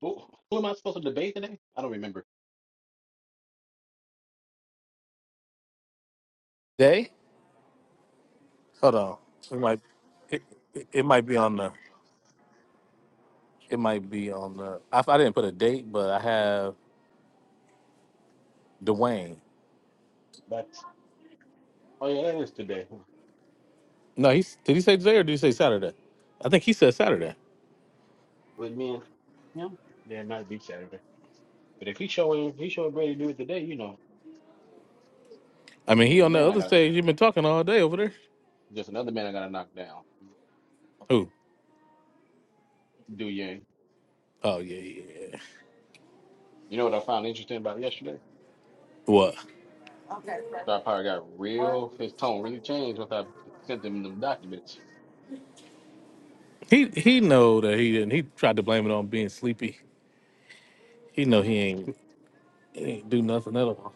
Who, who am I supposed to debate today? I don't remember. Day? Hold on. It might it, it, it might be on the it might be on the I, I didn't put a date, but I have Dwayne. That's oh yeah, that is today No, he's did he say today or did he say Saturday? I think he said Saturday. with me and him. Yeah, it might be Saturday. But if he showing he showing Brady do it today, you know, I mean the, he the on the man I other got stage you've been talking all day over there. just another man I got to knock down. Who? Do Yang. Oh yeah, yeah, yeah. You know what I found interesting about yesterday? What? Star Power got real. His tone really changed once I sent him them documents. He he know that he didn't he tried to blame it on being sleepy. He know he ain't he ain't do nothing at all.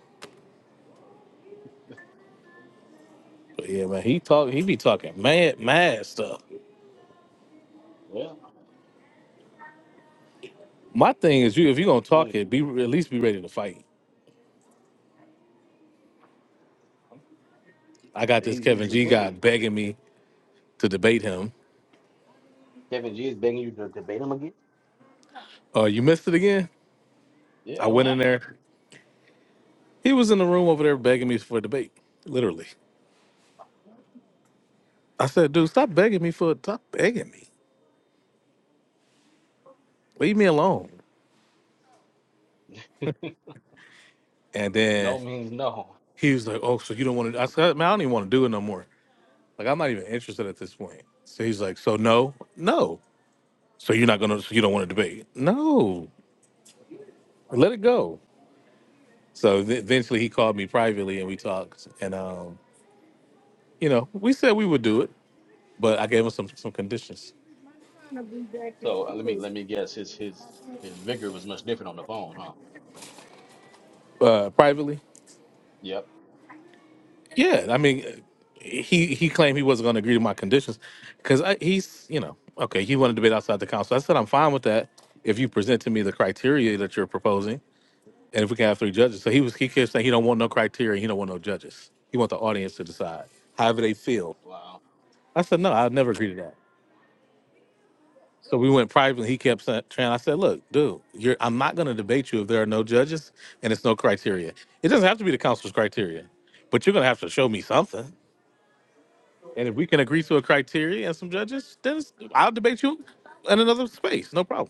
But yeah, man, he talk he be talking mad mad stuff. Well, My thing is, you if you're gonna he's funny talk to it, be at me. least be ready to fight. I got this He's he's Kevin the G guy bully. begging me to debate him. Kevin G is begging you to debate him again. Uh, you missed it again. I Yeah, what went in happened? there. He was in the room over there begging me for a debate, literally. I said, dude, stop begging me for stop begging me. Leave me alone. And No then means no. he was like, oh, so you don't want to? I said, man, I don't even want to do it no more. Like I'm not even interested at this point. So he's like, so no, no. So you're not gonna? So you don't want to debate? No. Let it go. So th- eventually he called me privately and we talked. And, um, you know, we said we would do it, but I gave him some, some conditions. So uh, let me let me guess. His his his vigor was much different on the phone, huh? Uh, privately? Yep. Yeah. I mean, he, he claimed he wasn't going to agree to my conditions because he's, you know, okay, he wanted to debate outside the council. I said, I'm fine with that if you present to me the criteria that you're proposing and if we can have three judges. So he was, he kept saying he don't want no criteria. He don't want no judges. He want the audience to decide however they feel. Wow. I said, no, I'll never agree to that. So we went private, and he kept sa- trying. I said, "Look, dude, you're, I'm not going to debate you if there are no judges and it's no criteria. It doesn't have to be the council's criteria, but you're going to have to show me something. And if we can agree to a criteria and some judges, then it's- I'll debate you in another space, no problem."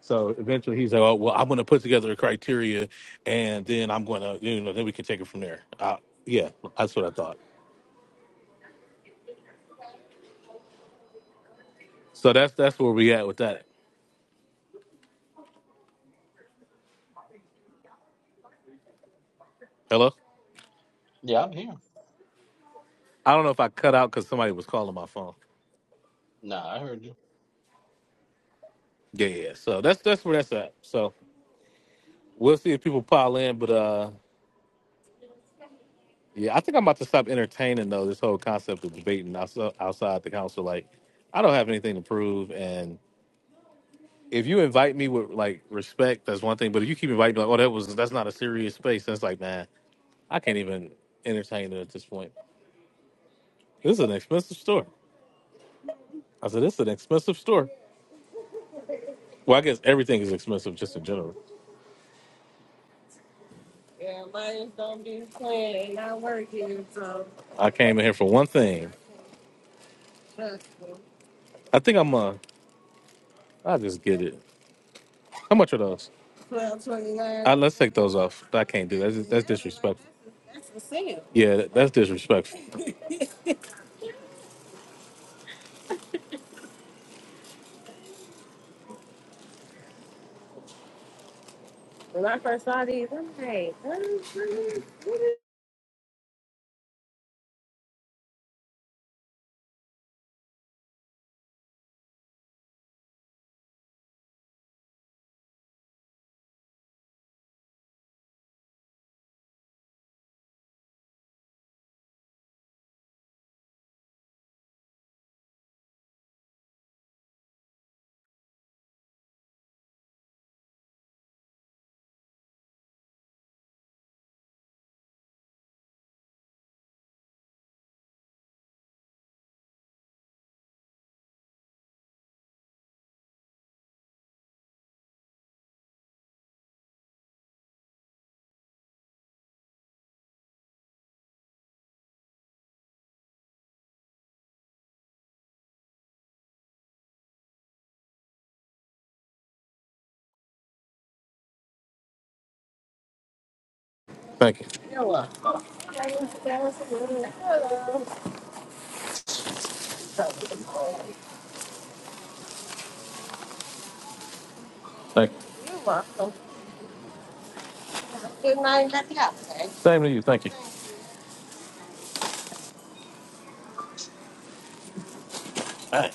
So eventually, he's like, oh, "Well, I'm going to put together a criteria, and then I'm going to, you know, then we can take it from there." Uh, yeah, that's what I thought. So that's that's where we at with that. Hello, Yeah, I'm here. I don't know if I cut out because somebody was calling my phone. Nah, I heard you. Yeah, yeah. yeah. So that's that's where that's at. So we'll see if people pile in, but uh, yeah, I think I'm about to stop entertaining though this whole concept of debating outside outside the council. Like, I don't have anything to prove, and if you invite me with like respect, that's one thing. But if you keep inviting me like, oh, that was that's not a serious space, that's like, man, I can't even entertain it at this point. This is an expensive store. I said, this is an expensive store. Well, I guess everything is expensive just in general. Yeah, mine's don't be playing, ain't not working, so. I came in here for one thing, I think I'm uh I'll just get it. How much are those? Uh, let's take those off. I can't do that. That's, that's disrespectful. Yeah, that- that's disrespectful. Thank you. Thank you. Same to you. Thank you. Hey,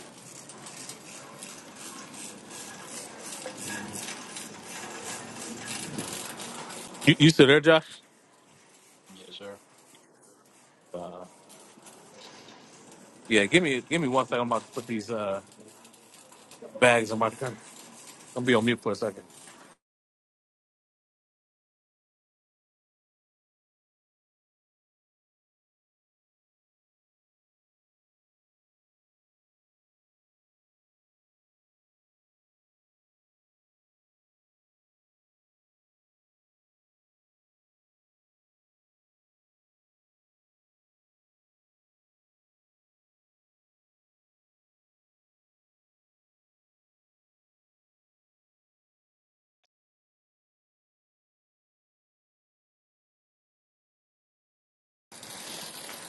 You, you still there, Josh? Yes, sir. Yeah, give me give me one second. I'm about to put these uh bags on my car. I'm gonna be on mute for a second.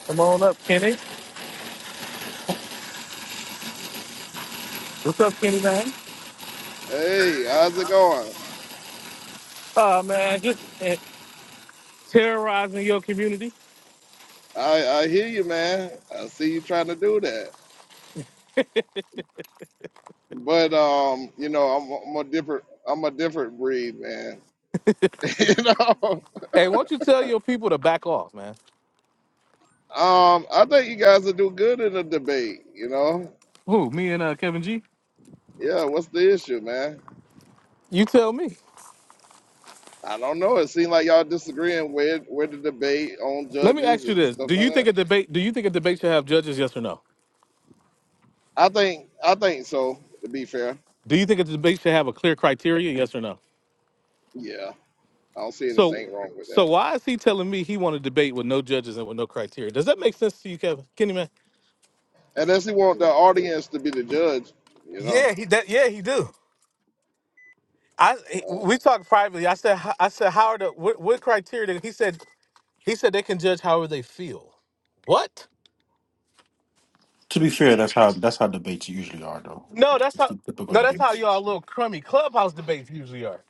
Come on up, Kenny. What's up, Kenny man? Hey, how's it going? Uh man, just uh, terrorizing your community. I, I hear you, man. I see you trying to do that, but um, you know, I'm, I'm a different, I'm a different breed, man. you know, Hey, why don't you tell your people to back off, man? um, I think you guys will do good in the debate. You know, Who? Me and uh, Kevin G. yeah. What's the issue, man? You tell me. I don't know. It seems like y'all disagreeing with with the debate on Let me judges ask you and this: stuff Do like you that. think a debate? Do you think a debate should have judges? Yes or no? I think, I think so. To be fair, Do you think a debate should have a clear criteria? Yes or no? yeah, I don't see So, anything wrong with so that. why is he telling me he want to debate with no judges and with no criteria? Does that make sense to you, Kevin? Kenny man? Unless you want the audience to be the judge, you know. Yeah, he that yeah he do. I he- uh, we talked privately. I said h- I said how are the what, what criteria? He said He said they can judge however they feel. What? To be fair, that's how that's how debates usually are, though. No, that's It's how. the typical No, that's how debates. y'all little crummy clubhouse debates usually are.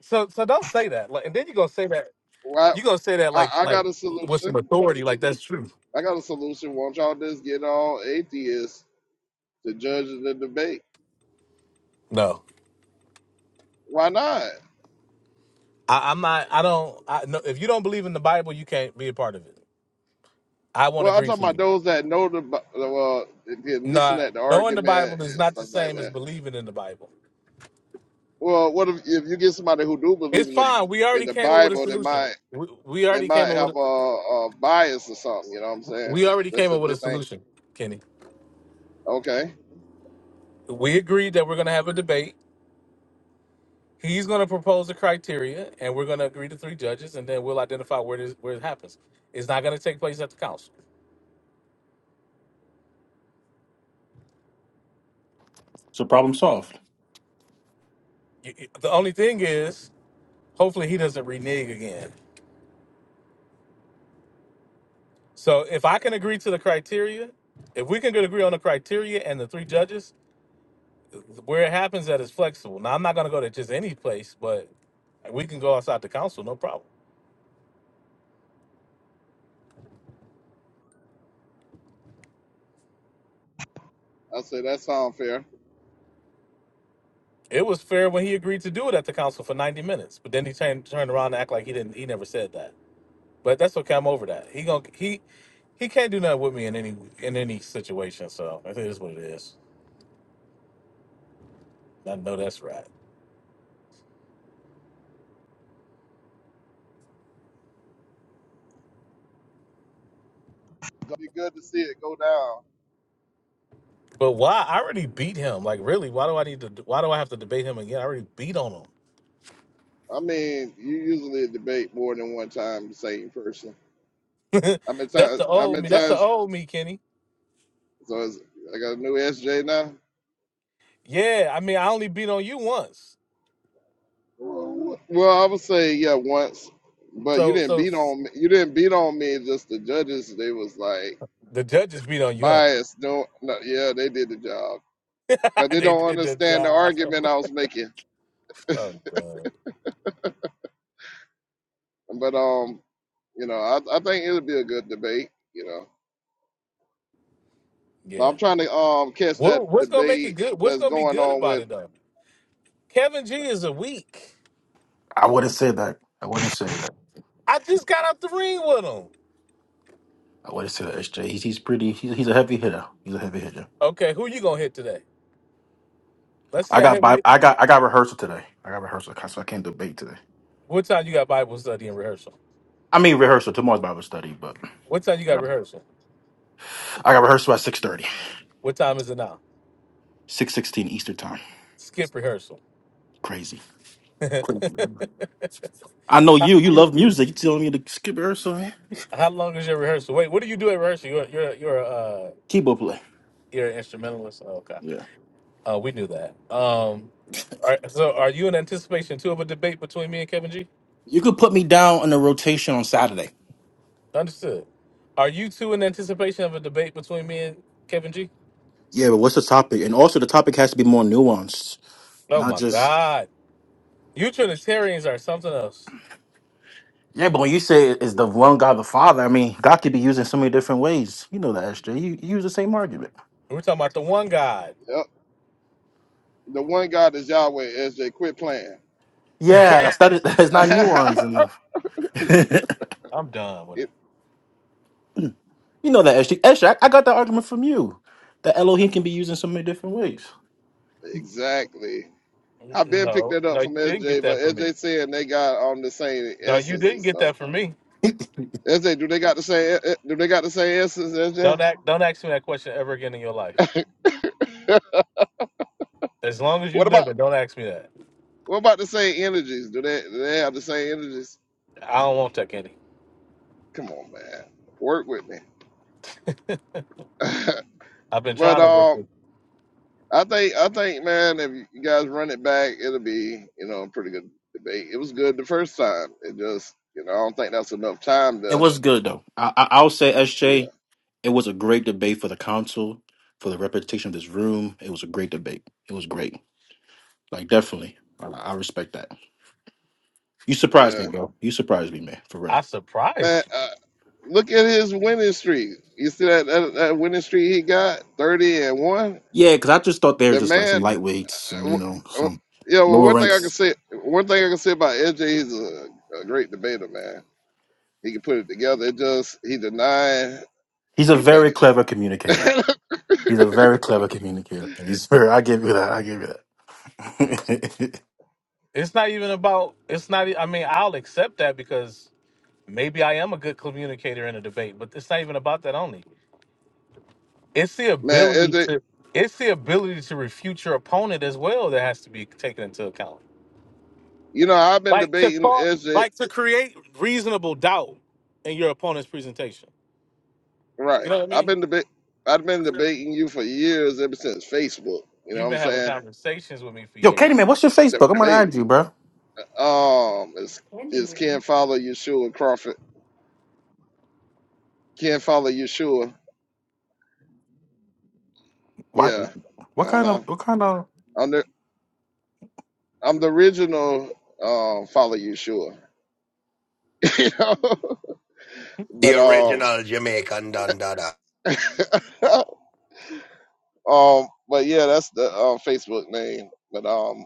So, so don't say that. Like, and then you're gonna say that. Well, You're gonna say that I, like, I I like got a with some solution. authority, like that's true. I got a solution. Won't y'all just get all atheists to judge the debate? No, Why not? I, I'm not. I don't. I, no, if you don't believe in the Bible, you can't be a part of it. I won't Well, I'm agree talking to about you. those that know the Bi- well and can listen Nah, at the knowing the argument Bible is and not the stuff like same as that. believing in the Bible. Well, what if, if you get somebody who do believe It's in the fine. We in already the came up with a Bible? They solution. might We, we they already might came up with. have A, a, a bias or something. You know what I'm saying? we already That's came up what with they a think. solution, Kenny. Okay, we agreed that we're going to have a debate. He's going to propose the criteria, and we're going to agree to three judges, and then we'll identify where this where it happens. It's not going to take place at the council. So problem solved. You- you- The only thing is, hopefully, he doesn't renege again. So if I can agree to the criteria, if we can agree on the criteria and the three judges, where it happens at is flexible. Now I'm not going to go to just any place, but we can go outside the council, no problem. I say that sounds fair. It was fair when he agreed to do it at the council for 90 minutes, but then he turned turned around and act like he didn't. He never said that. But that's okay. I'm over that. He gonna he he can't do nothing with me in any in any situation. So I think that's what it is. I know that's right. It'd Be good to see it go down. But why? I already beat him. Like really? Why do I need to? Why do I have to debate him again? I already beat on I mean, you usually debate more than one time the same person. him. I'm in that's touch. the I'm old in me. That's touch. the old me, Kenny. So it's, I got a new SJ now. Yeah. I mean, I only beat on you once. Well, I would say yeah once, but you So didn't so beat on me. You didn't beat on me. Just the judges, they was like the judges beat on you, huh? biased. No, no yeah, they did the job because they they don't did the understand the job. argument I was making. Oh god. But um, you know, I, I think it'll be a good debate. You know, but Yeah. I'm trying to um catch that What, what's gonna make it debate good? What's that's gonna be going good on about with it though? Kevin G is a weak. I wouldn't say that. I wouldn't say that. I just got out the ring with him. I wouldn't say that. SJ, he's he's pretty. He's, he's a heavy hitter. He's a heavy hitter. Okay, who you gonna hit today? Let's see I how got heavy. bi- You, I got I got rehearsal today. I got rehearsal, so I can't debate today. what time you got Bible study and rehearsal? I mean rehearsal. Tomorrow's Bible study, but What time you got rehearsal? I got rehearsal at six thirty, six sixteen What time is it now? Eastern time. Skip rehearsal. Crazy. I know how, you. You love music. You telling me to skip rehearsal? Man? how long is your rehearsal? Wait, what do you do at rehearsal? You're you're you're uh Keyboard play. you're an instrumentalist. Oh, okay, Yeah. uh, we knew that. Um, all right, so are you in anticipation too of a debate between me and Kevin G? You could put me down on a rotation on Saturday. Understood. Are you two in anticipation of a debate between me and Kevin G? Yeah, but what's the topic? And also, the topic has to be more nuanced. Oh Not my just God. You Trinitarians are something else. Yeah, but when you say is the one God the Father, I mean, God could be used in so many different ways. You know that, SJ. You, you use the same argument. We're talking about the one God. yep, the one God is Yahweh. SJ, quit playing. Yeah, Yeah. that's that is that's not nuanced enough. I'm done with It- it. You know that, SJ. SJ, I, I got that argument from you. That Elohim can be used in so many different ways. exactly. N- I've been picked No, that up no, you from didn't get SJ, but that from me. SJ said they got on the same No, you essence and didn't get stuff. that from me. SJ, do they got the same? eh, eh, Do they got the same essence, Don't SJ? act. Don't ask me that question ever again in your life. As long as you What about live it, don't ask me that. what about the same energies? Do they do they have the same energies? I don't want that, Kenny. Come on, man, work with me. I've been but trying to work um, with. I think I think man, if you guys run it back, it'll be you know a pretty good debate. It was good the first time. It just you know I don't think that's enough time It to was good though. I, I I'll say, yeah SJ, it was a great debate for the council, for the reputation of this room. It was a great debate. It was great. Like definitely, I, I respect that. You surprised yeah me, bro. You surprised me, man. For real. I Man, surprised you. uh, look at his winning streak. You see that, that that winning streak he got, thirty and one. Yeah, because I just thought they were The just like some man, lightweights, some uh, you know, uh, some yeah. Well, lower one thing I can ranks. say, one thing I can say about LJ, he's a, a great debater, man. He can put it together. It just he denied He's a very that, clever communicator. He's a very clever communicator. He's very. I give you that. I give you that. It's not even about. It's not. e- I mean, I'll accept that because maybe I am a good communicator in a debate, but it's not even about that only. It's the man. ability LJ, to it's the ability to refute your opponent as well that has to be taken into account. you know I've been Like to debating call LJ, like to create reasonable doubt in your opponent's presentation. You right? know what I I've mean? been debate, I've been debating you for years, ever since Facebook. You know You've what I'm been having saying? conversations with me for Yo, years. Candyman, what's your Facebook? I'm gonna Debate. add you, bro. Um, is is Ken Candyman. Fowler, Yeshua Crawford. Can't follow Yeshua. Why? Yeah. What Uh kind huh. of? What kind of? I'm the I'm the original um follow Yeshua. you know? But um um but yeah, that's the uh, Facebook name. But um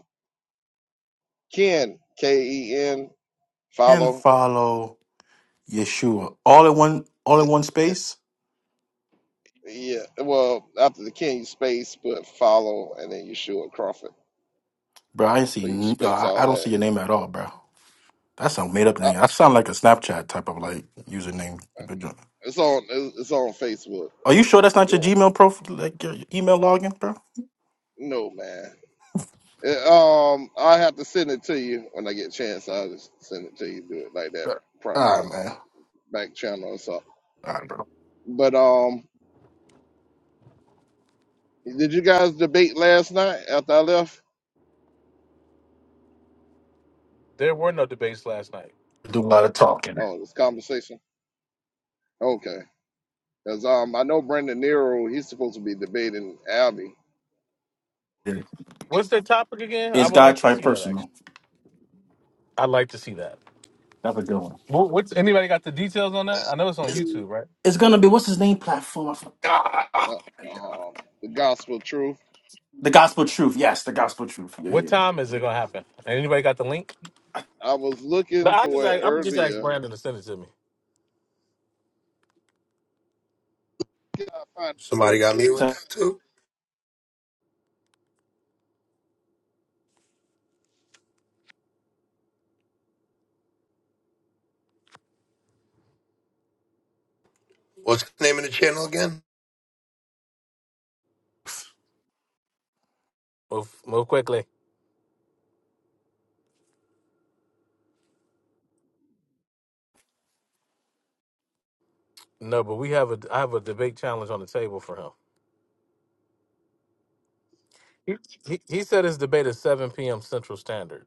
Ken K E N And follow. follow Yeshua all in one. All in one Y- space, Yeah. Well, after the Ken you space but follow and then Yeshua Crawford. bro. I ain't see. So you n- yo, space I all I don't that. see your name at all, bro. That's a made up Uh, name. I sound like a Snapchat type of like username. it's on it's on Facebook. Are you sure that's not your You Gmail profile, like your email login, bro? don't know, man. It, um, I have to send it to you when I get a chance. I'll just send it to you. Do it like that, All front right, um, man. back channel or something. All right, bro. But um, did you guys debate last night after I left? There were no debates last night. Do a lot of talking. Oh, this conversation. Okay, because um, I know Brandon Nero. He's supposed to be debating Albie Yeah. What's their topic again? I It's would God like to Try see that Personal. actually. I'd like to see that. That's a good one. Wh- What's anybody got the details on that? I know it's on It's to YouTube, right? it's gonna be what's his name platform? I forgot. Ah, ah, uh, um the gospel truth. The Gospel Truth. Yes, the Gospel Truth. Yeah. yeah, What yeah. time is it gonna happen? Anybody got the link? I was No, looking I just for it ask, I'm just ask earlier. Brandon to send it to me. I find it real quick. So- Move, move quickly. No, but we have a I have a debate challenge on the table for him. He, he, he said his debate is seven p.m. Central Standard,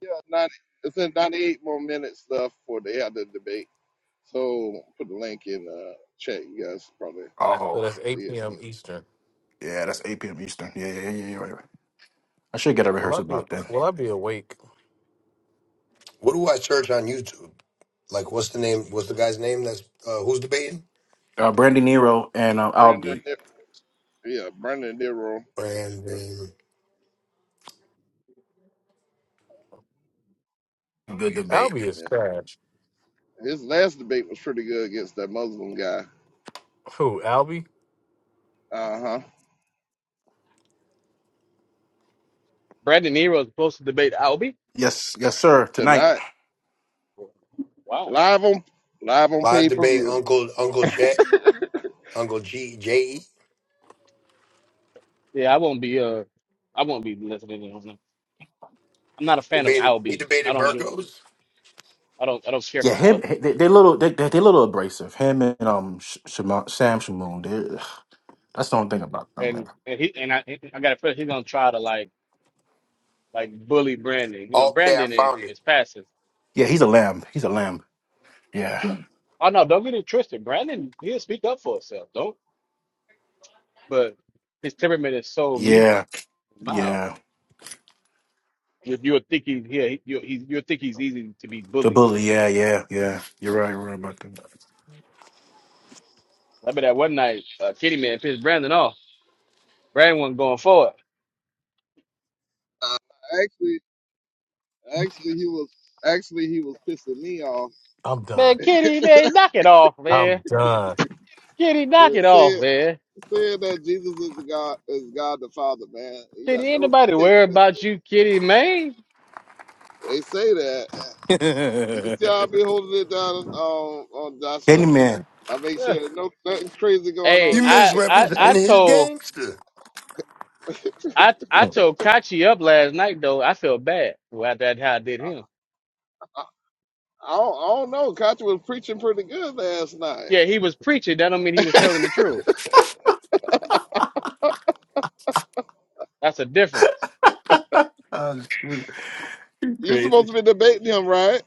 Yeah, ninety. It's in ninety-eight more minutes left for they have the debate. So put the link in the chat. You guys probably so Oh, that's see eight it. p.m. Eastern. yeah, that's 8 p.m. Eastern. Yeah, yeah, yeah, yeah. yeah, yeah. I should get a Will I rehearsal be about that. Will I be awake? Uh, Brandy Nero and uh, Brendan, Aldi. Di- yeah, Brendan Diro. versus- Good debate. Albie is Yeah, trash. his last debate was pretty good against that Muslim guy. Who Albie? Uh huh. Brandon Nero is supposed to debate Albie. Yes, yes, sir. Tonight. Tonight, Wow. live on live on pay per view. Yeah, I won't be uh I won't be listening to him. I'm not a fan of Albie. I don't get I don't I don't care Yeah, for him. Albie. They, they little. They, they're little abrasive. Him and um Sh- Shimon, Sam Shamoon. they- That's the only thing about them, man. And and he and I I got a feeling he's gonna try to like like bully Brandon. You know, Brandon is, is passive. Yeah, he's a lamb. He's a lamb. Yeah, Oh no, don't get it twisted. Brandon he'll speak up for himself, don't but his temperament is so meek yeah, and mild. yeah. you you'll think he's here. You'll, he's, you'll think he's easy to be The bullied. bully. Yeah, yeah, yeah. You're right. You're right about that. I remember that one night, uh, Kitty man pissed Brandon off. Brandon wasn't going for it. Uh, actually, actually he was actually he was pissing me off. I'm done. Man, Kitty man, knock it off, I'm man. done. Kitty, knock Right, it off, Said man. saying that Jesus is the God is God the Father, man. He Kitty, got ain't no nobody text. worry that say- about that. you, Kitty man. They say that. You see how I be holding it down um, on Joshua. Candyman. I make sure no nothing crazy going on hey, in that I tent I though. I told I I told Kachi up last night though. I felt bad about that how I did him. I don't, I don't know. Katya was preaching pretty good last night. Yeah, he was preaching. That don't mean he was telling the truth. That's a difference. Oh, shoot. You supposed crazy. to be debating him, right?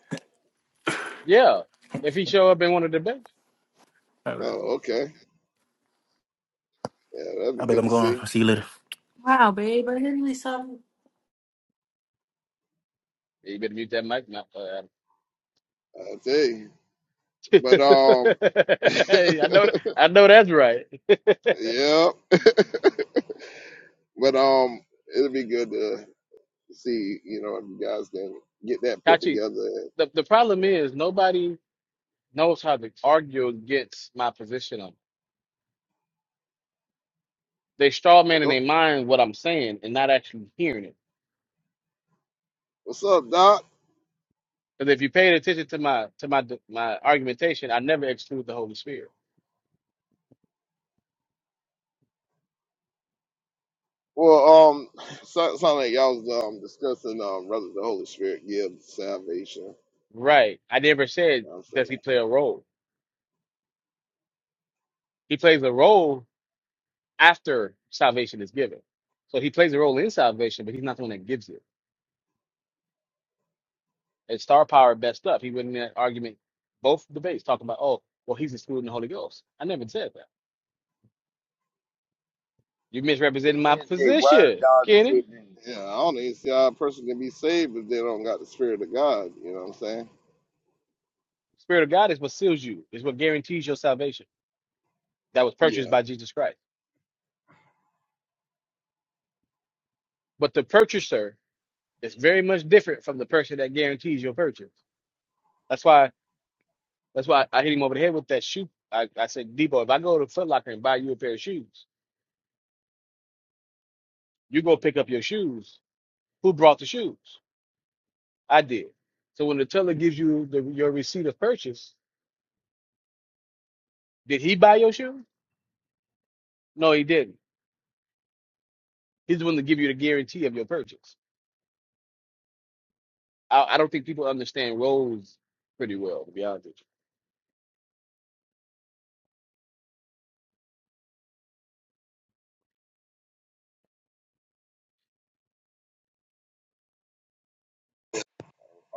Yeah, if he show up in one of the debates, All right. Oh, okay. Yeah, that'd be I bet good I'm to going. see. I'll see you later. Wow, babe, I didn't really stop. you better mute that mic. Now, I tell you. But um, I know th- I know that's right. yeah. But um, it'll be good to see. You know, if you guys can get that put Kachi, together. And the, the problem is nobody knows how to argue against my position on. it. They straw man in go, their mind what I'm saying and not actually hearing it. What's up, Doc? Because if you paid attention to my to my my argumentation, I never exclude the Holy Spirit. Well, um, sound, sound like y'all was um discussing um whether the Holy Spirit gives salvation. Right. I never said You know what I'm does he saying? play a role. He plays a role after salvation is given. So he plays a role in salvation, but he's not the one that gives it. and star power best up. He went in that argument, both debates, talking about, oh, well, he's excluding the Holy Ghost. I never said that. You ASJ, misrepresented my why is the wise position, dog Kenny. sitting? Yeah, I don't even see how a person can be saved if they don't got the Spirit of God. You know what I'm saying? Spirit of God is what seals you, is what guarantees your salvation. That was purchased Yeah, by Jesus Christ. But the purchaser is very much different from the person that guarantees your purchase. That's why that's why I hit him over the head with that shoe. I, I said, Debo, if I go to Foot Locker and buy you a pair of shoes, you go pick up your shoes. Who brought the shoes? I did. So when the teller gives you the, your receipt of purchase, Did he buy your shoe? No, he didn't. He's the one to give you the guarantee of your purchase. I, I don't think people understand roles pretty well, to be honest with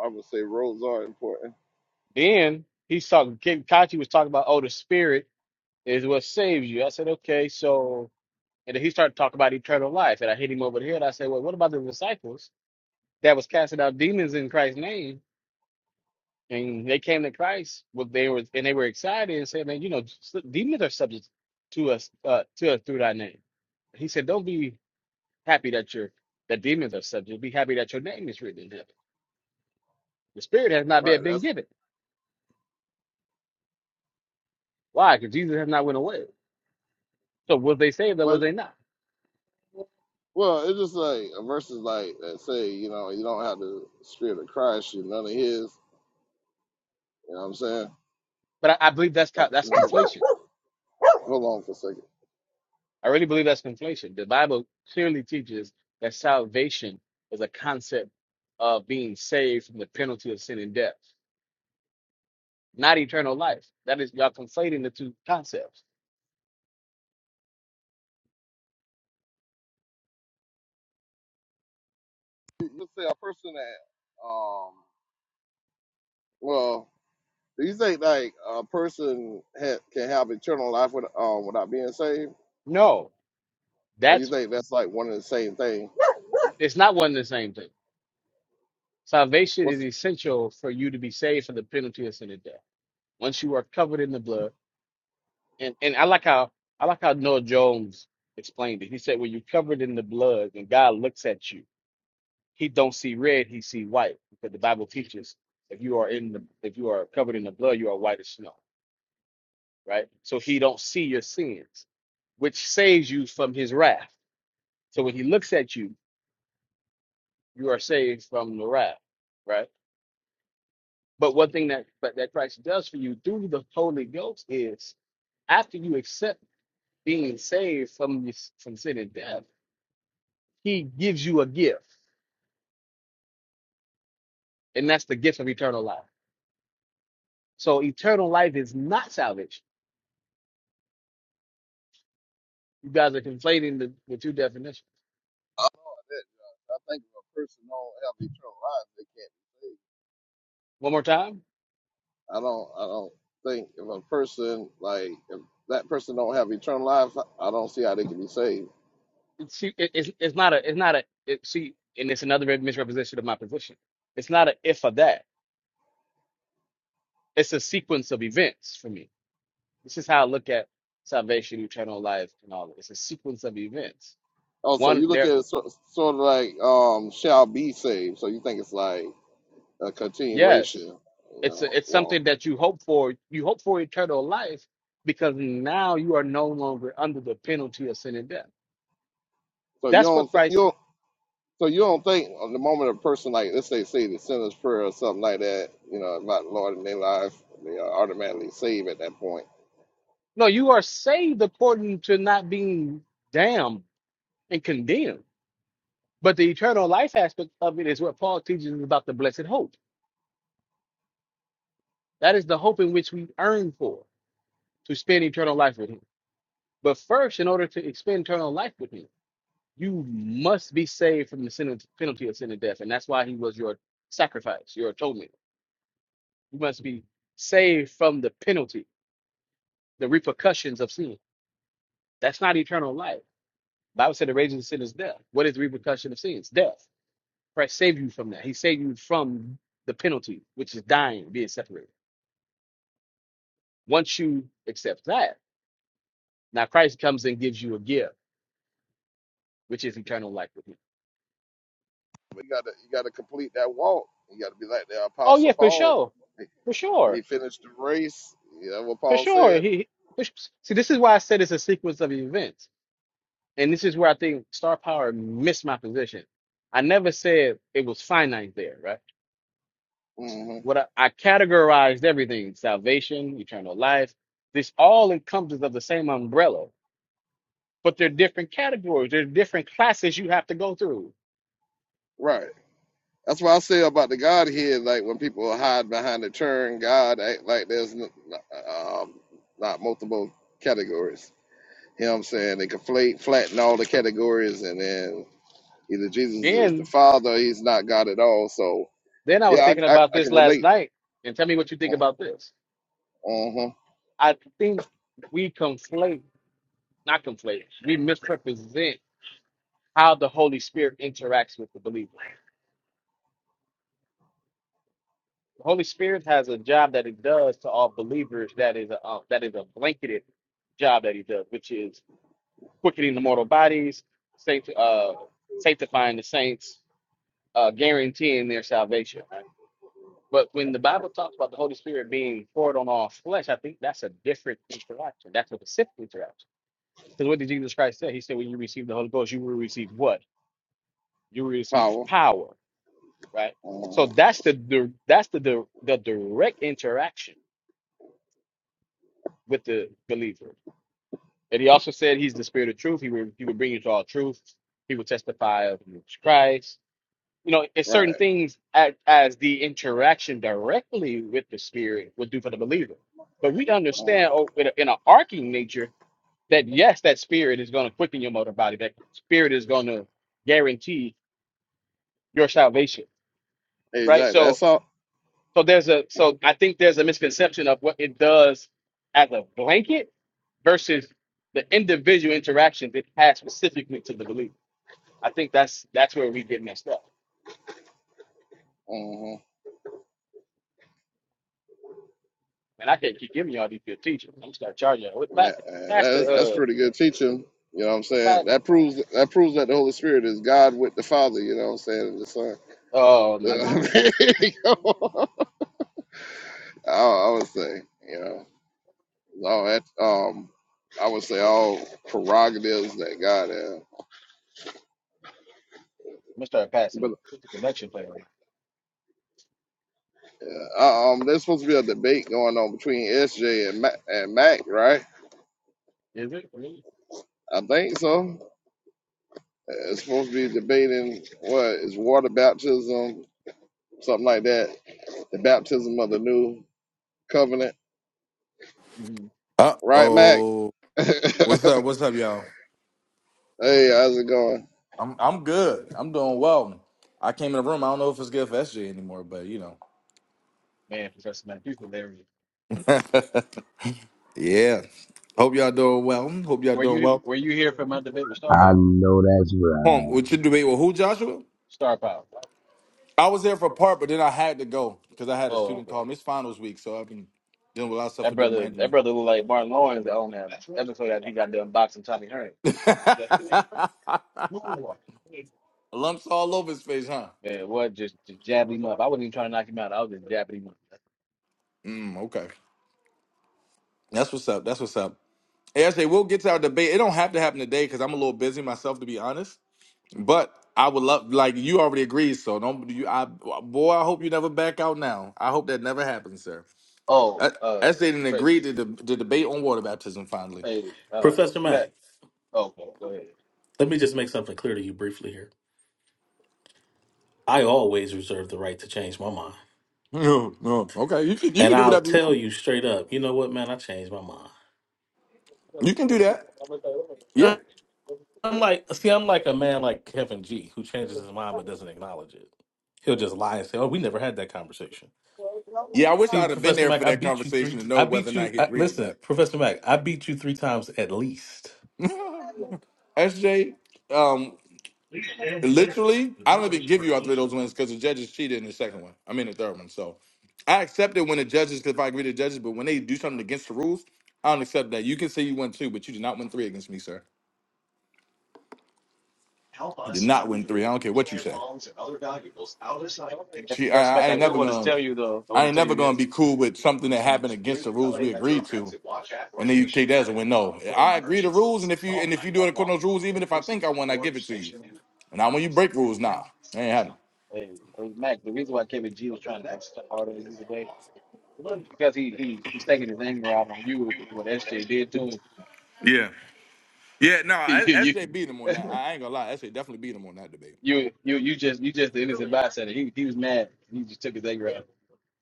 I would say roles are important. you. Then he's talking. Kim- Kachi was talking about, oh, the spirit is what saves you. I said, okay, so. And then he started talking about eternal life, and I hit him over the head. I said, well, what about the disciples that was casting out demons in Christ's name? And they came to Christ, well, they were and they were excited and said, "Man, you know, s- demons are subject to us, uh, to us through thy name." He said, "Don't be Happy that your that demons are subject. Be happy that your name is written in heaven. The spirit has not Right. yet been That's given. Why? Because Jesus has not went away. So was they saved or was but they not? well, it's just like a verses like that say you know you don't have the Spirit of Christ, you none of His. You know what I'm saying? But I, I believe that's Like, co- that's conflation. hold on for a second. I really believe that's conflation. The Bible clearly teaches that salvation is a concept of being saved from the penalty of sin and death, not eternal life. That is y'all conflating the two concepts. You you say a person that um well. Do you think like a person ha- can have eternal life with, um, without being saved, No, or you that's think that's like one and the same thing? it's not one and the same thing. Salvation What's is the, essential for you to be saved from the penalty of sin and death. once you are covered in the blood. And and I like how I like how Noah Jones explained it. He said, when you're covered in the blood and God looks at you, he don't see red, he see white. Because the Bible teaches if you are in the if you are covered in the blood, you are white as snow, right? So he don't see your sins, which saves you from his wrath. So when he looks at you, you are saved from the wrath, right? But one thing that but that Christ does for you through the Holy Ghost is after you accept being saved from this from sin and death, he gives you a gift, and that's the gift of eternal life. So eternal life is not salvation. You guys are conflating the, the two definitions. I don't know that. I think if a person don't have eternal life, they can't be One more time. saved. I don't. I don't think if a person like if that person don't have eternal life, I don't see how they can be saved. See, it, it's it's not a it's not a it, see, and it's another misrepresentation of my position. It's not a if or that. It's a sequence of events for me. This is how I look at salvation, eternal life, and all. It's a sequence of events. Also, One you look at there. it sort, sort of like um, shall be saved. So you think it's like a Yes. continuation, you It's know? it's Well, something that you hope for. You hope for eternal life because now you are no longer under the penalty of sin and death. so you That's don't. what You Christ. don't So you don't think on the moment a person like let's say say the sinner's prayer or something like that, you know, about the Lord in their life, they are automatically saved at that point. No, you are saved according to not being damned and condemned. But the eternal life aspect of it is what Paul teaches us about the blessed hope. That is the hope in which we earn for to spend eternal life with Him. But first, in order to spend eternal life with Him. you must be saved from the sin of, penalty of sin and death. And that's why he was your sacrifice, your atonement. You must be saved from the penalty, the repercussions of sin. That's not eternal life. Bible said the wages of sin is death. What is the repercussion of sins? Death. Christ saved you from that. He saved you from the penalty, which is dying, being separated. Once you accept that, now Christ comes and gives you a gift, which is eternal life with him. But you gotta you gotta complete that walk. You gotta be like the Oh apostle yeah, for Paul. sure. He For sure. he finished the race. You know what For Paul sure. said? He for su- see, this is why I said it's a sequence of events, and this is where I think star power missed my position. I never said it was finite there, right? hmm What I, I categorized everything: salvation, eternal life. This all encompasses of the same umbrella, but they're different categories. They're different classes you have to go through. Right. That's why I say about the Godhead, like when people hide behind the term God, act like there's n- n- um, not multiple categories. You know what I'm saying? They conflate, flatten all the categories, and then Either Jesus is the Then, Father, or he's not God at all. So then I was yeah, thinking I I, about I this can last relate. night, and tell me what you think about this. Uh huh. I think we conflate, not conflate, we misrepresent how the Holy Spirit interacts with the believer. The Holy Spirit has a job that it does to all believers that is a uh, that is a blanketed job that he does, which is quickening the mortal bodies, sancti- uh, sanctifying the saints, uh, guaranteeing their salvation. Right? But when the Bible talks about the Holy Spirit being poured on all flesh, I think that's a different interaction. That's a specific interaction. Because what did Jesus Christ say? He said, when you receive the Holy Ghost, you will receive what? You will receive Power. power right? So Uh-huh. that's the, the that's the, the the direct interaction with the believer. And he also said he's the spirit of truth. He will he will bring you to all truth. He will testify of Jesus Christ. You know, it's certain Right. things as, as the interaction directly with the spirit would do for the believer. But we Uh, understand oh, in, a, in an arcing nature that yes, that spirit is going to quicken your motor body. That spirit is going to guarantee your salvation, right? exactly. So That's all. So there's a so I think there's a misconception of what it does as a blanket versus the individual interactions it has specifically to the believer. I think that's that's where we get messed up. Uh And I can't keep giving y'all these good teachers. I'm gonna start charging y'all with huh. pastor. Pastor, That's that's pretty uh, good teaching. You know what I'm saying? pastor. That proves that proves that the Holy Spirit is God with the Father. You know what I'm saying? And the Son. oh my god, I'm The- I, I would say, you know, all that. Um, I would say all prerogatives that God has. gonna start passing with the collection plate. Yeah, Uh, um, there's supposed to be a debate going on between SJ and Mac, and Mac, right? Is it really? I think so. Uh, It's supposed to be debating what is water baptism, something like that. The baptism of the new covenant, hmm Uh right, Mac? oh. hey, What's up? What's up, y'all? how's it going? I'm I'm good. I'm doing well. I came in the room. I don't know if it's good for SJ anymore, but you know. Man, Professor Matthew hilarious. yeah. Hope y'all doing well. Hope y'all Were doing you well. were you here for my debate with Star I Power? know that's Home. right. What you debate with who, Joshua? Star Power. I was there for part, but then I had to go because I had a Oh, student okay. call me. It's finals week, so I've been dealing with a lot of stuff That with them brother, that randomly. brother looked like Martin Lawrence on that episode that he got done boxing Tommy Hearns. Lumps all over his face, huh? Man, what just, just jabbing him up. I wasn't even trying to knock him out. I was just jabbing him up. Mm, okay. That's what's up. That's what's up. Hey, SJ, we'll get to our debate. It don't have to happen today because I'm a little busy myself, to be honest. But I would love, like you already agreed, so don't you? I boy, I hope you never back out now. I hope that never happens, sir. Oh, I, uh, I say didn't Patrice, agree to the, to debate on water baptism finally. hey, uh, Professor Mack, Matt. Oh, okay, go ahead. let me just make something clear to you briefly here. I always reserve the right to change my mind. No, no, okay, you can you And can do I'll whatever you tell want. you straight up, you know what, man, I changed my mind. You can do And that. Yeah, I'm like, see, I'm like a man like Kevin G who changes his mind but doesn't acknowledge it. He'll just lie and say, "Oh, we never had that conversation." yeah. I wish See, I'd have been Professor there Mac, for I that beat you three. conversation to T- know I whether or beat not you. he I, agreed to listen, Professor Mac, I beat you three times at least. that. SJ, um, Literally, I don't even give you all three of those wins because the judges cheated in the second one. I mean the third one. So I accept it when the judges, if I agree to the judges, but when they do something against the rules, I don't accept that. You can say you won two, but you did not win three against me, sir. You did not win three. I don't care what you say. She, Professor I, I Mac, ain't I do never want to gonna, tell you though. I want I to ain't tell never you gonna this. be cool with something that happened against the rules we agreed to, and then you take that as a win. No, I agree to rules, and if you and if you do it according to those rules, even if I think I won, I give it to you. And now when you break rules, nah, that ain't happening. Hey, hey, Mac, the reason why Kevin G was trying to act so hard on you today is because he, he he's taking his anger out on you with what SJ did to him. Yeah. Yeah, no, I- You you SJ beat him on that. I I ain't gonna lie, SJ definitely beat him on that debate. you you you just you just the innocent bystander. He he was mad. He just took his anger out.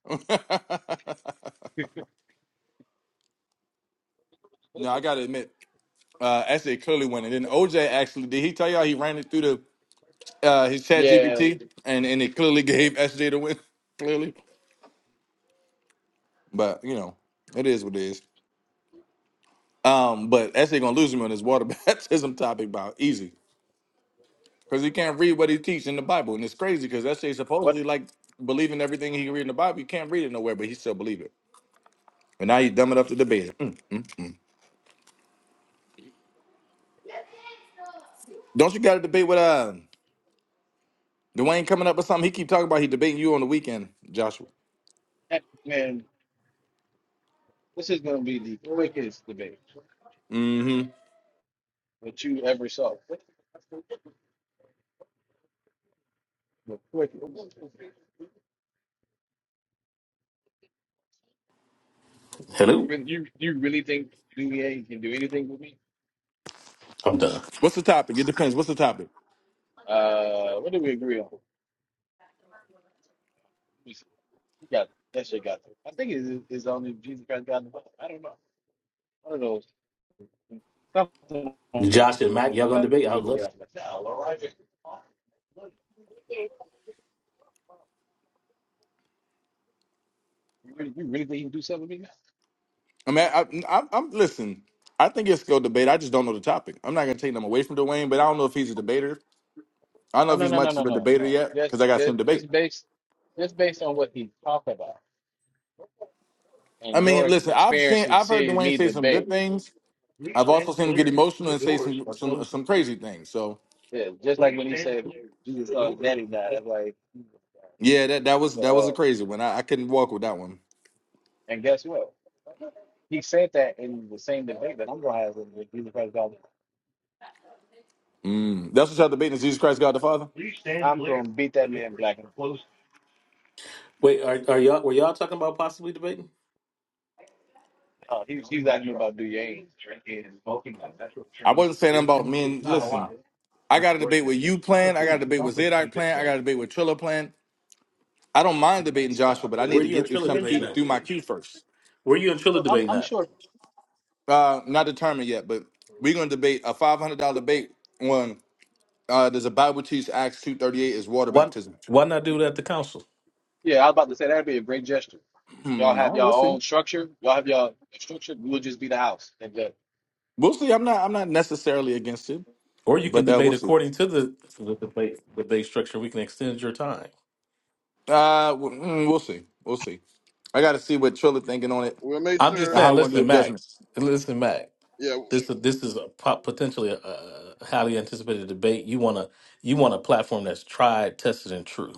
no, I gotta admit, uh, SJ clearly won, and then OJ actually did. He tell y'all he ran it through the uh, his Chat Yeah, GPT, and and it clearly yeah. gave SJ the win, clearly. But you know, it is what it is. Um, but SJ gonna lose him on his water baptism topic about easy because he can't read what he teach in the Bible, and it's crazy because SJ What supposedly like believing everything he can read in the Bible. You can't read it nowhere, but he still believe it. And now you dumb enough to debate it. Mm. Don't you got to debate with uh? Dwayne coming up with something. He keep talking about he debating you on the weekend, Joshua. man? This is gonna be the quickest debate hmm that you ever saw. The quickest. You Hello, really you you really think Duvier can do anything with me? I'm done. What's the topic? It depends. What's the topic? Uh, what do we agree on? He got that shit got through. I think it is only Jesus Christ got the I don't know. I don't know. Something on the Josh and Mac, the- y'all gonna got debate? to I do would with the love. To. guy. Like, nah, all right. You really, you really think you can do something with me I mean, I, I, I'm listen. I think it's still debate. I just don't know the topic. I'm not gonna take them away from Dwayne, but I don't know if he's a debater. I don't know now? if No, he's no, no, much of no, no, a no, debater no. yet Just, because I got to see him just, debate. just based, just based on what he talked about I and mean, your listen. I've experience seen. to I've heard see Dwayne me say some good debate. things. Yeah, I've also seen him get emotional and say some some some crazy things. So just like when he said Jesus, uh, daddy died. Like, yeah, that that was but that was a uh, crazy one. I, I couldn't walk with that one. And guess what? He said that in the same debate that I'm gonna have with Jesus Christ. God. Mm. That's what y'all debating is Jesus Christ, God the Father. I'm gonna beat that man black and blue. Wait, are, are y'all were y'all talking about possibly debating? Oh, he was he was asking me about Duane I wasn't saying nothing about men. Listen. I got a debate with you plan. I got a debate with Zadok plan. I got a debate with Trilla plan. I don't mind debating Joshua, but I need Were to you and get through Trilla something debating through, and that? through my queue first. Were you and Trilla Well, I'm, debating I'm that? sure. Uh, not determined yet, but we're gonna debate a five hundred dollar debate on uh, does the Bible teach Acts two thirty eight is water Why baptism? why not do it at the council? Yeah, I was about to say that'd be a great gesture. Y'all Hmm, have no, your we'll see. own structure. Y'all have your structure. We'll just be the house and the, We'll see. I'm not. I'm not necessarily against it, Or you can but uh, debate we'll see. according to the, the debate debate structure. We can extend your time. Uh, w- mm, we'll see. We'll see. I got to see what Trilla thinking on it We'll make I'm just sure. and how I saying. want to Listen, do a judgment. Max. Listen, Mac. Yeah, This this is a po- potentially a, a highly anticipated debate. You want to you want a platform that's tried, tested, and true.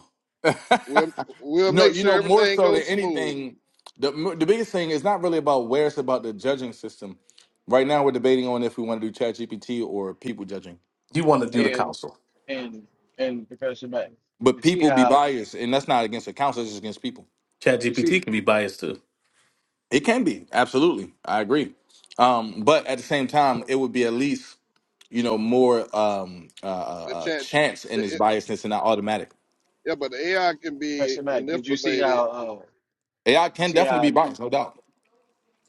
we'll we'll no, make you sure know, more everything so than goes smooth. anything, the m- the biggest thing is not really about where it's about the judging system. Right now, we're debating on if we want to do Chat GPT or people judging, You want to do the and council. and and Professor Mack. but You see people be how biased, and that's not against the council; it's just against people. Chat you see. GPT can be biased too. It can be absolutely, I agree, um, but at the same time, Well, it would be at least you know more um, uh, uh, The uh, chat, chance in its the, biasness and not automatic. yeah, but the AI can be Professor Mac, did you see manipulated. how? Uh, AI did you can see definitely be how biased, no doubt.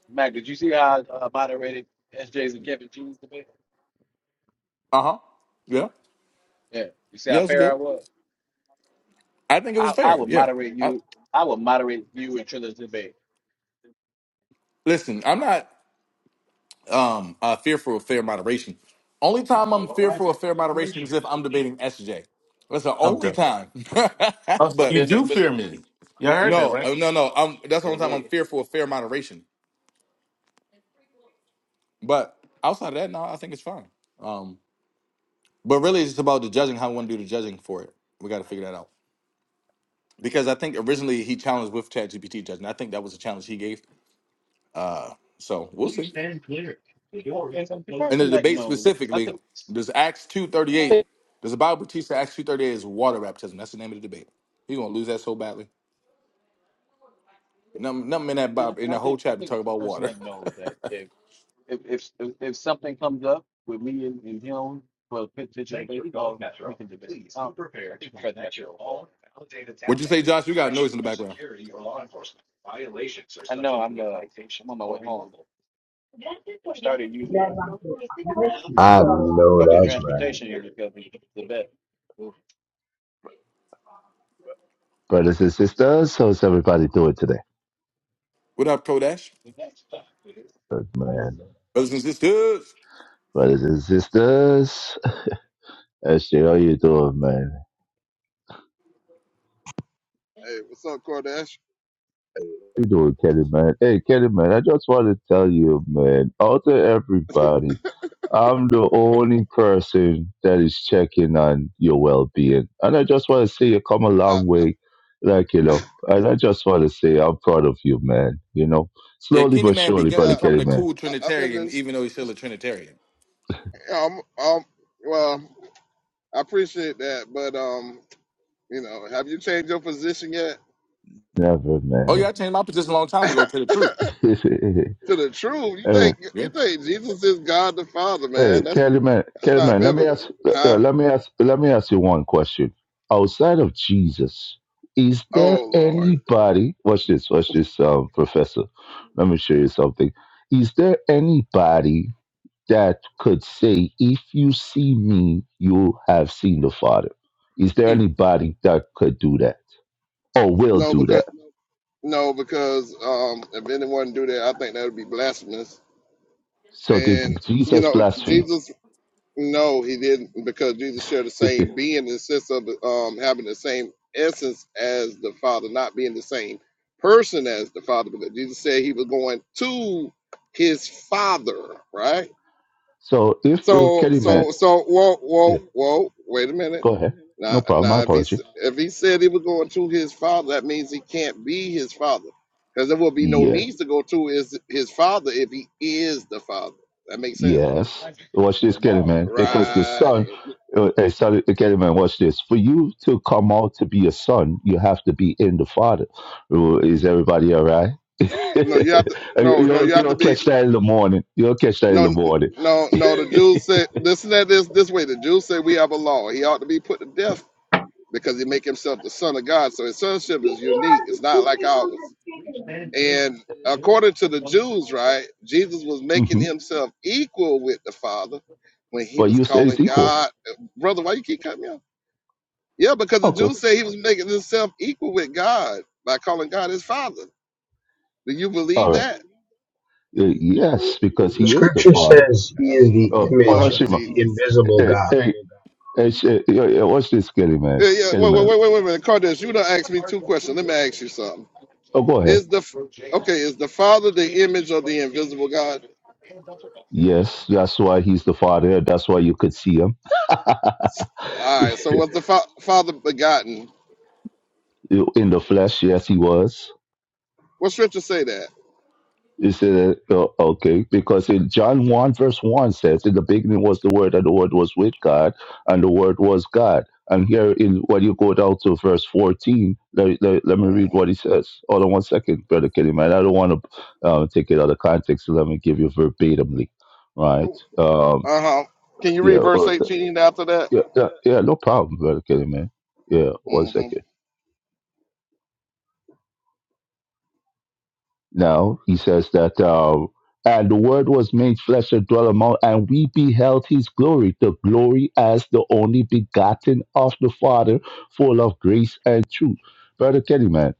Mac? Did you see how I uh, moderated S J's and Kevin G's debate? Uh huh. Yeah. Yeah, you see Yeah, how it's fair I good. was. I think it was I, I fair. would moderate Yeah. you. I would moderate you and Trilla's debate. Listen, I'm not um uh, fearful of fair moderation. Only time I'm fearful of fair moderation is if I'm debating SJ. That's the I'm only done. time. Oh, so But but you then, do but fear me. You all heard that, no, right? uh, no, no. Um, that's the oh, only time I'm wait. fearful of fair moderation. But outside of that, no, I think it's fine. Um, but really, it's just about the judging. How we want to do the judging for it. We got to figure that out because I think originally he challenged with ChatGPT judging. I think that was a challenge he gave. So we'll see. And in Professor the Mac debate knows. I specifically, think. does Acts two thirty I eight? think Does the Bible teach that Acts two thirty eight is water baptism? That's the name of the debate. He gonna lose that so badly. Nothing, nothing in that and, Bible and in I the whole think I chapter talk think about Professor water. Mac knows that. if if if, if something comes up with me and, and him for a potential baby we can debate. Um, What'd you say, Josh? We got noise in the background. I know I'm uh, I'm on my way or home. I started using I know public that's right. transportation here because it's the best. Brothers and sisters, how's everybody doing today? What up, Kodash? Good, Man, Brothers and sisters. brothers and sisters, SJ, how you doing, man? Hey, what's up, Cordash? You doing, Kenny, man? Hey, Kenny, man, I just want to tell you, man, out to everybody, I'm the only person that is checking on your well-being, and I just want to say you come a I, long I, way, like you know, and I just want to say I'm proud of you, man. You know, Yeah, slowly Kenny but Man be, surely, brother yeah, becoming Kenny, a man. cool I, I've been Trinitarian, in even though he's still a Trinitarian. Yeah, um, um, well, I appreciate that, but um, you know, have you changed your position yet? Never, Oh yeah, I changed my position a long time ago to to the truth. man. the truth, you think Yeah. you think Jesus is God the Father, Hey, man? That's Kellyman, that's not Kellyman, let me biblical, ask, uh, huh? let me ask, let me ask you one question. Outside of Jesus, is there Oh Lord, anybody? Watch this, watch this, um, Professor. Let me show you something. Is there anybody that could say, "If you see me, you have seen the Father"? Is there Mm. anybody that could do that or will no, do because that? no, because um, if anyone do that, I think that would be blasphemous. So did And you Jesus know, blaspheme? Jesus No, he didn't, because Jesus shared the same being in the sense of um, having the same essence as the Father, not being the same person as the Father, because Jesus said he was going to his Father, right? so if uh, So, Kellyman, so, so, whoa, whoa, yeah, whoa, wait a minute. go ahead. No Now, problem. My now, if he s- apology. if he said he was going to his father, that means he can't be his father, because there will be no Yeah. need to go to his his father if he is the father. That makes sense, Yes. Watch this, Kelly Ramon man. Because the Anthony right? son, Station. uh, uh, son Kenny man, watch this. For you to come out to be a son, you have to be in the father. Uh, Is everybody all right? No, you, you have to. No, you no, you don't, you have to don't be. catch that in the morning. You don't catch that in No, the n- morning. no, no. The Jews said listen, and that is this way. The Jews said we have a law. He ought to be put to death because he make himself the son of God. So his sonship is unique. It's not like ours. Please stand clear. And The doors according to are the closing. Jews, right, Jesus was making hmm himself equal with the Father when he But was you said it's calling equal. God, brother. Why you keep cutting me off? Yeah, because the Okay. Jews say he was making himself equal with God by calling God his Father. Do you believe All right. that? Uh, yes, because The he is the scripture father. says he is Oh, the Uh, image Lord of Onashima, the Jesus. invisible hey, God. hey, hey, sh- hey, hey, watch this, Kelly man. Yeah, yeah. Kelly Wait, wait, man. wait, wait, wait a minute, Cardiff. You done asked me two Hardwell questions. Let me Freeway ask you Station. something. Oh, go ahead. Is the okay? Is the Father the image of the invisible God? Yes, that's why he's the father. That's why you could see him. All right. So was the fa- Father begotten? in the flesh, yes, he was. What scripture say that? It said, uh, okay, because in John 1, verse 1 says, In the beginning was the Word, and the Word was with God, and the Word was God. And here, in when you go down to verse 14, let, let, let Uh me read what he says. Hold on one second, Brother Kenny, man. I don't want to uh, take it out of context, so let me give you verbatimly, right? Um, huh. Can you yeah, read verse well, eighteen after that? yeah, yeah, yeah, no problem, Brother Kenny, man. Yeah, one hmm second. No, he says that, uh, and the word was made flesh and dwelt among, and we beheld his glory, the glory as the only begotten of the Father, full of grace and truth. Brother Kennyman,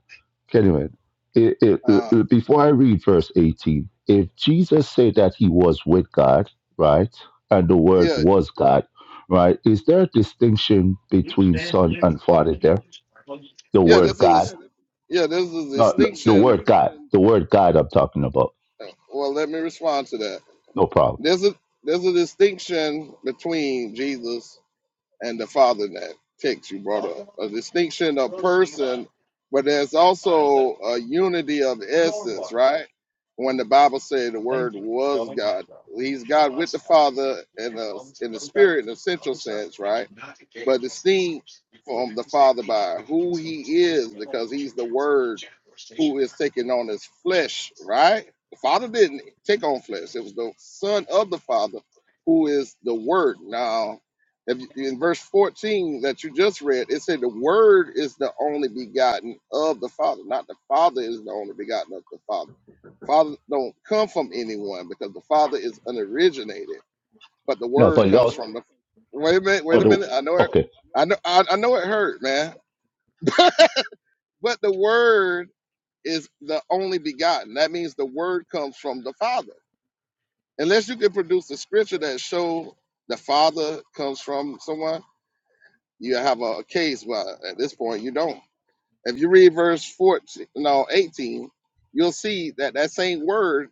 Kennyman, it, it, Uh, it- before I read verse 18, if Jesus said that he was with God, right, and the word yeah, was God, right, is there a distinction Please between stand son clear. and father The there? doors are closing. The yeah. word This is God, yeah. This is a no, the distinction. word God, the word God I'm talking about. uh, Well, let me respond to that. No problem. There's a there's a distinction between Jesus and the father that text you brought up. A distinction of person, but there's also a unity of essence, right? When the Bible said the word Thank you. was God, he's God with the Father in a, in the spirit in a central sense, right? But distinct from the Father by who he is, because he's the word who is taking on his flesh, right? The Father didn't take on flesh. It was the Son of the Father who is the Word. Now, if you- in verse 14 that you just read, it said the Word is the only begotten of the Father, not the Father is the only begotten of the Father. Father don't come from anyone because the Father is unoriginated, but the No, Word sorry, that comes was from the. Wait a minute, wait for a minute. I know it. okay, I know. I, I know it hurt, man. But the Word is the only begotten. That means the word comes from the Father. Unless you can produce a scripture that show the Father comes from someone, you have a, a case, but at this point you don't. If you read verse 14, no, 18, you'll see that that same word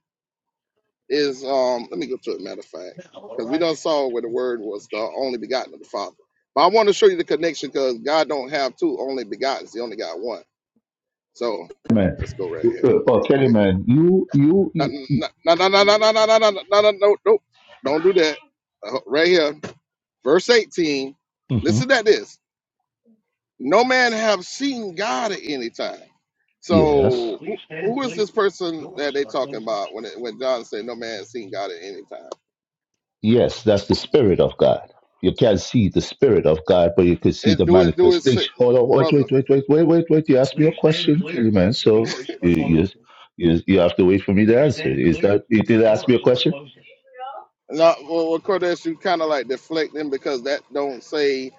is, um, let me go to it, matter of fact, Now because we done arriving. saw where the word was the only begotten of the Father. But I want to show you the connection because God don't have two only begotten. He only got one. So man. let's go right here Uh, oh, real Kelly, quick. man, you, you, No, you, you no, no, no, no, no, no, no, no, no, no, no, no. nope. Don't do that. Uh, Right here, verse 18. hmm Listen to this. No man have seen God at any time. yes, So Please who, stand who is clear. this The person that Doors they are talking closing. about when it, when John said no man has seen God at any time? yes, that's the spirit of God. You can't see the spirit of God, but you can see It the do it do it, manifestation. sick, Hold on, wait, brother. wait, wait, wait, wait, wait, wait. You asked me a Please stand question, Kelly, clear. man. The So doors are you, you, closing. you, you have to wait for me to Please answer. stand Is clear. that you The did ask me doors a are question? closing. No, well, of course, that's you kind of like deflecting because that don't say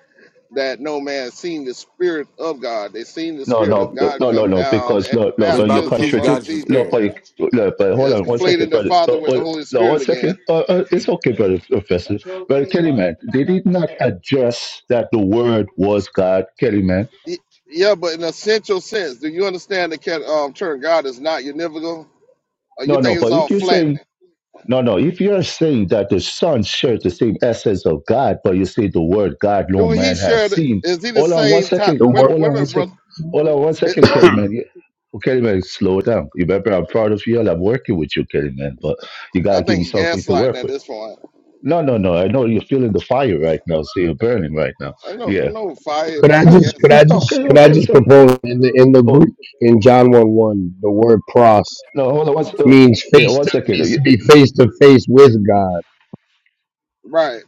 that no man seen the spirit of God. They seen the No, spirit of no, God no, no, come no, down because at the no, no, But the but you Bible teaches baptism of God contradict. is a Jesus. No, spirit. but you- no, but hold That's on one second, conflating the brother. Father No, with the oh, Holy no one Spirit again. second. Uh, uh, it's okay, brother, professor. Brother Kelly, man, they did not address that the word was God, Kelly, man. Y- Yeah, but in essential sense, do you understand the cat- um, term God is not univocal? Or you No, no, think it's but all if you're saying flattening? No, no. If you're saying that the Son shares the same essence of God, but you say the word God no Do he man have share? The, seen. is he the Hold on one same type? second. The Wait, a- word Hold wait a on one minute, second. brother. Hold on one It, second, Kelly man. Yeah. Oh, Kelly man, slow down. Remember, I'm proud of you and I'm working with you, Kelly man. But you I gotta give me think you something to gaslighting work at with. this point. No, no, no. I know you're feeling the fire right now, so you're burning right now. I know, I Yeah. know, fire could I man, you Uh, just could I gaslighting. just Okay, could I okay. just So, propose in the in the oh, Greek in John one one the word pros no, hold on one, se- oh, means yeah, face one to second. means to You- you- be face to face with God. Right.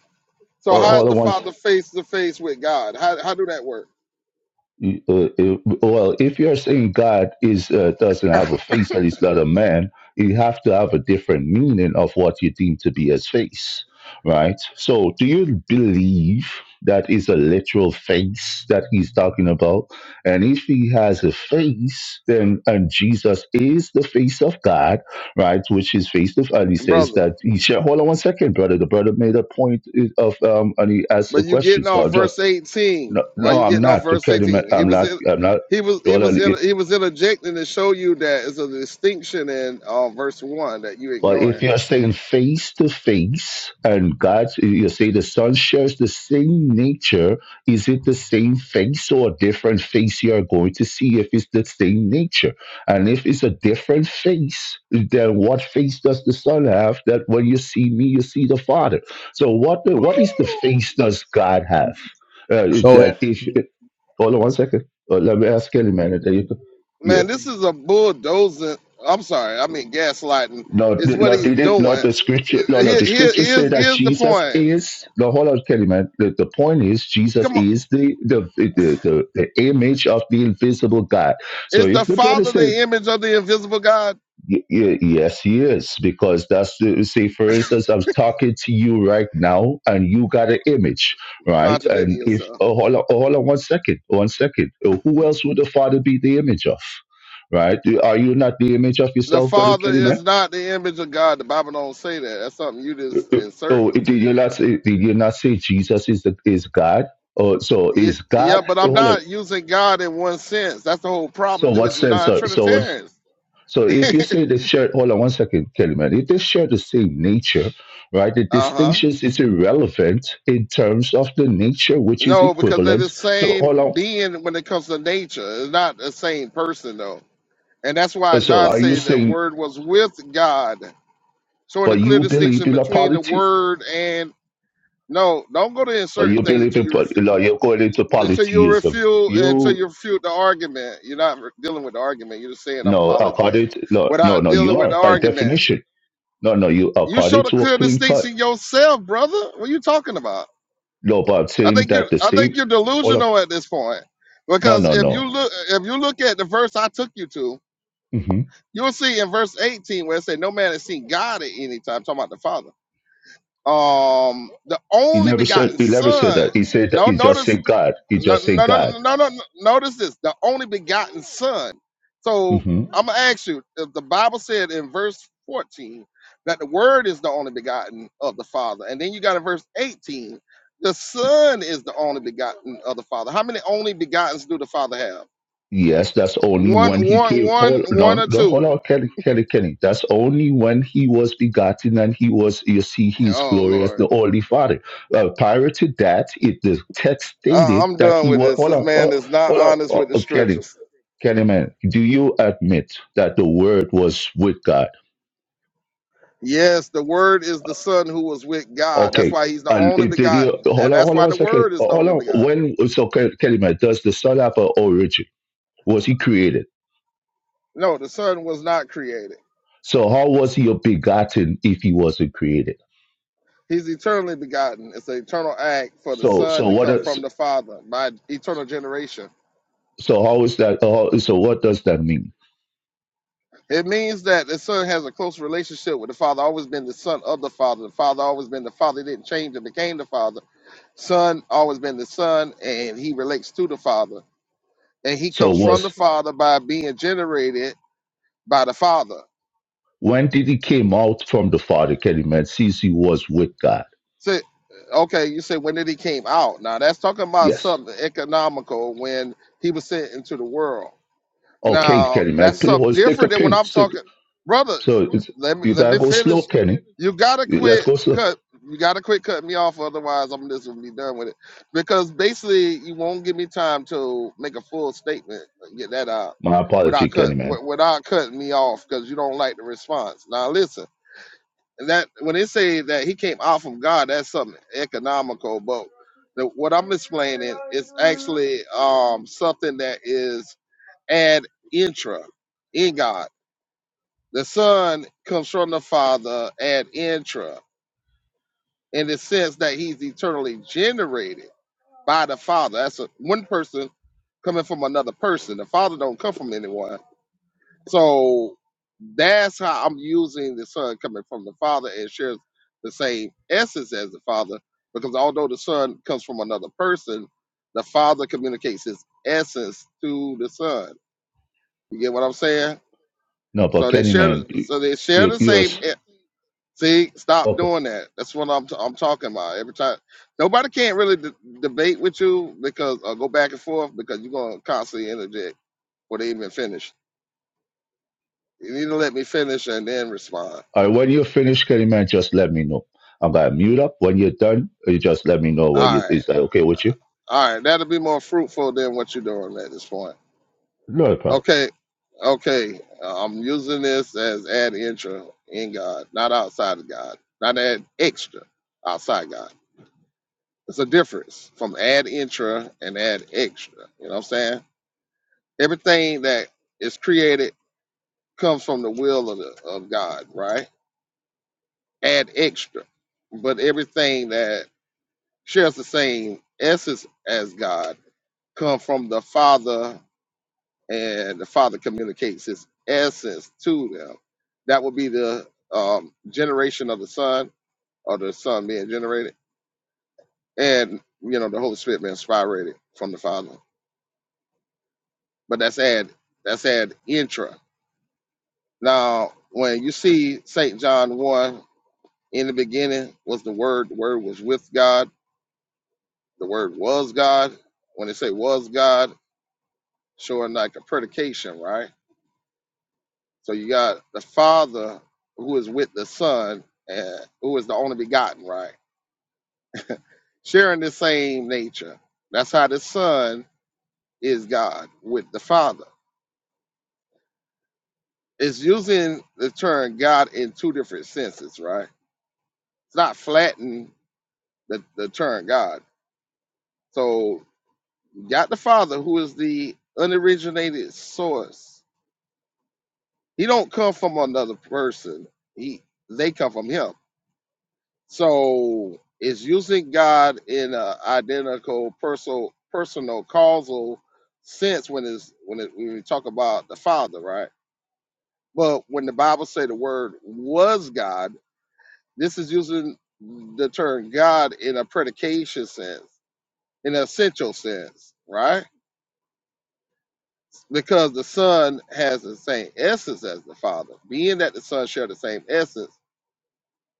So oh, how is Hold the on one. Father face to face with God? How how do that work, You- uh, if- well, if you're saying God is uh, doesn't have a face and he's not a man, you have to have a different meaning of what you deem to be his face, right? So, do you believe that is a literal face that he's talking about? And if he has a face, then and Jesus is the face of God, right? Which is face of and he says brother? that he shall hold on one second, brother. The brother made a point of um and he asked a But you question, getting so off I've just verse 18. no, Why no, you I'm getting off not. The verse pediment, 18? He I'm was not. in, I'm not. he was he Well, uh, was in, it- he was interjecting to show you that it's a distinction in uh, verse one that you But if ignoring. you're staying face to face, and God, you say the Son shares the same nature, is it the same face or a different face you are going to see if it's the same nature? And if it's a different face, then what face does the Son have that when you see me, you see the Father? So what the, what is the face does God have? Uh, So if that if, hold on one second. Uh, let me ask Kelly, man. There you go. Yeah. Man, this is a bulldozing. I'm sorry, I mean gaslighting Lord, is what Lord, he's did it, Lord, doing. the scripture, Lord, Lord, Here, the here, scripture say here's, that here's the Jesus point. is. No, hold on, Kelly, man. The, the point is, Jesus Come on, is the the, the the the image of the invisible God. So is the if the brother Father say, the image of the invisible God? y- y- yes, he is, because that's the, say, for instance, I'm talking to you right now, and you got an image, right? Contradicting And if yourself. oh, hold on, oh, hold on one second, one second. Uh, Who else would the Father be the image of? Right? Are you not the image of The yourself, brother Father Kelly, man? is not the image of God. The Bible don't say that. That's something you just So inserting. did you not say, did you not say Jesus is the, is God? Oh, so Yeah, is yeah, God? but eh, I'm Hold on. not using God in one sense. That's the whole So problem what with the sense? So so what? non-Trinitarians. So if you say the shirt, hold on one second, Kelly man. If they share the shirt is same nature, right? The Uh huh. distinctions is irrelevant in terms of the nature, which is No, because they're the equivalent to hold same on. being when it comes to nature. It's not the same person though, and that's why Uh, So John are you said the saying, Word was with God, showing a but clear you believe distinction in a between the polity? Word and no. Don't go to in But certain you things believe until in, you pol- refu- no, you're going into until you polytheism. refute until You you refute the argument. You're not re- dealing with the argument. You're just saying I'm no, polytheist according to, no, no, without no, you dealing with the are by argument. definition. No, no, you are You party showed a to a clear clean cut. distinction yourself, brother. What are you talking about? No, but I'm I saying think you're that the I same. think you're All up. delusional at this point. No, Because no, if you no. look if you look at the verse I took you to, hmm you'll see in verse 18 where it said, No man has seen God at any time, talking about the Father. Um the He only never said. begotten He never said son. that. He said that. No, He just notice said God. He no, just said no, no, God. no, no, no. no. Notice this: the only begotten Son. So hmm I'm gonna ask you: if the Bible said in verse 14 that the Word is the only begotten of the Father, and then you got in verse 18 the Son is the only begotten of the Father. How many only begottens do the Father have? Yes, that's only One, when he one, came. one, Hold one, no, or no, two? hold on, Kelly, Kelly, Kelly. That's only when he was begotten and he was. You see, his Oh glory as Lord, the Holy Father. Uh, prior to that, it the text I, stated I'm that done he with was. this. Hold This on, hold man on, is not hold on honest oh, with the oh, Kelly, scriptures. Kelly, man. Do you admit that the Word was with God? Yes, the Word is the Son who was with God. That's Okay. why He's the And only it did you begotten, hold and on, hold that's on why one the second. Word is the Hold only on. begotten. When so Ke- Kellyman, does the son have an origin? Was he created? No, the Son was not created. So how was he begotten if he wasn't created? He's eternally begotten. It's an eternal act for the So Son so to what come does from the Father by eternal generation. so how is that uh, so what does that mean? It means that the Son has a close relationship with the Father. Always been the Son of the Father. The Father always been the Father. He didn't change and became the Father. Son always been the Son, and He relates to the Father, and He So comes from the was Father by being generated by the Father when did he came out from the father, Kellyman, since he was with God? Say, okay, you say when did he came out? Now that's talking about Yes. something economical when he was sent into the world. Okay, Now that's Kellyman. Please, something well, Stick a different than when pin. I'm Stick talking, brother. so it's, Let me you let gotta me go slow, finish. Kenny. You gotta Let's quit go slow. cut. You gotta quit cutting me off, otherwise I'm just gonna be done with it. Because basically, you won't give me time to make a full statement, uh, get that out My apology, without cut Kenny man. wi- without cutting me off because you don't like the response. Now listen that when they say that he came out from God, that's something economical. But the, what I'm explaining is actually um, something that is ad intra in God. The Son comes from the Father ad intra in the sense that he's eternally generated by the Father. That's a, one person coming from another person. The Father don't come from anyone So that's how I'm using the Son coming from the Father and shares the same essence as the Father, because although the Son comes from another person, the Father communicates his essence to the Son. You get what I'm saying? No, but So they share. The, Kennyman, you, so they share you, the you're same. s- e- See, stop okay. doing that. That's what I'm. T- I'm talking about. Every time, nobody can't really d- debate with you because or go back and forth because you're gonna constantly interject before they even finish. You need to let me finish and then respond. All right, when you finish, man, just let me know. I'm gonna mute up. When you're done, you just let me know what All you, right. is that okay with you? All right. That'll be more fruitful than what you're doing at this point. No problem. Okay. Okay. I'm using this as ad intro in God, not outside of God, not ad extra outside God. It's a difference from ad intra and ad extra. You know what I'm saying? Everything that is created comes from the will of, the, of God, right? Ad extra. But everything that shares the same essence as God come from the Father and the Father communicates His essence to them. That would be the um, generation of the Son, or the Son being generated, and you know the Holy Spirit being spirated from the Father. But that's add that's add intra. Now, when you see Saint John one, in the beginning was the Word. The Word was with God. The Word was God. When they say was God, sure like a predication, right? So you got the Father who is with the Son, and who is the only begotten, right? Sharing the same nature. That's how the Son is God with the Father. It's using the term God in two different senses, right? It's not flattening the, the term God. So you got the Father who is the unoriginated source. He don't come from another person. He they come from him So is using God in a identical personal personal causal sense when is when it, when we talk about the Father, right? But when the Bible say the word was God, this is using the term God in a predication sense, in an essential sense, right? Because the Son has the same essence as the Father, being that the Son share the same essence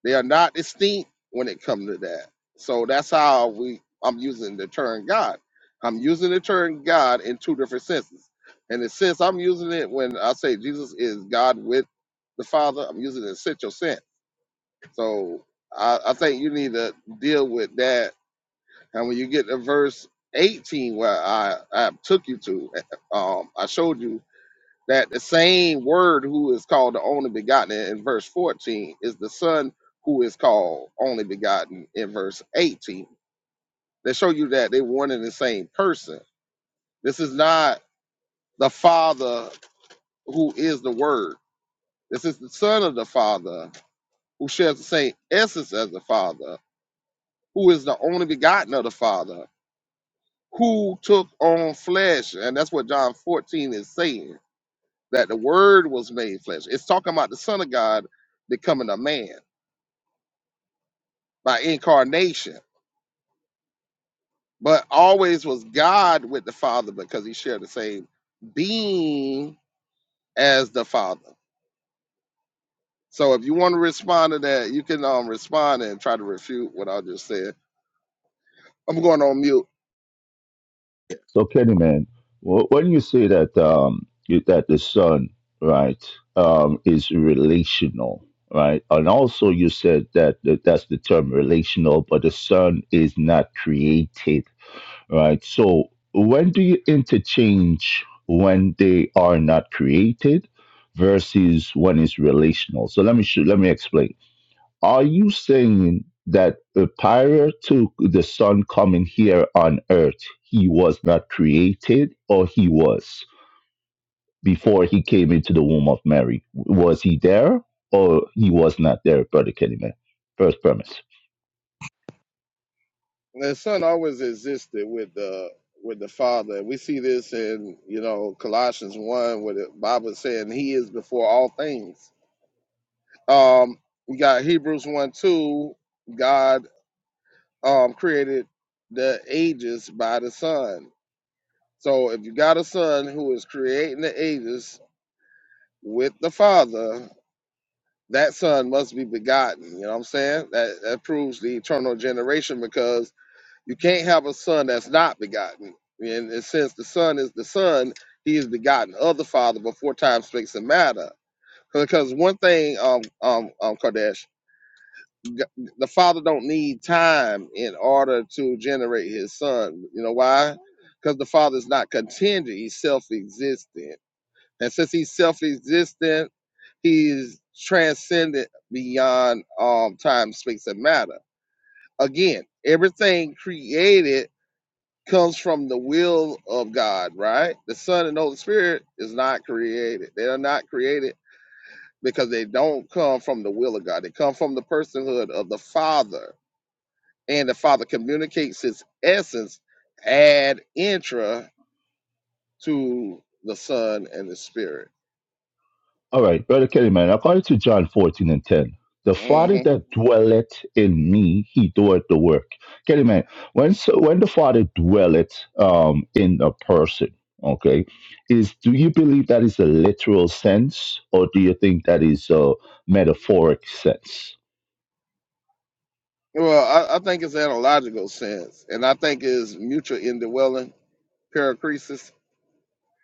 They are not distinct when it comes to that. So that's how we I'm using the term God. I'm using the term God in two different senses. And the sense I'm using it when I say Jesus is God with the Father, I'm using it in central sense. So I, I think you need to deal with that. And when you get to verse 18 where I, I took you to, um, I showed you that the same word who is called the only begotten in verse 14 is the son who is called only begotten in verse 18 they show you that they one and the same person this is not the father who is the word this is the son of the father who shares the same essence as the father who is the only begotten of the father who took on flesh and that's what john 14 is saying that the word was made flesh it's talking about the son of god becoming a man by incarnation, but always was God with the Father because he shared the same being as the Father. So if you want to respond to that, you can um respond and try to refute what I just said. I'm going on mute. So Kennyman, wh- when you say that um you, that the son right um is relational right, and also you said that, that that's the term relational, but the son is not created right? So when do you interchange when they are not created versus when it's relational? So let me sh- let me explain. Are you saying that uh, prior to the son coming here on earth, he was not created, or he was before he came into the womb of Mary? Was he there, or he was not there, Brother Kennyman? First premise. The Son always existed with the with the Father. We see this in you know Colossians one, where the Bible is saying He is before all things. Um, we got Hebrews one two. God um created the ages by the Son So if you got a son who is creating the ages with the father, that son must be begotten. You know what I'm saying? That that proves the eternal generation because you can't have a son that's not begotten. And, and since the son is the son, he is begotten of the father before time, space, and matter. Because one thing, um, um, um, Kardash, g- the father don't need time in order to generate his son. You know why? Because the father is not contingent; he's self-existent. And since he's self existent, he is transcendent beyond um, time, space, and matter. Again, everything created comes from the will of God, right? The Son and Holy Spirit is not created. They are not created because they don't come from the will of God. They come from the personhood of the Father. And the Father communicates his essence ad intra to the Son and the Spirit. All right, Brother Kelly, man, according to John 14 and 10, the hmm Father that dwelleth in me, he doeth the work. Kelly, man, when, so, when the Father dwelleth um, in a person, okay, is do you believe that is a literal sense or do you think that is a metaphoric sense? Well, I, I think it's analogical sense, and I think it's mutual indwelling, paracresis.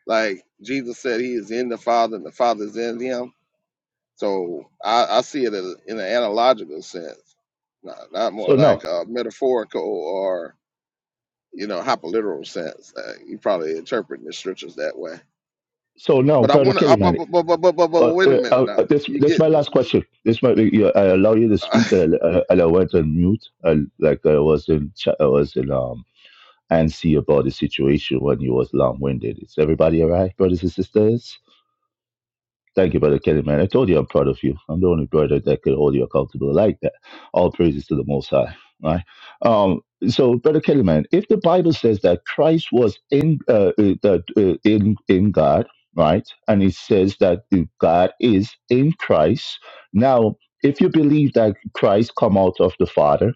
Like Jesus said, He is in the Father, and the Father is in Him. So I, I see it as, in an analogical sense, not, not more So like now, a metaphorical or you know hyperliteral sense. Uh, you probably interpreting the scriptures that way. so now, But I Brother want Kelly, to. But, man, but, but, but, but, but uh, wait a uh, minute now. uh, this, You this is get. my last question. This might be, yeah, I allow you to speak, and, uh, and I went on mute, and like I was in, ch- I was in um, and see about the situation when you was long-winded. Is everybody all right, brothers and sisters? Thank you, Brother Kenny, man. I told you I'm proud of you. I'm the only brother that could hold you accountable like that. All praises to the Most High, right? Um, so, Brother Kelly, man, if the Bible says that Christ was in uh, uh, that, uh, in in God, right, and it says that if God is in Christ, now if you believe that Christ come out of the Father,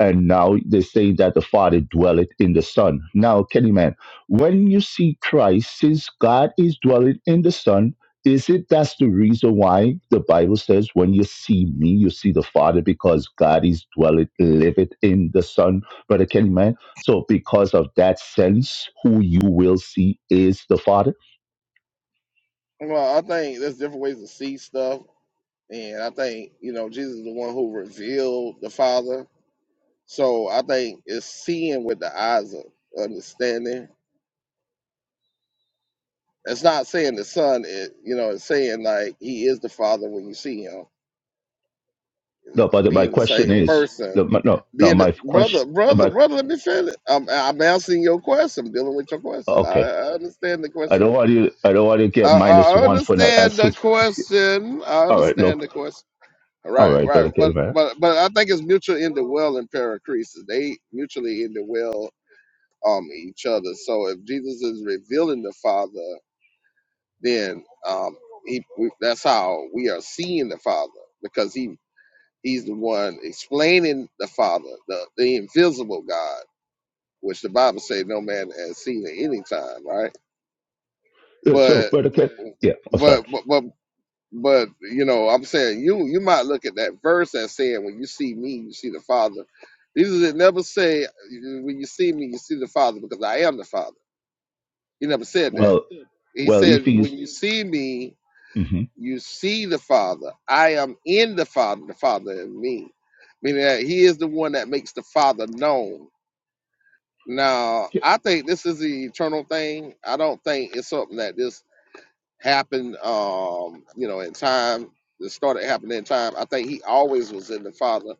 and now they're saying that the Father dwelleth in the Son. Now, Kenny, man, when you see Christ, since God is dwelling in the Son is it that's the reason why the Bible says, when you see me, you see the Father, because God is dwelleth, liveth in the Son, Brother Kenny, man? So, because of that sense, who you will see is the Father? well, I think there's different ways to see stuff. And I think, you know, Jesus is the one who revealed the Father. So I think it's seeing with the eyes of understanding. It's not saying the Son, it, you know, it's saying like he is the Father when you see him, No, but my being the question same is, person. no, my- no, no, Being the, my question, brother, brother, my, brother, let me finish. I'm, I'm answering your question, I'm dealing with your question. I, okay. I understand the I question. don't want you, I don't want to I, get minus I one for not understand the answers. question. I All right, understand nope. the question. Right, All right, right. Brother Kenny, But man. but but I think it's mutual in the well and paracresis. They mutually in the well um each other. So if Jesus is revealing the Father, then um he we, that's how we are seeing the Father because he he's the one explaining the Father, the the invisible God, which the Bible says no man has seen at any time, right? Uh, So, But Brother Kenny, yeah, oh, sorry. but but, but But you know, I'm saying you you might look at that verse and saying, when you see me, you see the Father. Jesus did never say, when you see me, you see the Father, because I am the Father. He never said that. Well, He well, said, if he's, when you see me, mhm. you see the Father. I am in the Father, the Father in me, meaning that He is the one that makes the Father known. Now, I think this is the eternal thing. I don't think it's something that this happened, um, you know, in time. It started happening in time. I think he always was in the Father,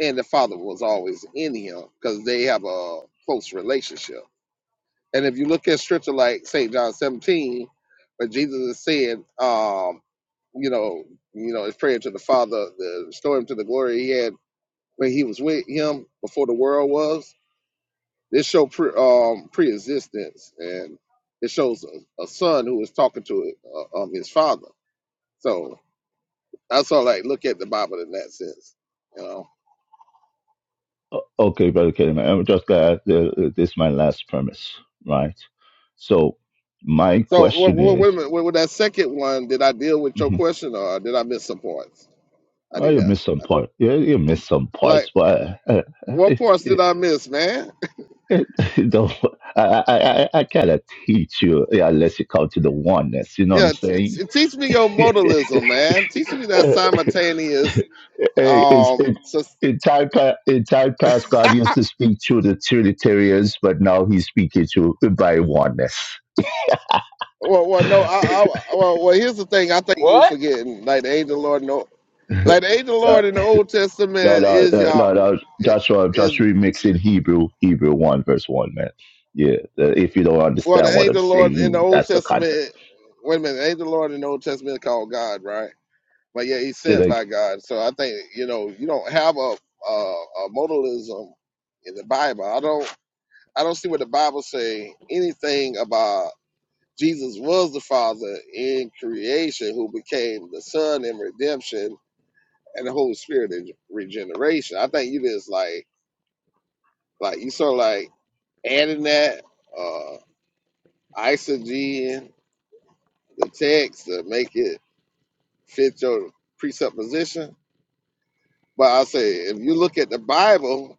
and the Father was always in him because they have a close relationship. And if you look at scripture like St. John 17, where Jesus is saying, um, you know, you know, his prayer to the Father, the restore him to the glory he had when he was with him before the world was. This show pre, um, pre-existence, and it shows a, a son who is talking to uh, um, his father. So I saw like look at the Bible in that sense, you know. O- Okay, Brother Kelly, I'm just glad that this is my last premise, right? So my So question wait, wait a is, minute. With with that second one, did I deal with your Mhm. question or did I miss some points? I oh, need you that. missed some part. Yeah, you missed some Like parts, but uh, what I, parts did I miss, man? I, don't, I, I, I, I gotta teach you yeah, unless you come to the oneness. You know what I'm yeah, t- saying? t- teach me your modalism, man. Teach me that simultaneous. Eh, it's, Um, it, sus- in time pa- in time past, God used to speak to the Trinitarians, but now He's speaking to by oneness. well, well, no, I, I, well, well, here's the thing. I think you What? forgetting like the angel of the Lord, no, like the angel of the No, Lord in the Old no, Testament no, is no, y'all. no. no. Joshua, I'm Is. just remixing Hebrew, Hebrew 1, verse 1, man. Yeah, the, if you don't Well, the understand what I'm angel of the Lord in the saying, Old that's the context. Testament. Wait a minute, the angel of the Lord in the Old Testament is called God, right? But yeah, he's So, sent like, by God. So I think you know you don't have a a, a modalism in the Bible. I don't I don't see what the Bible say anything about Jesus was the Father in creation who became the Son in redemption and the Holy Spirit in regeneration. I think you just like like you sort of like adding that uh isogen the text to make it fit your presupposition. But I say, if you look at the Bible,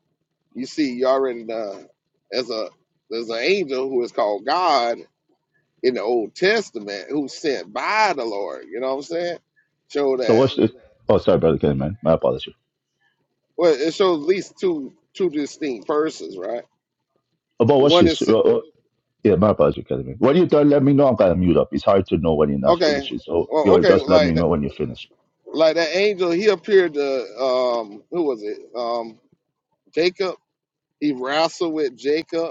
you see you already uh, as a there's an angel who is called God in the Old Testament who's sent by the Lord. You know what I'm saying? Show so that what's this? Oh, sorry, Brother Kelly, man. My apologies. well, it shows at least two two distinct persons, right? Oh, But what's One this? is Uh, uh, yeah, my apologies, Kelly, man. When you done, let me know. I'm going to mute up. It's hard to know when you're not okay. finishing. So, you Well, know, okay, just let me like that, know when you're finished. like that angel, he appeared to um, who was it? Um, Jacob. He wrestled with Jacob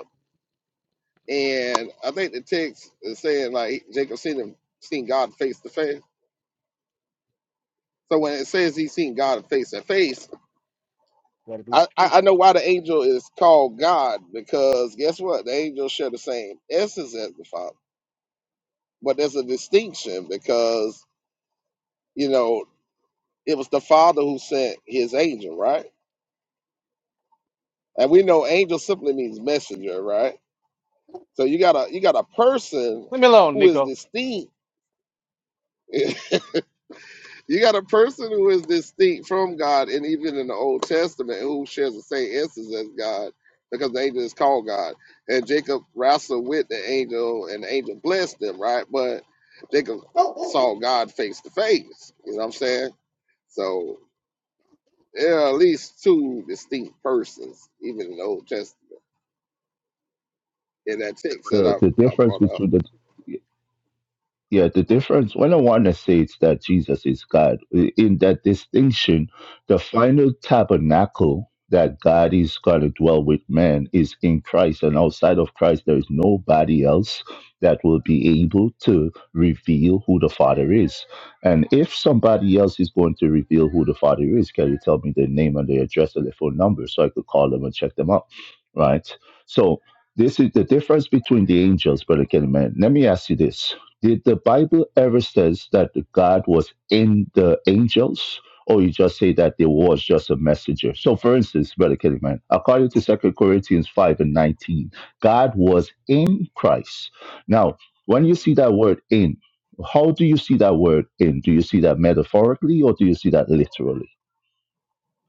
And I think the text is saying like Jacob seen him seen God face to face. So when it says he's seen God face to face, Gotta be I, I quick. I know why the angel is called God because guess what? The angels share the same essence as the Father, but there's a distinction because you know it was the Father who sent his angel, right? And we know angel simply means messenger, right? So you got a you got a person Leave me alone, who is Nico. distinct You got a person who is distinct from God, and even in the Old Testament, who shares the same essence as God, because the angel is called God. And Jacob wrestled with the angel, and the angel blessed him, right? But Jacob saw God face to face. You know what I'm saying? So there are at least two distinct persons, even in the Old Testament, in that text that The, I, the I difference brought up. between the, yeah the difference when i want to say it's that jesus is god i- in that distinction the final tabernacle that god is going to dwell with man is in christ and outside of christ there is nobody else that will be able to reveal who the father is and if somebody else is going to reveal who the father is can you tell me their name and their address and their phone number so i could call them and check them out right so this is the difference between the angels brother Kenny man let me ask you this did the Bible ever says that God was in the angels? Or you just say that there was just a messenger. So for instance, Brother Kellyman, according to Second Corinthians 5 and 19, God was in Christ. Now, when Mm. you see that word in, how do you see that word in? Do you see that metaphorically or do you see that literally?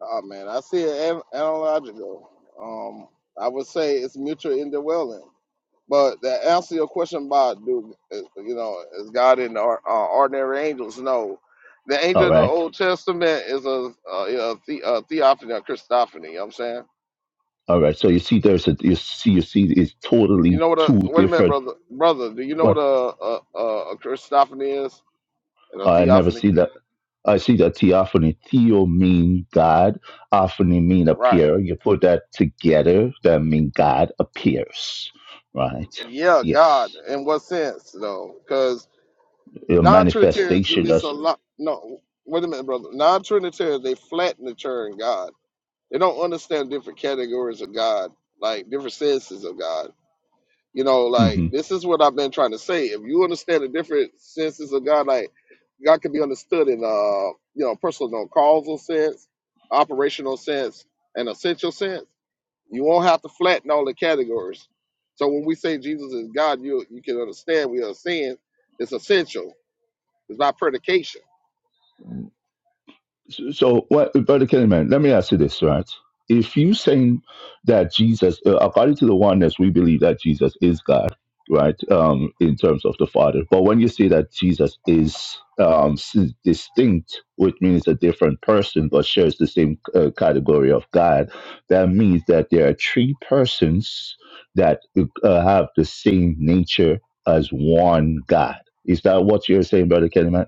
Oh man, I see it an- analogical. Um, I would say it's mutual indwelling. But to answer your question about do is- you know is God in the or- uh, ordinary angels? No, the All angel in the right. Old Testament is a, a, a, the, a theophany, a Christophany. You know what I'm saying, All right. So you see there's a you see you see it's you totally know what a two wait a minute, different brother, brother, do you know well, what a a, a a Christophany is and a I never theophany? see that. I see that theophany. Theo mean God. Ophany mean Right? appear. You put that together, that mean God appears, right? Yeah, God. Yes, In what sense though? Because a non-Trinitarians do manifestation. this a That's lot. No, wait a minute, brother. Non-Trinitarians they flatten the Trinitarian God They don't understand different categories of God, like different senses of God. You know, like mhm. this is what I've been trying to say. If you understand the different senses of God, like God can be understood in uh you know personal causal sense, operational sense, and essential sense. You won't have to flatten all the categories. So when we say Jesus is God, you you can understand we are saying it's essential. It's not predication. So, what, Brother Kellyman, let me ask you this, right? If you saying that Jesus, uh, according to the oneness, we believe that Jesus is God, right? Um, in terms of the Father, but when you say that Jesus is um s- distinct, which means a different person but shares the same uh, category of God, that means that there are three persons that uh, have the same nature as one God. Is that what you're saying, Brother Kellyman?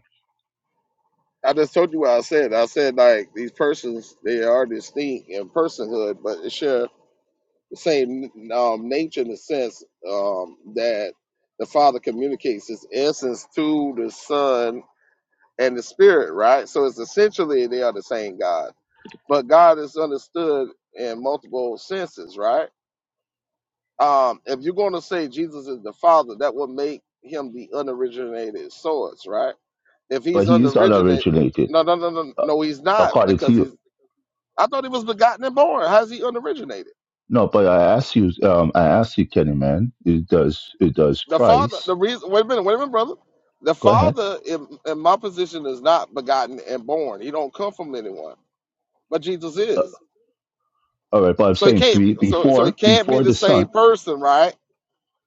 I just told you what I said. I said like these persons they are distinct in personhood, but it share Same um, nature in the sense um, that the Father communicates His essence to the Son and the Spirit, right? So it's essentially they are the same God, but God is understood in multiple senses, right? Um, if you're going to say Jesus is the Father, that would make him the unoriginated source, right? If But he's he is not unoriginated, originated. no, no, no, no, no, he's not according to because he's. you. I thought he was begotten and born. How's he unoriginated? No, but I asked you, um, I asked you, Kenny, man, it does, it does The father, price. the reason, wait a minute, wait a minute, brother. The Go ahead. father, in, in my position, is not begotten and born. He don't come from anyone, but Jesus Uh, is. all right, but I'm So he saying can't. be, So so he before, can't be before the the same sun. person, right?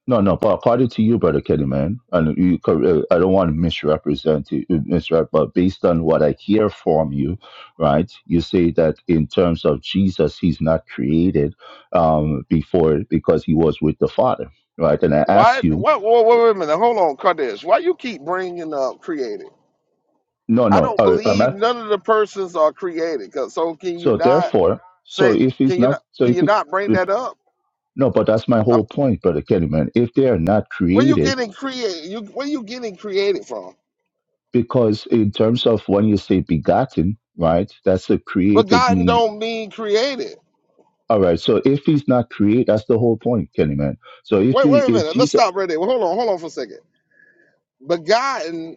No, no, but according to you, brother Kenny, man, and you, cor- uh, I don't want to misrepresent you, uh, misrep, but based on what I hear from you, right, you say that in terms of Jesus, he's not created um, before because he was with the Father, right? And I Why? ask you, What? Wait, wait, a minute. Hold on, Kadesh. Why you keep bringing up created? no, I no, don't all right, am I? believe none of the persons are created. 'cause- so can you So not therefore, so say? if it's Can you not, not? so Can if you it, not bring that up? no, but that's my I'm, whole point, Brother Kellyman. If they are not where you created, getting created? You where you getting created from? because in terms of when you say begotten, right, that's a created Begotten mean. don't mean created. All right, so if he's not created, that's the whole point, Kellyman. So if Wait, he, wait a if minute. Let's Jesus, stop right there. Well, hold on, hold on for a second. Begotten,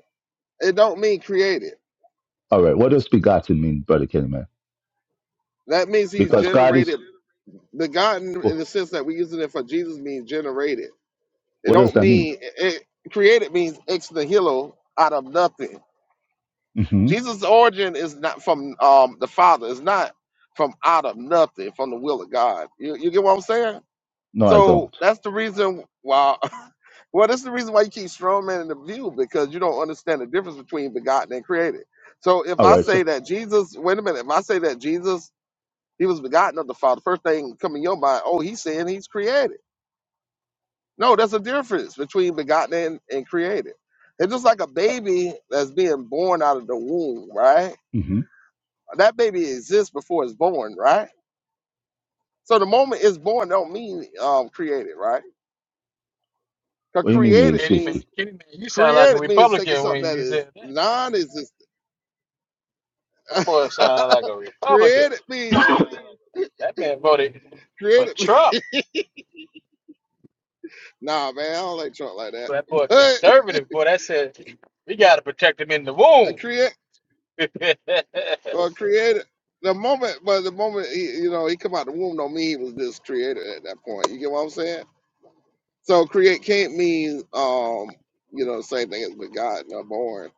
it don't mean created. all right, what does begotten mean, Brother Kellyman? That means he's Because God is, generated. Begotten in the sense that we're using it for Jesus means generated. It what does don't that mean? mean it, it- created means ex nihilo out of nothing. hmm Jesus' origin is not from um, the Father. It's not from out of nothing, from the will of God. You, you get what I'm saying? No, I So don't. that's the reason why. Well, that's the reason why you keep strawmanning the view because you don't understand the difference between begotten and created. So if All I right, so, say that Jesus, wait a minute, if I say that Jesus, he was begotten of the Father, first thing come in your mind, oh, he's saying he's created. No, there's a difference between begotten and, and created. It's just like a baby that's being born out of the womb, right? hmm That baby exists before it's born, right? So the moment it's born don't mean um, created, right? Because what do you mean they created Kenny man, means existed? Kenny man, you sound like a Created means taking Republican something when that you is said that. non-existent. That boy sound like a Republican. created means That man voted for created. means- Trump. Nah, man, I don't like Trump like that. That boy conservative. Boy, that said we gotta protect him in the But uh, womb. create you, or created. The moment, but the moment he, you know, he come out the womb, don't mean he was just created at that point. You get what I'm saying? So create can't mean, um, you know, the same thing as begotten or born.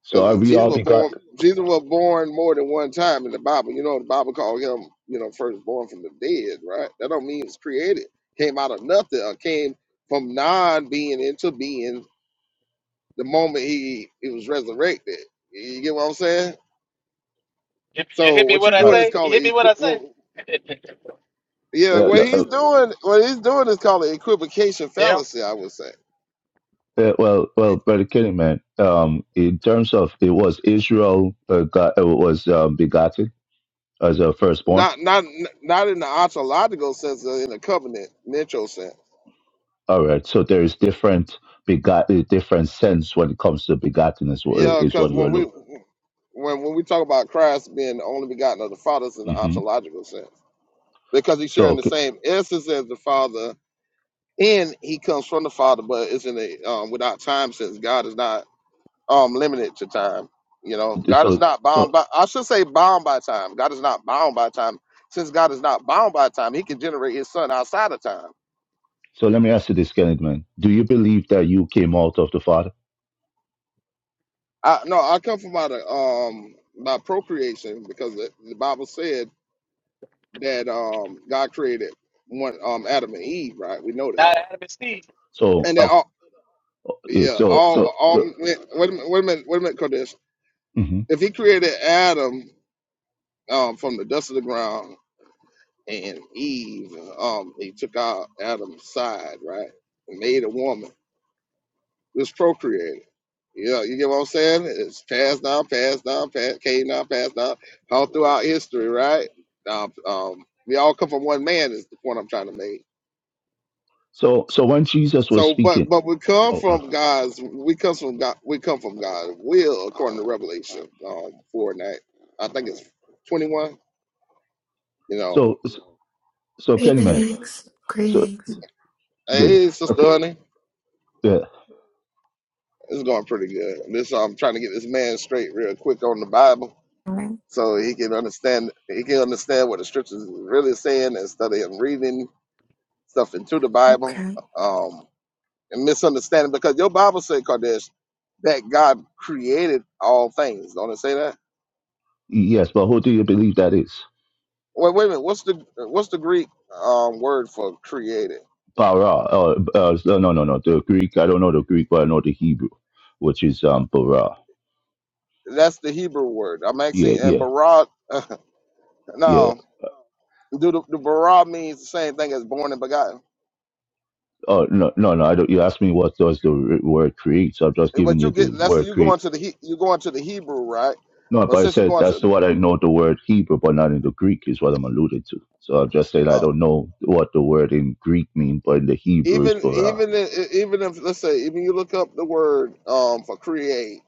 So are Because we Jesus all was born, begotten? Jesus was born more than one time in the Bible. You know, the Bible called him, you know, firstborn from the dead, right? That don't mean it's created. Came out of nothing or came from non being into being the moment he, he was resurrected. You get what I'm saying? you So hit me what what you're I Uh, doing is say? You called a, hit me what I well, say? uh, yeah, what uh, he's doing, what he's doing is called an equivocation Yeah, fallacy, I would say. Uh, well, well, brother Kenny, man. Um, in terms of it was Israel begot, uh, was um, begotten as a firstborn. Not not not in the ontological sense, uh, in the covenant sense. All right, so there is different begot, uh, different sense when it comes to begotten is what Yeah, is because what you when we allude. when when we talk about Christ being the only begotten of the Father, it's in the hmm ontological sense because he's So, sharing the okay, same essence as the Father, and he comes from the Father, but it's in a um, without time since God is not um limited to time. You know, God is so, not so, bound by I should say bound by time. God is not bound by time. Since God is not bound by time, He can generate His Son outside of time. so, let me ask you this, Kenneth, man. Do you believe that you came out of the Father? I no, I come from out of um by procreation because the, the Bible said that um God created one um Adam and Eve, right? We know that. not Adam and Steve. So, And that uh, all yeah, yeah, so, all so, all so, wait a minute, wait a minute, wait a minute, Kodesh. hmm If he created Adam um from the dust of the ground and Eve, um, he took out Adam's side, right? And made a woman. It was procreated. Yeah, you get what I'm saying? It's passed down, passed down, passed, came down, passed down, all throughout history, right? Um, um, we all come from one man is the point I'm trying to make so, so when Jesus was So, but speaking, but we come oh, uh, from God's. We come from God. We come from God's will, according to Revelation um, four and eight. I think it's twenty one. You know, so, so, so Kenny, man. Greetings, So greetings. good. hey, sister Okay. honey, yeah, it's going pretty good. This I'm trying to get this man straight real quick on the Bible, Alright, so he can understand. He can understand what the scriptures is really saying instead of him reading stuff into the Bible Okay. um, and misunderstanding. Because your Bible said, Kadesh, that God created all things. Don't it say that? Yes, but who do you believe that is? Wait, wait a minute. What's the what's the Greek um, word for created? Bara. Uh, uh, no, no, no. The Greek. I don't know the Greek, but I know the Hebrew, which is Uh, um bara. that's the Hebrew word. I'm asking. Yeah, And yeah, bara, yeah. no, do the, the bara means the same thing as born and begotten. Oh no, no, no. I don't. You asked me what does the r- word create, so I'm just Eh, giving But you you get the that's word you create. going to the He- you going to the Hebrew, right? No, But but I since you're said going to that's what I know the word Hebrew, but not in the Greek is what I'm alluding to. So I'm just saying I uh, don't know what the word in Greek means, but in the Hebrew is even bara. even i- even if let's say even you look up the word um, for create,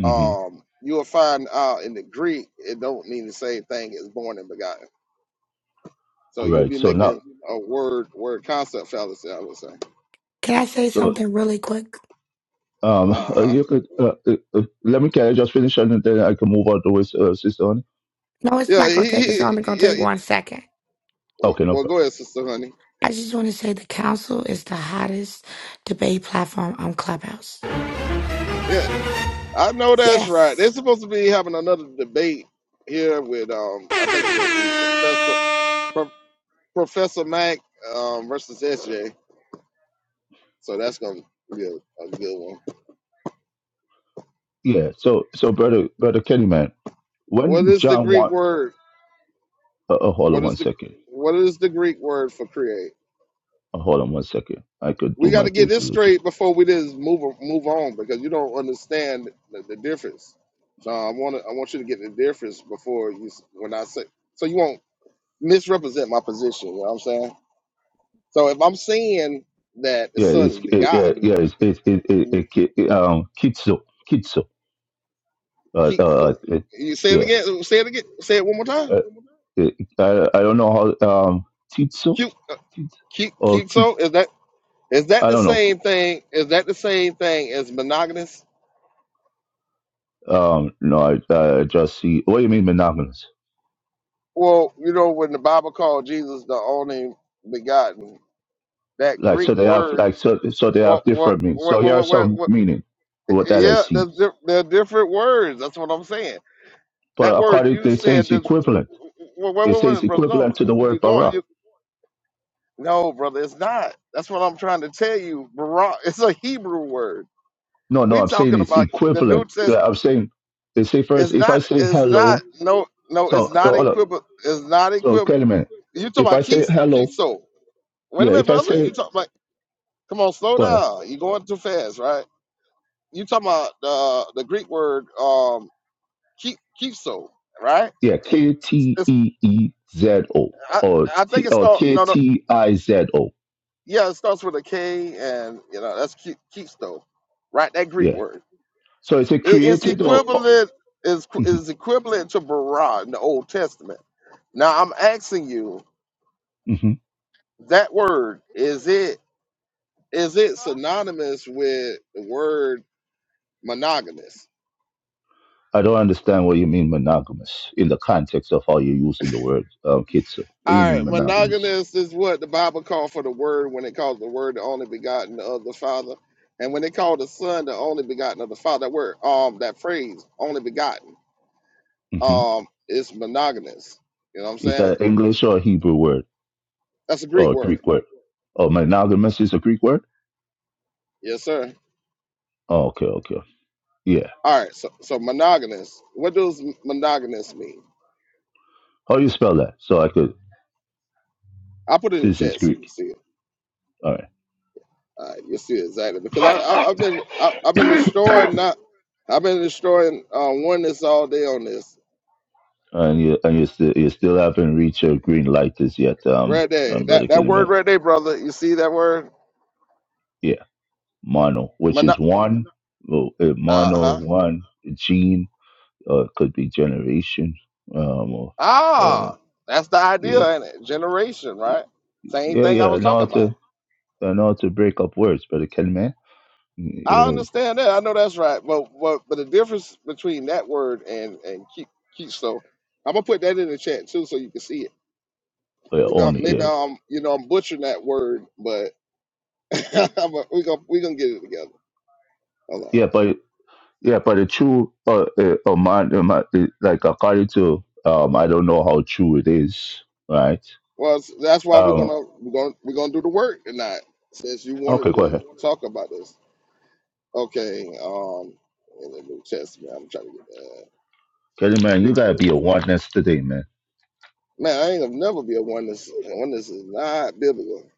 Mm-hmm. um, you will find out in the Greek it don't mean the same thing as born and begotten. So All you'll right. be So making now, a word word concept fallacy, I would say. Can I say so something really quick? Um, Uh uh, huh. you could uh, uh, uh, let me can I just finish and then I can move on to his uh, sister. On No, it's Yeah, not gonna he, take. It's he, only gonna yeah. take he- one second. Well, okay, no well, problem. go ahead, sister, honey. I just want to say the council is the hottest debate platform on Clubhouse. Yeah, I know that's right. Yes. They're supposed to be having another debate here with um, I think it's gonna be Professor Pro, Professor Mac um versus SJ. So that's gonna be a, a good one. Yeah. So so brother brother Kenny man, What when is the John Greek want word? uh, uh, hold What on is one the second. what is the Greek word for create? Uh, hold on one second. I could we do got my to get due this diligence. straight before we just move move on because you don't understand the, the difference. So I want to I want you to get the difference before you s- when I say so you won't misrepresent my position. You know what I'm saying? So if I'm saying that the Yeah, son it's is uh, yeah begotten, yeah it's it's w- it, it, w- it, it, it um kitso kitso uh keep uh so it, you say it yeah again. Say it again. Say it one more time. uh, it, I I don't know how um titso Keep uh, tit keep or keep kit so is that is that I the don't know same thing? Is that the same thing as monogamous? um no I I just see what do you mean monogamous Well, you know when the Bible called Jesus the only begotten that Like Greek so, they have word. like so so they What, have what, different meanings. what, So here are what, what, some what, meaning what that I yeah, see. there's, di- there are different words. That's what I'm saying. But That word according you they say said, it's this, equivalent. wait, wait, They wait, say it's wait, brother. No, equivalent to the you're word going, bara. you, no, brother, it's not. That's what I'm trying to tell you. Bara, it's a Hebrew word. No, no, We I'm saying talking it's about the New equivalent. Testament. Yeah, I'm saying they say first It's if I not, say it's not, hello. no, no, So it's uh, not hold on. equivalent. It's not So equivalent. wait a minute. You talking If about I say keys, hello, keys, so. Wait a yeah. minute, If I brother. say You talking about, come on, slow go ahead, down. You're going too fast, right? you talking about the the Greek word um keep so right? yeah. K T It's E E Z O I, or I think T it or starts K no no T I Z O. yeah it starts with a K and you know that's keep keepso, right? That Greek Yeah. word So is it it is created or? or equivalent is mhm, is equivalent to bara in the Old Testament. Now I'm asking you mhm. that word is it is it synonymous with the word monogamous? I don't understand what you mean monogamous in the context of how you're using the word um, kitsu. What do All you mean right, monogamous? monogamous is what the Bible called for the Word when it called the Word the only begotten of the Father, and when it called the Son the only begotten of the Father. That word, um, that phrase, only begotten, hmm um, is monogamous. You know what I'm Is saying? that English or a Hebrew word That's a Greek or a word. Greek word? Oh, monogamous is a Greek word? Yes, sir. Oh, okay, okay. Yeah. All right, so so monogamous. What does monogamous mean? How do you spell that? So I could, I put it in the since it's chat so you can Greek. see it. All right. All right, you'll see it exactly because I, I I've been I, I've been destroying not I've been destroying uh, oneness all day on this And you, and you, still, you still haven't reached your green light as yet, um, right there. um, That Brother that word Kinnaman. right there, brother. You see that word? Yeah. Mono, which is Mono- one, well, uh, uh mono, huh. one, gene, uh, could be generation, um, or, uh, Ah, that's the yeah. idea in it? generation, right? Same Yeah, thing I yeah. was talking Not about. to uh, not to break up words, but kelime I uh, understand that. I know that's right. But but but the difference between that word and and keep keep so I'm gonna put that in the chat too, so you can see it. uh, Maybe I'm, only maybe you. I'm you know I'm butchering that word, but I'm a, we gonna we gonna get it together. Hold on. Yeah, but yeah, but the true uh, uh, uh, man, uh, man, uh, like according to um, I don't know how true it is, right? Well, s- that's why we're Um, gonna we're gonna we're gonna do the work tonight, since you okay, wanted go to ahead, talk about this. Okay, um, in the New Testament, I'm trying to get the Kelly. Man, you Greek gotta word be a for you. oneness today, man. Man, I ain't gonna never be a oneness. Oneness is not biblical.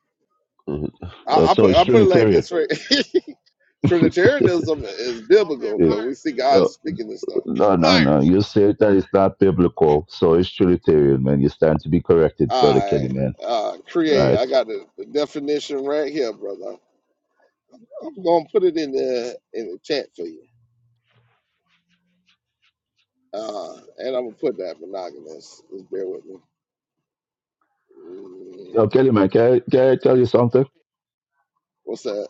Uh, uh, I, I so put it's I put it like Trinitarian. this right. Trinitarianism is biblical Yeah. because we see God Uh, speaking this stuff. no, no, no. You said that it's not biblical, so it's Trinitarian, man. You stand to be corrected, brother I Kelly, man. uh, create. Right. I got the, the definition right here, brother. I'm gonna put it in the in the chat for you, uh, and I'm gonna put that monogamous. Just bear with me. Mm, Yo, Kelly, man, can I, can I tell you something? what's that?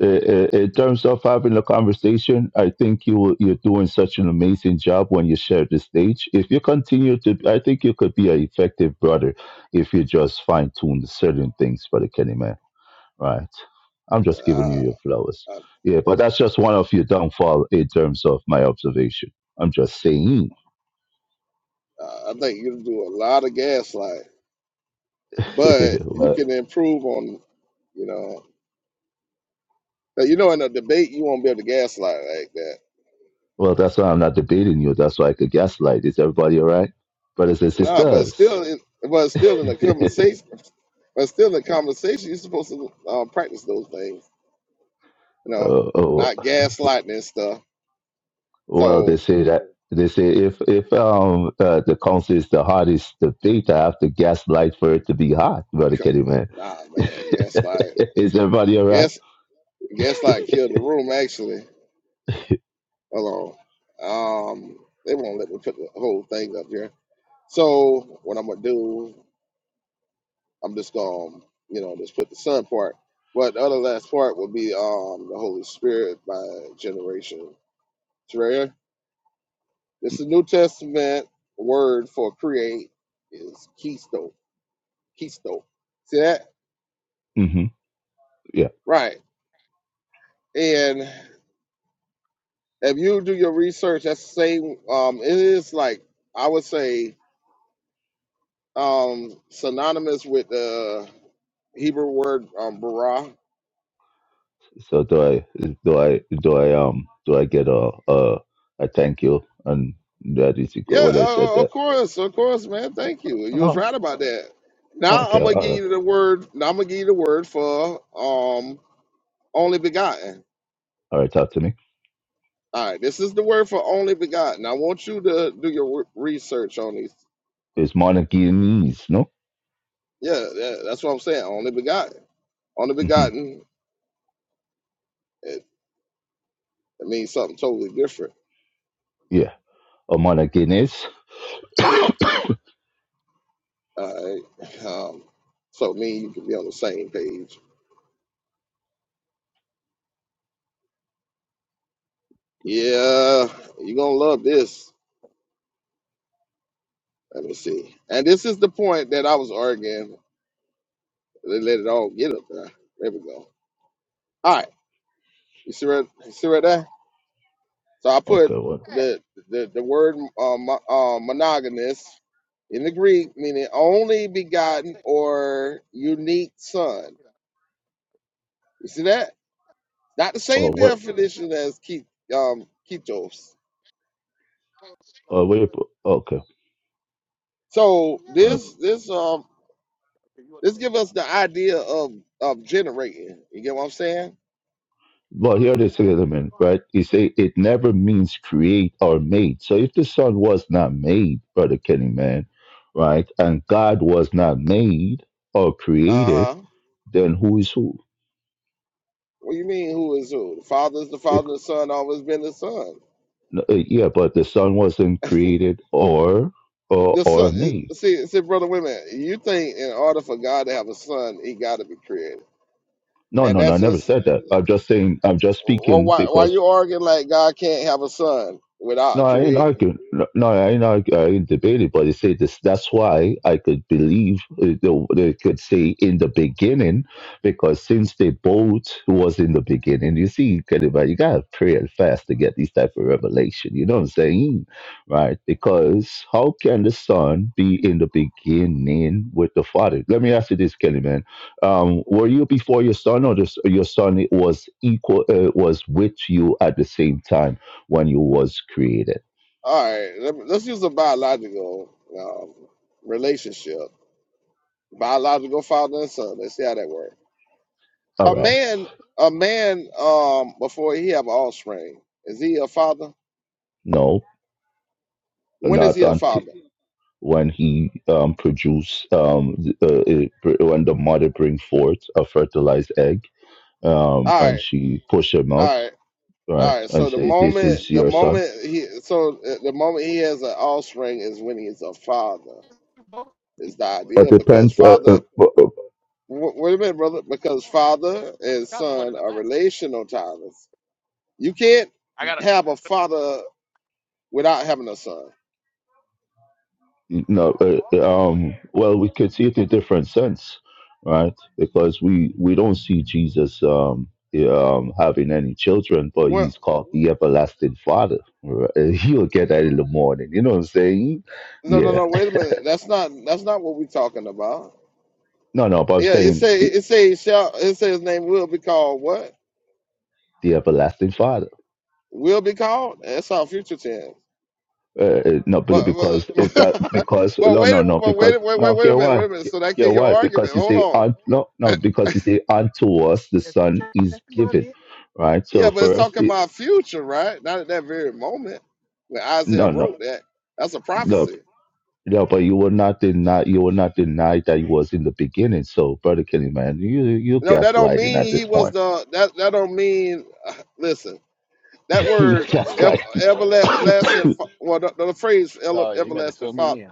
uh, uh, in terms of having a conversation, I think you you're doing such an amazing job when you share the stage. If you continue to, I think you could be an effective brother if you just fine tune certain things for the Kenny man. Right? I'm just giving you Uh. your flowers. Yeah, but that's just one of your downfall in terms of my observation. I'm just saying. Uh, I think you're gonna do a lot of gaslight, but you well, can improve on, you know, 'cause you know, in a debate you won't be able to gaslight like that. well, that's why I'm not debating you. That's why I could gaslight. Is everybody all right, brothers and No, but sisters? still, in, but still in the conversation, but still in the conversation, you're supposed to uh, practice those things, you know, oh, oh, not gaslighting and stuff. well, they So, say that they say if if um uh, the council is the hottest debate, I have to gaslight for it to be hot, brother c- Kenny man. nah, man, gaslight, is everybody all right? gas, gaslight killed the room. Actually, hold on, um, they won't let me put the whole thing up here. So, what I'm gonna do? I'm just going, to you know, just put the Son part. But the other last part will be um, the Holy Spirit by generation. It's right This is New Testament word for create is keystone. Keystone. See that? mm-hmm. Yeah. Right. And if you do your research, that's the same. Um, it is like I would say um, synonymous with the Hebrew word um, bara. So do I do I do I um do I get a a, a thank you and that is equal Yeah, what I said uh, uh, of that. course, of course, man. Thank you. You was Oh, right about that. Now okay, I'm gonna all give right, you the word. Now I'm gonna give you the word for um only begotten. all right. Talk to me. All right, this is the word for only begotten. I want you to do your wor- research on these. It's Monaguinese, no? Yeah, that, that's what I'm saying. Only begotten. Only Mm-hmm. begotten. It, it means something totally different. Yeah, or Monaguinese. All right. Um, so me, and you can be on the same page. Yeah, you're gonna love this. Let me see. And this is the point that I was arguing They let it all get up there. There we go. All right. You see right, you see right there? So I put Okay, What? the the, the word um, mo- uh, monogamous in the Greek, meaning only begotten or unique son. You see that? Not the Oh same what? definition as ki- um, ketos. Oh, wait, okay. So All right. this this um this give us the idea of of generating. You get what I'm saying? Well, here it is, wait a minute, right? You say it never means create or made. So if the Son was not made, Brother Kenny, man, right, and God was not made or Uh created, huh. then who is who? What do you mean? Who is who? The father is the Bec- father. The son always been the son. no, uh, yeah, but the Son wasn't created or or The son, or made. see, see, brother, wait a minute. You think in order for God to have a son, he got to be created, No, and no, no, that's I never just said that. I'm just saying, I'm just well, speaking why why because you arguing like God can't have a son No, without I ain't creating? arguing. No, no, I ain't arguing. I ain't debating. But you see, this, that's why I could believe uh, they they could say in the beginning, because since they both was in the beginning, you see, you gotta you gotta pray and fast to get these type of revelation. You know what I'm saying, right? Because how can the son be in the beginning with the father? Let me ask you this, Kelly man. Um, were you before your son, or this, your son was equal uh, was with you at the same time? when you was created. All right, let me, let's use a biological um, relationship, biological father and son. Let's see how that works. All A right. man, a man, um, before he have offspring, is he a father? No, When is not he a until father? when he um, produce um, th- uh, it- pr- when the mother bring forth a fertilized egg um, All and right, she push him out. all right. right, All right. and So the say, This moment, is the your son? moment he, so uh, the moment he has an offspring is when he's a father. Is the Yeah, but But idea because depends. Uh, father? uh, uh, uh, W- wait a minute, brother. Because father and son are relational titles. You can't have a father without having a son. no, uh, uh, um, well, we could see it in a different sense, right? Because we we don't see Jesus um, eh, um, having any children, but What- he's called the everlasting Father. right? He'll get that in the morning. You know what I'm saying? no, no, no. Yeah. Wait a minute. That's not. That's not what we're talking about. No, no, but I'm Yeah. It saying say. the It say. Shall. It say his name will be called what? the everlasting Father. Will be called. That's our future tense. Uh, uh, no, But but because it but, that because but no, wait no, a- no, but wait because a- wait wait no. wait a Here minute why? wait a minute. So that Here get your why? Because argument. he say Hold un, no, no, on. because he say unto us the Son is given right? Yeah, So but it's first, talking about future, right? Not at that very moment when Isaiah No, no, wrote that. That's a no, prophecy. no. But you will not deny. You will not deny that you was in the beginning. So, brother Kenny, man, you you No, that don't gaslighting at mean he this was point. the. That that don't mean. listen, that you word ever, gaslighting. everlasting. fa- Well, the, the phrase ele- Oh yeah, you got to everlasting fill father. me in.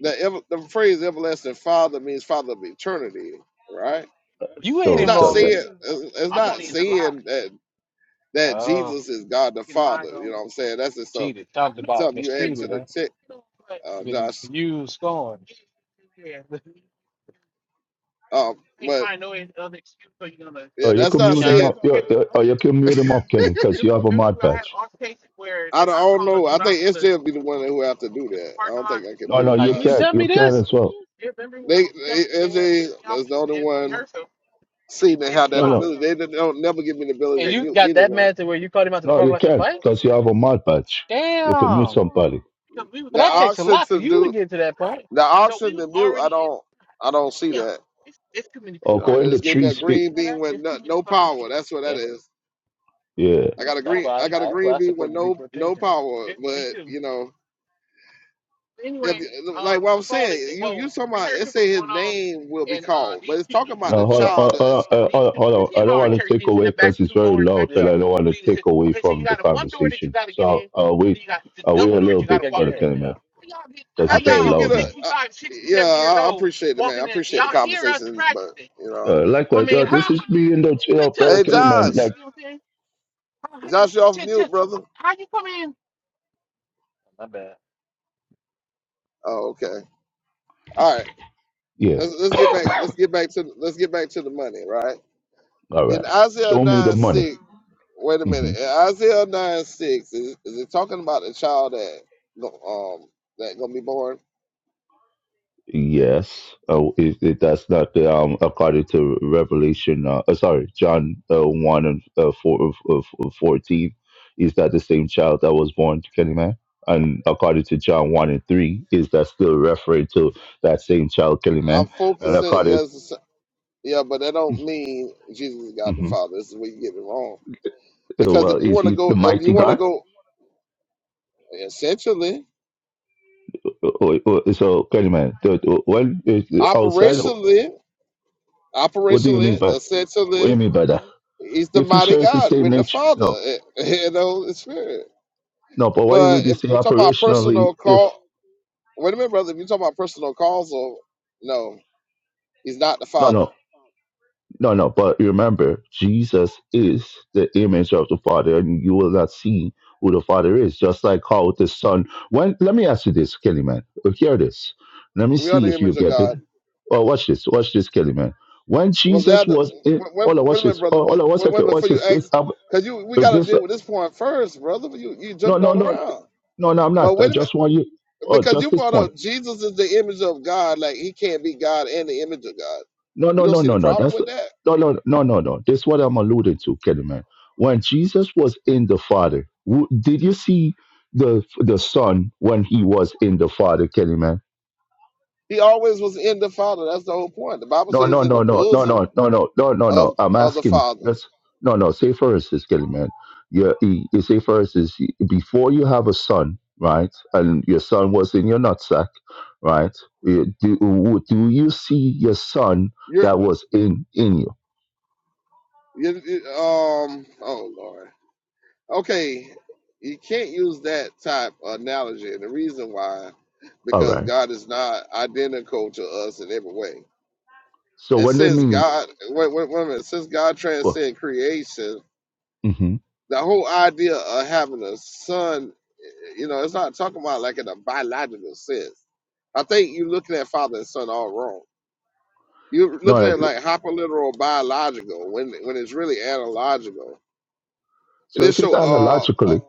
The ever, the phrase everlasting father means father of eternity, right? You ain't It's so, not does involved, that, is saying. it? It's it's not saying that. that Oh, Jesus is God the Father. You know what I'm saying? That's just some, cheated, talked about, something you add to mistreated, the huh? text, uh, You can Josh. use scorn. Um, but oh, yeah, you that's can not mute him Deshaun? saying. up. You, you- oh, you can mute him up, Kenny, because you have a mod badge. I don't, I don't know. I think SJ will be the one that who have to do that. I don't think I can No, no, mute Now you you didn't Josh. can't. tell You me can this, as well. They, they SJ is the only one seen that have No, that no, ability. They didn't- don't never give me the ability and to you mute got that anyone. mad to where you called him out to the no, park you lot to can't fight. because you have a mod badge. You can mute Damn. somebody. But The that takes a option lot for to you to do get to that point. the option to mute, I don't, I don't see that. You Or know, go in they the just gave me tree. a Speak. green bean with no, no power. That's what that Yeah. is. Yeah. I got a That's green. why I, I got a that's why green I bean with support the no no deportation. power. But you know, if like what I'm saying, you you talking about? It say his name will be called, but it's talking about the No, hold on, child. hold That on, is, uh, yeah. hold on, hold Yeah, on. I don't want to take away because it's very loud, and I don't want to take away from the conversation. So I'll wait. get I'll wait a little bit, brother in. Kenny Yeah, man, because I it's think very you get loud, a. man. Uh, yeah, I I appreciate it, man. I appreciate the conversation, but you know, Uh, likewise, yo, this is me and the you know, brother hey Kenny man. Josh, Like, Josh, you off mute, brother? my bad. Oh, okay. All right. yeah, Let's let's get back. Let's get back to let's get back to the money, right? all in right. Isaiah Show me the 9 money. 6, wait a Mm-hmm. minute. In Isaiah 9 6, is, is it talking about the child that go- um that gonna be born? Yes. Oh, it, it, that's not the um according to Revelation. Uh, uh, sorry, John uh, one and uh, four of uh, fourteen. Is that the same child that was born to Kenny Man? And according to John one and three, is that still referring to that same child, Kenny I'm Man? And focusing, according, yes, yeah, but that don't mean Jesus is God the hmm Father. This is where you get it wrong. Uh, Because well, if you is want to he the go, if you mighty want to God? go, essentially, Oh, oh, oh, So, Kenny Man, the- the- when uh, outside, operationally, what do you mean operationally, by what do you essentially, mean by that? he's the If he mighty shares the God same with the nature, Father no. and, and the Holy Spirit. No, but why But would you if say we're talking about operationally personal if call. Wait a minute, brother. If you talk about personal causal, no, he's not the no father. no no no but remember Jesus is the image of the Father and you will not see who the Father is, just like how the Son when let me ask you this, Kelly man. oh, Hear this. Let me We are see the if you image of get it. God. Oh watch this, watch this, Kelly man. When Was Jesus that? The, was in wait, wait hold on, a watch minute, this. brother. Oh Wait, hold on one wait a second, minute watch before you this. This, ask, uh, because you we got to this uh, deal with this point first, brother. You you no jumping no all no around. no no I'm Well, not. wait I a minute, just want you oh because just you this brought point. up Jesus is the image of God. Like he can't be God and the image of God. No, You no, don't no, see no, the no. problem That's with that. no, no, no, no, no. This is what I'm alluding to, Kenny man. When Jesus was in the Father, w- did you see the the Son when he was in the Father, Kenny man? He always was in the Father. That's the whole point. The Bible says No, he's no, in the no, no, no, bosom no, no, no, no, no, no. of I'm of the asking. Father. Yes, no, no. Say first, is Kenny man. You, you you say first is before you have a son, right? And your son was in your nutsack, right? You- Do, do you see your son You're that was in in you? you you- um. Oh Lord. okay, you can't use that type of analogy. And the reason why, All because right God is not identical to us in every way. So And what they since mean? God, wait, wait, wait a minute, since God Go. transcends creation, hmm the whole idea of having a son, you know, it's not talking about like in a biological sense. I think you're looking at father and son all wrong. You're looking No, at like, like hyperliteral biological when when it's really analogical. It so is if it's so uh, uh analogically,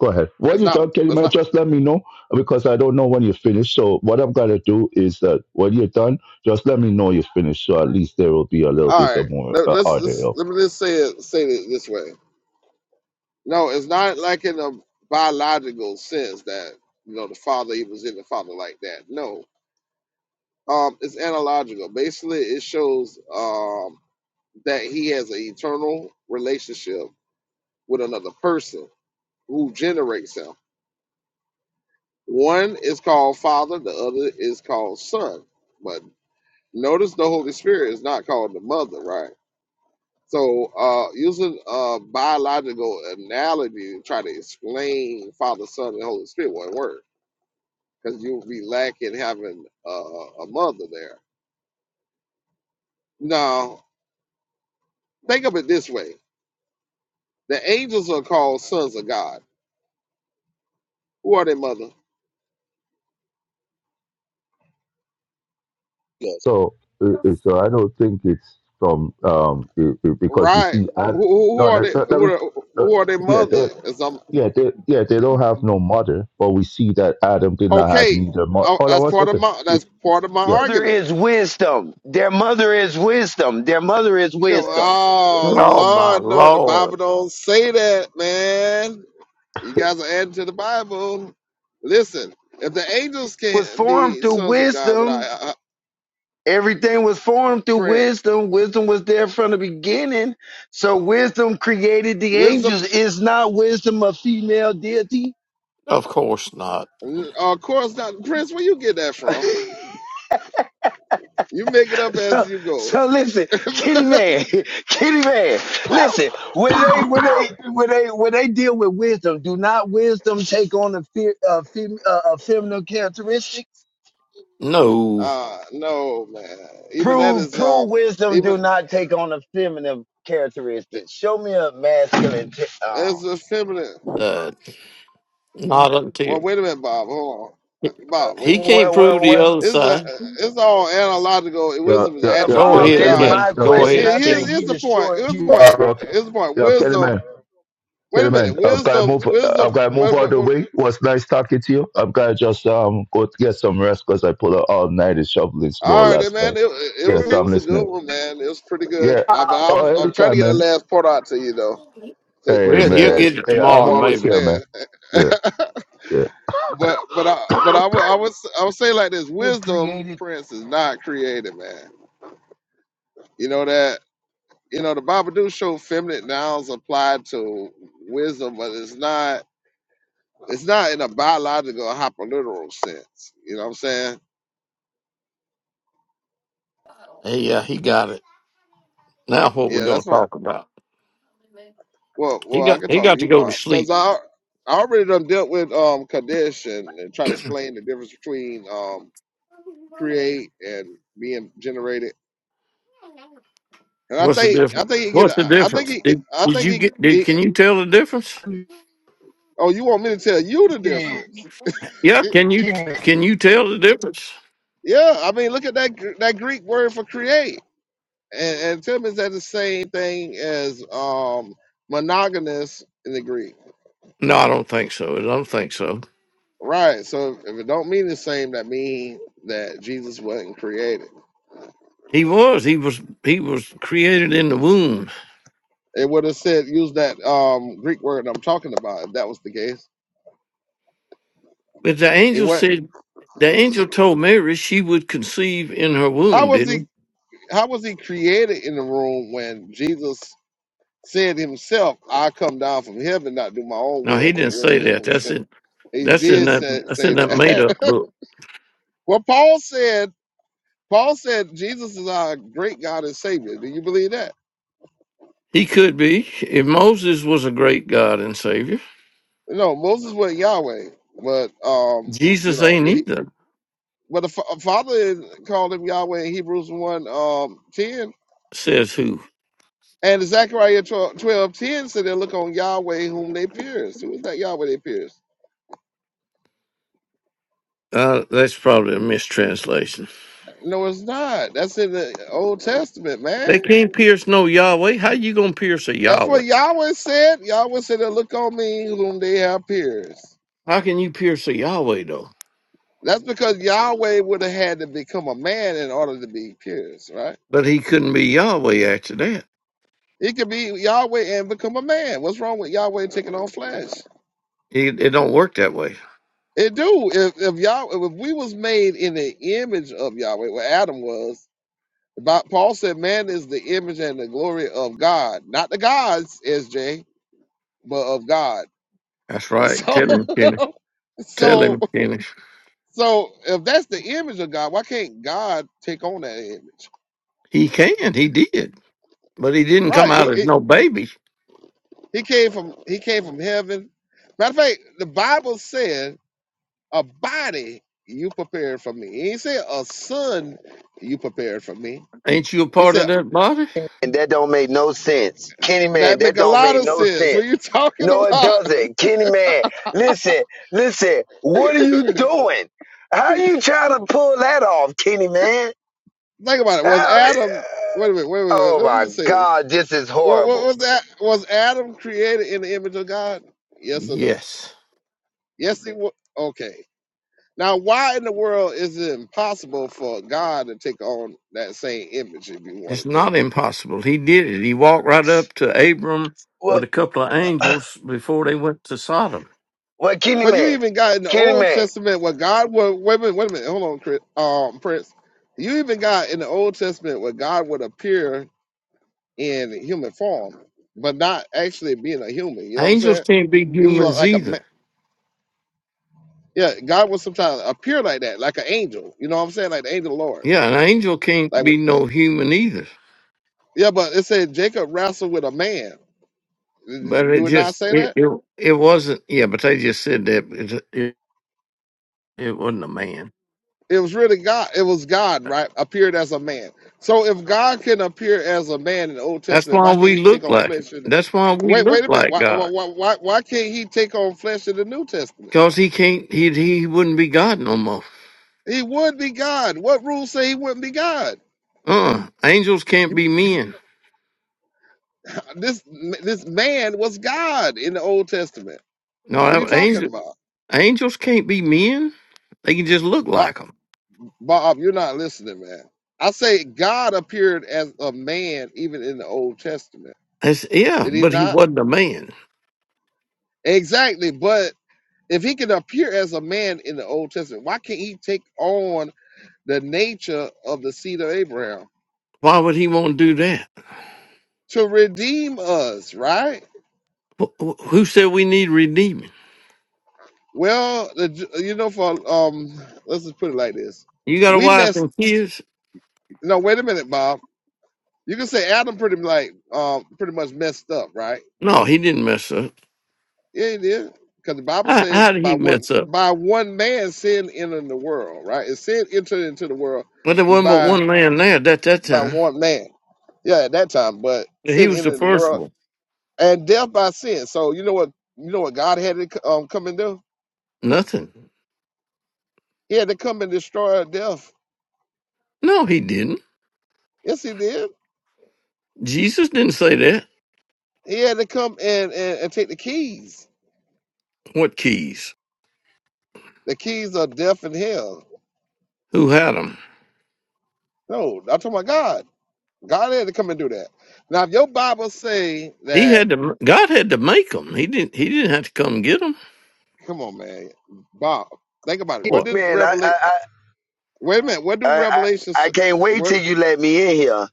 go ahead. When it's you not. talking it's not about? Just let me know because I don't know when you finish. So what I'm gonna do is that when you're done, just let me know you finished. So at least there will be a little All bit right, of more let, uh, let's, order. let's of- let me just say it say it this way. No, it's not like in a biological sense that you know the father he was in the father like that. No, um, it's analogical. Basically, it shows um that he has an eternal relationship with another person who generates him. One is called father, the other is called son. But notice the Holy Spirit is not called the mother, right? So, uh, using uh, biological analogy to try to explain Father, Son, and Holy Spirit won't work because you'll be lacking having uh, a mother there. Now, think of it this way: the angels are called sons of God. Who are their mother? So uh, uh, so I don't think it's from um it, it- because we Right? see Who, ad- who who no, are that, they? that, Who that, are, that, who are their yeah mother? they Is um yeah they yeah they don't have no mother, but we see that Adam did not have okay? neither mother. Oh, Hold on that's one part of second. my that's part of my Yeah Mother argument is wisdom. Their mother is wisdom. Their mother is Come on, wisdom. oh, Oh my Lord, no, the lord! Bible don't say that, man. You guys are adding to the Bible. Listen, if the angels Was can't formed be through sons of God without wisdom. uh, uh, Everything was formed through print wisdom. Wisdom was there from the beginning. So wisdom created the wisdom, angels. Is not wisdom a female deity? Of course not. uh, of course not. Prince, where you get that from? You make it up So, as you go. so listen, Kitty Man, Kitty Man, listen. When they, when they, when they, when they deal with wisdom, do not wisdom take on a, fe- a, fem- uh, a feminine characteristic? No, Uh no, man. Even that Prove, is um, prove wisdom even do not take on a feminine characteristic. Show me a masculine. T- oh. as a feminine. uh, not until Well, wait a minute, Bob. Hold on, Bob. Wait a he minute. can't Well, prove well, the well. other It's a, side. it's all analogical. Yo, Wisdom is an yo, yo, Go attribute yo, Bob of ahead, Kelly is man. God. Kenny. my Yo, Go Ke- question. Here, ahead, I here's, think Kenny. here's he the point. destroyed Here's the you. point. yo, Ke- Here's the point. yo, Kelly Wisdom. man. Wait a Kelly man. minute. I've got to Wisdom. move. Wisdom. I've got to move What, out of what, the what- way. It Was nice talking to you. I've got to just um go to get some rest because I pulled out all night and shoveling snow All right, then, last man. night. It, it Yeah, was so it I'm was a good listening. one, man. It was pretty good. Yeah. I, but Bob Oh, I'm I'm trying to anytime, get that man. last part out to you though, so Hey, Well, so he'll you under, man. get it Hey, you I'm tomorrow, you always maybe. here, man. understand. Yeah, yeah. but but I but I would I would s- I would say like this: was wisdom, created Prince, is not created, man. You know that you know, the Babadook show feminine nouns applied to wisdom, but it's not it's not in a biological hyperliteral sense. You know what I'm saying? Hey, Yeah, he got it. Now, what we're Yeah, gonna that's what. talk about? Well, He well, I got can he talk to got to you, go to Bob, because sleep. I I already done dealt with um Kadesh and, and try to explain the difference between um create and being generated. And I What's the think I difference? think he get What's the I think difference? he Did I did think you he, get? Did he can you tell the difference? to oh you want me to tell you the understand. difference? Yeah, can you Kitty Man. can you tell the difference? Yeah, I mean look at that gr- that Greek word for create. and, and Tim is that the same thing as um monogamous in the Greek? No, I don't think so. I don't think so. Right. So if it don't mean the same, that mean that Jesus wasn't created. He was. He was. He was created in the womb. It would have said use that um Greek word I'm talking about if that was the case. But the He angel went said, the angel told Mary she would conceive in her how womb. was he Didn't he? how was he created in the room when Jesus said himself, I come down from heaven, not do my own No, will, he but the didn't will of say him that. who That's sent me." it. He That's in did that. say, That's say in that made-up that. book. well, Paul said Paul said Jesus is our great God and Savior. Do you believe that? He could be. If Moses was a great God and Savior, No, Moses was Yahweh, but um, you Jesus know, ain't he, either. but the fa- Father called him Yahweh in Hebrews 1 um, 10. Says who? And Zechariah 12 10 said they look on Yahweh whom they pierced. Who is that Yahweh they pierced? Uh, that's probably a mistranslation. No, it's not. That's in the Old Testament, They man. can't pierce no Yahweh. How you gonna pierce a That's what Yahweh? Yahweh said. Yahweh said they look on me whom they have pierced. How can you pierce a Yahweh though? That's because Yahweh would have had to become a man in order to be pierced, right? But he couldn't be Yahweh after that. It could be Yahweh and become a man. What's wrong with Yahweh taking on flesh? It, it don't work that way. It do. If if Yahweh, if we was made in the image of Yahweh, what Adam was. About Paul said, man is the image and the glory of God, not the gods, SJ, but of God. That's right. So, Tell him, Kenny. Tell so, him, Kenny. so, if that's the image of God, why can't God take on that image? He can. He did. But he didn't come Right? He, out as he, no baby. he came from he came from heaven. Matter of fact, the Bible said A body you prepared for me. He ain't said a son you prepared for me. Ain't you a He part said of that body? And that don't make no sense. Kenny that man, make that a don't lot make of no sense. What sense. you talking No, it about? doesn't. Kenny man, listen, listen, what are you doing? How you trying to pull that off, Kenny man? Think about it. Was How- Adam? Wait a minute. Wait a minute. oh Let's my just say this. God, this is What, horrible. was that? Was Adam created in the image of God? Yes or no? Yes. Yes, he was. Okay. Now, why in the world is it impossible for God to take on that same image if you It's wanted to? not impossible. He did it. He walked right up to Abram Well, with a couple of angels before they went to Sodom. well, Kenny But you man, even got in the Kenny Old man, Testament where God would wait a minute, wait a minute, hold on, Chris, um, Prince. You even got in the Old Testament where God would appear in human form, but not actually being a human. You know what I'm Angels saying? can't be It was humans like a ma- either. yeah. God would sometimes appear like that, like an angel. You know what I'm saying? Like the angel of the Lord. Yeah, an angel can't Like be with, no human either. yeah, but it said Jacob wrestled with a man. But it Do it not just say it that? it, it wasn't. Yeah, but they just said that it, it it wasn't a man. it was really God. It was God, right? Appeared as a man. So if God can appear as a man in the Old That's Testament, why why can't we He take look on like. flesh? In the, That's why we wait, look wait a minute. like Why, why, God. why, why why can't He take on flesh in the New Testament? Cause he can't. He he wouldn't be God no more. He would be God. What rules say He wouldn't be God? Uh, angels can't You, be men. this this man was God in the Old Testament. No, What are you that, talking angel, about, angels can't be men. They can just look Bob? like them. Bob, you're not listening, man. I say God appeared as a man even in the Old Testament. That's, yeah, Did He but he not? wasn't a man. Exactly, but if he can appear as a man in the Old Testament, why can't he take on the nature of the seed of Abraham Why would he want to do that? to redeem us, right? Wh- wh- Who said we need redeeming? Well, the, you know, for um, let's just put it like this: You got a we wife messed. and kids? No, wait a minute, Bob. You can say Adam pretty like um pretty much messed up, right? No, he didn't mess up. Yeah, he did. Because the Bible How, said how did by he one mess up? by one man sin entered the world, right? And sin entered into the world Well, there wasn't but by one man there at that, that by time. one man. Yeah, at that time, but And He sin was the entered the first world one. and death by sin. So you know what? You know what God had to c- um, come and do? Nothing. He had to come and destroy death. No, he didn't. Yes, he did. Jesus didn't say that. He had to come and, and, and take the keys. What keys? The keys of death and hell. Who had them? No, I'm talking about God. God had to come and do that. Now, if your Bible say He that, had to. God had to make them. He didn't. He didn't have to come get them. come on, man, Bob, think about it. What What? did man, I, Revelation? I, I, Wait a minute. What do I, I Revelations? I can't wait What? till you let me in here.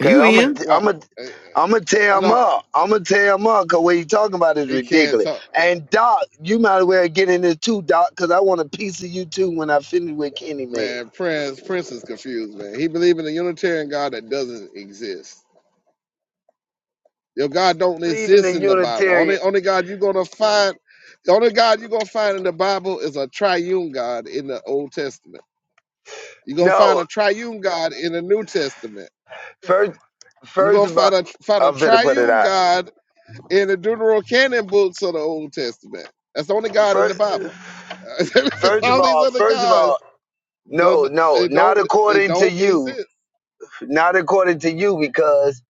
Cause I'm a, in? What? I'm a, Uh, I'm gonna uh, tear him no, up. I'm gonna tear him up. Cause what he talking about is it ridiculous. can't. And Doc, you might as well get in it too, Doc. Cause I want a piece of you too when I finish with Kenny Man. Man, Prince, Prince is confused, man. He believe in a Unitarian God that doesn't exist. Your God don't Leaving the exist in the Bible. Only Unitarian. only God you're gonna find the only God you're gonna find in the Bible is a triune God in the Old Testament. You're gonna find a No, triune God in the New Testament. first, You're first gonna of all, find a find a I'm finna put it triune out. God in the Deuterocanon books of the Old Testament. That's the only God in the First, Bible. first of All these all, other first of gods all, don't no, no, they not don't they according to don't you, exist. not according to you, because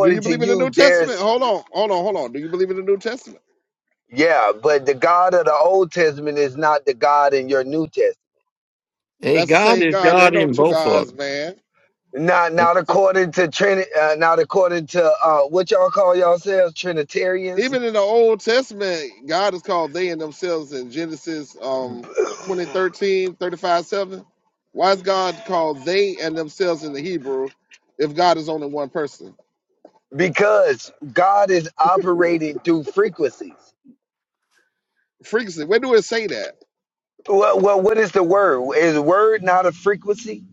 Do you to believe in the New you, Testament? there's Hold on, hold on, hold on. Do you believe in the New Testament? Yeah, but the God of the Old Testament is not the God in your New Testament. Hey, That's the God same is God. There God ain't no in two both of gods, man. Not them. not So according to Trinity. Uh, not according to uh, what y'all call yourselves Trinitarians, even in the Old Testament, God is called they and themselves in Genesis um twenty thirteen thirty five 7. Why is God called they and themselves in the Hebrew if God is only one person? because God is operating through frequencies. Frequency, where do it say that? Well, well, what is the word? Is word not a frequency?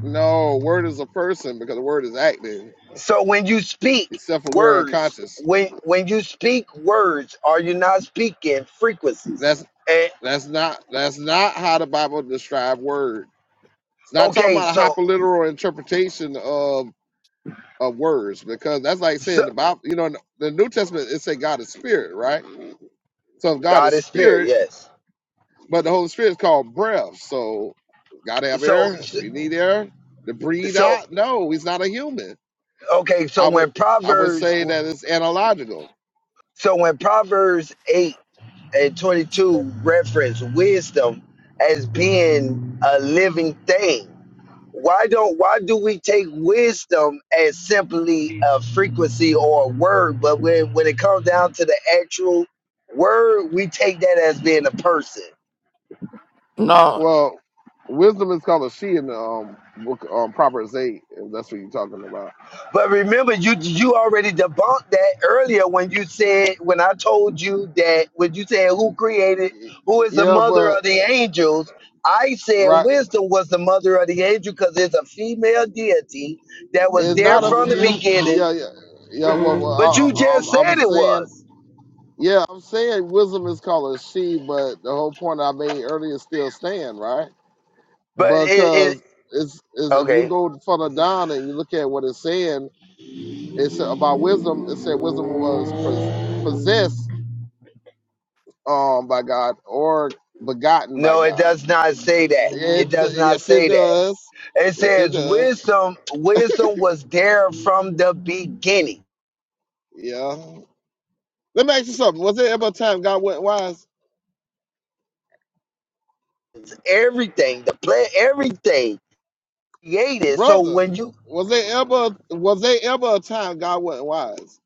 No, word is a person because the word is active. So when you speak It's self-aware and words, conscious. when when you speak words, are you not speaking frequencies? That's And that's not that's not how the Bible describes word. It's not talking okay, about a so hyperliteral interpretation of of words because that's like so saying the Bible. You know, in the New Testament it say God is spirit, right? So if God God is is spirit. spirit, Yes but the Holy Spirit is called breath. So God have so air. Do we need air to breathe so out? No, he's not a human. Okay, so I would when I would Proverbs, say that it's analogical. so when Proverbs eight and twenty two reference wisdom as being a living thing, why don't why do we take wisdom as simply a frequency or a word, but when when it comes down to the actual word, we take that as being a person? No, Well, wisdom is called a she in the um, book um, Proverbs eight. If that's what you're talking about. But remember, you you already debunked that earlier when you said when I told you that when you said who created Y- who is the Yeah, mother but of the angels. I said right. wisdom was the mother of the angel because it's a female deity that was It's there not a from the film. Yeah, beginning. yeah, yeah. Well, well But you I, I- just I'm, I'm said it saying, was. yeah, I'm saying wisdom is called a she, but the whole point I made earlier still stand, right? But it, it Because it's, it's if you okay. go further down and you look at what it's saying, it's about wisdom. It said wisdom was pos- possessed um by God or begotten by No, it God. does not say that. It It does not yes, it say that. does. It Yes, it says does. wisdom. Wisdom was there from the beginning Yeah. Let me ask you something. Was there ever a time God went wise? everything, the play, everything created. So brother, when you, was there ever was there ever a time God wasn't wise?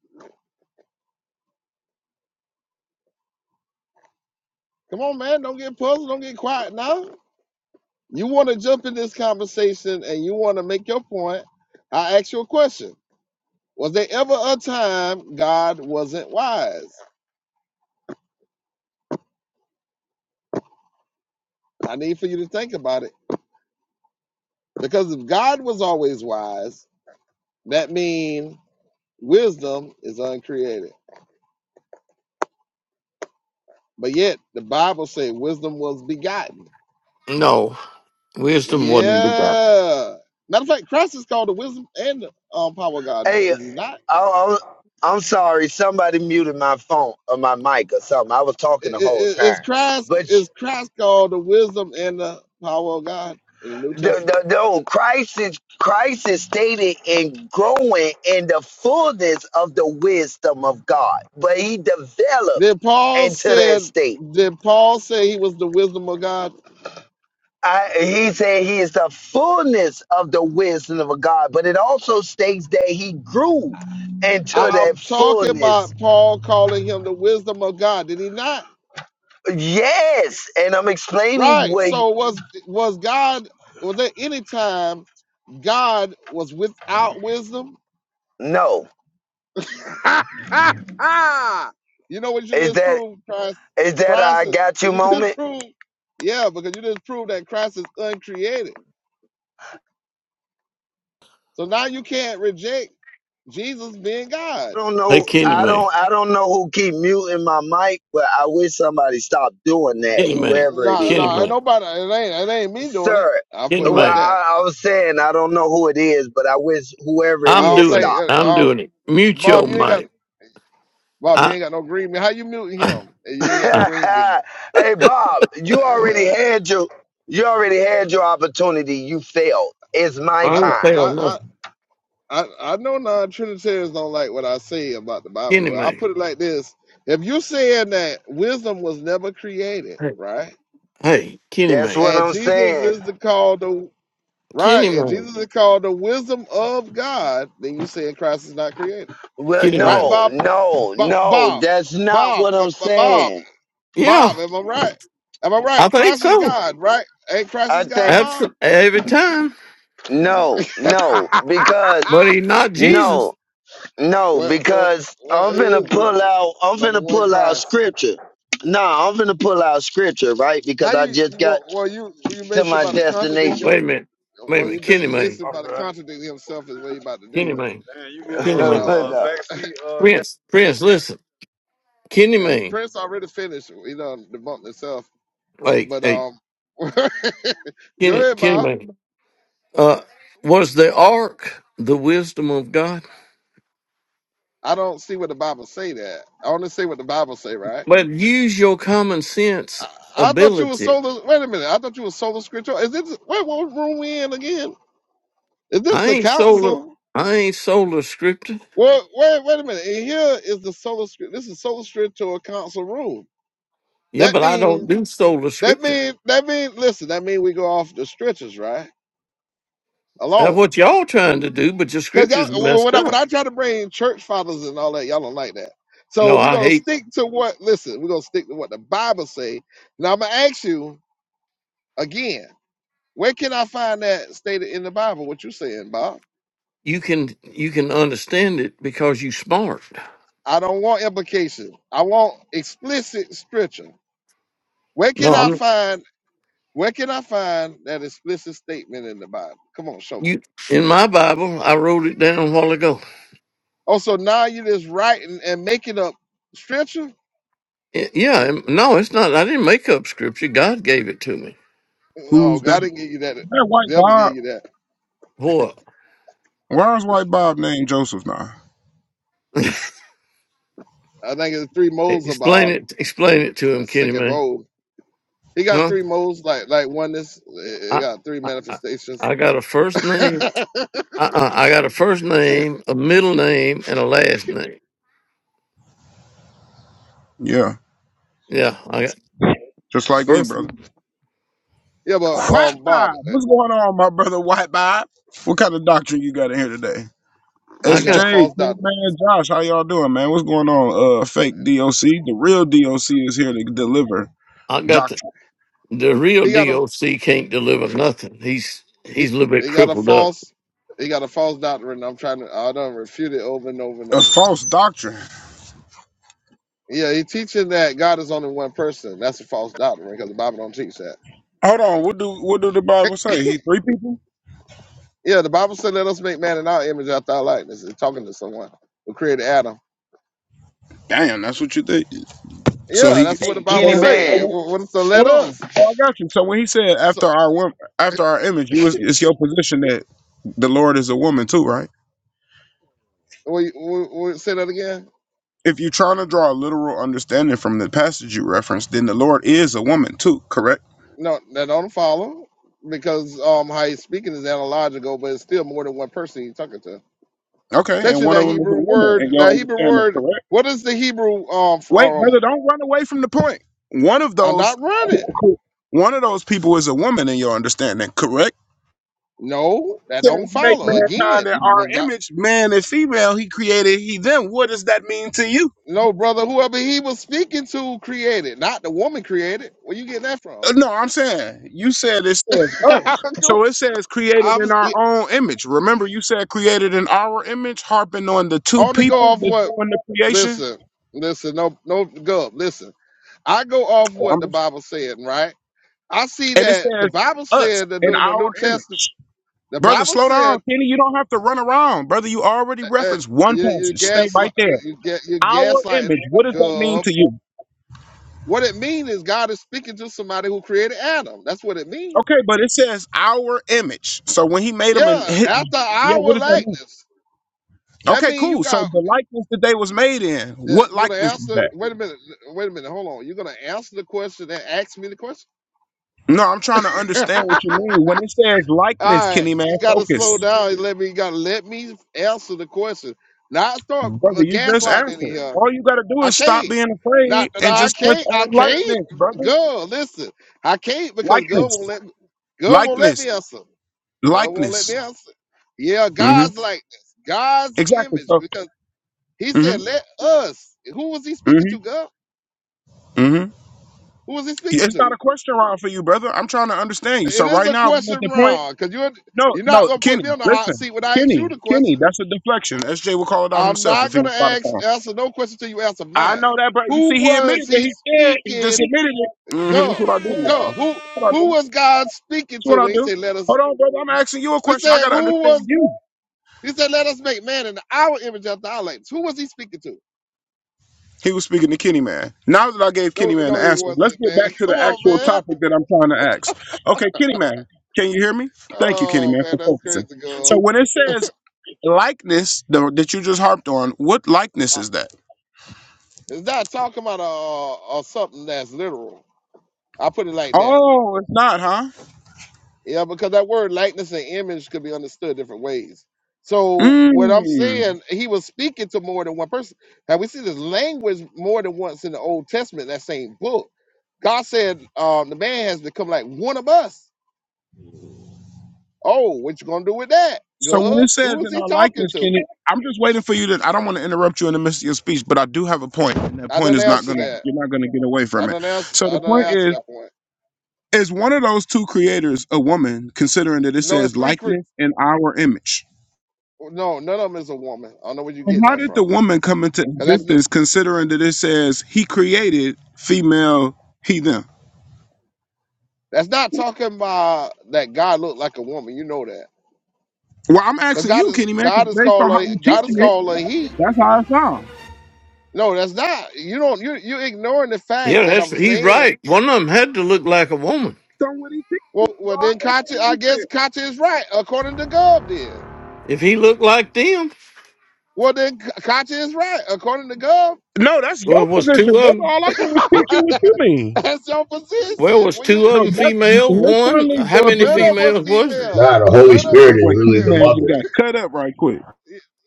Come on, man, don't get puzzled, don't get quiet now. You want to jump in this conversation and you want to make your point. I ask you a question. Was there ever a time God wasn't wise? I need for you to think about it. Because if God was always wise, that means wisdom is uncreated. But yet the Bible says wisdom was begotten. no. Wisdom wasn't begotten. Yeah. Matter of fact, Christ is called the wisdom and the um, power of God. hey, Is he not? I, I, am sorry, somebody muted my phone or my mic or something. I was I- talking the I- whole I- Is time, Christ but is Christ called the wisdom and the power of God in the New the Testament? the, the old crisis. Christ stated in growing in the fullness of the wisdom of God, but he developed Did Paul into that said? state. Did Paul say he was the wisdom of God? I, he said he is the fullness of the wisdom of God, but it also states that he grew into that I'm talking fullness. about Paul calling him the wisdom of God. Did he not? Yes, and I'm explaining Right. what. So was was God? Was there any time God was without wisdom? No, you know what you is just that proved, Christ? is that I Christ, is- got you you just moment? proved, yeah, because you just proved that Christ is uncreated. So now you can't reject Jesus being God. I don't Hey, know. Kenny I May. don't. I don't know who keep muting my mic, but I wish somebody stopped doing that. Kenny May. Whoever it No, is, Kenny no, ain't May. nobody. It ain't. It ain't me doing it. sir. I'll Kenny put it Well, like May. that. I, I was saying I don't know who it is, but I wish whoever it I I'm don't is doing stopped. think. it. Uh, I'm um, doing it. Mute Bob, your you ain't got. mic. Bob, you I, ain't got no green bean. How you muting I, him? And You ain't got no I green bean. hey Bob, you Uh, already yeah. had your you already had your opportunity. You failed. It's my I know. don't say time. on I, nothing. I, I know non Trinitarians don't like what I say about the Bible, Kenny but I May. put it like this. If you're saying that wisdom was never created, Hey, right? hey, Kenny That's May. what And I'm Jesus saying. is the called the right, Kenny and May. Jesus is called the wisdom of God, then you saying Christ is not created. Well, Kenny Right, May. no, Bob? no, Bob no. Bob That's not Bob what but- I'm but Bob saying. Yeah, Bob, am I right? Am I I right? think Christ is so. God, right? Ain't Christ I is God, think That's Bob? every time. no, no, because But he's not Jesus. no, no, well, well, because well, I'm he finna Jesus. pull out. I'm So the finna one pull out Christ. scripture. Nah, I'm finna pull out scripture, right? How Because I you, just you got well, well you you to basically my about to contradict Wait destination. your a minute. Wait a well you minute. ba- Kenny Mayne. basically about to contradict himself is what he about to Kenny do. Mayne. Kenny But Mayne. um Prince. Prince, listen. Kenny yeah, Mayne. Prince already finished. He done debunked himself. Like, But hey, um go Kenny, ahead, Kenny Bob. Mayne. Uh, was the ark the wisdom of God? I don't see what the Bible say that. I only say what the Bible say, right? But use your common sense I, I thought you was ability. solo. Wait a minute. I thought you was solo scripture. Is this wait what room we in again? Is this I the ain't sola. council? I ain't sola scripture. Well, wait, wait a minute. And here is the solo. scrip- This is solo scriptural council room. Yeah, That but I means don't do sola That scripture. mean that mean listen. That mean we go off the stretches, right? That's Alone, what y'all trying to do, but your cause y'all scripture's wh- messed when I when up. I try to bring church fathers and all that, y'all don't like that. No, So we're I gonna hate stick to what. Listen, we're gonna stick to what the Bible say. Now I'm gonna ask you again. Where can I find that stated in the Bible? What you saying, Bob? you can you can understand it because you smart. I don't want implication. I want explicit scripture. Where can No, I I'm find? Where can I find that explicit statement in the Bible? Come on, show me. you in my Bible. I wrote it down a while ago. Oh, so now you're just writing and making up scripture? I- Yeah, um, no, it's not. I didn't make up scripture. God gave it to me. No, Who's that? God didn't give you that. That white Devil Bob. gave you that. Boy, Why is white Bob named Joseph now? I think it's three moles of explain Bob, it. Explain it to him, a Kenny second man. mole. He got Huh? three moles, like like oneness. He he I got three I, I manifestations. I got a first yeah, name. I, I I got a first name, a middle name, and a last name. Yeah, Yeah, I got just like me, first. brother. but White um, Bob, Bob. eh, What's going on, my brother? White Bob. What kind of doctrine you got in here today? he I got SJ, a got false King doctrine. man, Josh, how y'all doing, man? What's going on? Uh, fake DOC. The real DOC is here to deliver I got the doctrine, the real He got a DOC can't deliver nothing. He's he, he's a little bit he got a crippled up. false he got a false doctrine. I'm trying to I don't refute it over and over and a over. false doctrine. Yeah, he teaching that God is only one person. That's a false doctrine because the Bible don't teach that. Hold on. What do what do the Bible say? He three people? Yeah, the Bible said, "Let us make man in our image, after our likeness." It's talking to someone who created Adam. Damn, that's what you think. So Yeah, he that's what so the Hey, he Bible made Kenny say. Man, up. What is the "let Hold on. us"? Oh, I got you. So when he said So, after our wom- after our image, you was, it's your position that the Lord is a woman too, right? we, we, we say that again. If you're trying to draw a literal understanding from the passage you referenced, then the Lord is a woman too, correct? No, that don't follow because um, how he's speaking is analogical, but it's still more than one person he's talking to. Okay, and Especially one that of them is a Hebrew woman, and word. your That Hebrew understanding, word. correct? What is the Hebrew um Wait, from? brother, don't run away from the point. One of I'm those, not running. one of those people is a woman in your understanding, correct? No, that don't Says make follow. mankind Again, in our when God. image, man and female. He created he them. What does that mean to you? No, brother, whoever he was speaking to created, not the woman created. Where you getting that from? Uh, No, I'm saying you said it says us. So it says created I in was our own image. Remember, you said created in our image, harping on the two only go people off that's what doing the creation. listen, listen, no no go listen. I go off Well, what the I'm just- Bible said, right? I see And it that the says Bible us said that in in the our New Testament, image. the Brother, Bible slow down, said Kenny. You don't have to run around. Brother, you already uh, uh, referenced one you you passage. Stay gaslight right there. you get you Our gaslighting image. What does that mean Gov. to you? What it means is God is speaking to somebody who created Adam. That's what it means. Okay, but it says our image. So when he made them and Yeah, hit, after yeah, what our does that mean? likeness. That Okay, means you cool. So got the likeness that they was made in, Yeah, what you're gonna likeness is answer. that? Wait a minute. Wait a minute. Hold on. You're gonna answer the question and ask me the question. No, I'm trying to understand what you mean. When it says likeness, All right. Kenny You man, gotta slow focus. down. And let me. You gotta let me answer the question. Not start Brother, uh, you just gaslighting in answered. here. All you gotta do I is stop can't. being Not afraid that and I just touch can't. I on can't. likeness, brother. Girl, listen. I can't because God won't Likeness. let. Me, girl won't let Likeness. me answer. God won't let me Likeness. answer. Yeah, hmm God's like this. God's Exactly. image So because He hmm said, "Let us." Who was He speaking hmm to, girl? hmm Who was He speaking it's to? not a question round for you, brother. I'm trying to understand you. So It is right a now we are at question the point. round because you're No, you're not no, gonna put me Kenny, on the hot listen. seat when I ask you the Kenny, Kenny, question. that's a deflection. SJ will call it out I'm himself not if he gonna was by the ask phone. answer no question till you answer I mine. know that, bro. You Who see, he was admitted that he he's scared. He just speaking? admitted it. Mm-hmm. That's Gov, what I do, who- y'all. Gov, That's who what I who do. That's was God speaking to what I when he do. said, "Let us"? Hold on, brother. I'm asking you a We question. I said, gotta "Who understand was?" you. He said, "Let us make man in our image after our likeness." Who was he speaking to? He was speaking to Kenny Man. Now that I gave No, Kenny Man no, the he answer, let's wasn't, get man. back to Come the on, actual man. topic that I'm trying to ask. Okay, Kenny Man, can you hear me? Thank you, Kenny Oh Man, man, for that's focusing. crazy, So girl. when it says likeness the, that you just harped on, what likeness Uh, is that? It's not talking about uh, uh, something that's literal. I put it like that Oh, it's not, huh? Yeah, because that word likeness and image could be understood different ways. So what I'm Mmm. saying, he was speaking to more than one person. Now we see this language more than once in the Old Testament, that same book. God said, um, the man has become like one of us. Oh, what you gonna do with that? So when Good. it says Who is in he our talking likeness, to? Kenny, I'm just waiting for you to. I don't want to interrupt you in the midst of your speech, but I do have a point, and that I point don't is not answer going to. that. You're not going to get away I from it. don't answer So I the don't point answer is, that point. is one of those two creators a woman? Considering that it No, it's says three cre- likeness and our image, no, none of them is a woman. I don't know where you're And getting how that did the from. woman come into Because that's not existence? Considering that it says he created female, he them. that's not talking about that God looked like a woman. You know that. Well, I'm Because asking God you, is Kenny man, God because is based called on how a you God is teaching it, called a he. that's how it sounds. No, that's not. You don't you you're ignoring the fact Yeah, that that's I'm he's saying. right. One of them had to look like a woman. So what he teaches, Well well God, then that's Kachi, what I he said. guess Kachi is right, according to Gov then. If he looked like them, Well then Kachi is right, according to Gov. No, that's well, your was position, two of brother. them? All I did was teach you what you mean. that's your Well, position. was What do you two of No, them mean? that's female? One? literally How your many None position. of us females was he? female. None of That us boy King female. Man just got cut up right quick.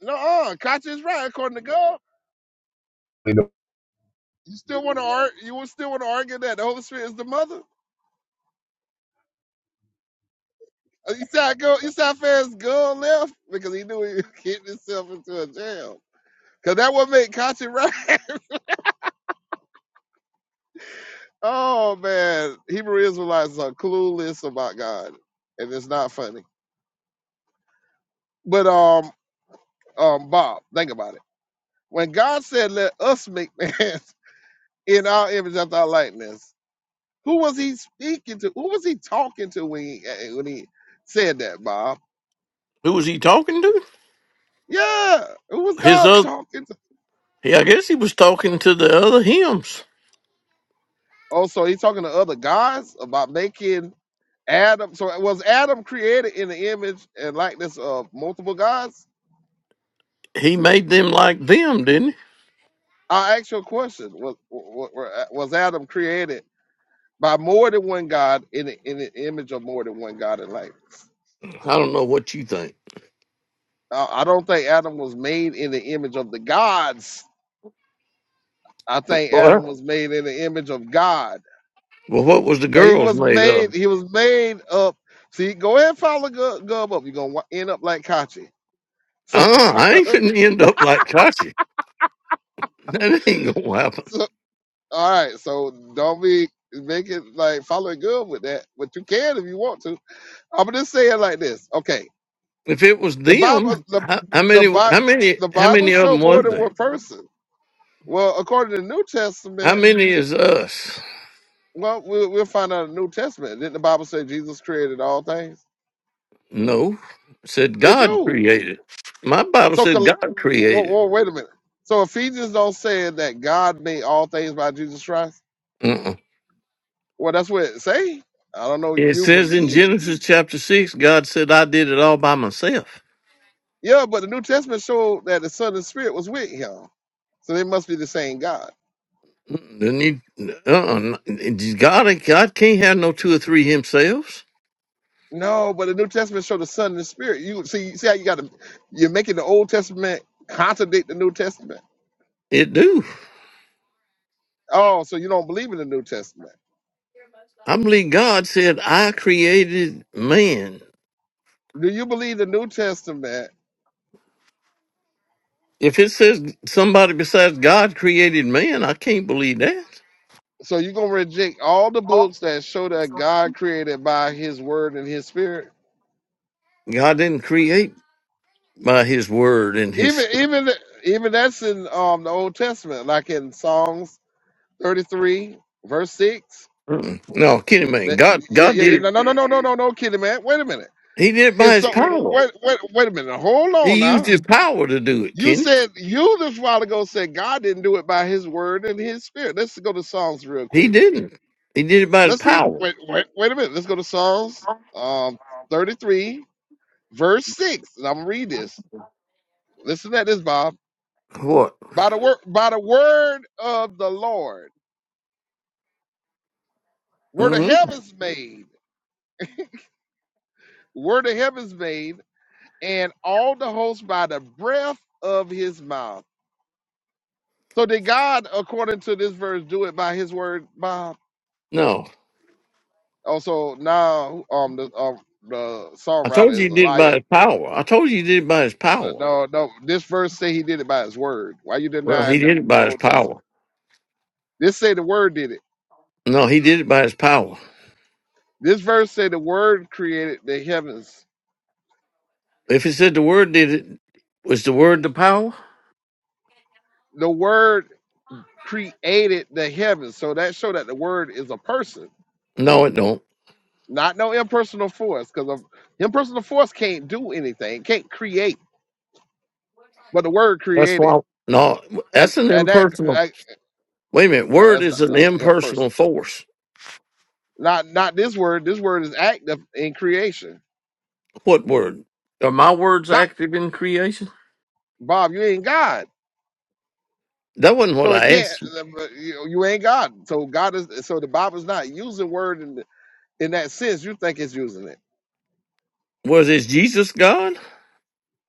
No, uh, Kachi is right, according to Gov. You still want to argue? You would still want to argue that the Holy Spirit is the mother? Uh, Eastside girl, Eastside Ferris girl left because he knew he was getting himself into a jam. Cause that would make Kachi right. oh man, Hebrew Israelites are clueless about God, and it's not funny. But um, um, Bob, think about it. When God said, "Let us make man in our image after our likeness," who was he speaking to? Who was he talking to when he eh, when he said that, Bob? Who was he talking to? Yeah, who was His God other? talking to? Yeah, I guess he was talking to the other hymns. Oh, so he's talking to other guys about making Adam, so was Adam created in the image and likeness of multiple gods? He made them like them, didn't I'll ask you a question. Was, wa- was Adam created by more than one God in the, in the image of more than one God and likeness? he? I don't know what you think. I I don't think Adam was made in the image of the gods. I think Adam Well, was made in the image of God. well, what was the But he girls was made of? made, he was made up. See, go ahead and follow Gub, Gub up. You're going to end up like Kachi. So, Uh, I ain't gonna end up like Kachi. That ain't gonna happen. All right, so don't be make it like follow it good with that, but you can if you want to. I'm just saying like this. Okay, If it was the Bible, them, the how, how the many? Bible, How many? the How Bible many of show them more was than there? one person. Well, according to the New How Testament, many is us? well, we'll, we'll find out in the New Testament. Didn't the Bible say Jesus created all things? No, it said It God do. created. My Bible So, said col- God well, created. well, wait a minute. So Ephesians don't say that God made all things by Jesus Christ. Mm-mm. Well, that's what it say. I don't know if It you says in believe Genesis chapter six, God said, "I did it all by myself." Yeah, but the New Testament showed that the Son and the Spirit was with him. So they must be the same God. Mm, Didn't he? Uh-uh. God, God can't have no two or three himselves. No, but the New Testament showed the Son and the Spirit. You see, see how you got to, you're making the Old Testament contradict the New Testament. It do. Oh, so you don't believe in the New Testament? I believe God said, "I created man." Do you believe the New Testament? If it says somebody besides God created man, I can't believe that. So you're gonna reject all the books that show that God created by His Word and His Spirit? God didn't create by His word and His Even, even, even that's in um, the Old Testament, like in Psalms 33, verse six. Mm-mm. No, Kenny, man, That- God, yeah, God yeah, did yeah. it. No, no, no, no, no, no, no, kitty man. Wait a minute. He did it by It's His so power. wait, wait, wait a minute. Hold on He used now. His power to do it, You Kenny. said you the while ago said God didn't do it by His word and His spirit. Let's go to Psalms real He quick. didn't. He did it by His Let's read. power. Wait, wait, wait a minute. Let's go to Psalms um, 33, verse six, and I'm gonna read this. Listen to this, Bob. What? By the word, by the word of the Lord, were the hmm heavens made, were the heavens made, and all the hosts by the breath of His mouth. So did God, according to this verse, do it by His word, Bob? No, Also, now um the um, the I songwriter told is you he a did it by liar. His power. I told you he did it by His No, power. no, no. this verse say He did it by His word. Why you Well, he denying the, did it the by His Old power. Testament? This say the Word did it. No, he did it by His power. This verse say the Word created the heavens. If it said the Word did it, was the Word the power? The Word created the heavens. So that show that the Word is a person, No, it don't. not no impersonal force, because impersonal force can't do anything, can't create, but the Word That's created why. No, and that's an and impersonal. that Wait a minute. No, Word that's not is an that was impersonal impersonal. force. Not not this word. This word is active in creation. What word? Are my words God, active in creation? Bob, you ain't God, That wasn't what so it I can't. asked. You you ain't God, so God is. So the Bible's not using word in in that sense. You think it's using it? Was is Jesus God?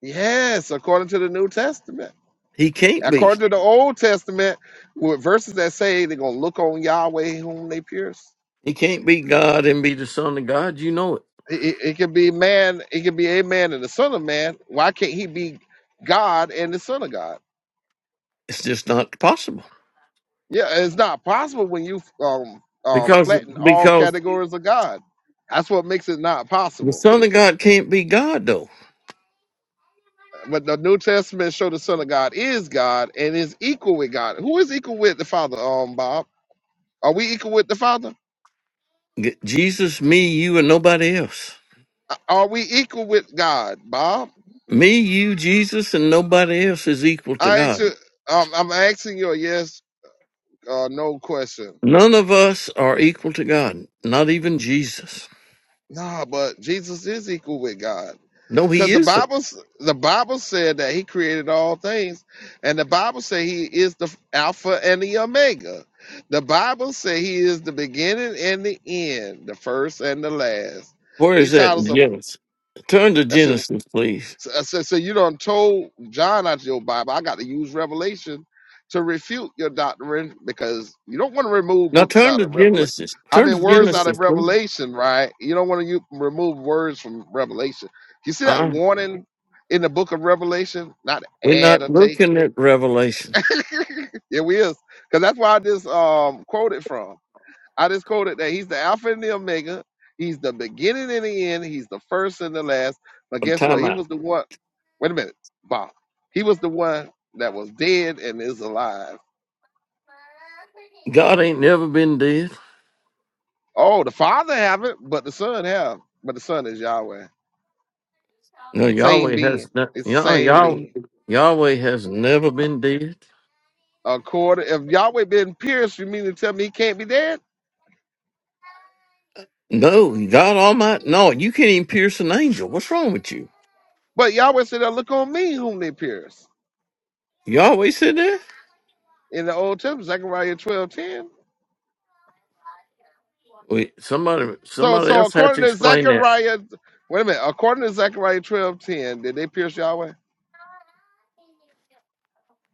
Yes, according to the New Testament. He can't be. According to the Old Testament, with verses that say they're gonna look on Yahweh whom they pierce. He can't be God and be the Son of God. You know it. It, it, it can be man. It can be a man and the Son of Man. Why can't he be God and the Son of God? It's just not possible Yeah, it's not possible when you um, um, because flatten all because categories of God. That's what makes it not the possible. Son of God can't be God though. But the New Testament show the Son of God is God and is equal with God. Who is equal with the Father, um, Bob? Are we equal with the Father? G- Jesus, me, you, and nobody else. Are we equal with God, Bob? Me, you, Jesus, and nobody else is equal to I actually, God. um, I'm asking you a yes or no question. None of us are equal to God. Not even Jesus. Nah, but Jesus is equal with God. No, Because he the isn't. Bible, the Bible said that He created all things, and the Bible said He is the Alpha and the Omega. The Bible said He is the beginning and the end, the first and the last. Where is These that titles in are Genesis? Turn to that's in Genesis, please. so I said, so you done told John out of your Bible, I got to use Revelation to refute your doctrine because you don't want to remove Now books turn out to of Revelation. Genesis. I Turn mean, to words out of Genesis, please. Revelation, right? You don't want to you remove words from Revelation. You see that Uh-huh. warning in the book of Revelation? Not We're add not or take. looking at Revelation. it is. Because that's where I just um, quoted from. I just quoted that he's the Alpha and the Omega. He's the beginning and the end. He's the first and the last. But guess what? Time He out. was the one. Wait a minute, Bob. He was the one that was dead and is alive. God ain't never been dead. Oh, the Father haven't, but the Son have. But the Son is Yahweh. No, Same Yahweh has being. not. It's the Yah, same Yah, being. Yahweh has never been dead. According, if Yahweh been pierced, you mean to tell me he can't be dead? No, God Almighty. No, you can't even pierce an angel. What's wrong with you? But Yahweh said, "Now "Look on me, whom they pierced." Yahweh said that. In the Old Testament, Zechariah twelve ten. Wait, somebody, So somebody so else had according to to explain that. Zechariah, wait a minute. According to Zechariah twelve ten, did they pierce Yahweh?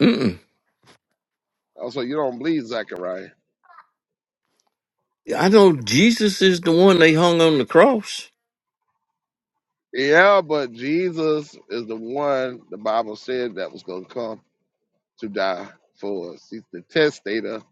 Mm-mm. Oh, so you don't believe Zechariah? I know Jesus is the one they hung on the cross. Yeah, but Jesus is the one the Bible said that was going to come to die for us. He's the testator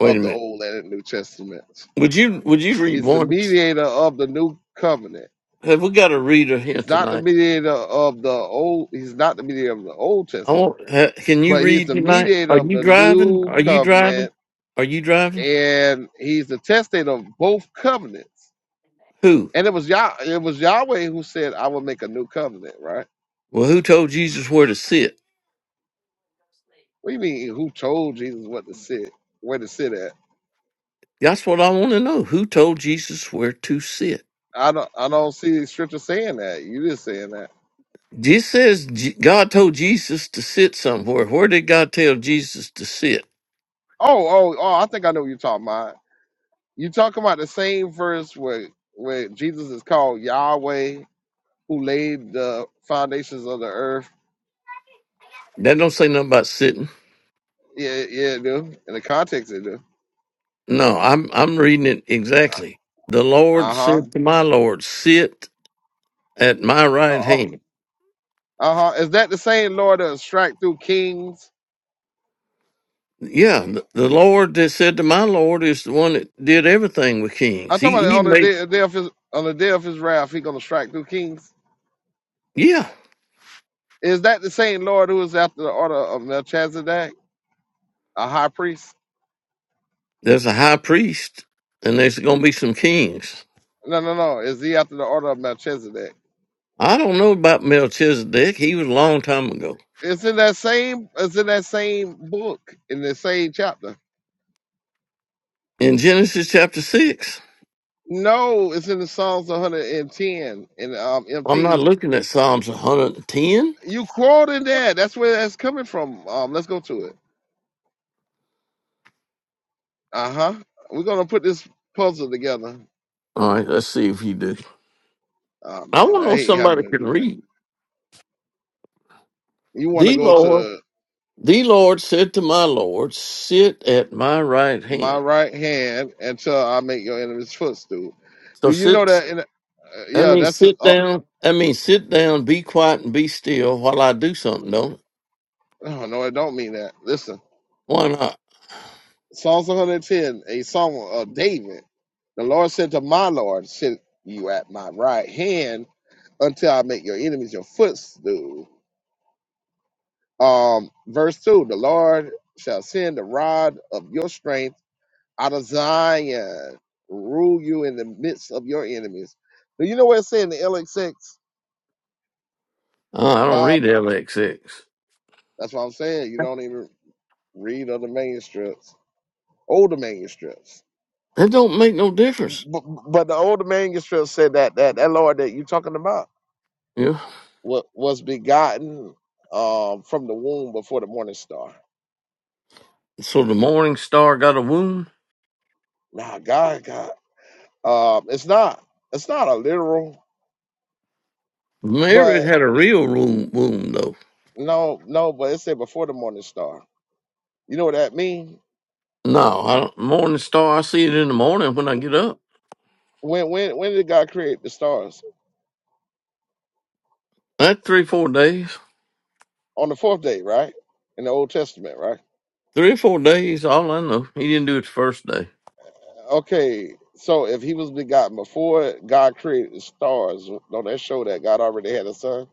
Wait a of the minute. Old and the New Testaments. Would you would you read He's the one? mediator of the New Covenant. Have we got a reader here He's not the tonight? mediator of the Old. He's not the mediator of the Old I Testament, want. Uh, can you but he's read the tonight? mediator Are of you the driving? New Are you Covenant driving? Are you driving? and he's the testate of both covenants. Who? And it was Yah, it was Yahweh who said, "I will make a new covenant." Right? Well, who told Jesus where to sit? What do you mean? Who told Jesus what to sit, where to sit at? That's what I want to know. Who told Jesus where to sit? I don't, I don't see the scripture saying that. You just saying that. This says J- God told Jesus to sit somewhere. Where did God tell Jesus to sit? Oh, oh, oh! I think I know what you're talking about. You talking about the same verse where where Jesus is called Yahweh, who laid the foundations of the earth. That don't say nothing about sitting. Yeah, yeah, it do. In the context, it do. No, I'm I'm reading it exactly. The Lord Uh said to my Lord, "Sit at my right huh. hand." Uh huh. Is that the same Lord that strike through kings? Yeah, the the Lord that said to my Lord is the one that did everything with kings. I'm talking He about he on the made day, day of his on the day of his wrath, he gonna strike through kings. Yeah, Is that the same Lord who is after the order of Melchizedek, a high priest? there's a high priest, and there's going to be some kings. No, no, no. Is he after the order of Melchizedek? I don't know about Melchizedek. He was a long time ago. It's in that same. It's in that same book in the same chapter. In Genesis chapter 6, No, it's in the Psalms 110 in um I'm not MT. looking at Psalms 110. You quoted that. That's where that's coming from. Um, let's go to it. Uh huh. We're gonna put this puzzle together. All right, let's see if you do. Oh I want man, to I know if hate having somebody to can do that. read. You want to The go Lord, to the Lord said to my Lord, sit at my right my hand. right hand until I make your enemy's footstool. Do So you know sit, that? In, uh, I yeah, mean, that's. sit Uh, down. I mean, sit down, be quiet, and be still while I do something, don't it? oh no, I don't mean that. Listen, Why not? Psalms 110, a song of David. The Lord said to my Lord, "Sit you at my right hand until I make your enemies your footstool." Um, verse two: The Lord shall send the rod of your strength out of Zion, rule you in the midst of your enemies. Do you know what it said in the LXX, Uh, I don't Bob? read LXX. That's what I'm saying. You don't even read other manuscripts, older manuscripts. That don't make no difference. But, but the older manuscript said that that that Lord that you talking about Yeah. wa- was begotten um, from the womb before the morning star. So the morning star got a wound? Nah, God, God, um, it's not it's not a literal, Mary but had a real room wound though. no, no, but it said before the morning star. You know what that means? No, I don't. Morning star, I see it in the morning when I get up. when when when did God create the stars? That three, four days. On the fourth day, right? In the Old Testament, right? Three or four days. all I know. He didn't do it the first day. Okay, so if he was begotten before God created the stars, don't that show that God already had a son?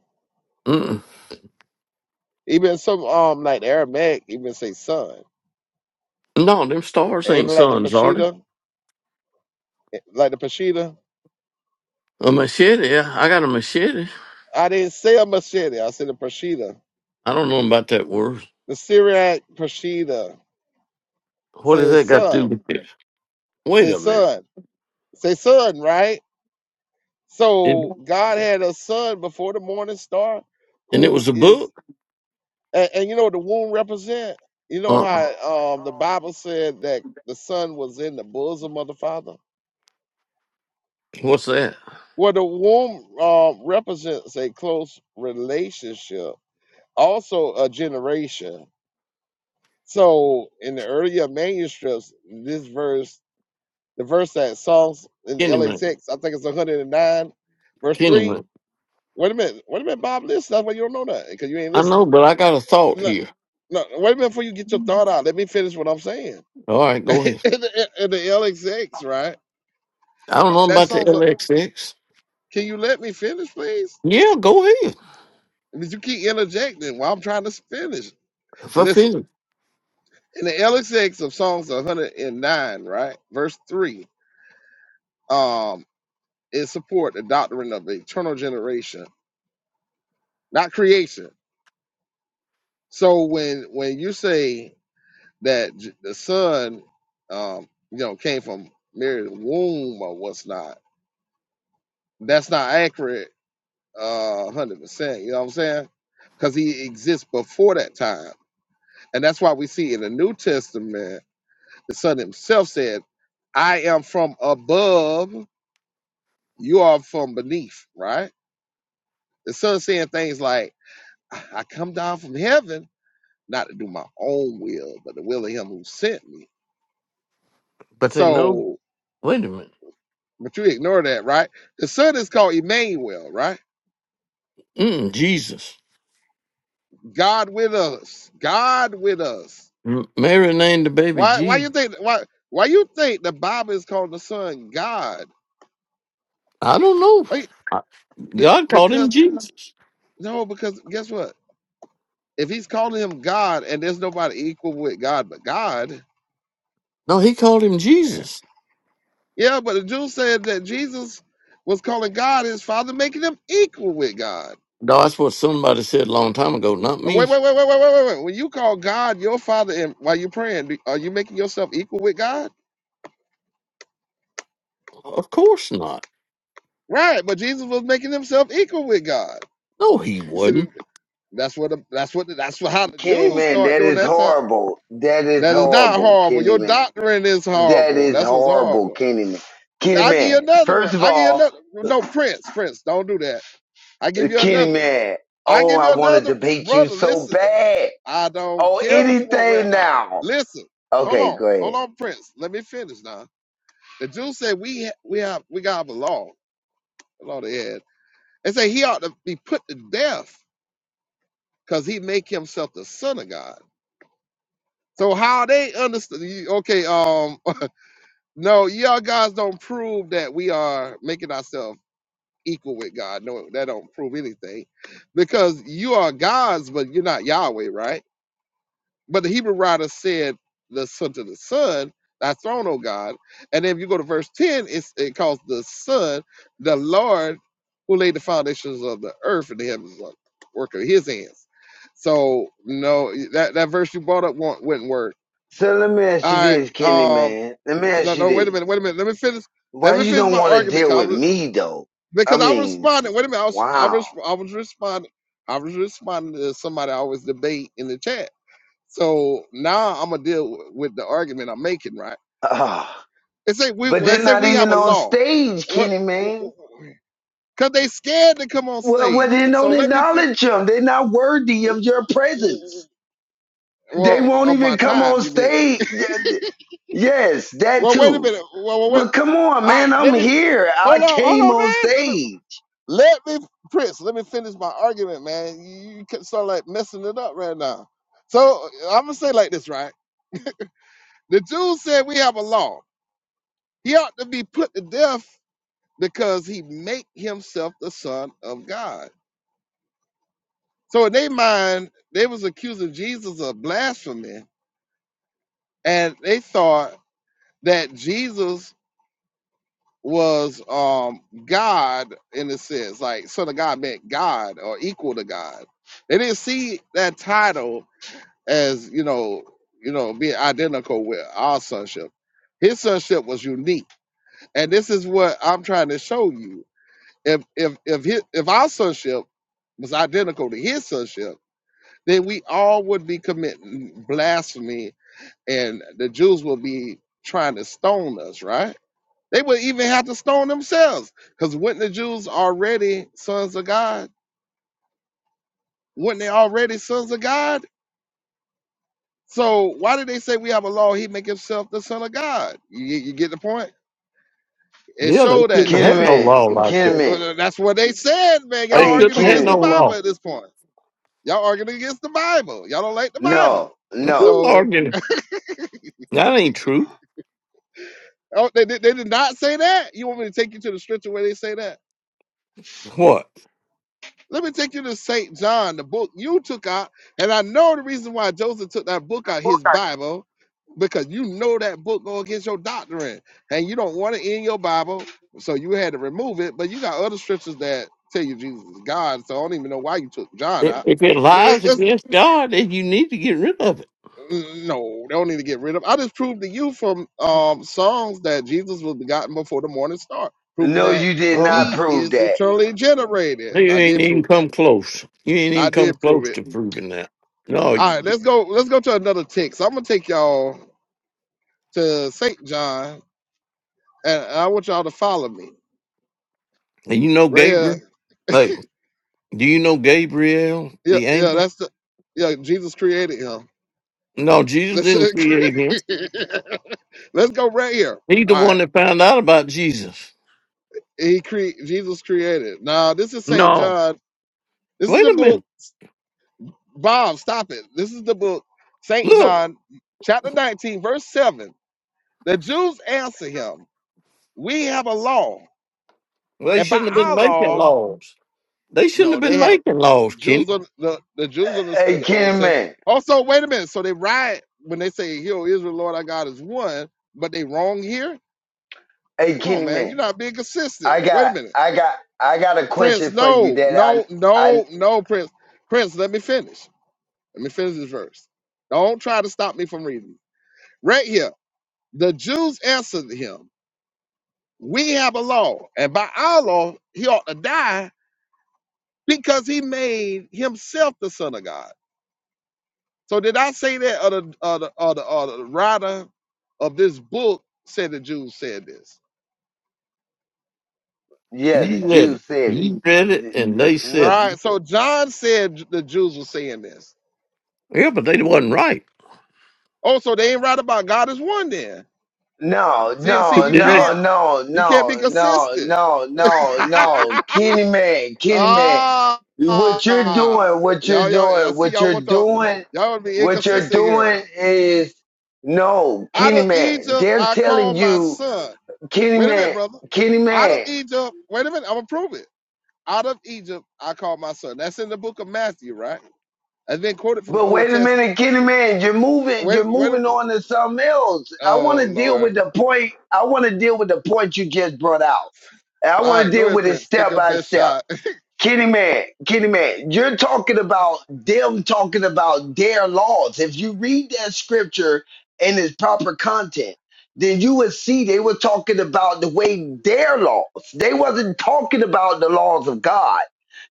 Mm-mm. Even some um like the Aramaic even say son. No, them stars And ain't like the suns, are they? Peshitta, like the Peshitta. A machete. Yeah, I got a machete. I didn't say a machete, I said a Peshitta. I don't know about that word. The Syriac Peshitta What does says that got to do son, with this? Wait says a minute. son, say son, right? It, So God had a son before the morning star and it who was a is book. And, and you know what the womb represent? You know uh how um, the Bible said that the son was in the bosom of the father? What's that? Well, the womb um, represents a close relationship, also a generation. So in the earlier manuscripts, this verse, the verse that Psalms in the Kenny man. LXX, I think it's 109, verse Kenny 3. man. Wait a minute, wait a minute, Bob, listen, that's why you don't know that, because you ain't I know, listening. but I got a thought No, here. no, wait a minute before you get your thought out. Let me finish what I'm saying All right, In go ahead. the, and the LXX, right? I don't know That about the song's. A, LXX. can you let me finish, please? Yeah, go ahead. But you keep interjecting while I'm trying to finish. Listen, Fulfill it. in the LXX of songs 109, right, verse three, um, it support the doctrine of eternal generation, not creation. So when when you say that J- the son, um, you know, came from Mary's womb or what's not, that's not accurate uh, one hundred percent. You know what I'm saying? Because he exists before that time, and that's why we see in the New Testament the Son Himself said, "I am from above; you are from beneath." Right? The Son saying things like, "I I come down from heaven, not to do my own will, but the will of Him who sent me." But they know. So, Wait a minute. but you ignore that, right? The Son is called Emmanuel, right? Mm, Jesus. God with us. God with us. M- Mary named the baby Why why Jesus. you think why why you think the Bible is calling the Son God? I don't know. Why you- be- God called him because Jesus. no, because guess what? If he's calling him God and there's nobody equal with God but God, No, he called him Jesus. yeah, but the Jews said that Jesus was calling God his father, making him equal with God. No, that's what somebody said a long time ago, not Oh, Wait, me. wait, wait, wait, wait, wait, wait, wait. When you call God your father and while you're praying, do- are you making yourself equal with God? Of course not. Right, but Jesus was making himself equal with God. No, he You see, the- wouldn't. that's what the, that's what the, that's what how the Kenny Jews Man, start that doing is that time. horrible. That is That is not horrible, horrible. Kenny Your Man. doctrine is That horrible. is That's what's horrible, horrible. Kenny Man. Kenny I give you Man, another one. first of I give you all, another. No, Prince, Prince, don't do that. I give you Kenny another one. Man, I oh, give you I want to another debate you brother. so Listen, bad. I don't Oh, care what you want right anything now. now. Listen, hold Okay, on, go hold ahead. on, Prince. Let me finish now. The Jews say we ha- we have we got a law. The law they had. They say he ought to be put to death because he make himself the son of God. So how they understand? Okay, um, No, y'all guys don't prove that we are making ourselves equal with God. No, that don't prove anything. Because you are gods, but you're not Yahweh, right? But the Hebrew writer said the son to the son, thy throne, O God. And then if you go to verse 10, it's, it calls the son, the Lord, who laid the foundations of the earth and the heavens is the work of his hands. So no, that, that verse you brought up won't, wouldn't work. So let me ask you All right. this, Kenny um, Man. Let me no, ask you no, wait a this. minute, wait a minute. Let me finish. Why Let me you finish don't my want to argument, deal 'cause I with was, me, though? I because I was mean, responding. Wait a minute, I was, I was, wow. I was responding. I was responding to somebody I always debate in the chat. So now I'm gonna deal w- with the argument I'm making, right? Ah, They say we, but they they're say not we have even a on law, stage, Kenny Man. cause they scared to come on Well, well, stage. they So don't let me fit. acknowledge them. They're not worthy of your presence. They Well, won't of my even come time, on you mean? stage. Yes, that Well, wait a too. minute. Well, well, wait. But come on, All man, right, I'm let me here. I hold on, hold came on, on man. Let me. stage. Let me, Prince, let me finish my argument, man. You, you can start like messing it up right now. So I'm gonna say like this, right? The Jews said we have a law. He ought to be put to death because he make himself the son of God. So in their mind, they was accusing Jesus of blasphemy, and they thought that Jesus was um God in a sense, like son of God meant God or equal to God. They didn't see that title as you know, you know, being identical with our sonship. His sonship was unique, and this is what I'm trying to show you. If if if his, if our sonship was identical to his sonship, then we all would be committing blasphemy, and the Jews would be trying to stone us, right? They would even have to stone themselves, because weren't the Jews already sons of God? Weren't they already sons of God? So why did they say we have a law? He make himself the son of God. You, you you get the point. It Yeah, they showed that. shouldn't have Je- had no Kenny law Man, like Kenny that. Man. uh, That's what they said, man. They Y'all hey, arguing shouldn't have had against no the Kenny. Bible law. at this point. Y'all arguing against the Bible. Y'all don't like the no, Bible. no, You're So arguing. That ain't true. oh, they, did- they did not say that. You want me to take you to the scripture where they say that? What? Let me take you to St. John, the book you took out. And I know the reason why Joseph took that book out, his Bible, because you know that book go against your doctrine and you don't want it in your Bible. So you had to remove it. But you got other scriptures that tell you Jesus is God. So I don't even know why you took John If out. if it Let's, lies let's, against God, then you need to get rid of it. mm, no, they don't need to get rid of. I just proved to you from um, songs that Jesus was begotten before the morning star, proving no, that you did Uh-uh. not he prove is that. eternally generated. You I ain't did even prove that. come close. You ain't I even come did prove close it. to proving that. No, All you right, did. let's go. Let's go to another text. I'm gonna take y'all to Saint John, and I want y'all to follow me And you know right here. Gabriel? Hey, do you know Gabriel, Yeah, the yeah, angel? that's the yeah. Jesus created him. No, Jesus Let's didn't create him. let's go right here. He's the All right, one that found out about Jesus. he cre- Jesus created. Now this is Saint No. John. This is Wait the a book. minute. Bob, stop it. This is the book Saint Look, John, chapter 19, verse seven. The Jews answer him, "We have a law, they and by shouldn't have been our making law, laws. They shouldn't no, have they been had." making laws, Kenny. Jews un- the, the Jews understood Hey, the Old Kenny Testament. Man. Also, wait a minute. So they riot when they say, "Hear, O Israel, Lord our God is one," but they wrong here. hey, Come on, Kenny man, you're Man. not being consistent. I Wait a got, minute, I got, I got a Prince. question for you No, that I, no, I, no, no, Prince. Prince, let me finish. Let me finish this verse. Don't try to stop me from reading. Right here, the Jews answered him, "We have a law, and by our law, he ought to die because he made himself the son of God." So did I say that, or the, or the, or the, or the writer of this book said the Jews said this? yeah, the You read it. Jews said You read it. it, and they said Right. it. So John said the Jews were saying this. Yeah, but they wasn't right. Oh, so they ain't right about God is one then. No, See, see, no, you Did they? no, can't no, you can't be no, no, consistent. no, no, no. Kenny man, Kenny man. ah, What you're doing, what you're y'all, y'all, I doing, see what y'all you're want to doing, y'all want to be what you're inconsistent here. doing is no, Out Kenny of man. Egypt, They're I telling called my you, son. Kenny Wait a minute, man, brother. Kenny Out of man. Egypt, wait a minute. I'm gonna prove it. out of Egypt I called my son. That's in the book of Matthew, right? And then quoted from the But wait Old a Testament. minute, Kenny man, you're moving, Wait, you're wait. moving on to something else. I want Oh to deal Lord. with the point. I want to deal with the point you just brought out. And I All want to right, go deal ahead, with it Prince. Take step your by best step. shot. Kenny Man, Kenny Man, you're talking about them talking about their laws. If you read that scripture in its proper content, then you would see they were talking about the way their laws. They wasn't talking about the laws of God.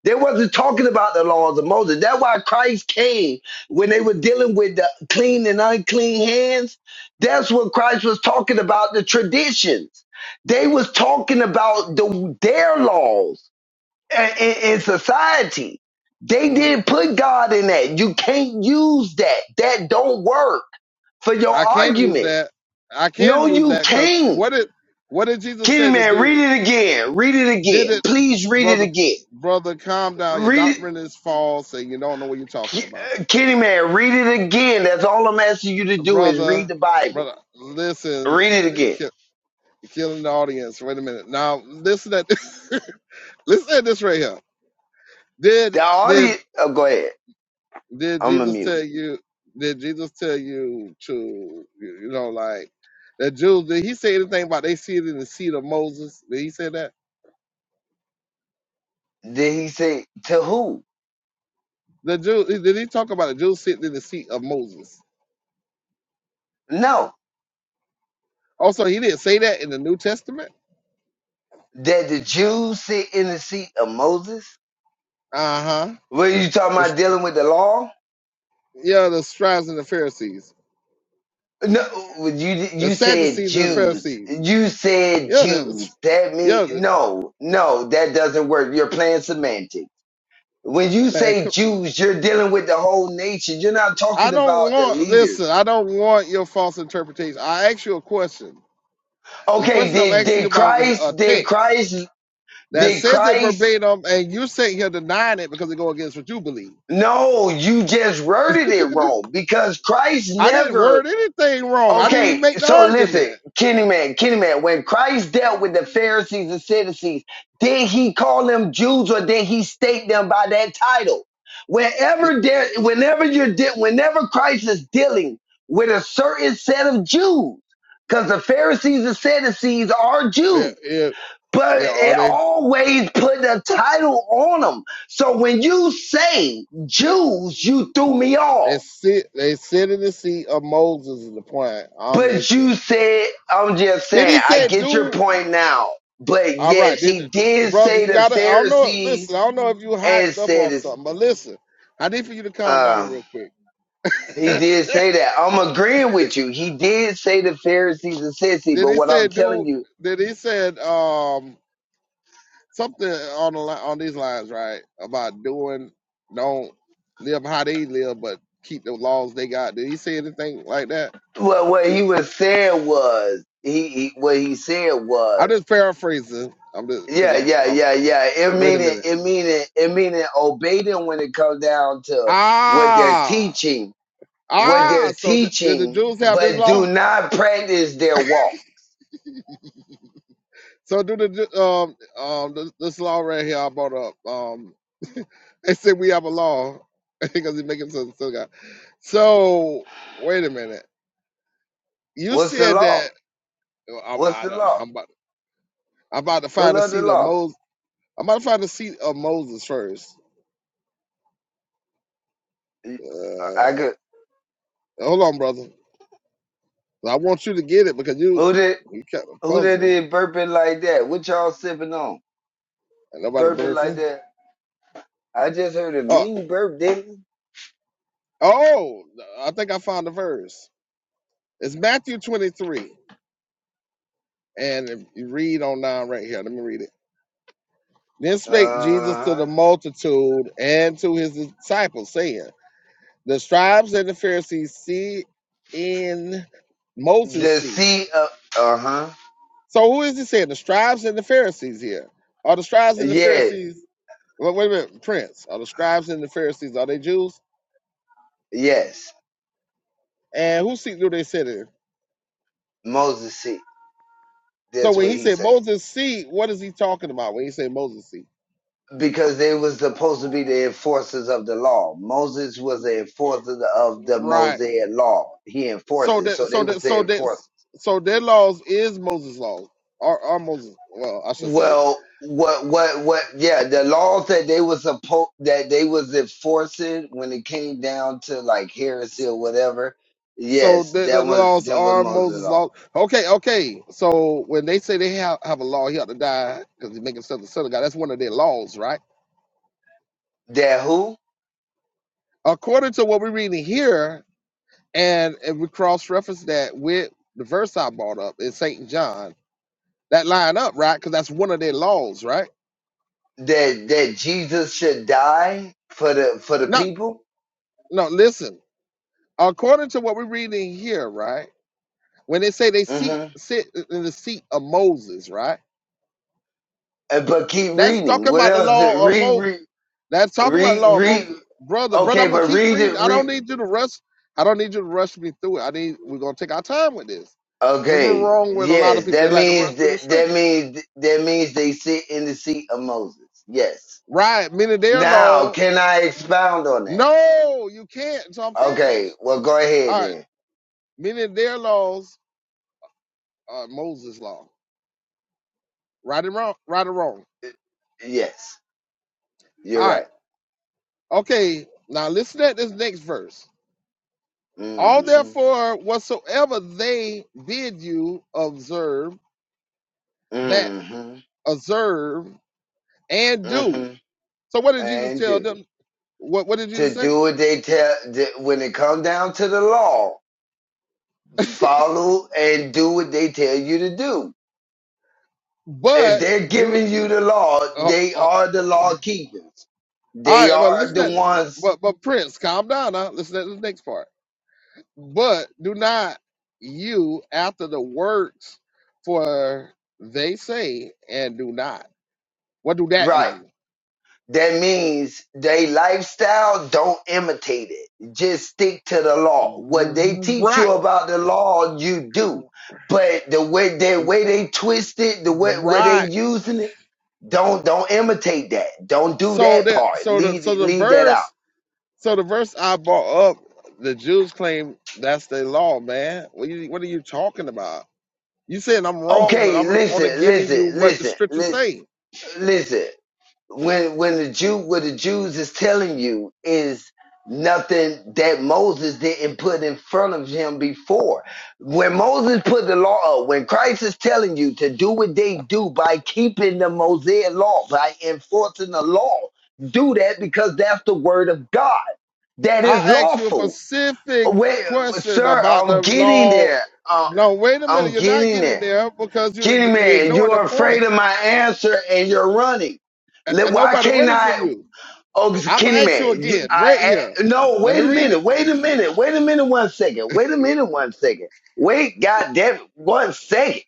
They wasn't talking about the laws of Moses. That's why Christ came when they were dealing with the clean and unclean hands. That's what Christ was talking about, the traditions. They was talking about the, their laws in, in society. They Mm. didn't put God in that. You can't use that. That don't work for your I can use argument. that. I can No, use you that because can't. what did what did Jesus Kenny say to man, read do? it again. Read it Did again. it, Please read it brother? again. Brother, calm down. Your Read it. doctrine is false, and you don't know what you're talking about, uh, Kenny man, read it again. That's all I'm asking you to do is read brother. the Bible. Brother, listen. Read it You're again. kill- you're killing the audience. Wait a minute. Now listen at listen at this right here. Did The did audience, oh, go ahead. Did I'm a Jesus mute. tell you? Did Jesus tell you to you you know like the Jews? Did he say anything about they sitting in the seat of Moses? Did he say that? Did he say to who? The Jew did he talk about the Jews sitting in the seat of Moses? No. Also, he didn't say that in the New Testament. That the Jews sit in the seat of Moses? Uh huh. What are you talking The, about dealing with the law? yeah, the scribes and the Pharisees, No, you the you said Sadducees and the Jews. Pharisees. You said Yeah, the Jews. That yeah, mean the, no, no, that doesn't work. You're playing semantics. When you man. say come- Jews, you're dealing with the whole nation. You're not I talking about don't the want leaders. listen. I don't want your false interpretation. I asked you a question. The Okay, question I'm did asking you did about is a Christ? Did text. Christ? that Did says it Christ? verbatim, and you sitting here denying it because it go against what you believe. No, you just worded it wrong because Christ I didn't never word anything wrong. I didn't even Okay, make the so listen, argument. Kenny man, Kenny man, when Christ dealt with the Pharisees and Sadducees, did he call them Jews or did he state them by that title? It- Whenever there, whenever you're, de- whenever Christ is dealing with a certain set of Jews, because the Pharisees and Sadducees are Jews, it- it- but they are it they, always put a title on them. So when you say Jews, you threw me they off sit they sit in the seat of Moses is the point I'm But you making. said, I'm just Did saying, he I say, get your "Dude, point now. But all right, yes, did, he did brother, say you the gotta. I don't know. Listen, Pharisees I don't know if you and hyped up said, off it's, something, but listen, I need for you to calm down uh, real quick." he did say that. I'm agreeing with you. He did say the Pharisees and sissy, Did but he what say, I'm "Dude." telling you, Did he said, um. something on the li- on these lines, right? About doing, don't live how they live, but keep the laws they got. Did he say anything like that? what, what he was saying was, he, he, what he said I'm was, just paraphrasing. I'm just because yeah, I'm, yeah, I'm. yeah, yeah. It Wait a meaning, minute. it meaning, it meaning obey them when it comes down to what they're Ah, teaching what ah. they're So th- did the teaching, Jews have this but do law? not practice their walk. So do the Ju- um um this, this law right here I brought up. Um, they said we have a law because it making sense. Still got. So wait a minute. You What's the said law? that. well, I'm, What's I, the am i law? am I'm about to Pull find the up the seat of law. Moses. I'm about to find the seat of Moses first. I Uh, could. hold on, brother. I want you to get it because you Who did? you kept a Who that puzzle did burping like that? What y'all sipping on? and nobody Burping like birthing. that? I just heard a Oh, mean burp, didn't? oh! I think I found the verse. It's Matthew 23, and if you read on down right here, let me read it. Then I? spake Jesus to Uh the huh. multitude and to his disciples, saying, The scribes and the Pharisees see in Moses' The seat. sea. of Uh huh. So who is he saying? The scribes and the Pharisees here. Are the scribes and the Yeah. Pharisees wait, wait a minute, Prince. Are the scribes and the Pharisees, are they Jews? Yes. And whose seat do they sit in? Moses seat. So That's when what he he's said saying. Moses' seat, what is he talking about when he said Moses' seat? because they was supposed to be the enforcers of the law. Moses was the enforcer of the Right. Mosaic law. He enforced So it, that so they so was that the so that enforcers. so their laws is Moses' laws. Are are Moses well, I should say. Well, what, what, what? Yeah, the laws that they was supposed that they was enforcing when it came down to like heresy or whatever. So Yes, the, the that was laws that was are Moses' Moses' law. laws. Okay, okay. So when they say they have, have a law, he ought to die because he make himself the son of God. That's one of their laws, right? That who? according to what we're reading here, and if we cross-reference that with the verse I brought up in Saint John, that line up, right? Because that's one of their laws, right? That that Jesus should die for the for the Not people. no, listen. According to what we're reading here, right? When they say they seat mm hmm sit in the seat of Moses, right? but keep That's reading. talking What about the else? law of Read, Mo. read, That's talking about the Read, law of read. Moses, brother. Brother, Okay, I'm gonna but keep read reading. it. I Read. don't need you to rush. I don't need you to rush me through it. I need. We're gonna take our time with this because that's what's Okay. wrong with a lot of Yes, people. They that like to rush means through the that that scriptures. means that means they sit in the seat of Moses. Yes. Right. Meaning their Now, law. can I expound on that? No, you can't. So I'm Okay. finished. Well, go ahead All right. then. Meaning their laws are Moses' law. Right and wrong. Right or wrong. Yes, you're All right. right. Okay. Now listen at this next verse. All mm hmm therefore whatsoever they bid you observe, that mm hmm observe and mm do. hmm So what did Jesus And tell do them? What What did Jesus to say? do what they tell. When it comes down to the law, follow and do what they tell you to do. If But they're do. giving you the law, Uh, uh, they all are the law keepers. They right. Well, are listen the at. ones But but Prince, calm down now. Listen at this next part. But do not you after the works, for they say and do not. What do that right. mean? That means they lifestyle, don't imitate it. Just stick to the law. What they teach you Right, about the law, you do. But the way the way they twist it, the way where they right. using it, don't don't imitate that. Don't do So that that part. so the Leave so the leave that out. verse so the verse I brought up, the Jews claim that's their law, man. What you what are you talking about? You saying I'm wrong, but Okay, I'm only listen, giving listen, you what the listen, scriptures listen, say. listen. when when the Jew what the Jews is telling you is nothing that Moses didn't put in front of him before. When Moses put the law up, when Christ is telling you to do what they do by keeping the Mosaic law, by enforcing the law, do that because that's the word of God. That is I asked you a lawful. specific Wait, question sir, about the I'm getting law. there. Uh, No, wait a minute. I'm You're not getting getting there. there because you Kenny you're man, you ignoring the are point, afraid of my answer and you're running. and Let- and Why nobody can't running from I? you. Oh, I'm gonna Kenny ask you man, you, again, right I here. a- no. Let me Wait a read minute. Wait a minute. Wait a minute. One second. Wait a minute. One second. Wait, Goddamn. it, one second.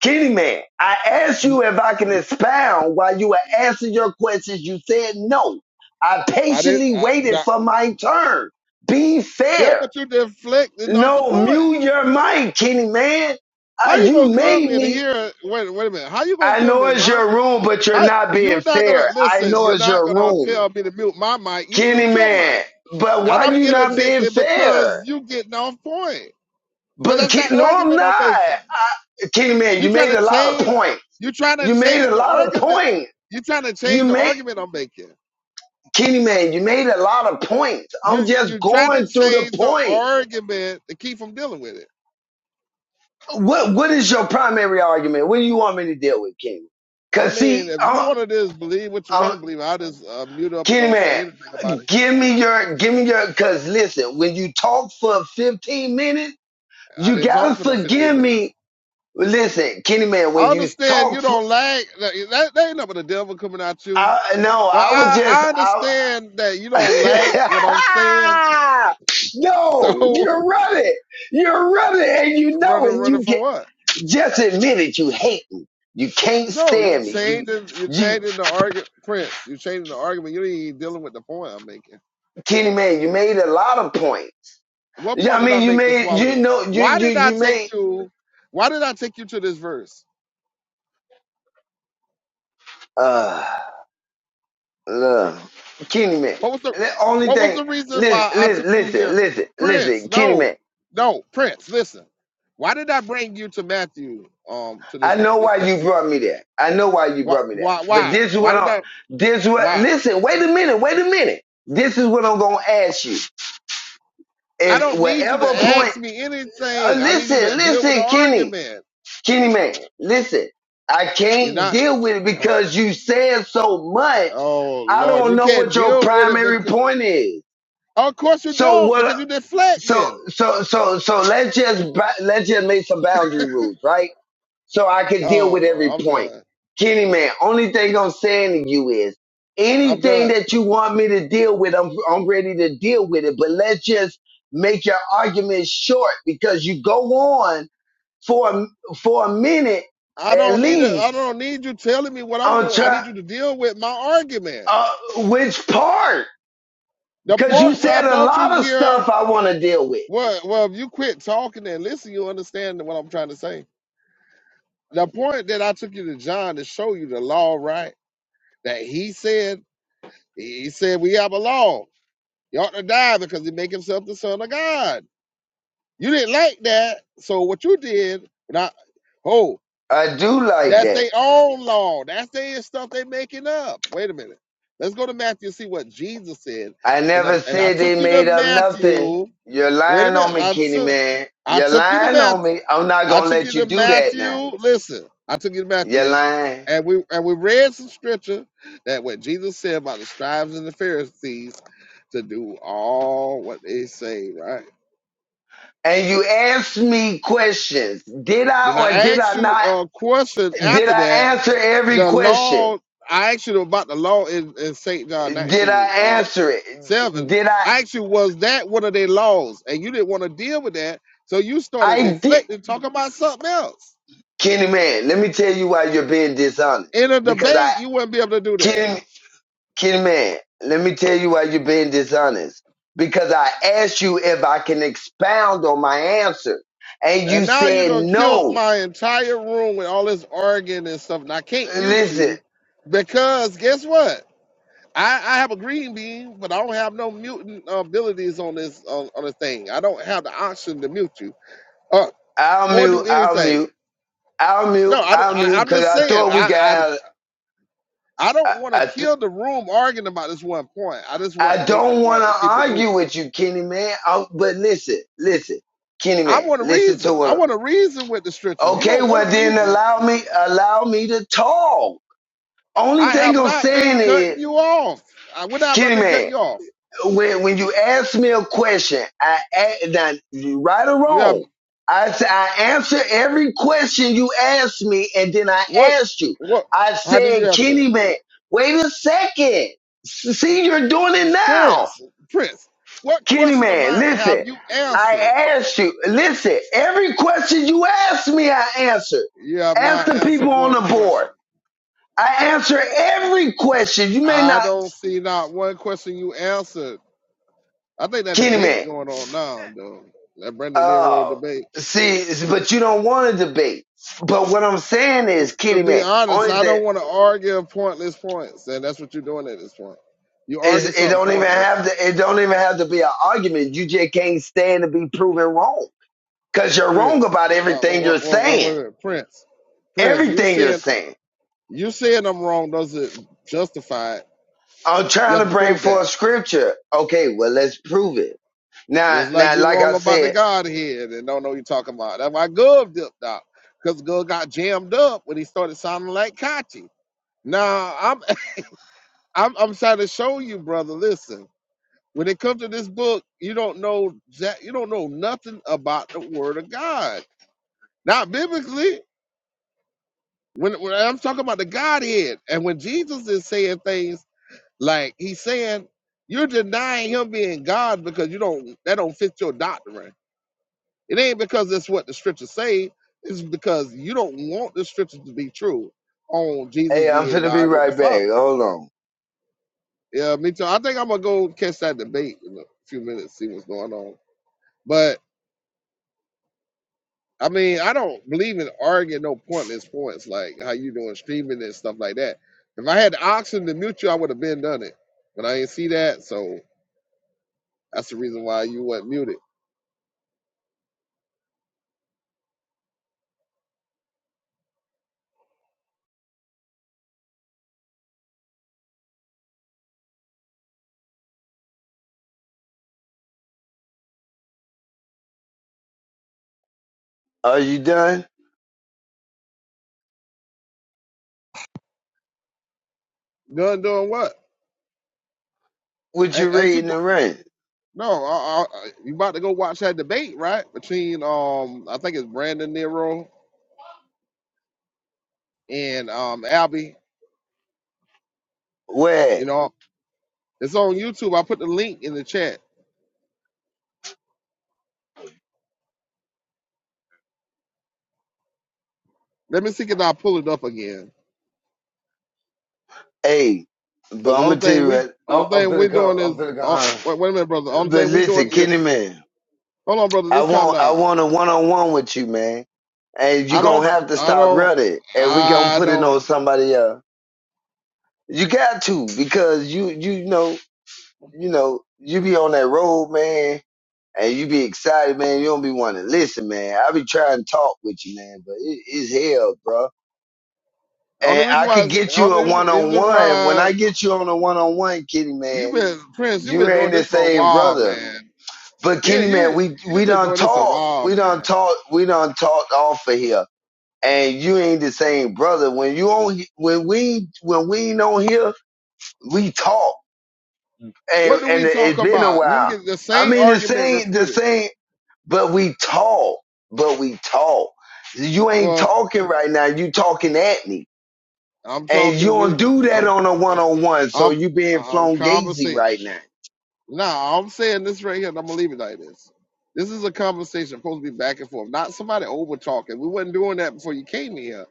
Kenny man, I asked it. you if I can expound while you were answering your questions. You said no. I I did. patiently Uh, waited not, for my turn. Be yeah, fair. but you deflecting off the No, point. mute your mic, Kenny man. How Uh, you you gonna come made in me. here? Wait, wait a minute. How you gonna I come know in it's my? your room, but you're How not being you're not gonna fair. I listen? know You're it's not your gonna room, tell me to mute my mic. You mute Kenny your man. mic, But and why I'm you not being interjecting because fair? you getting off point. Because But that's not Ken- the no, I'm argument not. I'm making. I, Kenny man, You you trying made to a lot of change, points. you trying to You made change a the lot of argument. points. You trying to You change the made argument I'm making. Kenny man, you made a lot of points. You I'm you just you're trying to going through the change the point. argument to keep from dealing with it. What What is your primary argument? What do you want me to deal with, Kenny? I Cause mean, see, if you I'm, want to just believe what you want i to believe, I'll just uh, mute up and Kenny don't say man. anything about it. Give me your, give me your, cause listen, when you talk for 15 minutes, I you didn't gotta talk for no 15 forgive minutes. me. Listen, Kenny man, I when you understand talk you for, don't like that, that that ain't nothing but the devil coming at you. I, no, But I was I, just, I understand that you don't like what I'm saying. I, no, So you're running. You're running and you know running it. running You for get, what? just admit it. You hate me. You can't No, you're stand me. You, changing. You're you, changing the argument, Prince. You're changing the argument. You ain't even dealing with the point I'm making. Kenny man, you made a lot of points. What Yeah, point I did I mean, you make this made, while you ago? know, you, Why you, did I you take made, you? Why did I take you to this verse? uh, Look, Kenny man. What was the The only What was thing, the reason listen, why I took listen, you here, listen, listen, Prince? listen, Kenny No, man. no, Prince. Listen, why did I bring you to Matthew? Um, to this I ver- know this why you text. brought me there. I know why you Why? brought me there. Why? But Why? this is Why what did I'm. I? This what. Why? Listen. Wait a minute. Wait a minute. This is what I'm gonna ask you. I If don't need you to whatever point, ask me uh, anything. I need listen, you to deal with the listen, Kenny, argument. Kenny man, listen. I You're can't not. deal with it because you said so much. Oh I Lord, don't you know can't what your deal with it primary because point is. of course you So don't what? because you so deflecting. so so so let's just ba- let's just make some boundary rules, right? So I could deal with Oh Lord, every I'm point. done. Kenny man, only thing I'm saying to you is I'm anything done. that you want me to deal with, I'm I'm ready to deal with it. But let's just make your argument short because you go on for a, for a minute I at don't need a, I least don't need you telling me what I'm on doing. I try, need you to deal with my argument. uh, which part? The Because you part where I said a brought you lot of here, stuff I want to deal with. well, well, if you quit talking and listen, you understand what I'm trying to say. The point that I took you to John to show you the law, right? That he said, he said we have a law. You ought to die because he make himself the son of God. You didn't like that. So what you did, now, oh, I do like that's that. their own law. That's their stuff they making up. Wait a minute. Let's go to Matthew and see what Jesus said. I And never then- and I said took they you to made up nothing. Matthew. You're Wait a lying on minute. me, I Kenny took man. I You're took you to lying on Matthew. me. I'm not I gonna took you let to you do that Matthew. now. Listen, I took you to You're Matthew, lying. and we and we read some scripture that what Jesus said about the scribes and the Pharisees to do all what they say, right? And you asked me questions. Did I Then or I did asked I you not? a question Did after I that. answer every The question? law, I asked you about the law in, in St. John Did 19, I uh, answer it? 7. Did I? I asked you, was that one of their laws? And you didn't want to deal with that. So you started I did. deflecting, talking about something else. Kenny man, let me tell you why you're being dishonest. In a Because I, debate, you wouldn't be able to do that. Kenny. Kid man, let me tell you why you're being dishonest. Because I asked you if I can expound on my answer, and And you now you said done killed no. my entire room with all this arguing and stuff. And I can't mute Listen, you because guess what? I, I have a green bean, but I don't have no mutant uh, abilities on this on, on the thing. I don't have the option to mute you uh, I'll or mute, do I'll anything. mute, I'll mute, No, I, I'll mute, I, am because just I saying. thought we could I have. I, I I, don't want to I, th- kill the room arguing about this one point. I just want to I make the don't want point to and keep it argue moving. with you, Kenny man. I, but listen, listen, Kenny I man, want to listen to reason. I what. want to reason with the stretchers. You Okay, don't want to well then reason. allow me, allow me to talk. Only I have thing I'm not been saying cutting is, you off. I, when have I Kenny been cutting man. you off? when when you ask me a question, I now, you right or You have wrong, I said I answer every question you ask me, and then I what? asked you. What? I How did you said, answer? Kenny man, wait a second. See, you're doing it now, Prince, Prince, what Kenny question of man. mine have Listen, you I answered? asked you. Listen, every question you asked me, I answered. You have Ask not the answered people on the one board. question. I answer every question. You may I not, don't see not one question you answered. I think that Kenny debate man. going on now, though. That Brendan Nero Oh, debate. see, but you don't want to debate. But what I'm saying is, To Kitty be Man, honest, only I thing don't want to argue pointless points, and that's what you're doing at this point. You is argue it something don't even pointless, have to it don't even have to be an argument. You just can't stand to be proven wrong because you're wrong Chris. about Uh, everything you're what, what, what, what, saying. what- Prince, Prince, you Everything you're saying saying. you saying I'm wrong doesn't justify it. I'm You trying have to to bring prove that. forth scripture. Okay, well let's prove it. Now, It's like now, you're like wrong I about the said, Godhead and don't know what you're talking about. That's why Gov dipped out. Because Gov got jammed up when he started sounding like Kachi. Now I'm I'm I'm trying to show you, brother. Listen, when it comes to this book, you don't know that you don't know nothing about the word of God. Not biblically. When, when I'm talking about the Godhead, and when Jesus is saying things like he's saying, you're denying him being God because you don't that don't fit your doctrine It ain't because that's what the scriptures say. It's because you don't want the scriptures to be true on Jesus hey, I'm being finna be God with the right Father. back. Hold on. Yeah, me too. I think I'm gonna go catch that debate in a few minutes, see what's going on. But I mean, I don't believe in arguing no pointless points like how you doing streaming and stuff like that. If I had the option to mute you, I would have been done it. But I ain't see that, so that's the reason why you wasn't muted. Are you done? Done doing what? What Ain't, you ain't you? reading the rain? No, I, I, you about to go watch that debate, right? Between um, I think it's Brandon Nero and um Albie. Where? You know, it's on YouTube. I put the link in the chat. Let me see if I pull it up again. Hey, Because but the I'm only gonna tell thing you we, right. only I'm, I'm thing we finna doing come. is, I'm finna go oh, home. wait, wait a minute, brother. The only But thing we doing, listen, yeah, Kenny man, hold on, brother. I Just calm want I down. want a one on one with you, man. And you I don't, gonna have to I stop don't, running, and we gonna I put it don't. on somebody else. You got to because you you know you know you be on that road, man, and you be excited, man. You don't be wanting to listen, man. I be trying to talk with you, man, but it, it's hell, bro. The only And reason I why, could is, get you a only one on reason one. When why I get you on a one on one, Kenny you man. been Prince, you've You been ain't doing the this for a same while, brother. man. But Yeah, Kenny man, you, we you've we been done doing this a talk. while, We done man. talk. We done talked off of here. And you ain't the same brother. When you on when we when we ain't on here, we talk. And What do we and talk it's been a about? You while. get the I same mean the argument same the refuted. same but we talk. But we talk. You ain't Well, talking right now, you talking at me. I'm And you talking don't with do that I'm on a I'm one so- on one, so I'm you being I'm flown gazy conversating. right now. Nah, I'm saying this right here, and I'm gonna leave it like this. This is a conversation supposed to be back and forth, not somebody over talking. We wasn't doing that before you came here.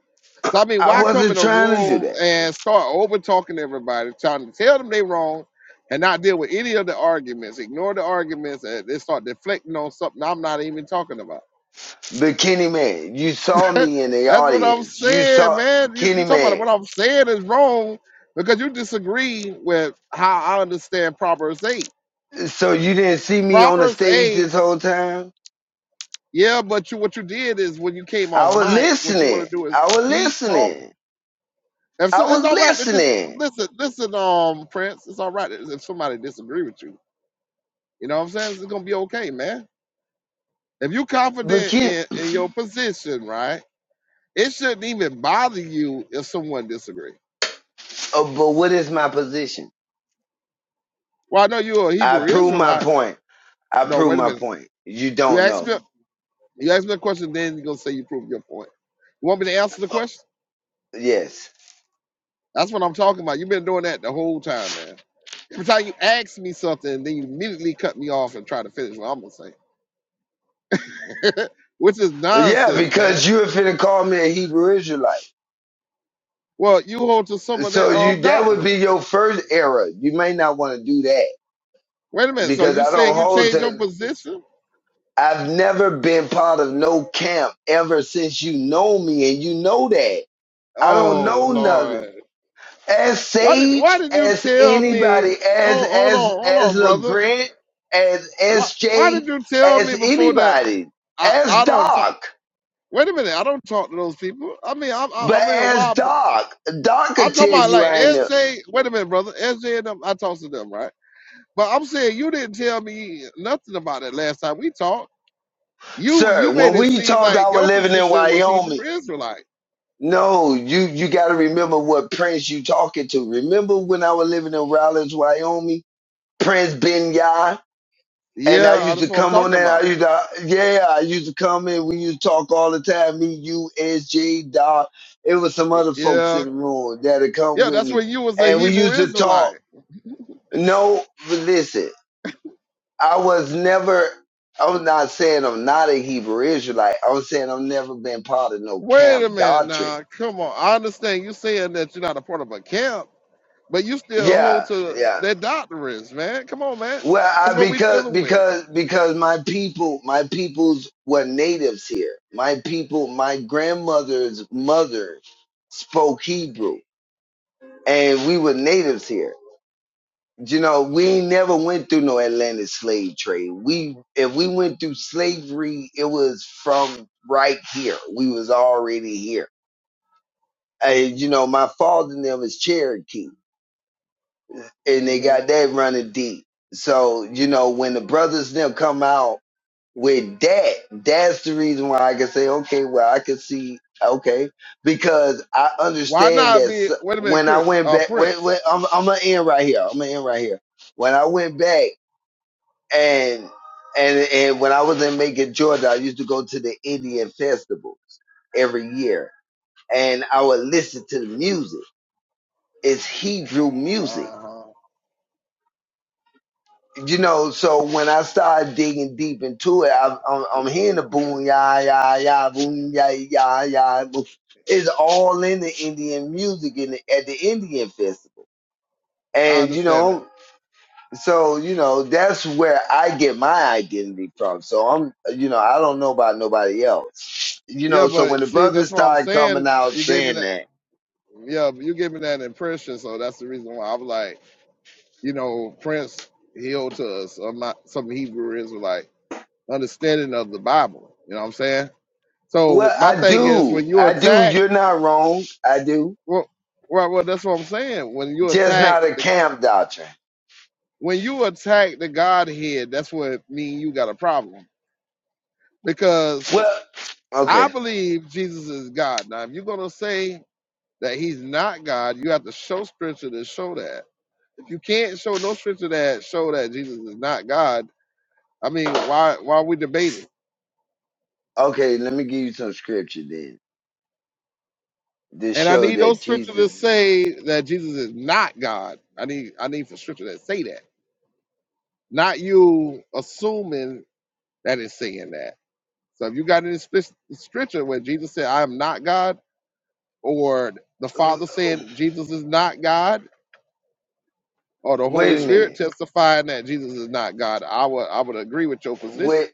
So I mean, I why come wasn't in a trying to do room that. and start over talking to everybody, trying to tell them they wrong, and not deal with any of the arguments, ignore the arguments, and they start deflecting on something I'm not even talking about. But Kenny Man, you saw me in the That's what I'm audience. You saying, saw man. You, you Kenny talking about Man. what I'm saying is wrong because you disagree with how I understand Proverbs 8. So you didn't see me on the Proverbs stage 8, this whole time? yeah, but you what you did is when you came off I was mic, what you listening. want to do is I was keep talking. listening. And so I was it's all right to just listening. listen, listen, um, Prince. It's all right if somebody disagree with you. You know what I'm saying? It's gonna be okay, man. If you But confident Ken, in, in your position, right? It shouldn't even bother you if someone disagree. uh, but what is my position? Well, I know you're a I Hebrew prove my Israelite, point. I No, prove wait a my minute. point. You You don't asked know. me a, you asked me a question, then you're gonna say you proved your point. You want me to answer the question? Yes. That's what I'm talking about. You've been doing that the whole time, man. Every time you ask me something, then you immediately cut me off and try to finish what I'm gonna say. Which is Yeah, nonsense, man. because you were finna call me a Hebrew Israelite. Well, you hold to some of their So um you that would be doctrines. your first error. You may not want to do that Wait a minute, so because you I don't saying you hold changed to. your position? I've never been part of no camp ever since you know me, and you know that. I don't Oh know nothing. Lord. As Why did why Sage, did you as tell me anybody, as oh hold as on, hold as on, brother. LeGrant, as Why why did SJ, you tell me as before that anybody, I, as I don't talk? Doc. Wait a minute, I don't talk to those people. I mean, I, am I, But I mean, as why? but Doc, Doc I'm could talking tell about you like I ain't there. SJ. Wait a minute, brother. SJ and them, I talked to them, right? But I'm saying you didn't tell me nothing about it last time we talked. You you Sir, when made it we seem talked I like was your living in position was Hebrew Wyoming, Israelite. no, you you gotta remember what prince you talking to. Remember when I was living in Rollins, Wyoming? Prince Presbyterian, and I Yeah, used that's to what I'm come on talking and I about. used to, yeah, I used to come in. We used to talk all the time. Me, you, SJ, Doc. It was some other folks Yeah, in the room that had come yeah, with that's me, when you was a and we Hebrew used to talk. Israelite. No, but listen, I was never. I'm not saying I'm not a Hebrew Israelite. I'm saying I've never been part of no Wait a camp minute doctrine. now, come on. I understand you saying that you're not a part of a camp, but you still hold Yeah, to yeah. their doctrines, man. Come on, man. Well, That's I, what we because dealing with. because because my people, my peoples were natives here. My people, my grandmother's mother spoke Hebrew, and we were natives here. You know, we ain't never went through no Atlantic slave trade. We if we went through slavery, it was from right here. We was already here. And you know, my father and them is Cherokee, and they hmm got that running deep. So you know, when the brothers and them come out. with that, that's the reason why I can say, okay, well, I can see, okay, because I Why understand not that be? s- Wait a minute, when I Chris, went uh, back, wait, Prince. wait, I'm, I'm gonna end right here. I'm gonna end right here. When I went back and and and when I was in Macon, Georgia, I used to go to the Indian festivals every year, and I would listen to the music. It's Hebrew music Uh huh. you know, so when I started digging deep into it, I, I'm, I'm hearing the boom, ya, ya, ya, boom, ya, ya, ya. Boom. It's all in the Indian music in the, at the Indian festival. I And, you understand that. know, so, you know, that's where I get my identity from. So I'm, you know, I don't know about nobody else. You Yeah, know, so when but the see, brothers that's what I'm started coming saying. out You gave me saying that. that, Yeah, but you gave me that impression, so that's the reason why I was like, you know, Prince healed to us. I'm not some Hebrew Israelite understanding of the Bible. You know what I'm saying? So well, my I thing is, do. when you I do. attack, You're not wrong. I do. well, right, well, that's what I'm saying. When you Just attack not a the camp doctrine. when you attack the Godhead, that's what mean you got a problem because Well, okay I believe Jesus is God. Now, if you're gonna say that he's not God, you have to show scripture to show that. If you can't show no scripture that show that Jesus is not God, I mean, why why are we debating? Okay, let me give you some scripture then to And I show need those that scripture to Jesus. say that Jesus is not God. I need I need for scripture that say that, not you assuming that it's saying that. So if you got any spec- scripture where Jesus said, "I am not God," or the Father saying Jesus is not God, or the Holy Wait a Spirit minute. testifying that Jesus is not God, I would I would agree with your position. Wait,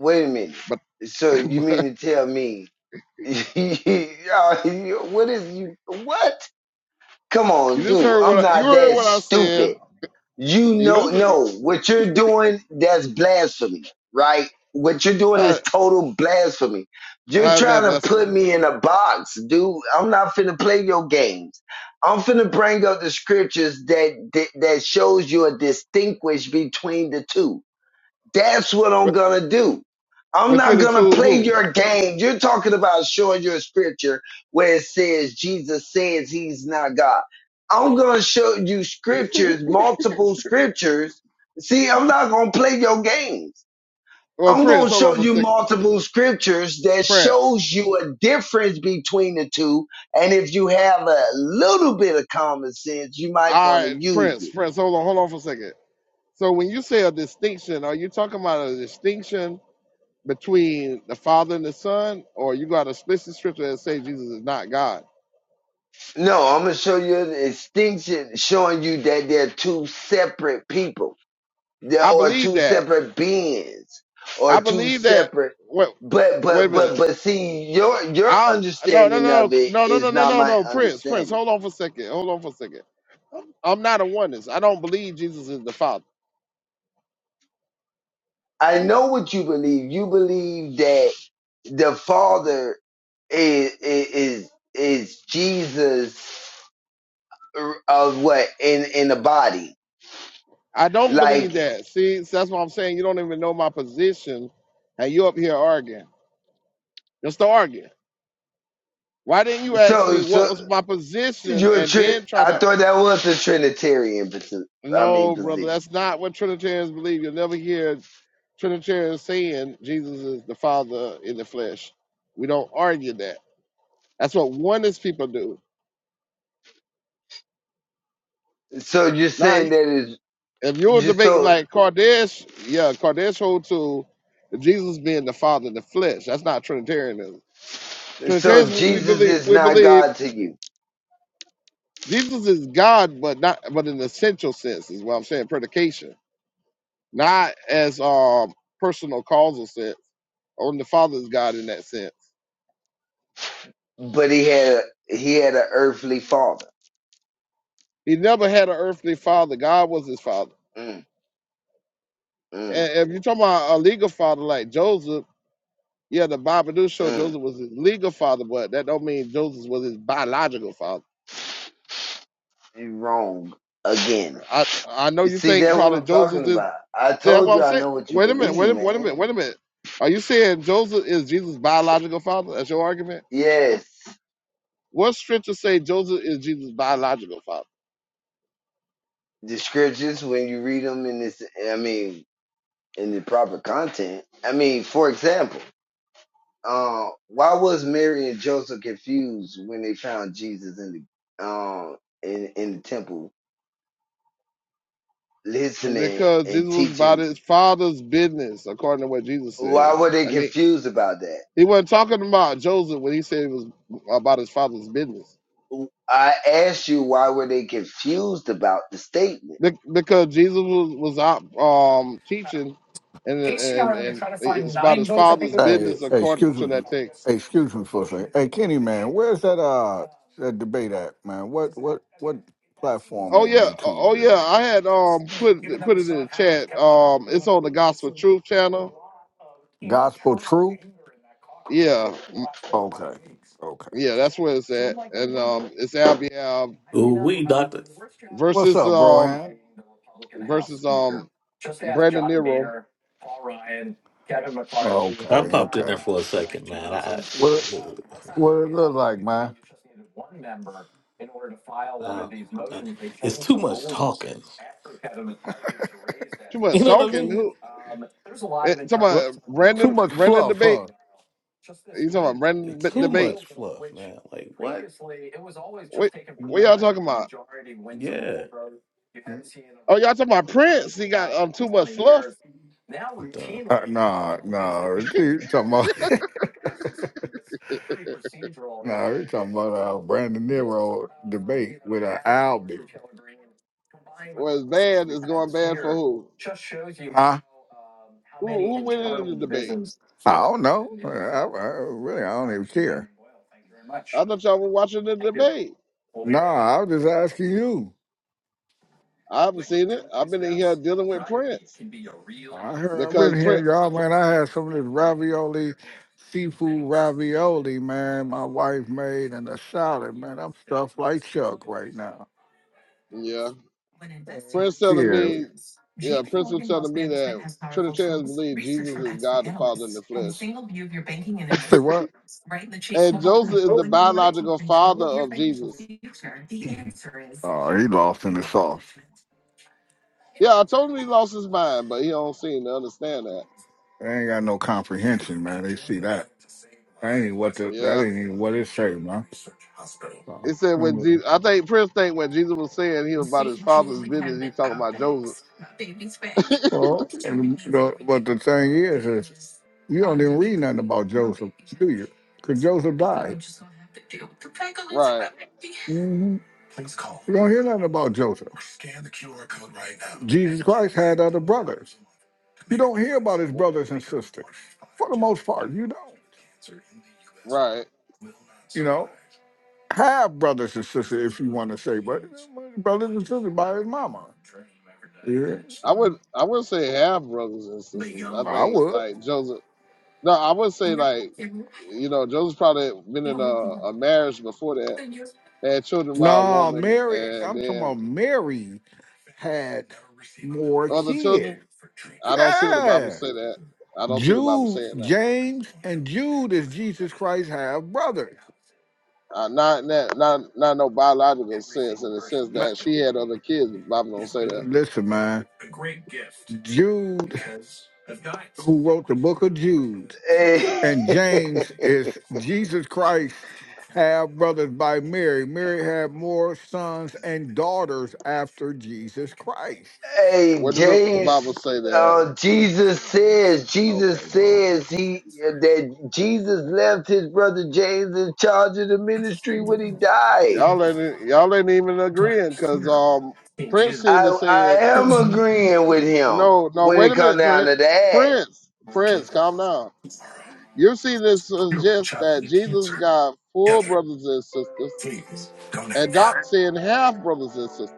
wait a minute. But, So you but mean to tell me? y'all, you- what is you? What? Come you on, just dude. heard what I'm I, you not heard that what I stupid. said. you You know just no what you're doing that's blasphemy right what you're doing how is total blasphemy you're how's trying that to blessing me? put me in a box dude i'm not finna play your games i'm finna bring up the scriptures that that, that shows you a distinguish between the two that's what I'm But gonna do. I'm Between not the gonna play two, your game. You're talking about showing your scripture where it says Jesus says he's not God. I'm gonna show you who? scriptures, multiple scriptures. See, I'm not gonna play your games. Well, I'm Prince, gonna hold on show for a you second. multiple scriptures that Prince, shows you a difference between the two. And if you have a little bit of common sense, you might all want to right, use it. Prince, Prince, hold on, hold on for a second. So when you say a distinction, are you talking about a distinction between the Father and the Son, or you got a explicit scripture that say Jesus is not God? No, I'm gonna show you the extinction, showing you that they're two separate people. There I are believe two that. separate beings, or I two believe that. separate. Wait, But wait a but minute. but but see, your your I no no understanding no of it no no no is no not no my no Prince Prince understanding. hold on for a second hold on for a second I'm not a oneness I don't believe Jesus is the Father I know what you believe. You believe that the Father is is is Jesus uh, of what in in the body, I don't like believe that see so that's what I'm saying you don't even know my position and you up here arguing just to argue why didn't you ask so me what so. was my position You're a and tri- then try I to thought that was a Trinitarian posi- I mean no brother position. that's not what Trinitarians believe you'll never hear Trinitarians saying Jesus is the Father in the flesh we don't argue that that's what oneness people do. So you're now. saying that is if you're just debating so like Cardash, yeah, Cardash hold to Jesus being the Father in the flesh. That's not Trinitarianism. so Trinitarians, we, we Jesus believe is we not believe God to you, Jesus is God, but not but in an essential sense is what I'm saying. Predication, not as um personal causal sense. Only the Father is God in that sense. but he had a, he had an earthly father. He never had an earthly father. God was his father. Mm, mm, And if you're talking about a legal father like Joseph, yeah, the Bible do show mm. Joseph was his legal father, but that don't mean Joseph was his biological father You're wrong again. I I know You you see think that's what probably I'm Joseph talking is. about. I See, that's told what you I'm I saying. know what you Wait a minute. Wait believe, a minute. Wait a minute. man. Wait a minute. Are you saying Joseph is Jesus' biological father? That's your argument. Yes, What scripture say Joseph is Jesus' biological father? the scriptures when you read them in this, I mean, in the proper content. I mean, for example. uh, why was Mary and Joseph confused when they found Jesus in the um in in the temple listening Because Jesus and was about teaching? his father's business, according to what Jesus Why said. were they I mean, confused about that? he wasn't talking about Joseph when he said it was about his father's business. I asked you why were they confused about the statement? Be- Because Jesus was, was out um, teaching, and, and and it's about his father's Hey, business hey, according excuse to me. that text. Hey, excuse me for a second. Hey, Kenny, man, where's that uh that debate at, man? What what what platform Oh on yeah, YouTube oh is yeah. it? I had um put put it in the chat. Um, it's on the Gospel Truth channel. Gospel Truth? Yeah, mm, Okay, okay. yeah, that's where it's at. And um, it's Albion Ooh, we doctor. What's versus up, um Brohan? versus um Brandon Nero. I popped in there for a second, man. I, I, What I don't- it's too much talking. Too You much know what I talking. mean? Who? eh, Talking about Brandon random fluff, huh? debate. You talking about random b- Too debate? much fluff, man. Like what? What what y'all talking about? Yeah, mm. not Oh, y'all talking about Prince? He got um too much fluff. I'm done. You are talking about? it's we talking if Brandon Albie. Or is bad is going bad for who? Just shows you Huh? how Who many who winning internal the debate? divisions. I don't know. I, I really, I don't even care. I thought y'all were watching the debate. No, I was just asking you. I've seen it. I've been in here dealing with Prince I heard, I've because been Prince, hearing y'all, man. I had some of this ravioli, seafood ravioli, man. My wife made and a salad, man. I'm stuffed like Chuck right now. yeah, Prince telling me, yeah, Prince was telling me that Trinitarians believe Jesus is God the Father in the flesh, investing. what? and Joseph is the biological father of Jesus. Oh, he lost in the Yeah, I told him he lost his mind, but he don't seem to understand that. They ain't got no comprehension, man. They see that. That ain't what the, that Yeah, ain't even what it say, man. So, he said when anyway. Jesus, I think Prince think when Jesus was saying he was about his father's business, he's talking about Joseph. Well, and the, but the thing is, is you don't even read nothing about Joseph, do you? Because Joseph died. Right, hmm You don't hear nothing about Joseph. Jesus Christ had other brothers. You don't hear about his brothers and sisters. For the most part, you don't. right. You know, have brothers and sisters if you want to say, but brothers and sisters by his mama. Yeah. I would I wouldn't say half brothers and But sisters. I young. I think would. like Joseph. No, I would say like, you know, Joseph's probably been in a, a marriage before that. They had children by a No, woman Mary. and I'm talking then about Mary had more other kids. children. I don't see what the Bible Yeah. say that. I don't see the Bible Jude, saying that. James, and Jude is Jesus Christ have brothers. Uh, not in that, not not no biological sense, in the sense that she had other kids. The Bible don't say that. Listen, man. Jude, who wrote the book of Jude, Hey, and James is Jesus Christ half brothers by Mary. Mary had more sons and daughters after Jesus Christ. hey Where did the Bible James, say that? uh, Jesus says Jesus Okay, bro. says he that Jesus left his brother James in charge of the ministry when he died. Y'all ain't y'all ain't even agreeing, cause um Prince seemed to I saying I am agreeing with him no, no. when Wait it a comes minute, down Prince, to that. Prince, Prince, calm down. You see this suggests that Jesus got full brothers and sisters, and Doc saying half brothers and sisters.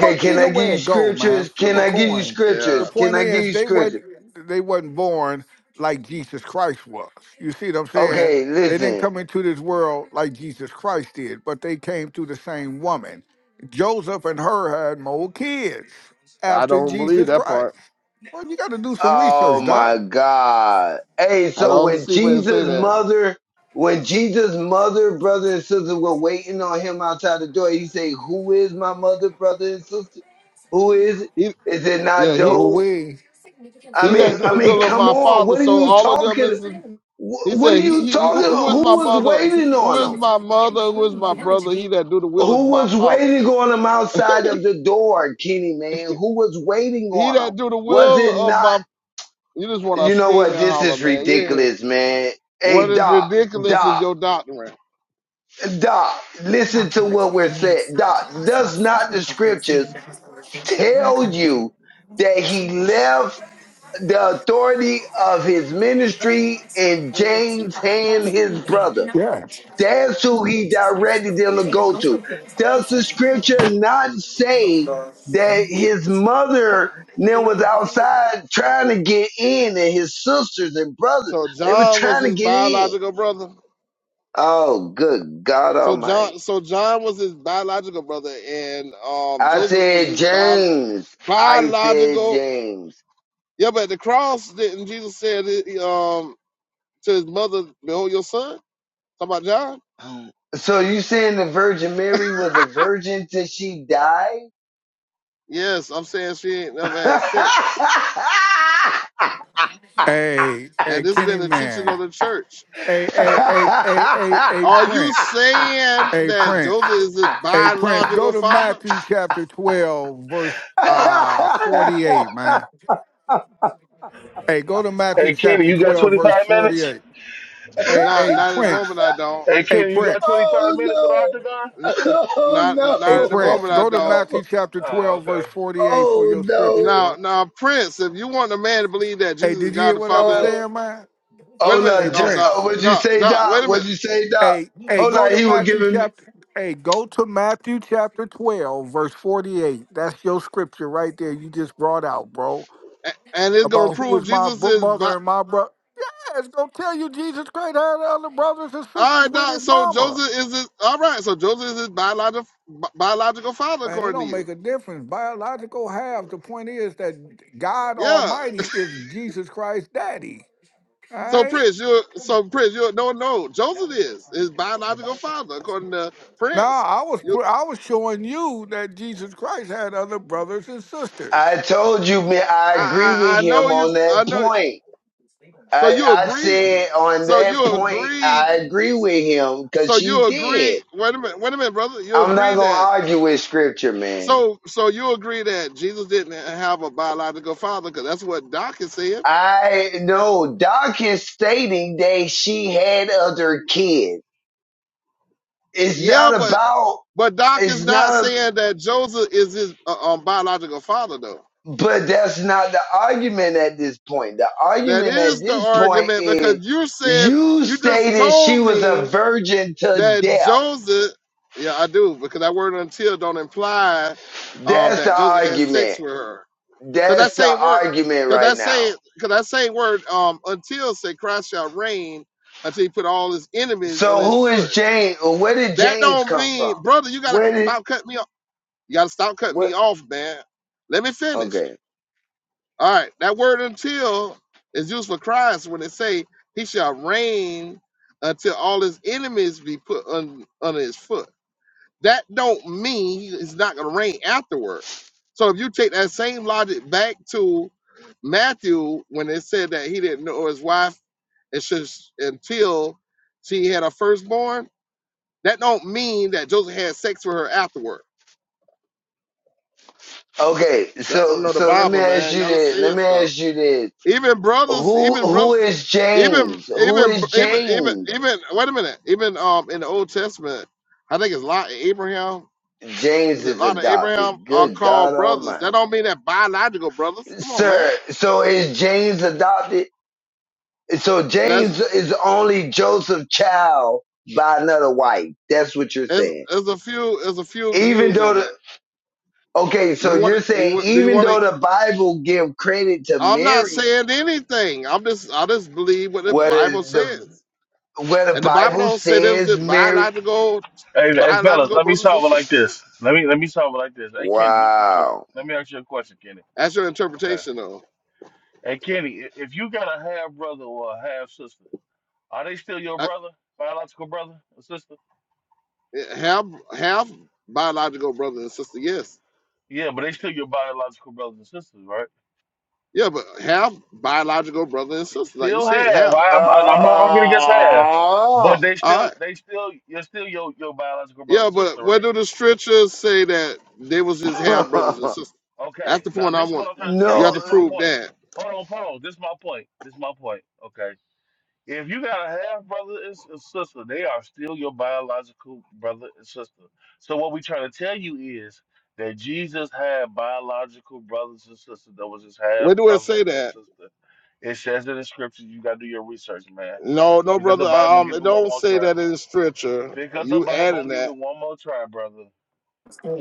Well, can either I give way you it go, man. scriptures? Flip Can a I give you coin. The Yeah, scriptures? Can point I give is, you they wasn't scriptures? they wasn't born like Jesus Christ was. You see what I'm saying? Okay, They didn't listen. come into this world like Jesus Christ did, but they came through the same woman. Joseph and her had more kids I after don't believe Jesus that Christ. part. Well, you got to do some Oh research, Doc. my God. Hey, I so don't when see where it say Jesus' that. mother, when Jesus' mother, brother and sister were waiting on him outside the door, he said, Who is my mother, brother and sister? Who is it? He, Is it yeah, not he Oh, those? we. I he mean, that do the I mean, will of come my on. father. What are So you all of them talking? is. the- He Wh- What are said, he, you he talking who who about? is Who my was mother? waiting Who on is him? my mother? Who is my brother? He that do the will of Who my was father. waiting on him outside of the door, Kenny man? Who was waiting he on him? that do the Was will it of not? my. You just want You to know stream what? and This holler, is man. You ain't. ridiculous, man. What Hey, is Doc, ridiculous is Doc, your doctrine. Doc, listen to what we're saying. Doc, does not the scriptures tell you that he left the authority of his ministry in James' hand, his brother? Yeah. That's who he directed them to go to. Does the scripture not say that his mother then was outside trying to get in and his sisters and brothers, So they were John was trying to his get in. biological brother. Oh, good God So John, Almighty. so John was his biological brother, and um, I Joseph was said his bi- James. I said biological. James. Yeah, but at the cross, didn't Jesus said it, um to his mother, "Behold your son." Talk about John. So you saying the Virgin Mary was a virgin till she died? Yes, I'm saying she ain't never had sex, Hey, and hey, this has Kenny been the teaching of Man. the church. Hey, oh hey, hey, hey, hey, hey, Are you Prince. saying Hey, that Prince. Joseph is his Hey, Prince. Go biological to father? Matthew chapter 12, verse uh 48, man. Hey, go to Matthew Hey, Kenny, chapter you got 12, verse 25 minutes? 48. Hey, Not, hey, not at the moment. Prince. I don't. Hey, Hey, Kenny, you got Prince. 25 minutes for the no! octagon? Not, Oh no! Oh not, Hey, not at the Prince. moment. I Go to don't. no! Matthew chapter Oh, 12, verse okay. 48 for Oh your scripture, no! Now, bro. now, Prince, if you want a man to believe that Hey, Jesus is did you hear God the what I was Father, Oh, saying, man? wait a oh Hey, no! minute, Ju- um, Doc, uh, Prince. what'd you Doc, say, Doc, Doc? wait a minute, What'd you say, Doc? Hey, hey, Hold go on, to he was Matthew giving me. chapter. Hey, go to Matthew chapter 12, verse 48. That's your scripture right there you just brought out, bro. A- and it's gonna About who prove is my Jesus bro- is. Bi- mother and my brother. Yeah, it's going to tell you Jesus Christ had other brothers and all sisters right, with Doc. his So mama. Joseph is his. All right, so Joseph is his biological biological father, Man, it according to don't make you. a difference. Biological half. The point is that God Yeah. Almighty is Jesus Christ's daddy. All So right? Prince, you are so Prince, you are no no. Joseph is his biological father, according to Nah, Prince. I was You, pr- I was showing you that Jesus Christ had other brothers and I sisters. told you, man. I agree I, with I, I him know you. on I that know. point. So I you I agree. said on So that you point, agree. I agree with him because So she you did. agree? Wait a minute. Wait a minute, brother. You I'm agree not gonna that? argue with scripture, man. So so you agree that Jesus didn't have a biological father because that's what Doc is saying. I know Doc is stating that she had other kids. It's Yeah, not but about but Doc is it's not not a saying that Joseph is his uh, um, biological father though. but that's not the argument at this point. The That argument at is the this point argument because is you said you you just stated she told was a me virgin to that death. Joseph. Yeah, I do because that word until don't imply um, That's the that Joseph had sex argument. with her. Cause that That's the same word, argument cause right that same, now. cause that same word, um, until said Christ shall reign until he put all his enemies on So his who is foot. James? Where did That James don't come from? mean, brother, you gotta Where did stop cutting me off. You gotta stop cutting me what? off, man. Let me finish. Okay. All right, that word until is used for Christ when it say he shall reign until all his enemies be put on, under his foot that don't mean he- he's not going to rain afterward. So if you take that same logic back to Matthew when it said that he didn't know his wife and she's- until she had a firstborn, that don't mean that Joseph had sex with her afterward. Okay, Y'all don't so know the so let me Bible, ask man. you Y'all just this. Let saying me stuff. ask you this. Even brothers, Who even who brothers, is even James? Who even is even even James? even wait a minute. Even um in the Old Testament, I think it's Lot and Abraham. James Is it a is Lot of Abraham adopted. are Good God called brothers? That Almighty, don't mean that biological brothers. Come on, man. sir. So is James adopted? So That's James is only Joseph's child by another wife. That's what you're there's saying. there's a few there's a few Even views though on the that. okay, so You want to you're saying do you even want though to? the Bible give credit to I'm not Mary, saying anything. I'm just I just believe what the whether Bible the says, where the and the Bible Bible don't say there's the says Mary. biological Hey, hey, fellas, biological let me brothers and solve it sisters. like this. Let me let me solve it like this. Hey, Kenny, let me ask you. Wow. Let me ask you a question, Kenny. That's your Okay. interpretation, though. Hey, Kenny, i- if you got a half brother or a half sister, are they still your I- brother, biological brother or sister? Have have biological brothers and sisters? Yes, Yeah, but they still your biological brothers and sisters, right? yeah, but have biological brothers and sisters, like you Still said, have. have. I'm I'm not arguing against half, but Oh. they All right. still they still you're still your your biological brother Yeah, and but sister, right? where do the scriptures say that they was his half brothers and sisters? That's Okay, the now point I this is what want. I'm trying to tell You you. no, have to This is my prove point. that. Hold on, Paul. This is my point. This is my point. Okay. If you got a half brother and s- and sister, they are still your biological brother and sister. So what we trying to tell you is that Jesus had biological brothers and sisters. That was his half Where do it brother say and that? sister. It says in the scriptures, you gotta do your research, man. No, no, Pick up the brother. Bible and Um, give it it one don't more say try. that in scripture. Pick up the You Bible adding and give that. it one more try, brother.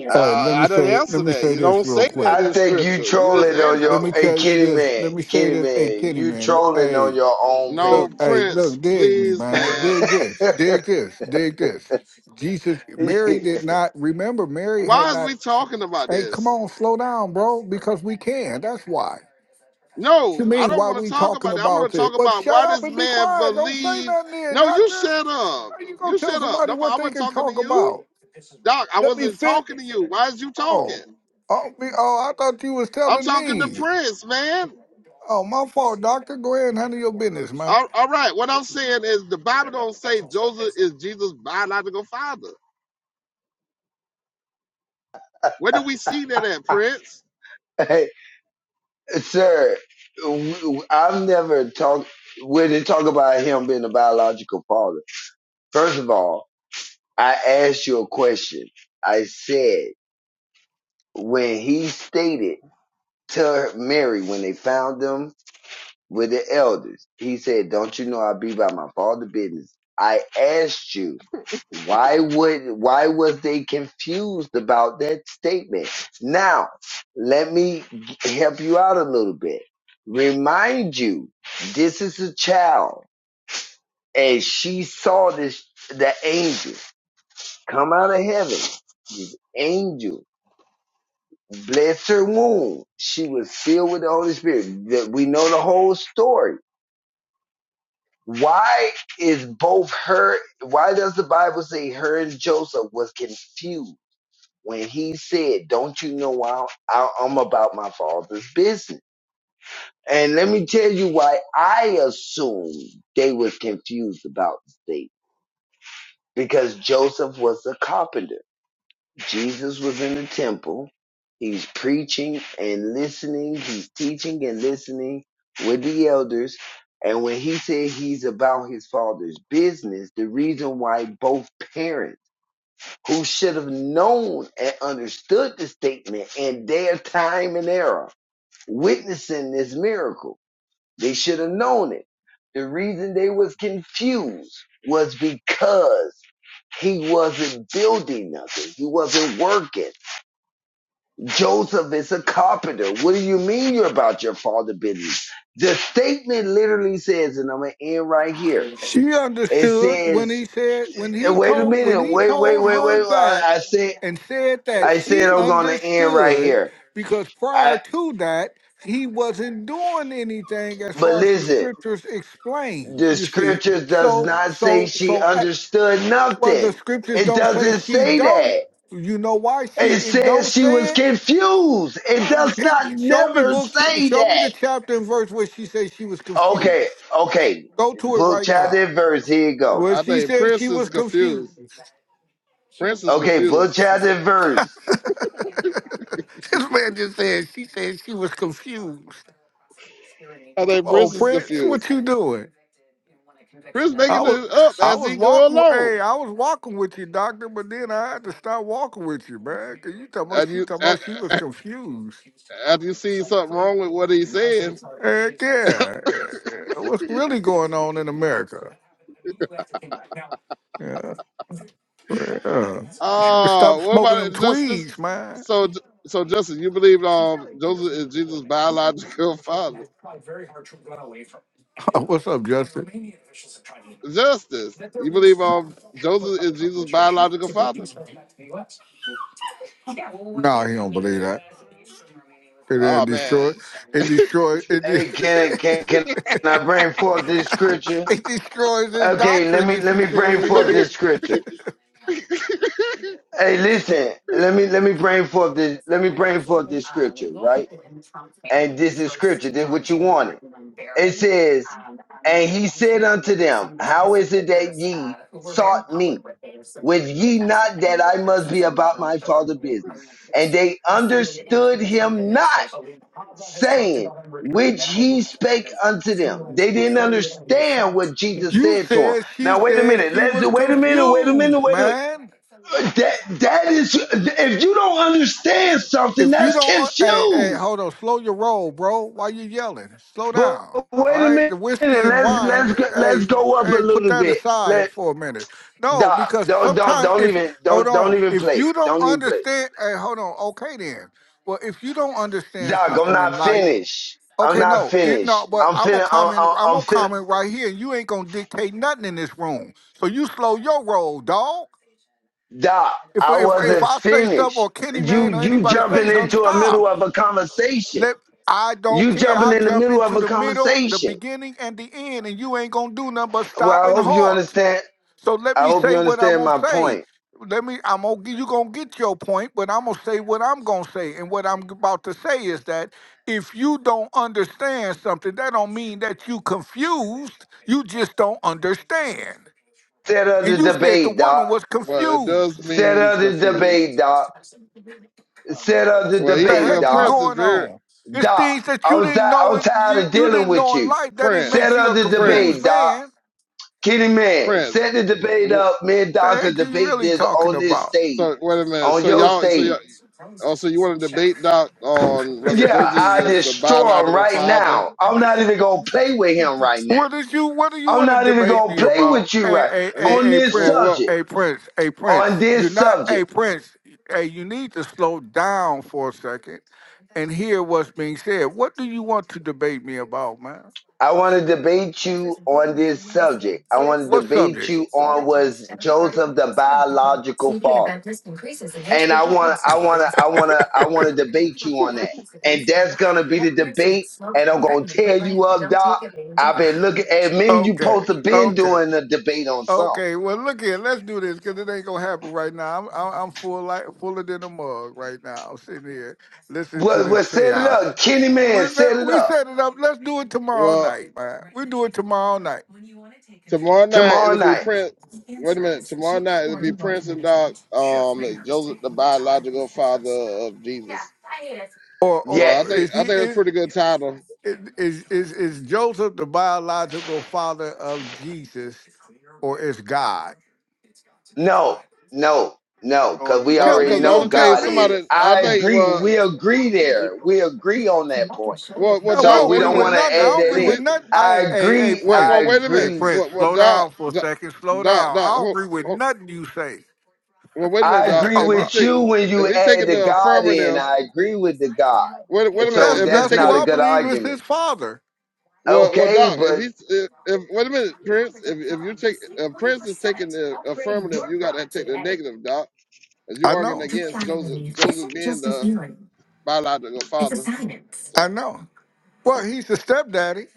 Uh, Hey, let me I didn't say let answer me that. say You this don't real say that quick. I in think you scripture. You just trolling add on that Let your me part. hey tell you Kitty this. Man, Let me say Kitty this. Hey, Man, Kenny, you man. trolling on Hey, your own No, look. page. Hey, Prince, look. Dig me, please, man. man. Dig this. Dig this. Dig this. Jesus, Mary did not remember. Mary had Why is not. we talking about Hey, come this? on, slow down, bro. Because we can. That's why. What you No, I mean? don't Why want to we talk talking about that. I want to about it? talk Well, about shut why up this and be man quiet. Don't say believed. nothing, then, No, you doctor. shut up. How you gonna You tell shut up. somebody No, I what they wasn't can talking to talk you, about? Doc. I Let me wasn't fit. talking to you. Why is you talking? Oh, oh, me, oh! I thought you was I'm telling talking to me. Prince, man. Oh, my fault, doctor. Go ahead and handle your business, man. All, all right. What I'm saying is the Bible don't say Joseph is Jesus' biological father. Where do we see that at, Prince? hey, sir, w- w- I've never talked when they talk about him being a biological father. First of all, I asked you a question. I said when he stated to Mary when they found him with the elders. He said, Don't you know I be by my father's business? I asked you, why would why was they confused about that statement? Now, let me help you out a little bit. Remind you, this is a child, and she saw this the angel come out of heaven. Angel bless her womb. She was filled with the Holy Spirit. The- We know the whole story Why is both her? Why does the Bible say her and Joseph was confused when he said, "Don't you know I, I, I'm about my father's business"? And let me tell you why I assume they was confused about the state because Joseph was a carpenter. Jesus was in the temple. He's preaching and listening. He's teaching and listening with the elders. And when he said he's about his father's business, the reason why both parents who should have known and understood the statement in their time and era witnessing this miracle, they should have known it. The reason they was confused was because he wasn't building nothing. He wasn't working. Joseph is a carpenter. What do you mean you're about your father business? The statement literally says, and I'm gonna end right here. She It understood when says, he said when eh, he wait a told when minute, he wait, wait, told wait, her wait. I, that I said, and said that I said she I'm gonna end right understood here. because I, prior to that he wasn't doing anything as but far as the listen, scriptures explain the you see scriptures does so not say so she so a- understood well the nothing. scriptures It don't say doesn't she say don't that. you know why she It it says don't she was say it confused. no It does not it, show me never book two- say show me that. the chapter and verse where she says she was Okay, confused okay. go to it Book right now chapter and verse. Here you go. well, I she think said she Prince was is confused. confused. Prince is Okay, book confused. chapter and verse. this man just said she said she was confused. I Come think on, Prince is Prince, confused. what you doing? Prince I making was it up I as was he go walking along. hey, I was walking with you, doctor, but then I had to stop walking with you, man. Cause you talking about And she you, talking about she was confused. after you see something wrong with what he's saying. Heck yeah. Uh, What's really going on in America? Yeah. Yeah. Uh, Stop what smoking about them it, Justice? tweeds, man. So, so Justice, you believe um Joseph is Jesus' biological father? What's up, Justin? Justice, you believe um Joseph is Jesus' biological father? No, he don't believe that. It didn't Oh man, destroy. It destroys. It de- Hey, can can can I bring forth this scripture? it destroys his Okay, let doctrine me if let he me say bring forth this it scripture. Hey, listen. Let me let me bring forth this. Let me bring forth this scripture, right? And this is scripture. This is what you wanted. It says, and he said unto them, How is it that ye sought me? Was ye not that I must be about my father's business? And they understood him not, saying, which he spake unto them. They didn't understand what is. Jesus You said to them. said she Now wait a said minute. she Let's was wait a minute. Wait a minute. confused, Wait a man. that that is if you don't understand something, If you that's don't, uh, hey, hey, confused. hold on, slow your roll, bro. Why you yelling? Slow But down. All wait a right, the minute. whiskey and Let's wine, let's go, let's hey, go up a hey, put little that bit. aside Let for a minute. No, Doc, because don't don't sometimes don't if even hold don't don't on, even if play. you don't Don't even play understand, hey, hold on, okay then. Well, if you don't understand Doc, I'm something in not life, finished. I'm okay, not no, it, no, finished. but I'm I'm gonna finna. I'm, comment, I'm, I'm I'm gonna finna. comment right here, and you ain't gonna dictate nothing in this room. So you slow your roll, dog. Doc, If I if if wasn't I say something or finished. Kenny You man or you you, anybody jumping say something, into a stop. middle of a conversation. Let I don't You care. jumping I in the jump middle of into a the middle, the conversation. beginning, and the end, and you ain't gonna do nothing but stop Well, I and hope you halt. understand. So let I me hope you say what I'm understand gonna my say. point. Let me. I'm gonna. You gonna get your point, but I'm gonna say what I'm gonna say. And what I'm about to say is that if you don't understand something, that don't mean that you confused. You just don't understand. Set up the And you said the debate, Doc. woman was well it does confused. Set mean he's up the confused. debate, Doc. Set up the Well, The he debate, well heck is Doc. Prince is going very on? It's Doc, things that you I'm, ti- didn't know I'm and you, tired of you dealing didn't with know in you. life that didn't Set make Prince, you up a the confused debate, Prince, Doc. man. Kenny Man, Prince. set the debate Well, up. Me and The Doctor heck you debate really this talking on this about? stage, So wait a minute. on So your y'all, so y'all, stage. oh, so you want to debate Doc on whether Yeah, Joseph I is the destroy him biological right father now. I'm not even gonna play with him right now. What did you what do you I'm want to not even debate gonna me play with about? you Hey, right hey, He hey, on hey, this well, Prince, subject. well, hey, Prince, hey, Prince. On You're this not hey subject, Prince. Hey, you need to slow down for a second and hear what's being said. What do you want to debate me about, man? I want to debate you on this subject. I want to What debate subject? you on was Joseph the biological father. and I want I want to I want to I want to debate you on that. And that's gonna be the debate. And I'm gonna tear you up, Doc. I've been looking at me. and You Okay, supposed to been okay. doing a debate on something. Okay, well, look here. Let's do this because it ain't gonna happen right now. I'm I'm, I'm full like fuller than a mug right now. I'm sitting here listening to Well, this well, set it chaos. up, Kenny Man. We Set let- it we up set it up. Let's do it tomorrow well. night, man. We do it tomorrow night. Tomorrow night tomorrow it'll be night. Prince. Wait a minute. Tomorrow night it'll be Prince and Doc. Um, Joseph, the biological father of Jesus. Or So I or Yes. think is I he think that's a is pretty good title. is is is Joseph the biological father of Jesus, or is God? No. No. No. Oh, Cause you we tell No, me. already because You the know only don't thing tell God me. is. somebody I I think agree. well, We agree there. We agree on that point. well, well, No, we So Doc. don't we Wait a agree don't minute. with want to nothing. I If, add don't that agree if with in. he nothing. I Hey, hey, hey, agree. well, Prince. I well, wait a Hey, minute. agree Prince, Well, well slow Doc, down for a Doc, second. Slow Doc, down. I Doc don't hold, agree with hold, nothing you say. well, wait a minute, I What you Doc. agree talking If you about? with take you when if you he add taking the the God in. affirmative, I agree with the God. wait, wait And a Well, minute. so that's If he that's that's taking who not the a I good believe is argument. his father. Well, well, Okay, Doc, if but he's if, if wait a minute, Prince, if if you take if Prince is taking the affirmative, you got to take the negative, Doc, because you I arguing know. against Joseph, Joseph being the biological father. I So, know. Well, he's the stepdaddy.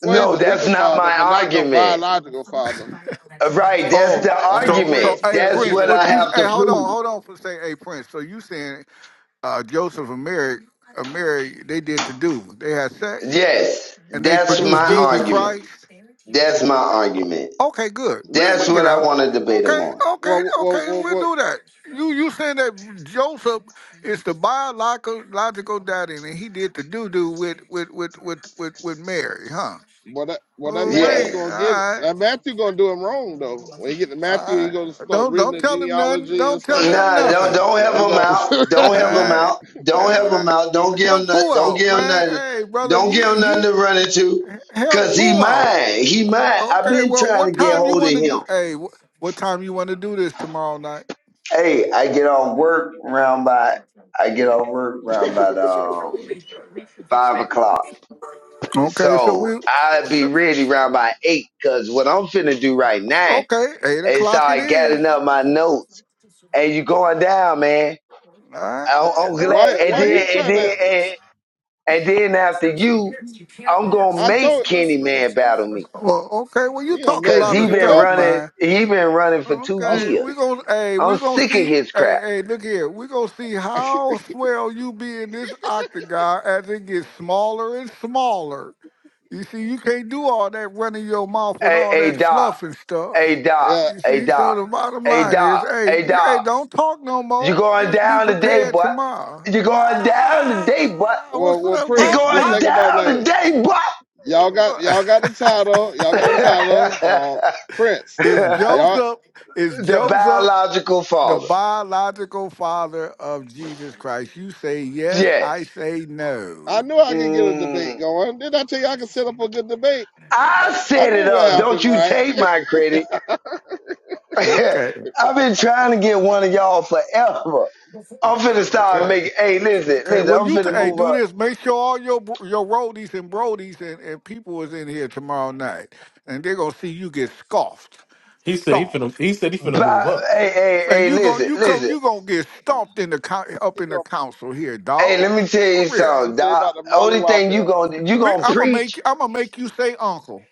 well, he's no, the that's legal not father, my but not no argument. biological father. Uh, Right, that's Oh, the That's what so so Prince argument. hey Prince That's Prince, getting what it what I you wrong have to hey hold on, prove. hold on for say hey Prince. So you saying uh Joseph and Mary and Mary they did to do. They had sex Yes, and they that's to produced my produce. Jesus argument. Christ. That's my argument. Okay, good. Well, We That's we what get I out. want to debate them Okay, on. okay, well, well, okay, well, we'll well do that. You you saying that Joseph is the biological logical daddy and he did the doo doo with with, with with with with Mary, huh? well, that well that Oh Matthew Yes. wait, all gonna get right, that Matthew gonna do him wrong though. When he get to all Matthew, he gonna right. start Don't reading don't the tell him nothing. genealogy and Don't tell stuff. him Nah, don't nothing. don't Man, he help him gonna out. Don't All help him right, out. Don't all help right. him out. Don't give him Help nothing. who Don't out, give him man? nothing. Hey, brother, Don't give you him nothing he to run into. help Cause he who out? mine. He mine. I've Okay, been well, trying to what get time you hold of want to him. do? Hey, wh- what time you want to do this tomorrow night? Hey, I get off work around by I get off work around by um five o'clock. Okay, so So we, I'll be so, ready around by eight. Cause what I'm finna do right now okay, eight is o'clock it start is. gathering up my notes. And you going down, man. All right, I'm, I'm glad. Why And why okay. you then, and trying to then, And then after you, I'm gonna I make told Kenny Man battle me. Well, okay. Well, you you don't talk a make Cause lot me he of do been stuff, nothing. running, man. he been running for two Oh, Okay, years. we gonna hey, I'm we gonna sick of see his hey crap. hey look here, we gonna see how swell you be in this octagon as it gets smaller and smaller. You see, you can't do all that running your mouth with Hey, all hey that Doc, fluff and stuff. hey Doc, yeah. You hey see, so Doc, the bottom hey line is, Doc, hey, hey hey, Doc. don't talk no You more. going Just be down today, prepared boy. tomorrow. You going down Ah, today, boy. Well what's well up, You my, Prince, let's going my? think about it down like this. today, boy. Y'all got y'all got the title. Y'all got a title. Um Prince. It's the Y'all Joseph. It's Joseph. biological the father. biological father of Jesus Christ. You say yes, Yes. I say no. I knew I could get a debate Mm. going. Didn't I tell you I could set up a good debate? Uh, I I set it knew what up. Don't happened, you right? take my credit. okay. I've been trying to get one of y'all forever. Uh, I'm finna start Well Okay. making. Hey, listen, Okay. listen. Well, I'm you t- finna hey, move do up. this. Make sure all your bro- your roadies and brodies and, and people is in here tomorrow night, and they're gonna see you get scoffed, He said he finna. stomped. He said he finna By, move up. hey, hey, Man, hey, you going listen, you come listen. you gonna get stomped in the coun up he in the go council here, Hey, dog. let me tell For you real. he something, say Doc. about the Molly Only Wop thing you him. gonna you We, gonna I'm gonna make preach, I'm gonna make you say uncle.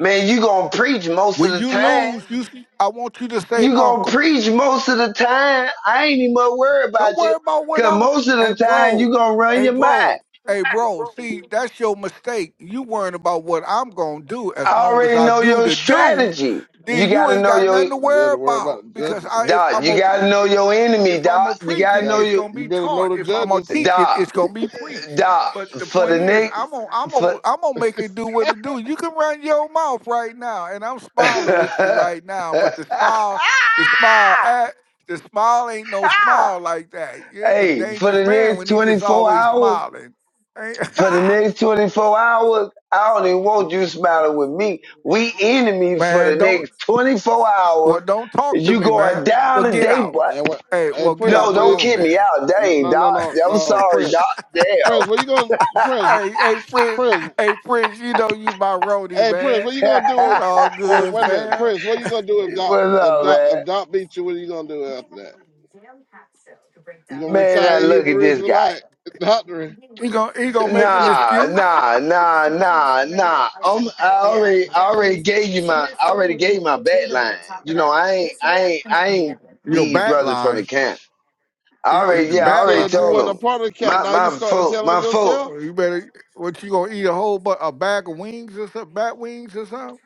man. You gonna preach most of When the you time. lose, you I want you to say You gonna uncle. preach most of the time. I ain't even much worried about Don't you, worry about what cause I'm. most of Hey, the time bro. you gonna run Hey, your mind. bro. Hey, bro. See, that's your mistake. You worrying about what I'm gonna do. I As long as already I know do your the do, strategy. You then you gotta ain't know got your nothing to You worry better worry about. about the Because judges. I, if Doc, I'm you gonna gotta preach know it, your enemy, if I'm Doc. gonna You preach You gotta it, know got it's your gonna you be better know taught. the If I'm gonna judges. teach it, Doc, it's gonna be preached. Doc, But the for point the is, next, I'm gonna, I'm for. gonna, I'm gonna make it do and what it do. You can run your mouth right now, and I'm smiling with you right now. But the smile, the smile, I, the smile ain't no smile like that. He's a hey, for dangerous the man next when he just 24 always hours, smiling. Ain't- for the next 24 hours, I don't even want you smiling with me. We enemies for the man, don't next 24 well hours. don't talk to You me, going man. down Well get today, out. but what Hey, hey well get Prince, no, out the where don't room kid me then. out. No, Dang, no, Doc. no, no, I'm no, sorry, Doc. Prince. Damn. Prince, what you gonna Prince? hey, hey Prince, Prince, hey Prince, you know you my roadie, hey Prince, man. what you gonna It's do? all Wait, good, wait a minute, fam. Prince, what you gonna do if Doc What's if up, Doc if man? Doc beat you? What are you gonna do after that? You gonna Man, retire now look at Hebrew this guy. Israelite doctrine? He gonna he gonna make an Nah, excuse. nah, nah, nah, nah. Um, I already, I already gave you my, I already gave you my back line. You know, I ain't, I ain't, I ain't Your these bat brothers from the line, camp. I it- already, it- the yeah, You I bat already said you told line. weren't a them. part of the camp. My, Now you my start to folk, tell on my folk, yourself. Well, You better. What you gonna eat a whole but a bag of wings or something? Bat wings or something?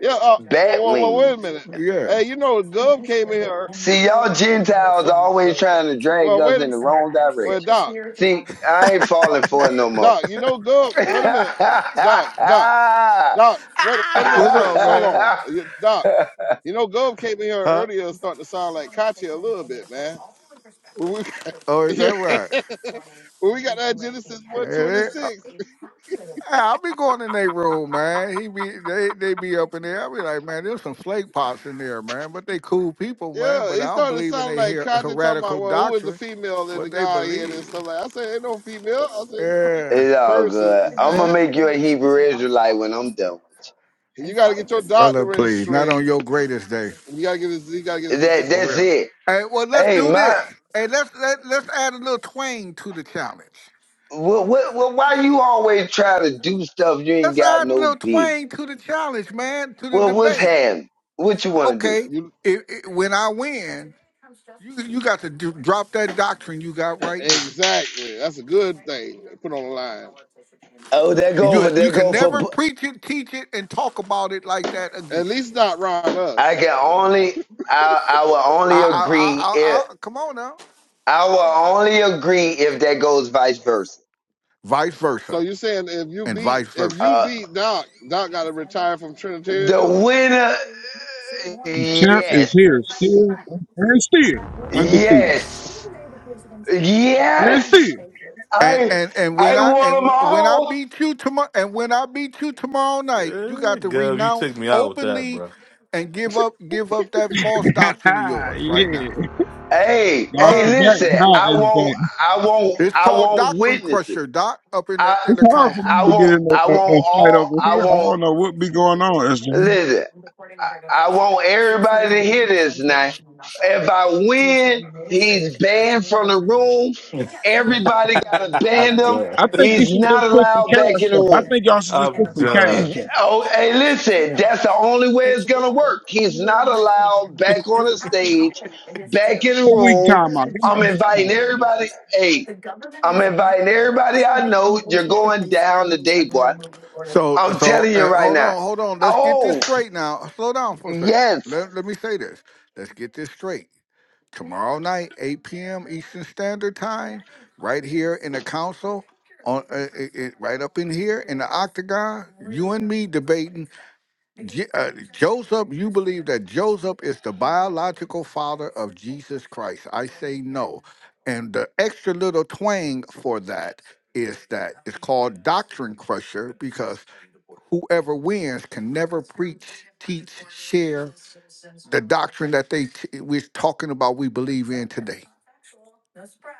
Yeah. Uh, bat well, well, well, wait a wings. minute. Yeah. Hey, you know Gov came in here. See, y'all Gentiles Well, always trying to drag well, wait us a in minute. the wrong Well, direction. Doc, See, I ain't falling for it no more. Doc, you know Gov. Wait a minute, Doc, Doc, Doc. Wait, wait a minute, What's up, Prince. Hold man? on, You- Doc. You know, Gov came in here Huh? earlier and starting to sound like Kachi a little bit, man. When we, Oh, is yeah. that right? when we got that Genesis Yeah, they- uh, 126, hey, I- I'll be going in their room, man. He be they they be up in there. I be like, man, there's some flake pots in there, man. But they cool people, man. yeah, But it I don't started believe in sounding their like her- Kachi talking about, heretical well, who is the doctrine, female in the what they Godhead and stuff believe. like that. I said, ain't no female. I said, Yeah, It's all persons, good. I'm gonna man. make you a Hebrew Israelite when I'm done with You got to get your brother, doctrine please, not straight. on your greatest day. You got to get his, you got to get his you. That position For that's real. straight. it. Hey, well, let's Hey, do this. my, Hey, let's let, let's add a little twang to the challenge. what, what, what, why you always try to do stuff you ain't Let's got add a no little bid? twang to the challenge, man, to the Well, what's debate. happening? What you want to do? Okay, You it, it, when I win, you you got to do, drop that doctrine you got right now. Exactly. That's a good thing. Put on the line. Oh, that go You for you that can go for. never preach it, teach it, and talk about it like that again. At least not around us. I can only I I will I only I agree if I, I, I come on now. I will only agree if that goes vice versa. vice So versa, you saying if you and beat vice if you versa. Uh, beat Doc, Doc got to retire from the Trinitarianism? winner. The champ is Yes, here, still and still undefeated. yes, And still. yes. And I and and I when I want them and when I all. beat you tomorrow and when I beat you tomorrow night, you Yeah, got to Gov, you renounce took me out with that, openly bro. and give up give up that false doctrine of yours right yeah. now. Hey, Y'all hey, Uh forgot listen. now I want, SJ. I want, it's I called want doctrine witnesses. crusher, doc, up in I, the in It's the hard for council. I me to get want, in a, I want a, a fight all. over I here. I want. don't know what be going on, SJ. Listen. I, I want everybody to hear this now. If I win, he's banned from the room. Everybody got to ban I'm In him. done. I think you He's should not just put some allowed back cash in the up. I room. think y'all should just I'm put some done. cash up. Oh, hey, listen, that's the only way it's gonna work. He's not allowed back on the stage, back in the A week room. time out. Give me I'm a week time. inviting everybody. Hey, I'm inviting everybody I know. You're going down today, boy. So, I'm so telling you uh, right hold now. on, hold on. Let's get this Oh, straight now. Slow down for a second. yes, Let, let me say this. Let's get this straight. Tomorrow night, 8 p.m. Eastern Standard Time, right here in the council, on uh, uh, uh, right up in here in the octagon, you and me debating Je- uh, Joseph, you believe that Joseph is the biological father of Jesus Christ. I say no. And the extra little twang for that is that it's called doctrine crusher because whoever wins can never preach, teach, share the doctrine that they t- we're talking about we believe in today.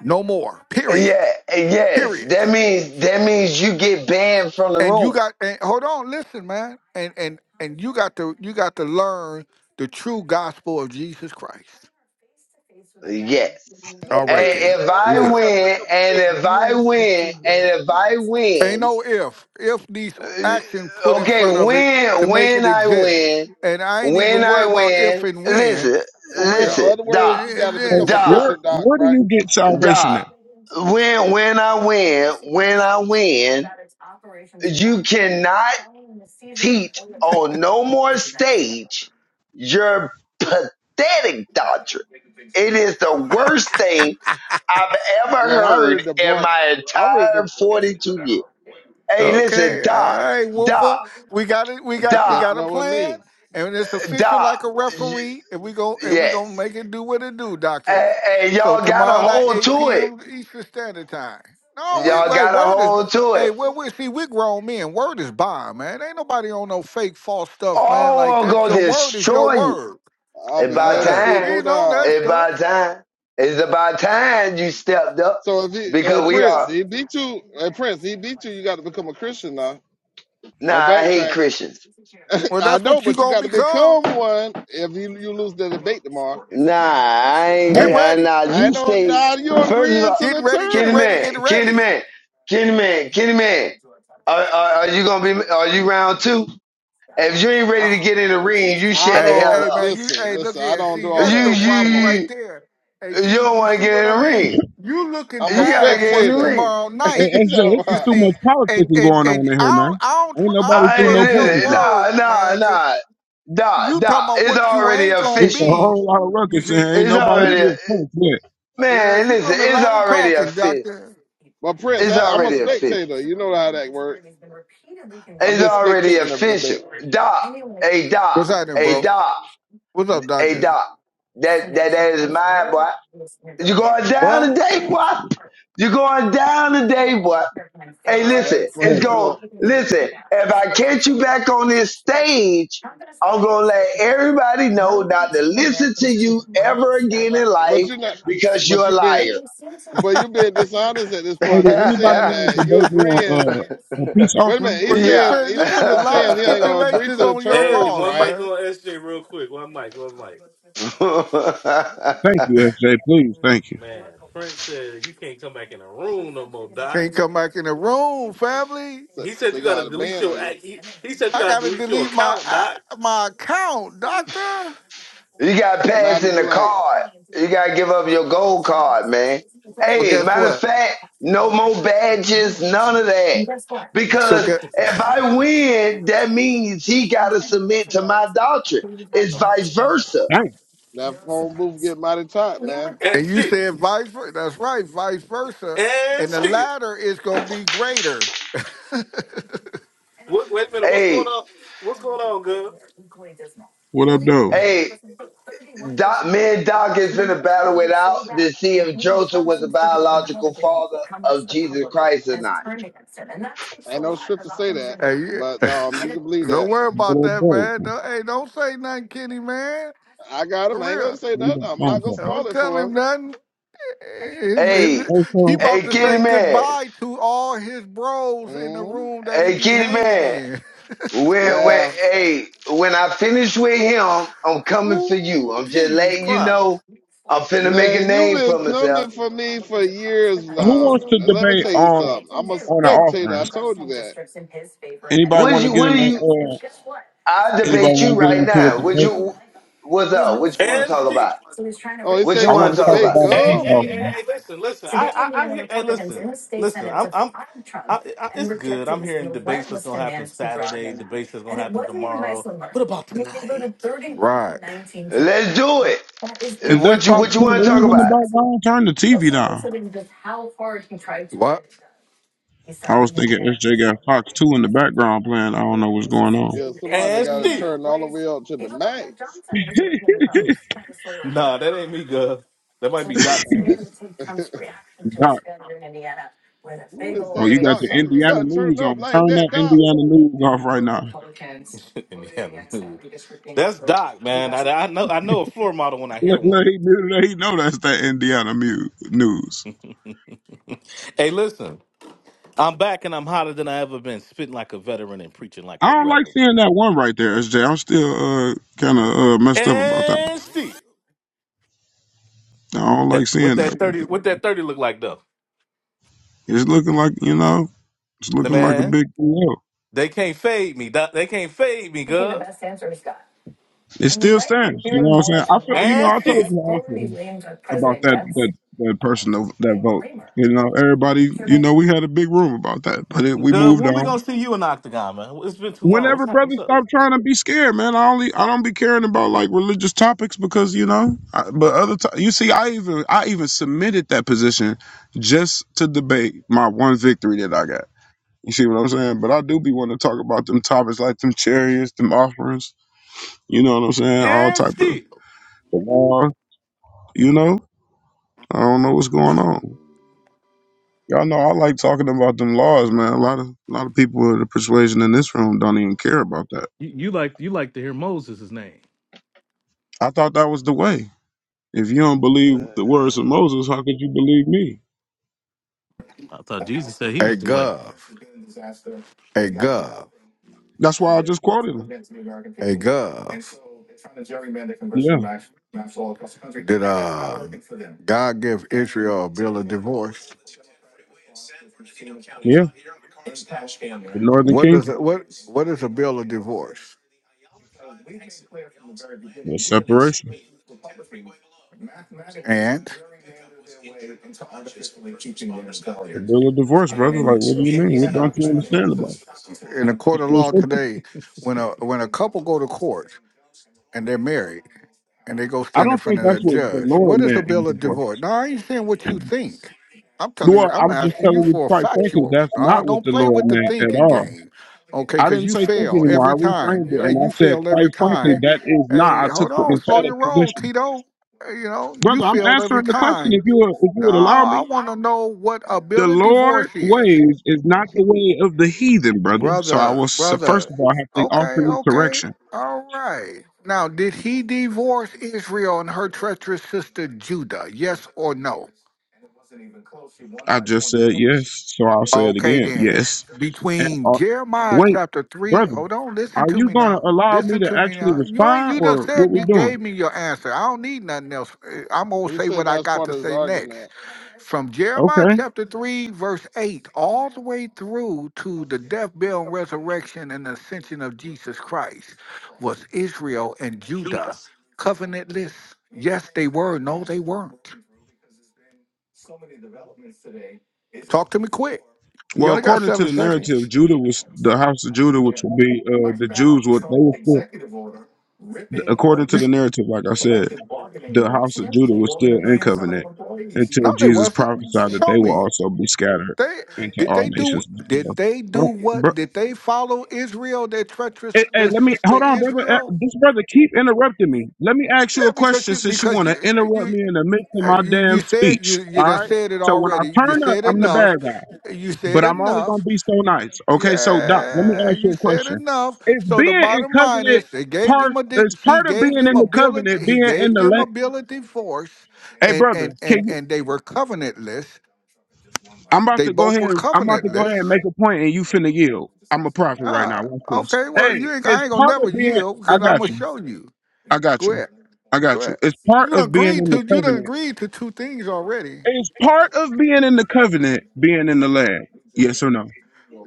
No more. Period. yeah, yes. Period. That means that means you get banned from the And you room. got and hold on, listen, man. And and and you got to you got to learn the true gospel of Jesus Christ. Yes. other All right And words, then. in if other We I words, you good. got to win, become a and Christian. if I win, and if I Ain't win. no if. If these actions put in front okay, of it Yeah. when to make when it I exist. win, And I ain't when even I worried about if win, and when, listen, for In in real. listen, other words, Doc, And you it- got it to Hey, is become a it. Doc, where Christian, Doc. where do Right? you get salvation Doc. at? When when I win, when I win, you cannot teach on no more stage your pathetic doctrine. It is the worst thing I've ever Man, I already heard in debunked. my I already de- entire 42 years. Hey, listen, Okay, all Doc, right, Doc, Wolfer. We got it. We he got we Doc, catching got a up with plan, me. and it's official Doc. like a referee. And we go and we gonna Yes. make it do what it do, And, Doctor. and So y'all got to tomorrow night, hold eight to it. p.m. Eastern Standard Time. No, Huh? we Y'all wait. got to Word is. hold to it. Hey, well, we see we grown men. Word is bond, man. Ain't nobody on no fake false stuff, man. All Like are that. going to Your word is your destroy you. word. I'll It's be about glad to Yeah, see it we go time. know that down. It's stuff. about time. It's about time you stepped up So if he hey because we Prince, are. he beat you. Hey Prince, he beat you. You got to become a Christian now. Nah, Don't I hate backtrack. Christians. Well, I that's know, what you but you gonna got to become. become one if you, you lose the debate tomorrow. Nah, I ain't. Get Hey, uh, ready. Nah, I you don't stay. doubt you First of agreeing all, to Get the ready. Get Kenny ready. terms. Man, Get Kenny ready. Man, Kenny Man, Kenny Man. Are, are, are you gonna be? Are you round two? If you ain't I, ready to get in the ring, you I shut the Hey, hell don't hey, up. man, you, listen, hey, look listen. I here. don't do See, all You that's that, your man. you Come problem on, now. you. right there. Hey, You see, don't you want to see get what in I the mean? ring. You looking I'm a You gotta past get in what's the spectator. ring. tomorrow hey, night. You SJ, know, this You is uh, too see, much and politicking and going on and in I here, man. don't, I don't, Ain't tr- I nobody don't I threw ain't no trust in your punches it. yet. Nah, words, nah, man, because nah. Nah, you nah. talking about It's what you already ain't gonna It's a official. be. whole lot of You ruckus in see, here. Ain't It's nobody you. already, threw a punch yet. Yeah, man, you're listen, doing a it's lot of already talking, official. Doctor. but Prince, It's I, I'm a already official. spectator. You know how that works. I'm It's just already spectating the official. debate. Doc, hey, Doc, What's happening, hey, bro? Doc, What's up, hey, Doctor? Doc. That, that, that is my boy. you going down What? today, boy. you going down today, boy. Hey, All listen, right, it's Hey, Prince, you going going listen, if I catch you back on this stage, I'm gonna let everybody know not to listen to you ever again in but life you're not, because but you're a you been, liar. but you being dishonest at this hey, point do because you're anybody saying want that to you're debate me agreeing. on uh, a peace Wait a offering? minute, Well, he's you saying fin you he's, put a he's lot of saying he ain't gonna agree stipulations to the on your Hey, terms, loss, one right? mic man. on SJ real quick. One mic. One mic. yeah. Thank you, SJ. Please, thank you. Man, Prince said you can't come back in the room no more, Doc. Can't come back in the room, family. So, He so said you you gotta got a delete ban on your. you. act- He, he said you I gotta gotta delete your delete my account, I, Doc. my account, doctor. You got to You might have pass to in do the like card. You got to give up your gold card, man. Well, Hey, guess matter of what? fact, no more badges, none of that. So Because get if I win, that means he got to submit to my doctrine. It's I'm done. vice versa. Hey, That phone booth get mighty tight, man. And and you still, said vice versa. That's right, vice versa. and And the still. latter is gonna be greater. What, wait a minute. What's Hey, going on? What's going on, Gov? what up, though? hey, Doc, me and Doc is in a battle without to see if Joseph was the biological father of Jesus Christ or not. Ain't no script to say that, Hey, but yeah. um, you can believe that. don't worry about What up, that, though? man. Don't, hey, don't say nothing, Kenny, man. I got him. For I ain't real. gonna say You nothing. want I'm not phone gonna call. spoil Don't it tell for him him. nothing. His- Hey, his- Hey, he so about hey, to Kitty say Man. goodbye to all his bros in the hmm room that he Hey, be Kitty hanging Man. in. Where, where, Yeah, hey, when I finish with him, I'm coming for you. Ooh, I'm just Jesus letting you know Christ. I'm finna make a man, you've name been for coming myself. for me for years who now. wants to And let me debate tell you on something. I'm a on an spectator. I offering? told you that. Anybody What want to you, get what in? do you, Uh, I'll anybody debate you want to get right into now. a What debate? you, what's up? What you want to And talk shit. about? Oh, he said What he you I gonna want want to to talk talk debate about? about a Hey, peace Gov. hey, hey, offering. hey, listen, listen. I, I, I hear, hey, listen, listen. I'm, I'm, I, I, it's good. I'm hearing debates that's gonna happen Saturday. Debates that's gonna happen tomorrow. What about tonight? Let's do it. Is that What you, Fox what you 2 want to talk News in the about? background? Turn the TV down. I was thinking SJ got Fox 2 in the background playing. I don't know what's going on. Yeah, somebody And got to still, turn all the way up to the max. nah, that ain't me, Gov. That might be Doc Fuse Doc, Who is oh, you that, got Doc? the You you got Indiana to turn it news on. up like Turn that, that Doc. Indiana news off right now. in the other news. That's Doc, man. I, I know, I know a floor model when I hear Let, let, one. he, let he know that's that Indiana mu- news. hey, listen, I'm back and I'm hotter than I ever been, spitting like a veteran and preaching like a I don't like rebel. seeing that one right there, S am still uh, kind of uh, messed up about that. And still. I don't That like what seeing that that right thirty there. what that thirty look like though? It's looking like, you know, it's The looking like a man, big deal. they can't fade me. doc. They can't fade me, Gov. It still stands. You know what I'm saying? I feel, you know, And I told still, you how I feel. about that that that person that that vote. You know, everybody. You know, we had a big room about that, but it, we Gov, moved when we gonna on. see you in Octagon, man? It's been too long. What's Whenever hap- What's brothers up? stop trying to be scared, man, I only I don't be caring about like religious topics because you know. I, but other t- you see, I even I even submitted that position just to debate my one victory that I got. You see what I'm saying? But I do be want to talk about them topics like them chariots, them offerings. You know what I'm saying? All And type of the still, law. You know, I don't know what's going on. Y'all know I like talking about them laws, man. A lot of a lot of people of the persuasion in this room don't even care about that. You, you like you like to hear Moses' name. I thought that was the way. If you don't believe the words of Moses, how could you believe me? I thought Jesus said he A was the way. gov. A That's why I just quoted him. gov. Yeah, God give Israel a bill of divorce? yeah. The Northern What does Kingdom, it, what what is a bill of divorce? And the separation, the bill of divorce, brother. Like, what do you mean? What don't you understand about it? in a court It's of real law simple. today, when a when a couple go to court, and they're married and they go I stand in don't front think of that's that what the judge. Lord What is a meant in bill of divorce. divorce? No, I ain't saying what you think. I'm telling you, Well, I'm I'm just asking you telling you, for quite frankly, factuals. that's not No, what don't the play Lord with the meant at thinking all. game. Okay, I because didn't you say think fail anymore. I every time. reframed it Hey, and I you said, failed quite every frankly, time. that is not. Hey, I took hold the on, slow your emphatic roll, position. Tito. Hey, You know, you Brother, I'm failed every answering the question time. if you would, if you No, would allow I me. want to know what a The bill of divorce Lord's is ways is not the way of the heathen, brother. So I brother, was so first brother. of all I have to offer Okay, you okay, correction. all right. Now, did he divorce Israel and her treacherous sister Judah? Yes or no? I just said yes, so I'll say it Okay, again. then. Yes. And Between uh, Jeremiah wait, chapter 3, brother, hold on, listen are to you me gonna now. allow me Listen to to me actually now. You ain't respond you just or what said we you doing? gave me your answer. I don't need nothing else. Uh, I'm going to He say said what I that's got part to of his say next. argument. From Jeremiah Okay. chapter 3, verse 8, all the way through to the death, burial, and resurrection and ascension of Jesus Christ, was Israel and Judah covenantless? Yes, they were. No, they weren't. Talk to me quick. You Well, only got according to seven the seconds. narrative, Judah was the house of Judah, which would be uh, the Jews. What they were still, according to the narrative, like I said, the house of Judah was still in covenant No, until they Jesus wasn't. prophesied that they Show will me. also be scattered They into did all they do nations. did Hold they do on, bro. what did they follow Israel, their treacherous Hey, hey, their let me sister hold on, brother. Uh, Israel? This brother keep interrupting me. Let me ask you Yeah, a because question you since you because want to you interrupt you me in the midst of uh, my you, you damn said speech. you you All done right. said it So when I already. You turn up, said I'm the enough. bad guy. You said but I'm only enough. gonna be so nice. Okay, so Doc, let me Yeah, ask you you a said question. enough. Is So the being in bottom line covenant is, they gave part? them a Is dig- he part of being gave in them the ability, covenant he being in gave the them land? ability force, Hey, and brother, and and can you? and they were covenantless. I'm about They to go both ahead. were I'm about to go ahead and covenantless. make a point, and you finna yield. I'm a prophet right Ah, now. Watch this. okay. Well, Hey, you ain't, I it's ain't gonna part never of being. yield I because I'm got gonna you. show you. I got Go you. ahead, I go got you. ahead. It's part You done of being agreed in the to you done covenant. agreed to two things already. It's part of being in the covenant being in the land. Yes or no?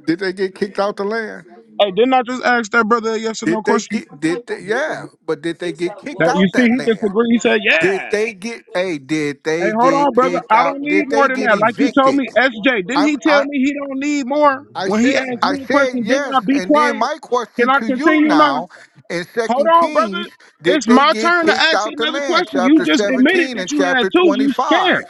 Did they get kicked out the land? Hey, didn't I just ask that brother a yes or no Did they question? get did they yeah, but did they get kicked That you out see, that he land? disagreed. He said, Did "Yeah, they get hey, did hey, they hold Each on, get state brother. of kicked I out? don't need Did the more they than get Father that. Like is the you Son, told evicted? me, one SJ. Didn't I'm he person. tell I me he don't need I more read I when the he said verse asked I as me a very said question? different. Didn't yes, I be and then quiet? my Can question I to you continue now? now in Hold Second on, brother. Kings, did It's they my get turn to kicked ask out the another land? question. You Chapter just admitted 17 that and you had chapter two. You scared. 25.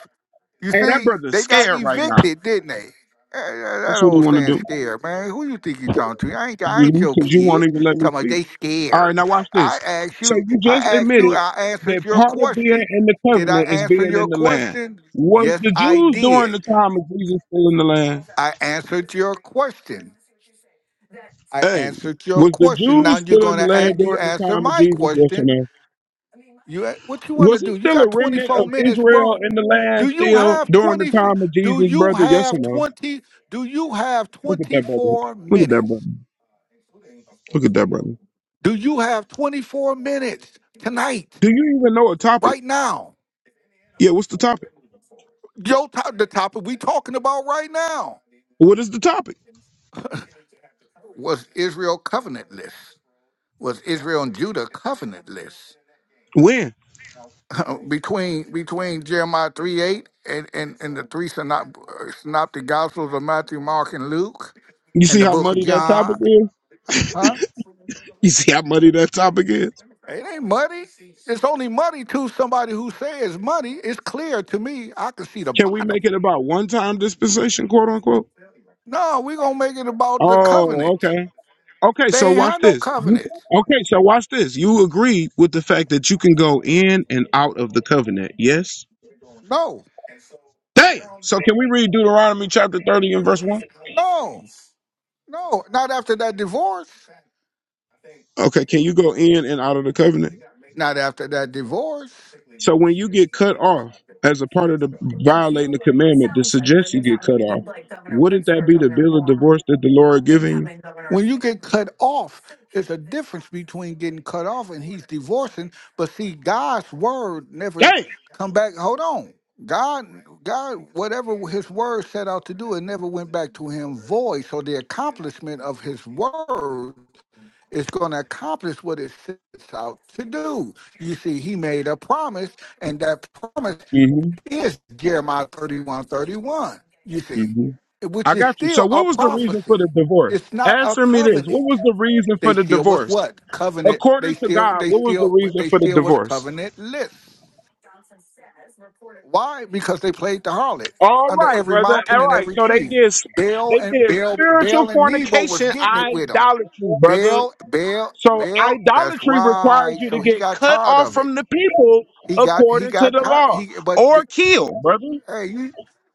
You Hey, that see, brother's they got scared right now. evicted, didn't they? Eh, That, That's that what he old want to saying do. scared, man. Who you think you talking to? I ain't I ain't your Because you won't kid. even let me Talking about speak. they All right, scared. now watch I this. asked So you, you I just asked you, admitted I that answered your part of question. being in the Did I covenant is answer being your in the land. question? Was Yes, the I Jews during did. the time of Jesus still in the land? I answered your question. I Hey, answered your was the question. Now Jews you're still in the gonna land an- you during the answer time of my Jesus? Yes or question. no? You a- what you wanna Was it do? You still a got remnant of 24 minutes, Israel bro. in the Do land you still have during 20 the time of do Jesus, you brother? Yes or have no? 20 do you have Look at that brother. 24 Look at that brother. minutes? Look at that brother. Do you have 24 minutes tonight Do you even know a topic? right now? Yeah, what's the topic? Your top, the topic we talking about right now What is the topic? was Israel covenantless. Was Israel and Judah covenantless? When? between between Jeremiah 3 8 and, and, and the three synop, uh, synoptic gospels of Matthew, Mark, and Luke You and see the how book of muddy that topic John. is? Huh? You see how muddy that topic is? It ain't muddy. It's only muddy to somebody who says money. It's clear to me. I can see the Can we make bottom. it about one time dispensation, quote unquote? No, we gonna make it about the covenant. Oh, okay. Okay, They so ain't watch had no this. You, covenant. okay, so watch this. You agree with the fact that you can go in and out of the covenant, yes? No, Damn. So can we read Deuteronomy chapter 30 and verse 1? no, no. Not after that divorce. Okay, can you go in and out of the covenant? Not after that divorce. So when you get cut off as a part of the violating the commandment that suggests you get cut off, wouldn't that be the bill of divorce that the Lord giving you? When you get cut off, there's a difference between getting cut off and he's divorcing. But see, God's word never come back. Hold on. God, God, whatever his word set out to do, it never went back to him void. So the accomplishment of his word is going to accomplish what it sets out to do. You see, he made a promise, and that promise Damn. is Jeremiah 31 31? you see, hmm which I is got you. So, still what a was the reason for prophecy. the divorce? It's not a Answer me this. What covenant. was the reason They for the still was divorce? what? Covenant. They According to still, God, they what was the still, reason they for the still was divorce? covenantless. Why? Because they played the harlot All under right, every brother. mountain All and right. every So they tree. did Baal they and did Baal, spiritual Baal and Nebo was fornication, getting it with them. idolatry, brother. Baal, Baal, So Baal. That's idolatry requires right. you to So he get got cut tired off of it. from the people He got he according to got the tired. law He but or killed, brother. Hey, you,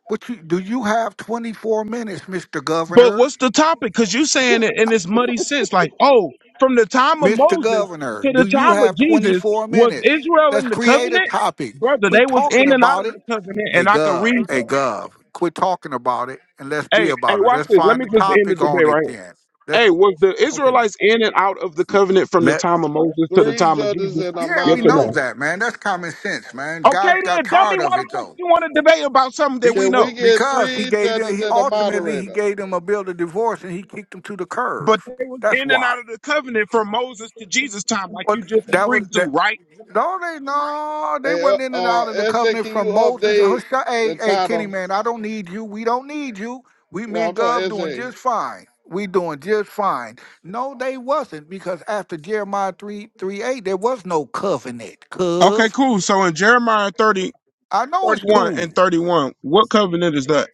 what you do you have 24 minutes, Mr. But Governor? what's the topic? Because you saying it in this muddy sense, like, oh, from the time of Mr. Moses Governor, to do the you time of have Jesus, 24 was minutes? Israel Let's in the create a covenant? topic. Brother, they Quit was talking in and out about of the it. covenant, Hey, and I could Gov, read hey, that. Gov, quit talking about it and let's be Hey, hey, about it. watch Let's this. Let find me a just end the topic on debate it right here. then. Let's, Hey, was the okay, man. Israelites in and out of the covenant from the Let, time of Moses to the Three time of judges Jesus? and a yeah, Yes we or know no? moderator. that, man. That's common sense, man. Okay, God got then, dummy, tired of why the it, fuck though. you want to debate about something that Be- we Can we know? get because he three gave them, judges he, and a ultimately, he moderator? gave them a bill to divorce and he kicked them to the curb. But they was That's in and why. out of the covenant from Moses to Jesus' time, like Well, you just that was agreed to, that. right? No, they no, they Hey, uh, wasn't in and uh, out of the SJ, covenant can you from Moses. update Hosha- Hey, the hey, Kenny title? man, I don't need you. We don't need you. We me No, I'm and talking Gov doing SJ. just fine. We doing just fine. No, they wasn't because after Jeremiah three three eight, there was no covenant. Cove. Okay, cool. So in Jeremiah 30, I know it's 31 cool. and 31, what covenant is that?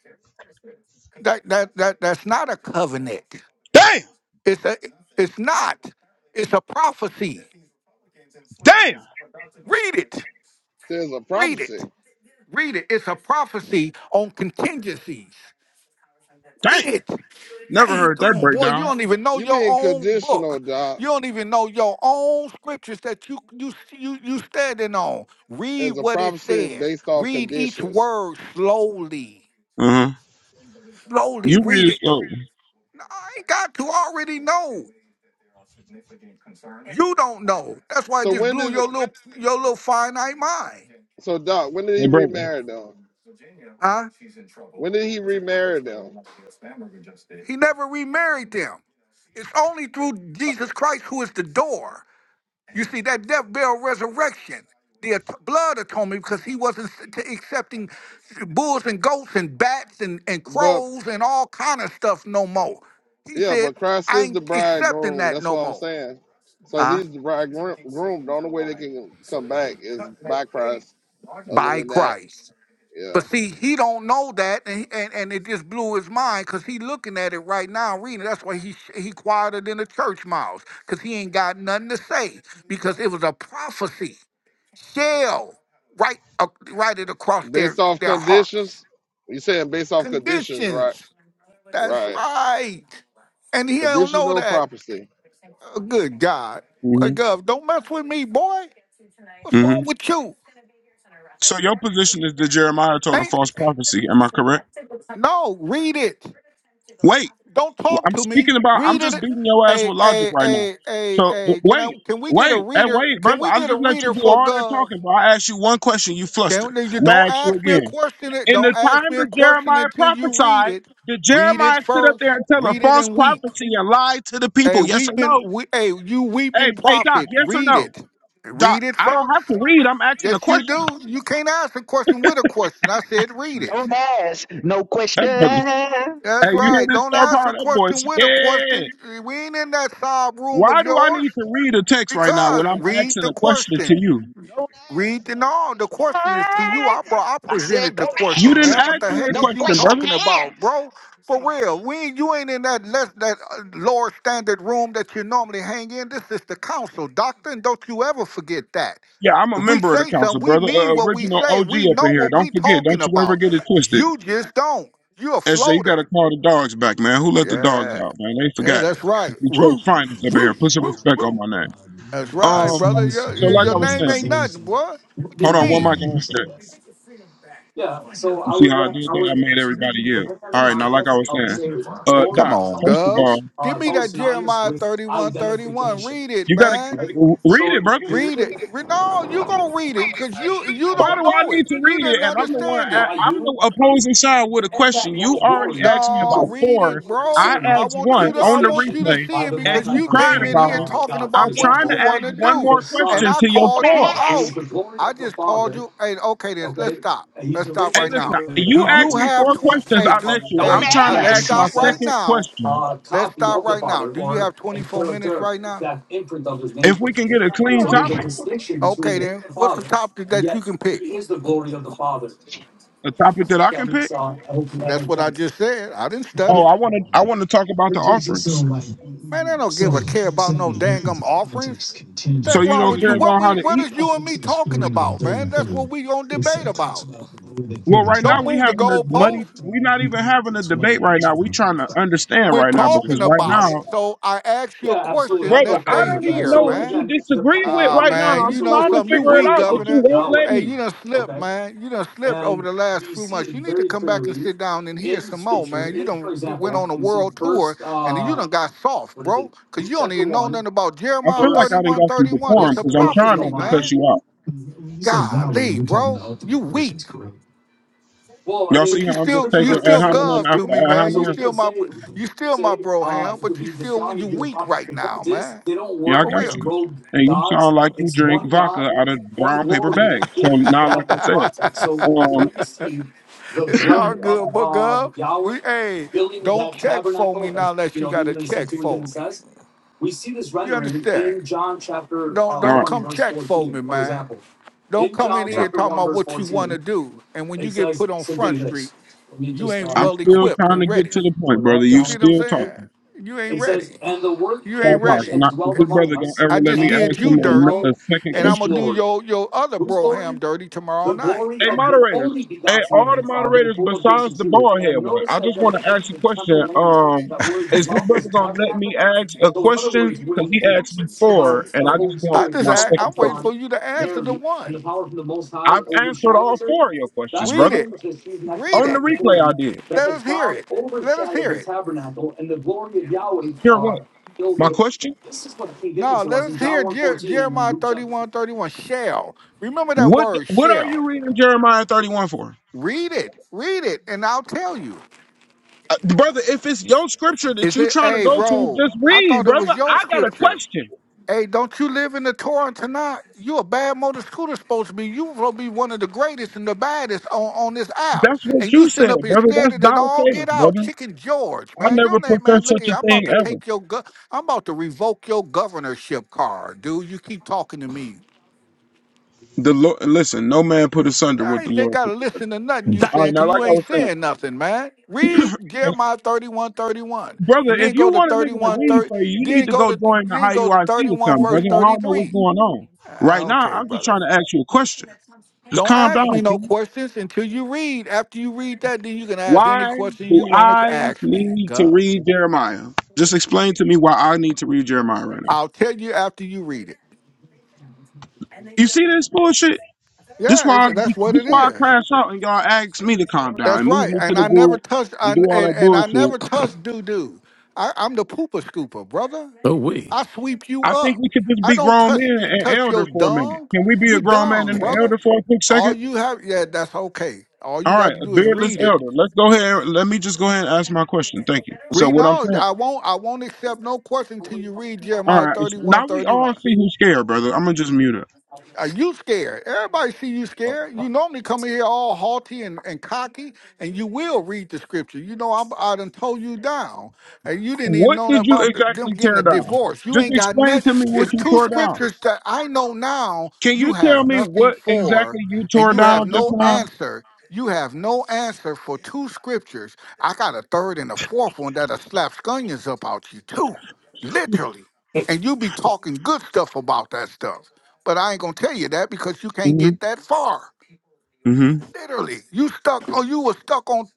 That that that that's not a covenant. Damn, It's a it's not. It's a prophecy. damn, Read it. There's a Read it. prophecy. Read it. It's a prophecy on contingencies. Read damn. it. Never Dang, heard come that on, boy. You breakdown. don't even know You your mean own conditional, book. Doc? You don't even know your own scriptures that you you you you standing on. Read As a what it prophecy says. based off Read each conditions. word slowly. Uh-huh. Slowly You read read it it. slow. No, I ain't got to I already know. You don't know. That's why it So just when blew did? your little your little finite mind. So Doc, when did Hey, he brother. remarry them? Huh? When did he remarry them? He never remarried them. It's only through Jesus Christ who is the door. You see, that death, burial, resurrection, the at- blood atonement, because he wasn't s- t- accepting bulls and goats and bats and, and But crows and all kind of stuff no more. He yeah, said, but Christ I is ain't the accepting bridegroom. that That's no what I'm more. saying. So if Huh? he's the bridegroom, the only way they can come back is by Christ. Other By than that, Christ. yeah. But see, he don't know that, and and, and it just blew his mind because he looking at it right now, reading. it. That's why he sh- he quieter than the church mouse because he ain't got nothing to say because it was a prophecy shell right uh, right it across their Based off their hearts conditions? You saying based off conditions, right? conditions. That's Right. right, and he don't know Conditional that. prophecy. Oh, good God. Boy, Mm-hmm. Gov, don't mess with me, boy. What's wrong Mm-hmm. with you? So your position is that Jeremiah told a Ain't false prophecy. Am I correct? no, read it. Wait, Don't wh- talk I'm to me. speaking about, I'm Read it. just beating your ass Hey, with logic hey, right now. hey, hey, So w- hey. Can I? wait, Can we get a wait, hey, reader? wait, Can brother. we i get just a let you reader do for all that Gov? talking, but I asked you one question. You flustered. Can you I'm going don't to ask you ask me a again. question? It In don't the time ask me a that question Jeremiah until you read prophesied, it. did Read it Jeremiah sit up first. there and tell a Read it false and weep. prophecy and lie to the Hey, people? Yes or weeping, no? we, hey, you Hey, weeping hey, Doc, prophet, yes or read no? it. Doc, Read it I don't first. have to read. I'm asking a Yes, you question. do. You can't ask a question with a question. I said read it. Don't ask no That brother, questions. hey, That's you hear right. this Don't star ask power? a That boy's question with a yeah. question. We ain't in that side room of Why do I need yours to read a text right now when because I'm read asking the a question to question. you? Don't Read ask the no no. The question is to you. I questions. brought. I I said, presented the don't You question, didn't man. ask What ask the me a heck no is you question, brother. talking about, questions. bro? For real, we ain't- you ain't in that less that uh, lower standard room that you normally hang in. This is the council, doctor, and don't you ever forget that. Yeah, I'm a If we member of the say something, council, we brother. mean Uh, what we original say. OG We up know in here. what Don't we forget. Don't talking you ever about. get it twisted. You just don't. You a SJ, you gotta floater. call the dogs back, man. Who let the dogs Yeah, out, man? They yeah, forgot. that's right. Detroit Roof, finance up in here. Put roof, some roof, respect on roof. my name. That's right, Um, brother. Your so your like your I was name ain't saying, nothing, boy. What What you do hold you on, mean one mean? mic when on you say SJ. that? Yeah, so You I see would how I did I that? I would, made everybody yell. depending on the All right, now like I context, was I would saying, say that uh, glory Come Doc, is on, always first of Gov. all, most, uh, Give it's me always that synonymous Jeremiah with 31, 31. identification, Read it, you gotta man. right? read it, So brother. the Read reason it. Re- No, you gonna read I it because you you Why do don't I know need it. to You read it? didn't And I'm the one. understand I, it. identify I'm you the opposing side with a And that question. You one already glory, asked me you No, about can read be four. it, able to I bro. discern it I asked want one in you to I on the want you distinction to replay, see by it the and because you you cried came in multi-personal about here it. uh, talking God. For I'm about what trying you to example, ask wanna one do. the more And question Son, I to your Don't called you four. who ask. out. is the glory I of the just called Father, you. Hey, okay, then let's okay, stop. and he's Let's the stop Hey, right radiant of the now. listen. glory of the Do You Father. you asked And me have four yet twenty He's questions. not hey, the I do let Father in you. Don't human hey I'm one trying uh, to three, let's ask he's ask. the my stop right exact second now. question. uh, Let's copy start of the right now. Father Do you or have a 24 minutes character, right now? exact imprint of his If nature. we can get a clean So there's a topic, distinction between Okay, him then. and the What's the Father, topic and that you yet can pick? he is the glory of the Father. a topic that If I That can makes, pick. uh, I hope that That's makes what I sense. just said. I didn't study. Oh, I want to. I want to talk about the just, just so offerings. like Man, I don't so give you a so care about saying no the difference dangum of offerings. context So contingent That's on you wrong don't with you. care What about how we to what eat. is about you and me verses talking forty and about, man? thirty four. That's what we gonna It's debate it talks about. about the glory that Well, filled the right Don't now we move the tabernacle. having a muddy. goalpost. From We're your not even viewpoint, having a it's one debate equal right to now. we trying to understand We're right now because talking right one. about it. now, So I asked you a Yeah, absolutely. I question. have no brother, Let's I stay problem with don't that. even here, know So what man. you again, disagree depending with Ah, on right the now. man, context, I'm you so know it trying to would be something? the You figure it weak, glory out, but of you Governor. won't let Yahweh, Hey, me. you done slipped, okay? man. You done slipped over And the last we few see months. it You need to very come back and clearly sit down and hear in some more, Scripture. man. You In, for done w- went example, on a you see world tour First and you uh done got soft, what is it? bro, because Luke you don't chapter even know one, nothing about I Jeremiah feel like verse. I didn't 31 got some 31. Let me decorum It's a just because pull I'm it up if you trying prophecy, don't not to cuss man. mind. you out. When you say Yahweh, Golly, you're talking bro. about all three You weak. persons, correct? Well, I Y'all see But mean, you how I'm just still scripture you taking doesn't ad still say hominem gov to after who, me, ad man. so You we hominem? can still my say we can you still my say bro uh ham, it but could you be the still God it you could be the weak Father. right The now, point is man. they don't Yeah, I work For got as real. you. rogue And you gods. sound like you It's drink one vodka God, out of one brown paper glory bags. So in now, like that I said, context. So when um, we see the it's all glory of good, but uh girl, Yahweh we hey, filling don't that check for me tabernacle, now as unless you you know, got a even in check for Septuagint it me. says, we see this You rendering understand? in John chapter Don't uh, all don't right, 1, come verse check for me, 14, for man. example. Don't In come in John all here right. chapter talking 1, about verse what you want to 14, do, and when you it get says put on front simply street, this. Let me you just ain't uh, I'm well still equipped trying and to get ready. to the point, put it brother. up, You You see John. what I'm still It talking. saying? You ain't says, ready. And the Word You ain't became Five flesh hearts. And ready. I, and is dwelled this among brother gonna us, ever I let just me and did ask we you him dirty, a, a beheld second and I'm his gonna question? do glory. your your other Whose glory? broham dirty tomorrow the night. glory Hey, of the moderators. only Hey, begotten of all the the Father, moderators full of grace besides and the truth. bald head And one. notice I that just the want to ask you a temple question. language, Um, that word is this dwelt is brother gonna let me tabernacle. ask a So, in other question? words, Cause when he Luke asked me speaks about four, and the I just Holy want I Spirit just my I, coming I'm second waiting question. for upon you to answer the Mary and one. the power from the Most High I've answered all overshadows her, four of your questions, that's the Read brother. it. language that's used in Exodus Read On the it. chapter replay, I 40, did. that Let the us hear cloud it. Let us overshadowed hear the it. tabernacle and the glory of Yahweh Here uh, what? filled My it. question. This is what's been given No, to let us us in John hear one Jer- fourteen and in Jeremiah Luke chapter thirty-one thirty-one. 31. Shall. Remember that What word, What are shall. you reading Jeremiah thirty one for? Read it. Read it, and I'll tell you. Uh, brother, if it's your scripture that Is you it, trying to hey, go to, bro, just I read, thought it brother. was your I got a scripture. question. Hey, don't you live in the Torah and Tanakh? You a bad motor scooter supposed to be. You supposed to be one of the greatest and the baddest on, on this app. That's what And you you sitting said, up here brother. scared That's of it thou all. Get sayest, out. brother. Chicken George, I man. never Your name, man, professed look such here. a I'm about thing to ever. take your, go- I'm about to revoke your governorship card, dude. You keep talking to me. The Lord, listen, no man put And asunder I what the ain't li- Lord gotta put together. listen to nothing you All Dang. saying right, because now, like you I ain't was saying, saying nothing, man. Read and Jeremiah 31 31, brother, And then if you go to want a nigga to 31 read 30. for you, you need then to go go to join the then IUIC go to or 31 something, verse brother. I don't know what's 33. going on. Ah, Right now, Okay, I'm just brother. trying to ask you a question. Just Don't calm down, ask me no King. questions until you read. After you read that, then you can ask any Why question do you want to I ask me, need to Gov. read Jeremiah? Just explain to me why I need to read Jeremiah right now. I'll tell you after you read it. You see this bullshit? This Yeah, why it's, that's what this it why I is. crash out and y'all ask me to calm down That's and move right. me to And the I never group touched I, and do and all that and I bullshit. never touched doo doo. I'm the pooper scooper, brother. Oh, we. I sweep you I think up. we could just I be don't grown touch men and touch elder your for a minute. dung. Can we be a You grown man dung, and an brother. elder for a quick All second? you have, yeah, that's okay. All you All got right, to a do is beardless read it. elder. Let's go ahead. Let me just go ahead and ask my question. Thank you. So Read what I'm no, saying. I won't. I won't accept no question till you read All Jeremiah right. It's, 31 now we thirty all one. see who's scared, brother. I'm gonna just mute it. Are you scared? Everybody see you scared. You normally come in here all haughty and, and cocky, and you will read the scripture. You know, I'm, I done told you down, and you didn't even What know nothing did you about th- them exactly getting tear a down? divorce. You Just ain't got explain nothing. to me what It's you two tore down. scriptures that I know now Can you you tell have me nothing what for, exactly you and tore you have down just no now? answer. You have no answer for two scriptures. I got a third and a fourth one that'll slap scunions up out you, too, literally and you be talking good stuff about that stuff. But I ain't gonna tell you that because you can't Mm-hmm. get that far. Mm-hmm. Literally, you stuck. Oh, you were stuck on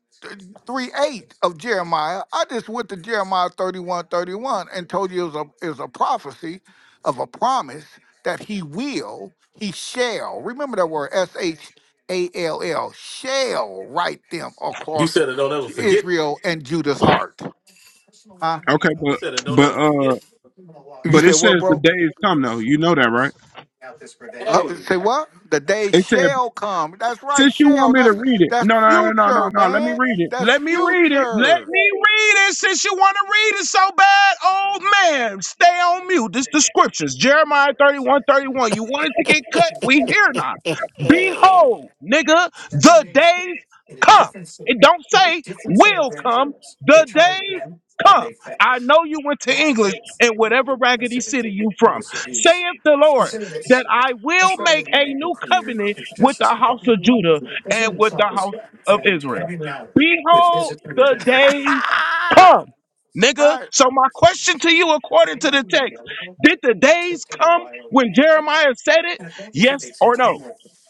three eight of Jeremiah. I just went to Jeremiah thirty one thirty one and told you it was a it was a prophecy of a promise that he will, he shall. Remember that word S H A L L. Shall write them You across said it. Don't ever forget. Israel and Judah's heart. Huh? Okay, You but said it. Don't but ever forget. uh, You but it said what, says the bro? day is come though. You know that, right? Uh, Hey. say what? The day It said shall come. That's right, Since you want shall. me to That's read it, that's no, no, no, no, no, future, no. Let me man. read it. That's Let me read it. Let future. me read it. Since you want to read it so bad, old man, stay on mute. This the scriptures, Jeremiah 31, 31. You wanted to get cut? We here now. Behold, nigga, the days come. It don't say will come. The days come. I know you went to English in whatever raggedy city you from. Saith the Lord that I will make a new covenant with the house of Judah and with the house of Israel. Behold, the days come. Nigga, right. so my question to you, according to the text, did the days come when Jeremiah said it? Yes or no?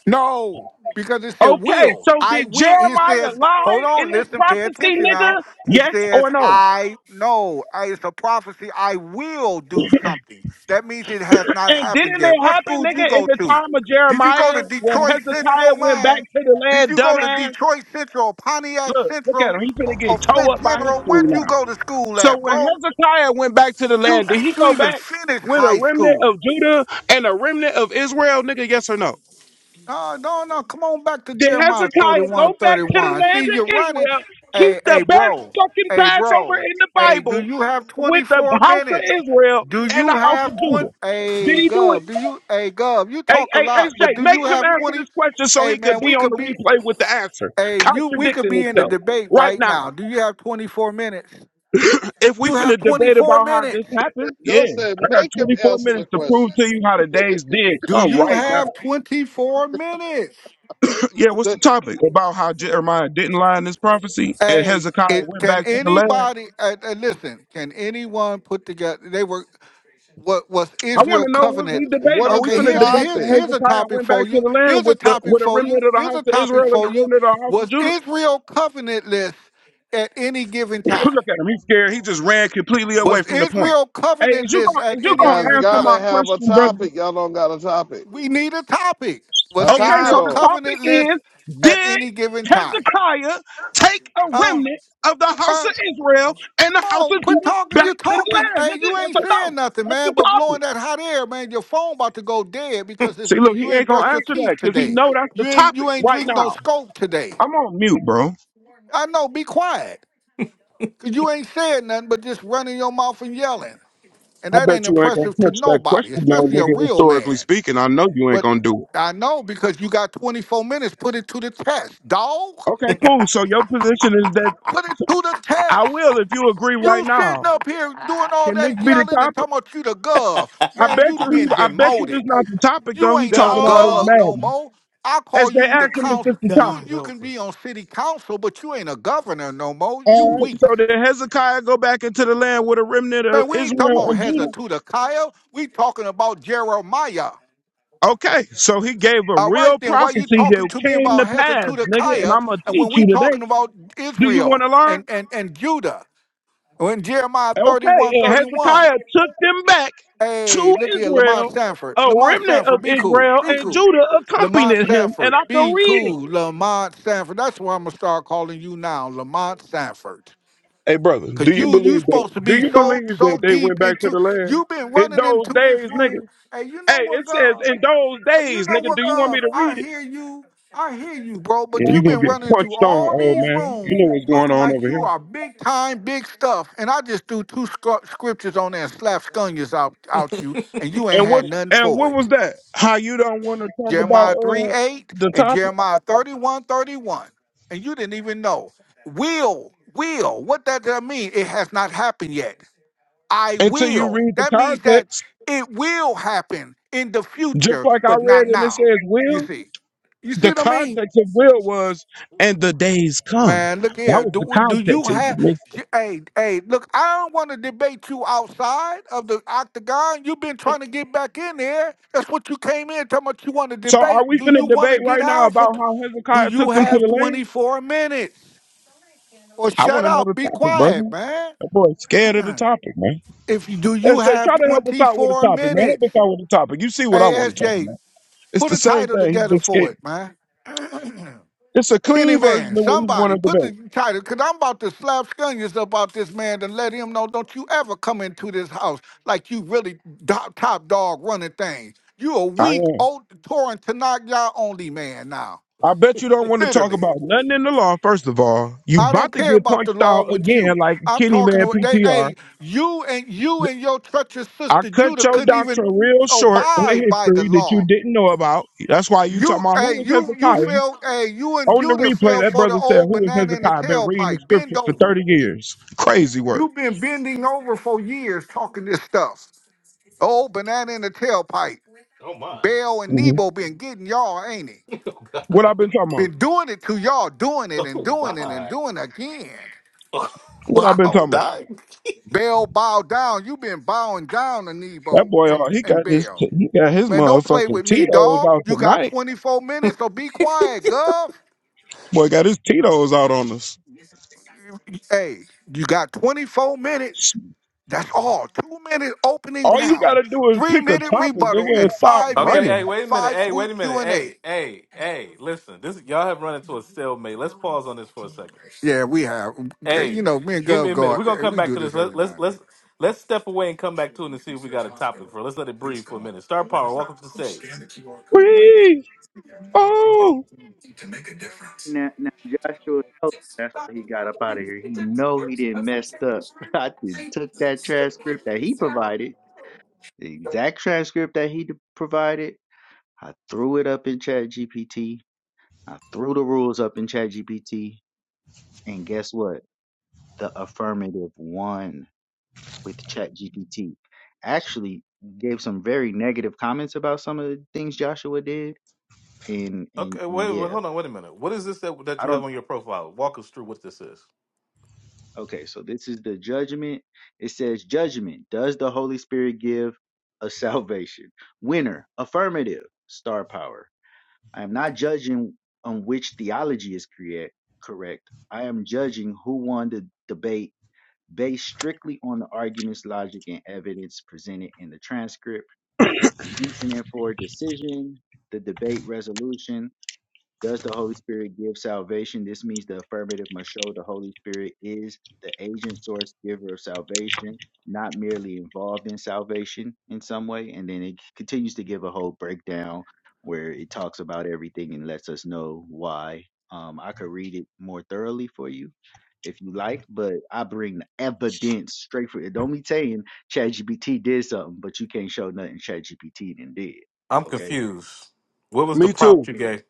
No, because it said Okay, will. so I did will. It Jeremiah says, lie hold in on, this listen, pay prophecy, attention nigga? now. It Yes says, or no? I know. I- It's a prophecy. I will do something. That means it has not And happened didn't yet. it What happen, school did you nigga, in go the to? time of Did you go to Jeremiah when Detroit Hezekiah Central, went back man? to the Did land, you go to dumbass? Detroit Central, Pontiac Look, look at Central, him. He or, finna or get towed Flint up by General? history Where'd now. you go to school So at, when bro? Hezekiah went back to the You, land, did did he you go even back finish with a high remnant school? of Judah and a remnant of Israel, nigga? Yes or no? No, no, no. Come on back to Did Jeremiah Hezekiah 31 go back to the 31. land See, of you're running. Israel, Hey, keep hey, the best bro. fucking Hey, Passover bro. in the Hey, do Bible you have with the 24 house of minutes? Israel Do and you the house of have 20? Judah? Did Hey, he do it? Gov. Do you? Hey, Gov. You Hey, talk a hey, lot, SJ, but do you make him have answer 20? this question so Hey, he could man, be we on could the be. replay with the answer, Hey, you. We could contradicting be in the himself debate right right now. now. Do you have 24 minutes? if we You have finna debate 24 about how this minutes. happened, Go yeah, said, I got make him 24 answer the minutes to prove question. to you how the days did Do come you right have now. 24 minutes? yeah, what's Say, the topic about how Jeremiah didn't lie in this prophecy and Hey, Hezekiah it went can back to the land? anybody uh, uh, listen? Can anyone put together? They were what was I want Israel to know what covenant? we debating. what Are is we Okay, the finna here's a, debate here's that topic? here's a Hezekiah topic went back for to you. the land Here's a with the topic with a for you. remnant of the Here's house a of topic Israel and for a you. remnant of the house of Was Judah? Israel covenantless at any given time? Look at him, he's scared. He just ran completely away Was from the point. Israel Hey, is you covenantless gonna at is you You any guys gonna given answer time? gotta my have a question, brother? topic. Y'all don't got a topic. We need a topic. Was A Okay, so Israel the title. topic covenantless is at Did any given time? Hezekiah take a Huh? remnant of the house of Huh? Israel and Come the house on, of quit Judah talking. back you to the talking. land? Hey, Nigga, you yes ain't or saying no? nothing, That's the man, but blowing topic. that hot air, man. Your phone about to go dead because it's, See, look, you he ain't ain't gonna brushed your answer teeth that because he today. know that's You the ain't topic you ain't right drink no now. scope today. I'm on mute, bro. I know, be quiet. Cause you ain't saying nothing but just running your mouth and yelling. And I that ain't bet you ain't impressive gonna to touch that nobody, question though, especially a nigga, real historically man. speaking. I know you ain't But gonna do it. I know because you got 24 minutes, put it to the test. Dog, Okay, cool. So your position is that put it to the test. I will if you agree You right sitting now. up here doing all Can this that be the yelling and topic? talking about you the gov. I Man, bet you you he. been I bet you this demoted. not the topic though. You He ain't no talking all this No. gov no madness. more. I As call they you the ask him, is Ooh, this council. the You God topic? you help can be us. on city council, but you ain't a governor no more. You All right. So weak. did Hezekiah go back into the land with a remnant of Man, we ain't talking Israel about and Judah? Hezekiah. We talking about Jeremiah. Okay. So he gave a All right, real then why you prophecy talking that to me came about to pass, nigga. And Hezekiah I'm gonna and when teach we you talking today. about Do you want Israel to learn? and, and, and Judah? When Jeremiah Okay. 31 And 31. Hezekiah took them back Hey, to look here, Lamont Israel. Sanford. A Lamont remnant of Sanford, be cool. Israel Be and cool. Judah accompanied Lamont him, and Sanford, I can be read it. cool. Lamont Sanford. That's what I'm going to start calling you now, Lamont Sanford. Hey, brother, Cause do you you you believe that? supposed to Do be you so believe that so they went deep back to into the land you've been in running those into this days, room. nigga? Hey, you know Hey, what, it Gov? says in those Hey, you days, know nigga. Do what, you want me Gov? to read I it? hear you. I hear you, bro. Yeah, But you you've gonna been get running into punched on, all old these man. You rooms know what's going talking on like over you here. are big time, big stuff. And I just threw two scr- scriptures on there and slapped scunions out out you, and you ain't And had what's nothing and for what was it. that? How you don't want to talk about Jeremiah 3 uh 8 the and topic Jeremiah 31 31. And you didn't even know. Will, will, what that, that mean? It has not happened yet. I until you will. read the That means that context? it will happen in the Just future, like I but read, not and it now. says You will. see. You see The what I mean? context of will was and the days come. Man, look That here. was the Do, do you context. have j- hey, hey, look, I don't want to debate you outside of the octagon. You've been trying to get back in there. That's what you came in talking about you want to So debate. are we Do you finna want to debate get right now out for about t- how do Hezekiah you took them to have the land? 24 minutes? Or I shut want to know up, the be topic, quiet, brother. man. That boy's scared of the topic, man. if you do you Let's say, have try to help us out with the 24 topic, man. minutes? Help us out with the topic. You see what I Hey, want to talk SJ, about. It's Put the a same title thing. together He's just for scared. it, man. It's a Kenny clean version Man, of what he want somebody to put the debate. title, because I'm about to slap scunions about this man and let him know don't you ever come into this house like you really do- top dog running things. You a I weak, am. old, torn, Tanakh, y'all only man now. I bet you don't want to talk Literally. about nothing in the law, first of all. You I don't about to care get about the punched law out with again you. like I'm Kenny talking Man to they. PTR. Hey, you and you and your treacherous I sister cut Judah your couldn't even doctrine real short with abide by the history that law. you didn't know about. That's why you talking You, about hey, who was you, you Hezekiah. fell, hey, you and On the Buta replay, fell that for the brother said, old Who is banana in the Hezekiah? Been reading the tailpipe. Bend scriptures for over. 30 years. Crazy work. You've been bending over for years talking this stuff. The old banana in the tailpipe. Oh my. Bell and hmm Nebo been getting y'all, ain't he? Oh God. What I've been talking about? Been doing it to y'all, doing it and Oh doing it and my. doing it again. Oh, What I've been Wow, talking about? dog. Bell bowed down. you been bowing down to That Nebo boy, uh, and, he and got his Bell. he got his Man, don't play motherfucking with me, Tito's dog. out You got tonight. 24 minutes, so be quiet, Gov. Boy, got his Tito's out on us. Hey, you got 24 minutes. That's all. Two minute opening All you round, gotta do is three pick a minute topic, rebuttal, nigga, and and stop five Okay, minute hey, running. wait a minute. five Hey, wait quick a Q minute. and Hey, A. hey, hey, listen. This y'all have run into a stalemate. Let's pause on this for a second. Yeah, we have. You Hey, know, me and give me Gov a minute. go. We're gonna come We back do to this. this Let, every now let's and then. let's let's step away and come back to it and see if we got a topic for it. Let's let it breathe for a minute. Star Power, welcome to the stage. Please. Oh, Now, now Joshua knows that's why he got up out of here. He know he didn't messed up. I done took that transcript that he provided, the exact transcript that he d- provided. I threw it up in Chat GPT. I threw the rules up in Chat GPT. And guess what? the affirmative one with ChatGPT. Actually, gave some very negative comments about some of the things Joshua did. And, and, Okay, and wait, wait, yeah, hold on, wait a minute. What is this that that I you have don't. on your profile? Walk us through what this is. Okay, so this is the judgment. It says, Judgment. Does the Holy Spirit give a salvation? Winner. Affirmative. Star power. I am not judging on which theology is correct. correct. I am judging who won the debate based strictly on the arguments, logic, and evidence presented in the transcript reasoning for a decision, the debate resolution, does the Holy Spirit give salvation? This means the affirmative must show the Holy Spirit is the agent, source, giver of salvation, not merely involved in salvation in some way. And then it continues to give a whole breakdown where it talks about everything and lets us know why. Um, I could read it more thoroughly for you if you like, but I bring the evidence straight for it. Don't be saying ChatGPT did something, but you can't show nothing ChatGPT didn't did. I'm Okay. confused. What was the me Look, prompt too. you gave?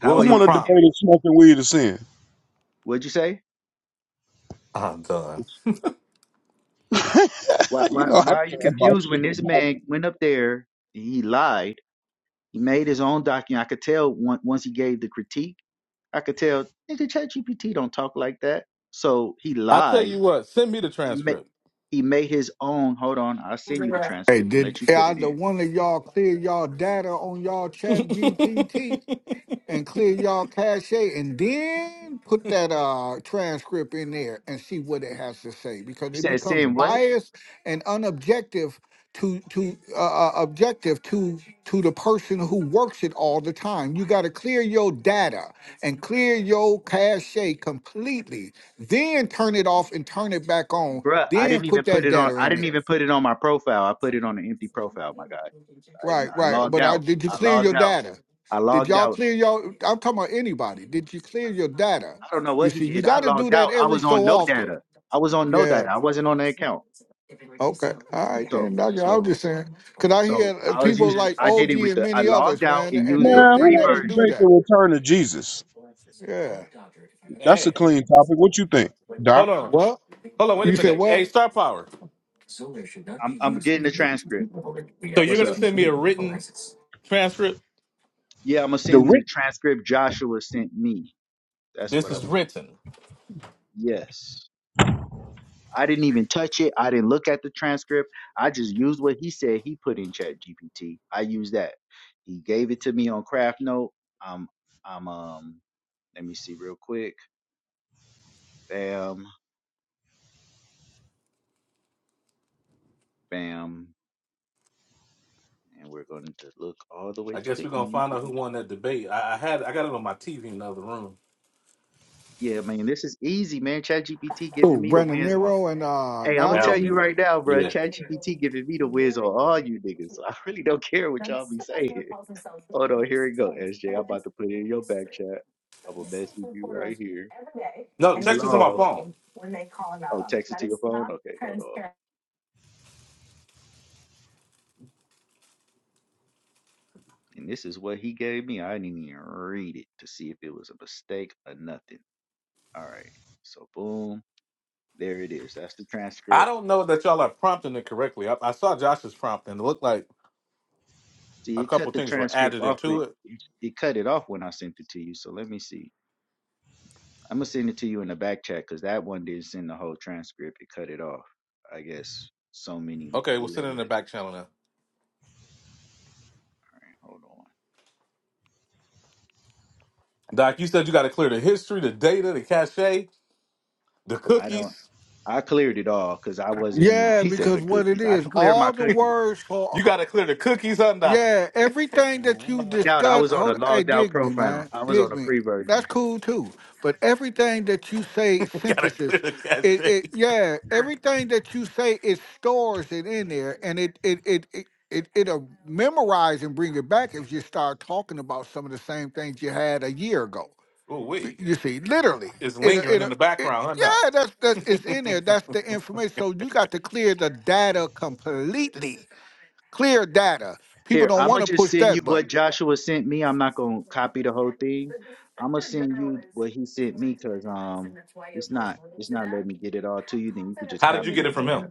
What are was Who the you want to debate prompt? confused? if smoking weed is sin? What'd you say? I'm done. Why, you why, know I why are you care about confused shit. when this man went up there and he lied? He made his own document. I could tell on- once he gave the critique, I could tell, nigga, ChatGPT don't talk like that. So he I tell lied. you what, send me the He made transcript. he made his own. Hold on, I'll send you the Hey, transcript and did let you put it either in. one of y'all clear y'all data on y'all Chat GPT? and clear y'all cache and then put that uh transcript in there and see what it has to say because You it said becomes send what? biased and unobjective to to uh, uh, objective to to the person who works it all the time you got to clear your data and clear your cache completely then turn it off and turn it back on Bruh, I then didn't put even put that it on. data I in didn't there even put it on my profile. I put it on an empty profile. My God, Right, I, I right. logged But I, out. did you I clear logged your out. data? I Did logged y'all out. clear your? I'm talking about anybody. Did you clear your data? I don't know You what he see, you did. I got to do logged that out. I every was so on no often. data. I was on no Yeah. data. I wasn't on the account. Okay. All right So then. Doc, I was so just saying, cause I so hear uh, I was people using like I did OG it with and the I many logged others, out man, and and used they the Man, they who free want to never do debate version. the that. return of Jesus? Yeah. That's a Hey, clean topic. What you think, hold Doc? on, What? hold on, wait a You said minute. Hey, what? Star Power. I'm I'm getting the transcript. So you're What's gonna up? send me a written transcript? Yeah, I'm gonna The send rich you the transcript Joshua sent me. That's what This I'm is gonna do. written. Yes. I didn't even touch it. I didn't look at the transcript. I just used what he said he put in chat GPT. I used that. He gave it to me on Craft Note. I'm I'm um let me see real quick. Bam. Bam. And we're going to look all the way I to guess the we're gonna end. find to out make who won that sure- debate. I, I had I got it on my TV in the other room. Yeah, man, this is easy, man. ChatGPT giving Oh, me the Brandon wins on. Nero and uh Hey, I'm gonna tell Alvin. That'll you be. right now, bro. Yeah. ChatGPT giving me the wins on all you niggas. So I really don't care what y'all be saying. Hold on, here we go, SJ. I'm about to put it in your back chat. I'm gonna message you right here. No, It's text it to my long. phone. Oh, text it to your phone. Okay, hold on. And this is what he gave me. I didn't even read it to see if it was a mistake or nothing. All right. So boom. There it is. That's the I transcript. don't know that y'all are prompting it correctly. I, I saw Josh's prompt and it looked like See, a it couple cut the things were transcript added off. It, into it. it cut it off when I sent it to you. So let me see. I'm gonna send it to you in the back chat because that one didn't send the whole transcript. It cut it off. I guess so many Okay, we'll letters. send it in the back channel now. All right, hold on. Doc, you said you got to clear the history, the data, the cache, the I don't. cookies. I cleared it all because I wasn't even. Yeah, He said because the what it cookies. I is, didn't clear my all the cookies. words for You got to clear the cookies, huh, Doc? Yeah, everything that you Logged out. I discuss, was on a hold, hey, logged out dig me, profile. man, I was on dig a me. free version. That's cool too. But everything that you say, You got to synthesis, clear the cache. it, it, yeah, everything that you say, it stores it in there, and it, it, it, it, it it'll memorize and bring it back if you start talking about some of the same things you had a year ago. Ooh, B- wee. You see, literally, It's it uh, it lingering uh, in the it. background, huh, Yeah, that's that's it's in Doc? there. That's the information. So you got to clear the data completely. Clear data. People Here, don't I'm want gonna to just push send you that button. what Joshua sent me. I'm not gonna copy the whole thing. I'm gonna send you what he sent me because um, it's not it's not letting me get it all to you. Then you could just How did you copy get it it from from him? there.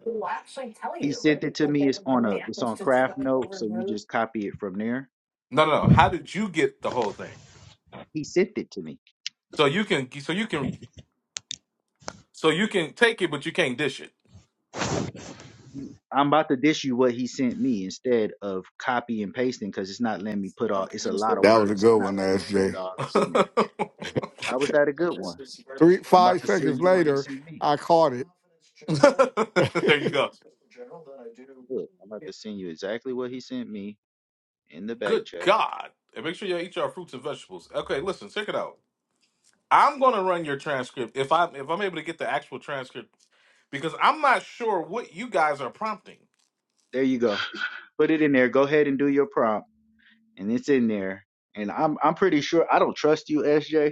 He sent it to me. It's on a it's on craft note, so you just copy it from there. No, no, no. How did you get the whole thing? He sent it to me. So you can, so you can, so you can take it, but you can't dish it. You- I'm about to dish you what he sent me instead of copy and pasting because it's not letting me put all. It's a lot of That was a words. It's good not one, letting me put it SJ. all up in there. How was that a good one. Three I'm about five to send seconds you what he later, sent me. I caught it. there you go. Look, I'm about to send you exactly what he sent me in the back Good chat. God. And make sure you all eat your fruits and vegetables. Okay, listen, check it out. I'm gonna run your transcript if I if I'm able to get the actual transcript because I'm not sure what you guys are prompting. There you go. Put it in there. Go ahead and do your prompt, and it's in there. And I'm I'm pretty sure I don't trust you, S J. I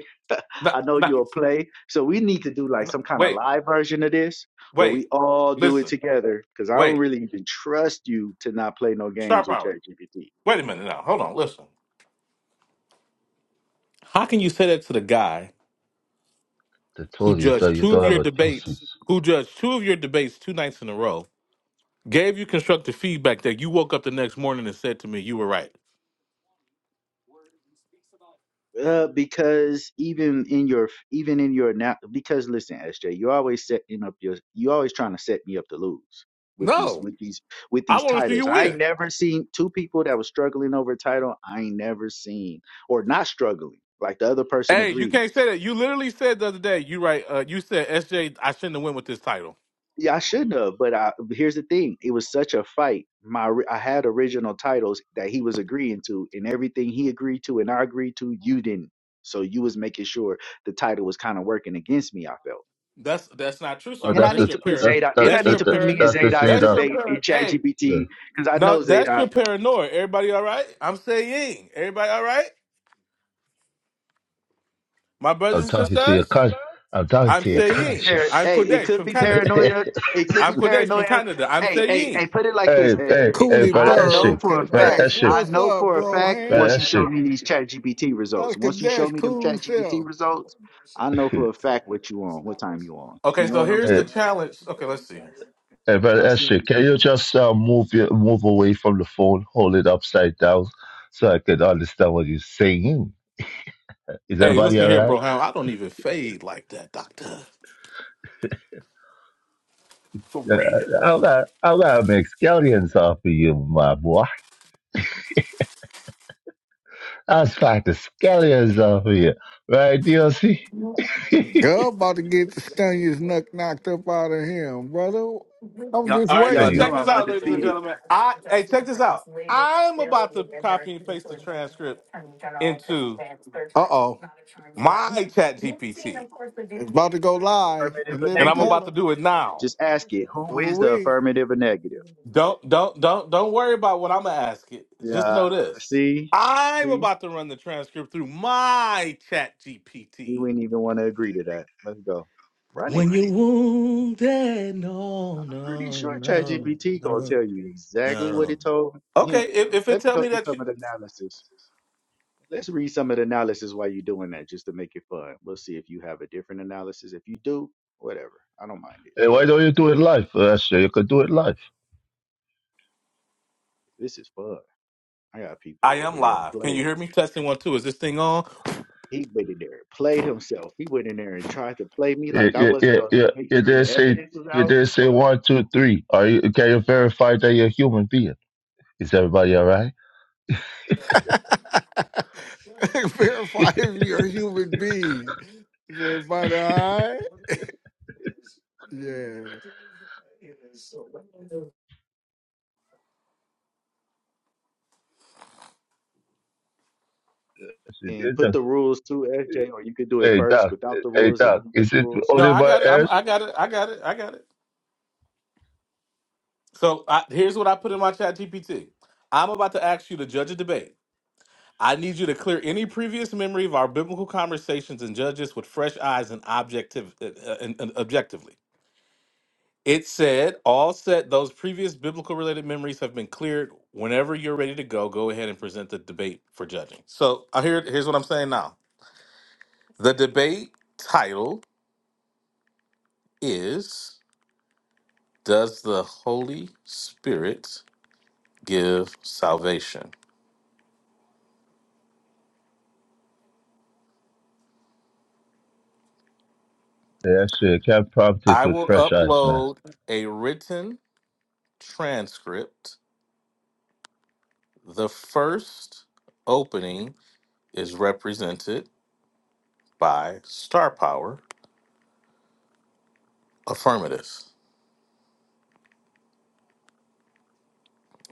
Not know no, you'll play, so we need to do like no, some kind of wait, live version of this where we wait, all do it listen, together. Because I don't wait. really even trust you to not play no Star games with power. ChatGPT. Wait a minute now. Hold on, listen. How can you say that to the guy They who told you that judged you two don't of have your a debates, thesis. who judged two of your debates two nights in a row, gave you constructive feedback that you woke up the next morning and said to me you were right? Uh, because even in your even in your now because listen SJ you're always setting up your you are always trying to set me up to lose with these No. with these with I these want to see titles you I win. ain't never seen two people that was struggling over a title I ain't never seen or not struggling like the other person Hey, you agreed can't say that. You literally said the other day. You right. Uh, you said SJ. I shouldn't have went with this title. yeah I shouldn't have but I here's the thing it was such a fight my ri- I had original titles that he was agreeing to and everything he agreed to and I agreed to you didn't so you was making sure the title was kind of working against me I felt That's that's not true, Oh, Starfire. And I that's That's the need your to put parent. that's Zadok, and that, I That's need your that, to that put me parent. and that's the Zadok's thing That's that your debate in parent. Hey, yeah. ChatGPT because I no, know that's Zadok. your paranoia. Everybody all right? I'm saying. Everybody all right? My brothers I'm and talking to your sisters. con. I'm talking I'm to your It could be saying. par. I'm Hey, conscience. it Kodesh could from be Canada. paranoia. It could I'm be Kodesh from paranoia. Canada. I'm Hey, hey, hey. saying. Put it like this, Hey, hey, SJ. hey, Cooley brother I know SJ, Bird, for a brother Kadesh, fact. SJ, I what's know up, for a bro? fact. Hand brother Once you SJ, show me these ChatGPT that's results, once you show Kadesh me them cool self. ChatGPT results, I know for a fact what you on, what time you on. Okay, You know so what I'm here's the hey, saying? challenge. Okay, let's see here. hey, brother I sent SJ, it to can you. you just uh, move your, move away from the phone, hold it upside down, so I can understand what you're saying? Is Hey, everybody listen all here, right? bro. Hound. I don't even fade like that, doctor. For Yeah, real. I'm gonna, I'm gonna make scallions off of you, my boy. I'll smack the scallions off of you, right, DLC? Can Girl about to get the Stanius knuck knocked up out of him, brother. I'm Y'all, just All right, y'all so you? waiting. know check this I'm out, Uh ladies and undefeated. gentlemen. I hey, check this out. I'm about to copy and paste the transcript into oh. my chat GPT. It's about to go live Affirmative and or live And in I'm negative? about color. to do it now. Just ask it. Who Oh, is the we. affirmative or negative? Don't don't don't don't worry about what I'm gonna ask it. Just Yeah, know this. see, I'm see, about to run the transcript through my chat we GPT. wouldn't even want to agree to that. Let's go. Run it. When you're wounded, no, I'm pretty no, sure no, ChatGPT gonna no, tell you exactly what no. it told Okay, him. if, if it Let me tell go me through that some you of the analysis. Let's read some of the analysis while you're doing that, just to make it fun. We'll see if you have a different analysis. If you do, whatever. I don't mind it, Hey, why but don't you do it live, SJ? You could do it live. this is fun. I got I people am over there live. Can you playing. hear me? Testing one, two. Is this thing on? He went in there, played himself. He went in there and tried to play me like It, I it, wasn't it, gonna it, make it sure did the say evidence was it out. did say Oh, one, two, three. Are you can you verify that you're a human being? Is everybody all right? Verify if you're a human being. Is everybody all right? Yeah. Yes, it and is. put that- the rules to SJ, or you could do it Hey first doc, without the hey rules and doc, then put is the it rules. No, only I my got it. I'm, I got it. I got it. I got it. So I, here's what I put in my chat GPT. I'm about to ask you to judge a debate. I need you to clear any previous memory of our biblical conversations and judge us with fresh eyes and objective uh, uh, and, and objectively. It said, all set." those previous biblical related memories have been cleared. Whenever you're ready to go, go ahead and present the debate for judging. So uh, here, here's what I'm saying now. The debate title is Does the Holy Spirit give salvation. Yeah, shit, can't prompt it I with will fresh eyes, man. upload a written transcript. The first opening is represented by Star Power Affirmative.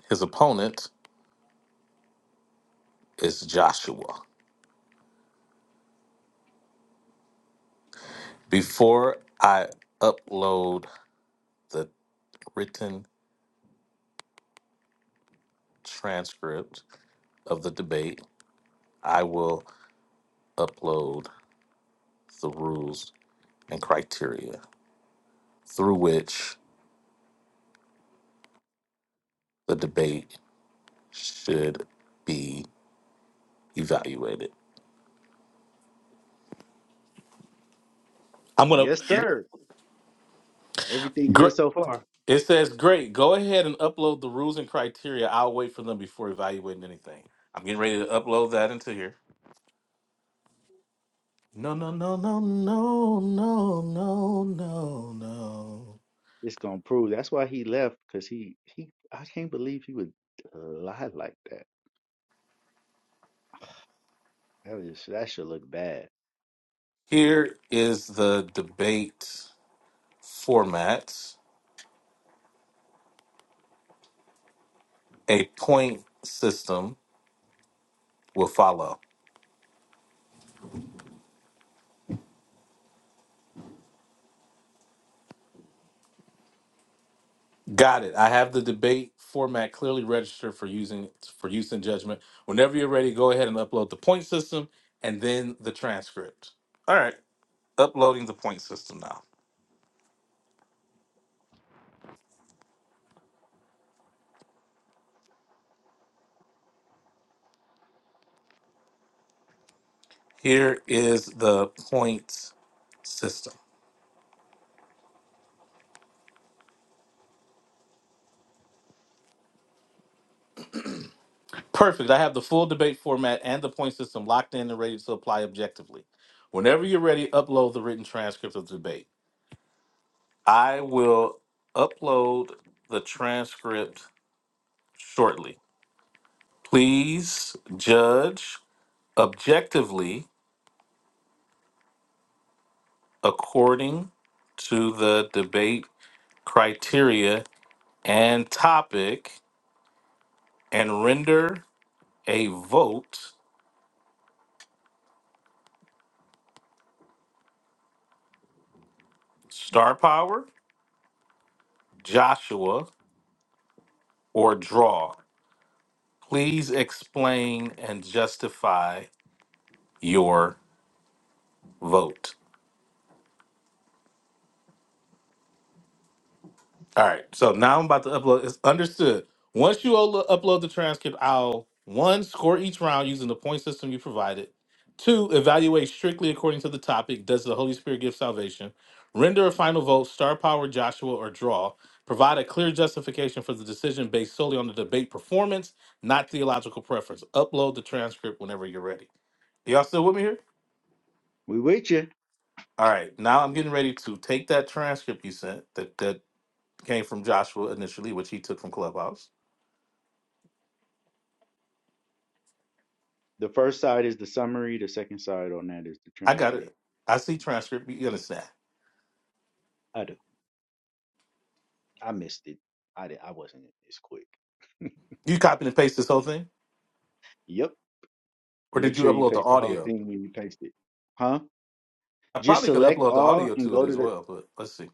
His opponent is Joshua. Before I upload the written transcript of the debate, I will upload the rules and criteria through which the debate should be evaluate it. I'm gonna. Yes, Yeah. sir. Everything good Gr- so far. it says, "Great, go ahead and upload the rules and criteria. I'll wait for them before evaluating anything." I'm getting ready to upload that into here. No, no, no, no, no, no, no, no, no. It's gonna prove. That's why he left because he he. I can't believe he would lie like that. That is that should look bad. Here is the debate format. A point system will follow. Got it. I have the debate format clearly registered for using for use in judgment. Whenever you're ready, go ahead and upload the point system and then the transcript. All right, uploading the point system now. Here is the point system. Perfect. I have the full debate format and the point system locked in and ready to apply objectively. Whenever you're ready, upload the written transcript of the debate. I will upload the transcript shortly. Please judge objectively according to the debate criteria and topic and render a vote star power joshua or draw please explain and justify your vote All right. So now I'm about to upload. It's understood. Once you uplo- upload the transcript, I'll one score each round using the point system you provided. Two, evaluate strictly according to the topic. Does the Holy Spirit give salvation? Render a final vote, star power, Joshua, or draw. Provide a clear justification for the decision based solely on the debate performance, not theological preference. Upload the transcript whenever you're ready. Y'all still with me here? We with you. All right. Now I'm getting ready to take that transcript you sent that, that came from Joshua initially, which he took from Clubhouse The first side is the summary. The second side on that is the I got transcript. it. I see transcript. You understand? I do. I missed it. I did. I wasn't as quick. You copy and paste this whole thing, Yep. or Make did you sure you upload the paste the whole audio? thing when you paste it. Huh? I Just probably could select upload the all audio and to it go to as the well, but let's see.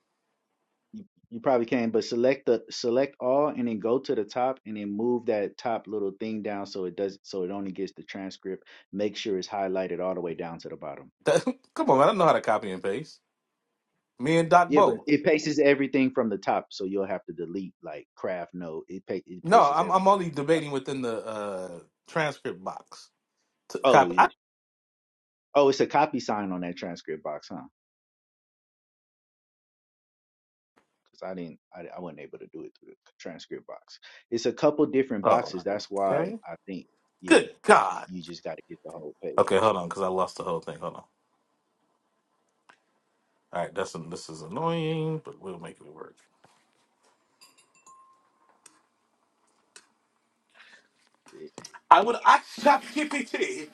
You, you probably can, but select the select all and then go to the top and then move that top little thing down so it does so it only gets the transcript. Make sure it's highlighted all the way down to the bottom. That, come on, man. I know how to copy and paste. Me and Doc Yeah, but Bo. it paces everything from the top, so you'll have to delete like craft note. It pa- it No, paces I'm everything. I'm only debating within the uh, transcript box. To Oh, copy. yeah. I, oh, it's a copy sign on that transcript box, huh? Because I didn't, I, I wasn't able to do it through the transcript box. It's a couple different oh, boxes. That's why okay. I think, yeah, Good God. you just got to get the whole Okay, page. hold on, because I lost the whole thing. Hold on. All right, that's this is annoying, but we'll make it work. See, I here. would I ChatGPT.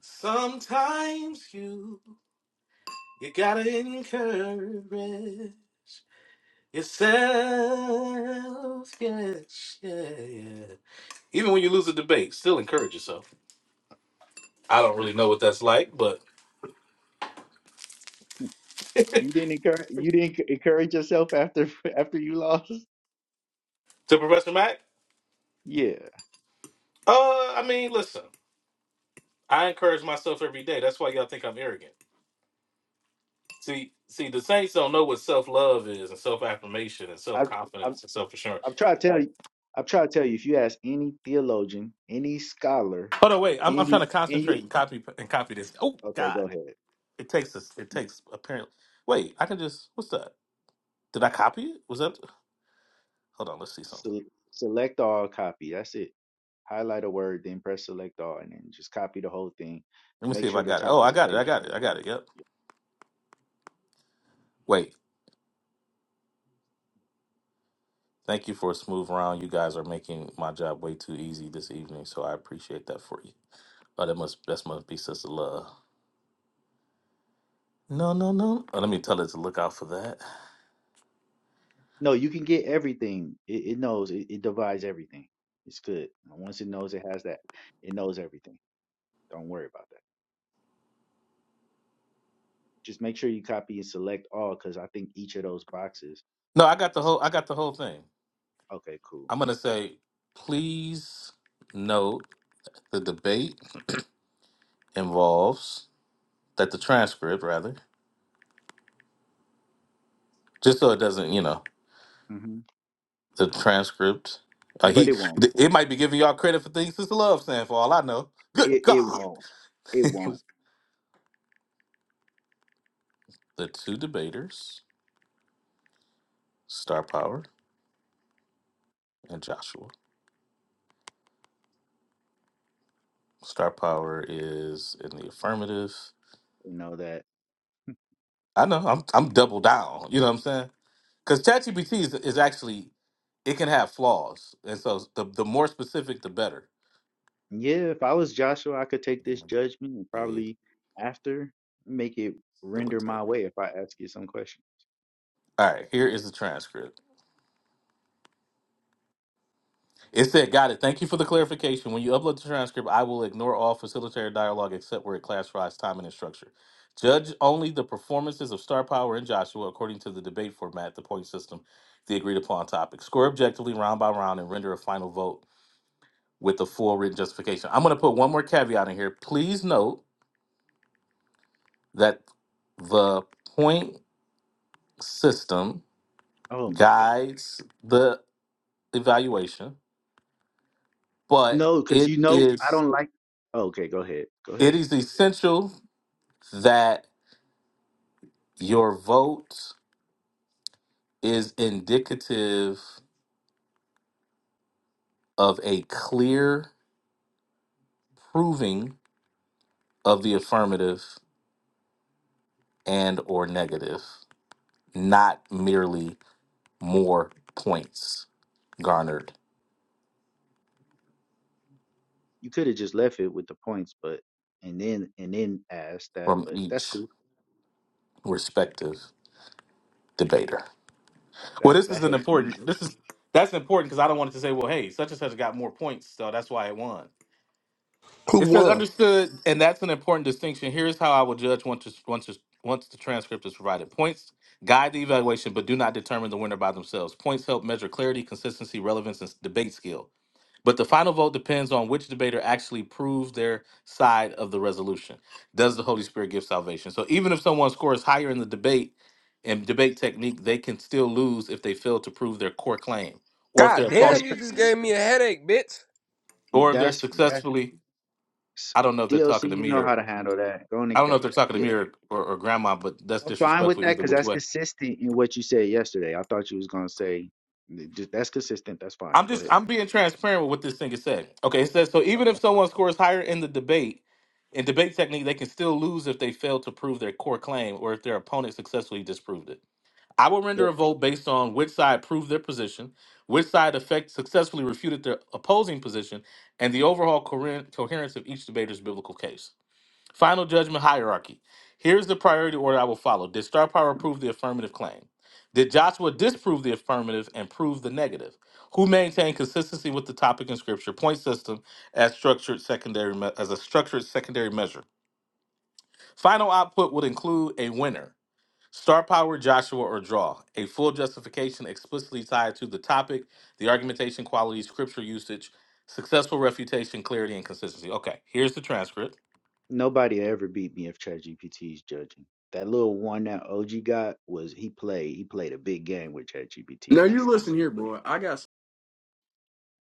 Sometimes you. You gotta encourage yourself. Yes, yeah, yeah. Even when you lose a debate, still encourage yourself. I don't really know what that's like, but You didn't encourage you didn't encourage yourself after after you lost. to Professor Mac, Yeah, uh, I mean, listen, I encourage myself every day. That's why y'all think I'm arrogant. See, see, the saints don't know what self love is, and self affirmation, and self I've I've confidence, and self assurance. I've tried to tell you. I've tried to tell you. If you ask any theologian, any scholar, Hold on, wait. I'm, I'm and trying you to and concentrate you and copy and copy this. Oh okay, God, go ahead. it takes us. It takes apparently. Wait, I can just. What's that? Did I copy it? Was that? Hold on, let's see something. So, select all, copy. That's it. Highlight a word, then press select all, and then just copy the whole thing. Let me see Make if I sure the got it. top Oh, of I the got it. I page. got it. shown. I got it. Yep. Wait. Thank you for a smooth round. You guys are making my job way too easy this evening, so I appreciate that for you. Oh, that must that must be Sister Love. No, no, no. Oh, let me tell her to look out for that. No, you can get everything. It, it knows. It, it divides everything. It's good. And once it knows it has that, it knows everything. Don't worry about that. Just make sure you copy and select all because I think each of those boxes No, I got the is whole I got the whole thing. okay, cool. I'm gonna say, please note the debate involves that the transcript rather, just so it doesn't, you know. hmm the transcript. Uh, But it he won't. th- it might be giving y'all credit for things Sister Love saying for all I know. Good It God. it won't. It It won't. was the two debaters, Star Power and Joshua. Star Power is in the affirmative. You know that. I know, I'm I'm double down. You know what I'm saying? Because ChatGPT is is actually it can have flaws. And so the the more specific the better. Yeah, if I was Joshua, I could take And this judgment and A probably after make it render my facilitator. way if I ask you some question. All right, here is the transcript. It said, got it. Thank you for the clarification. When you upload the transcript, I will ignore all facilitator dialogue except where it classifies time and its structure. Judge only the performances of Star Power and Joshua according to the debate format, the point system, the agreed upon topic. Score objectively round by round and render a final vote with the full written justification. I'm going to put one more caveat in here. Please note that the point system Oh my God. guides the evaluation, but No, because it you know I is don't like. Oh, okay, go ahead. Go it ahead. is essential that your vote is indicative of a clear proving of the affirmative and or negative not merely more points garnered You could have just left it with the points, but and then and then asked that, from but that's each cool. respective debater well That this that is an helps me. important this is that's important because i don't want it to say well hey such and such got more points so that's why it won Who It says won? understood, and that's an important distinction. Here's how I will judge once once once the transcript is provided. Points guide the evaluation, but do not determine the winner by themselves. Points help measure clarity, consistency, relevance, and s- debate skill. But the final vote depends on which debater actually proves their side of the resolution. Does the Holy Spirit give salvation? So even if someone scores higher in the debate and debate technique, they can still lose if they fail to prove their core claim, or if their God That's damn, opponent, you just gave me a headache, bitch. or if they're that's that's successfully. I don't know if they're DLC. talking to You me know or how to handle that. Go on I and don't know if catch they're that. talking to me Yeah, or, or, or grandma, but that's I'm fine with disrespectful that either because which that's way. consistent in what you said yesterday. I thought you was gonna say th- th- that's consistent. That's fine. I'm Go just ahead. I'm being transparent with what this thing is said. Okay, it says so even Okay. if someone scores higher in the debate, in debate technique, they can still lose if they fail to prove their core claim or if their opponent successfully disproved it. I will Yep. render a vote based on which side proved their position, which side effect successfully refuted their opposing position, and the overall coheren- coherence of each debater's biblical case. Final judgment hierarchy. Here's the priority order I will follow. Did Star Power prove the affirmative claim? Did Joshua disprove the affirmative and prove the negative? Who maintained consistency with the topic in scripture? Point system as structured secondary me- as a structured secondary measure. Final output would include a winner. Star power, Joshua, or draw. A full justification explicitly tied to the topic, the argumentation quality, scripture usage, successful refutation, clarity, and consistency. Okay, here's the transcript. Nobody ever beat me if ChatGPT is judging. That little one that OG got was he played he played a big game with ChatGPT, Now and I you said listen what here, he did. bro. I got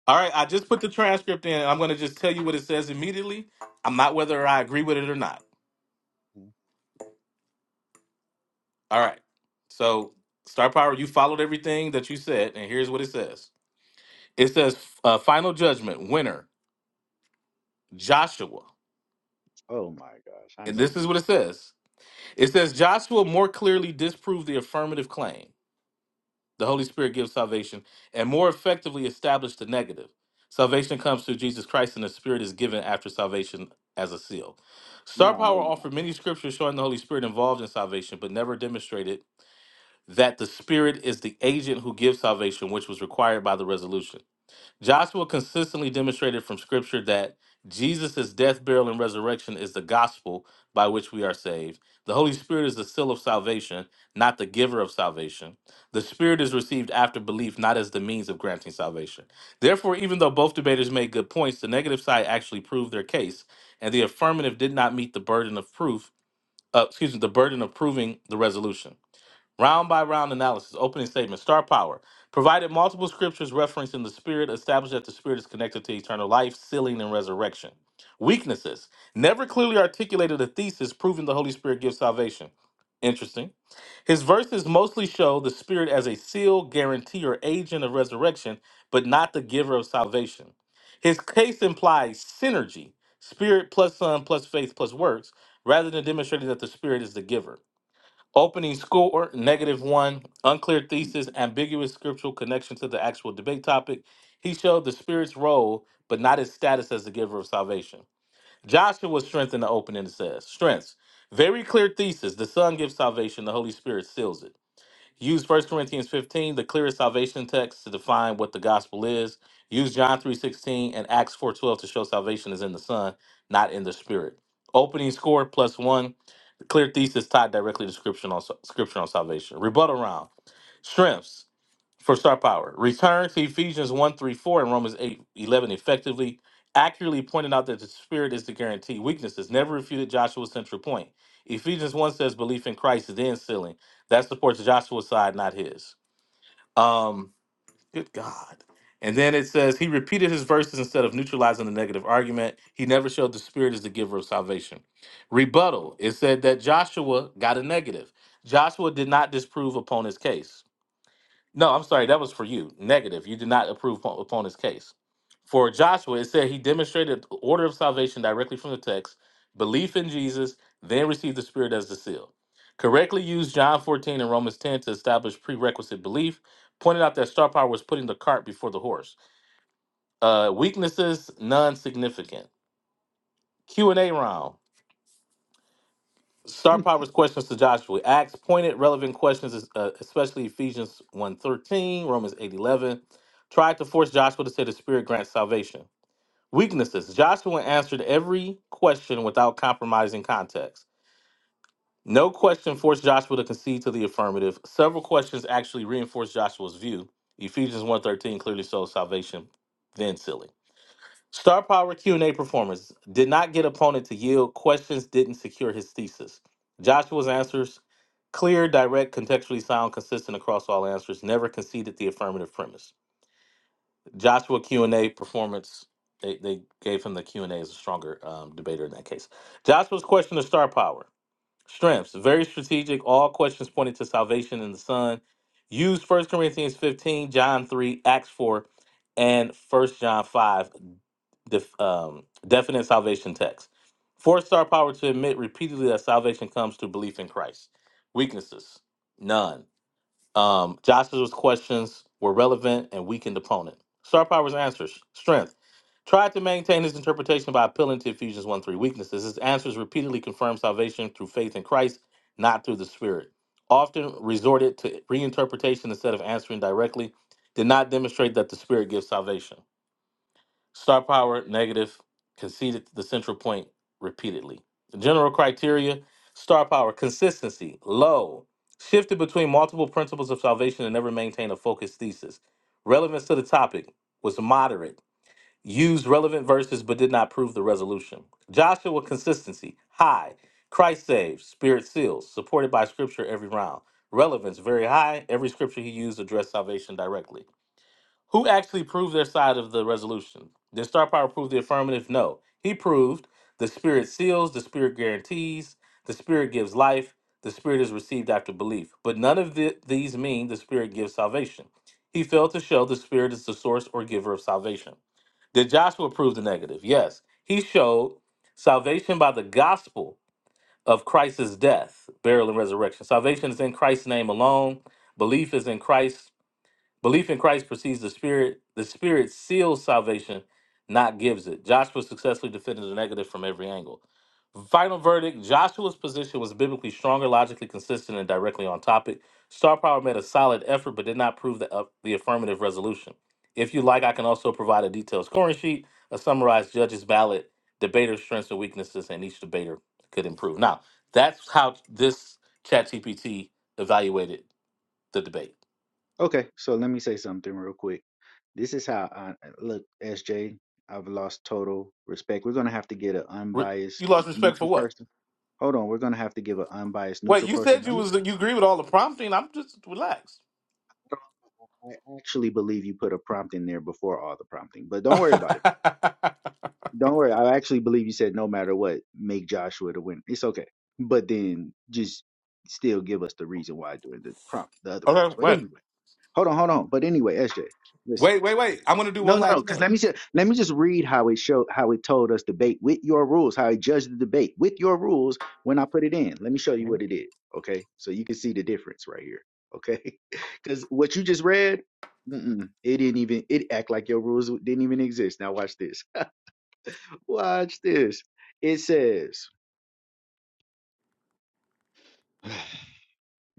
All right, I just put the transcript in. I'm going to just tell you what it says immediately. I'm not whether I agree with it or not. Mhm. All right. So, Star Power, you followed everything that you said, and here's what it says it says, uh, Final Judgment, winner, Joshua. Oh my gosh, I And know this you is what lying. it says it says, Joshua more clearly disproved the affirmative claim. The Holy Spirit gives salvation and more effectively establish the negative. Salvation comes through Jesus Christ, and the Spirit is given after salvation as a seal. Star Now I know Power you lying. offered many scriptures showing the Holy Spirit involved in salvation, but never demonstrated that the Spirit is the agent who gives salvation, which was required by the resolution. Joshua consistently demonstrated from scripture that Jesus' death, burial, and resurrection is the gospel by which we are saved. The Holy Spirit is the seal of salvation, not the giver of salvation. The Spirit is received after belief, not as the means of granting salvation. Therefore, even though both debaters made good points, the negative side actually proved their case, and the affirmative did not meet the burden of proof, uh, excuse me, the burden of proving the resolution. Round by round analysis. Opening statement. Star power. Provided multiple scriptures referencing the spirit, established that the spirit is connected to eternal life, sealing, and resurrection. Weaknesses. Never clearly articulated a thesis proving the Holy Spirit gives salvation. Interesting. His verses mostly show the Spirit as a seal, guarantee, or agent of resurrection, but not the giver of salvation. His case implies synergy, Spirit plus Son plus faith plus works, rather than demonstrating that the Spirit is the giver. Opening score, negative one, unclear Mm. thesis, ambiguous scriptural connection to the actual debate topic. He showed the Spirit's role, but not his status as the giver of salvation. Joshua's strength in the opening it says, strengths. Very clear thesis. The Son gives salvation, the Holy Spirit seals it. Use First Corinthians 15, the clearest salvation text, to define what the gospel is. Use John 3.16 and Acts 4.12 to show salvation is in the Son, not in the Spirit. Opening score plus one. The clear thesis tied directly to scripture on, scripture on salvation. Rebuttal round. Shrimps for star power. Return to Ephesians one 3 4 and Romans 8 11, effectively, accurately pointed out that the Spirit is the guarantee. Weaknesses never refuted Joshua's central point. Ephesians 1 says belief in Christ is then sealing. That supports Joshua's side, not his. Um, good God. And then it says he repeated his verses instead of neutralizing the negative argument. He never showed the spirit is the giver of salvation. Rebuttal. It said that Joshua got a negative. Joshua did not disprove opponent's case. No, I'm sorry. That was for you. Negative. You did not approve upon upon his case. For Joshua, it said he demonstrated the order of salvation directly from the text, belief in Jesus, then received the Spirit as the seal. Correctly used John 14 and Romans 10 to establish prerequisite belief, pointed out that star power was putting the cart before the horse. Uh, weaknesses, non-significant. Q&A round. Star Power's questions to Joshua. Acts pointed, relevant questions, uh, especially Ephesians one thirteen, Romans 8.11, tried to force Joshua to say the Spirit grants salvation. Weaknesses. Joshua answered every question without compromising context. No question forced Joshua to concede to the affirmative. Several questions actually reinforced Joshua's view. Ephesians one thirteen clearly shows salvation, then sealing. Star Power Q&A performance did not get opponent to yield. Questions didn't secure his thesis. Joshua's answers clear, direct, contextually sound, consistent across all answers. Never conceded the affirmative premise. Joshua Q&A performance. They, they gave him the Q&A as a stronger um, debater in that case. Joshua's question of star power. Strengths. Very strategic. All questions pointed to salvation in the Son. Use First Corinthians 15, John 3, Acts 4, and First John 5 def, um, definite salvation text. Four star power to admit repeatedly that salvation comes through belief in Christ. Weaknesses, none. Um, Joshua's questions were relevant and weakened opponent. Star power's answers, strength. Tried to maintain his interpretation by appealing to Ephesians 1 3 weaknesses. His answers repeatedly confirmed salvation through faith in Christ, not through the Spirit. Often resorted to reinterpretation instead of answering directly. Did not demonstrate that the Spirit gives salvation. Star power, negative, conceded the central point repeatedly. General criteria star power, consistency, low, shifted between multiple principles of salvation and never maintained a focused thesis. Relevance to the topic was moderate, used relevant verses but did not prove the resolution. Joshua consistency, high, Christ saves, spirit seals, supported by scripture every round. Relevance very high. Every scripture he used addressed salvation directly. Who actually proved their side of the resolution? Did Star Power prove the affirmative? No. He proved the spirit seals, the spirit guarantees, the spirit gives life, the spirit is received after belief. But none of the, these mean the spirit gives salvation. He failed to show the spirit is the source or giver of salvation. Did Joshua prove the negative? Yes. He showed salvation by the gospel of Christ's death, burial, and resurrection. Salvation is in Christ's name alone. Belief is in Christ Belief in Christ precedes the Spirit. The Spirit seals salvation, not gives it. Joshua successfully defended the negative from every angle. Final verdict Joshua's position was biblically stronger, logically consistent, and directly on topic. Star Power made a solid effort, but did not prove the, up the affirmative resolution. If you like, I can also provide a detailed scoring sheet, a summarized judges' ballot, debater strengths and weaknesses, and each debater could improve. Now, that's how this ChatGPT evaluated the debate. Okay, so let me say something real quick. This is how I uh, look, SJ. I've lost total respect. We're gonna have to get an Re- you unbiased lost respect for neutral what? person. Hold on, we're gonna have to give an unbiased Wait, neutral you person. said Let you me. was you agree with all the prompting. I'm just relaxed. I actually believe you put a prompt in there before all the prompting, but don't worry about it. Don't worry. I actually believe you said no matter what, make Joshua the winner. It's okay. But then just still give us the reason why doing the prompt, the other prompts. Okay, But wait, anyway, hold on, hold on. But anyway, SJ, listen. wait, wait, wait. listen. I'm gonna do No, one no, no. last Because thing. let me just, let me just read how it showed how it told us debate with your rules, how it judged the debate with your rules when I put it in. Let me show you Mhm. what it did. Okay, so you can see the difference right here. Okay, because what you just read, mm-mm, it didn't even it act like your rules didn't even exist. Now watch this. Watch this. It says,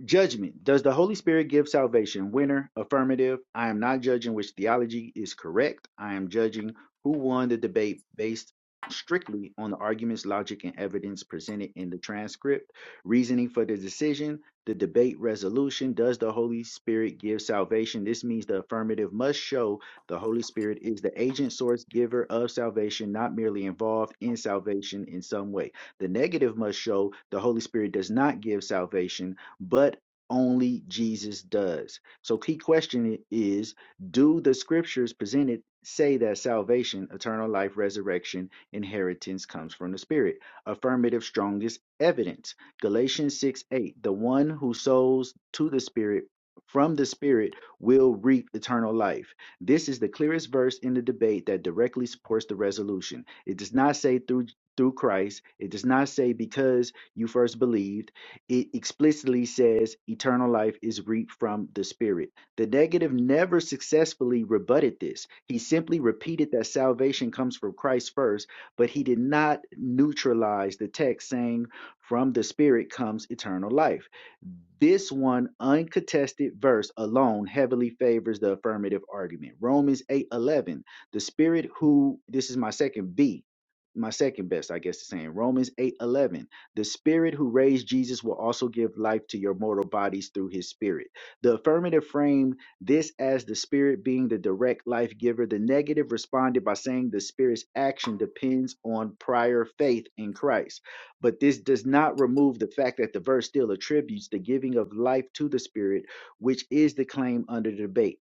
Judgment. Does the Holy Spirit give salvation? Winner. Affirmative. I am not judging which theology is correct. I am judging who won the debate based strictly on the arguments, logic, and evidence presented in the transcript. Reasoning for the decision. The debate resolution. Does the Holy Spirit give salvation? This means the affirmative must show the Holy Spirit is the agent, source, giver of salvation, not merely involved in salvation in some way. The negative must show the Holy Spirit does not give salvation but only Jesus does. So, key question is Do the scriptures presented say that salvation, eternal life, resurrection, inheritance comes from the Spirit? Affirmative, strongest evidence. Galatians 6 8 The one who sows to the Spirit from the Spirit will reap eternal life. This is the clearest verse in the debate that directly supports the resolution. It does not say through through Christ. It does not say because you first believed it explicitly says eternal life is reaped from the Spirit. The negative never successfully rebutted this. He simply repeated that salvation comes from Christ first, but he did not neutralize the text saying, From the Spirit comes eternal life. This one uncontested verse alone heavily favors the affirmative argument. Romans 8 11. the Spirit who, this is my second B, my second best, I guess it's saying, Romans 8 11. The Spirit who raised Jesus will also give life to your mortal bodies through his Spirit. The affirmative framed this as the Spirit being the direct life giver. The negative responded by saying the Spirit's action depends on prior faith in Christ. But this does not remove the fact that the verse still attributes the giving of life to the Spirit, which is the claim under debate.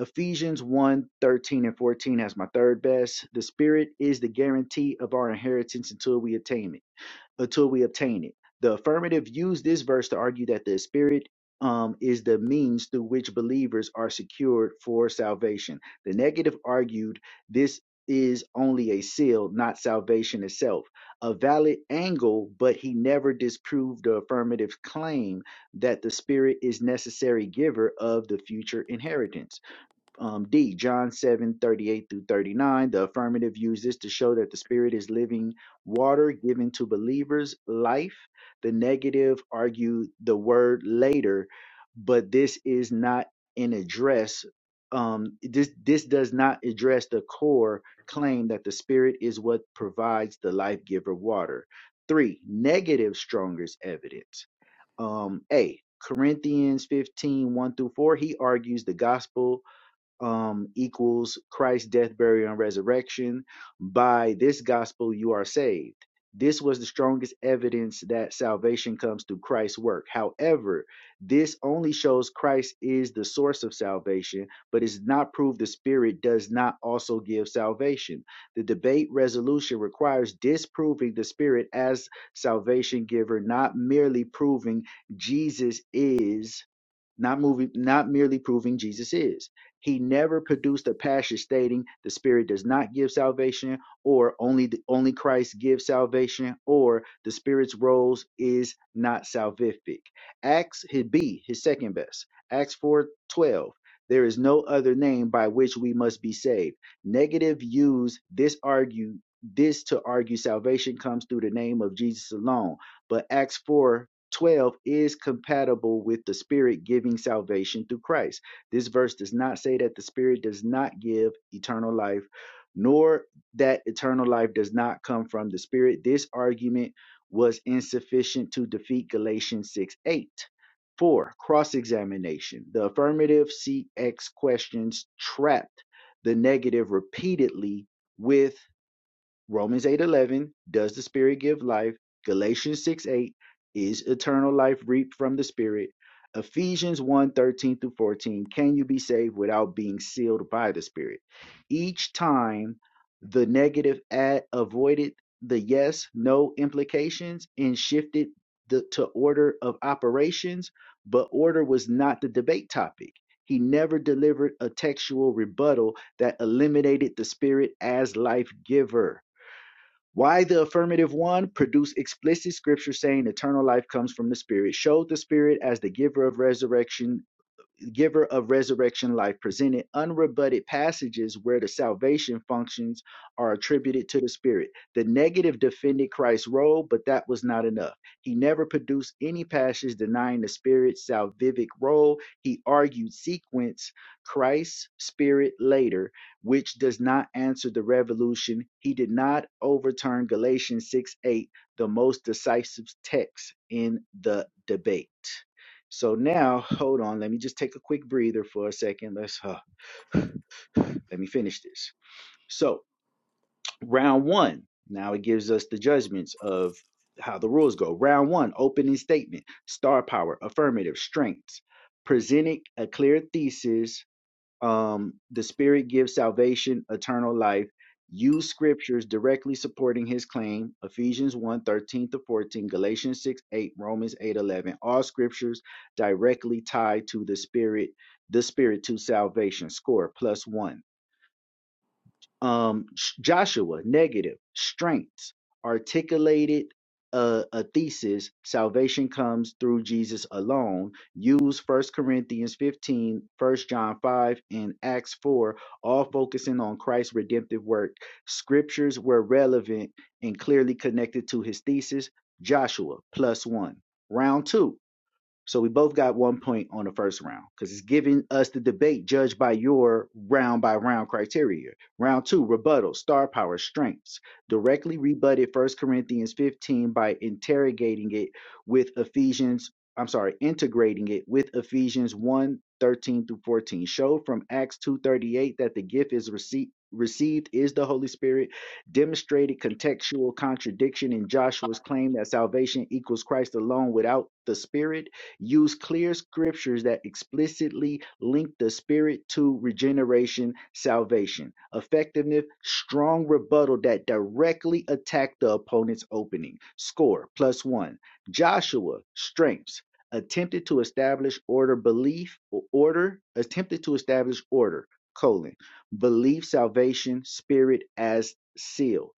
Ephesians one 13 and 14 has my third best. The Spirit is the guarantee of our inheritance until we attain it until we obtain it. The affirmative used this verse to argue that the Spirit um, is the means through which believers are secured for salvation. The negative argued this is only a seal, not salvation itself. A valid angle, but he never disproved the affirmative claim that the Spirit is necessary giver of the future inheritance. Um, D, John 7 38 through 39. The affirmative uses to show that the Spirit is living water given to believers' life. The negative argue the word later, but this is not an address. Um, this, this does not address the core claim that the Spirit is what provides the life giver water. Three, negative strongest evidence. Um, A, Corinthians fifteen one through 4. He argues the gospel um, equals Christ's death, burial, and resurrection. By this gospel, you are saved. This was the strongest evidence that salvation comes through Christ's work. However, this only shows Christ is the source of salvation, but is not proof the Spirit does not also give salvation. The debate resolution requires disproving the Spirit as salvation giver, not merely proving Jesus is not moving, not merely proving Jesus is. He never produced a passage stating the Spirit does not give salvation, or only the, only Christ gives salvation, or the Spirit's roles is not salvific. Acts his B, his second best. Acts four twelve. There is no other name by which we must be saved. Negative use this argue this to argue salvation comes through the name of Jesus alone. But Acts 4 12 is compatible with the Spirit giving salvation through Christ. This verse does not say that the Spirit does not give eternal life, nor that eternal life does not come from the Spirit. This argument was insufficient to defeat Galatians 6 8. 4. Cross examination. The affirmative CX questions trapped the negative repeatedly with Romans 8:11 does the spirit give life? Galatians 6:8 is eternal life reaped from the spirit? Ephesians 1:13 through 14 can you be saved without being sealed by the spirit? Each time the negative ad avoided the yes no implications and shifted the, to order of operations, but order was not the debate topic. He never delivered a textual rebuttal that eliminated the spirit as life giver why the affirmative one produced explicit scripture saying eternal life comes from the Spirit, showed the Spirit as the giver of resurrection giver of resurrection life presented unrebutted passages where the salvation functions are attributed to the spirit the negative defended christ's role but that was not enough he never produced any passage denying the spirit's salvific role he argued sequence christ spirit later which does not answer the revolution he did not overturn galatians 6 8 the most decisive text in the debate so now, hold on, let me just take a quick breather for a second. Let's uh, let me finish this. So, round 1. Now it gives us the judgments of how the rules go. Round 1, opening statement, star power, affirmative, strengths, presenting a clear thesis um, the Spirit gives salvation, eternal life. Use scriptures directly supporting his claim. Ephesians one 13 to 14, Galatians 6 8, Romans 8 11. All scriptures directly tied to the Spirit, the Spirit to salvation. Score plus one um joshua negative strength articulated a, a thesis salvation comes through jesus alone use First corinthians 15, First john 5 and acts 4 all focusing on christ's redemptive work scriptures were relevant and clearly connected to his thesis joshua plus one round two so we both got one point on the first round because it's giving us the debate judged by your round by round criteria. Round two, rebuttal, star power, strengths. Directly rebutted First Corinthians 15 by interrogating it with Ephesians, I'm sorry, integrating it with Ephesians 1 thirteen through 14. Show from Acts 2.38 that the gift is received. Received is the Holy Spirit, demonstrated contextual contradiction in Joshua's claim that salvation equals Christ alone without the Spirit, use clear scriptures that explicitly link the Spirit to regeneration, salvation. Effectiveness, strong rebuttal that directly attack the opponent's opening. Score plus one. Joshua, strengths. Attempted to establish order, belief, or order, attempted to establish order, colon, belief, salvation, spirit as seal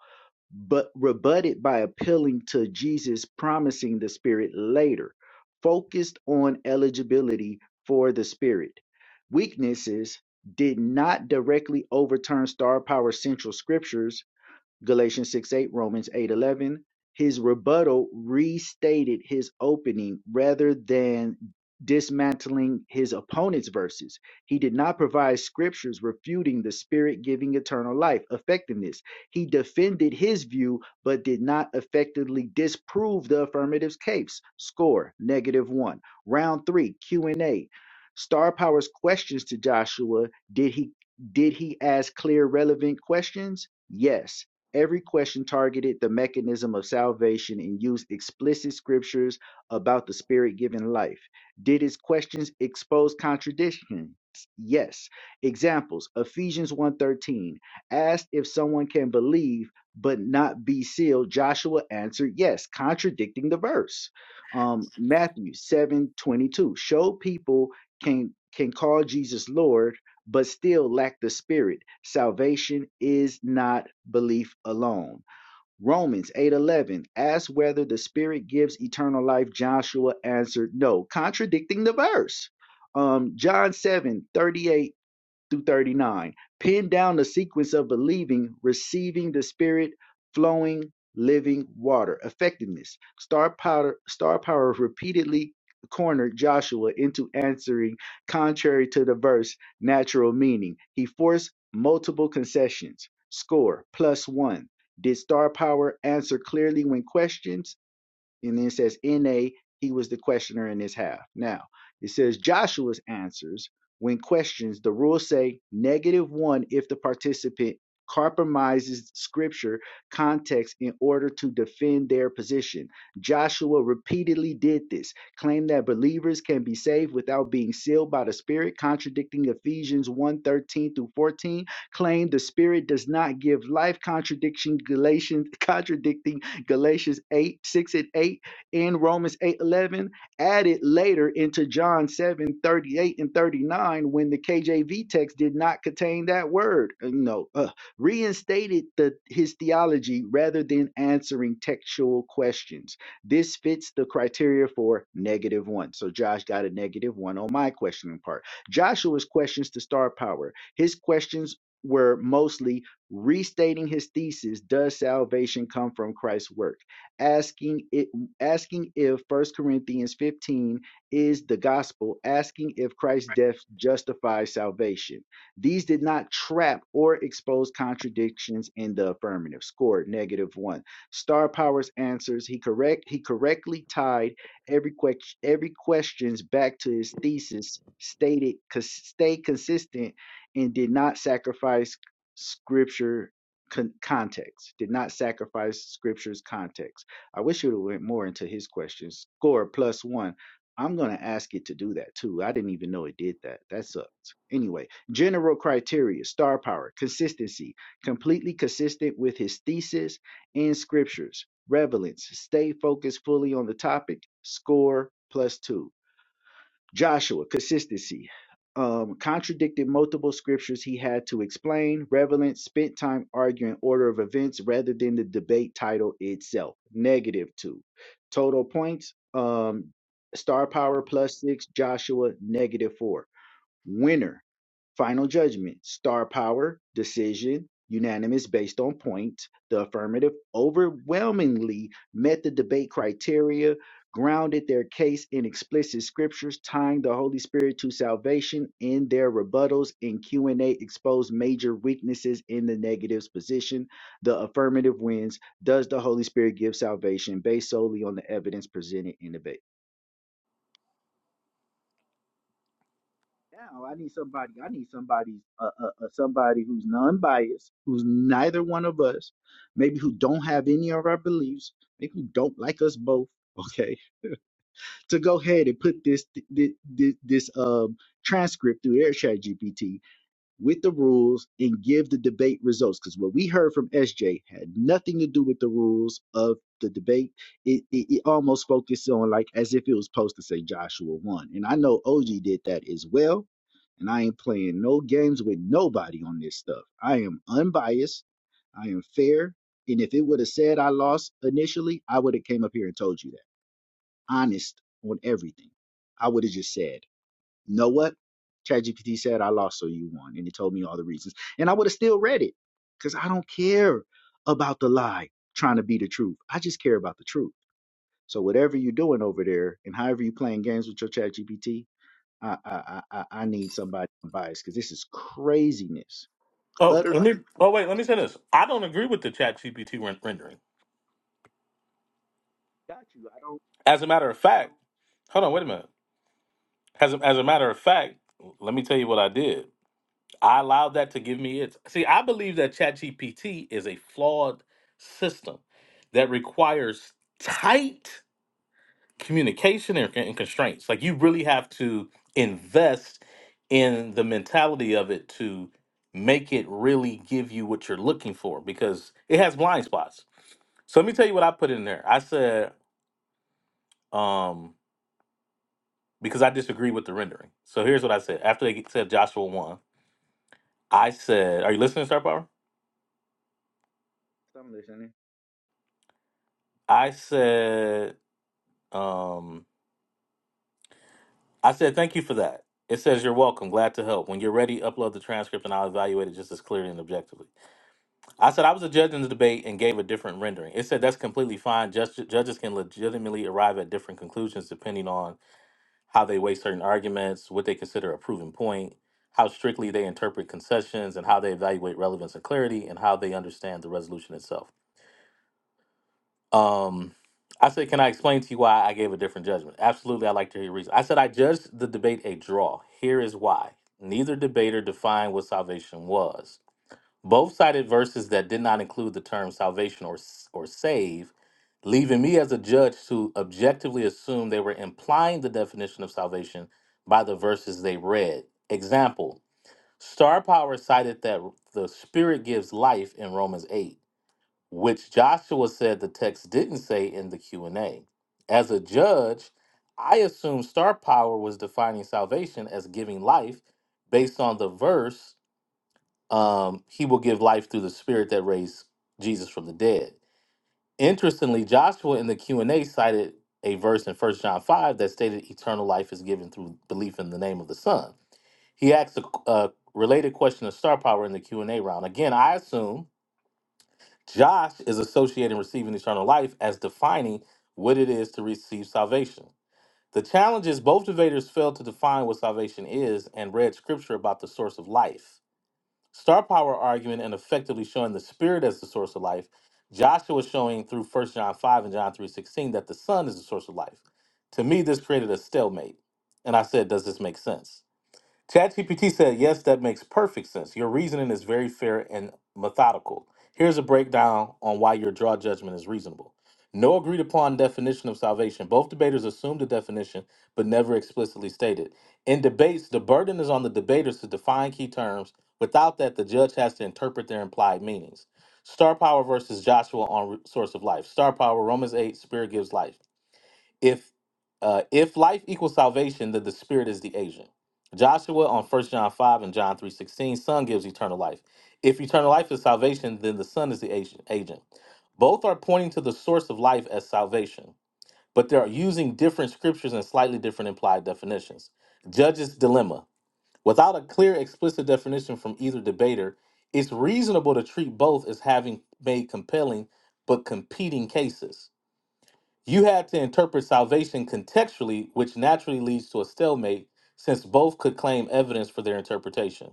but rebutted by appealing to Jesus promising the Spirit later, focused on eligibility for the Spirit. Weaknesses did not directly overturn Star Power Central Scriptures Galatians 6 8, Romans 8 11. His rebuttal restated his opening rather than dismantling his opponent's verses. He did not provide scriptures refuting the spirit giving eternal life effectiveness. He defended his view but did not effectively disprove the affirmative's case. Score negative 1. Round 3 Q&A. Star Power's questions to Joshua, did he did he ask clear relevant questions? Yes. Every question targeted the mechanism of salvation and used explicit scriptures about the spirit given life. Did his questions expose contradictions? Yes. Examples Ephesians one thirteen asked if someone can believe but not be sealed. Joshua answered yes, contradicting the verse. Um, Matthew 7:22 showed people can can call Jesus Lord but still lack the spirit. Salvation is not belief alone. Romans 8:11 asked whether the spirit gives eternal life. Joshua answered no, contradicting the verse. Um, John 7:38 through 39. Pin down the sequence of believing, receiving the spirit, flowing, living water. Effectiveness. Star power, star power repeatedly cornered Joshua into answering contrary to the verse natural meaning. He forced multiple concessions. Score plus one. Did star power answer clearly when questioned? And then it says, in A, he was the questioner in his half. Now, it says Joshua's answers when questions, the rules say negative one if the participant compromises scripture context in order to defend their position. Joshua repeatedly did this, claimed that believers can be saved without being sealed by the Spirit, contradicting Ephesians one thirteen through 14, claimed the Spirit does not give life, contradiction Galatians, contradicting Galatians 8, 6 and 8, in Romans 8 11 added later into John 7 38 and 39 when the KJV text did not contain that word. Uh, No, uh, reinstated the, his theology rather than answering textual questions. This fits the criteria for negative one. So Josh got a negative one on my questioning part. Joshua's questions to star power. His questions were mostly Restating his thesis, does salvation come from Christ's work? Asking it, asking if First Corinthians 15 is the gospel, asking if Christ's death justifies salvation. These did not trap or expose contradictions in the affirmative. Scored negative one. Star Power's answers, he correct he correctly tied every que- every questions back to his thesis, stated cons- stay consistent and did not sacrifice scripture con- context, did not sacrifice scripture's context. I wish you went more into his questions. Score plus one. I'm going to ask it to do that too. I didn't even know it did that. That sucks. Anyway, general criteria star power, consistency, completely consistent with his thesis and scriptures, relevance, stay focused fully on the topic, score plus two Joshua, consistency. Um, contradicted multiple scriptures he had to explain. Revelant spent time arguing order of events rather than the debate title itself. Negative two. Total points. Um, star power plus six. Joshua negative four. Winner, Final Judgment, Star Power, Decision, Unanimous based on points. The affirmative overwhelmingly met the debate criteria, grounded their case in explicit scriptures, tying the Holy Spirit to salvation in their rebuttals and Q&A exposed major weaknesses in the negative's position. The affirmative wins. Does the Holy Spirit give salvation based solely on the evidence presented in debate? now i need somebody i need somebody uh, uh, uh, somebody who's non-biased who's neither one of us maybe who don't have any of our beliefs maybe who don't like us both okay to go ahead and put this this this, this um transcript through their chat gpt with the rules and give the debate results. Because what we heard from SJ had nothing to do with the rules of the debate. It, it, it almost focused on like as if it was supposed to say Joshua 1. And I know OG did that as well. And I ain't playing no games with nobody on this stuff. I am unbiased. I am fair. And if it would have said I lost initially, I would have came up here and told you that. Honest on everything. I would have just said. You know what? ChatGPT said I lost, so you won, and it told me all the reasons, and I would have still read it because I don't care about the lie trying to be the truth. I just care about the truth. So whatever you're doing over there, and however you're playing games with your ChatGPT, I I I, I I need somebody biased because this is craziness, Oh, utter. let me. Oh, wait. Let me say this. I don't agree with the Chat GPT rendering. Got you. I don't. As a matter of fact, hold on. Wait a minute. As a, as a matter of fact, let me tell you what I did. I allowed that to give me its. See, I believe that Chat GPT is a flawed system that requires tight. communication and, and constraints. Like you really have to invest in the mentality of it to make it really give you what you're looking for because it has blind spots. So let me tell you what I put in there. I said um, because I disagree with the rendering. So here's what I said after they said Joshua one. I said, "Are you listening, Star Power?" I'm listening. I said, um, "I said thank you for that." It says, "You're welcome. Glad to help. When you're ready, upload the transcript, and I'll evaluate it just as clearly and objectively." I said I was a judge in the debate and gave a different rendering. It said that's completely fine. Judge, judges can legitimately arrive at different conclusions depending on how they weigh certain arguments, what they consider a proven point, how strictly they interpret concessions, and how they evaluate relevance and clarity, and how they understand the resolution itself. Um, I said, can I explain to you why I gave a different judgment? Absolutely, I'd like to hear your reason. I said I judged the debate a draw. Here is why. Neither debater defined what salvation was. Both cited verses that did not include the term salvation or, s- or save, leaving me as a judge to objectively assume they were implying the definition of salvation by the verses they read. Example Star Power cited that the Spirit gives life in Romans 8, which Joshua said the text didn't say in the Q&A. As a judge, I assumed Star Power was defining salvation as giving life based on the verse um, he will give life through the spirit that raised Jesus from the dead. Interestingly, Joshua in the Q&A cited a verse in First John 5 that stated eternal life is given through belief in the name of the Son. He asked a, a related question of star power in the Q&A round. Again, I assume Josh is associating receiving eternal life as defining what it is to receive salvation. The challenge is both debaters failed to define what salvation is and read scripture about the source of life. Star power argument and effectively showing the spirit as the source of life, Joshua is showing through First John 5 and John 3:16 that the Son is the source of life. To me, this created a stalemate. And I said, does this make sense? ChatGPT said, Yes, that makes perfect sense. Your reasoning is very fair and methodical. Here's a breakdown on why your draw judgment is reasonable. No agreed upon definition of salvation. Both debaters assume the definition, but never explicitly stated. In debates, the burden is on the debaters to define key terms. Without that, the judge has to interpret their implied meanings. Star power versus Joshua on Re- Source of Life. Star power, Romans 8, Spirit gives life if uh, if life equals salvation, then the spirit is the agent. Joshua on First John 5 and John 3 16, Son gives eternal life. If eternal life is salvation, then the Son is the agent. agent. Both are pointing to the source of life as salvation, but they are using different scriptures and slightly different implied definitions. Judge's dilemma. Without a clear, explicit definition from either debater, it's reasonable to treat both as having made compelling but competing cases. You had to interpret salvation contextually, which naturally leads to a stalemate since both could claim evidence for their interpretation.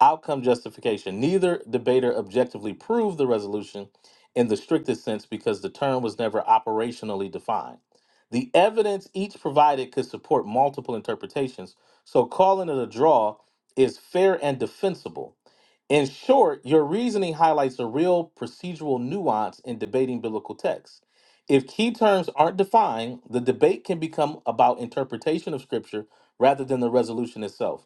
Outcome justification. Neither debater objectively proved the resolution in the strictest sense because the term was never operationally defined. The evidence each provided could support multiple interpretations, so calling it a draw is fair and defensible. In short, your reasoning highlights a real procedural nuance in debating biblical texts if key terms aren't defined, the debate can become about interpretation of scripture rather than the resolution itself.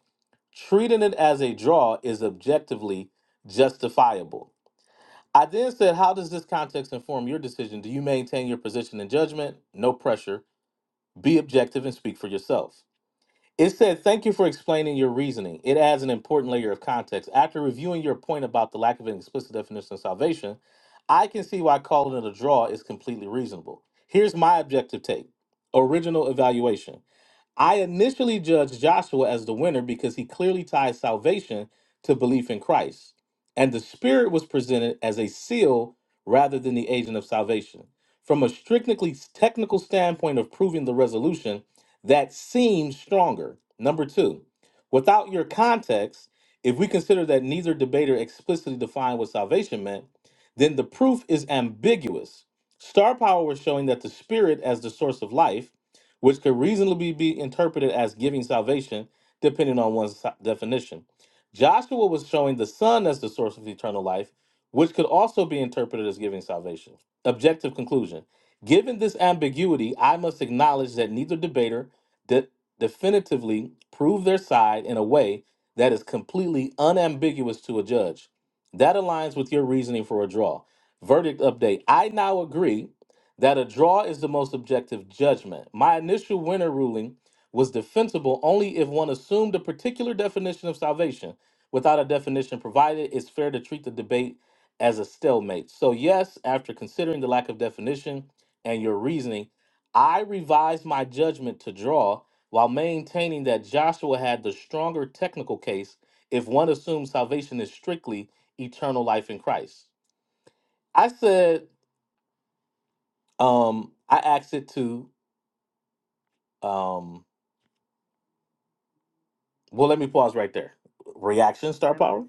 Treating it as a draw is objectively justifiable. I then said, How does this context inform your decision? Do you maintain your position and judgment? No pressure. Be objective and speak for yourself. It said, Thank you for explaining your reasoning. It adds an important layer of context. After reviewing your point about the lack of an explicit definition of salvation, I can see why calling it a draw is completely reasonable. Here's my objective take original evaluation. I initially judged Joshua as the winner because he clearly ties salvation to belief in Christ, and the Spirit was presented as a seal rather than the agent of salvation. From a strictly technical standpoint of proving the resolution, that seems stronger. Number two, without your context, if we consider that neither debater explicitly defined what salvation meant, then the proof is ambiguous. Star power was showing that the Spirit as the source of life which could reasonably be interpreted as giving salvation, depending on one's si- definition. Joshua was showing the Son as the source of eternal life, which could also be interpreted as giving salvation. Objective conclusion Given this ambiguity, I must acknowledge that neither debater de- definitively proved their side in a way that is completely unambiguous to a judge. That aligns with your reasoning for a draw. Verdict update. I now agree that a draw is the most objective judgment. My initial winner ruling was defensible only if one assumed a particular definition of salvation. Without a definition provided, it's fair to treat the debate as a stalemate. So, yes, after considering the lack of definition and your reasoning, I revised my judgment to draw while maintaining that Joshua had the stronger technical case if one assumes salvation is strictly eternal life in Christ. I said um, I asked it to Um, well, let me pause right there. Reaction, star power.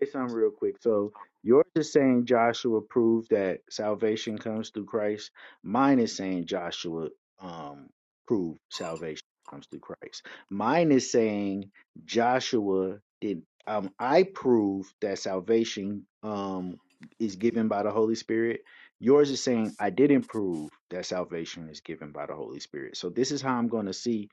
say something real quick. So yours is saying Joshua proved that salvation comes through Christ. Mine is saying Joshua um proved salvation comes through Christ. Mine is saying Joshua did um I proved that salvation um is given by the Holy Spirit. Yours is saying I didn't prove that salvation is given by the Holy Spirit. So this is how I'm going to see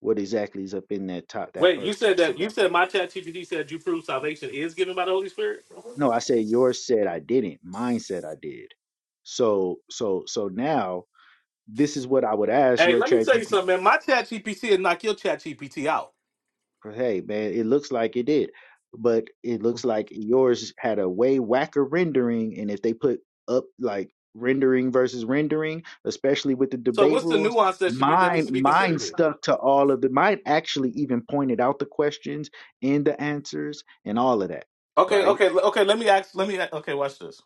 what exactly is up in that top that Wait, you first said text you that you got there. said my chat GPT said you prove salvation is given by the Holy Spirit? No, I said yours said I didn't. Mine said I did. So so so now this is what I would ask Hey, your let me tell you ChatGPT. something, man. My chat GPT will knock your chat GPT out. Hey man, it looks like it did, but it looks like yours had a way whacker rendering, and if they put up like rendering versus rendering, especially with the So debate what's the rules, nuance that should be that needs mine to be mine considered? here? stuck to all of the. Mine actually even pointed out the questions and the answers and all of that, Okay, right? okay, l- okay, let me ask let me a- okay, watch this.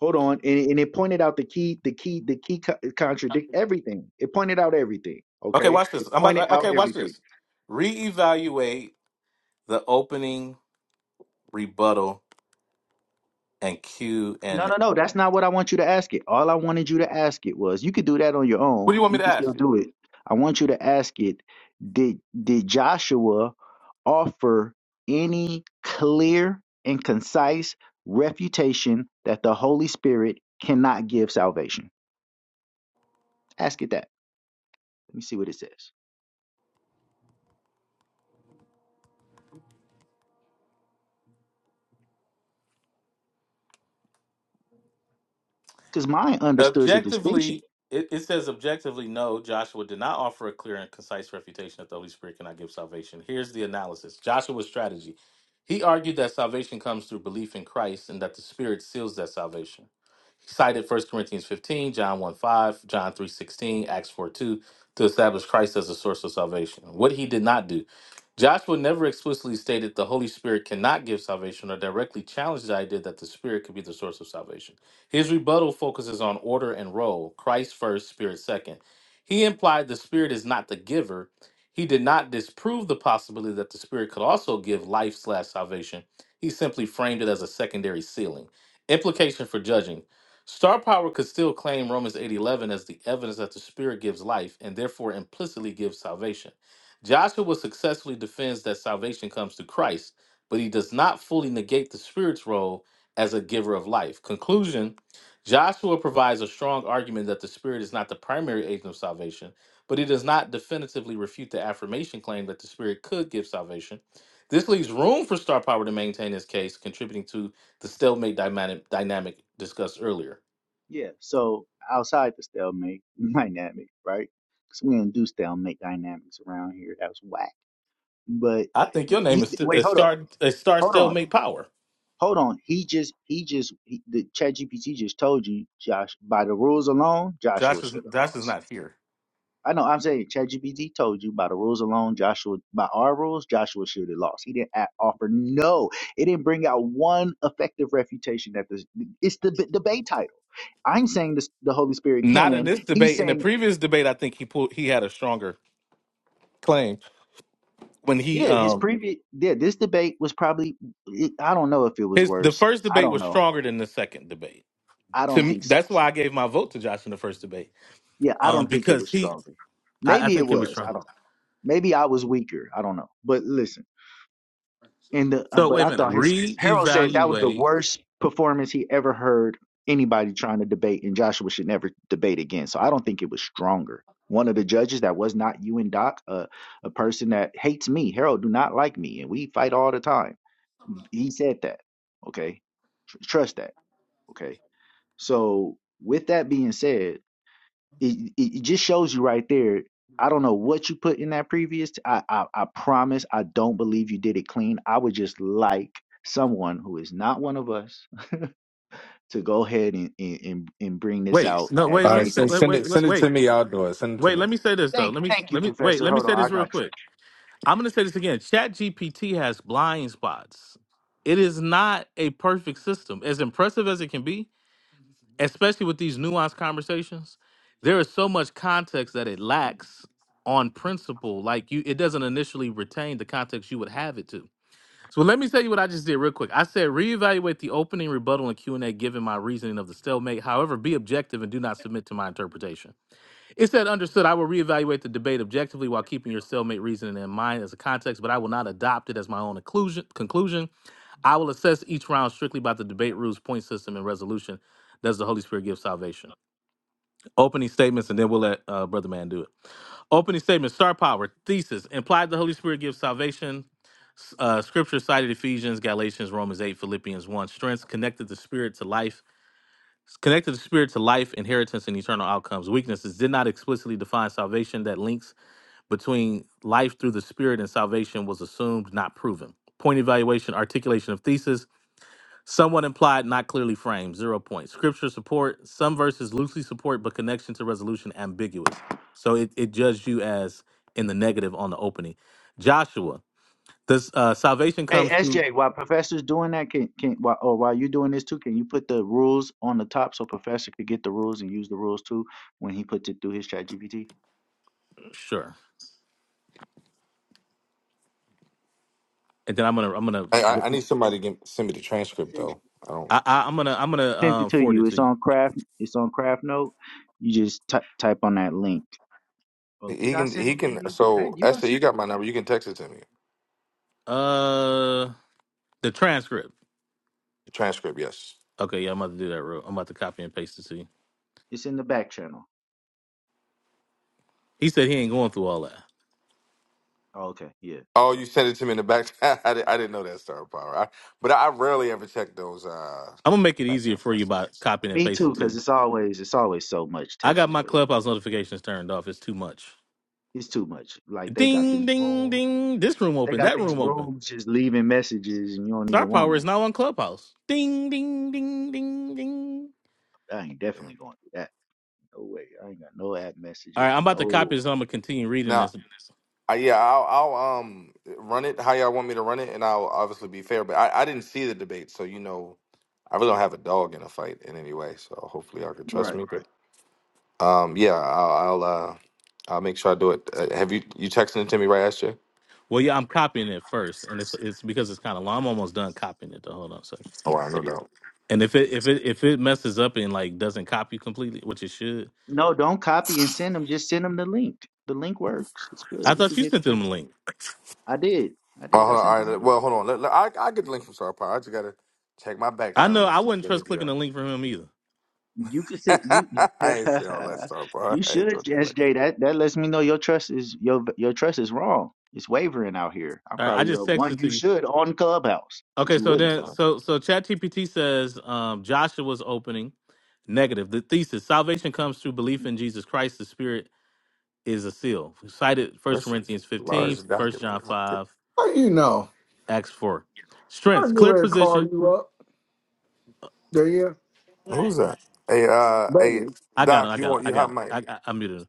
Hold on, and, and it pointed out the key, the key, the key co- contradict everything. It pointed out everything. Okay, Okay, watch it this. I'm pointed about out okay, watch everything. this. Reevaluate the opening rebuttal and Q No, no, and no, that's not what I want you to ask it. All I wanted you to ask it was, you could do that on your what own. do you want me You to can ask? still do it. I want you to ask it. Did did Joshua offer any clear and concise refutation that the Holy Spirit cannot give salvation? Ask it that. Let me see what it says. Because mine understood the distinction. Objectively, it, it says objectively, no, Joshua did not offer a clear and concise refutation that the Holy Spirit cannot give salvation. Here's the analysis Joshua's strategy. He argued that salvation comes through belief in Christ and that the Spirit seals that salvation cited First Corinthians 15, John 1 5, John 3 16, Acts 4 2 to establish Christ as the source of salvation. What he did not do. Joshua never explicitly stated the Holy Spirit cannot give salvation or directly challenged the idea that the Spirit could be the source of salvation. His rebuttal focuses on order and role Christ first, Spirit second. He implied the Spirit is not the giver. He did not disprove the possibility that the Spirit could also give life slash salvation. He simply framed it as a secondary sealing Implication for judging. Star power could still claim Romans 8:11 as the evidence that the Spirit gives life and therefore implicitly gives salvation. Joshua successfully defends that salvation comes to Christ, but he does not fully negate the Spirit's role as a giver of life. Conclusion, Joshua provides a strong argument that the Spirit is not the primary agent of salvation, but he does not definitively refute the affirmation claim that the Spirit could give salvation. This leaves room for star power to maintain his case, contributing to the stalemate dynamic dynamic discussed earlier. Yeah, so outside the stalemate dynamic, right? Because we don't do stalemate dynamics around here. That was whack. But I think your name he, is st- wait, is hold on, star is star hold on, stalemate power. hold on. He just, he just, he, the ChatGPT just told you, Josh, by the rules alone, Josh Joshua is should have Josh is lost. not here. I know. I'm saying ChatGPT told you by the rules alone, Joshua, by our rules, Joshua should have lost. He didn't a offer no. It didn't bring out one effective refutation that this. It's the b- debate title. I'm saying this, the Holy Spirit Not in can. this He's debate. In the saying previous debate, I think he pulled he had a stronger claim when he Yeah, his um previous yeah, this debate was probably it, I don't know if it was his the worse. first I debate don't was know. stronger than the second debate. I To don't me, think so. that's why I gave my vote to Josh in the first debate Yeah, I um don't think it because was he stronger. I, I Maybe it think it was was. I stronger. don't. Maybe I was weaker. I don't know. But listen, and the uh, So but wait a I minute, thought his Harold said that was the reevaluate worst performance he ever heard anybody trying to debate, and Joshua should never debate again. So I don't think it was stronger. One of the judges that was not you and Doc, uh, a person that hates me. Harold do not like me, and we fight all the time. He said that. Okay, Tr- trust that. Okay. So with that being said, it, it just shows you right there. I don't know what you put in that previous. T- I, I I promise I don't believe you did it clean. I would just like someone who is not one of us to go ahead and and, and, and bring this Wait, out no, as wait, All let right, me base say, so wait, send wait, it send evidence. it to wait, me. I'll do it. Send it to wait. me. Let me say this though. Thank Let me, thank you, let me, wait. Professor. Let me Hold say on, I this real got you. quick. I'm going to say this again. ChatGPT has blind spots. It is not a perfect system. As impressive as it can be, especially with these nuanced conversations, there is so much context that it lacks on principle. Like you, it doesn't initially retain the context you would have it to. So let me tell you what I just did real quick. I said reevaluate the opening, rebuttal, and Q and A given my reasoning of the stalemate. However, be objective and do not submit to my interpretation. It said, understood, I will reevaluate the debate objectively while keeping your cellmate reasoning in mind as a context, but I will not adopt it as my own occlusion, conclusion. I will assess each round strictly by the debate rules, point system, and resolution. Does the Holy Spirit give salvation? Opening statements, and then we'll let uh, Brother Man do it. Opening statements, star power, thesis, implied the Holy Spirit gives salvation. Uh, scripture cited Ephesians, Galatians, Romans 8, Philippians 1. Strengths connected the Spirit to life connected the spirit to life, inheritance, and eternal outcomes. Weaknesses did not explicitly define salvation that links between life through the Spirit and salvation was assumed, not proven. Point evaluation, articulation of thesis, somewhat implied, not clearly framed, zero points. Scripture support, some verses loosely support, but connection to resolution ambiguous. So it, it judged you as in the negative on the opening. Joshua, this uh, salvation Hey comes through SJ, while Professor's doing that, can can while, or while you're doing this too, can you put the rules on the top so Professor could get the rules and use the rules too when he puts it through his chat G P T? sure, and then I'm gonna I'm gonna I, I, I need somebody to give, send me the I transcript sent you though. the I don't. I, I, I'm transcript. gonna I'm gonna I sent it uh, to forward it you. to It's you. on craft. It's on craft note. You just ty- type on that link. Oh, did He I can send he it to can you? Was that so you? I Esther, you sent. got my number. You can text it to me. Uh, the transcript. The transcript, yes. Okay, yeah, I'm about to do that. Real, I'm about to copy and paste it to you. It's in the back channel. He said he ain't going through all that. Oh, okay. Yeah. Oh, you Well, sent it to me in the back. I, did, I didn't know that star power. I, but I rarely ever check those uh I'm gonna make it back easier channel for you by messages. copying and me pasting too, to because you. it's always it's always so much I got Texas my way. clubhouse notifications turned off. It's too much. It's too much. Like they got Ding these ding rooms. ding. This room They open. got That these room open. rooms just leaving messages, and you don't Star even want Power them. is now on Clubhouse. Ding ding ding ding ding. I ain't Yeah. definitely going through that. No way. I ain't got no app All right, messages. I'm about to copy No. this. and I'm gonna continue reading Now, this. I, yeah, I'll, I'll um run it how y'all want me to run it, and I'll obviously be fair. But I, I didn't see the debate, so you know, I really don't have a dog in a fight in any way. So hopefully y'all can Right. trust me. But um, yeah, I'll, I'll uh I'll make sure I do it. Uh, have you you texting it to me right, SJ? Well, yeah, I'm copying it first, and it's it's because it's kind of long. I'm almost done copying it. Though. Hold on a second. Oh, I no doubt. And if it if it if it messes up and like doesn't copy completely, which it should, No, don't copy and send them. Just send them the link. The link works. It's good. I You thought can you get the sent them train. a link. I did. I Oh, did. I hold on. sent All right. them the let- link. Well, hold on. Let, let- I I get the link from Star Power. I just gotta check my back I channel know I message. wouldn't Let me trust do clicking the link from him either. You could sit. that. You I ain't say all that Star Power. you I ain't should, gonna do it like SJ. That that lets me know your trust is your your trust is wrong. It's wavering out here. I'm All right, I probably the just one texted to you you. should on Clubhouse, but Okay, you so wouldn't. then, that. so so ChatGPT says um, Joshua's opening negative. The thesis: salvation comes through belief in Jesus Christ. The Spirit is a seal. Cited First That's a Corinthians 15, large First document. John 5, How do you know? Acts 4. I Strengths: knew clear they'd call position. you up. Do you? Who's that? Hey, uh, hey, Baby. I got it. Doc. I You got it. want I you got have it. mic? I, I, I muted it.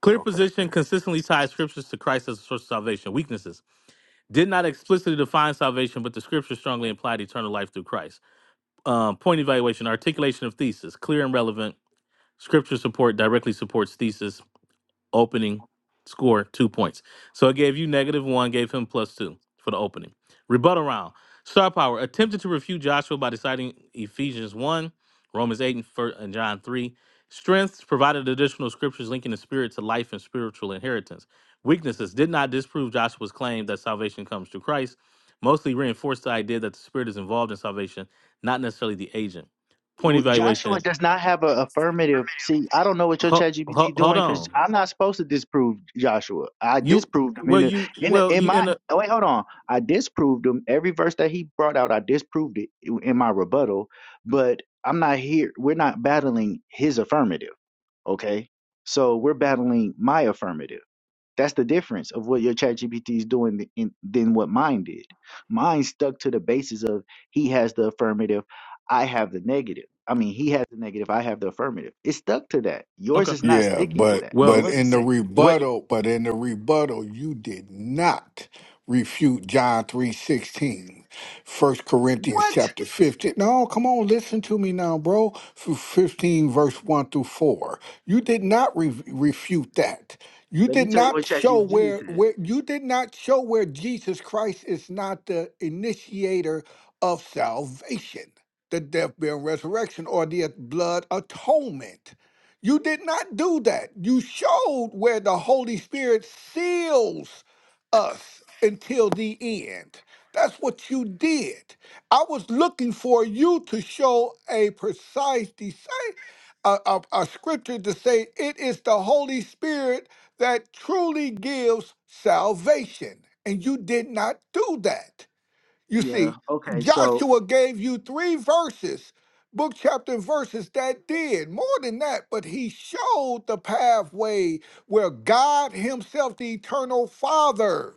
Clear Okay. position Cool. consistently ties scriptures to Christ as a source of salvation. Weaknesses did not explicitly define salvation, but the scriptures strongly implied eternal life through Christ. Um, point evaluation: articulation of thesis, clear and relevant Scripture support directly supports thesis opening score two points. So I gave you negative one, gave him plus two for the opening. Rebuttal round. Star Power attempted to refute Joshua by deciding Ephesians 1, Romans 8, and fir- and John 3. Strengths provided additional scriptures linking the spirit to life and spiritual inheritance. Weaknesses did not disprove Joshua's claim that salvation comes through Christ, mostly reinforced the idea that the spirit is involved in salvation, not necessarily the agent. Point w- Joshua evaluation. does not have an affirmative. See, I don't know what your Ho- ho- ChatGPT hold doing because on. I'm not supposed to disprove Joshua. I You disproved him in well, the you in the, well, in you my. in a oh, Wait, hold on. I disproved him every verse that he brought out. I disproved it in my rebuttal, but I'm not here. We're not battling his affirmative. Okay, so we're battling my affirmative. That's the difference of what your chat GPT is doing th- in, than what mine did. Mine stuck to the basis of he has the affirmative, I have the negative. I mean, he has the negative, I have the affirmative. It stuck to that. Yours okay. is not Yeah, sticking to but that. but Well, Yours is in the saying, wait. rebuttal, but in the rebuttal, you did not refute John three sixteen, First Corinthians what? chapter 15. No, come on, listen to me now, bro. F- 15 verse 1 through 4. You did not re- refute that. You Let me did tell you not what show ChatGPT where said. where you did not show where Jesus Christ is not the initiator of salvation, the death, burial, and resurrection, or the blood atonement. You did not do that. You showed where the Holy Spirit seals us until the end. That's what you did. I was looking for you to show a precise design, a, a, a scripture to say it is the Holy Spirit that truly gives salvation. And you did not do that. You Yeah. see, Okay. So Joshua gave you three verses, book, chapter, and verses that did more than that, but he showed the pathway where God Himself, the eternal Father,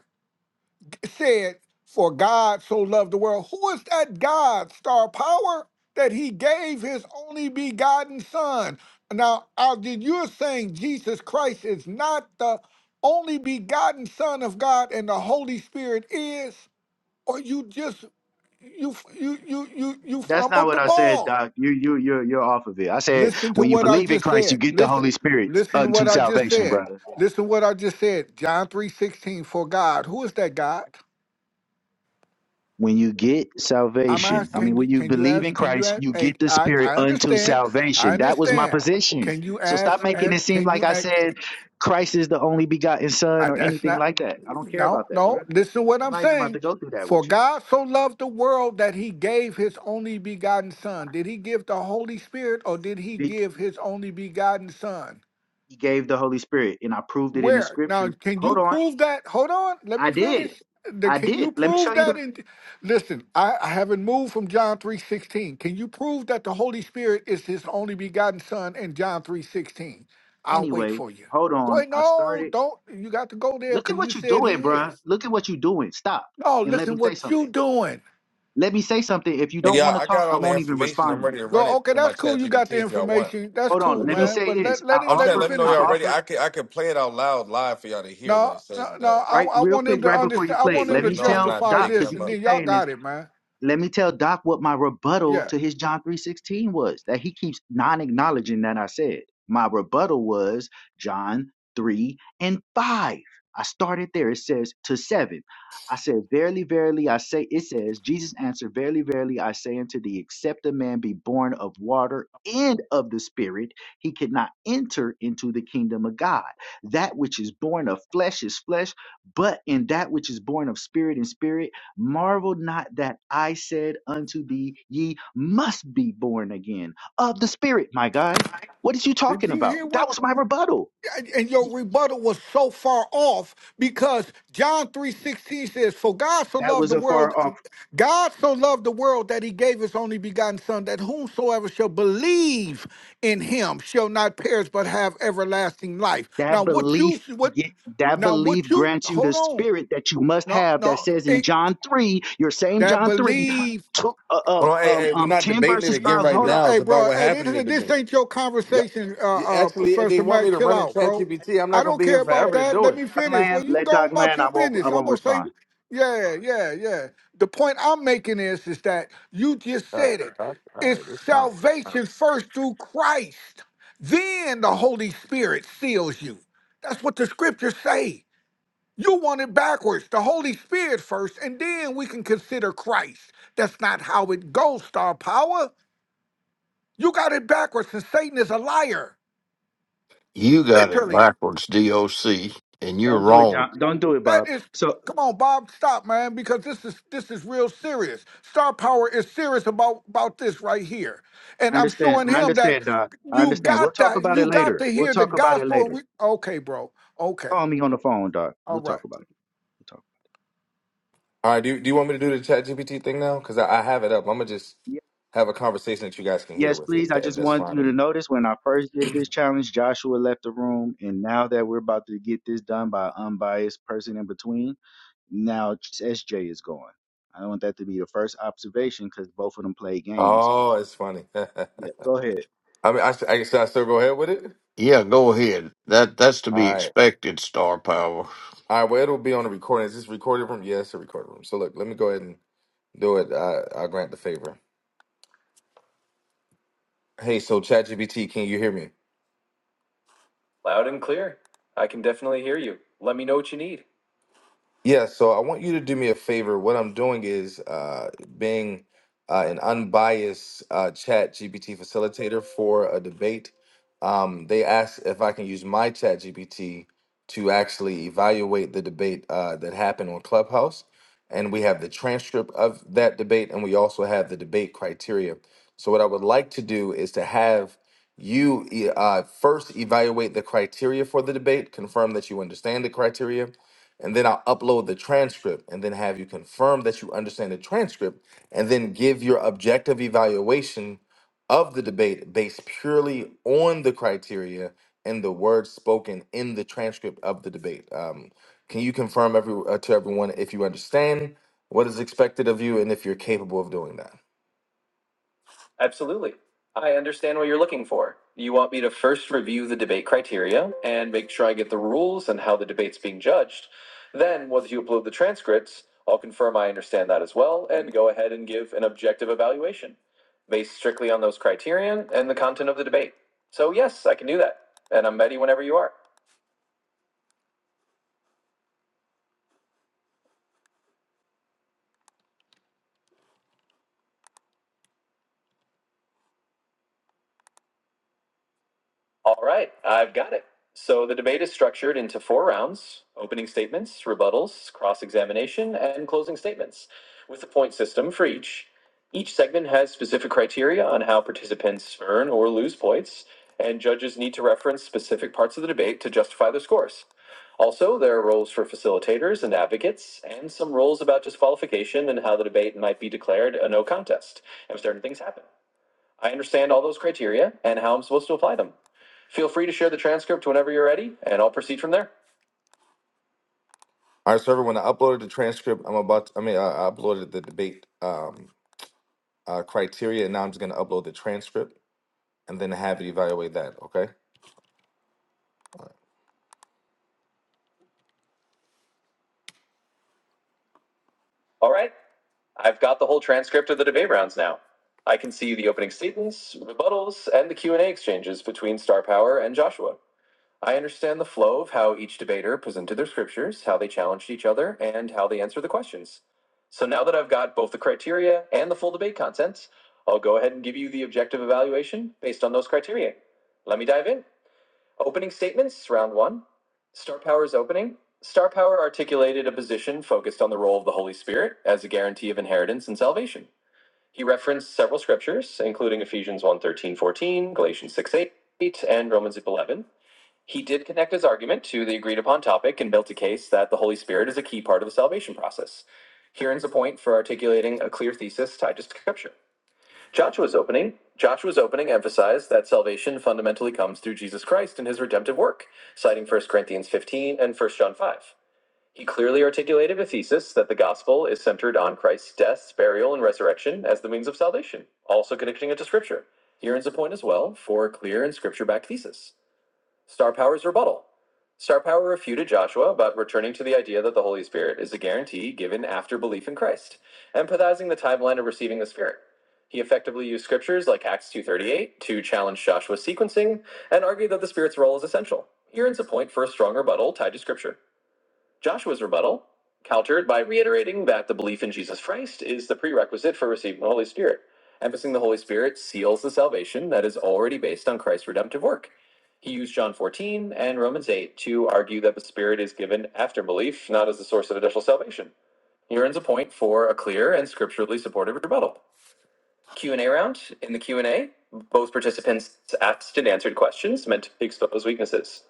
said, For God so loved the world. Who is that God, star power? That he gave his only begotten son. Now, Algie, you're saying Jesus Christ is not the only begotten Son of God and the Holy Spirit is? Or you just you you you you you that's not fumbled what the I said, ball. Doc. You you you're you're off of it. I said Listen to when you what I believe in just Christ, you said. get the Listen, Holy Spirit listen to unto what I just salvation, said. brother. Listen to what I just said. John three sixteen for God. Who is that God? when you get I'm salvation, I mean, asking. Can you when you can you believe in ask? Can you Christ, ask? you Hey, get the I Spirit I unto understand. I salvation. That was my understand. position. Can you So stop ask? making And it seem can like you I ask? said Christ is the only begotten Son I, or that's anything not. like that. I don't care No, about that, no. bro. Listen to what I'm I'm not even about saying. to go through that For with you. God so loved the world that he gave his only begotten son. Did he give the Holy Spirit or did he He give his only begotten son? he gave the Holy Spirit, and I proved it in the Where? Now, Scripture. can Hold you on, prove that? Hold on. Let I me did, finish. The- I Can you did. Let me show prove you the. that? In listen, I, I haven't moved from John three sixteen. Can you prove that the Holy Spirit is His only begotten Son in John three sixteen? I'll wait Anyway, for you. hold Go on. ahead. I No, started. don't. You got to go there Look because at you what you're said He doing, is. bro. Look at what you're doing. Stop No, and let me listen, say what something. you doing? Let me say something. If you Hey, don't y'all. want to I talk, got I all the won't even information. respond I'm to ready you. to run Go. it Okay, in my that's cool. chat You got GPT the if y'all want. information. That's Hold on. Let cool, me Let me man. know. say But this. let I let him I'm let saying, him let offered. me know I finish y'all it. ready. offered I can I can play it out loud live for y'all to hear what No, it no, says and no. does. I right I real want quick him to right before you understand. I Just played. want so him Let to you me know, I'm tell not justify Doc making because this, he them and up. then keeps y'all saying this. got it, man. let me tell Doc what my rebuttal Yeah. to his John 3:16 was that he keeps non-acknowledging that I said. My rebuttal was John 3 and 5. I started there. It says to 7. I said, Verily, verily, I say, it says, Jesus answered, Verily, verily, I say unto thee, except a man be born of water and of the Spirit, he cannot enter into the kingdom of God. That which is born of flesh is flesh, but in that which is born of spirit and spirit Marvel not that I said unto thee, ye must be born again of the Spirit, my guy. What is you Did talking you about? hear That what? was my rebuttal. and and your rebuttal was so far off because John 3:16 says, "For God so That loved was the a world, far off. God so loved the world that he gave his only begotten son that whomsoever shall believe in him shall not perish but have everlasting life." Now That what you belief, what get, that now belief what you grants you the hold on. spirit that you must No, have. That no. says in It, John three, your same that John three, believe took uh, uh, Hold on, hey, um, hey, we're um, not ten debating it verses again right Hold earlier. on, now. It's hey, about bro. what Hey, this happened in is the this debate. ain't your Yep. conversation, Yeah, uh, uh, Actually, they Professor want Mac. me to Chill run in out, bro. Hey, ChatGPT. I'm hey, not I gonna don't be care here Professor, about forever to that. Professor, do Let me it. let Doc finish. land. Well, you can Let go on Doc about land. I your won't. I business. I'm won't gonna say, respond. yeah, yeah, yeah. The point I'm making is, is that you just All said it. right, all It's right, it's fine. All right, salvation first through Christ, then the Holy Spirit seals you. That's what the scriptures say. You want it backwards, the Holy Spirit first, and then we can consider Christ. That's not how it goes, Star Power. You got it backwards, and Satan is a liar. You got it Literally. backwards, DOC, and you're Don't do it, wrong. John. Don't do it, That Bob. is So come on, Bob, stop, man, because this is this is real serious. Star Power is serious about about this right here. I And I'm understand. showing I him that understand, Doc. I you understand. We'll got talk that, about it you got later. to We'll hear the talk about it gospel. and later. we- Okay, bro. Okay. Call me on the phone, Doc. All We'll right. talk about it. We'll talk. All right, do you, do you want me to do the ChatGPT thing now? Because I, I have it up. I'm gonna just Ye- have a conversation that you guys can hear Yes, with it, if, please. I that, if just that's want you to fine. notice when I first did this challenge, Joshua left the room, and now that we're about to get this done by an unbiased person in between, now SJ is going. I want that to be the first observation because both of them play games. Oh, it's funny. Yeah, I go ahead. mean, I, should- I, should I still go ahead with it? Yeah, go ahead. That that's to All be right, expected, Star Power. all right. Well, it'll be on the recording. Is this recorded room? Yes, it's a recorded room. So look, let me go ahead and do it. I, I'll grant the favor. Hey, so ChatGPT, can you hear me? Loud and clear. I can definitely hear you. Let me know what you need. Yeah, so I want you to do me a favor. What I'm doing is uh, being uh, an unbiased uh, chat GPT facilitator for a debate. Um, they asked if I can use my chat GPT to actually evaluate the debate uh, that happened on Clubhouse. And we have the transcript of that debate, and we also have the debate criteria. So, what I would like to do is to have you e- uh, first evaluate the criteria for the debate, confirm that you understand the criteria and then I'll upload the transcript and then have you confirm that you understand the transcript and then give your objective evaluation of the debate based purely on the criteria and the words spoken in the transcript of the debate. Um, can you confirm every, uh, to everyone if you understand what is expected of you and if you're capable of doing that? Absolutely. I understand what you're looking for. You want me to first review the debate criteria and make sure I get the rules and how the debate's being judged. Then, once you upload the transcripts, I'll confirm I understand that as well and go ahead and give an objective evaluation based strictly on those criterion and the content of the debate. So, yes, I can do that. And I'm ready whenever you are. All right, I've got it. So the debate is structured into four rounds opening statements, rebuttals, cross examination, and closing statements, with a point system for each. Each segment has specific criteria on how participants earn or lose points, and judges need to reference specific parts of the debate to justify their scores. Also, there are roles for facilitators and advocates, and some rules about disqualification and how the debate might be declared a no contest if certain things happen. I understand all those criteria and how I'm supposed to apply them. Feel free to share the transcript whenever you're ready, and I'll proceed from there. All right, so When I uploaded the transcript. I'm about to, I mean, I, I uploaded the debate um, uh, criteria, and now I'm just going to upload the transcript and then have it evaluate that, okay? All right, I've got the whole transcript of the debate rounds now. I can see the opening statements, rebuttals, and the Q&A exchanges between Star Power and Joshua. I understand the flow of how each debater presented their scriptures, how they challenged each other, and how they answered the questions. So now that I've got both the criteria and the full debate contents, I'll go ahead and give you the objective evaluation based on those criteria. Let me dive in. Opening statements, round one. Star Power's opening. Star Power articulated a position focused on the role of the Holy Spirit as a guarantee of inheritance and salvation. He referenced several scriptures, including Ephesians one thirteen fourteen, Galatians 6 8, and Romans 11 he did connect his argument to the agreed upon topic and built a case that the Holy Spirit is a key part of the salvation process. Here's a point for articulating a clear thesis tied to Scripture. Joshua's opening. Joshua's opening emphasized that salvation fundamentally comes through Jesus Christ and his redemptive work, citing First Corinthians 15 and First John 5. He clearly articulated a thesis that the gospel is centered on Christ's death, burial, and resurrection as the means of salvation, also connecting it to Scripture. Here's a point as well for a clear and Scripture backed thesis. Star Power's rebuttal. Star Power refuted Joshua about returning to the idea that the Holy Spirit is a guarantee given after belief in Christ, empathizing the timeline of receiving the Spirit. He effectively used scriptures like Acts 2.38 to challenge Joshua's sequencing and argued that the Spirit's role is essential. Here ends a point for a strong rebuttal tied to scripture. Joshua's rebuttal countered by reiterating that the belief in Jesus Christ is the prerequisite for receiving the Holy Spirit, emphasizing the Holy Spirit seals the salvation that is already based on Christ's redemptive work. He used John 14 and Romans 8 to argue that the Spirit is given after belief, not as the source of additional salvation. He earns a point for a clear and scripturally supported rebuttal. Q&A round. In the Q&A, both participants asked and answered questions meant to expose weaknesses.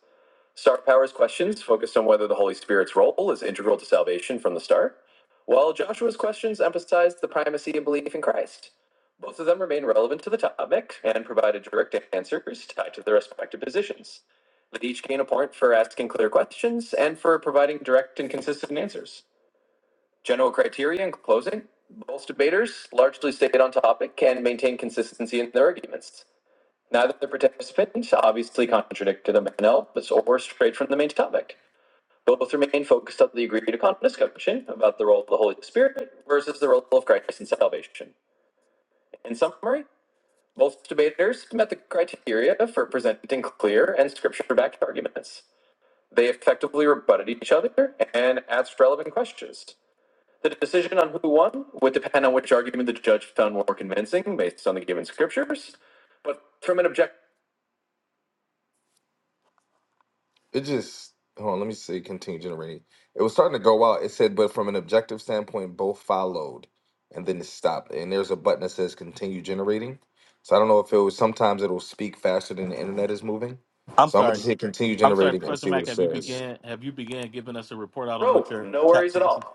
Star Power's questions focused on whether the Holy Spirit's role is integral to salvation from the start, while Joshua's questions emphasized the primacy of belief in Christ. Both of them remain relevant to the topic and provided direct answers tied to their respective positions. They each gain a point for asking clear questions and for providing direct and consistent answers. General criteria in closing both debaters largely stayed on topic and maintained consistency in their arguments. Neither the participants obviously contradicted a man or strayed from the main topic. Both remained focused on the agreed upon discussion about the role of the Holy Spirit versus the role of Christ in salvation. In summary, both debaters met the criteria for presenting clear and scripture backed arguments. They effectively rebutted each other and asked relevant questions. The decision on who won would depend on which argument the judge found more convincing based on the given scriptures, but from an objective it just hold on let me say continue generating it was starting to go out it said but from an objective standpoint both followed and then it stopped and there's a button that says continue generating so i don't know if it was sometimes it'll speak faster than the internet is moving I'm so i'm gonna just sorry. hit continue I'm sorry, generating and Professor see what it Mac. Have you says began? Have you began giving us a report out on what Oh, your no chat worries to at be? all.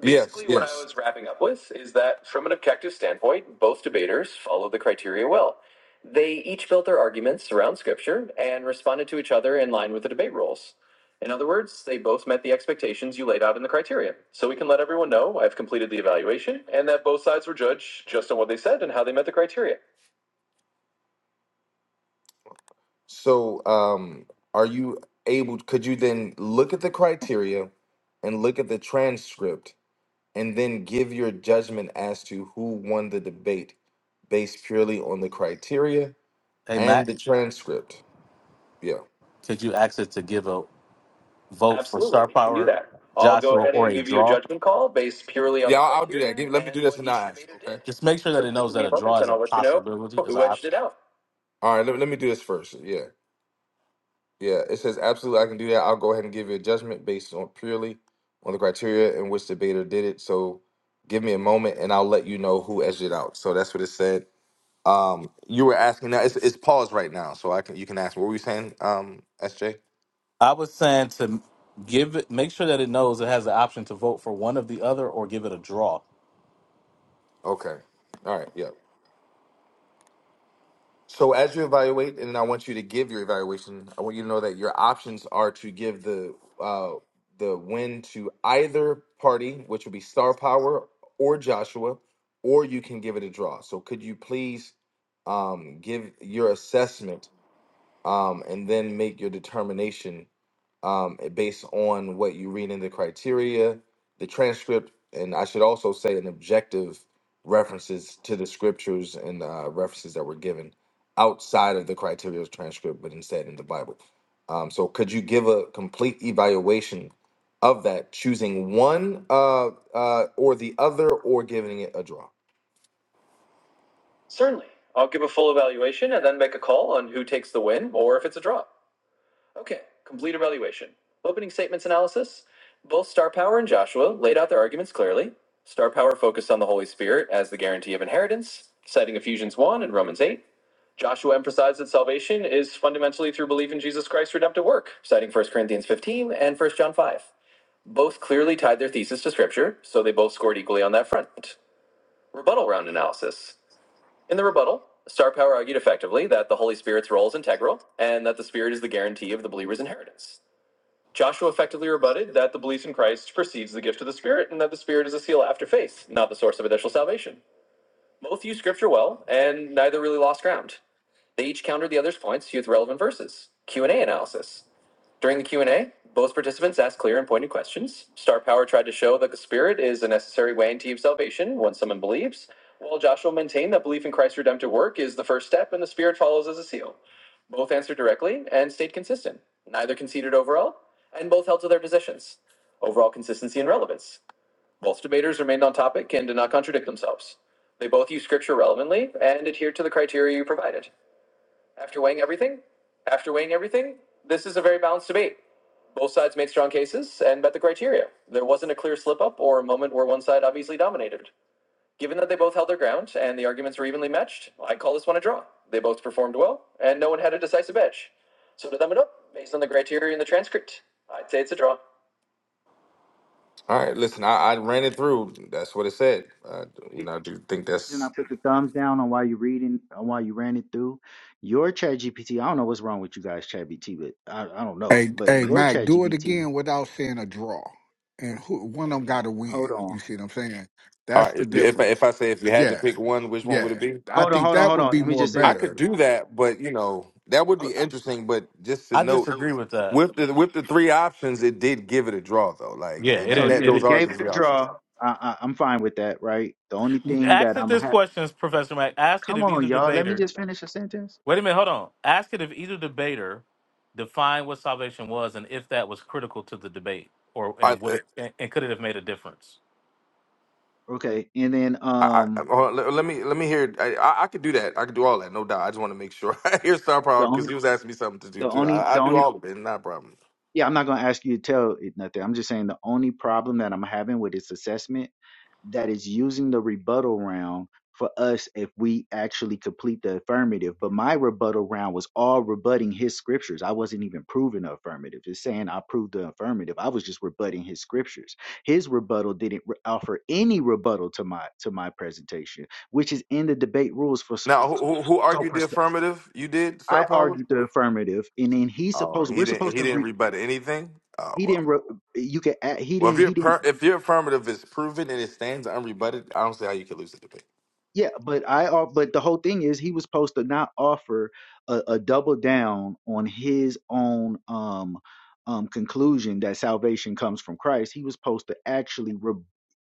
Basically, yes, what yes. I was wrapping up with is that from an objective standpoint, both debaters followed the criteria well. They each built their arguments around scripture and responded to each other in line with the debate rules. In other words, they both met the expectations you laid out in the criteria. So we can let everyone know I've completed the evaluation and that both sides were judged just on what they said and how they met the criteria. So, um, are you able, could you then look at the criteria and look at the transcript and then give your judgment as to who won the debate based purely on the criteria Hey, and Mac, the transcript. Yeah. could you ask it to give a vote for Absolutely, star you can do power, that. I'll go Joshua, ahead or and a give you a draw? judgment call based purely on Yeah, the I'll, I'll do criteria that. Give, let me do and this what and each not ask, debater did. okay? Just make sure So that it give knows me that a a draw moment, is and a I'll let you know possibility, is who an edged option. it out. All right, let, let me do this first. Yeah. Yeah, it says absolutely I can do that. I'll go ahead and give you a judgment based on purely on the criteria in which debater did it. So give me a moment and I'll let you know who edged it out. So that's what it said. Um, you were asking now. It's it's paused right now, so I can you can ask. What were you saying, um, SJ? I was saying to give it, make sure that it knows it has the option to vote for one of the other or give it a draw. Okay, all right, yeah. So as you evaluate, and I want you to give your evaluation. I want you to know that your options are to give the uh the win to either party, which would be Star Power or Joshua, or you can give it a draw. So could you please um give your assessment um and then make your determination um, eh, based on what you read in the criteria, the transcript, and I should also say an objective references to the scriptures and uh, references that were given outside of the criteria of transcript, but instead in the Bible. Um, so, could you give a complete evaluation of that, choosing one uh, uh, or the other, or giving it a draw? Certainly. I'll give a full evaluation and then make a call on who takes the win or if it's a draw. Okay, complete evaluation. Opening statements analysis. Both Star Power and Joshua laid out their arguments clearly. Star Power focused on the Holy Spirit as the guarantee of inheritance, citing Ephesians 1 and Romans 8. Joshua emphasized that salvation is fundamentally through belief in Jesus Christ's redemptive work, citing First Corinthians 15 and First John 5. Both clearly tied their thesis to Scripture, so they both scored equally on that front. Rebuttal round analysis. In the rebuttal, Star Power argued effectively that the Holy Spirit's role is integral and that the Spirit is the guarantee of the believer's inheritance. Joshua effectively rebutted that the belief in Christ precedes the gift of the Spirit, and that the Spirit is a seal after faith, not the source of initial salvation. Both used Scripture well, and neither really lost ground. They each countered the other's points with relevant verses. Q and A analysis. During the Q&A, both participants asked clear and pointed questions. Star Power tried to show that the Spirit is a necessary way into salvation once someone believes, while Joshua maintained that belief in Christ's redemptive work is the first step and the Spirit follows as a seal. Both answered directly and stayed consistent. Neither conceded overall, and both held to their positions. Overall consistency and relevance. Both debaters remained on topic and did not contradict themselves. They both used scripture relevantly and adhered to the criteria you provided. After weighing everything, after weighing everything, this is a very balanced debate. Both sides made strong cases and met the criteria. There wasn't a clear slip up or a moment where one side obviously dominated. Given that they both held their ground and the arguments were evenly matched, I call this one a draw. They both performed well, and no one had a decisive edge. So to sum it up, based on the criteria in the transcript, I'd say it's a draw. All right, listen, I, I ran it through. That's what it said. Uh, you know, I do think reason I that's put the thumbs down on while you're reading, on while you ran it through, your ChatGPT. I don't know what's wrong with you guys, ChatGPT, but I, I don't know. Hey, But hey, your Mac, do it ChatGPT, again without saying a draw, and who, one of them got to hold win. on. You see what I'm saying? all That's the right. If I, if difference. I say if you had to Yeah, pick one, which one would yeah. it be? I Hold on, think hold on, that hold would on. be Let me more just say I this. better. could do that, but you know that would Oh, be interesting. But just to I note, disagree with that. with the with the three options, it did give it a draw though. Like, Yeah, and, it that, So didn't. that- yeah, those it it are gave the it a three options. draw. I, I, I'm fine with that, right? The only thing Ask that it I'm this ha- question, Professor Mac. Ask it come if on, either y'all, let me debater. just finish a sentence. Wait a minute, hold on. Ask it if either debater defined what salvation was and if that was critical to the debate, or I, and would uh, it and, and could it have made a difference? Okay. And then I, I um uh, let, let me let me hear. I, I I could do that. I could do all that, no doubt. I just want to make sure I hear Star the Power because only he was asking me something to do the too. only I, the I do only all of it, not a problem. Yeah, I'm not gonna ask you to tell it nothing. I'm just saying the only problem that I'm having with its assessment that is using the rebuttal round for us if we actually complete the affirmative. But my rebuttal round was all rebutting his scriptures. I wasn't even proving the affirmative. It's saying I proved the affirmative. I was just rebutting his scriptures. His rebuttal didn't re- offer any rebuttal to my to my presentation, which is in the debate rules for s- Now, who, who who so argued for the s- affirmative? You did Star I Power. argued the affirmative, and then he's Oh, supposed he we're didn't. supposed He to didn't read. rebut anything. Oh He well. didn't. Re- you can. a- He Well, didn't. if your He didn't. per- if your affirmative is proven and it stands unrebutted, I don't see how you could lose the debate. Yeah, but I. al- But the whole thing is, he was supposed to not offer a, a double down on his own um um conclusion that salvation comes from Christ. He was supposed to actually re-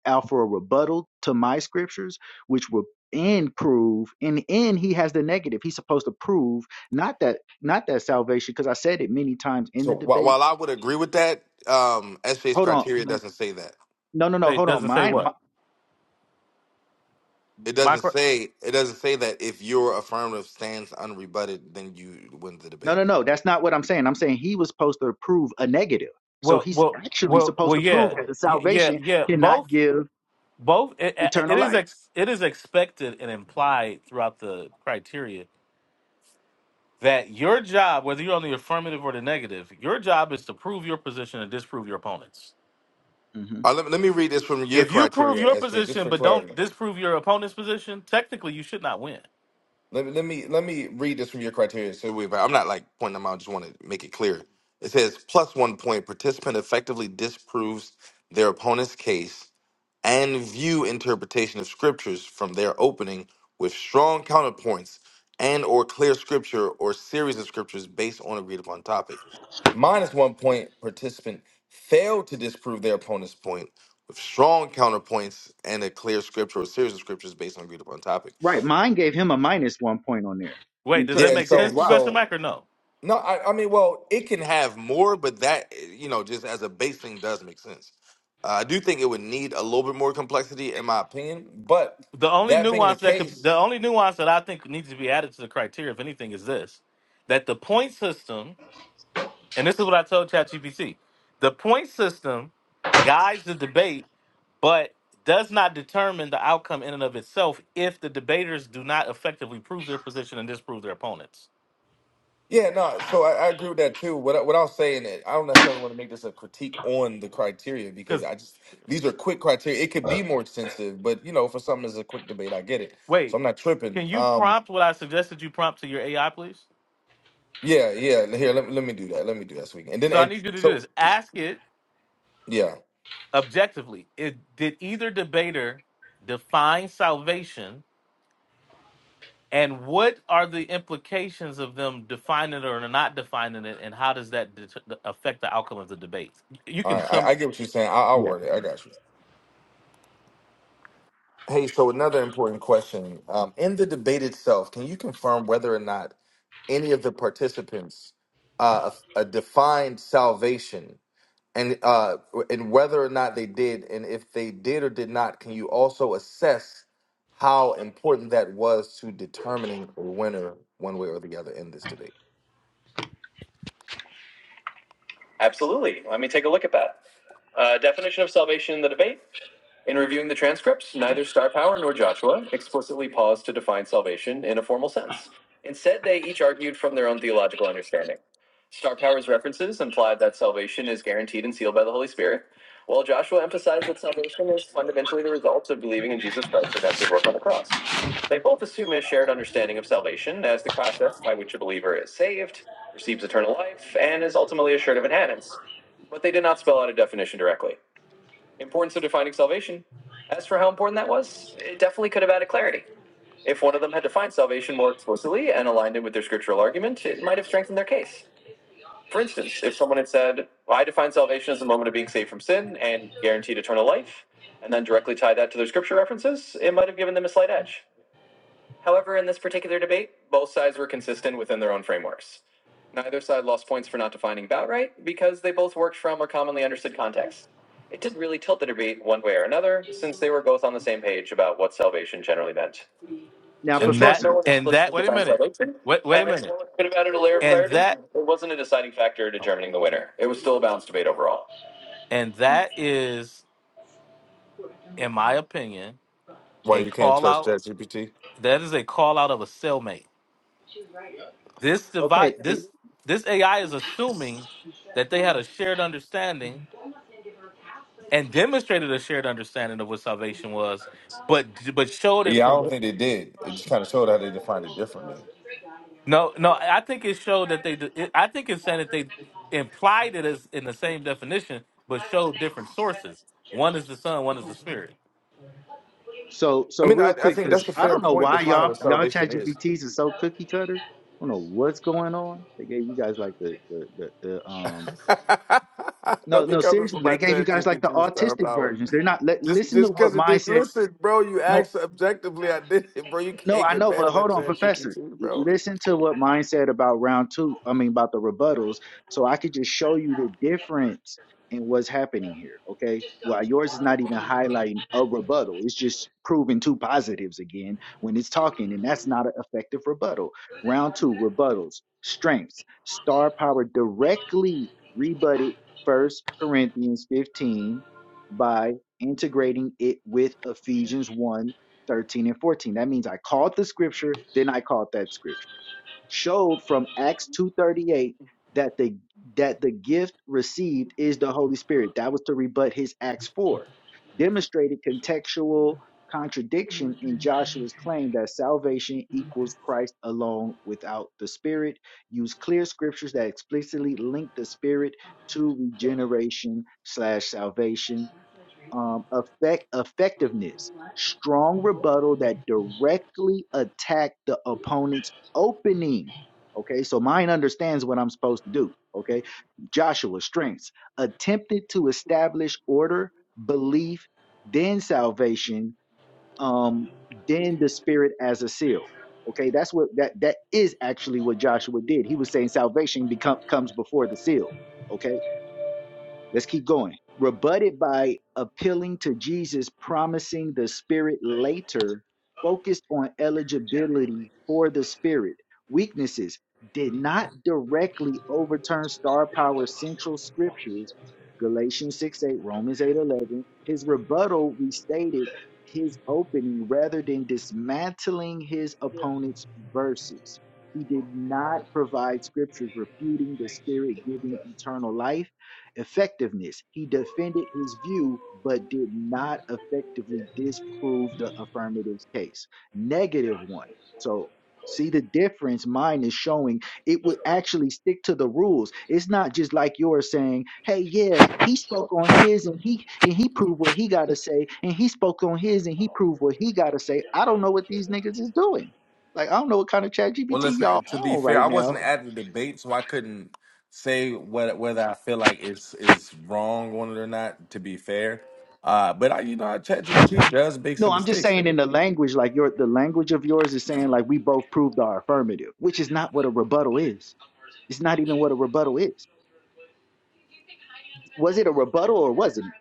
offer a rebuttal to my scriptures, which would and prove and and he has the negative he's supposed to prove not that not that salvation because i said it many times in So the while, debate while I would agree with that, um, SJ's hold on criteria doesn't say that. no no no Say hold on doesn't say mine what. It My doesn't cor- say it doesn't say that if your affirmative stands unrebutted, then you win the No, debate. no, no. That's not what I'm saying. I'm saying he was supposed to prove a negative. So well, he's well, actually well, supposed well. to prove Yeah, that the Y- yeah, salvation yeah. cannot Both, give both. It, eternal it is life. ex, it is expected and implied throughout the criteria that your job, whether you're on the affirmative or the negative, your job is to prove your position and disprove your opponents hmm Uh, let, let me read this from your If you prove criteria, your SJ, just position for but clarity. don't disprove your opponent's position, technically you should not win. Let me let me let me read this from your criteria. So we, I'm not like pointing them out. I Just want to make it clear. It says plus one point. Participant effectively disproves their opponent's case and view interpretation of scriptures from their opening with strong counterpoints and or clear scripture or series of scriptures based on agreed upon topic. Minus one point. Participant failed to disprove their opponent's point with strong counterpoints and a clear scripture or series of scriptures based on agreed upon topic. Right. Mine gave him a minus one point on there Wait, and, does t- that Yeah. and make said sense, So why. Professor so Mack, or no? No, I, I mean, well, it can have more, but that, you know, just as a base thing does make sense. Uh, I do think it would need a little bit more complexity, in my opinion. But The only that being the nuance that could case, the only nuance that I think needs to be added to the criteria, if anything, is this. That the point system, and this is what I told ChatGPT, the point system guides the debate, but does not determine the outcome in and of itself if the debaters do not effectively prove their position and disprove their opponents. yeah, no, so I, I agree with that too. What, I- what I'll say, and I don't necessarily want to make this a critique on the criteria because Because I just, these are quick criteria. It could be But more extensive, but, you know, for something that's a quick debate, I get it. So I'm wait, not tripping. can you Um, prompt what I suggested you prompt to your AI, please? yeah, yeah, here, let, let me do that. Let me do that so we can. And then, So I and need you to do so, this. Ask it yeah, objectively. It, did either debater define salvation? And what are the implications of them defining it or not defining it? And how does that det- affect the outcome of the debate? You all can right, sum I, I get what you're saying. I, I'll word it. I got you. Hey, so another important question. Um, in the debate itself, can you confirm whether or not any of the participants uh, uh, defined salvation and uh, and whether or not they did, and if they did or did not, can you also assess how important that was to determining a winner one way or the other in this debate? Absolutely. Let me take a look at that. Uh, definition of salvation in the debate. In reviewing the transcripts, neither Star Power nor Joshua explicitly paused to define salvation in a formal sense. Instead, they each argued from their own theological understanding. Star Power's references implied that salvation is guaranteed and sealed by the Holy Spirit, while Joshua emphasized that salvation is fundamentally the result of believing in Jesus Christ's redemptive work on the cross. They both assume a shared understanding of salvation as the process by which a believer is saved, receives eternal life, and is ultimately assured of inheritance, but they did not spell out a definition directly importance of defining salvation. As for how important that was, it definitely could have added clarity. If one of them had defined salvation more explicitly and aligned it with their scriptural argument, it might have strengthened their case. For instance, if someone had said, well, I define salvation as the moment of being saved from sin and guaranteed eternal life, and then directly tied that to their scripture references, it might have given them a slight edge. However, in this particular debate, both sides were consistent within their own frameworks. Neither side lost points for not defining bout right because they both worked from a commonly understood context. It didn't really tilt the debate one way or another since they were both on the same page about what salvation generally meant. Now, So, in and short, that no Professor. one and that. explicitly Wait a defined minute. salvation, Wait, wait and a minute. while it could have added a layer of And clarity, it that wasn't a deciding factor determining the winner. It was still a balanced debate overall. and that is, in my opinion, Why a you can't call trust out. ChatGPT? That is a call out of a cellmate. This Okay. divide. It, This this AI is assuming that they had a shared understanding and demonstrated a shared understanding of what salvation was, but but showed it Yeah, I don't from think they did. It just kind of showed how they defined it differently. no no. I think it showed that they. It, I think it's saying that they implied it as in the same definition, but showed different sources. One is the Son, one is the Spirit. so I so mean, real I, I quick, think because that's a I fair don't know point why defining y'all what y'all chat salvation is. GPTs are so cookie cutter. I don't know what's going on. They gave you guys like the the the, the um. No, Don't be no, coming seriously, for my they gave you chat guys like the GPT star autistic power. versions. They're not. Let, Just listen to just what because it mine did said. listen, bro, you asked objectively I God's did it, bro. You No, can't I get know, mad but at my hold on, chat Professor. GPT, bro. Listen to what mine said about round two. I mean, about the rebuttals. So I could just show you the difference in what's happening here. Okay. Well, yours is not even highlighting a rebuttal. It's just proving two positives again when it's talking, and that's not an effective rebuttal. Round two, rebuttals, strengths, star power directly rebutted First Corinthians 15 by integrating it with Ephesians 1 13 and 14. That means I called the scripture, then I called that scripture. Showed from Acts 238 that the that the gift received is the Holy Spirit. That was to rebut his Acts 4. Demonstrated contextual contradiction in Joshua's claim that salvation equals Christ alone without the Spirit. Used clear scriptures that explicitly link the Spirit to regeneration slash salvation um, effect effectiveness, strong rebuttal that directly attack the opponent's opening. Okay, so mine understands what I'm supposed to do. Okay, Joshua strengths attempted to establish order, belief, then salvation, um, then the spirit as a seal. Okay, that's what that that is actually what Joshua did. He was saying salvation become comes before the seal. Okay Let's keep going. Rebutted by appealing to Jesus promising the Spirit later, focused on eligibility for the Spirit. Weaknesses did not directly overturn star power central scriptures, Galatians 6 8, Romans 8 11. His rebuttal restated his opening rather than dismantling his opponent's verses. He did not provide scriptures refuting the Spirit giving eternal life effectiveness. He defended his view, but did not effectively disprove the affirmative case. Negative one. So see the difference mine is showing it would actually stick to the rules it's not just like yours saying hey yeah he spoke on his and he and he proved what he got to say and he spoke on his and he proved what he got to say i don't know what these niggas is doing like i don't know what kind of chat Well, gpt listen. uh, y'all To be on fair, right I wasn't now at the debate, so I couldn't say what whether I feel like it's is wrong on it or not. To be fair, uh, but I, you know, ChatGPT does make No, some I'm just mistakes. saying There. in the language, like your the language of yours is saying like we both proved our affirmative, which is not what a rebuttal is. It's not even what a rebuttal is. Was it a rebuttal or wasn't it?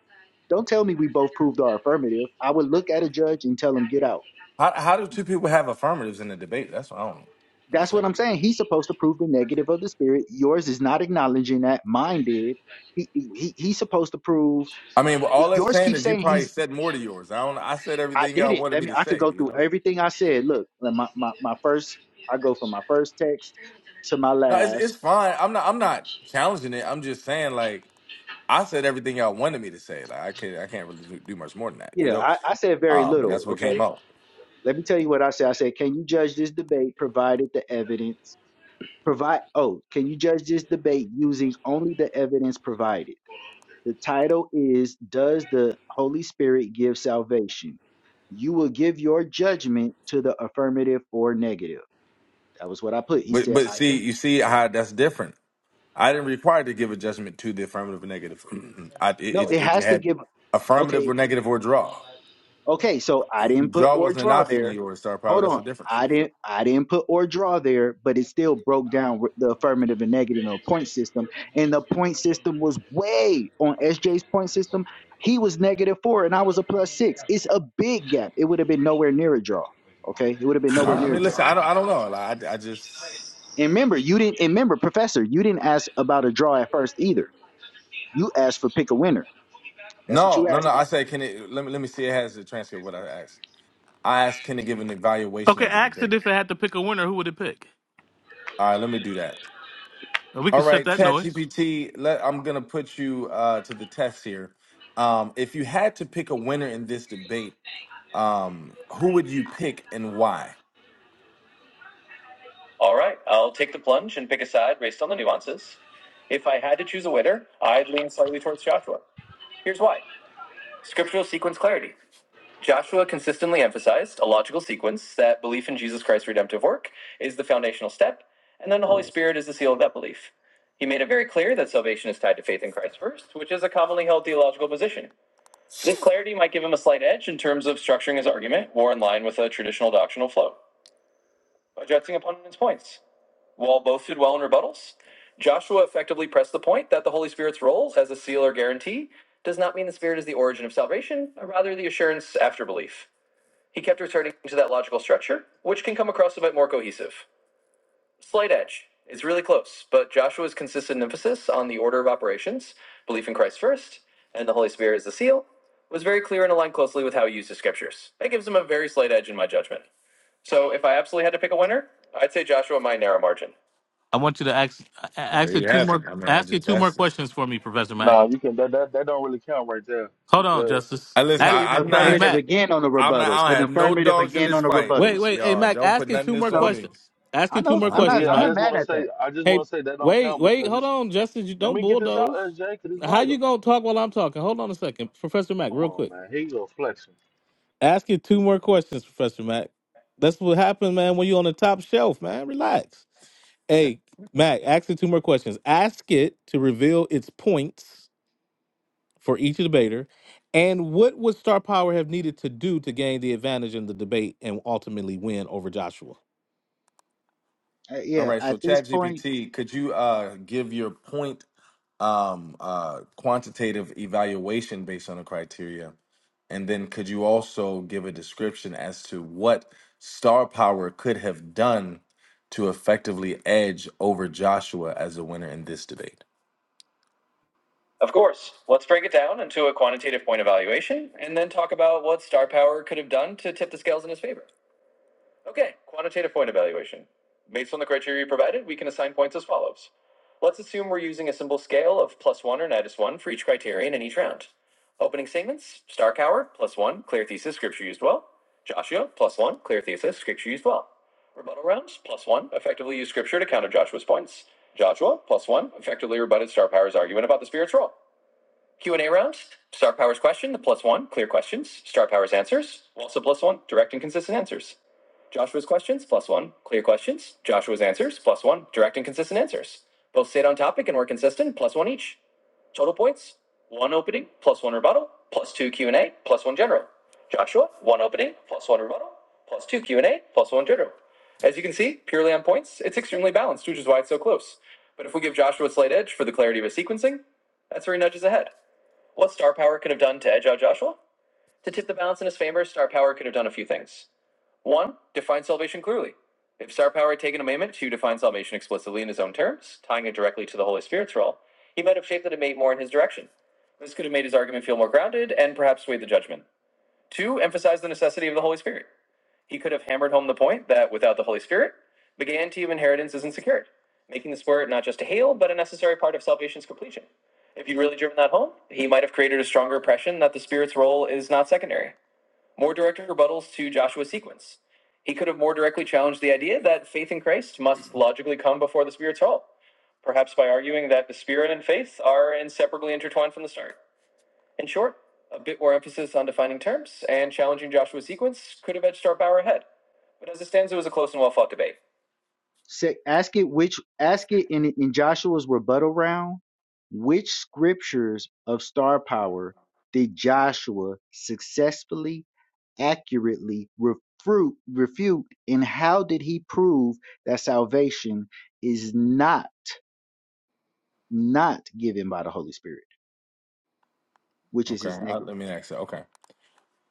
Don't tell me we both proved our affirmative. I would look at a judge and tell him get here to out. take on me. How how do two people have affirmatives in the debate? That's what I don't That's understand. what I'm saying. He's supposed to prove the What does that negative of mean? the spirit. Yours is not acknowledging that. Mine did. He, he he's supposed to prove. I mean, well, all that's Yours saying keeps is you saying probably he's. said more to yours. I don't. I said I everything did y'all it. wanted Let me me. to I could say. go You through know. everything I said. Look, Did you my my, see that my might not first. have to be I go affected. from my first She's text barely done her to job my for a No, month. it's The last it's fine. I'm not. I'm not challenging it. I'm just saying like. I said everything y'all wanted me to say. Like I can't, I can't really do do much more than that, you Yeah, know. I, I said very Um, and little. that's what came Okay, out. let me tell you what I said. I said, can you judge this debate provided the evidence provide? Oh, can you judge this debate using only the evidence provided? The title is "Does the Holy Spirit Give Salvation?" You will give your judgment to the affirmative or negative. That was what I put. He But said, but I see, can. you see how that's different. I didn't require to give a judgment to the affirmative or negative. I it, No, it it, it has to had give. Okay, affirmative or negative or draw. Okay, so I didn't put Draw or wasn't an draw option in there. yours, Star Power. Hold That's on. the difference. I didn't I didn't put or draw there, but it still broke down with the affirmative and negative and a point system. And the point system was way on SJ's point system. He was negative four and I was a plus six. It's a big gap. It would have been Situation nowhere near a room. draw. Okay. It would have been All nowhere right. I Oh, near a mean, draw. listen, I don't I Is don't it know. Russia? Like, I I just wait. And remember, you didn't and remember, Professor, you didn't ask about a draw at why first are they either. mobilized? I You asked for pick a winner. That's what no you no no. asked. him. I say, can it? Let me let me see. It has the transcript. of What I asked. I asked, can it give an evaluation Okay, of the ask it debate? if it had to pick a winner, who would it pick? All right, let me do that. Or we All could shut right, that Chat noise. GPT. Let I'm gonna put you uh, to the test here. Um, if you had to pick a winner don't know in this where you want debate to stay. I don't Um, who would you know. pick I and why? All right, I'll take the plunge and pick a side based on the nuances. If I had to choose a winner, I'd lean slightly towards Joshua. Here's why scriptural sequence clarity. Joshua consistently emphasized a logical sequence that belief in Jesus Christ's redemptive work is the foundational step, and then the Holy Spirit is the seal of that belief. He made it very clear that salvation is tied to faith in Christ first, which is a commonly held theological position. This clarity might give him a slight edge in terms of structuring his argument more in line with a traditional doctrinal flow. addressing opponent's points. Wall both did well in rebuttals. Joshua effectively pressed the point that the Holy Spirit's role as a seal or guarantee does not mean the Spirit is the origin of salvation, but rather the assurance after belief. He kept returning to that logical structure, which can come across a bit more cohesive. Slight edge. It's really close, but Joshua's consistent emphasis on the order of operations, belief in Christ first, and the Holy Spirit as the seal, was very clear and aligned closely with how he used his scriptures. That gives him a very slight edge in my judgment. So if I absolutely had to pick a winner, I'd say Joshua by a narrow margin. I want you to ask a- And there ask it you two have it. more I mean, I ask it just two more asked it. questions for me, Professor Mac. No, you can that that, that don't really count right there Hold on, because Justice. I He listen. Ask, gave I, an I'm hey not. affirmative Mac. again on the I'm not. rebuttals. I An don't have no affirmative dogs in again this on the fight, Wait, rebuttals. wait, hey y'all. Mac, Don't put ask it nothing two of more I this know. on me. questions. Ask I it two know. Uh more I'm huh. But not. questions, yeah, I'm I Mac. not just mad want to at that. say, I just Hey, want to say that don't wait, count wait, because hold it's. on, Justin. You Let don't me get this out, bulldoze. SJ, because it's How you vital. gonna talk while I'm talking? Hold on a second, Professor Mac, Come real on, quick. man. Here you go, flexing. Ask you two more questions, Professor Mac. That's what happens, man. When you on the top shelf, man, relax. Hey, Mac, ask it two more questions. Ask it to reveal its points for each debater, and what would Star Power have needed to do to gain the advantage in the debate and ultimately win over Joshua? Uh, All yeah. right. So, At this point, ChatGPT, could you uh give your point um uh quantitative evaluation based on the criteria, and then could you also give a description as to what star power could have done to effectively edge over Joshua as a winner in this debate? Of course. Let's break it down into a quantitative point evaluation and then talk about what star power could have done to tip the scales in his favor. Okay, quantitative point evaluation. Based on the criteria provided, we can assign points as follows. Let's assume we're using a simple scale of plus one or minus one for each criterion in each round. Opening segments, star power, plus one, clear thesis, scripture used well. Joshua, plus one, clear thesis, scripture used well. Rebuttal rounds, plus one, effectively used scripture to counter Joshua's points. Joshua, plus one, effectively rebutted star power's argument about the spirit's role. Q and A round. Star Powers question, the plus one, clear questions. Star Powers answers, also plus one, direct and consistent answers. Joshua's questions, plus one, clear questions. Joshua's answers, plus one, direct and consistent answers. Both stayed on topic and were consistent, plus one each. Total points, one opening, plus one rebuttal, plus two Q and A, plus one general. Joshua, one opening, plus one rebuttal, plus two Q and A, plus one general. As you can see, purely on points, it's extremely balanced, which is why it's so close. But if we give Joshua a slight edge for the clarity of his sequencing, that's where he nudges ahead. What star power could have done to edge out Joshua? To tip the balance in his favor, star power could have done a few things. One, define salvation clearly. If star power had taken a moment to define salvation explicitly in his own terms, tying it directly to the Holy Spirit's role, he might have shaped the debate more in his direction. This could have made his argument feel more grounded and perhaps swayed the judgment. Two, emphasize the necessity of the Holy Spirit. He could have hammered home the point that without the Holy Spirit, the guarantee of inheritance isn't secured, making the Spirit not just a hail, but a necessary part of salvation's completion. If he'd really driven that home, he might have created a stronger impression that the Spirit's role is not secondary. More direct rebuttals to Joshua's sequence. He could have more directly challenged the idea that faith in Christ must logically come before the Spirit's role, perhaps by arguing that the Spirit and faith are inseparably intertwined from the start. In short, a bit more emphasis on defining terms and challenging Joshua's sequence could have edged Starbauer ahead. But as it stands, it was a close and well fought debate. say, ask it which. Ask it in in Joshua's rebuttal round. Which scriptures of star power did Joshua successfully, accurately refute, refute, and how did he prove that salvation is not not given by the Holy Spirit, which is Okay, his I, negative? let me ask you. Okay,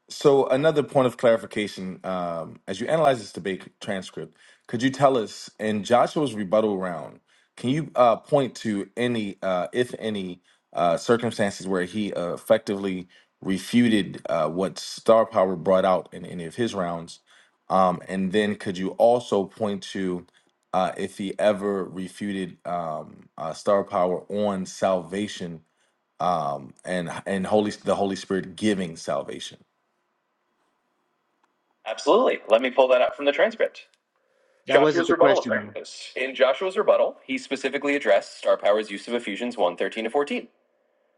So another point of clarification, um, as you analyze this debate transcript, could you tell us in Joshua's rebuttal round, can you uh, point to any, uh, if any, uh, circumstances where he uh, effectively refuted uh, what Star Power brought out in any of his rounds? Um, and then could you also point to uh, if he ever refuted um, uh, Star Power on salvation um, and and Holy the Holy Spirit giving salvation? Absolutely. Let me pull that up from the transcript. That wasn't Joshua's the rebuttal question, though. effectiveness. In Joshua's rebuttal, he specifically addressed Star Power's use of Ephesians one 13 to 14.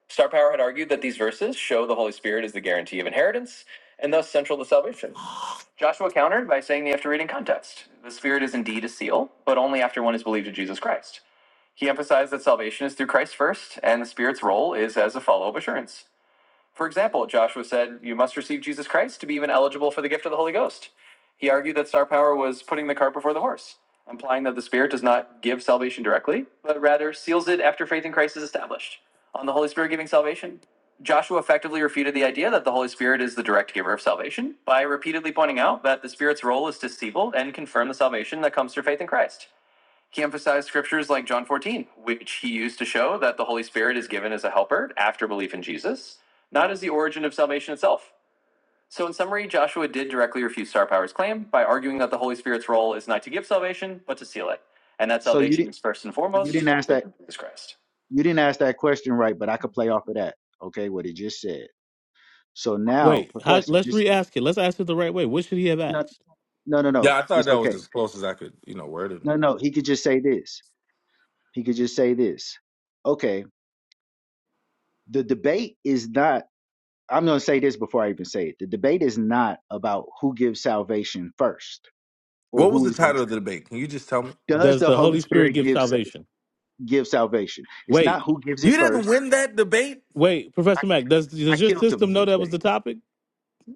Star Power had argued that these verses show the Holy Spirit is the guarantee of inheritance and thus central to salvation. Joshua countered by saying they have to read in context. The Spirit is indeed a seal, but only after one is believed in Jesus Christ. He emphasized that salvation is through Christ first, and the Spirit's role is as a follow up assurance. For example, Joshua said, You must receive Jesus Christ to be even eligible for the gift of the Holy Ghost. He argued that star power was putting the cart before the horse, implying that the Spirit does not give salvation directly, but rather seals it after faith in Christ is established. On the Holy Spirit giving salvation, Joshua effectively refuted the idea that the Holy Spirit is the direct giver of salvation by repeatedly pointing out that the Spirit's role is to seal and confirm the salvation that comes through faith in Christ. He emphasized scriptures like John 14, which he used to show that the Holy Spirit is given as a helper after belief in Jesus, not as the origin of salvation itself. So, in summary, Joshua did directly refute Star Power's claim by arguing that the Holy Spirit's role is not to give salvation, but to seal it, and that So you salvation didn't. is first and You didn't foremost through ask that. faith in Jesus Christ. You didn't ask that question right, but I could play off of that. Okay, what he just said. So now, Wait, how, Professor, let's just re-ask it. Let's ask it the right way. What should he have no, asked? no, no, Yeah, no. I thought It's that was okay. as close as I could, you know, word it. No, no. He could just say this. He could just say this. Okay. The debate is not. I'm going to say this before I even say it. The debate is not about who gives salvation first or What was who the is the title of the debate? Can you just tell me? does Does the the Holy Holy Spirit Spirit give give sa- salvation? give salvation. It's not Wait, who gives it You didn't first. win that debate. wait, I Professor Mack, does I does your killed him system in know this that was the debate. topic?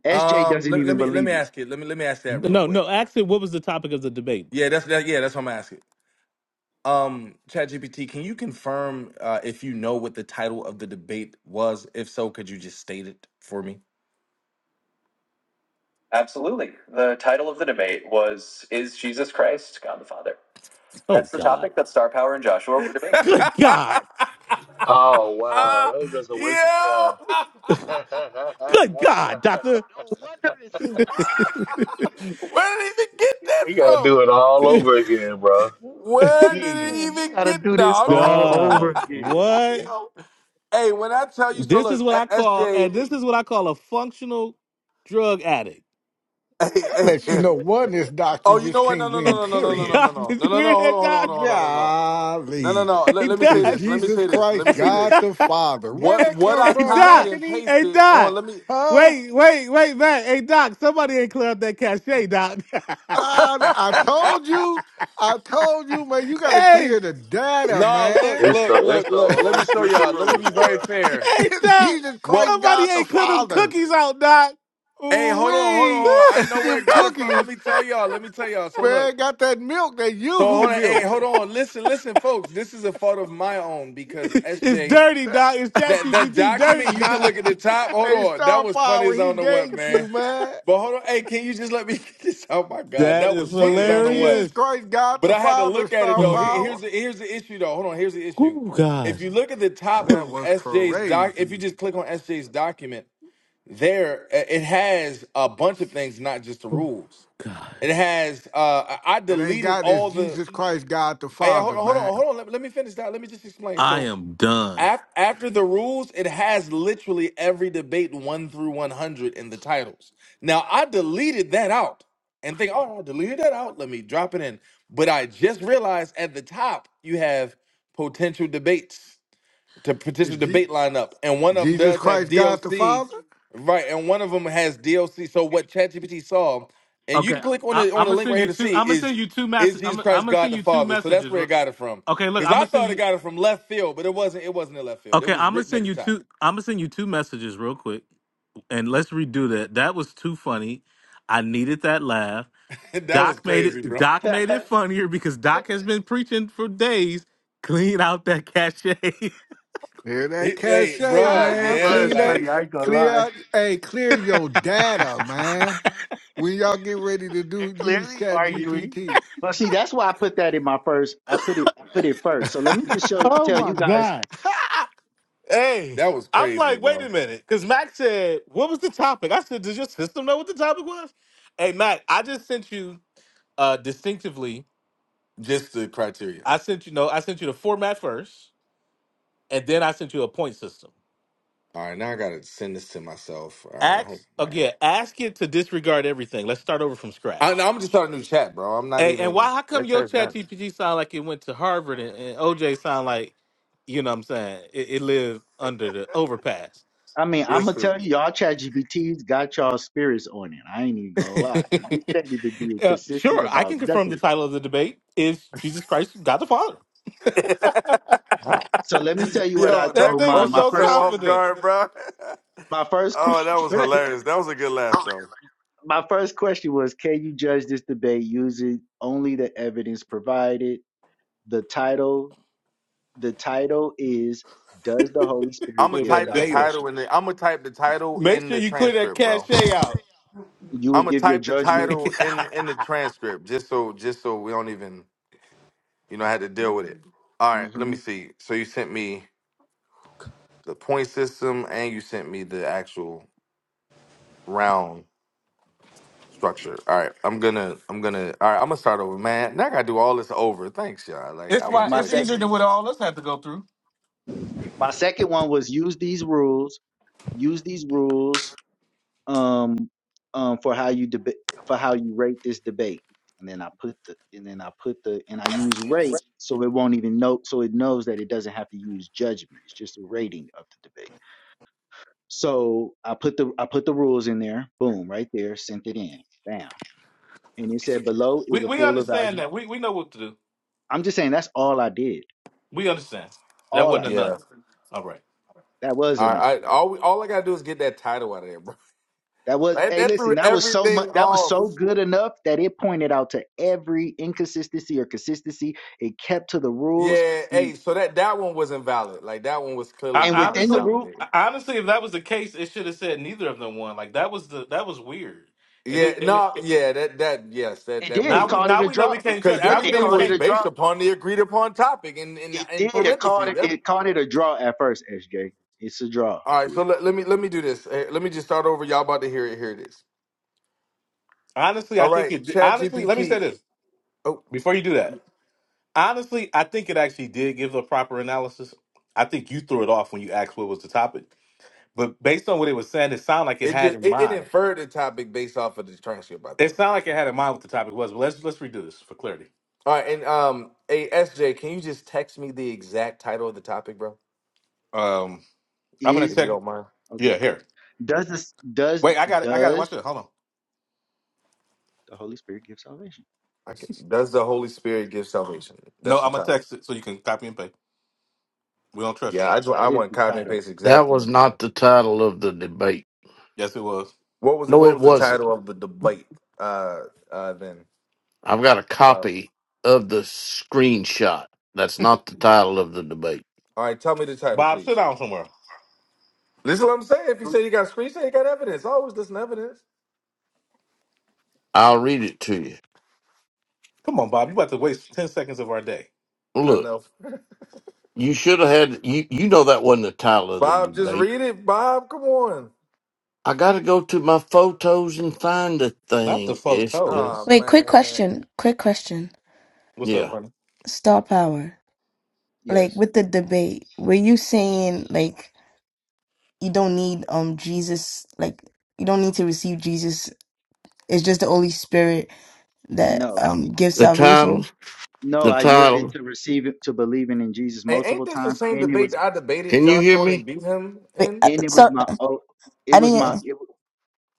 SJ Um, doesn't let, let even me let believe me it. ask you. Let me let me ask that real No, quick. no. Actually, what was the topic of the debate? Yeah, that's that. Yeah, that's what I'm asking. Um, ChatGPT, can you confirm uh, if you know what the title of the debate was? If so, could you just state it for me? Absolutely. The title of the debate was Is Jesus Christ God the Father? Oh That's the God! topic that Star Power and Joshua were debating. Good God! Oh wow, that was just a waste of Yo! time. Good God, Doctor! No wonder it's slow. Where did he even get that you gotta from? do it all over again, bro. You Where did he Jeez, even gotta get? do this No, all I'm over Doug, again. not. what? Yo. Hey, when I tell you, so This is look, what I call, SJ. and this is what I call a functional drug addict. Hey, hey, Let you hey. know oneness doctrine Oh, you just know what? No, can't no, win, no, no, no, no, no, no, period. no, Doc, no, did no, you no, no. hear Hold on, that, hold on, hold on, Doc? hold on, no, no, no, no. Golly. no. Let, Hey, let me Doc. say Is this. Let me Jesus say this. Let Christ me say Hey, God this. the Doc. Father? Where What that what come I Hey, from, copied Doc. and Mackety? Hey, pasted on? Doc. Let me. Huh? Wait, wait, wait, man. Hey, Doc. Somebody ain't clear up that cachet, Doc. Uh, I told you. I told you, man, you gotta hey, clear the data, no, look, man. it's the look, it's look, the look. Let me old show y'all. Let me switcheroo, be boy. very fair. hey, Is Doc. Jesus Well, Christ Somebody God the ain't clear them Father? cookies out, Doc. hey, Ooh hold on, hold on, wee. hold on. I know where it Them got it from. Let cookies, me tell y'all. Let me tell y'all. So look. man, got that milk, that So hold yoo-hoo on. Hey, milk. hold on. Listen, listen, folks. This is a fault of my own because it's SJ dirty, Doc. It's hey, That that ChatGPT document, dirty, you can Doc. look at the top. Hold on. That Star was funny Power, as I he don't know what, ganked you, man. man. But hold on. Hey, can you just let me get this? Oh my God. That That is was Je- funny as I is don't know what. Jesus hilarious. Christ God But the I had to Father, look at it Star though. Here- Power? here's the here's the issue though. Hold on, here's the Oh, issue. ooh, If God. you look at the top That of was S J's doc, if you crazy. just click on S J's document, there uh, it has a bunch of things, not just the Oh, rules. God. It has uh I I It ain't deleted God, it's all the Jesus Christ God the hey, hold Father, on, hold on, Mac. hold on. Let, let me finish that. Let me just explain. I So am done. Af- after the rules, it has literally every debate one through one hundred in the titles. Now I deleted that out and think, oh, I deleted that out. Let me drop it in. But I just realized at the top you have potential debates to Is potential Je- debate lineup, and one of them Jesus does have Christ God the D.O.C. Father? right? And one of them has D.O.C. So what ChatGPT saw, and you can Okay, click on I, the on I'm the gonna link right send here you to two. see I'm gonna is send you two is messages. Jesus I'm, I'm Christ gonna God send the you two Father? So that's messages. where it real- got it from. Okay, look, Because I'm I gonna send thought it you. got it from left field, but it wasn't. It wasn't in left field. It Okay, was I'm gonna written at send the you top. two. I'm gonna send you two messages real quick, and let's redo that. That was too funny. I needed that laugh. that was Doc made crazy, it. bro. Doc made ah, it funnier because Doc has been preaching for days. Clean out that cachet. Clear that It- cache, hey, bro, man. that yeah, was Clean that. like funny. I ain't gonna Clear lie. out. Hey, clear your data, man. When y'all get ready to They're do use clearly Chat arguing. GPT. But see, that's why I put that in my first. I put it. I put it first. So let me just show oh tell my you guys. god. Hey, that was I'm crazy, like, wait a bro. minute, because Mac said, "What was the topic?" I said, "Does your system know what the topic was?" Hey, Mac, I just sent you uh distinctively. Just the criteria. I sent you no, I sent you the format first, and then I sent you a point system. All right, now I gotta send this to myself. All right, Ask hope man. again. Ask it to disregard everything. Let's start over from I, scratch. I'm just starting a new chat, bro. I'm not Hey, and even. why? How come That your chat's chat done. GPT sound like it went to Harvard and, and OJ sound like, you know, what I'm saying it, it lived under the overpass? I mean, I'm gonna Listen, tell you, y'all ChatGPT's got y'all spirits on it. I ain't even gonna lie. You- It ain't even being Uh, consistent sure, I about can confirm the nothing. title of the debate is Jesus Christ, God the Father. yo, Right. So let me tell you what I That that told thing mine. caught was me My so so first. off confident. guard, bro. My first Oh, that was question. hilarious. That was a good laugh, though. my first question was can you judge this debate using only the evidence provided the title the title is does the holy I'm spirit gonna Clear give that type the data. salvation title in the. I'm gonna type the title Make in sure the you clear that transcript, bro. cachet out. you I'm would gonna give your type the judgment title in in the transcript just so just so we don't even you know had to deal with it. All right, let hmm me see. So you sent me the point system and you sent me the actual round structure. All right, I'm gonna I'm gonna all right. I'm gonna start over, man. Now I gotta do all this over. Thanks, y'all. Like I It's why wouldn't my it's expect sec easier this. than what all us have to go through. my second one was use these rules use these rules um um for how you debate for how you rate this debate and then i put the and then i put the and i use rate so it won't even know so it knows that it doesn't have to use judgment it's just a rating of the debate So I put the I put the rules in there. Boom, right there. Sent it in. Bam. And it said below is We a we full understand evaluation. that. We we know what to do. I'm just saying that's all I did. We understand. That All I wasn't did. enough. Yeah. All right. That was All enough. right. I, all we, all I gotta do is get that title out of there, bro. That was Like hey that listen, threw that was so much everything that was off. so good enough that it pointed out to every inconsistency or consistency. It kept to the rules. Yeah. And Hey. So that that one was invalid. Like that one was I clearly and not within the honestly rule, invalidated. honestly if that was the case, it should have said neither of them won. Like that was the that was weird. And Yeah. it, and it, No. it- Yeah. That that yes. That it that did. was It now we called weird. it now a we know we drop. It, can't Because it trust now did. we It know everything we called it was a can't based drop. upon the agreed upon topic in in, It in did. It called parentheses. it Every, it called it a draw at first, SJ. It's a draw all right. to So it. let, let me let me do this. Eh, Let me just start over. Y'all about to hear it. Here it is. Honestly, I All think right. it. Chat Honestly, let me say GPT. this Oh, before you do that. Honestly, I think it actually did give a proper analysis. I think you threw it off when you asked what was the topic, but based on what it was saying, it sounded like it it had just in it, it mind. inferred the topic based off of the transcript. I It think. sounded like it had in mind what the topic was. But let's let's redo this for clarity. All right, and um, hey SJ, can you just text me the exact title of the topic, bro? Um, I'm gonna Is If you text. don't mind. okay. Yeah, here. Does this does Wait, I got it. I got it. does Watch it. Hold on. the Holy Spirit give salvation? I can, does the Holy Spirit give salvation? No, That's the I'm gonna title. text it so you can copy and paste. We don't trust Yeah, you. I just That I is want the copy and title. paste That exactly, was man. not the title of the debate. Yes, it was. What was it? No, What it was the wasn't. title of the debate? Uh, uh, then. I've got a Wow. copy of the screenshot. That's not the title of the debate. All right, tell me the title, Bob, sit please. down somewhere. Listen, to what I'm saying. If you do say you got screen, say you got evidence. I always listen to evidence. I'll read it to you. Come on, Bob. You about to waste ten seconds of our day. I Look, know. you should have had you you know that wasn't the title of the Bob, just debate. read it. Bob, come on. I got to go to my photos and find the Not the thing. It's just, Oh photos. Wait, quick man, question. Quick question. What's up, yeah. honey? Star power. Like Yes. with the debate, were you saying like you don't need um Jesus like you don't need to receive Jesus. It's just the Holy Spirit that No. um gives The salvation. title, No, the I yielded title. to receiving to believing in Jesus hey, ain't multiple this the times same and it debate was that I debated Can you Josh hear on and me? beat him Wait, in? uh, and it was so my oh it I was my didn't it, was-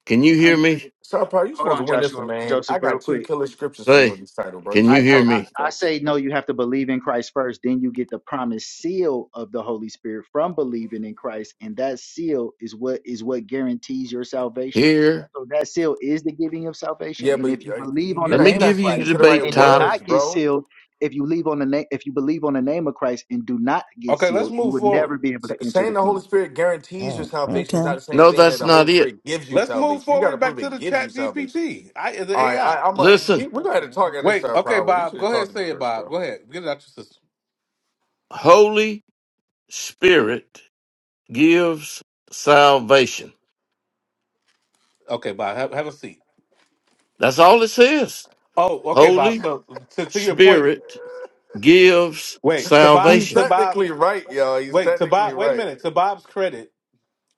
Can you hear honey, me? Star Power, you hold supposed to on win this one, Joshua man. I Joseph real got two quick. killer scriptures for you on Say, this title, bro. You can should I, you have I hear talked to me me? I I first. say no. You have to believe in Christ first, then you get the promised seal of the Holy Spirit from believing in Christ, and that seal is what is what guarantees your salvation. Here. So that seal is the giving of salvation, Yeah, and but if you uh, believe on you're the Let not me you're name of not give you the speaking Christ to the right debate and do title. words, not get bro. sealed, if you leave on the name, if you believe on the name of Christ and do not get Okay, let's sealed, you move would never forward. be able to S- enter saying the the Holy kingdom. Spirit guarantees your mm, salvation is okay. not the same No, thing that that's the Holy not it. Spirit gives you Let's move salvation. You got to forward back prove to it the gives you chat salvation. GPT. I the All right, AI. I, I'm a. We, Listen, we're gonna have to talk at this Wait, Star okay, Power. You Bob. should have Go talked ahead, to me say it, first, Bob. bro. Go ahead. Get it out your system. Holy Spirit gives salvation. Okay, Bob, have, have a seat. That's all it says. Oh, okay, Bob. Holy So to, to your point, Spirit gives wait, to Bob He's to salvation. Bob technically right, yo. He's wait, to technically Bob wait a right. minute. To Bob's credit,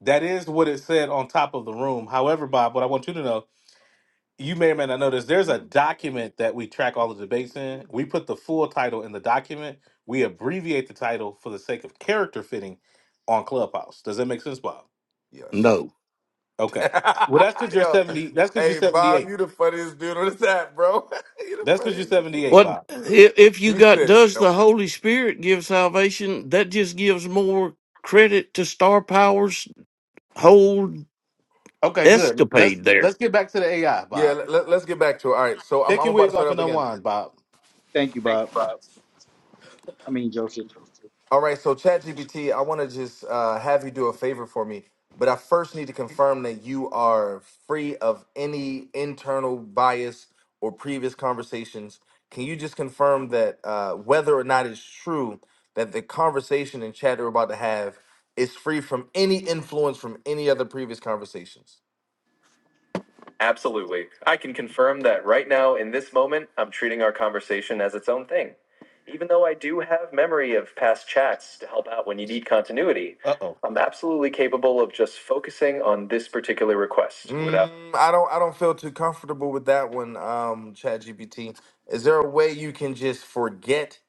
that is what it said on top of the room. However, Bob, what I want you to know you may or may not notice there's a document that we track all the debates in. We put the full title in the document. We abbreviate the title for the sake of character fitting on Clubhouse. Does that make sense, Bob? Yes. No. Okay. Well, that's because you're yo, seventy. That's because you're hey Bob, seventy-eight. you the funniest dude on this app, bro. you That's the because you're funniest dude, seventy-eight, bro. What Bob. if if you He got said, does no. the Holy Spirit give salvation? That just gives more credit to Star Power's whole Okay, good. Let's escapade there. let's get back to the AI, Bob. "Yeah, let, us get back to it." All right, so I'm, Take I'm your about to wig start off up and again. unwind, Bob. Thank you, Bob. I mean Joseph. All right, so ChatGPT, I want to just uh, have you do a favor for me, but I first need to confirm that you are free of any internal bias or previous conversations. Can you just confirm that uh, whether or not it's true that the conversation and chat we're about to have is free from any influence from any other previous conversations? Absolutely. I can confirm that right now, in this moment, I'm treating our conversation as its own thing. Even though I do have memory of past chats to help out when you need continuity, Uh oh. I'm absolutely capable of just focusing on this particular request without. Mm, I don't I don't feel too comfortable with that one, um, ChatGPT. Is there a way you can just forget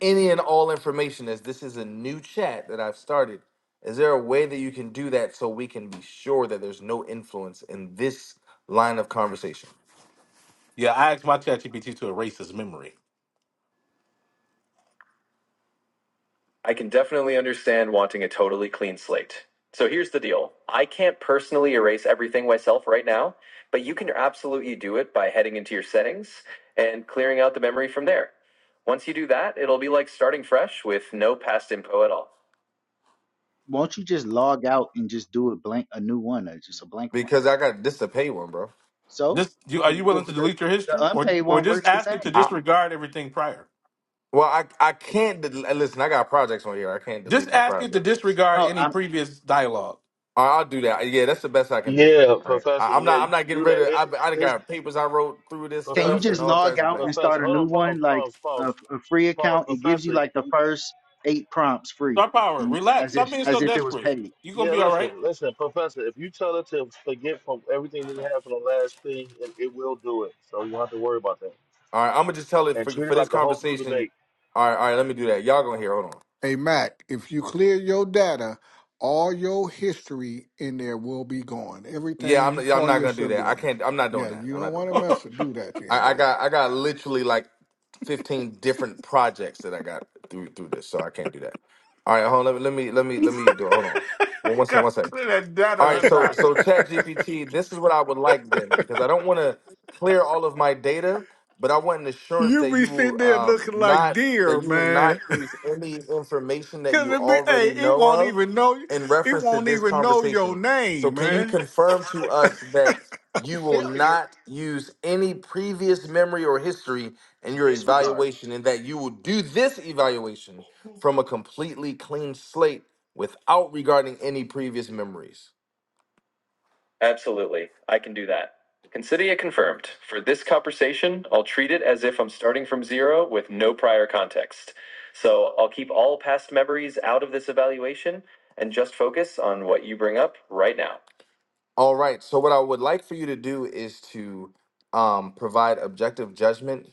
any and all information as this is a new chat that I've started? Is there a way that you can do that so we can be sure that there's no influence in this line of conversation? Yeah, I asked my ChatGPT to erase his memory. I can definitely understand wanting a totally clean slate. So here's the deal I can't personally erase everything myself right now, but you can absolutely do it by heading into your settings and clearing out the memory from there. Once you do that, it'll be like starting fresh with no past info at all. won't you just log out and just do a blank a new one or just a blank one Because I got this to pay one, bro. so Just you, are the you the, willing to the, delete your the history, or unpaid or one just works the ask it to same I disregard everything prior? well, I I can't de- listen. I got projects on here. I can't Just delete my ask it to projects. disregard no any i'm previous dialogue. All right, I'll do that. Yeah, that's the best I can do. Yeah, All right, Professor. I, I'm Yeah, not. I'm you not can getting do that. rid of. I It, it- I done it's got papers I wrote through this can you stuff just and Professor. all log types of out things. and Professor, start a hold new on, pause, one like a, pause, a free pause, pause. account it gives you like Professor, the first eight prompts free Star power, and relax. as Stop if being as so if it was desperate. paid You gonna Yeah, be all listen, right. listen, Professor. If you tell it to forget from everything that happened on last thing, it, it will do it. So you don't have to worry about that. All right, I'm gonna just tell it And for treat for it this like a whole new conversation. debate. All right, all right. Let me do that. Y'all gonna hear? Hold on. hey, Mac. If you clear your data, all your history in there will be gone. Yeah, Everything you I'm. Yeah, I'm call not gonna do yourself that. I doing. can't. I'm not doing Yeah, that. you I'm don't not doing want to that. mess with do that, then, I, I bro. got. I got literally like 15 different projects that I got through through this, so I can't do that. All right, hold on. Let me. Let me. Let me. Let me do. It. Hold on. One, one sec. Gotta One sec. clear that All data. right, or so not. so Chat GPT, this is what I would like then, because I don't want to clear all of my data, but I want an assurance you that be you sitting will there um looking like not that deer, you will not man. use any information that Cause you it be, hey, already it know won't of even know, in it reference to won't this even know your conversation. So name, can you man. confirm to us that you will Serious. not use any previous memory or history in your disregard evaluation and that you will do this evaluation from a completely clean slate without regarding any previous memories? Absolutely. I can do that. Consider it confirmed. For this conversation, I'll treat it as if I'm starting from zero with no prior context. So I'll keep all past memories out of this evaluation and just focus on what you bring up right now. All right. So what I would like for you to do is to um, provide objective judgment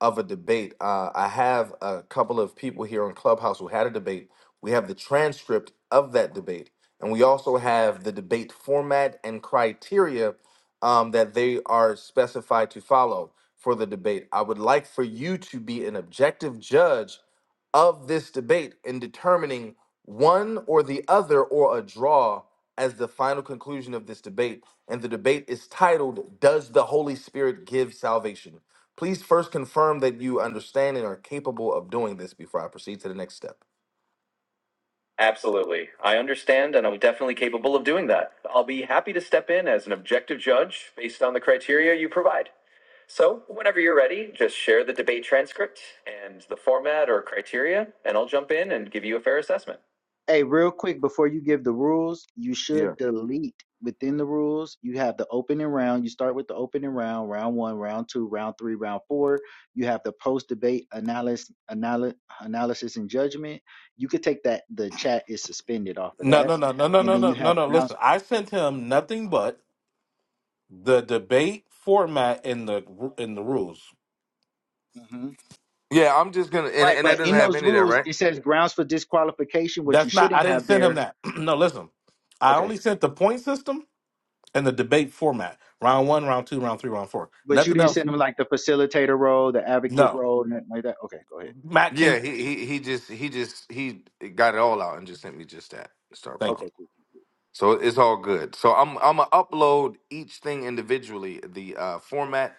of a debate. Uh, I have a couple of people here on Clubhouse who had a debate. We have the transcript of that debate, and we also have the debate format and criteria um, that they are specified to follow for the debate. I would like for you to be an objective judge of this debate in determining one or the other or a draw as the final conclusion of this debate. And the debate is titled Does the Holy Spirit Give Salvation? Please first confirm that you understand and are capable of doing this before I proceed to the next step. Absolutely. I understand, and I'm definitely capable of doing that. I'll be happy to step in as an objective judge based on the criteria you provide. So, whenever you're ready, just share the debate transcript and the format or criteria, and I'll jump in and give you a fair assessment. Hey, real quick before you give the rules, you Yeah. should delete within the rules. You have the opening round. You start with the opening round, round one, round two, round three, round four. You have the post debate analysis, analysis, analysis and judgment. You could take that. The chat is suspended off of No, that, no, no, no, no, and no, then no, you no, have no. grounds. Listen, I sent him nothing but the debate format in the in the rules. hmm Yeah, I'm just gonna and, Right, and that but doesn't in have those any of that, rules, right? it says grounds for disqualification. What you That's not. shouldn't I didn't have send him there. that. no, listen. I Okay, only sent the point system and the debate format. Round one, round two, round three, round four. but you Nothing didn't else. send them like the facilitator role, the advocate No, role, nothing like that. Okay, go ahead. Matt, can Yeah, you? he he he just he just he got it all out and just sent me just that star Okay, Thank you. power. cool. So it's all good. So I'm I'm gonna upload each thing individually, the uh format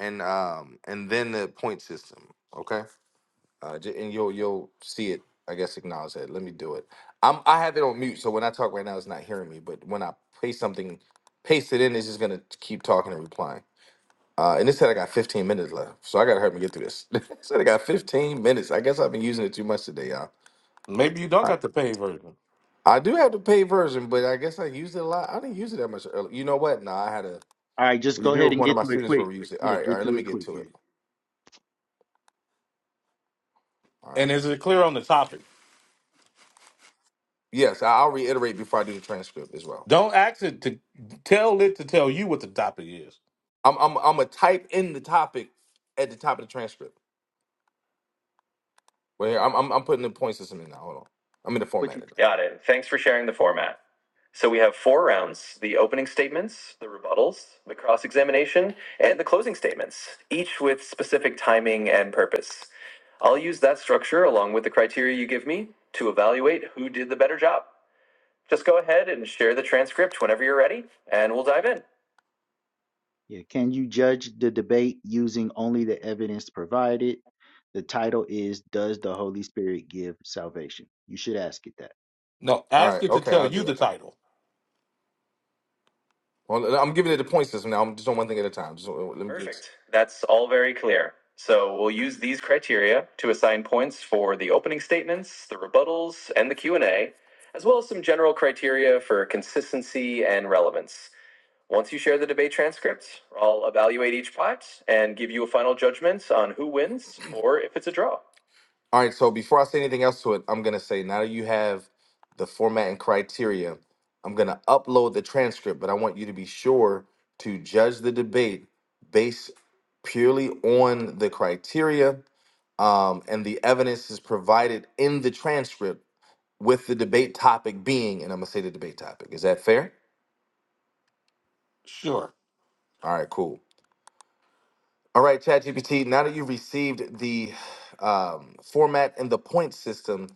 and um and then the point system. Okay. Uh, j- and you'll you'll see it. I guess acknowledge that. Let me do it. I'm I have it on mute, so when I talk right now, it's not hearing me. But when I paste something, paste it in, it's just gonna keep talking and replying. Uh, and it said I got 15 minutes left, so I gotta help me get through this. it said I got 15 minutes. I guess I've been using it too much today, y'all. Maybe you don't I got the paid version. I do have the paid version, but I guess I used it a lot. I didn't use it that much earlier. You know what? Nah, I had a All right, just go review ahead with and one of get my through it students where quick. we used it. Yeah, All right, all get right. Let through me it get quick. to it. Yeah. All right. And is it clear on the topic? Yes, I- I'll reiterate before I do the transcript as well. Don't ask it to tell it to tell you what the topic is. I'm I'm I'm gonna type in the topic at the top of the transcript. Well, here I'm I'm, I'm putting the point system in now. Hold on, I'm in the What format you of it. tell- Got it. Thanks for sharing the format. So we have four rounds the opening statements, the rebuttals, the cross examination, and the closing statements, each with specific timing and purpose. I'll use that structure along with the criteria you give me to evaluate who did the better job. Just go ahead and share the transcript whenever you're ready, and we'll dive in. yeah, can you judge the debate using only the evidence provided? The title is Does the Holy Spirit Give Salvation? You should ask it that. No, All ask right, it to okay, tell I'll you do the it. title. Well, I'm giving it a point system now. I'm just on one thing at a time. Just uh, let me get. Perfect. That's all very clear. So we'll use these criteria to assign points for the opening statements, the rebuttals, and the Q&A, as well as some general criteria for consistency and relevance. Once you share the debate transcripts, I'll evaluate each pot and give you a final judgment on who wins or if it's a draw. All right, so before I say anything else to it, I'm gonna say now that you have the format and criteria, I'm gonna upload the transcript, but I want you to be sure to judge the debate based purely on the criteria um, and the evidence is provided in the transcript with the debate topic being, and I'm gonna say the debate topic. Is that fair? Sure, All right, cool. All right, ChatGPT, now that you've received the um, format and the point system,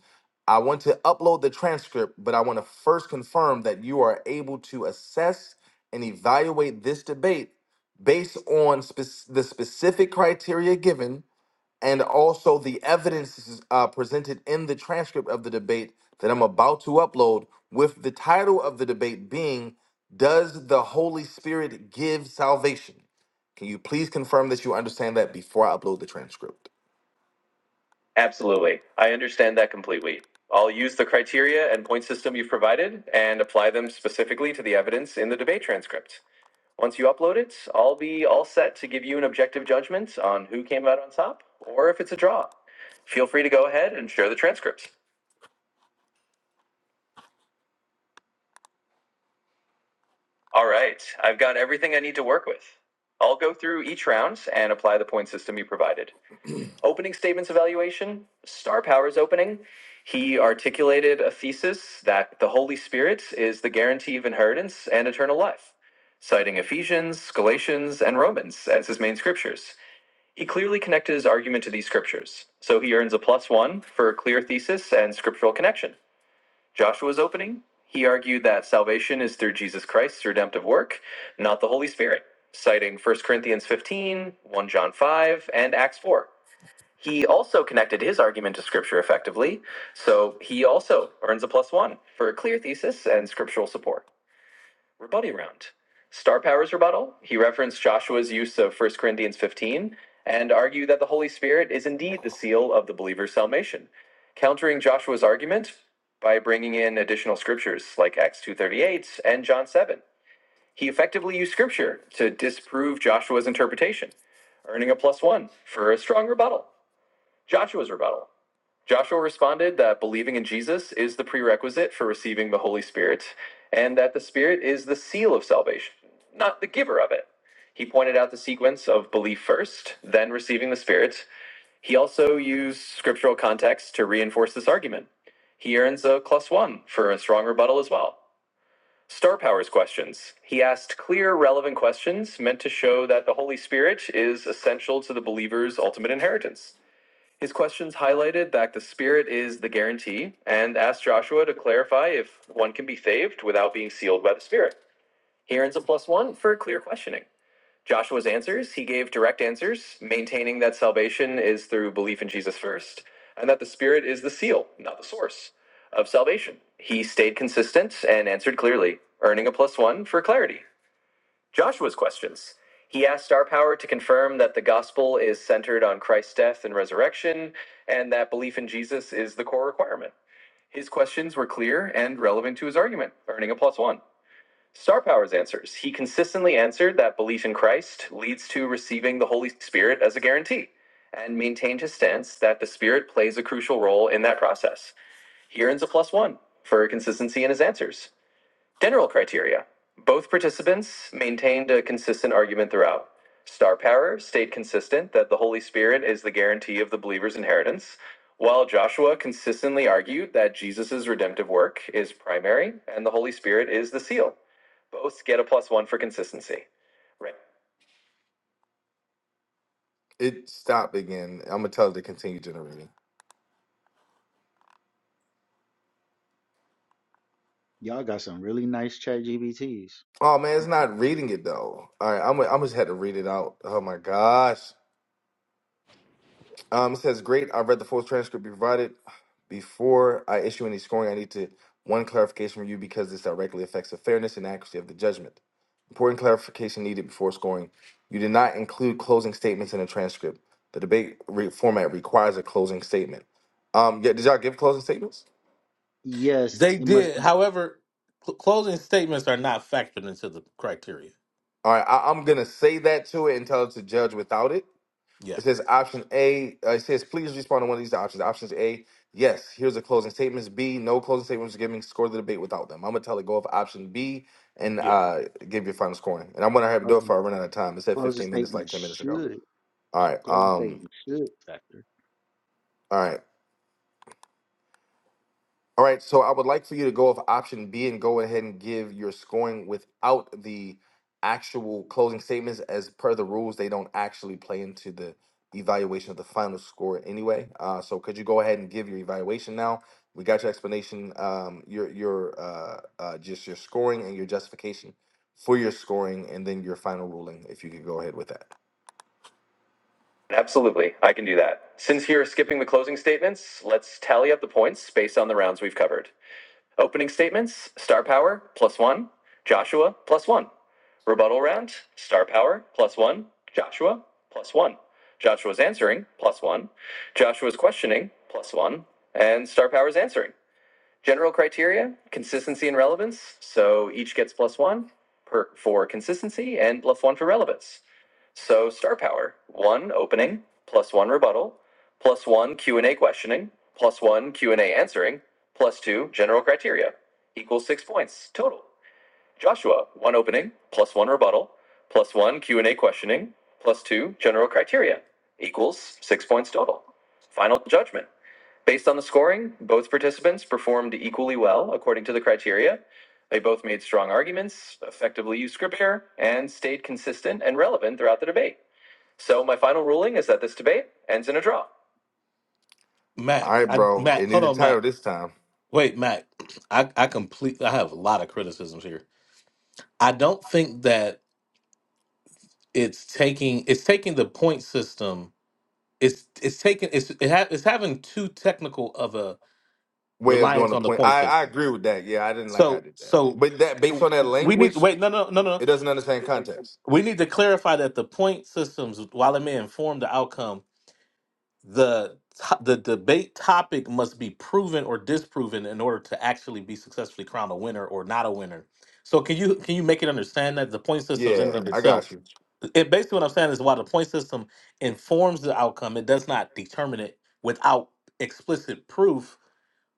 I want to upload the transcript, but I want to first confirm that you are able to assess and evaluate this debate based on spec- the specific criteria given and also the evidence uh, presented in the transcript of the debate that I'm about to upload, with the title of the debate being Does the Holy Spirit Give Salvation? Can you please confirm that you understand that before I upload the transcript? Absolutely. I understand that completely. I'll use the criteria and point system you've provided and apply them specifically to the evidence in the debate transcript. Once you upload it, I'll be all set to give you an objective judgment on who came out on top or if it's a draw. Feel free to go ahead and share the transcripts. All right, I've got everything I need to work with. I'll go through each round and apply the point system you provided. opening statements evaluation, Star Power's opening, he articulated a thesis that the Holy Spirit is the guarantee of inheritance and eternal life, citing Ephesians, Galatians, and Romans as his main scriptures. He clearly connected his argument to these scriptures, so he earns a plus one for clear thesis and scriptural connection. Joshua's opening, he argued that salvation is through Jesus Christ's redemptive work, not the Holy Spirit, citing First Corinthians 15, First John 5, and Acts 4. He also connected his argument to scripture effectively, so he also earns a plus one for a clear thesis and scriptural support. Rebuttal round. Star Power's rebuttal. He referenced Joshua's use of First Corinthians 15 and argued that the Holy Spirit is indeed the seal of the believer's salvation, countering Joshua's argument by bringing in additional scriptures like Acts 2:38 and John 7. He effectively used scripture to disprove Joshua's interpretation, earning a plus 1 for a strong rebuttal. Joshua's rebuttal. Joshua responded that believing in Jesus is the prerequisite for receiving the Holy Spirit, and that the Spirit is the seal of salvation, not the giver of it. He pointed out the sequence of belief first, then receiving the Spirit. He also used scriptural context to reinforce this argument. He earns a plus one for a strong rebuttal as well. Star Powers questions. He asked clear, relevant questions meant to show that the Holy Spirit is essential to the believer's ultimate inheritance. His questions highlighted that the Spirit is the guarantee and asked Joshua to clarify if one can be saved without being sealed by the Spirit. He earns a plus one for clear questioning. Joshua's answers, he gave direct answers, maintaining that salvation is through belief in Jesus first, and that the Spirit is the seal, not the source, of salvation. He stayed consistent and answered clearly, earning a plus one for clarity. Joshua's questions. He asked Star Power to confirm that the gospel is centered on Christ's death and resurrection, and that belief in Jesus is the core requirement. His questions were clear and relevant to his argument, earning a plus one. Star Power's answers. He consistently answered that belief in Christ leads to receiving the Holy Spirit as a guarantee, and maintained his stance that the Spirit plays a crucial role in that process. He earns a plus one for consistency in his answers. General criteria both participants maintained a consistent argument throughout. Star Power stayed consistent that the Holy Spirit is the guarantee of the believer's inheritance, while Joshua consistently argued that Jesus' redemptive work is primary and the Holy Spirit is the seal. Both get a plus one for consistency. Right. It stopped again. I'm gonna tell it to continue generating. Y'all got some really nice chat GBTs. Oh man, it's not reading it though. All right, I'm gonna, I'm just had to read it out. Oh my gosh. Um, it says, "Great. I read the full transcript you provided. Before I issue any scoring, I need to one clarification from you because this directly affects the fairness and accuracy of the judgment. Important clarification needed before scoring. You did not include closing statements in the transcript. The debate re- format requires a closing statement. Um, yeah, did y'all give closing statements? Yes, they it must did. be However, cl- closing statements are not factored into the criteria. All right, I- I'm gonna say that to it and tell it to judge without it. It Yeah, says option A. Uh, it says please respond to one of these options. Options A, yes. Here's the closing statements. B, no closing statements giving score of the debate without them. I'm gonna tell it go off option B and yeah. uh give your final scoring. And I'm gonna have to do it closing, before I run out of time. It said closing 15 minutes, like statement 10 minutes ago. should. All right. Closing Um. statement should factor. All right. All right, so I would like for you to go with option B and go ahead and give your scoring without the actual closing statements. As per the rules, they don't actually play into the evaluation of the final score anyway. Uh, so could you go ahead and give your evaluation now? We got your explanation, um, your your uh, uh, just your scoring and your justification for your scoring, and then your final ruling. If you could go ahead with that. Absolutely, I can do that. Since you're skipping the closing statements, let's tally up the points based on the rounds we've covered. Opening statements, star power, plus one. Joshua, plus one. Rebuttal round, star power, plus one. Joshua, plus one. Joshua's answering, plus one. Joshua's questioning, plus one. And star power's answering. General criteria, consistency and relevance. So each gets plus one per, for consistency and plus one for relevance. So star power, one opening, plus one rebuttal, plus one Q&A questioning, plus one Q&A answering, plus two general criteria, equals six points total. Joshua, one opening, plus one rebuttal, plus one Q&A questioning, plus two general criteria, equals six points total. Final judgment. Based on the scoring, both participants performed equally well according to the criteria. They both made strong arguments, effectively used script error, and stayed consistent and relevant throughout the debate. So my final ruling is that this debate ends in a draw. All Matt, right, I, bro. It Matt, knew hold the on, title Matt. this time. Wait, Matt. I I complete. I have a lot of criticisms here. I don't think that it's taking it's taking the point system it's it's taking it's it ha, it's having too technical of a Way of doing reliance the on the point. point I, I system. agree with that. Yeah, I didn't like how I So did that. so But that based on that we need to language, wait. No no no no. no. it doesn't understand context. We need to clarify that the point systems, while it may inform the outcome, the to- the debate topic must be proven or disproven in order to actually be successfully crowned a winner or not a winner. So can you can you make it understand that the point systems in and Yeah, of I itself got you. It basically what I'm saying is while the point system informs the outcome, it does not determine it without explicit proof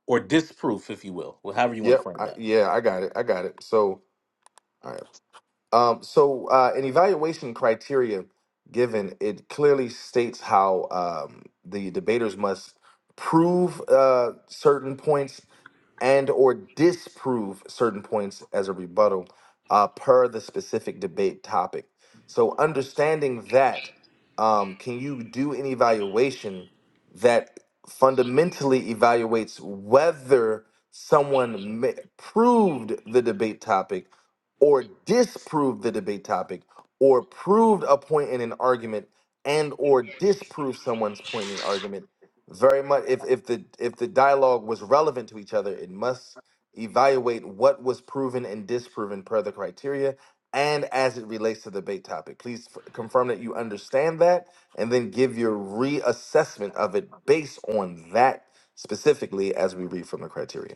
or disproof, if you will, or however you want to Yep. frame I, that. yeah, I got it. I got it. So, all right. Um, so uh, an evaluation criteria given, it clearly states how um, the debaters must prove uh, certain points and or disprove certain points as a rebuttal uh, per the specific debate topic. So understanding that, um, can you do an evaluation that fundamentally evaluates whether someone ma- proved the debate topic or disproved the debate topic or proved a point in an argument and or disproved someone's point in an argument very much if, if the if the dialogue was relevant to each other it must evaluate what was proven and disproven per the criteria and as it relates to the debate topic please f- confirm that you understand that and then give your reassessment of it based on that specifically as we read from the criteria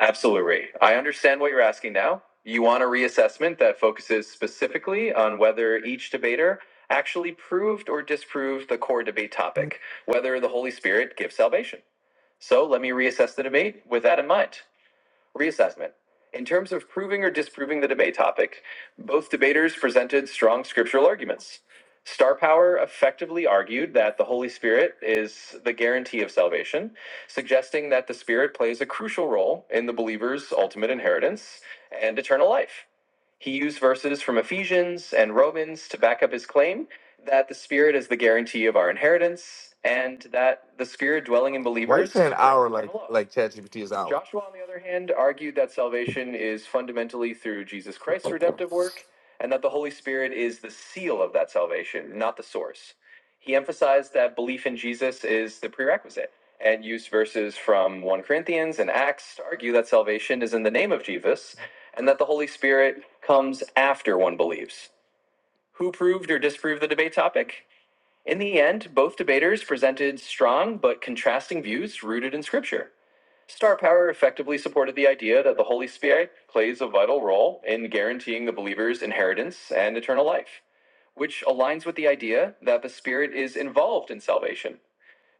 Absolutely. I understand what you're asking now. You want a reassessment that focuses specifically on whether each debater actually proved or disproved the core debate topic, whether the Holy Spirit gives salvation. So let me reassess the debate with that in mind. Reassessment. In terms of proving or disproving the debate topic, both debaters presented strong scriptural arguments. Star Power effectively argued that the Holy Spirit is the guarantee of salvation, suggesting that the Spirit plays a crucial role in the believer's ultimate inheritance and eternal life. He used verses from Ephesians and Romans to back up his claim that the Spirit is the guarantee of our inheritance and that the Spirit dwelling in Why you believers saying brings hour eternal like eternal life. like ChatGPT is hour? Joshua, on the other hand, argued that salvation is fundamentally through Jesus Christ's redemptive work and that the Holy Spirit is the seal of that salvation, not the source. He emphasized that belief in Jesus is the prerequisite and used verses from 1 Corinthians and Acts to argue that salvation is in the name of Jesus and that the Holy Spirit comes after one believes. Who proved or disproved the debate topic? In the end, both debaters presented strong but contrasting views rooted in Scripture. Star Power effectively supported the idea that the Holy Spirit plays a vital role in guaranteeing the believer's inheritance and eternal life, which aligns with the idea that the Spirit is involved in salvation.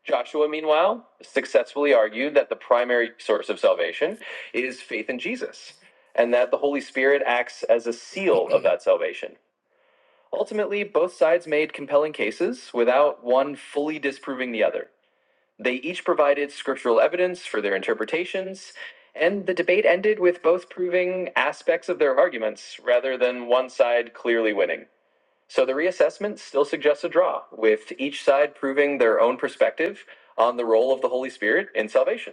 Joshua, meanwhile, successfully argued that the primary source of salvation is faith in Jesus and that the Holy Spirit acts as a seal of that salvation. Ultimately, both sides made compelling cases without one fully disproving the other. They each provided scriptural evidence for their interpretations, and the debate ended with both proving aspects of their arguments rather than one side clearly winning. So the reassessment still suggests a draw, with each side proving their own perspective on the role of the Holy Spirit in salvation.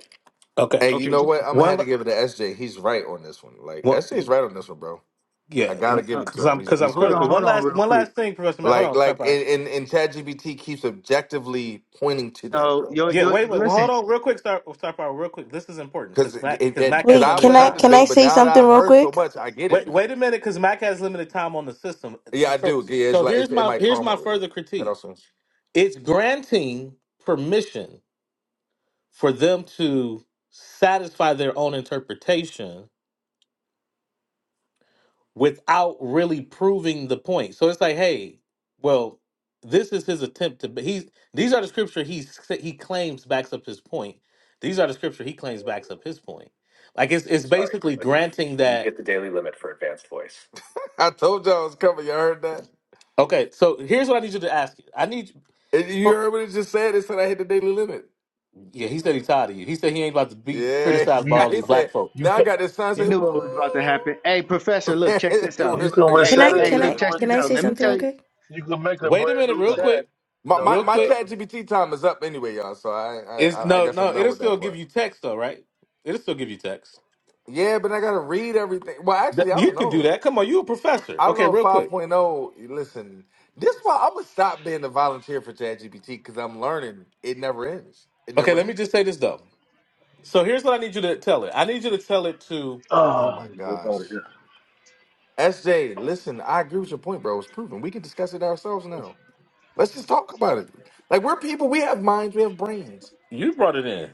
Okay. Hey, you Okay, know just what? I'm gonna One. have to la- give it to SJ. He's right on this one. Like One. SJ's right on this one, bro. Yeah. I gotta give uh, it Because to him. I'm He's, because I'm he's hold on, critical. correct on One hold this. on last real one quick. last thing, Professor Mac. Hold Like, on, Star like, Power. and and, and ChatGPT keeps objectively pointing to that, No, bro. your Yeah. your Wait. Wait. Well, listen. hold on, real quick, Star Star Power, real quick. This is important Because because Mac it, because it, Mac cause has Wait, I limited can wasn't I at the time. can I debate, but say now that something I've real heard so quick? much, I get it Wait, now. wait a minute, because Mac has limited time on the system. Yeah, I So, do. Yeah, it's so like here's it's, it my might here's calm. my further Cut critique. off soon. It's granting permission for them to satisfy their own interpretation without really proving the point. So it's like, hey, well, this is his attempt to. But he's these are the scripture he he claims backs up his point. These are the scripture he claims backs up his point. Like it's I'm it's sorry, basically but you've granting you've that. hit the daily limit for advanced voice. I told y'all I was coming. Y'all heard that? Okay, so here's what I need you to ask. I need And you heard what it just said? It said I hit the daily limit. Yeah, he said he's tired of you. He said he ain't about to be You Yeah. criticized by you all He these black said, folks. you now I can got this sign You saying, knew what was about to happen. Hey, professor, woo. look, check this We're out. you can sorry you hit Can the Hey, I reset daily hey, it. can You look, I limit. can check re, can this I out. say Let me something tell real you. quick? you can make a Wait a brand minute, new real Okay, chat, quick, My, though, my, real my quick. Professor. chat GPT time is up anyway, y'all. So I, I, Is I I no, guess I'm no. done It'll with that still give part. you text though, right? It'll still give you text. Yeah, but I got to read everything. Well, Th- actually, I You don't can do know. that. Come on, you a professor. I don't know Okay, if real 5.0, quick. point oh. listen, this why I'm going to stop being a volunteer for ChatGPT because I'm learning. It never ends. It Okay, never let me ends. just say this though. So here's what I need you to tell it. I need you to tell it to. Oh Oh, my I need to get gosh. out of here. SJ, listen, I agree with your point, bro. It's proven. We can discuss it ourselves now. Let's just talk about it. Like we're people, we have minds, we have brains. You brought it in.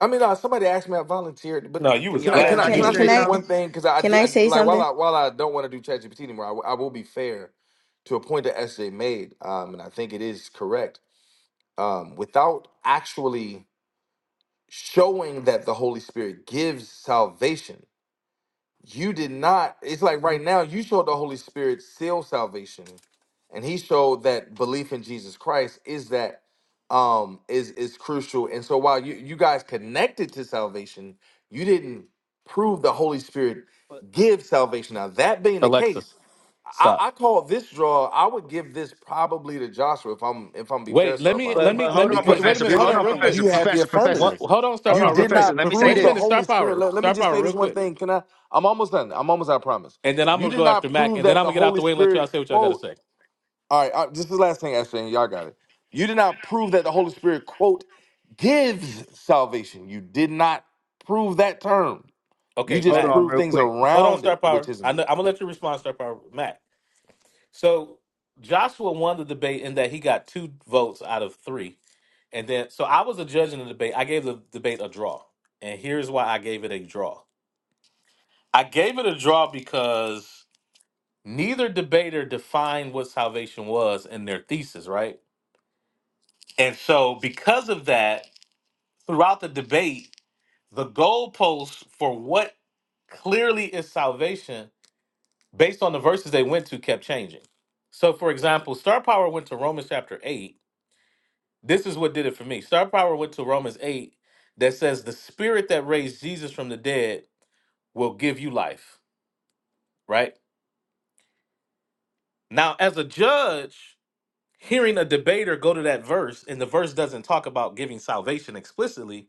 I mean, uh, somebody asked me I volunteered, but No, you can was can y'all I Can let can glad to I Honey can do can, I it. say say can this I one something? thing? Because I can do I I, say like while something? I while I don't want to do ChatGPT anymore, I, w- I will be fair to a point that SJ made, um, and I think it is correct um, without actually showing that the Holy Spirit gives salvation, you did not it's like right now you showed the holy spirit seal salvation and he showed that belief in jesus christ is that um is is crucial and so while you you guys connected to salvation you didn't prove the holy spirit But give salvation now that being the Alexa, case i stop. i call this draw i would give this probably to joshua if i'm if i'm be fair Wait, let star me, but power let me, but let hold me. on, Wait, because wait you a professor. minute. Hold Hold didn't on, on, real quick. professor. you have the Professor, professor. What, affirmative hold on, Star Hold you on, Power, real did professor. quick. not Let me Prof- say Wait prove a the minute, this. Star holy spirit Power, let, let me Star just Power, say this real one quick. thing can i I'm almost done. I'm almost. I promise. and then I'm You gonna did go not after Mac, prove and then that I'm the gonna get out Holy the way and let y'all Spirit say what y'all gotta quote. say. All right, uh, this is the last thing, Ashley, and y'all got it. You did not prove that the Holy Spirit quote gives salvation. You did not prove that term. You Okay, Hold just Mac. on, proved real things quick. Hold on, around it, Star which Power. isn't I it. know, I'm gonna let you respond, Star Power. Mac. So Joshua won the debate in that he got two votes out of three, and then so I was a judge in the debate. I gave the debate a draw, and here's why I gave it a draw. I gave it a draw because neither debater defined what salvation was in their thesis, right? And so because of that, throughout the debate, the goalposts for what clearly is salvation based on the verses they went to kept changing. So, for example, Star Power went to Romans chapter 8. This is what did it for me. Star Power went to Romans 8 that says, The spirit that raised Jesus from the dead will give you life, right? Now, as a judge, hearing a debater go to that verse and the verse doesn't talk about giving salvation explicitly,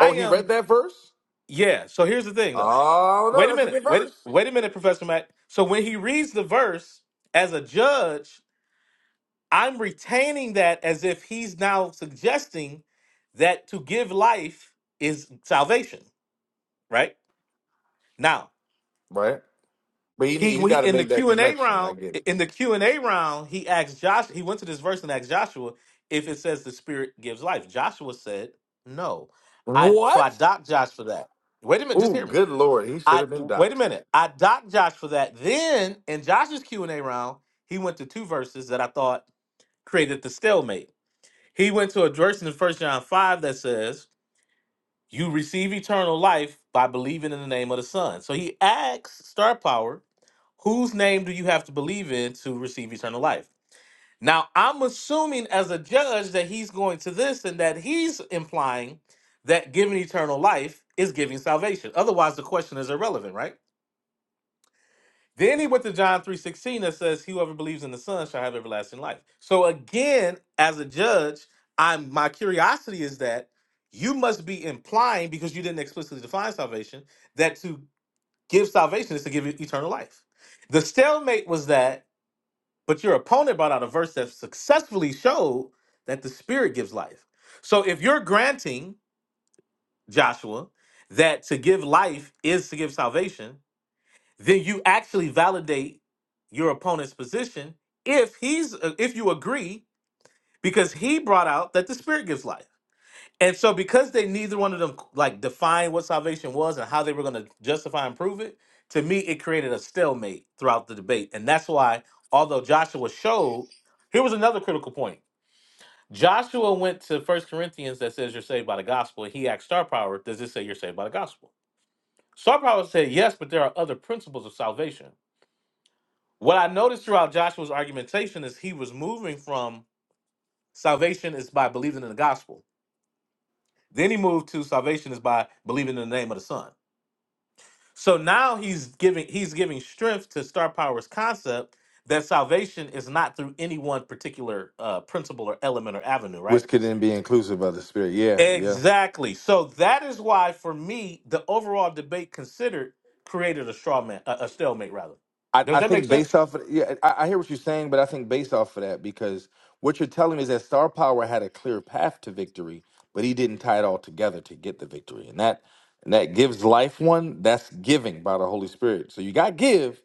Oh, he am read that verse. Yeah. So here's the thing, though. Oh no, Wait a that's a minute. good Wait. verse, Wait a minute, Professor Mac. So when he reads the verse as a judge, I'm retaining that as if he's now suggesting that to give life is salvation, right? Now right? But he he, he we got to in the make that Q and A connection. I round. get it. In the Q and A round, he asked Josh. He went to this verse and asked Joshua if it says the Spirit gives life. Joshua said no. I so What? I docked Josh for that. Wait a minute. Just Ooh, hear me. good lord, he should I have been wait a docked. minute. I docked Josh for that. Then in Josh's Q and A round, he went to two verses that I thought created the stalemate. He went to a verse in First John five that says, "You receive eternal life by believing in the name of the Son." So he asks Star Power, "Whose name do you have to believe in to receive eternal life?" Now I'm assuming as a judge that he's going to this and that he's implying that giving eternal life is giving salvation. Otherwise, the question is irrelevant, right? Then he went to John 3:16 that says, Whoever believes in the Son shall have everlasting life. So again, as a judge, I'm my curiosity is that you must be implying, because you didn't explicitly define salvation, that to give salvation is to give e- eternal life. The stalemate was that, but your opponent brought out a verse that successfully showed that the spirit gives life. So if you're granting, Joshua, that to give life is to give salvation, then you actually validate your opponent's position if he's uh, if you agree because he brought out that the spirit gives life and so because they neither one of them like defined what salvation was and how they were going to justify and prove it to me it created a stalemate throughout the debate and that's why although joshua showed here was another critical point joshua went to first corinthians that says you're saved by the gospel he asked star power does this say you're saved by the gospel star power said yes but there are other principles of salvation What I noticed throughout Joshua's argumentation is he was moving from salvation is by believing in the gospel. Then he moved to salvation is by believing in the name of the Son. So now he's giving he's giving strength to Star Power's concept that salvation is not through any one particular uh, principle or element or avenue, Which right? could then be inclusive of the Spirit. Yeah, yeah. Exactly. So that is why, for me, the overall debate considered created a straw man, a, a stalemate rather. I, Does I that make think based sense? off of yeah, I, I hear what you're saying, but I think based off of that, because what you're telling me is that Star Power had a clear path to victory, but he didn't tie it all together to get the victory. And that and that gives life one, that's giving by the Holy Spirit. So you got give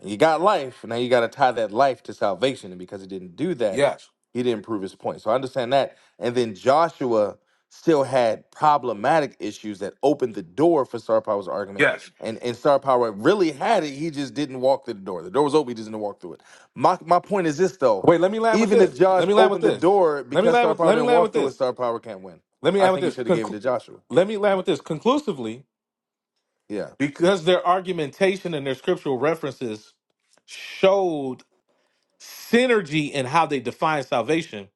and you got life, and now you gotta tie that life to salvation. And because he didn't do that, Yes. he didn't prove his point. So I understand that. And then Joshua still had problematic issues that opened the door for Star Power's argument Yes. and and Star Power really had it. He just didn't walk through the door. The door was open. He just didn't walk through it. My my point is this though. Wait, let me land with Even if this. Josh Let me land with opened the this. door Let me because land Star with Power let me didn't land walk with through it, this. Star Power can't win. Let me I land with think you this. should have gave it to Conclu- Joshua. let me land with this. Conclusively, Yeah. because their argumentation and their scriptural references showed synergy in how they define salvation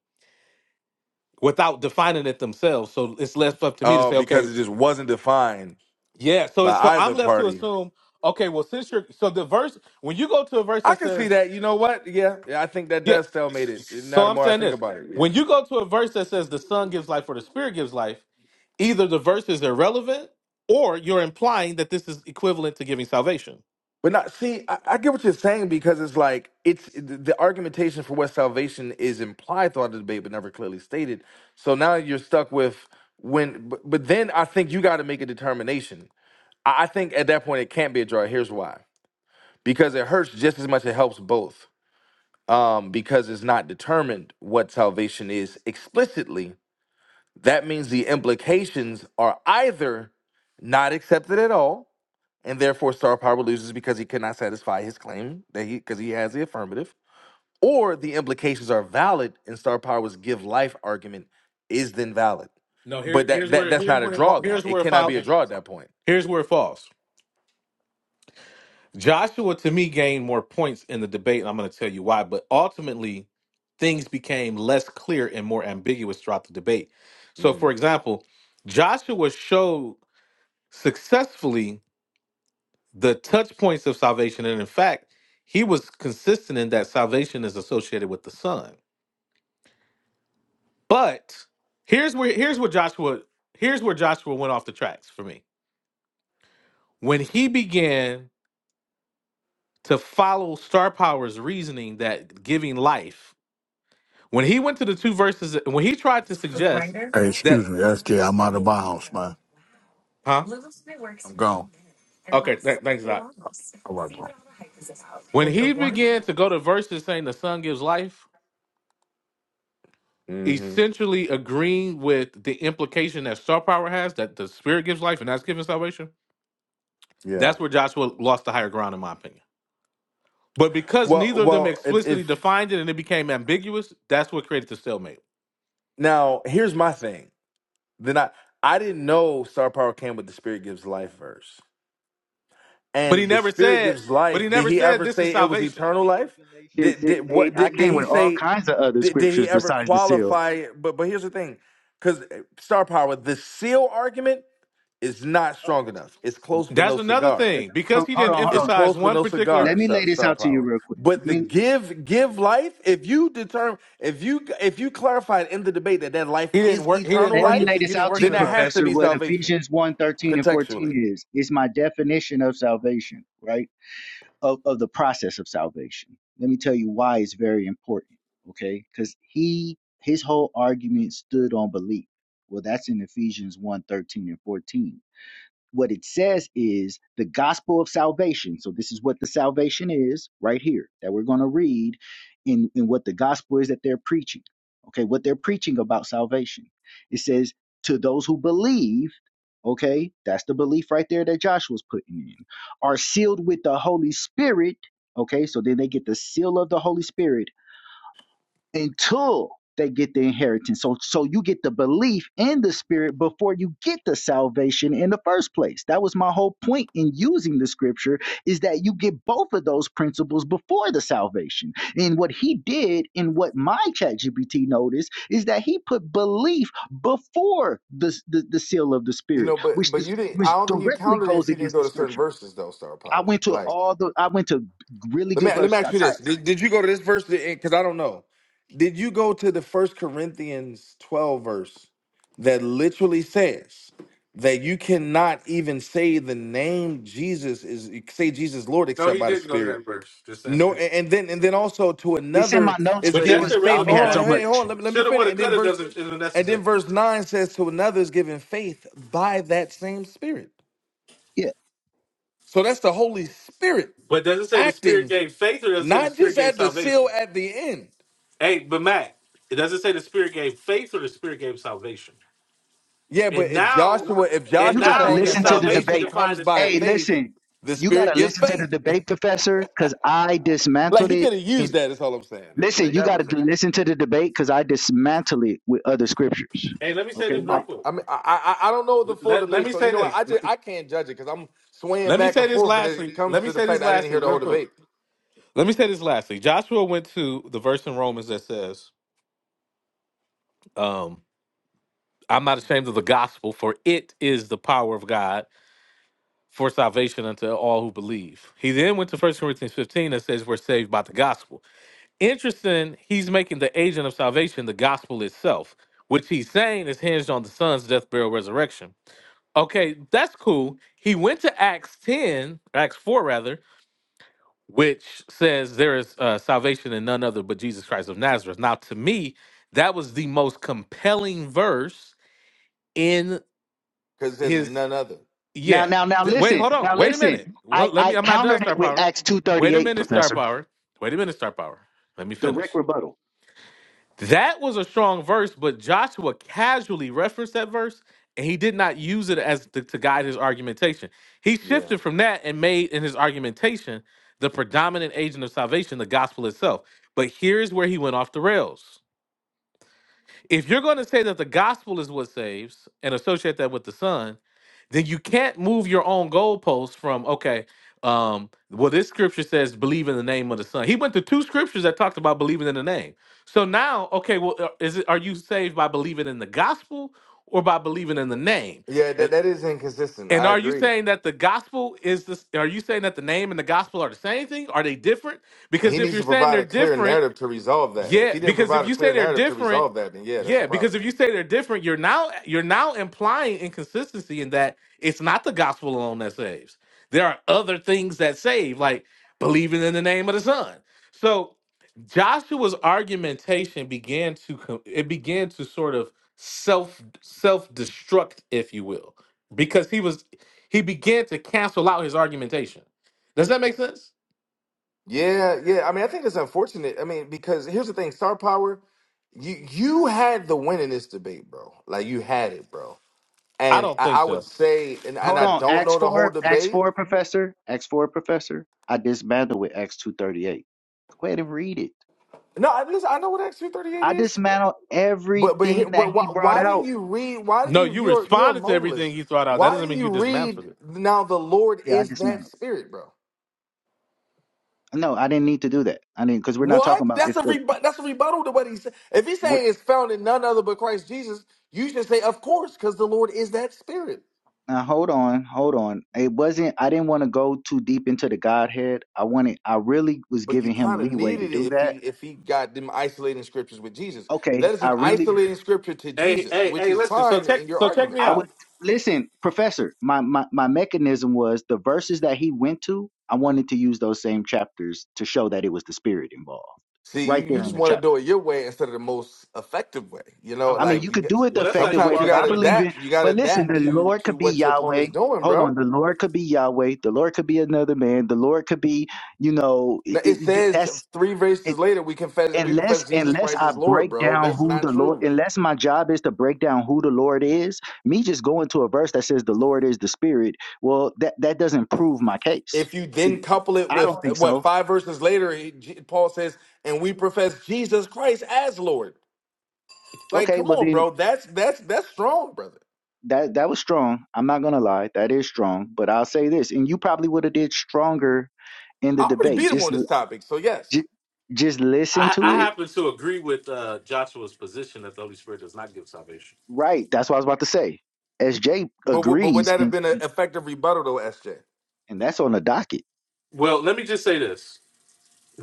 without defining it themselves. So it's left up to me to Oh, say, because okay, it just wasn't defined yeah. So by it's so either I'm left to party. assume, okay, well, since you're so the verse when you go to a verse I that can see says that. You know what? Yeah, yeah. I think that Yeah. does stalemate it. Now So the I'm more I saying think this. about it, yeah. When you go to a verse that says the Son gives life or the Spirit gives life, either the verse is irrelevant or you're implying that this is equivalent to giving salvation. But not see, I, I get what you're saying because it's like it's the the argumentation for what salvation is implied throughout the debate, but never clearly stated. So now you're stuck with when, but, but then I think you got to make a determination. I, I think at that point it can't be a draw. Here's why: because it hurts just as much. It helps both. Um, because it's not determined what salvation is explicitly. That means the implications are either not accepted at all, and therefore star power loses because he cannot satisfy his claim that he because he has the affirmative or the implications are valid and star power's give life argument is then valid No, here, but that, here's that where that's here's not a where it, draw then here's it where it cannot falls. be a draw at that point Here's where it falls. Joshua to me gained more points in the debate, and I'm going to tell you why. But ultimately, things became less clear and more ambiguous throughout the debate. So, for mm example, Joshua showed successfully the touch points of salvation. And in fact, he was consistent in that salvation is associated with the Son. But here's where here's where Joshua here's where Joshua went off the tracks for me. When he began to follow Star Power's reasoning that giving life, when he went to the two verses, when he tried to suggest Hey, excuse that me, SJ. I'm out of bounds, man. Huh? I'm gone. Okay, th- thanks, Doc. When he began to go to verses saying the son gives life, hmm essentially agreeing with the implication that star power has that the spirit gives life and that's given salvation, yeah that's where Joshua lost the higher ground, in my opinion. But because well neither of them well if explicitly if defined it and it became ambiguous, that's what created the stalemate. now here's my thing then i i didn't know star power came with the spirit gives life verse But he and the never spirit said, gives but he life did never he said ever this is say it was And salvation. I eternal came with life Galatians did, six did eight. what I did, did came he with all say kinds of other did, did he scriptures ever besides the seal. qualify it? but but here's the thing because star power the seal argument is not Oh, strong enough it's close but That's no another cigar thing. Because he Hold didn't on, hold it's on. emphasize close but one no particular Let cigar me lay star, this star out to you power real but the quick. give give life if you determine if you if you clarified in the debate that that life he didn't is work he didn't eternal Let work me it lay life he this didn't out to work then it you, that enough. has to Professor, be what salvation Ephesians one thirteen and contextually 14 is. It's my definition of salvation, right? Of, of the process of salvation. Let me tell you why it's very important, okay? Because he his whole argument stood on belief. Well, that's in Ephesians one thirteen and 14 what it says is the gospel of salvation. So this is what the salvation is right here that we're going to read in, in what the gospel is that they're preaching. Okay, what they're preaching about salvation. It says to those who believe, okay, that's the belief right there that Joshua's putting in, are sealed with the Holy Spirit. Okay, so then they get the seal of the Holy Spirit until they get the inheritance. So so you get the belief in the spirit before you get the salvation in the first place. That was my whole point in using the scripture is that you get both of those principles before the salvation. And what he did and what my ChatGPT noticed is that he put belief before the, the, the seal of the You spirit, know, but which but this you didn't. which I don't think you directly counted it goes if you didn't against go the to certain scripture. verses, though. Star I Power. went to Like, all the I went to really let me good let me verses. ask I you this: typed Did, did you go to this verse? Because I don't know. Did you go to the First Corinthians twelve verse that literally says that you cannot even say the name Jesus is say Jesus Lord No, except he by the didn't go to Spirit? that verse. Just No, answer a- it. and then and then also to it's in my another notes, is But but it that's given was I faith. only Hold irrelevant, had on, so Matt. hey, hold much. on. Let me let me Shoulda finish. woulda And then coulda verse doesn't isn't and then necessary. verse nine says to another is given faith by that same Spirit. Yeah. So that's the Holy Spirit But does it say the Spirit acting, gave faith, or does it say the not Spirit just gave at the seal salvation? at the end. Hey, but Matt, it doesn't say the Spirit gave faith, or the Spirit gave salvation. Yeah, but And if now, Joshua, if and you Joshua is gotta now saying is that listen to the salvation salvation debate. defined comes as by Hey, faith? faith, listen, the you Spirit gotta gives listen to the faith. debate, professor, because I like dismantled he it. could have used And that. Is all I'm saying. Eh, listen, Like you that would. gotta listen to the debate because I dismantle it with other scriptures. Hey, let me say Okay, this I, real like quick. I mean, I, I I don't know the full Let, let debate, me so you say know what? this. I just I can't judge it because I'm swaying Let me back say and this forth, and it lastly. comes Let me to the say fact this that I didn't hear lastly, the whole real quick. debate Let me say this lastly. Joshua went to the verse in Romans that says, um, "I'm not ashamed of the gospel, for it is the power of God." for salvation unto all who believe. He then went to First Corinthians 15 and says, We're saved by the gospel. Interesting, he's making the agent of salvation the gospel itself, which he's saying is hinged on the son's death, burial, resurrection. Okay, that's cool. He went to Acts 10, Acts 4 rather, which says there is uh, salvation in none other but Jesus Christ of Nazareth. Now, to me, that was the most compelling verse in because it says in his none other. now, Yeah. now, now, Th- Wait, listen, hold on. now, Wait a minute. listen. Well, I let me. I I'm not done, countered Star it with Power. Acts two thirty Wait a eight, minute, Star professor. Power. Wait a minute, Star Power. Let me Direct finish. rebuttal. That was a strong verse, but Joshua casually referenced that verse, and he did not use it as to, to guide his argumentation. He Yeah, shifted from that and made in his argumentation the predominant agent of salvation, the gospel itself. But here's where he went off the rails. If you're going to say that the gospel is what saves and associate that with the Son, then you can't move your own goalposts from okay. Um, well, this scripture says believe in the name of the Son. He went to two scriptures that talked about believing in the name. So now, okay, well, uh, is it are you saved by believing in the gospel or by believing in the name? yeah, that And that is inconsistent. and I are you agree. saying that the gospel is this? Are you saying that the name and the gospel are the same thing? Are they different? And Because he if needs you're to saying provide they're a clear different narrative to resolve that. If yeah, he didn't because if provide a you say clear they're narrative to different, resolve that, then yeah, that's a yeah, problem. because if you say they're different, you're now you're now implying inconsistency in that it's not the gospel alone that saves. There are other things that save, like believing in the name of the Son. So Joshua's argumentation began to co- it began to sort of self self destruct, if you will, because he was he began to cancel out his argumentation. Does that make sense? Yeah, yeah. I mean, I think it's unfortunate. I mean, because here's the thing, star power, you you had the win in this debate, bro. Like you had it, bro. I And don't I, think I so. would say, and, and Hold I on, don't Acts know the whole four, Acts debate. four, professor, Acts four, professor. I dismantled with Acts two thirty eight. Go ahead and read it. No, I listen, I know what X two thirty eight I is. like, dismantled But but here- everything that but why he brought why didn't out. you read? Why didn't No, you? you You're you're a responded to everything modalist. he thought out. That Why doesn't didn't mean you you dismantled read? it. Now the Lord Yeah, I is that dismantled. Spirit, bro. No, I didn't need to do that. I didn't because we're not What? talking about That's if a the. rebu- that's a rebuttal to what he said. If he's What, saying it's found in none other but Christ Jesus, you should say, of course, because the Lord is that Spirit. now hold on, hold on. It wasn't. I didn't want to go too deep into the Godhead. I wanted. I really was But you giving him kind of leeway to needed it do if that. he if he got them isolating scriptures with Jesus. That Okay, is I an really. isolating scripture to Hey, Jesus, hey, which hey, is listen. So fine check in your so check argument. me I out. would listen, Professor. My my my mechanism was the verses that he went to. I wanted to use those same chapters to show that it was the Spirit involved, See, you, right you there in just the want to chapter. do it your way instead of the most effective way. You know, I'm I mean, done. you like you could get, do it the Well, that's how effective you way, sometimes you are, but I gotta Professor believe Mac. in. adapt. You gotta But listen, the adapt to Lord to could be what your Yahweh. opponent's doing, Hold on, bro. the Lord could be Yahweh. The Lord could be another man. The Lord could be, you know, it, No, it it- says that's three it, verses later we confess we unless profess Jesus unless Christ I as Lord, break bro. down That's who not the Lord. true. Unless my job is to break down who the Lord is, me just going to a verse that says the Lord is the Spirit. Well, that that doesn't prove my case. If you It, then couple it I with don't uh, think what so. five verses later, he, J- Paul says, "And we profess Jesus Christ as Lord." Like, Okay, come well on, then. bro. That's that's that's strong, brother. That that was strong. I'm not gonna lie. That is strong. But I'll say this, and you probably would have did stronger in I the already debate. beat him Just on l- this topic, so yes. ju- just listen I, to I it. happen to agree with uh, Joshua's position that the Holy Spirit does not give salvation. Right. That's what I was about to say. SJ But w- but would agrees, that have and been an and, effective rebuttal, though, SJ? and that's on the docket. Well, let me just say this.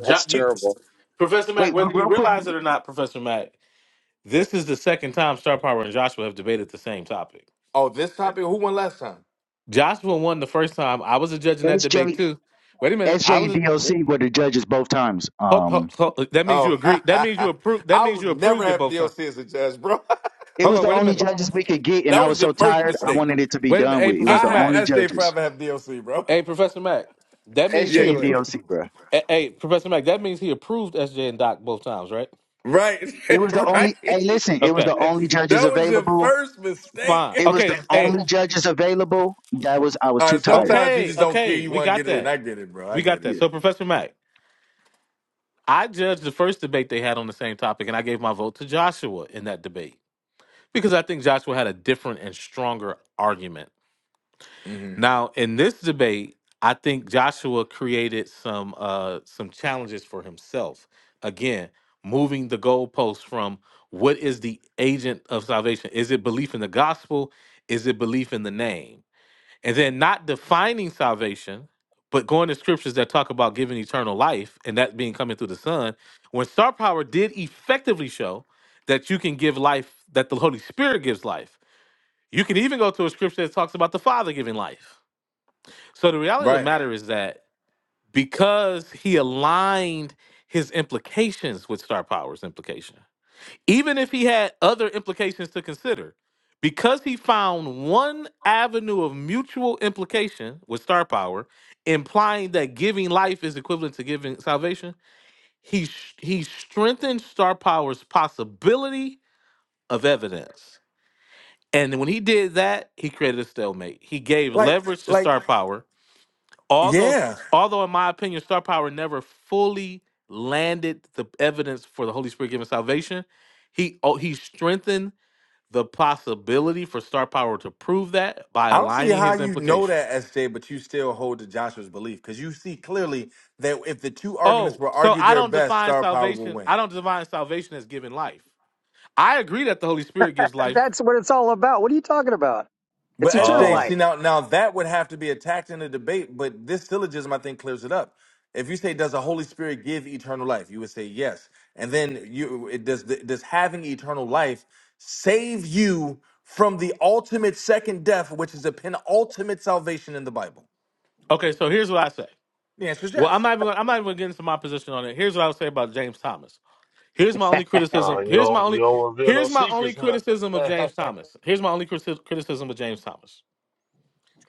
Jo- you, terrible. Professor Mack, Wait, real, whether you real quick. realize it or not, Professor Mack, this is the second time Star Power and Joshua have debated the same topic. Oh, this topic. Who won last time? Joshua won the first time. I was a judge in that S debate J, too. Wait a minute. S I J was and a DOC were the judges both times. Hold, hold, Um, hold. That means you Oh, agree. That means you approve. That I means would you never approved it have both times. DLC as a judge, bro. it Hold was on. the Wait a only minute. judges we could get, and that I was was your so first tired. I mistake. wanted it to be Wait a minute. done Hey, with. It was I Professor the have Mac. only SJ judges. forever have DLC, bro. Hey, Professor Mac. That means Yeah, he SJ go and approved. DOC, bro. Hey, hey, Professor Mac. That means he approved SJ and Doc both times, right? Right, It was the right. only. Hey, listen. It was Okay. the only judges That was your available. first mistake. Fine. It was the Okay. Hey. only judges available. That was I was All right, too tired. sometimes you Okay. just don't care. Okay. You We want to got get it in. that. I get it, bro. I We got get it. that. Yeah. So, Professor Mac, I judged the first debate they had on the same topic, and I gave my vote to Joshua in that debate because I think Joshua had a different and stronger argument hmm Now, in this debate, I think Joshua created some uh some challenges for himself. Again, moving the goalposts from what is the agent of salvation? Is it belief in the gospel? Is it belief in the name? And then not defining salvation, but going to scriptures that talk about giving eternal life and that being coming through the Son, when Star Power did effectively show that you can give life, that the Holy Spirit gives life. You can even go to a scripture that talks about the Father giving life so the reality of the Right. matter is that because he aligned his implications with Star Power's implication, even if he had other implications to consider, because he found one avenue of mutual implication with Star Power, implying that giving life is equivalent to giving salvation, he sh- he strengthened Star Power's possibility of evidence. And when he did that, he created a stalemate. He gave Like, leverage to like, Star Power although yeah. although in my opinion star power never fully landed the evidence for the holy spirit giving salvation he oh, he strengthened the possibility for star power to prove that by I don't see aligning how his you know implication that, SJ, but you still hold to Joshua's belief because you see clearly that if the two arguments oh were so argued i their don't best, define star power will salvation win. i don't define salvation as giving life i agree that the holy spirit gives life That's what it's all about. What are you talking about? But It's eternal SJ, uh life. see now, now that would have to be attacked in a debate. But this syllogism, I think, clears it up. If you say, "Does the Holy Spirit give eternal life?" You would say yes, and then you it does. Does having eternal life save you from the ultimate second death, which is the penultimate salvation in the Bible? okay so here's what i say The answer is well i'm yes. not even gonna, i'm not even getting to into my position on it here's what i would say about james thomas Here's my only Oh, criticism. you Here's my don't you only. don't reveal no Here's my only secrets, criticism of huh? James Thomas. Here's my only criti- criticism of James Thomas.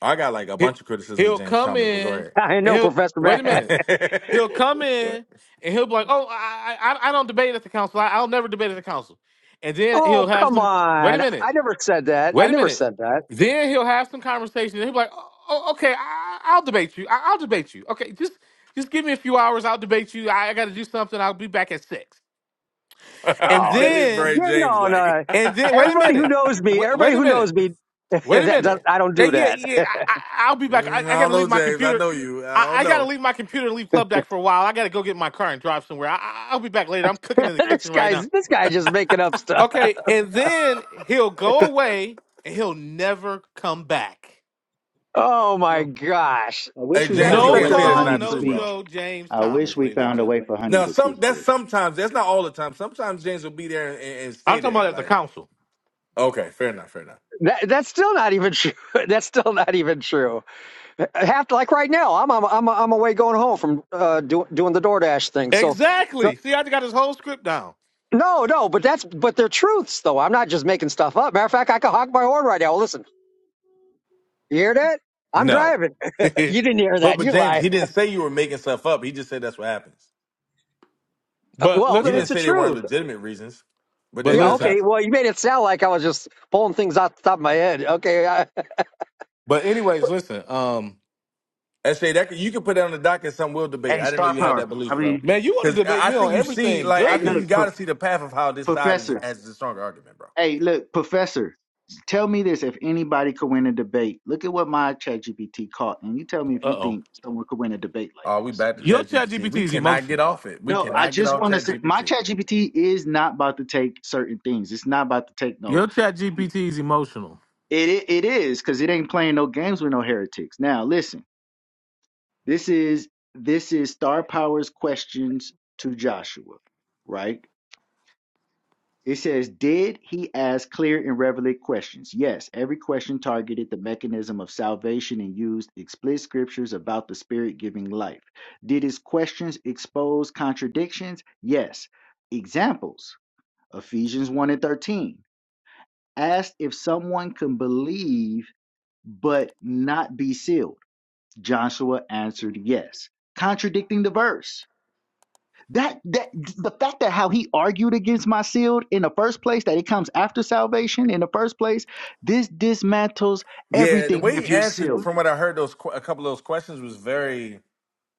I got like a He, bunch of criticisms of he'll James come Thomas, but go in I and know, he'll Professor wait a Mac. minute. ahead. He'll come in and he'll be like, "Oh, I I, I don't debate at the council. I, I'll never debate at the council." And then he'll Oh, have come some. Wait a on. minute. I never said that. I Wait a never minute. said that. Then he'll have some conversation. And he'll be like, "Oh, oh, okay. I, I'll debate you. I, I'll debate you. Okay, just just give me a few hours. I'll debate you. I, I got to do something. I'll be back at six." And Oh, that n- is then very yeah, James no, like. no. And then wait a Everybody who minute. knows me, Wait, everybody wait a who minute. knows me, Wait a that does, minute. I don't Uh, do Yeah, that. yeah. I, I, I'll be I back. I, I got don't to know, leave my James. I computer. know you. I I, don't I got to know. leave my computer and leave Club Deck for a while. I got to go get in my car and drive somewhere. I, I- I'll be back later. I'm cooking in the this kitchen right now. guy's this guy just making up stuff. Okay, and then he'll go away and he'll never come back. Oh my gosh, I Hey, wish we that James, is found you a No such can't way a say for that's call, Honey not to no true, bro. speak. show. James I wish Thomas, we ladies and found a way gentlemen. for Honey Now, to some speak. that's But sometimes. That's not all the time. Sometimes James will be there and, and, and I'm stay talking there. about at the Like, council. okay, fair enough, fair enough. that, that's still not even true. That's still not even true. Uh, Have to like right now. I'm I'm I'm I'm away going home from uh doing doing the DoorDash thing. So, so Exactly. See, I got his whole script down. no, no, but that's but they're truths though. I'm not just making stuff up. Matter of fact, I can honk my horn right now. Well, Listen, you hear that? I'm No, driving. You didn't hear But that. but You James, lie. he didn't say you were making stuff up. He just said that's what happens. Uh, but Well, He then listen. it's didn't a say they weren't truth. legitimate reasons, but But that Yeah. does listen. Okay. happen. Well, you made it sound like I was just pulling things out the top of my head. Okay. I, But anyways, listen, um, SJ, that could, you can put that on the docket. Some will debate. hey, I didn't know Star you had that Power. I belief, bro. mean, man, you want to Because debate I I me think on you see, everything? like, I hey, think you look, Goodness. got to prof- see the path of how this side is Professor. as the stronger argument, bro. Hey, look, Professor. Tell me this: if anybody could win a debate, look at what my ChatGPT caught, and you tell me if Uh you oh. think someone could win a debate like Oh, we this. back to Your Okay. ChatGPT. chat GPT We is cannot get emotional. off it. We No, I cannot get just off want to say ChatGPT. my ChatGPT is not about to take certain things. It's not about to take no. Your chat GPT is emotional. It it, it is because it ain't playing no games with no heretics. Now listen. This is this is Star Power's questions to Joshua, right? It says, Did he ask clear and relevant questions? Yes, every question targeted the mechanism of salvation and used explicit scriptures about the Spirit giving life. Did his questions expose contradictions? Yes. Examples Ephesians 1 and 13 asked if someone can believe but not be sealed. Joshua answered yes, contradicting the verse. That that the fact that how he argued against my sealed in the first place, that it comes after salvation in the first place, this dismantles Yeah, the everything way he if you're answered, sealed. from what I heard, those que- a couple of those questions was very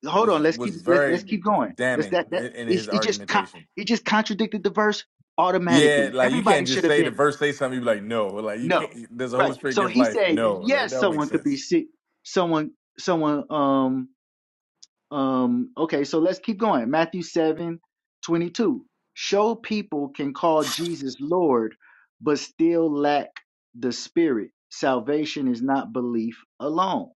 Hold on, was let's was keep let's let's very keep going. Let's damning that that in, in his is it just con- argumentation. it just contradicted the verse Yeah, automatically. like you Everybody can't should just have say the been verse say something. You be like, no, like you no. can't. Does the Holy Right. Spirit So give he life? said No, like yes that don't make someone could be sense. sick someone someone um Um, okay, so let's keep going. Matthew 7, 22. Show people can call Jesus Lord, but still lack the Spirit. Salvation is not belief alone.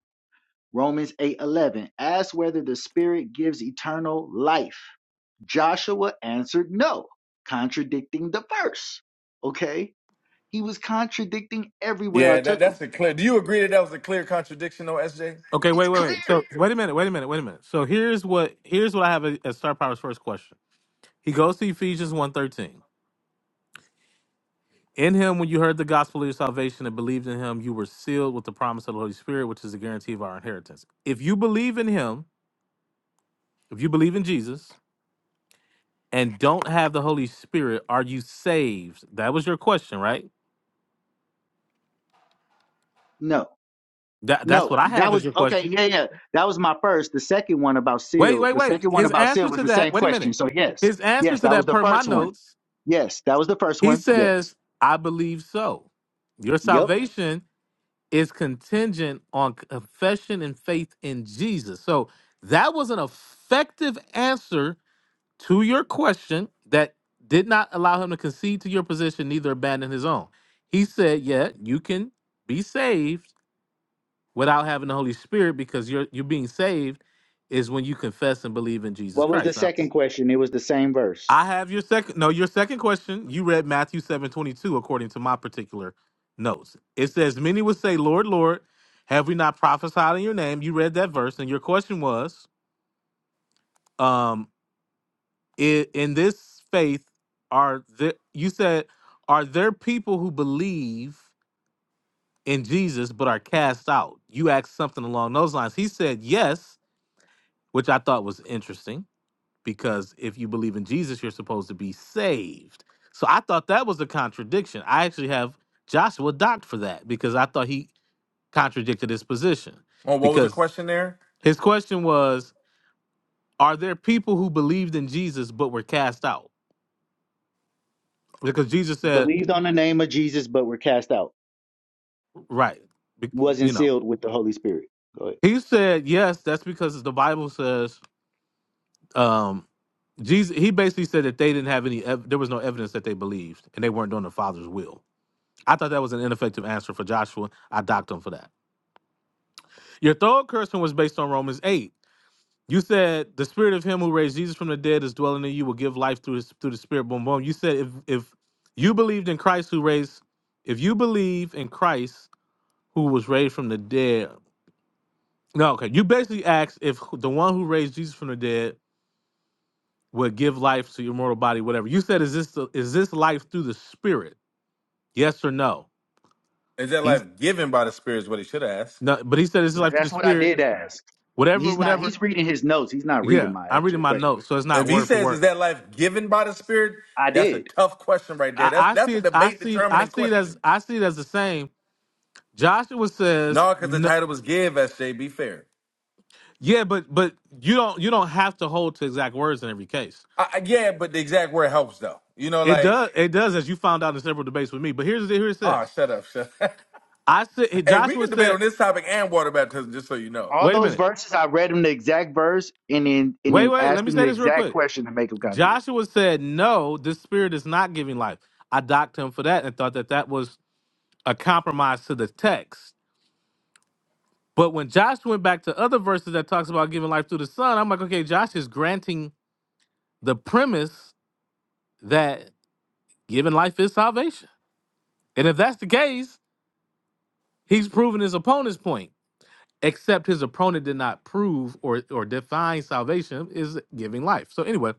Romans 8, 11. Ask whether the Spirit gives eternal life. Joshua answered no, contradicting the verse. Okay, he was contradicting everywhere I Yeah, that took him. that's a clear. Do you agree that that was a clear contradiction, though, SJ? Okay, It's wait, wait, wait. clear. So wait a minute, wait a minute, wait a minute. So here's what here's what I have as Star Power's first question. He goes to Ephesians one thirteen. In him, when you heard the gospel of your salvation and believed in him, you were sealed with the promise of the Holy Spirit, which is the guarantee of our inheritance. If you believe in him, if you believe in Jesus and don't have the Holy Spirit, are you saved? That was your question, right? No. That that's No, what I that have was as your okay. question. Yeah, yeah, that was my first. The second one about Wait, seal. wait, The wait. second one His about seal answer was to the same that, wait a question. minute. So yes, His answer yes, to that was that the per my first one. notes, Yes, that was the first he one. Yes. says, I believe so. Your Yep. salvation is contingent on confession and faith in Jesus. So that was an effective answer to your question that did not allow him to concede to your position, neither abandon his own. He said, Yeah, you can be saved without having the Holy Spirit because you're you're being saved is when you confess and believe in Jesus What was the Christ. Now, second question? It was the same verse. I have your second no, your second question. You read Matthew 7 22 according to my particular notes. It says, Many would say, Lord, Lord, have we not prophesied in your name? You read that verse, and your question was, um, i- in this faith, are there you said, are there people who believe in Jesus but are cast out? You asked something along those lines. He said, Yes which I thought was interesting because if you believe in Jesus, you're supposed to be saved. So I thought that was a contradiction. I actually have Joshua docked for that because I thought he contradicted his position. On what was the Because question there? his question was Are there people who believed in Jesus but were cast out? Because Jesus said, Believed on the name of Jesus, but were cast out. Right. be- Wasn't You know, sealed with the Holy Spirit. Go ahead. he said, Yes, that's because the Bible says, um, Jesus, he basically said that they didn't have any, ev- there was no evidence that they believed and they weren't doing the Father's will. I thought that was an ineffective answer for Joshua. I docked him for that. Your third cursing was based on Romans 8. You said the spirit of him who raised Jesus from the dead is dwelling in you will give life through his, through the spirit. Boom boom. You said if if you believed in Christ who raised if you believe in Christ who was raised from the dead. No, okay. You basically asked if the one who raised Jesus from the dead would give life to your mortal body, whatever. You said, is this is this life through the spirit? Yes or no? Is that life He's given by the Spirit? Is what he should have asked. no, but he said, is this life through That's the what I spirit? did ask. Whatever, He's not. whatever. He's reading his notes. He's not reading Yeah, my I'm reading actual my notes, questions. so it's not If he word for says, "Is word. that life given by the Spirit?" I That's a did. tough question right there. I, That's I that's see a it. I debate see. I determining see it as. question. I see it as the same. Joshua says, No, because the no, title was "Give." Sj. Be fair. "Yeah, but but you don't you don't have to hold to exact words in every case. I, I- yeah, but the exact word helps though. You know, It like does. It does, as you found out in several debates with me. But here's here it ah, says. shut up, shut. Up. I said hey, we Joshua can debate said. on this topic and water baptism, just so you know. All Wait a those minute. verses, I read him the exact verse, and then and Wait, then wait. Let asked me him say the this real exact quick. question to make him contradict. Joshua said, "No, this spirit is not giving life." I docked him for that and thought that that was a compromise to the text But when Josh went back to other verses that talks about giving life through the Son, I'm like, okay, Josh is granting the premise that giving life is salvation. And if that's the case, he's proven his opponent's point. Except his opponent did not prove or or define salvation is giving life. So anyway,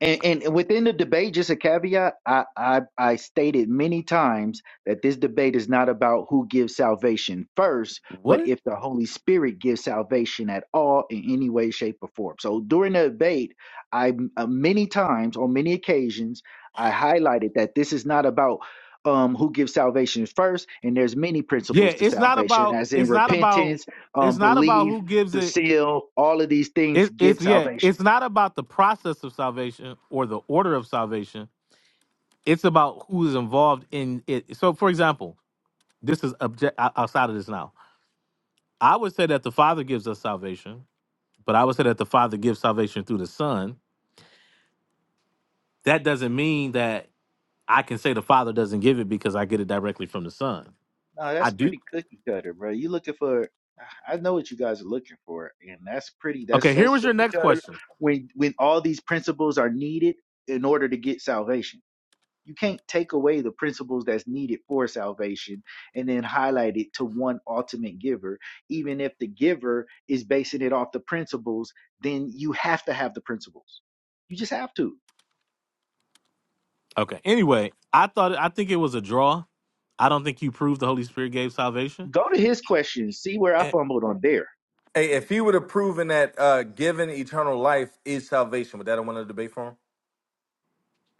And, and within the debate, just a caveat, I, I, I stated many times that this debate is not about who gives salvation first, but what? if the Holy Spirit gives salvation at all in any way, shape, or form. So during the debate, I uh, many times, on many occasions, I highlighted that this is not about um, who gives salvation first, and there's many Yeah, principles to it's not salvation, about as in it's not about repentance, it's um, not about belief, who gives the it. seal, all of these things It, it's give yeah, salvation. it's not about the process of salvation or the order of salvation. It's about who is involved in it. So, for example, this is object o- outside of this now. I would say that the Father gives us salvation, but I would say that the Father gives salvation through the Son. That doesn't mean that I can say the Father doesn't give it because I get it directly from the Son. No, I that's do. pretty cookie cutter, bro. You looking for? I know what you guys are looking for, and that's pretty. That's Okay, here so was your cookie next cutter. question. When when all these principles are needed in order to get salvation, you can't take away the principles that's needed for salvation and then highlight it to one ultimate giver. Even if the giver is basing it off the principles, then you have to have the principles. You just have to Okay. Anyway, I thought I think it was a draw. I don't think you proved the Holy Spirit gave salvation. go to his question. See where I Eh, fumbled on there. Hey, if he would have proven that uh, given eternal life is salvation, would that have won the debate for him?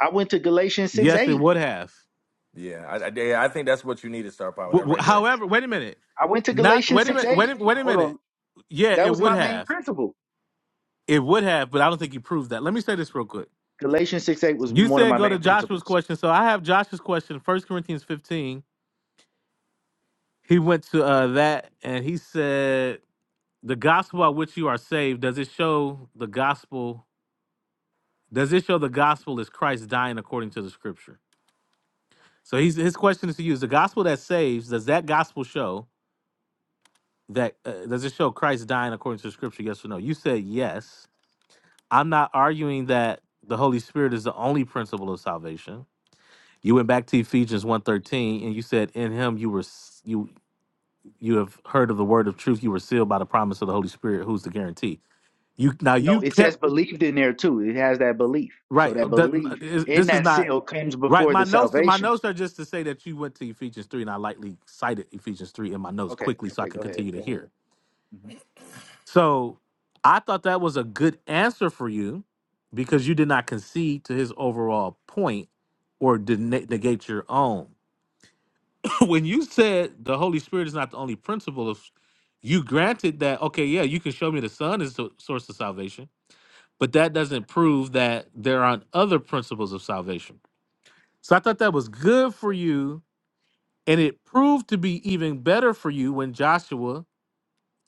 I went to Galatians six Yes, it eight. would have. Yeah, I, I, yeah, I think that's what you need is star power. That W- w- right there. however, wait a minute. I went to Not Galatians wait a 6 minute. Wait 8. a, wait a Hold minute. on. Yeah, That it was would my main have. principle. It would have, but I don't think you proved that. Let me say this real quick. Galatians 6 8 was You one of said my go to main Joshua's principles. question. So I have Joshua's question, First Corinthians 15. He went to uh, that and he said, The gospel by which you are saved, does it show the gospel? Does it show the gospel is Christ dying according to the scripture? So he's, his question is to you is the gospel that saves, does that gospel show that, uh, does it show Christ dying according to the scripture? Yes or no? You said yes. I'm not arguing that the Holy Spirit is the only principle of salvation you went back to Ephesians one thirteen, and you said in him you were you." you have heard of the word of truth. You were sealed by the promise of the Holy Spirit, who's the guarantee. You now No, you it says kept believed in there too. It has that belief. So right. that that- belief is- in this is that not seal comes right. before My the notes, my salvation. notes are just to say that you went to Ephesians three, and I lightly cited Ephesians three in my notes Okay, quickly, so I okay, go can ahead, continue to go ahead. hear. hmm So I thought that was a good answer for you because you did not concede to his overall point or did negate your own. when you said the Holy Spirit is not the only principle of you granted that okay, yeah, you can show me the Son is the source of salvation, but that doesn't prove that there aren't other principles of salvation. So I thought that was good for you, and it proved to be even better for you when Joshua,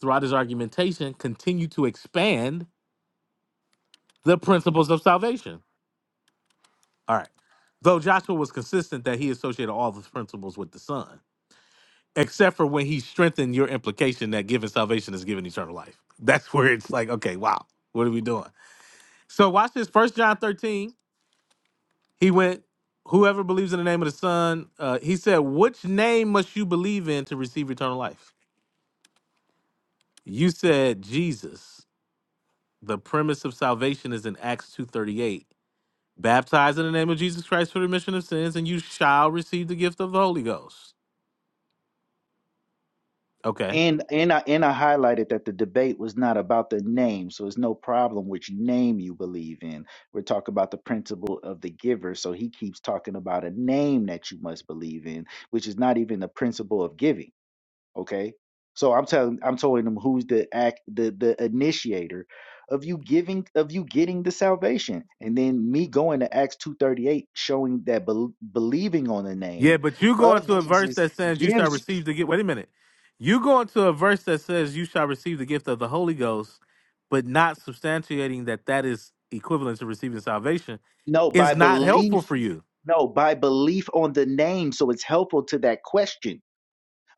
throughout his argumentation, continued to expand the principles of salvation. All right. Though Joshua was consistent that he associated all the principles with the Son. except for when he strengthened your implication that given salvation is given eternal life. That's where it's like, okay, wow, what are we doing? So watch this. First John 13, he went, whoever believes in the name of the Son, uh, he said, which name must you believe in to receive eternal life? You said Jesus. The premise of salvation is in Acts 2.38. Baptize in the name of Jesus Christ for the remission of sins, and you shall receive the gift of the Holy Ghost. Okay. And and I and I highlighted that the debate was not about the name, so it's no problem which name you believe in. We're talking about the principle of the giver, so he keeps talking about a name that you must believe in, which is not even the principle of giving. okay so i'm telling i'm telling them who's the act the the initiator of you giving of you getting the salvation and then me going to acts 238 showing that bel believing on the Yeah, name but you go of into a verse jesus that says you shall gives receive the gift. Wait a minute. You go into a verse that says you shall receive the gift of the Holy Ghost, but not substantiating that that is equivalent to receiving salvation no by is not helpful belief for you. no by belief on the name so it's helpful to that question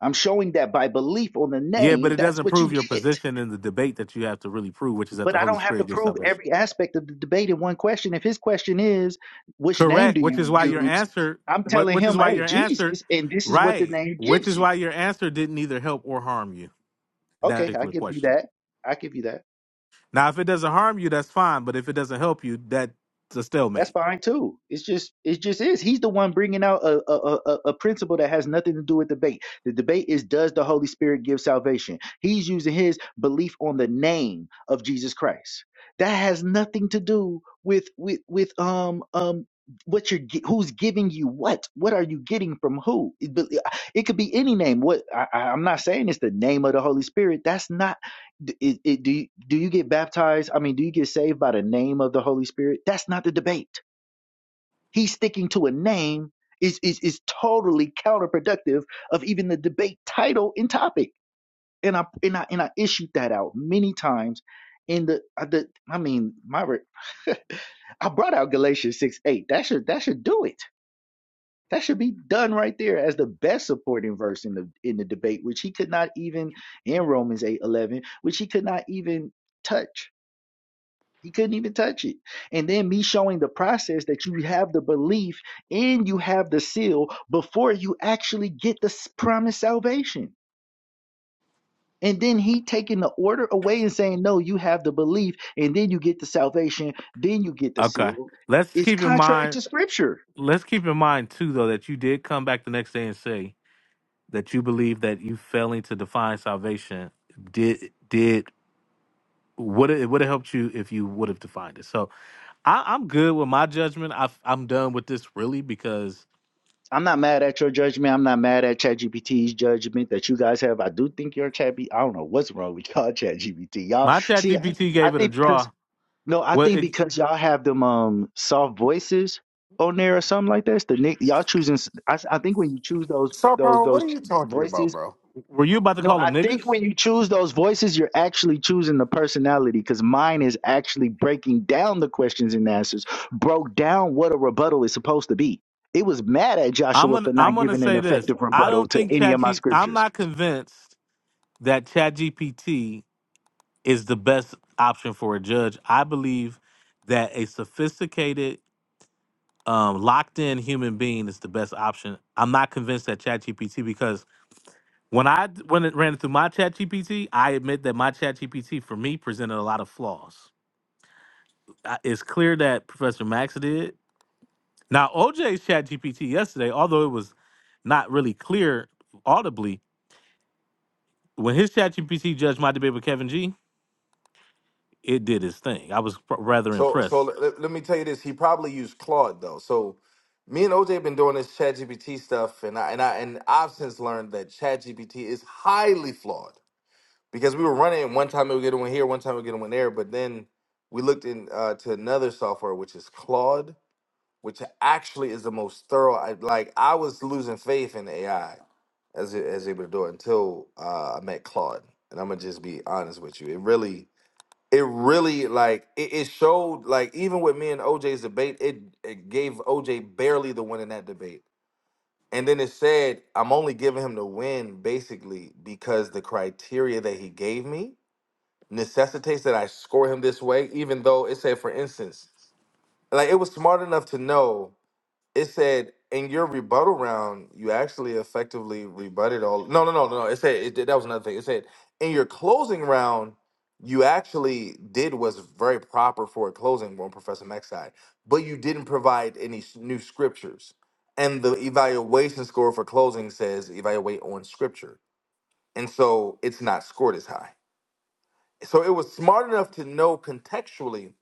i'm showing that by belief on the Yeah, but name it that's doesn't what you prove your get position in the debate that you have to really prove, which is that but the I Holy don't have to Spirit gives prove salvation. every aspect of the debate in one question. If his question is, which name do Correct. Which you is why your use? answer, I'm what, telling which is him, why hey, your answer, Jesus, and this is what the right? name Which gives is you. why your answer didn't either help or harm you in that Okay, I particular give you question. that. I give you that. Now, if it doesn't harm you, that's fine. But if it doesn't help you, that's a That's stalemate. fine too. It's just it just is. He's the one bringing out a a, a a principle that has nothing to do with debate. The debate is does the Holy Spirit give salvation? He's using his belief on the name of Jesus Christ. That has nothing to do with with with um um what you're gi- who's giving you what what are you getting from who it, but uh, it could be any name what I, I- i'm not saying it's the name of the holy spirit that's not d- it, it, do you, do you get baptized? I mean, do you get saved by the name of the Holy Spirit? That's not the debate he's sticking to a name is is is totally counterproductive of even the debate title and topic. And I and I and I issued that out many times. In the, uh, the I mean, my re- I brought out Galatians six eight. That should that should do it. That should be done right there as the best supporting verse in the in the debate, which he could not even in Romans eight eleven, which he could not even touch he couldn't even touch it. And then me showing the process that you have the belief and you have the seal before you actually get the s- promised salvation. And then he taking the order away and saying, No, you have the belief, and then you get the salvation, then you get the Okay. seal. Let's It's keep in contrary mind. to scripture. Let's keep in mind too, though, that you did come back the next day and say that you believe that you failing to define salvation did did would it would have helped you if you would have defined it. So I, I'm good with my judgment. I, I'm done with this really because I'm not mad at your judgment. I'm not mad at ChatGPT's judgment that you guys have. I do think your ChatGPT, I don't know what's wrong with y'all, ChatGPT. Y'all, my chat see, I, GPT I gave it a think because draw. No, I What think it, because y'all have them um soft voices on there or something like that. It's the nick y'all choosing. s- I, s- I think when you choose those Star those Power, what those are ch- you talking about, voices. bro? were you about to No, call I them think niggas? when you choose those voices, you're actually choosing the personality because mine is actually breaking down the questions and answers, broke down what a rebuttal is supposed to be. It was mad at I'm Joshua gonna for I'm not gonna giving an say this. effective I rebuttal don't to think any of my ChatGPT. I'm scriptures. not convinced. that ChatGPT is the best option for a judge. I believe that a sophisticated, um, locked in human being is the best option. I'm not convinced that ChatGPT because when I d- when it ran through my ChatGPT, I admit that my ChatGPT for me presented a lot of flaws. I- It's clear that Professor Max did. Now OJ's ChatGPT yesterday, although it was not really clear audibly, when his ChatGPT judged my debate with Kevin G, it did its thing. I was pr- rather So so impressed. let, let me tell you this. He probably used Claude though. So me and OJ have been doing this ChatGPT stuff, and I and I and I've since learned that ChatGPT is highly flawed because we were running it one time we were getting one here, one time we were getting one there, but then we looked in uh, to another software which is Claude, which actually is the most thorough. I, like I was losing faith in AI as it, as able to do it until uh, I met Claude, and I'm gonna just be honest with you. It really it really like it, it showed like even with me and OJ's debate, it it gave OJ barely the win in that debate. And then it said, I'm only giving him the win basically because the criteria that he gave me necessitates that I score him this way, even though it said, for instance, like it was smart enough to know it said in your rebuttal round, you actually effectively rebutted all. No, no, no, no. no. It said it, did- that was another thing. It said in your closing round, you actually did what's very proper for a closing on Professor Mack's side, but you didn't provide any s- new scriptures. And the evaluation score for closing says evaluate on scripture, and so it's not scored as high. So it was smart enough to know contextually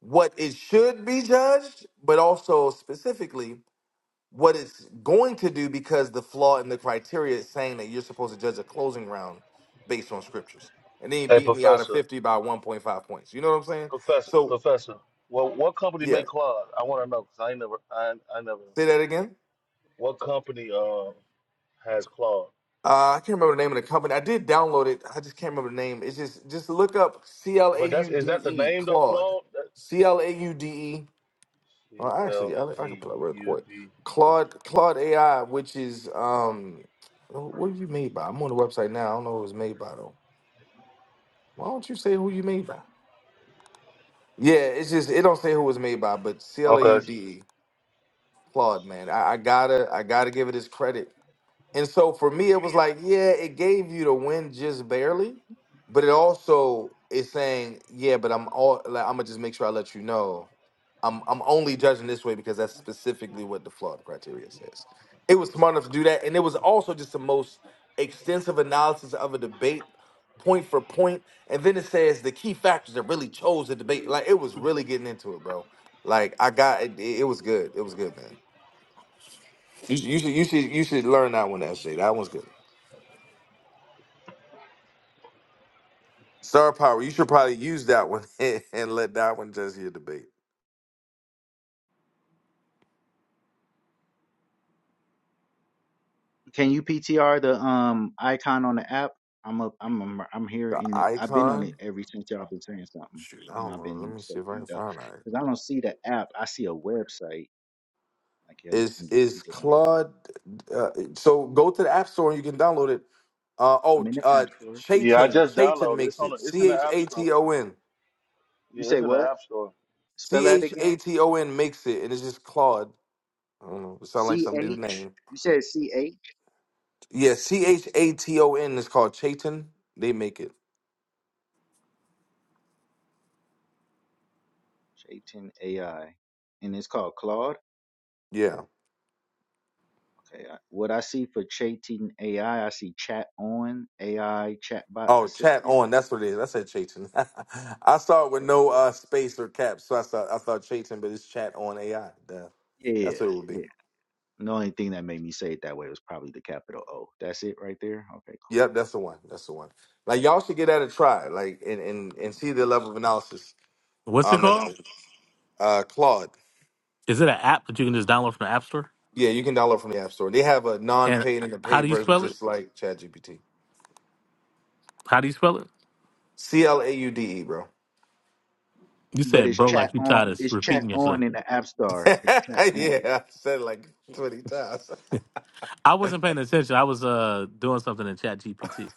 what it should be judged, but also specifically what it's going to do because the flaw in the criteria is saying that you're supposed to judge a closing round based on scriptures. And then he hey, beat me out of Professor, 50 by 1.5 points. You know what I'm saying? Professor, So, Professor. What what company yeah, make Claude? I want to know because I ain't never I I never. say that again. What company uh has Claude? Uh, I can't remember the name of the company. I did download it. I just can't remember the name. It's just just look up C L A But that's U is D that the E name though, Claude. Claude? That- C L A U D E. Well, C actually, L I, I could E put up real U quick. D. Claude Claude AI, which is um, what are you made by? I'm on the website now. I don't know who it was made by though. Why don't you say who you made by? Yeah, it's just it don't say who it was made by, but C L A U Okay. D E, Claude, man. I, I gotta I gotta give it his credit. And so for me, it was like, yeah, it gave you the win just barely, but it also is saying, yeah, but I'm all like I'm gonna just make sure I let you know I'm I'm only judging this way because that's specifically what the flawed criteria says. It was smart enough to do that, and it was also just the most extensive analysis of a debate, point for point. And then it says the key factors that really chose the debate. Like it was really getting into it, bro. Like I got it. It was good. It was good, man. You, should- you should you should you should learn that one, SJ. That one's good. Star Power. You should probably use that one and let that one judge your debate. Can you PTR the um icon on the app? I'm up. I'm I'm, I'm here The in it. I've been on it icon. every since y'all been saying something. Shoot, I Mhm, don't I've know. Let been me see if I searching can it up find that. because I don't see the app. I see a website. Like yeah, you Is can is get it on the web. Claude? Uh, so go to the App Store and you can download it. Uh, I'm oh, in the uh, app store. Yeah, I Chaiton just Chaiton downloaded. it. It's makes on. The, it. it's C in the H app A store. T O N You Yeah, say it's in the what? app store. Spell C that H again. A T O N makes it, and it's just Claude. I don't know. It sounds like C some dude H. name. You said C H. Yeah, C H A T O N is called Chaiton. They make it. Chaitin AI, and it's called Claude. Yeah. Okay. I, what I see for Chaitin AI, I I see Chat On AI Chatbot Oh, chat Assistant. on. That's what it is. I said Chaiton. I saw it with no uh, space or caps, so I thought I thought Chaiton, but it's chat on AI. Duh. Yeah, That's what it would yeah. be. The only thing that made me say it that way was probably the capital O. That's it right there. Okay, cool. Yep, that's the one. That's the one. Like y'all should get at a try, like and and, and see the level of analysis. What's it Um, called? that- uh, Claude. Is it an app that you can just download from the App Store? Yeah, you can download from the App Store. They have a And non-paid and a how do paid you version, spell it? just like ChatGPT. How do you spell it? C L A U D E, bro. You But said, it's bro, chat like you on. tired of It's chat repeating yourself. on in the App Store. yeah, It's chat on. I said it like twenty times. I wasn't paying attention. I was uh doing something in Chat GPT.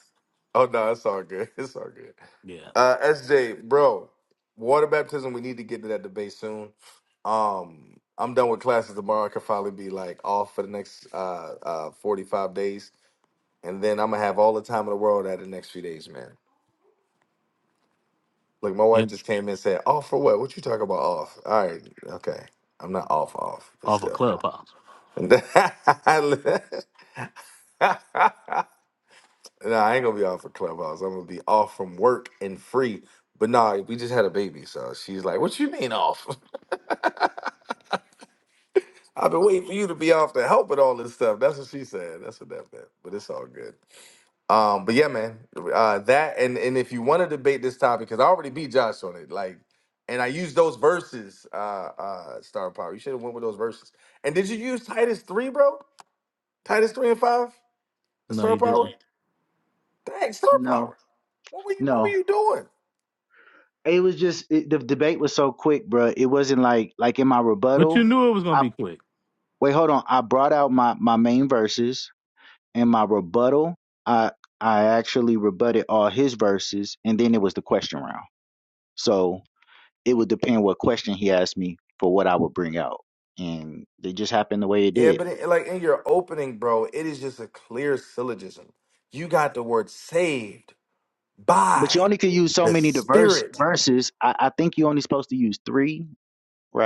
Oh no, it's all good. It's all good. Yeah, Uh, SJ, bro, water baptism. We need to get to that debate soon. Um, I'm done with classes tomorrow. I could probably be like off for the next uh uh 45 days. and then I'm gonna have all the time in the world at the next few days, man. Look, my wife and just came in and said, "Off for what? What you talking about off?" All right, okay, I'm not off, off, but off a of still. Clubhouse. And then- no, I ain't gonna be off for clubhouse. I'm gonna be off from work and free. But nah, we just had a baby, so she's like, "What you mean off? I've been waiting for you to be off to help with all this stuff." That's what she said. That's what that meant. But it's all good. Um, but yeah, man, uh, that and and if you want to debate this topic, because I already beat Josh on it, like, and I used those verses, uh, uh, Star Power. You should have went with those verses. And did you use Titus three, bro? Titus three and five, No, Star you Power. didn't. Dang, Star No, Power. What were you? What were no. you doing? It was just it, the debate was so quick, bro. It wasn't like like in my But you rebuttal. knew it was gonna I be quick. wait, hold on. I brought out my my main verses and my rebuttal. I I actually rebutted all his verses, and then it was the question round. So it would depend what question he asked me for what I would bring out, and it just happened the way it Yeah, did. but in, like in your opening, bro, it is just a clear syllogism. You got the word saved but you by only could use so the many diverse Spirit. verses. I, I think you only supposed to use three,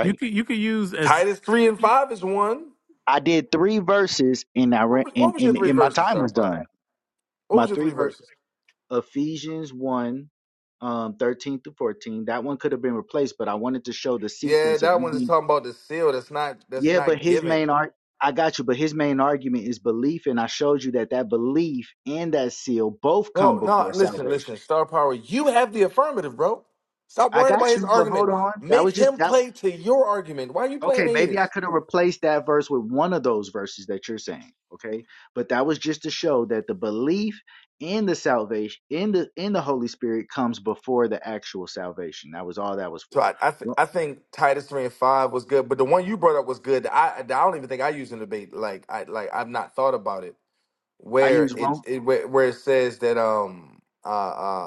You could you could use as. Titus three and five is one. I did three verses, and I What ran, was, what and, was your and three and my verses, time Star was Power? done. What My was your three three verse verses? Ephesians one, um, thirteen through fourteen. That one could have been replaced, but I wanted to show the Yeah, sequence of that you one is being. talking about the seal. That's not. That's Yeah, but not his giving, main art. I got you, but his main argument is belief, and I showed you that that belief and that seal both come bro. No, before listen, listen. salvation. Star power. You have the affirmative, bro. Stop I worrying about got his you, but hold argument. on. That Make was just him that. play to your argument. Why are you playing Okay, to maybe I his? could have replaced that verse with one of those verses that you're saying. Okay, but that was just to show that the belief in the salvation in the in the Holy Spirit comes before the actual salvation. That was all that was So for. I, I, th- Well, I think Titus three and five was good, but the one you brought up was good. I, I don't even think I used in debate. Like I, like I've not thought about it. I where use it, Rome. it where, where it says that um uh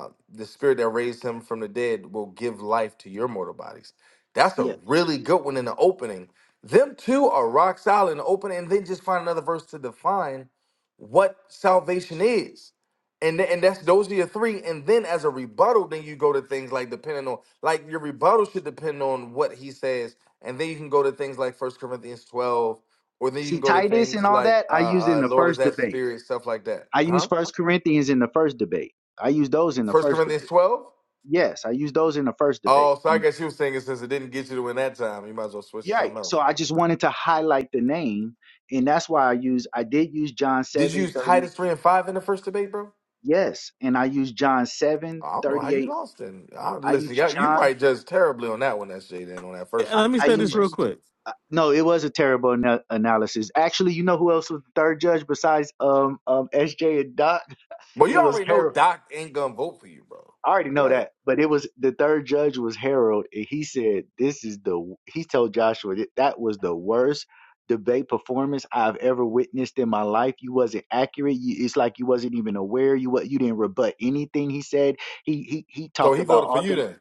uh the spirit that raised him from the dead will give life to your mortal bodies. That's a Yeah. really good one in the opening. Them two are rock solid in the opening, and then just find another verse to define what salvation is. And, th- and that's those are your three. And then as a rebuttal, then you go to things like depending on like your rebuttal should depend on what he says. And then you can go to things like First Corinthians 12 or then you See can go to Titus and things all like that. uh, I used in uh, the Lord is first that debate. spirit, stuff like that. I used Huh? First Corinthians in the first debate. I used those in the First first Corinthians debate. 12? Yes, I used those in the first debate. Oh, so I And, guess you were saying it since it didn't get you to win that time, you might as well switch to yeah. something else. So I just wanted to highlight the name and that's why I use I did use John Did you use 7:38 Titus 3 and 5 in the first debate, bro? Yes, and I use John 7 I don't know how thirty you eight. lost then. I, I listen, use y'all, you John. probably judged terribly on that one, SJ, then on that first And I, one, let if me you I use say them this use real verses, quick. uh, no. It was a terrible ana- analysis. Actually, you know who else was the third judge besides um um SJ and Doc? But you It was already know Harold. Doc ain't gonna vote for you, bro. I already know Right. that, but it was the third judge was Harold, and he said this is the. w-" He told Joshua that that was the worst debate performance I've ever witnessed in my life. You wasn't accurate. You, it's like you wasn't even aware. You what you didn't rebut anything he said. He he he So talked he about voted for all you then.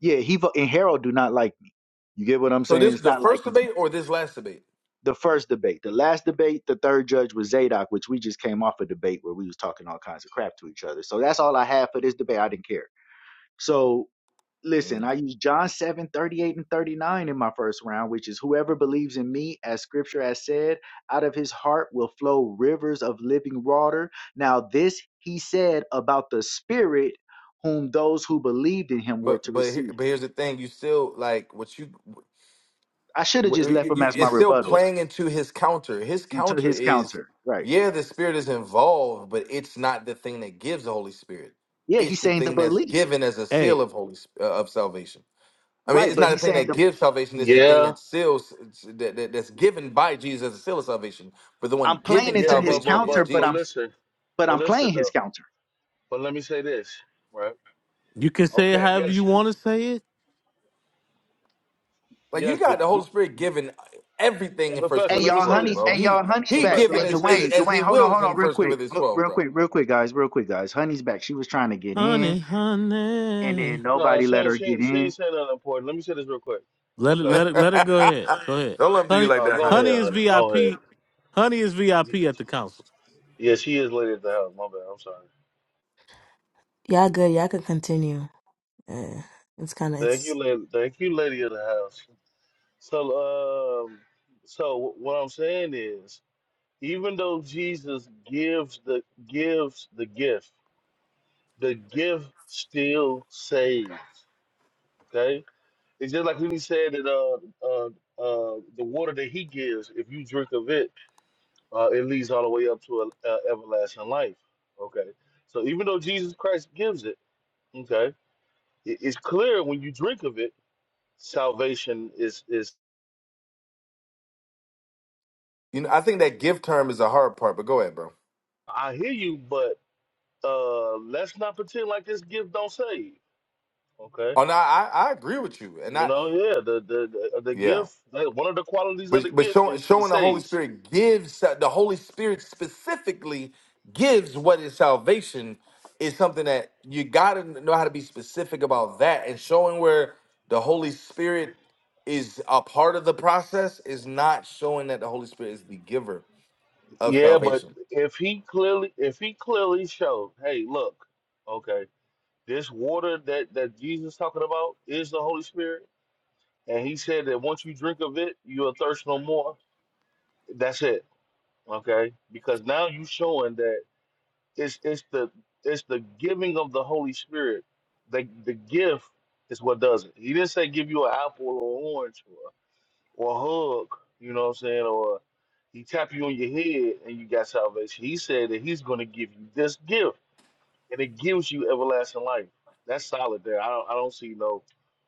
Yeah, he and Harold do not like me. You get what I'm So saying? this is It's the not like first he's debate or this last debate? the first debate. The last debate, the third judge was Zadok, which we just came off a debate where we was talking all kinds of crap to each other. So that's all I have for this debate. I didn't care. So listen, Mm. I used John 7 38 and 39 in my first round, which is whoever believes in me, as scripture has said, out of his heart will flow rivers of living water. Now, this he said about the spirit whom those who believed in him were But to but here, receive. but here's the thing: you still like what you. I should have Wh- just left you- him you- as my it's still rebuttals playing into his counter. His into counter his is, counter. Right. yeah, the Spirit is involved, but it's not the thing that gives the Holy Spirit. Yeah, It's he's the saying the thing that's belief. given as a seal Hey, of holy Sp- uh, of salvation. I mean, Right, it's but not a he's thing saying that the gives salvation. It's the thing Yeah, that seals that, that that's given by Jesus as a seal of salvation. But the one I'm playing giving yeah, into his but salvation but is but counter, but but I'm Jesus. listen, but but I'm listen playing his though. counter. But let me say this, right? you can say it Okay. however you Yes, want to say it, Like you yes. got But the Holy you, Spirit given everything and in First Professor, Hey let Corinthians me y'all, say twelve, honey. this. bro. Hey He y'all, honey's he back. Professor, given Hey let me as say is Dwayne, this. as he Dwayne, hold on, wills hold in on, real First quick, Corinthians Ho- twelve, real bro. quick, real quick, guys, real quick, guys. Honey's back. She was trying to get in, honey, and honey. then No, nobody she let ain't- her she get ain't- she in. ain't saying nothing important. Let me say this real quick. Let it Okay. let it let it go ahead. Go ahead. Don't let them do you Honey like Oh, that, go honey. honey ahead, is honey. Go VIP. ahead. Honey is VIP at the council. Yeah, she is late at the house. My bad. I'm sorry. Yeah, good. Yeah, I could continue. Uh, it's kind of Thank you, it's lady. Thank you, lady of the house. So, um, so what I'm saying is, even though Jesus gives the gives the gift, the gift still saves. Okay, it's just like when he said that uh, uh, uh, the water that he gives, if you drink of it, uh, it leads all the way up to a, uh everlasting life. Okay, so even though Jesus Christ gives it, okay, it, it's clear when you drink of it, salvation is is. You know, I think that give term is the hard part, but go ahead, bro. I hear you, but uh, let's not pretend like this gift don't save. Okay, Oh no, I, I agree with you. And you I know, yeah, the the the, uh, the yeah. gift, like, one of the qualities of the But but gift showing is it showing the Holy saves. Spirit gives the Holy Spirit specifically gives what is salvation is something that you gotta know how to be specific about that and showing where the Holy Spirit is a part of the process is not showing that the Holy Spirit is the giver of Yeah, but salvation. if he clearly, if he clearly showed, hey, look, okay, this water that that Jesus talking about is the Holy Spirit, and he said that once you drink of it, you'll thirst no more. That's it. Okay, because now you showing that. It's it's the it's the giving of the Holy Spirit. The the gift is what does it. He didn't say give you an apple or an orange or, or a hug, you know what I'm saying, or he tap you on your head and you got salvation. He said that he's gonna give you this gift and it gives you everlasting life. That's solid there. I don't I don't see no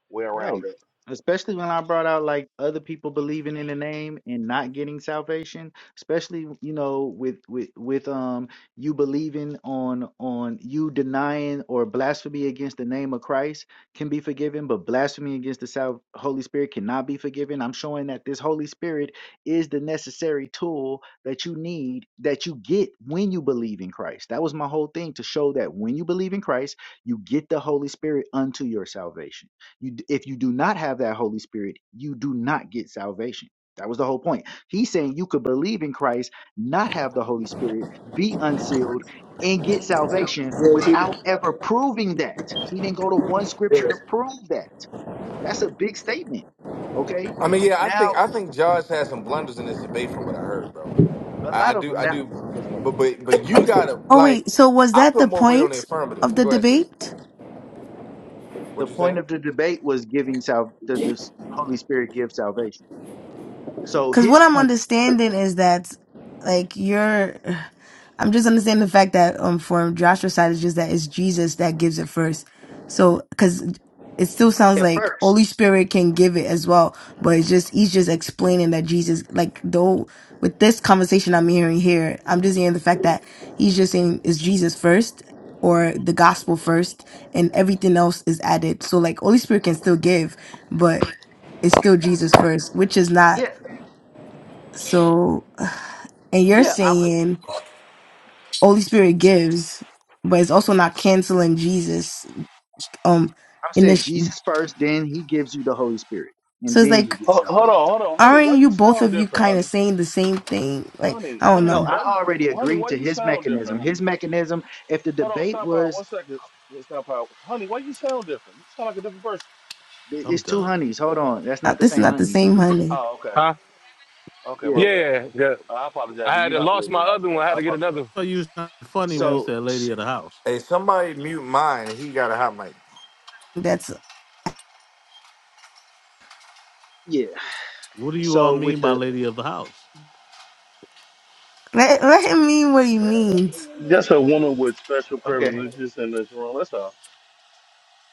way around Right. that. Especially when I brought out like other people believing in the name and not getting salvation, especially you know with with with um you believing on on you denying or blasphemy against the name of Christ can be forgiven, but blasphemy against the sal- Holy Spirit cannot be forgiven. I'm showing that this Holy Spirit is the necessary tool that you need that you get when you believe in Christ. That was my whole thing to show that when you believe in Christ, you get the Holy Spirit unto your salvation. You, if you do not have that Holy Spirit, you do not get salvation. That was the whole point. He's saying you could believe in Christ, not have the Holy Spirit, be unsealed, and get salvation without ever proving that. He didn't go to one scripture to prove that. That's a big statement. Okay. I mean, yeah, I think Now, I think Josh had some blunders in this debate from what I heard, bro. a I, I lot of do, them. I Now, do, but but but you gotta Oh like, wait, so was I that the put more weight on the point affirmative. of the Go ahead, sis. debate? the What you point say? of the debate was giving sal. The, the Holy Spirit gives salvation. So Because his what I'm point understanding is that, like, you're, I'm just understanding the fact that, um, from Joshua's side, it's just that it's Jesus that gives it first. So, because it still sounds at like Holy first, Spirit can give it as well, but it's just, he's just explaining that Jesus, like, though, with this conversation I'm hearing here, I'm just hearing the fact that he's just saying it's Jesus first or the gospel first and everything else is added. So, like, Holy Spirit can still give, but it's still Jesus first, which is not yeah, so, and you're yeah. saying Holy Spirit gives, but it's also not canceling Jesus. Um, I in said this, Jesus first, then he gives you the Holy Spirit, and so it's then you like, get Ho- Hold salvation. on, hold on, honey. Why aren't you you both sound of you different, kind of honey? saying the same thing? Like, Honey, I don't honey, No, know. I why you already honey, agreed why to you his sound different, mechanism. honey? His mechanism, if the Hold on, debate stop out. was, One second, stop out. Honey, why you sound different? You sound like a different person. I'm it's two done. honeys. Hold on. That's Uh, not the This is same not the honey you same, thinking of. honey. Oh, okay. Huh? Okay, my Yeah. Yeah, bad. yeah. yeah. I apologize. I Do had you to not to lost leave my your house other then? one. I had I to get another. apologize. one. I thought you was trying to be funny when Yeah. you So, said lady s- of the house. Hey, somebody mute mine. He got a hot mic. That's yeah. What do you all So mean with by the, lady of the house? let, let him mean what he means. Just a woman with special okay. privileges in this room. That's all.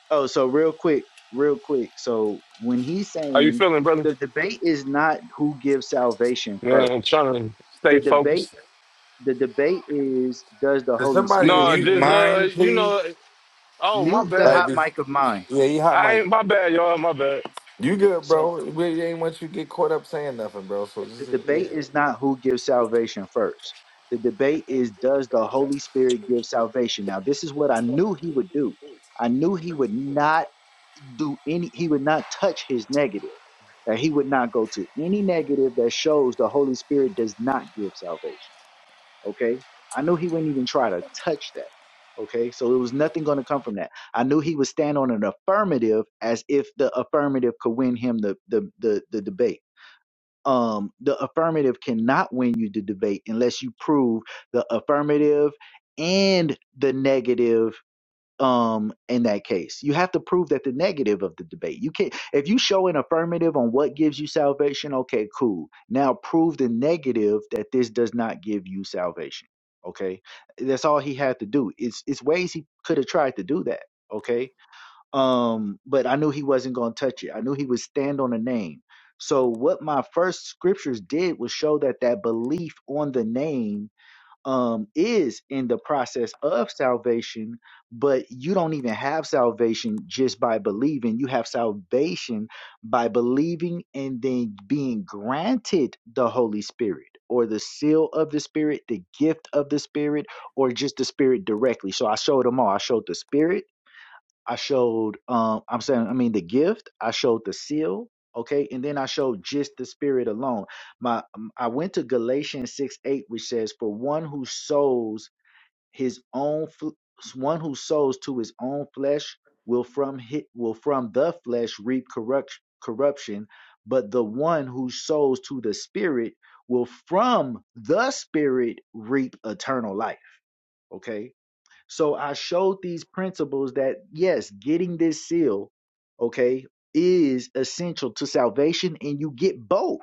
Oh, so real quick, real quick. So when he's How you saying feeling, brother? the debate is not who gives salvation Man, I'm first, trying to the stay debate, focused. the debate is does the Can Holy somebody Spirit No, mute get, just uh, mine, you know. please? Oh, my mute the Like, bad. hot be- mic of mine. yeah, he hot I ain't mic. my bad, y'all. My bad. You good, So bro? We ain't want you to get caught up saying nothing, bro. So the just yeah, debate is not who gives salvation first. The debate is does the Holy Spirit give salvation? Now, this is what I knew he would do. I knew he would not do any, he would not touch his negative, that he would not go to any negative that shows the Holy Spirit does not give salvation. Okay. I knew he wouldn't even try to touch that. Okay. So it was nothing going to come from that. I knew he would stand on an affirmative as if the affirmative could win him the, the, the, the debate um, the affirmative cannot win you the debate unless you prove the affirmative and the negative um in that case you have to prove that the negative of the debate you can't if you show an affirmative on what gives you salvation okay cool now prove the negative that this does not give you salvation okay that's all he had to do it's it's ways he could have tried to do that okay um, but I knew he wasn't going to touch it. I knew he would stand on the name. So what my first scriptures did was show that that belief on the name um, is in the process of salvation, but you don't even have salvation just by believing. You have salvation by believing and then being granted the Holy Spirit or the seal of the Spirit, the gift of the Spirit, or just the Spirit directly. So I showed them all. I showed the Spirit. I showed um I'm saying I mean the gift, I showed the seal, okay? And then I showed just the spirit alone. My um, I went to Galatians 6 8, which says, For one who sows his own fl- one who sows to his own flesh will from hit will from the flesh reap corrupt corruption, but the one who sows to the spirit will from the spirit reap eternal life. Okay so I showed these principles that, yes, getting this seal, okay, is essential to salvation, and you get both.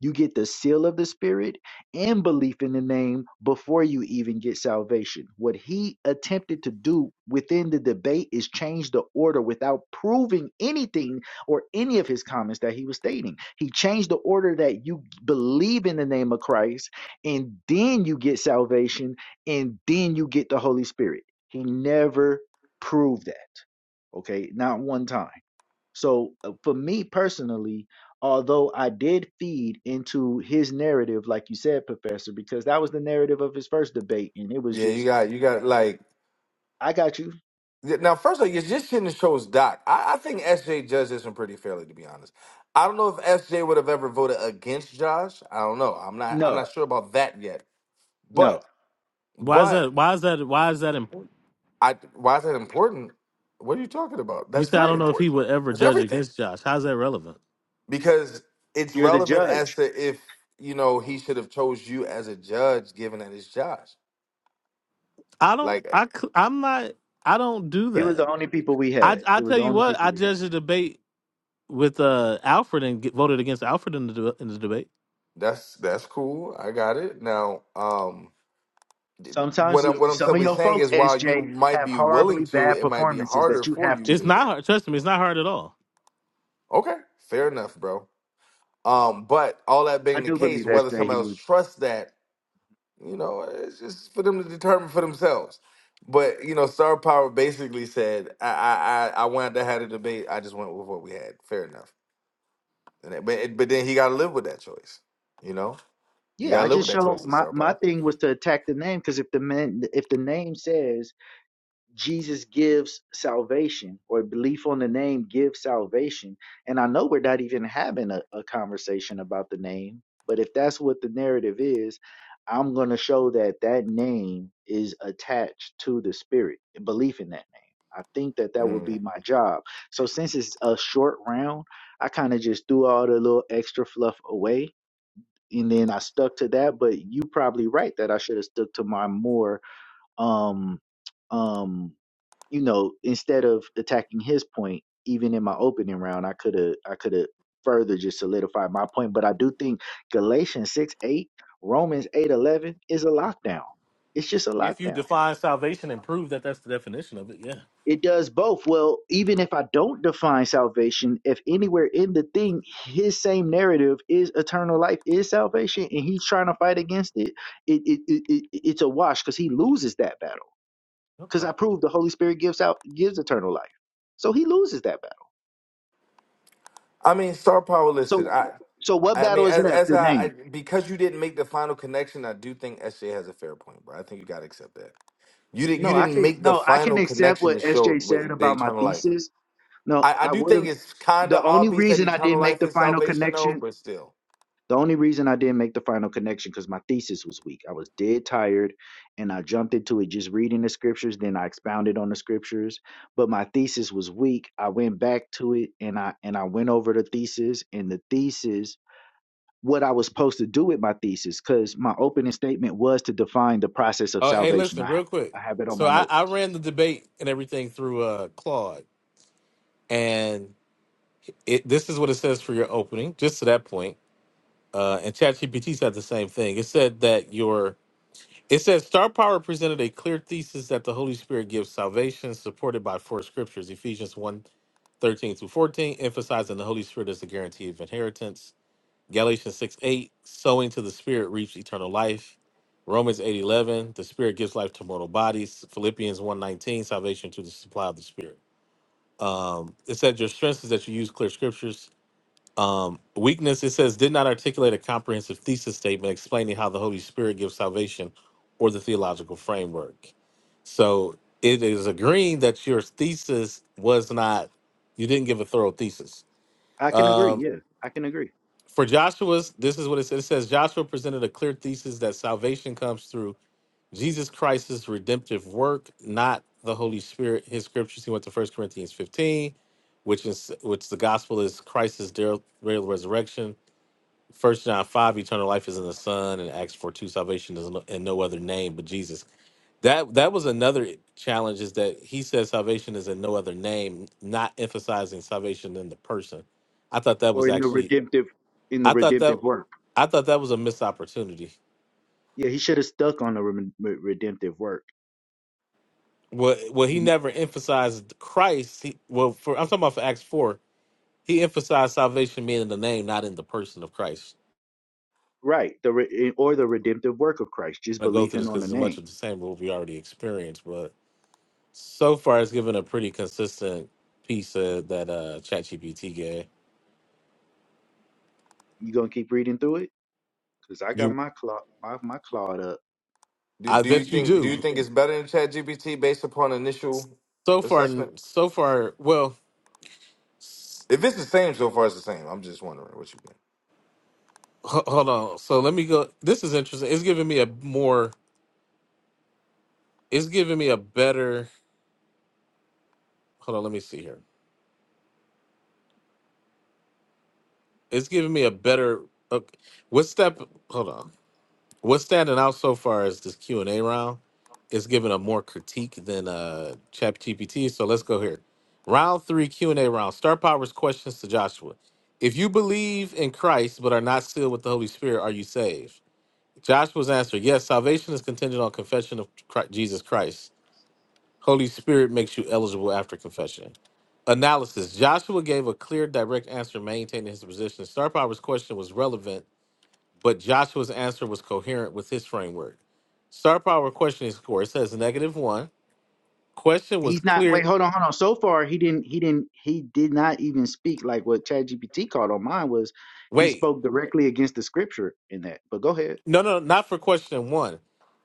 You get the seal of the Spirit and belief in the name before you even get salvation. What he attempted to do within the debate is change the order without proving anything or any of his comments that he was stating. He changed the order that you believe in the name of Christ and then you get salvation and then you get the Holy Spirit. He never proved that, okay? Not one time. So uh, for me personally, although I did feed into his narrative, like you said, Professor, because that was the narrative of his first debate, and it was yeah, you just, got you got like. I got you. Yeah, Now, first of all, you just shouldn't have chose Doc. I, I think SJ judged this one pretty fairly, to be honest. I don't know if SJ would have ever voted against Josh. I don't know. I'm not. I'm No, not sure about that yet. no, But, Why is but that why is that why is that important? I. Why is that important? What are you talking about? You That's said I very don't know if he important. would ever That's judge everything against Josh. How's that relevant? because it's you're the relevant as judge. to if you know he should have chose you as a judge, given that it's Josh. I don't Like I c- I'm not I don't do It was that. the only people we I had. I It was tell the you only what, people I we had. judged the debate with uh Alfred and get, voted against Alfred in the de- in the debate. that's that's cool. I got it now. Um, Sometimes What I'm you- what I'm some of simply your saying folks, is, while you SJ, might have be horribly willing to, bad it might be performances that harder you for have you to It's do to. not that. hard. Trust me, it's not hard at all. Okay, fair enough, bro. Um, but all that I being the do case, believe whether SJ. somebody He else was. trusts that, you know, it's just for them to determine for themselves. But you know, Star Power basically said, "I I I I wanted to have a debate. I just went with what we had. Fair enough." And it, but it, but then he got to live with that choice. You know, you Yeah, got I to live with just that choice, show my Star my Power. thing was to attack the name because if the man if the name says Jesus gives salvation or belief on the name gives salvation, and I know we're not even having a, a conversation about the name, but if that's what the narrative is, I'm going to show that that name is attached to the spirit belief in that name. I think that that would Mm. be my job. So since it's a short round, I kind of just threw all the little extra fluff away and then I stuck to that. But you probably right that I should have stuck to my more um um you know instead of attacking his point even in my opening round I could have I could have further just solidified my point. But I do think Galatians six eight Romans eight eleven is a lockdown. It's just a If you lockdown. define salvation and prove that that's the definition of it, yeah. It does both. Well, even if I don't define salvation, if anywhere in the thing, his same narrative is eternal life, is salvation, and he's trying to fight against it, it, it, it, it it's a wash because he loses that battle. Because Okay. I proved the Holy Spirit gives out gives eternal life, so he loses that battle. I mean, Star Power. Listen, So, I so what I mean, battle is as, left? as The I, I name. because you didn't make the final connection, I do think SJ has a fair point, bro. I think you gotta accept that. You didn't you No, I didn't can make the no, I can final accept connection to what show SJ what e, said the about my eternal life. thesis. No, I, I I do would have. think it's kind The of only obvious that reason I eternal didn't make life the is final salvation, though. connection But still, The only reason I didn't make the final connection because my thesis was weak. I was dead tired and I jumped into it just reading the scriptures, then I expounded on the scriptures. But my thesis was weak. I went back to it and I and I went over the thesis and the thesis what I was supposed to do with my thesis, because my opening statement was to define the process of Oh, hey, salvation. listen, I real quick. I have it on So my I, I notes. ran the debate and everything through uh, Claude, and it this is what it says for your opening, just to that point. Uh, and ChatGPT said the same thing. It said that your it says star power presented a clear thesis that the Holy Spirit gives salvation, supported by four scriptures: Ephesians one, 13 through 14, emphasizing the Holy Spirit as the guarantee of inheritance. Galatians 6 8, sowing to the spirit reaps eternal life. Romans 8 11 the spirit gives life to mortal bodies. Philippians one 19 salvation to the supply of the spirit. Um, it said your strength is that you use clear scriptures. Um, weakness, it says, did not articulate a comprehensive thesis statement explaining how the Holy Spirit gives salvation or the theological framework. So it is agreeing that your thesis was not, you didn't give a thorough thesis. I can agree, Um, yeah. I can agree. for Joshua's, this is what it says. It says Joshua presented a clear thesis that salvation comes through Jesus Christ's redemptive work, not the Holy Spirit. His scriptures, he went to First Corinthians 15, which is which the gospel is Christ's der- real resurrection. First John 5, eternal life is in the Son, and Acts 4 2, salvation is no- in no other name but Jesus. That that was another challenge, is that he says salvation is in no other name, not emphasizing salvation in the person. I thought that Or was in the actually redemptive in the I thought that redemptive work. I thought that was a missed opportunity. Yeah, he should have stuck on the rem- redemptive work Well, well, he never emphasized Christ. He, well, for I'm talking about for Acts four, he emphasized salvation being in the name, not in the person of Christ. Right. The re- eh, or the redemptive work of Christ, just I'm gonna go through believing this on because the it's much name. of the same what we already experienced, but so far it's given a pretty consistent piece uh, that uh, ChatGPT gave. You gonna keep reading through it? Cause I got You, my claw my, my clawed up, and do I I'm do about you to bet you do think the do you same do. think thing. it's better than Chat GPT based upon initial So far, assessment? so far, well, If it's the same so far, it's the same. I'm just wondering what you think. h- hold on. So let me go. This is interesting. It's giving me a more. It's giving me a better. Hold on. Let me see here It's giving me a better. Okay, what step? Hold on. What's standing out so far is this Q and A round. It's giving a more critique than uh Chat GPT. So let's go here. Round three Q and A round. Star Power's questions to Joshua. If you believe in Christ but are not sealed with the Holy Spirit, are you saved? Joshua's answer: Yes, salvation is contingent on confession of Chri- Jesus Christ. Holy Spirit makes you eligible after confession. Analysis Joshua gave a clear, direct answer, maintaining his position. Star Power's question was relevant, but Joshua's answer was coherent with his framework. Star Power questioning score it says negative one. Question was He's not. clear. Wait, hold on, hold on. So far, he didn't. He didn't. He did not even speak like what ChatGPT called on mine was. He Wait, spoke directly against the scripture in that. But go ahead. no, no, not for question one.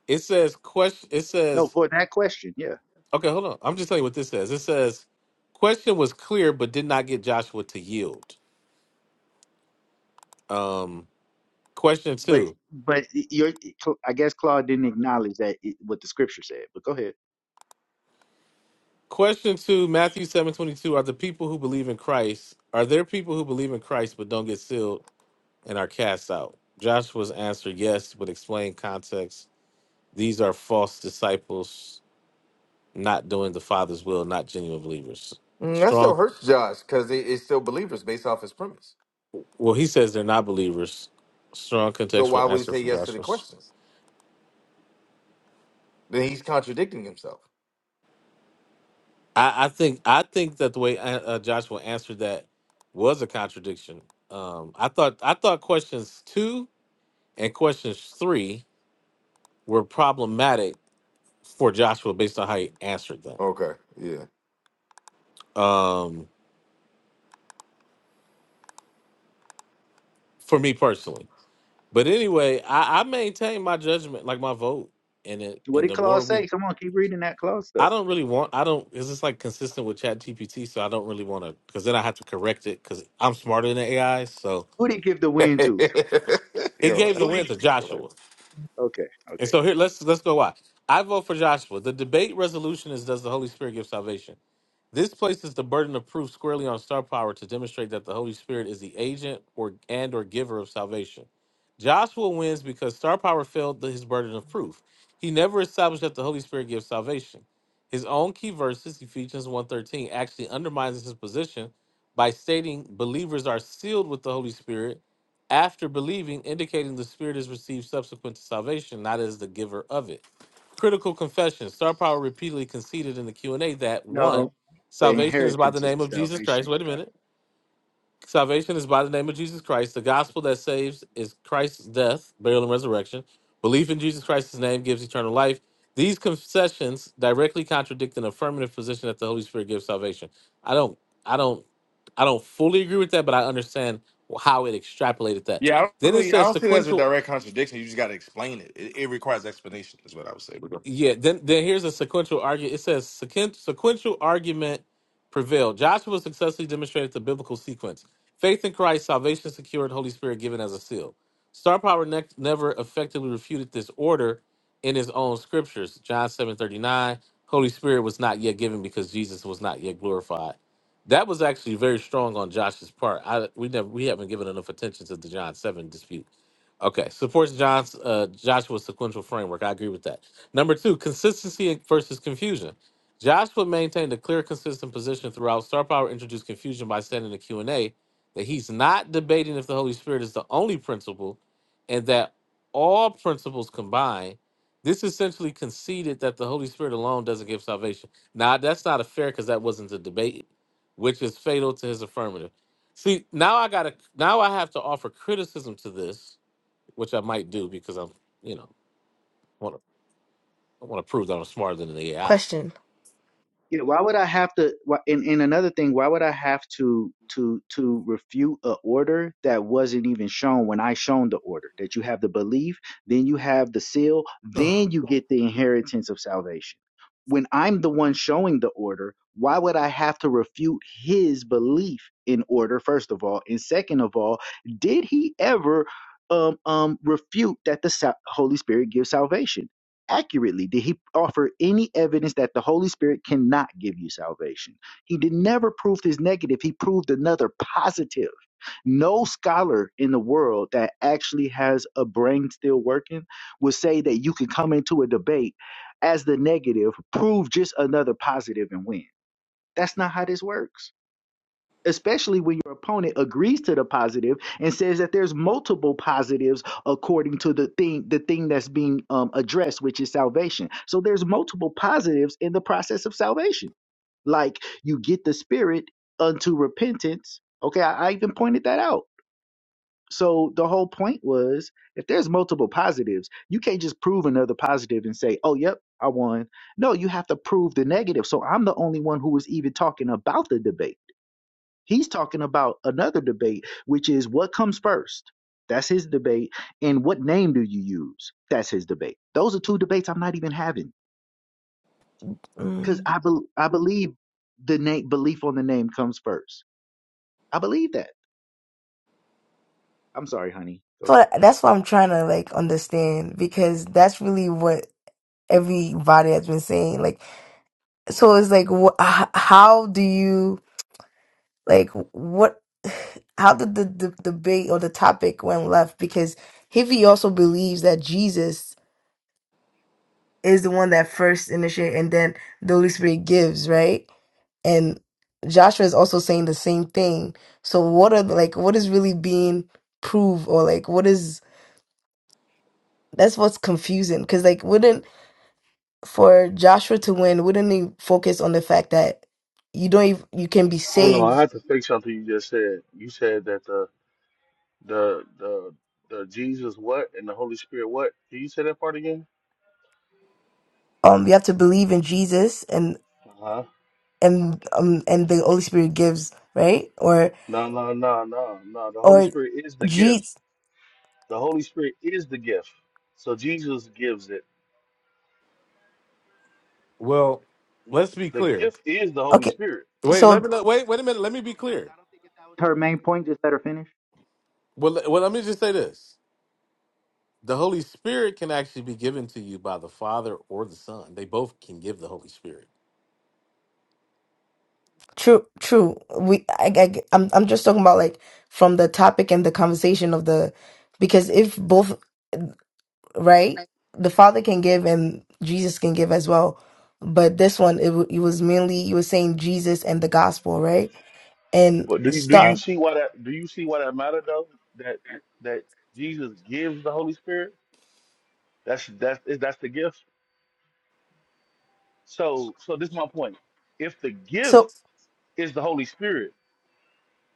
It says question. It No, says for that question, yeah. okay. Hold on. I'm just telling you what this says. It says question was clear, but did not get Joshua to yield. Um, question But two. but your I guess Claude didn't acknowledge that it, what the scripture said. But go ahead. Question two, Matthew seven twenty two. Are the people who believe in Christ, are there people who believe in Christ but don't get sealed and are cast out? Joshua's answer, yes, but explain context. These are false disciples not doing the Father's will, not genuine believers. Mm, that still Strong, hurts Josh because it, it's still believers based off his premise. well, he says they're not believers. Strong So why contextual would he answer say from yes to the Joshua. questions? Then he's contradicting himself. I, I think I think that the way uh, uh, Joshua answered that was a contradiction. Um, I thought I thought questions two and questions three were problematic for Joshua based on how he answered them. Okay, yeah. Um, for me personally. But anyway, I, I maintain my judgment, like my vote. And it What and did the Claude more say? we Come on, keep reading that Claude I stuff. don't really want I don't is this like consistent with Chat GPT, so I don't really want to because then I have to correct it because I'm smarter than the AI. So Who did he give the win to? it Yo, gave the Who did? win to Joshua. Okay. Okay. And so Cool. here let's let's go why. I vote for Joshua. The debate resolution is does the Holy Spirit give salvation? This places the burden of proof squarely on star power to demonstrate that the Holy Spirit is the agent or and or giver of salvation. Joshua wins because star power failed the- his burden of proof. He never established that the Holy Spirit gives salvation. His own key verses, Ephesians 1:13, actually undermines his position by stating believers are sealed with the Holy Spirit after believing, indicating the Spirit is received subsequent to salvation, not as the giver of it critical confession. Star Power repeatedly conceded in the Q and A that one, No, the Salvation is by the inheritance is name the of Jesus salvation. Christ. Wait a minute. Salvation is by the name of Jesus Christ. The gospel that saves is Christ's death, burial, and resurrection. Belief in Jesus Christ's name gives eternal life. These concessions directly contradict an affirmative position that the Holy Spirit gives salvation. I don't, I don't, I don't fully agree with that, but I understand how it extrapolated that. yeah, I don't Then it really, I says don't see that as a sequential direct contradiction. You just got to explain it. it. It requires explanation, is what I would say. But go- Yeah, then then here's a sequential argument. It says sequen- sequential argument prevailed. Joshua successfully demonstrated the biblical sequence: faith in Christ, salvation secured, Holy Spirit given as a seal. Star Power ne- never effectively refuted this order in his own scriptures. John seven thirty nine. Holy Spirit was not yet given because Jesus was not yet glorified. That was actually very strong on Josh's part. I, we never we haven't given enough attention to the John seven dispute. Okay, supports John's uh, Joshua's sequential framework. I agree with that. Number two, consistency versus confusion. Joshua maintained a clear, consistent position throughout. Star Power introduced confusion by saying in the Q and A that he's not debating if the Holy Spirit is the only principle, and that all principles combined. This essentially conceded that the Holy Spirit alone doesn't give salvation. Now that's not a fair because that wasn't a debate, which is fatal to his affirmative. See, now I gotta now I have to offer criticism to this, which I might do because I'm, you know, wanna. I want to prove that I'm smarter than the AI. Question. Yeah, why would I have to? Why, and, and another thing, why would I have to to to refute a order that wasn't even shown when I shown the order that you have the belief, then you have the seal, Ugh. then you get the inheritance of salvation. When I'm the one showing the order, why would I have to refute his belief in order? First of all, and second of all, did he ever um um refute that the sa- Holy Spirit gives salvation? accurately did he offer any evidence that the Holy Spirit cannot give you salvation. He did never prove his negative, he proved another positive. No scholar in the world that actually has a brain still working would say that you can come into a debate as the negative, prove just another positive and win. That's not how this works especially when your opponent agrees to the positive and says that there's multiple positives according to the thing the thing that's being um, addressed which is salvation so there's multiple positives in the process of salvation like you get the spirit unto repentance okay i, I even pointed that out so the whole point was if there's multiple positives you can't just prove another positive and say oh yep i won no you have to prove the negative so i'm the only one who was even talking about the debate He's talking about another debate, which is what comes first. That's his debate. And what name do you use? That's his debate. Those are two debates I'm not even having because Mm. I, bel I believe the name belief on the name comes first. I believe that. I'm sorry, honey. Go ahead. So that's what I'm trying to like understand because that's really what everybody has been saying. Like, so it's like, wh- h- how do you? Like what? How did the, the debate or the topic went left? Because Hivy also believes that Jesus is the one that first initiated, and then the Holy Spirit gives, right? And Joshua is also saying the same thing. So what are the- like what is really being proved, or like what is that's what's confusing? Because like wouldn't for Joshua to win, wouldn't he focus on the fact that you don't even, you can be Hold on, I saved have to fix something you just said. You said that the the the the Jesus what and the Holy Spirit what? Can you say that part again? um you have to believe in jesus and Uh huh. and um and the Holy Spirit gives, right? Or No, no, no, no, no. The Holy or Spirit is the gift. Jesus. The Holy Spirit is the gift. So Jesus gives it. Well, let's be The clear. gift is the Holy Okay, Spirit. Wait, so let me not, wait. Wait a minute. Let me be Hold on, guys. clear. I don't think that that was her main point. Just let her finish. Well, le- well, let me just say this: the Holy Spirit can actually be given to you by the Father or the Son. They both can give the Holy Spirit. true, true. We I, I I'm I'm just talking about like from the topic and the conversation of the because if both right, the Father can give and Jesus can give as well. But this one, it, w- it was mainly you were saying Jesus and the gospel, right? And But do do you stuff. see why that do you see why that matter though? That that Jesus gives the Holy Spirit. That's that's that's the gift. So so this is my point. If the gift So is the Holy Spirit,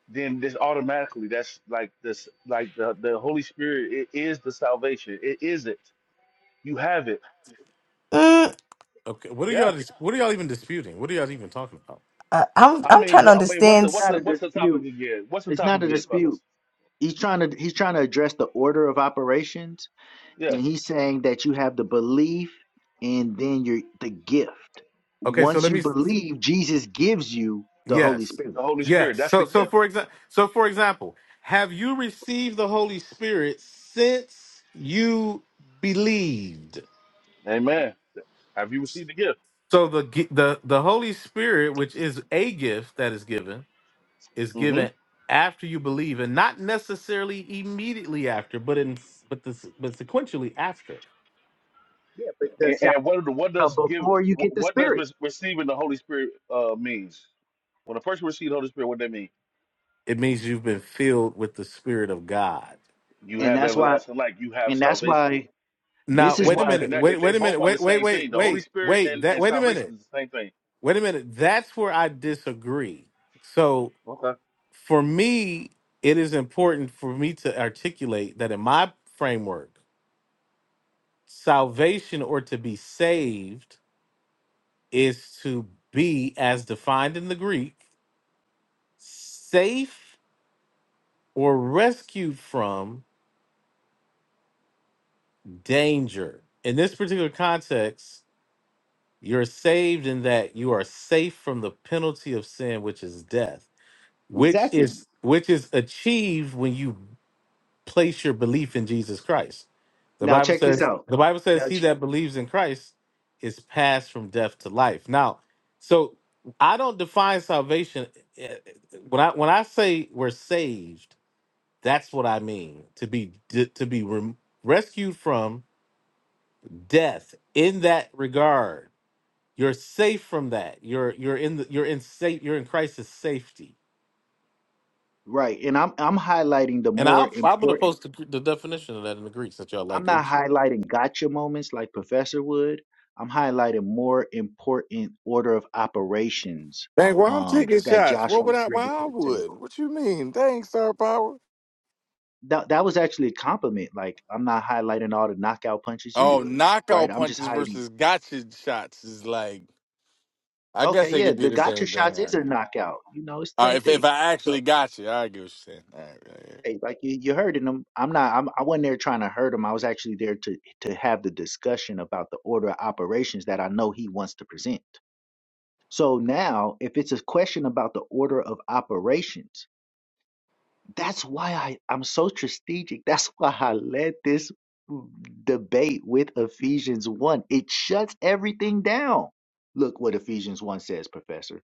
then this automatically that's like this like the the Holy Spirit it is the salvation. It is it. You have it. mm, Okay, what are y'all? Yeah. dis- What are y'all even disputing? What are y'all even talking about? I- So I'm I it's I'm trying mean to wh- I mean what's understand. the what's s- not the a what's the topic dispute. again? What's the It's topic not a again, dispute. fellas? He's trying to he's trying to address the order of operations Yeah. and he's saying that you have the belief and then you're the gift. Okay, so Once let The you me. believe, Jesus gives you the Holy Yes, Spirit. Holy Spirit. yes. That's So, the so gift. for example, so for example, have you received the Holy Spirit since you believed? Amen. Have you received the gift? So the gi- the the Holy Spirit, which is a gift that is given, is Mm-hmm. given after you believe, and not necessarily immediately after, but in but this but sequentially after. Yeah, but the And, salvation and what what come does give before you get the what does Spirit, re- receiving the Holy Spirit uh means? When a person receives the Holy Spirit, what they mean? It means you've been filled with the Spirit of God. You and have that's why, everlasting life. You have and that's salvation. why this Now, is They wait a both why minute. connect. They Wait, they wait a minute. both are Wait, the wait, same wait, thing. The Holy wait, Spirit wait. and, That and wait a salvation minute. is the same thing. Wait a minute. That's where I disagree. So Okay. for me, it is important for me to articulate that in my framework, salvation or to be saved is to be, as defined in the Greek, safe or rescued from danger. In this particular context, you're saved in that you are safe from the penalty of sin, which is death, which exactly. is which is achieved when you place your belief in Jesus Christ. The Now Bible check this says out. the Bible says Now, he ch- that believes in Christ is passed from death to life. Now, so I don't define salvation eh, when I when I say we're saved, that's what I mean to be d- to be rem- rescued from death in that regard. You're safe from that. You're you're in the you're in safe you're in Christ's safety. right, and I'm I'm highlighting the And more I'll, I'm gonna important. post the, the definition of that in the Greeks that y'all I'm like not Greeks. highlighting gotcha moments like Professor would. I'm highlighting more important order of operations Dang, why I'm um, taking that shots? What would Joshua's I? Why bringing to I the would? table. What you mean? Dang, star power. that that was actually a compliment. Like I'm not highlighting all the knockout punches you Oh, would, right? knockout I'm just punches hiding. versus gotcha shots is like. I guess Okay, they yeah, could be the the gotcha same thing. shots All is right. a knockout. You know, it's the All right same if thing. if I So, actually got you, I get what you're saying. All right, all right, all right. hey, like you, you heard in them, I'm not. I'm, I wasn't there trying to hurt him. I was actually there to to have the discussion about the order of operations that I know he wants to present. So now, if it's a question about the order of operations, That's why I, I'm so strategic. That's why I led this debate with Ephesians 1. It shuts everything down. Look what Ephesians 1 says, Professor.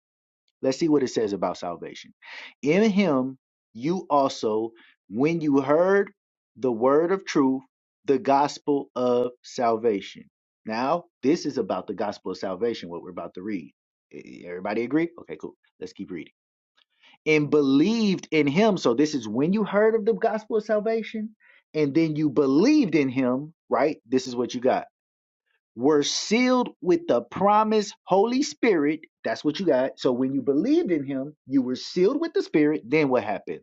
Let's see what it says about salvation. In him, you also, when you heard the word of truth, the gospel of salvation. Now, this is about the gospel of salvation, what we're about to read. E- Everybody agree? Okay, cool. Let's keep reading and believed in him. So this is when you heard of the gospel of salvation and then you believed in him, right? This is what you got. Were sealed with the promised Holy Spirit. That's what you got. So when you believed in him, you were sealed with the Spirit. Then what happened?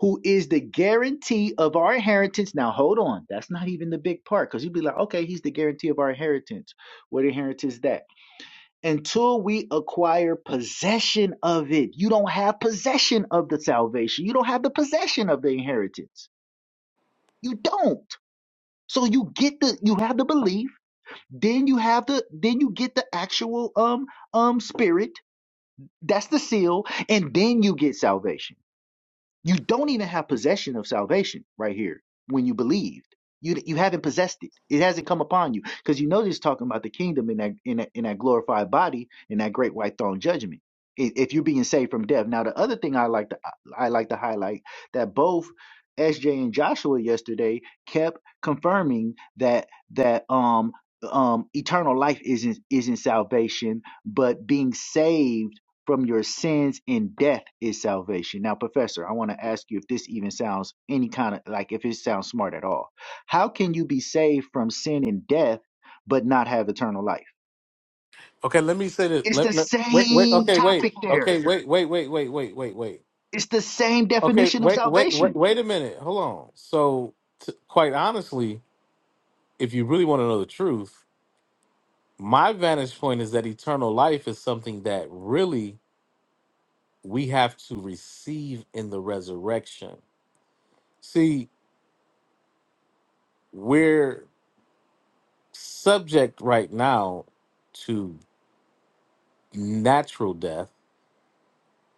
Who is the guarantee of our inheritance? Now hold on. That's not even the big part because you'd be like, okay, he's the guarantee of our inheritance. What inheritance is that? until we acquire possession of it. You don't have possession of the salvation. You don't have the possession of the inheritance. You don't. So you get the you have the belief, then you have the then you get the actual um um spirit. That's the seal, and then you get salvation. You don't even have possession of salvation right here when you believed. You you haven't possessed it. It hasn't come upon you because you know this is talking about the kingdom in that in that, in that glorified body in that great white throne judgment. i- If you're being saved from death. Now the other thing I like to I like to highlight that both SJ and Joshua yesterday kept confirming that that um um eternal life isn't isn't salvation but being saved from your sins and death is salvation. Now, Professor, I want to ask you if this even sounds any kind of like if it sounds smart at all. How can you be saved from sin and death but not have eternal life? Okay, let me say this. It's the Let, let- wait, wait. same Okay, wait. topic there. Okay, wait, wait, wait, wait, wait, wait, wait. It's the same Okay, definition of wait, wait, wait, salvation. wait a minute. Hold on. So, t- quite honestly, if you really want to know the truth, my vantage point is that eternal life is something that really we have to receive in the resurrection. See, we're subject right now to natural death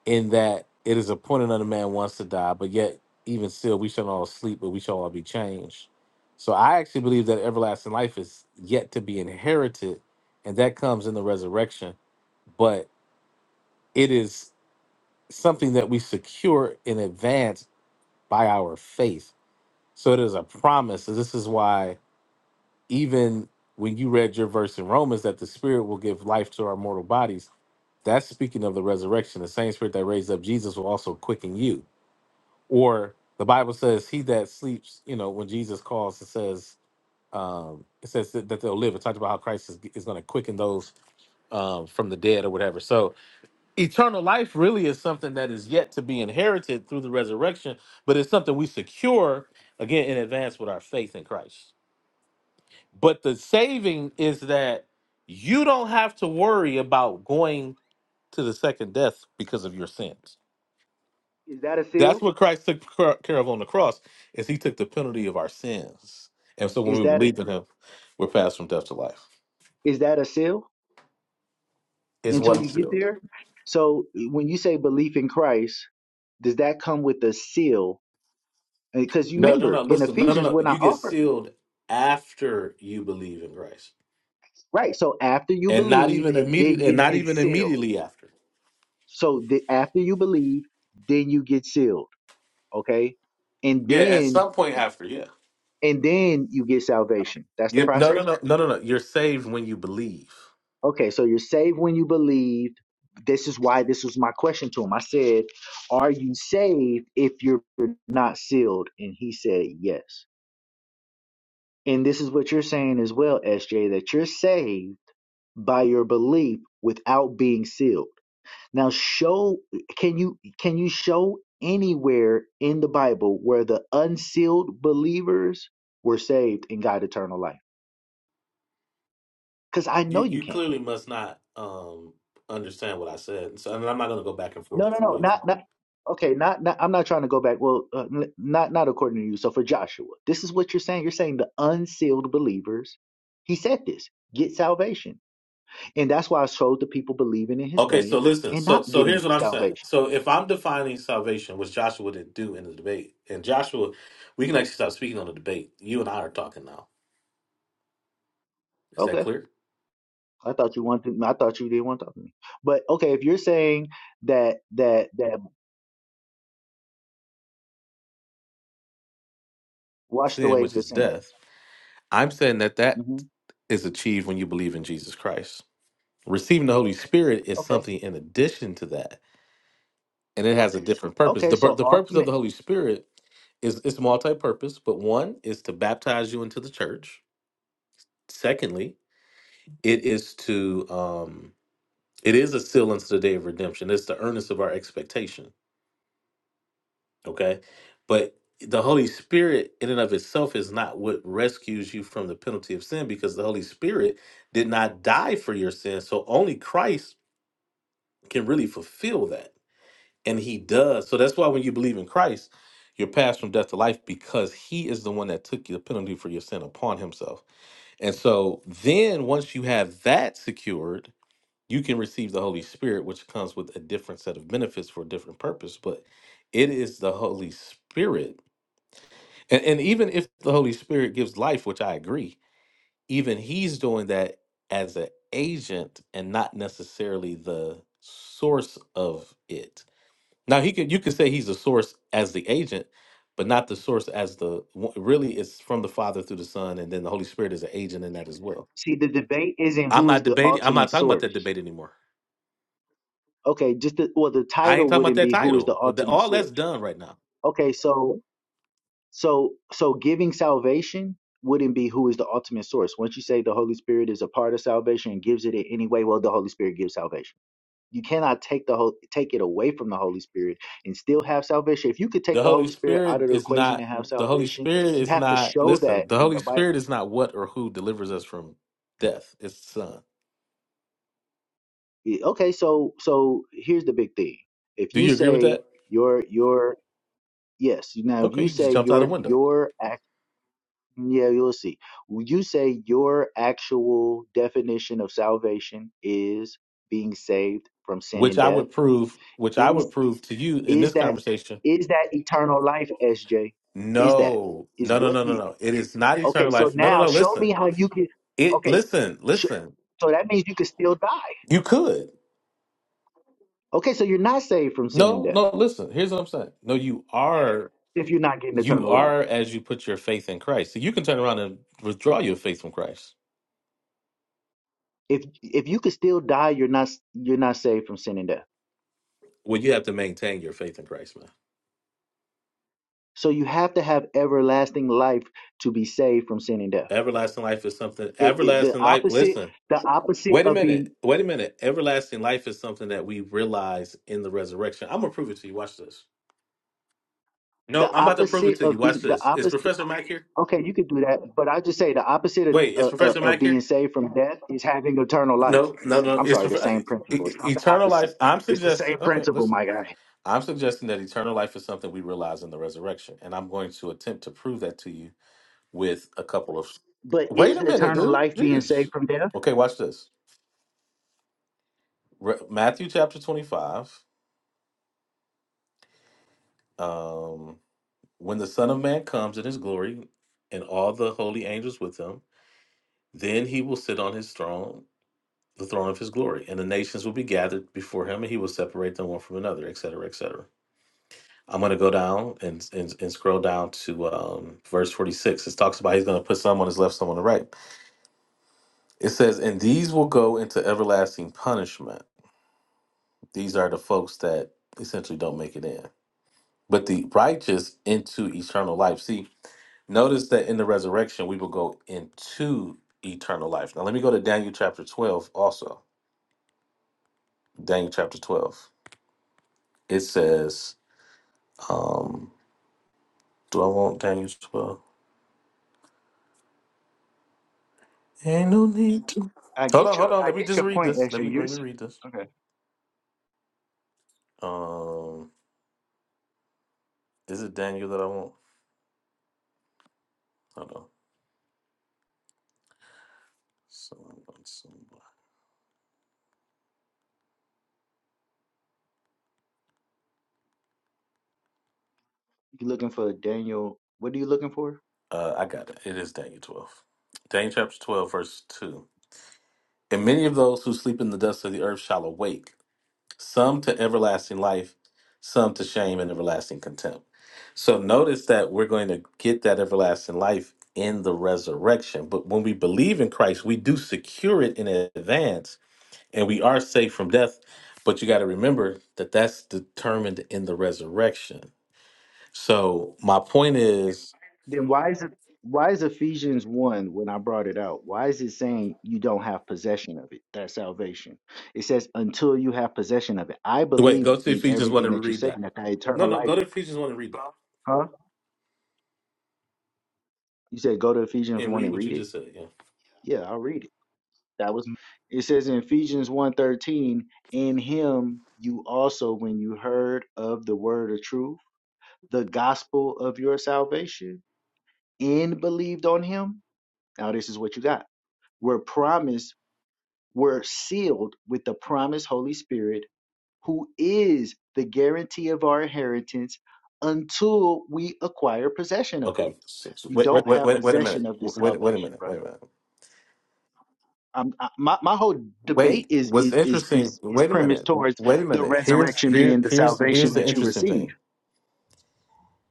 in that it is appointed unto man once to die, but yet even still we shall not all sleep, but we shall all be changed. So I actually believe that everlasting life is yet to be inherited, and that comes in the resurrection. But it is something that we secure in advance by our faith. So it is a promise. And this is why even when you read your verse in Romans that the spirit will give life to our mortal bodies, that's speaking of the resurrection. The same spirit that raised up Jesus will also quicken you. Or the Bible says, "He that sleeps," you know, when Jesus calls, it says, um, it says that, that they'll live. It talks about how Christ is, is going to quicken those um, from the dead or whatever. So, eternal life really is something that is yet to be inherited through the resurrection, but it's something we secure again in advance with our faith in Christ. But the saving is that you don't have to worry about going to the second death because of your sins Is that a That's seal? what Christ took cr- care of on the cross, is he took the penalty of our sins. And so when Is we that a, believe in him, we're passed from death to life. is that a seal Is until what I'm you get sealed. there? So when you say belief in Christ, does that come with a seal? Because you No, no, no. remember in Listen, no, no, Ephesians, no. we're You not get offered sealed after you believe in Christ. Right. So after you And not believe, even immediate then and you not get even sealed. immediately after. So the, after you believe, then you get sealed. Okay. And Yeah, at then, some point after, yeah. and then you get salvation. That's the You, no, process. no, no, no, no, no. You're saved when you believe. Okay. So you're saved when you believe. This is why this was my question to him. I said, Are you saved if you're not sealed? And he said, Yes. And this is what you're saying as well, SJ, that you're saved by your belief without being sealed. Now show can you can you show anywhere in the Bible where the unsealed believers were saved and got eternal life? Because I You know you you can't. clearly must not um understand what I said. So and I'm not gonna go back and forth No, no, with no, you. not not. Okay, not, not I'm not trying to go back. Well, uh, n- not not according to you. So for Joshua, this is what you're saying. You're saying the unsealed believers. He said this get salvation, and that's why I showed the people believing in his Okay, so name listen. and So not so here's getting what I'm saying. salvation. So if I'm defining salvation, which Joshua didn't do in the debate, and Joshua, we can actually stop speaking on the debate. You and I are talking now. Is that Okay. clear? I thought you wanted. I thought you didn't want to talk to me. But okay, if you're saying that that that washed Sin, away which the is sin. death. I'm saying that that hmm is achieved when you believe in Jesus Christ. Receiving the Holy Spirit is Okay. something in addition to that, and it has a different purpose. Okay. the pur- So The purpose of the ultimate. Holy Spirit is it's multi-purpose, but one is to baptize you into the church. Secondly, it is to um It is a seal unto the day of redemption. It's the earnest of our expectation. Okay. But the Holy Spirit, in and of itself, is not what rescues you from the penalty of sin because the Holy Spirit did not die for your sin. So only Christ can really fulfill that. And he does. So that's why when you believe in Christ, you're passed from death to life because he is the one that took the penalty for your sin upon himself. And so then once you have that secured, you can receive the Holy Spirit, which comes with a different set of benefits for a different purpose, but it is the Holy Spirit. And, and even if the Holy Spirit gives life, which I agree, even He's doing that as an agent and not necessarily the source of it. Now he could you could say he's the source as the agent, but not the source as the one- really it's from the Father through the Son, and then the Holy Spirit is an agent in that as well. See, the debate isn't I'm who is not the debating. I'm not ultimate talking about source. that debate anymore. Okay. Just the, well, the I ain't title talking about wouldn't that be who is the title. The- ultimate All that's source. done right now. Okay. So so so giving salvation wouldn't be who is the ultimate source. Once you say the Holy Spirit is a part of salvation and gives it in any way, well, the Holy Spirit gives salvation. You cannot take the whole take it away from the Holy Spirit and still have salvation. If you could take The the Holy Holy Spirit out Spirit of the is equation and not. have The Holy salvation, Spirit you is have to not. show Listen, that the in Holy the Bible. Spirit is not what or who delivers us from death. It's the Son. Yeah, Okay, so so here's the big thing. If Do you you agree with say that? your your yes, now if Okay, you you just say jumped out the your window, your act yeah, you'll see. When You say your actual definition of salvation is being saved from sin and which I death. would prove. Which I Is would prove to you in is this that conversation. is that eternal life sj is that No, is no, no, what no, no, you no. It is not okay eternal so life. No, no, now no. show me Listen. how you can It. okay Listen. sh- Listen. so that means you can still die You could. okay so you're not saved from sin and No, death no. Listen. Here's what I'm saying. No, you are. if you're not getting You eternal life are as you put your faith in Christ. So you can turn around and withdraw your faith from Christ. if if you can still die you're not you're not saved from sin and death Well, you have to maintain your faith in Christ, man. so you have to have everlasting life to be saved from sin and death Everlasting life is something. it, it, the Everlasting life. opposite Listen. the opposite Wait a of being minute. Wait a minute. Everlasting life is something that we realize in the resurrection. I'm gonna prove it to you. Watch this. the No, I'm about to prove it opposite to you. of Watch being the this. Is opposite Professor Mack here? Okay, you could do that, but I just say the opposite of, Wait, is uh, uh, Professor of Mack being here? saved from death is having eternal life. No, no, no. I'm It's sorry, prof- the uh, same e- principle. It's e- not the eternal life. opposite. I'm It's the suggesting. same Okay, principle, listen. my guy. I'm suggesting that eternal life is something we realize in the resurrection, and I'm going to attempt to prove that to you with a couple of. But Wait is a the minute, eternal dude. life being saved Jeez. from death? Okay, watch this. Re- Matthew chapter 25. Um, when the Son of Man comes in his glory and all the holy angels with him, then he will sit on his throne, the throne of his glory, and the nations will be gathered before him, and he will separate them one from another, et cetera, et Cetera. I'm going to go down and, and, and scroll down to um, verse 46. It talks about he's going to put some on his left, some on the right. It says, And these will go into everlasting punishment These are the folks that essentially don't make it in. But the righteous into eternal life. See, notice that in the resurrection, we will go into eternal life. Now, let me go to Daniel chapter 12 also. Daniel chapter 12. It says, um, do I want Daniel 12? Ain't no need to. I Hold get on, hold your on. I Let me get just your read point, this. Let Esther. me You're let me s- read this. okay. Um, is it Daniel that I want? Hold on. Someone, someone. You looking for Daniel? What are you looking for? Uh, I got it. It is Daniel 12. Daniel chapter 12, verse 2. And many of those who sleep in the dust of the earth shall awake, some to everlasting life, some to shame and everlasting contempt. So notice that we're going to get that everlasting life in the resurrection. But when we believe in Christ, we do secure it in advance and we are safe from death. But you got to remember that that's determined in the resurrection. So my point is Then why is it why is Ephesians one when I brought it out? Why is it saying you don't have possession of it? That's salvation. It says until you have possession of it. I wait, believe go to in Ephesians 1 everything and that you're read that. saying that that No, eternal no, life go to Ephesians 1 and read that Huh? You said go to Ephesians and 1 read and what you read it? just said. Yeah. Yeah, I'll read it. That was it says in Ephesians one thirteen. in him you also when you heard of the word of truth, the gospel of your salvation, and believed on him. Now this is what you got. We're promised, we're sealed with the promised Holy Spirit, who is the guarantee of our inheritance until we acquire possession of it. Okay. You Wait, wait, don't wait, have wait, wait a possession minute. of this Wait, wait a salvation, minute. brother. Wait a minute. um, I- my my whole debate Wait. is What's is is interesting? is is Wait a premised minute. towards Wait a the minute. Here's resurrection here being the here's salvation here's the that you interesting receive. thing.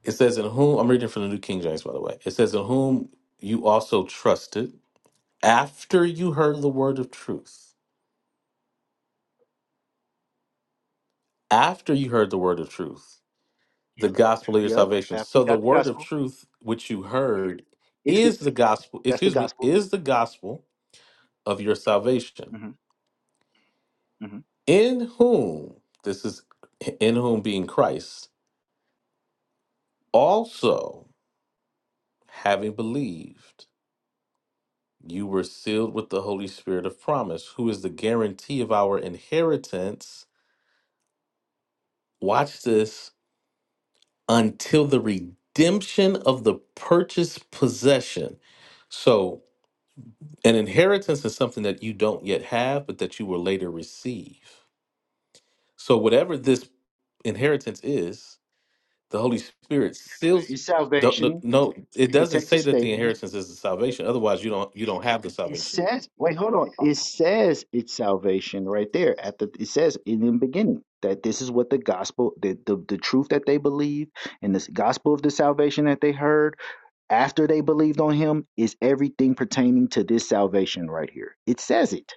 It says in whom I'm reading from the New King James, by the way. It says in whom you also trusted after you heard the word of truth. After you heard the word of truth, the gospel of your Yep. salvation. After So you the got the word of gospel, truth which you heard is the is the gospel. that's the Excuse me, gospel. is the gospel of your salvation. hmm hmm in whom this is in whom being Christ also having believed you were sealed with the holy spirit of promise who is the guarantee of our inheritance watch this until the redemption of the purchased possession so an inheritance is something that you don't yet have but that you will later receive so whatever this inheritance is The Holy Spirit seals. It's Don't, no, salvation. no, it The doesn't text is say that the statement. inheritance is the salvation. Otherwise, you don't you don't have the It salvation. says, wait, hold on. It says it's salvation right there. At the it says in the beginning that this is what the gospel, the the, the truth that they believe, and this gospel of the salvation that they heard after they believed on him is everything pertaining to this salvation right here. It says it.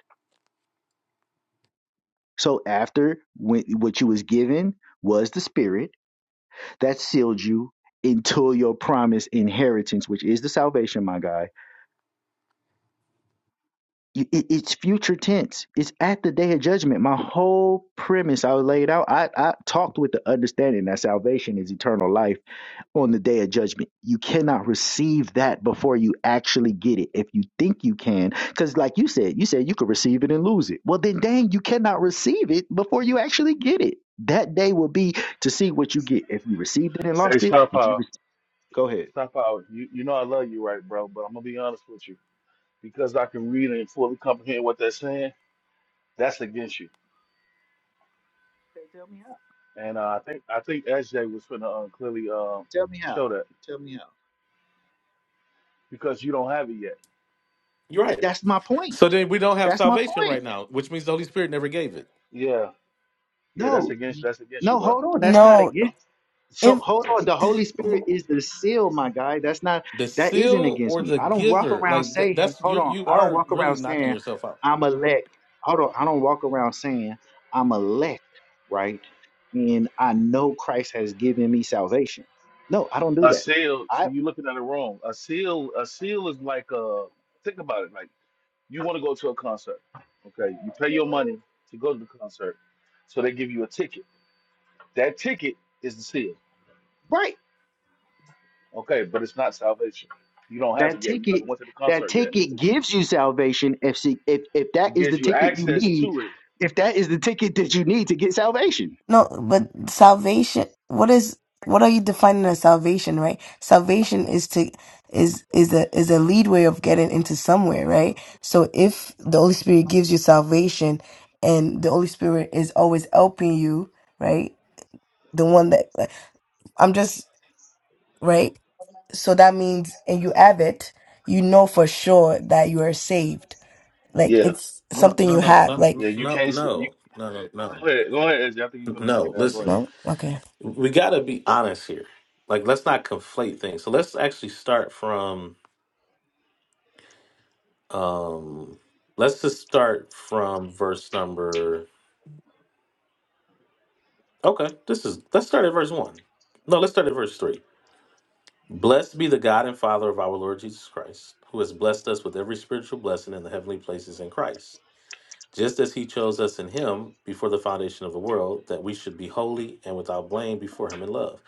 So after when, what you was given was the spirit that sealed you until your promised inheritance, which is the salvation, my guy. You- it- it's future tense. It's at the day of judgment. My whole premise I laid out. I, I talked with the understanding that salvation is eternal life on the day of judgment. You cannot receive that before you actually get it. If you think you can, because like you said, you said you could receive it and lose it. Well, then, dang, you cannot receive it before you actually get it. That day will be to see what you get. If you received it and Hey, lost it, stop if you out. re- go ahead. Stop out. You you know I love you, right, bro? But I'm gonna be honest with you because I can read and fully comprehend what they're saying. That's against you. Okay, tell me how. And uh, I think I think SJ was gonna uh, clearly uh, Tell me how. show that Tell me how. because you don't have it yet. You're right. That's my point. So then we don't have That's my salvation point. right now, which means the Holy Spirit never gave it. Yeah. Yeah, that's No, against y- that's against you, no, bro. hold on. That's not No, against. So if hold on, the Holy Spirit is the seal, my guy. That's not The that isn't seal against or me. the I don't walk giver, around like that, saying, that's hold you. on, You I don't are walk around really knocking saying yourself out. I'm elect. Hold on, I don't walk around saying I'm elect, right? And I know Christ has given me salvation. No, I don't do A that. seal. So I you looking at it wrong. A seal. A seal is like a. Think about it. Like you want to go to a concert. Okay, you pay your money to go to the concert, so they give you a ticket. That ticket is the seal. right. Okay, but it's not salvation. You don't have it That yet. You ticket, haven't went to the that concert yet. ticket gives you salvation. If she, if if that It is the gives you ticket you access need, to it. if that is the ticket that you need to get salvation, No, but salvation, what is, what are you defining as salvation, right? Salvation is to, is, is a, is a leadway of getting into somewhere, right? So if the Holy Spirit gives you salvation and the Holy Spirit is always helping you, right? The one that, like, I'm just, right? So that means, and you have it, you know for sure that you are saved. Like Yeah. it's No, something no, you no, have, no, like, no, Yeah. You no, can't. s- You no, no, no. go ahead. Go ahead, Ezzy. I think you're gonna break it No, down. Go Listen, ahead. no? Okay. we got to be honest here. Like, let's not conflate things. So let's actually start from. um Let's just start from verse number. Okay, this is. Let's start at verse one. No, let's start at verse three. Blessed be the God and Father of our Lord Jesus Christ, who has blessed us with every spiritual blessing in the heavenly places in Christ, just as He chose us in Him before the foundation of the world, that we should be holy and without blame before Him in love,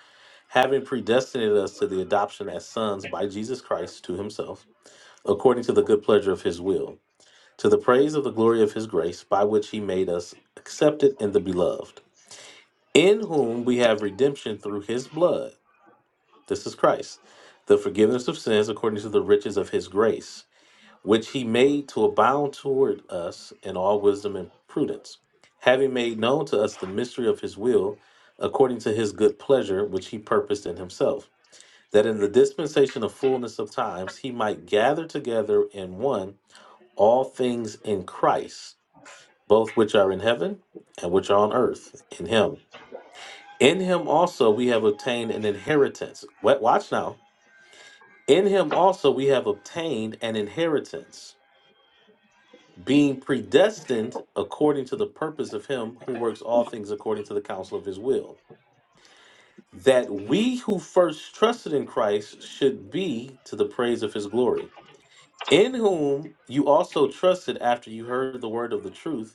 having predestinated us to the adoption as sons by Jesus Christ to Himself according to the good pleasure of his will, to the praise of the glory of his grace, by which he made us accepted in the beloved, in whom we have redemption through his blood. This is Christ, the forgiveness of sins according to the riches of his grace, which he made to abound toward us in all wisdom and prudence, having made known to us the mystery of his will, according to his good pleasure, which he purposed in himself. That in the dispensation of fullness of times he might gather together in one all things in Christ, both which are in heaven and which are on earth, in him. In him also we have obtained an inheritance. Wa- Watch now. In him also we have obtained an inheritance, being predestined according to the purpose of him who works all things according to the counsel of his will, that we who first trusted in Christ should be to the praise of his glory. In whom you also trusted after you heard the word of the truth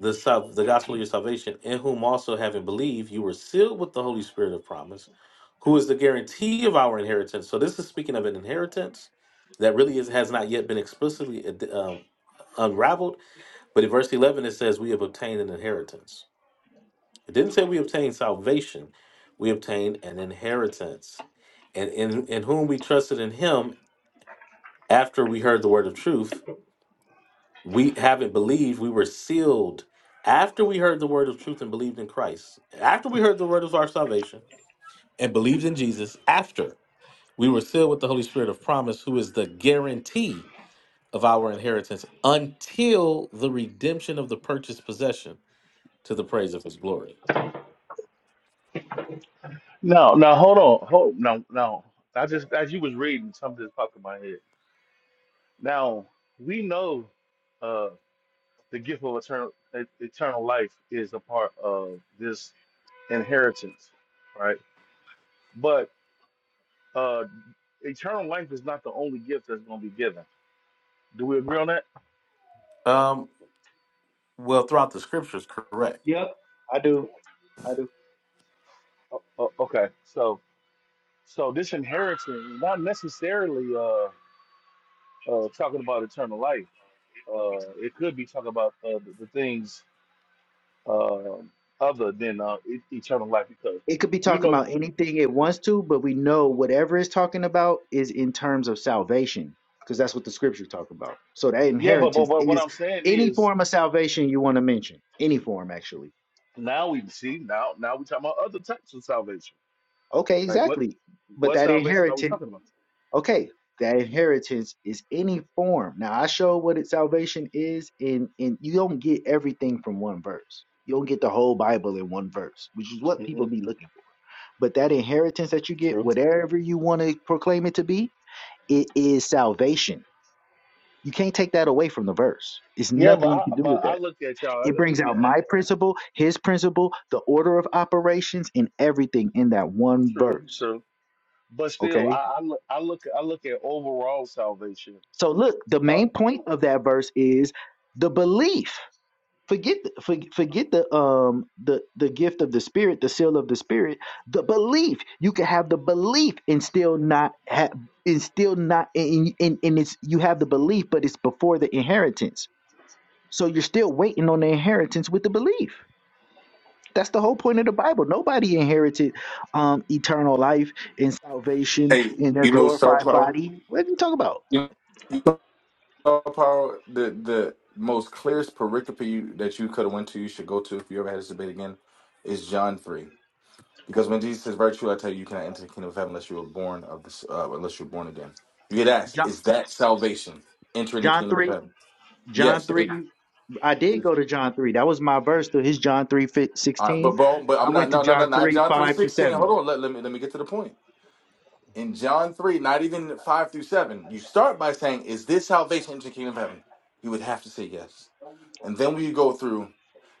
the sal- the gospel of your salvation, in whom also having believed, you were sealed with the Holy Spirit of promise, who is the guarantee of our inheritance. So this is speaking of an inheritance that really is, has not yet been explicitly ad- um, unraveled. But in verse eleven, it says, "We have obtained an inheritance." It didn't say we obtained salvation; we obtained an inheritance, and in in whom we trusted in Him after we heard the word of truth we haven't believed we were sealed after we heard the word of truth and believed in christ after we heard the word of our salvation and believed in jesus after we were sealed with the holy spirit of promise who is the guarantee of our inheritance until the redemption of the purchased possession to the praise of his glory No. No. Hold on. Hold. No. No. I just as you was reading, something just popped in my head. Now we know uh, the gift of eternal e- eternal life is a part of this inheritance, right? But uh, eternal life is not the only gift that's going to be given. Do we agree on that? um well throughout the scriptures correct yep, I do, I do. O- o- okay, so so this inheritance is not necessarily uh, uh, talking about eternal life. Uh, it could be talking about uh, the, the things um other than uh, e- eternal life because It could be you talking know about anything it wants to, but we know whatever it's talking about is in terms of salvation, because that's what the scripture talk about. So that yeah but, but inheritance but what is i'm saying any is form of salvation you want to mention, any form actually. Now we see now now we talking about other types of salvation. Okay, Like what exactly. But what that salvation are we inheritance talking about? okay, that inheritance is any form. Now I show what it, salvation is, and and you don't get everything from one verse. You don't get the whole Bible in one verse, which is what people Mhm, be looking for. But that inheritance that you get, True. whatever you want to proclaim it to be, it is salvation. You can't take that away from the verse. It's Yeah, but nothing you I, can do but with I that. look at y'all. It Let me brings be out my principle, his principle, the order of operations, and everything in that one true, verse. true. But still, Okay I, I look I look I look at overall salvation. So look, the main point of that verse is the belief. Forget the- for, forget the um the the gift of the spirit, the seal of the spirit, the belief. You can have the belief and still not have and still not and, and, and it's you have the belief, but it's before the inheritance. So you're still waiting on the inheritance with the belief. That's the whole point of the Bible. Nobody inherited um eternal life and salvation Hey, in their you know star glorified power. body. What are you talking about? You know. Power, the the most clearest pericope you, that you could have went to, you should go to if you ever had this debate again, is John three. Because when Jesus says, very "Virtue, I tell you, you cannot enter the kingdom of heaven unless you are born of this, uh, unless you're born again." You get asked, John "Is that salvation entering the John kingdom of 3 heaven?" John Yes. 3, It- I did go to John 3. That was my verse to his John 3 fi- all right, but 16. but but I I'm not. went to No, no, no, John not 3, John three 5 to sixteen. 7. Hold on. Let, let me let me get to the point. in John 3, not even 5 through 7, you start by saying, Is this salvation into the kingdom of heaven? He would have to say yes. And then we go through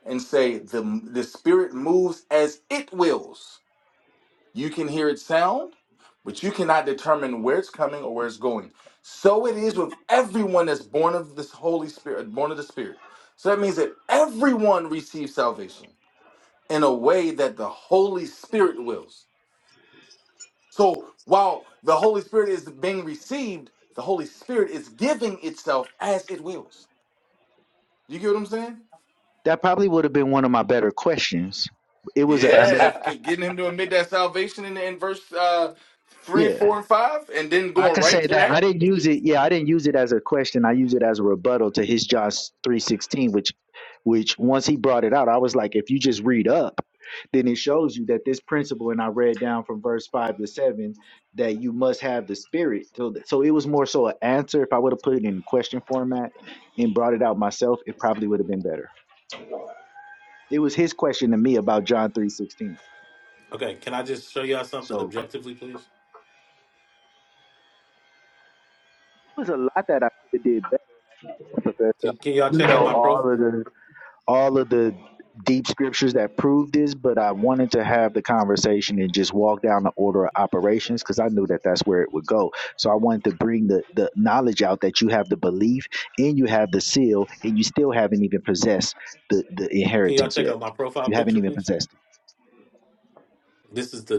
and say, the, the Spirit moves as it wills. You can hear it sound, but you cannot determine where it's coming or where it's going. So it is with everyone that's born of this Holy Spirit, born of the Spirit. So that means that everyone receives salvation in a way that the Holy Spirit wills. So while the Holy Spirit is being received, the Holy Spirit is giving itself as it wills. You get what I'm saying? That probably would have been one of my better questions. It was a, Yeah, Uh, but I, it's g- getting him to admit that salvation in, in verse uh, three, yeah. four, and five, and then I going can right say to that I that. didn't use it. Yeah, I didn't use it as a question. I use it as a rebuttal to his John three sixteen, which, which once he brought it out, I was like, if you just read up, then it shows you that this principle, and I read down from verse five to seven, that you must have the spirit. So, th- so it was more so an answer. If I would have put it in question format and brought it out myself, it probably would have been better. It was his question to me about John three sixteen. okay can i just show y'all something So objectively please it was a lot that I could have did better, Professor. can, can y'all You check out know my all profile of the all of the deep scriptures that prove this, but I wanted to have the conversation and just walk down the order of operations because I knew that that's where it would go. So I wanted to bring the the knowledge out that you have the belief and you have the seal and you still haven't even possessed the the Can y'all inheritance check yet. out my profile You haven't picture, even please? possessed it. This is the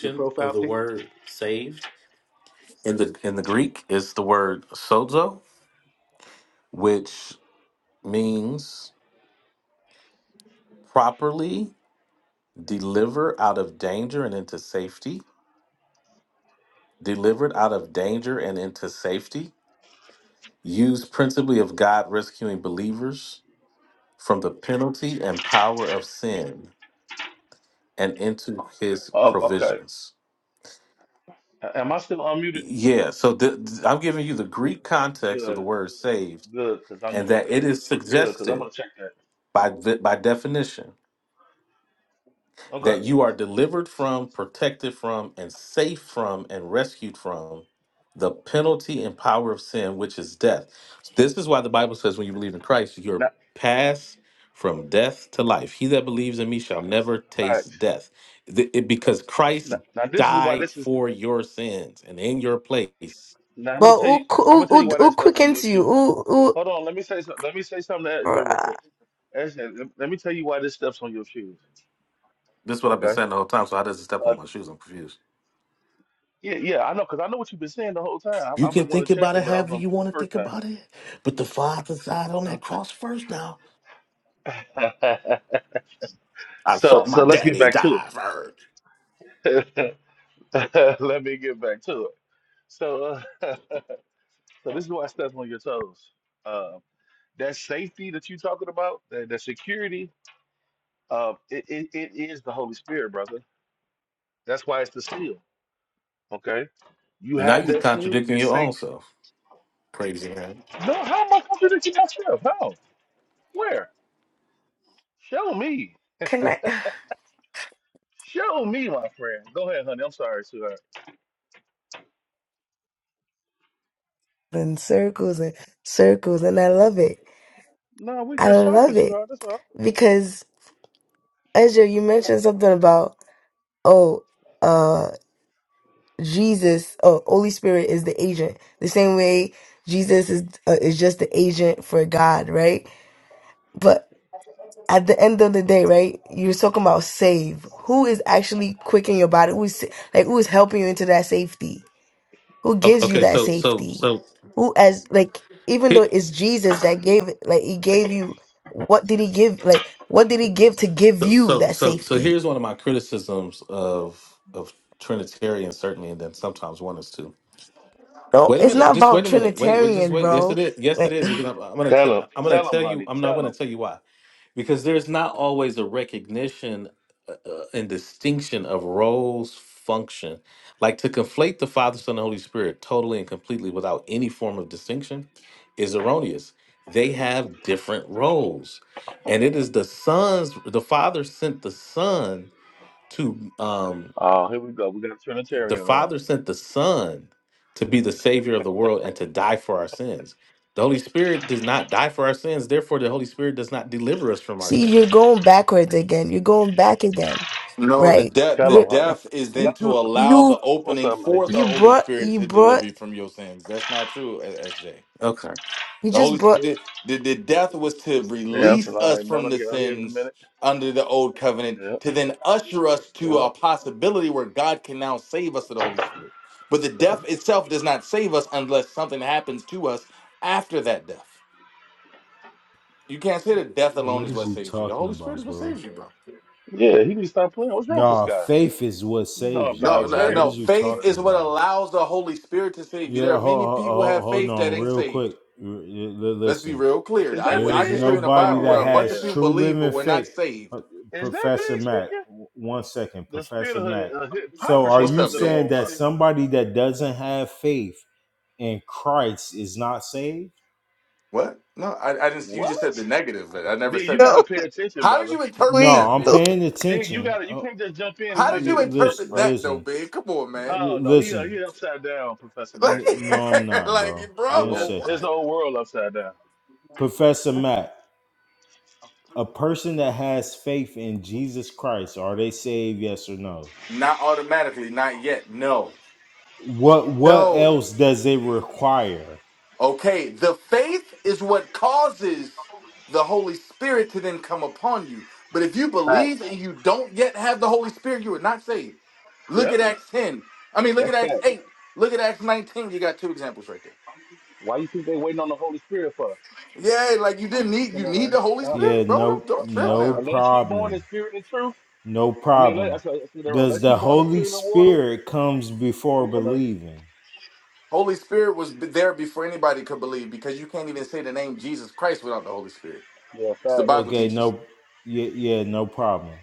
Your of profile the picture. word saved. In the in the Greek, it's the word sozo, which means properly deliver out of danger and into safety. Delivered out of danger and into safety. Used principally of God rescuing believers from the penalty and power of sin. and into his oh, okay. provisions. Am I still unmuted? Yeah, so th- th- I'm giving you the Greek context of the Good, word saved good, because I'm and that it is good because I'm suggested gonna check that. by the, by definition Okay. that you are delivered from, protected from, and safe from, and rescued from the penalty and power of sin, which is death. This is why the Bible says when you believe in Christ, you're Now, passed from death to life. He that believes in me shall never all right. taste death. Th- it- because Now, Christ now this is why died this is. for your sins and in your place. This Now I'm gonna But tell you. who, I'm who, gonna tell who, you why that who stuff on your quickens you? shoes. Who, Hold on. Let me say. some- Let me say something to SJ who? real quick. Actually, let let me tell you why this stuff's on your shoes. is what I've been Okay. saying the whole time. So how does it step Uh, on my shoes? I'm confused. yeah, yeah, I know, cause I know what you've been saying the whole time. I, You I've can been wanting think to check about it, it but I was however on you mute the want to first think time. about it, but the Father died on that cross first now. Okay. I so, saw so my let's get daddy back to die first. it. let me get back to it. So, uh, so this is why stuff's on your toes. Uh, that safety that you're talking about, that, that security, uh, it, it, it is the Holy Spirit, brother. That's why it's the seal. Okay. You Now have you're that seal, contradicting you're your own safe. self. Crazy man. No, how am I going to do that You got yourself? Where? Show me. connect Show me, my friend. Go ahead, honey. I'm sorry, sweetheart. in circles and circles and I love it. No, we I just talking, love it sweetheart. That's all. right. because Ezra, you mentioned something about oh uh Jesus oh Holy Spirit is the agent. The same way Jesus is uh, is just the agent for God, right? But at the end of the day, right? You're talking about save. Who is actually quickening your body? Who is like who is helping you into that safety? who O- gives you Okay, that so so safety so who as like even though he- it's jesus that gave it like he gave you what did he give like what did he give to give so you so that so so safety here's one of my criticisms of of Trinitarian certainly, and then sometimes one is too. no Wait a it's minute. not Just about wait a minute. Wait. wait just trinitarian wait. Yes, it bro is. Yes, it like is. Because I'm, I'm gonna. T- Tell him. I'm gonna Tell him, tell you. honey. I'm not Tell gonna him. tell you why. because there's not always a recognition uh, uh, and distinction of roles function like to conflate the father son and holy spirit totally and completely without any form of distinction is erroneous they have different roles and it is the sons the father sent the son to um Oh, here we go. We got a the Trinitarian in the room. father sent the son to be the savior of the world and to die for our sins the holy spirit does not die for our sins therefore the holy spirit does not deliver us from our see you're sins going backwards again you're going back again No, the right death the Tell him, Re- honey. death is then to allow you the What's opening up, honey? for the you Holy brought Spirit you to brought deliver you from your sins. That's not true, S- SJ. okay you The just Holy brought Spirit, the, the death was to Yeah, I'm release feeling all us right, man. I'm from about to the get out here in a sins minute. under the old covenant Yep. to then usher us to Yep. a possibility where God can now save us through the Holy Spirit. But the death itself does not save us unless something happens to us after that death. You can't say that death alone What is is what you saves you. The talking Holy Spirit about, is what bro? saves you, bro. Yeah, he needs to stop playing. What's wrong with this Nah, guy? faith is what He's saves not you, No, bro. no, What no. is non-Trinitarians, you boy. Faith talking is what about? allows the Holy Spirit to save you. There Yeah, are many people who hold, have hold faith that on, ain't real quick. saved. R- l- l- Let's be Listen, real clear. Is I, that there I is can show big? you in the nobody Bible Oh, where that a bunch of has yeah. people true believe but living were not faith. saved Uh, Is that Professor big Mack, speaking? w- one second, The spirit Professor Mack. of uh, So, are hypocrisy What's you up, stepped in the babe? saying room, that huh? somebody that doesn't have faith in Christ is not saved? What? No, I, I didn't. You just said What? the negative, but I never B, you said got to that. no pay attention, How did brother. you No, interpret wait that, I'm babe? no. paying Zig, you attention. got to You Oh, l- can't just jump in. and You How ain't did been you paying attention, interpret listen, bro. that, though, listen, babe? Come on, man. Oh l- no, he listen. he upside down, Professor Max. So, N- no, I'm Like, not, bro. like, One yeah, bro, his second. what? whole world upside down. Professor Matt, a person that has faith in Jesus Christ, are they saved? Yes or no? Not automatically, not yet. No, What What no. else does it require? Okay, the faith is what causes the Holy Spirit to then come upon you. But if you Facts. believe and you don't yet have the Holy Spirit, you are not saved. Look Yep. at Acts ten. I mean, look That's at Acts facts. eight. Look at Acts nineteen. You got two examples right there. Why you think they waiting on the Holy Spirit for? Yeah, like you didn't need Come you on, need man. the Holy Stop it. Yeah, Spirit, bro. Don't no, don't trip Stop no it. now. Unless you born problem, in spirit and truth. no I mean, let, problem. that's, that's what they're on. Does Unless the you born in Holy spirit and water. Spirit comes before Come on, man. believing? Holy Spirit was b- there before anybody could believe because you can't even say the name Jesus Christ without the Holy Spirit. Yeah, It's the facts. Bible Okay, teaches. no, yeah, yeah, no problem.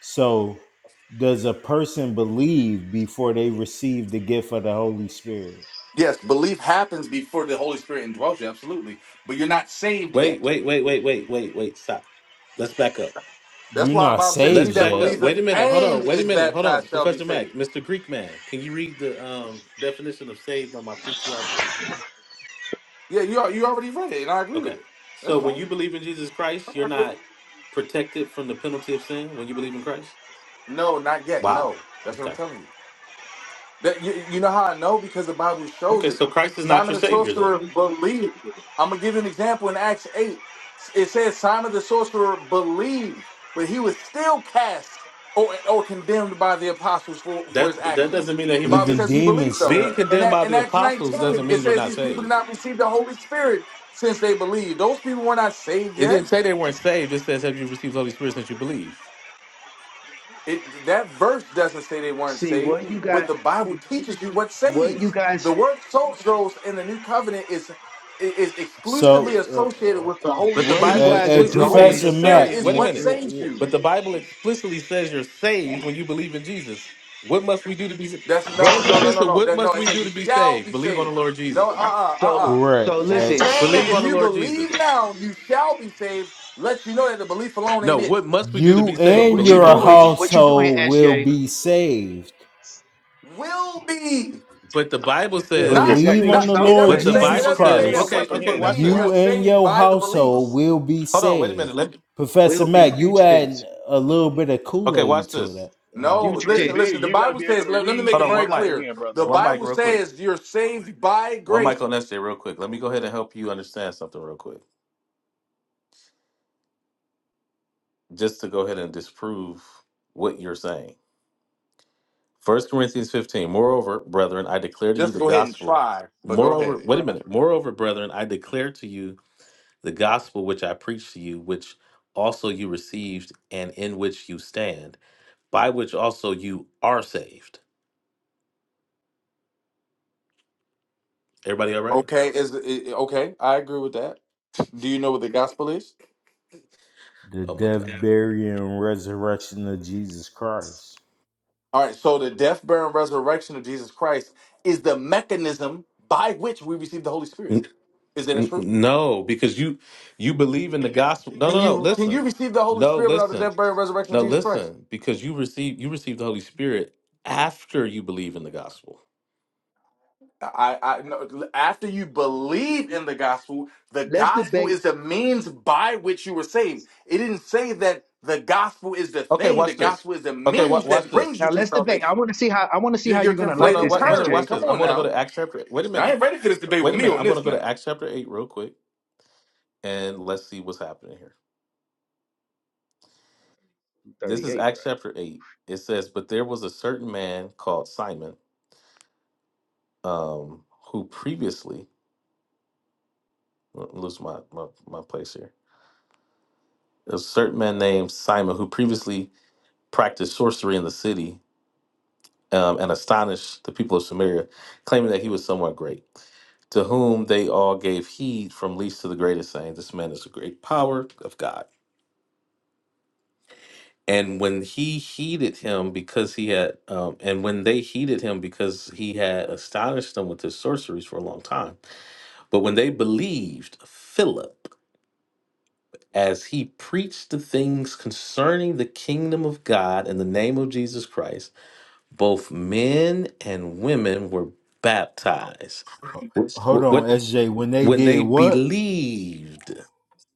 So, does a person believe before they receive the gift of the Holy Spirit? Yes, belief happens before the Holy Spirit indwells you, absolutely. But you're not saved Wait, yet. wait, wait, wait, wait, wait, wait. Stop. Let's back up. That's You're why the not Bible says, "He saved Let's that back yet. up. Wait believeth a minute. Hold on. and Wait a is minute. Hold on. baptized shall be Professor Mack, saved." Mr. Greek man, can you read the um, definition of saved on my PTR, please? Yeah, you al- you already read it, and I agree with Okay. it. That's So when fine. you believe in Jesus Christ, you're not protected from the penalty of sin when you believe in Christ? No, not yet. Wow. No, that's what I'm Okay. telling you. That you, you know how I know because the Bible shows Okay. it. So Christ is not Simon your the savior then. sorcerer believed. I'm gonna give you an example in Acts eight. It says Simon the sorcerer believed, but he was still cast or or condemned by the apostles for, for his That that doesn't actions. mean that he The went Bible Even to says he believed demons. though. being Uh, And condemned that by in the Acts apostles 19, doesn't it mean you're says not these people did saved. not receive the Holy Spirit since they believed. Those people were not saved It yet. didn't say they weren't saved. It says have you received the Holy Spirit since you believe. It that verse doesn't say they weren't See saved, what you but got. the Bible teaches you what What you saves. guys. The word "solos" in the New Covenant is is exclusively associated so, with the Holy But the What uh, uh, Spirit. you Bible hey, guys hey, are The explicitly Holy says doing. you're Professor Spirit Mac, saved. is Wait a wha- what minute. wha- saves you. wha- But the Bible explicitly says you're saved when you believe in Jesus. What must we do to be saved? That's no, Brothers no, and no, no, sisters, no. what That no. must It we says do you to be shall saved? be Believe on the saved. Lord No, uh, Jesus. uh, uh, uh. So correct, so Say, listen. X. saying that If Believe on if the you you Lord believe Jesus. now, you shall be saved. Let you know that the belief alone No, ain't what it. must we do to You be so saved? and what you're Believe your on the Lord doing. Jesus. What you're doing, household will SJ. be saved. Will be. But the Bible Will Yeah. says, Not Some exact Believe people. on not the future. it Some Lord but hey, doesn't the some say it Jesus people Bible doesn't can't says, say read and that Christ. okay, once you okay, comprehend. That's watch the believe this. you're You problem. and saved your by the belief. household will be Hold on, wait a minute. saved. Let me, Professor will be Mac, you future tense. add a little bit of Kool okay, watch Aid to this. that. Uh, No, Future Yeah, listen, tense. big. listen. The You got to Bible be able says, to let, let me read make Hold it on, and very one mic. clear. comprehend, brother. The One mic Bible real quick. says you're saved by One mic grace. on SJ real quick. Let me go ahead and help you understand something real quick. just to go ahead and disprove what you're saying. First Corinthians 15. Moreover, brethren, I declare to you Just the go ahead and gospel. try, but go Moreover, ahead. wait a Try. minute. Moreover, brethren, I declare to you the gospel which I preached to you, which also you received and in which you stand, by which also you are saved. Everybody all right? Okay, is i- okay, I agree with that. Do you know what the gospel is? the Oh my death, God. burial, and resurrection of Jesus Christ. All right, so the death, burial, and resurrection of Jesus Christ is the mechanism by which we receive the Holy Spirit. Is that N- true? No, because you you believe in the gospel. No, Can no, no. you can you Listen, receive the Holy no, Spirit without the listen, death, burial, and resurrection of no, Jesus Christ? listen. Because you receive you receive the Holy Spirit after you believe in the gospel. I, I no, after you believe in the gospel, the Let's gospel debate. is the means by which you were saved. It didn't say that the gospel is the Okay, thing. The watch this. gospel is the Okay, wa- means watch that brings this. you Now to let's debate. I salvation. want to see how I want to see You're, how you're you're gonna No, like no, conflating this wa- wait a minute. terms. SJ Watch Come this. I'm on going to go now. to Acts chapter. Wait a I minute. ain't ready for this debate with Wait a me minute. on I'm going this to go to now. Acts chapter eight real quick, and let's see what's happening here. This is 38, bro. Acts chapter eight. It says, "But there was a certain man called Simon, um, who previously let me lose my my, my place here." a certain man named Simon who previously practiced sorcery in the city um, and astonished the people of Samaria, claiming that he was somewhat great, to whom they all gave heed from least to the greatest, saying, This man is a great power of God. And when he heeded him because he had, um, and when they heeded him because he had astonished them with his sorceries for a long time. But when they believed Philip, as he preached the things concerning the kingdom of God in the name of Jesus Christ, both men and women were baptized. Wh- Hold on, What SJ. When they when did they what? believed,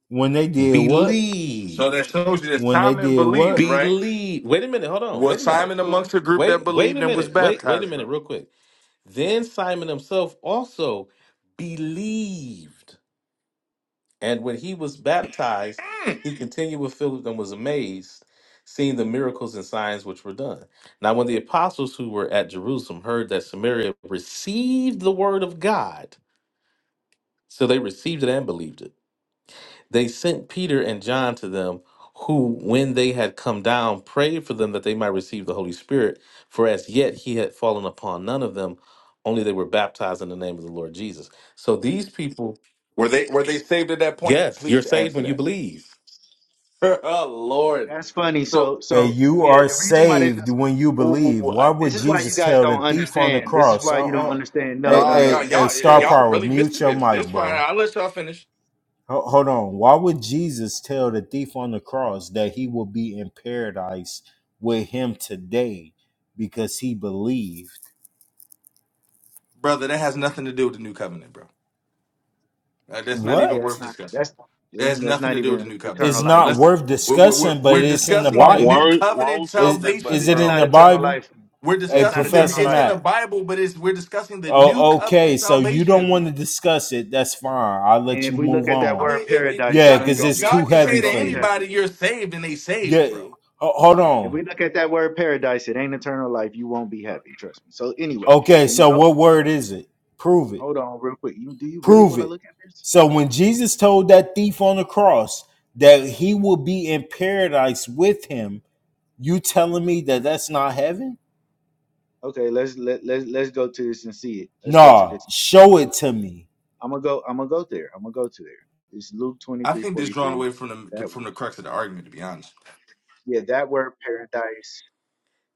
When they did what? So that believed, shows you that When they Simon did believed, what? right? believed. Wait a minute, hold on. Wait Was a minute. That's Simon amongst cool. the group that Wait, wait believed a and was minute. Wait, wait a baptized, minute, bro? real quick. Then Simon himself also believed And when he was baptized, Mm. he continued with Philip and was amazed, seeing the miracles and signs which were done. Now, when the apostles who were at Jerusalem heard that Samaria received the word of God, so they received it and believed it, they sent Peter and John to them, who, when they had come down, prayed for them that they might receive the Holy Spirit, for as yet he had fallen upon none of them, only they were baptized in the name of the Lord Jesus. So these people, Were they were they saved at that point? yes, you're Please saved answer when you that. believe. Oh Lord. That's funny. So, So And so you yeah, are the reason why this saved is when you believe. ooh, Why this would is why you Jesus guys tell the don't thief on the understand. This is cross? why Oh, you don't oh, understand. No, hey, no, Nah, no. y'all, hey, You hey, have y'all, star faith. y'all power, really mute missing your this. mic, This fine. bro. I'll let y'all finish. Ho- Hold on. Why would Jesus tell the thief on the cross that he will be in paradise with him today because he believed? Brother, that has nothing to do with the new covenant, bro. Uh, That's not Yeah, even that's worth What? not discussing. that's That has that's nothing not to do with the even new covenant. It's eternal life. not Let's worth we're, we're, we're discussing, but we're it's in the discussing the Wrong, new Bible. wrong covenant wrong Is subject, is salvation, buddy. it That's in not bro. the eternal Bible? life. We're Hey, That's not discussing the eternal Professor it's in life. the Mac. Bible, but it's we're discussing the new Oh, okay. covenant So you don't salvation. want to discuss it. That's fine. I'll And let if you we look move at that I on. mean, word it, it, it- paradise, Yeah, you ain't God, because gonna it's be God too can you say ain't heavy to gonna for be you. happy. anybody, "You're saved," and they Yeah. saved, bro. ho- hold If on. we look at that word paradise, it ain't eternal life. You won't be happy, trust me. So anyway, Okay. when we So go, what word is it? Prove it. hold on real quick. You do you really Prove want to it. look at this? So when Jesus told that thief on the cross that he will be in paradise with him, you telling me that that's not heaven? Okay, let's let let's let's go to this and see it. Let's go to Nah. this. And see it. Show it to me. I'm gonna go. I'm gonna go there. I'm gonna go to there. It's Luke twenty I three think this forty drawn three. away from 43. the That from the crux of the argument, to be honest. yeah, that word paradise.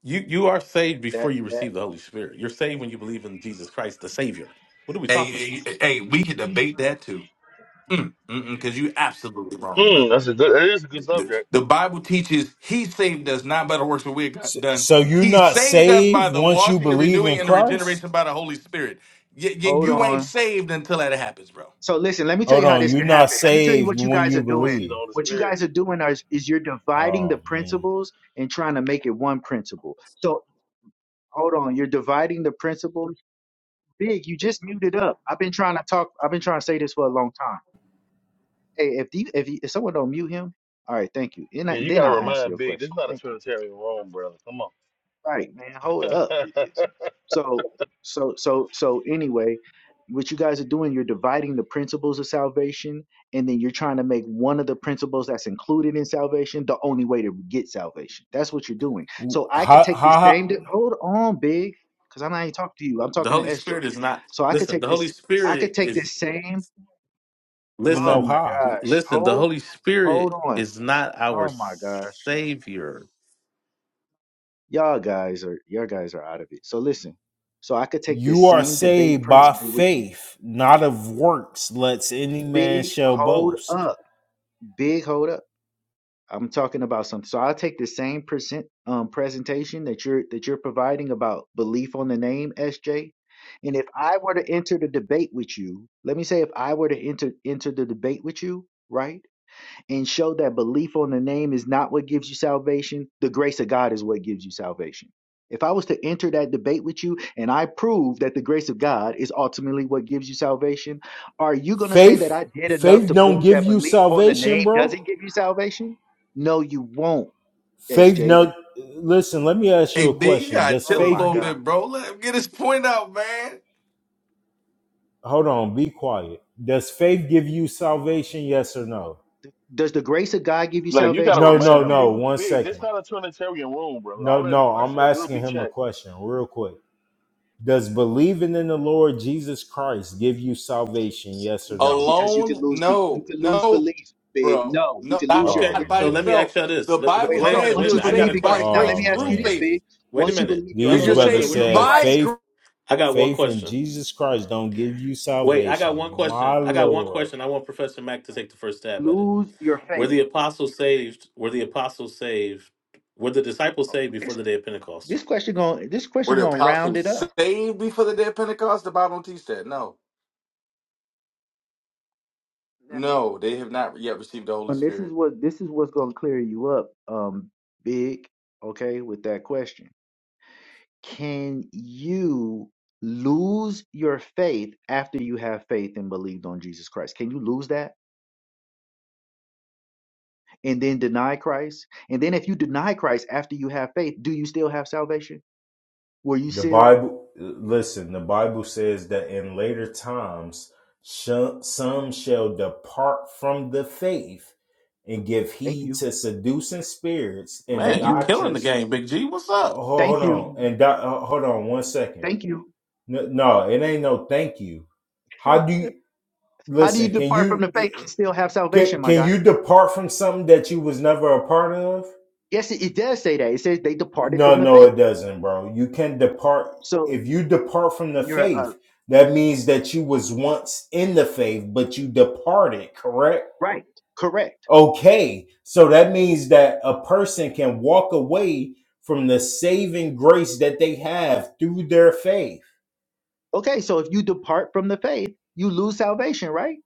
You you are saved before That you that. receive the Holy Spirit. You're saved when you believe in Jesus Christ, the Savior. What are we Hey, talking about? hey, hey, we could debate that too. Mm, mm because you absolutely wrong, Hmm, brother. that's a good. It is a good The, subject. the Bible teaches he saved us not by the works that we had So, got done. so you're He not saved us saved by the once you washing, the believe renewing, in and the Christ? regeneration by the Holy Spirit. Y- y- Hold you ain't on. saved until that happens, bro. So listen, let me tell Hold you how on, this you're can not happen. Let me tell you saved what you when guys are you We doing. see the believe. Holy What you Spirit. guys are doing is, is you're dividing the Oh man, principles and trying to make it one principle. So Hold on, you're dividing the principle. Big, you just muted up. I've been trying to talk. I've been trying to say this for a long time. Hey, if the, if, you, if someone don't mute him, all right, thank you. And Yeah, I, you then gotta I'll answer remind your Big. This is question. not a Thank you. Trinitarian room, brother. Come on. right, man. Hold up with this. So, so, so, so. Anyway, what you guys are doing, you're dividing the principles of salvation, and then you're trying to make one of the principles that's included in salvation the only way to get salvation. That's what you're doing. So I could how how, take this how same. di- Hold on, big, because I'm not even talking to you. I'm The talking to Holy SJ. Spirit is not So I could listen, take the Holy this. I could Spirit take is this same. even Oh know listen, my how? gosh. listen, the Hold, Holy hold Spirit on. is not our Oh my gosh. Savior. Y'all guys are y'all guys are out of it. So listen. So I could take this You are same debate saved by principle with faith, not of works. Let's any man big shall hold boast. up, big hold up. I'm talking about something. So I'll take the same present um presentation that you're that you're providing about belief on the name SJ. And if I were to enter the debate with you, let me say if I were to enter enter the debate with you, right? and show that belief on the name is not what gives you salvation, the grace of God is what gives you salvation. If I was to enter that debate with you and I prove that the grace of God is ultimately what gives you salvation, are you going to say that Faith, I did enough faith to don't prove give that you belief on the salvation, name bro. doesn't give you salvation? No, you won't, Faith SJ. no. Listen, let me ask Hey, you a big, you question. gotta Does chill Oh a my faith little get? God. bit, bro. Let him get his point out, man. Hold on, be quiet. Does faith give you salvation? Yes or no? Does the grace of God give you like you gotta salvation? No, Yes or no, remind no, Big. no. big? One Big, this second. not a Trinitarian room, brother. No, All that no. I'm aggression will asking be him a checked. question, real quick. Does believing in the Lord Jesus Christ give you salvation? Yes or No, no? because you can Alone, lose the you no, can lose no, belief, big. bro, No, you no, can not lose your Oh Okay, belief. by so let man. me ask itself. y'all this. The L- l- Wait, Bible hold Wait a on. minute, says wait Once a you're you minute. I got believe a saved in by Christ, question. now let grace Oh me ask through you man. this, faith. babe. Wait a Once you minute. believe your, No, You're, These no, no, you're once wait you a minute, brothers wait believe real saved in said quick. by Christ, grace faith I got one faith in question. Jesus Christ don't give you Wait, I got one salvation. My question. I got one Lord. question. I once want you Professor believe in Mack to Christ, take the first stab at it. lose your Were faith. the apostles saved? Were the apostles saved? Were the disciples Hold saved on. before This, the day of Pentecost? this question going, this Were question the going to round it apostles up. saved before the day of Pentecost? The Bible don't teach that. No. Now, No, they have not yet received hold the Holy on. This is Spirit. what, this is what's going to clear you up, um, big. Okay, with that question, can you lose your faith after you have faith and believed on Jesus Christ? Can you lose that? and then deny Christ? And then if you deny Christ after you have faith, do you still have salvation? Were you The sealed? Bible listen, the Bible says that in later times sh- some shall depart from the faith and give Thank heed you. to seducing spirits and Man, Thank you you. killing the doctrines. game, Big G. What's Ho- up? Thank Hold you. on. And doc- hold on one second Thank you. No, no, it ain't no thank you. How do you How do you listen? Can depart from you the faith and still have salvation, can, my can God? you depart from something that you was never a part of? Yes, it, it does say that. It says they departed No, from the no, faith. it doesn't, bro. You can depart So if you depart from the you're uh, faith. That means that you was once in the faith, but you departed, correct? right. Correct. Okay, so that means that a person can walk away from the saving grace that they have through their faith. Okay, so if you depart from the faith, you lose salvation, right?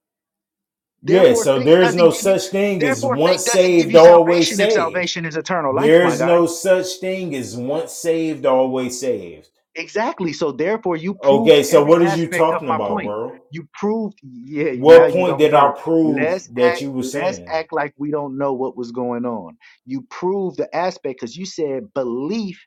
Yeah, Therefore, so faith there's no doesn't give you. such thing as Therefore, faith once doesn't give saved, you always salvation if saved. salvation is eternal life, my There's God. no such thing as once saved, always saved. Exactly. So therefore, you proved Okay, so every what is you aspect of talking my about, point. bro? You proved, yeah. Now What you point don't did I know. prove Let's that act. you were Let's saying? act like we don't know what was going on. You proved the aspect because you said belief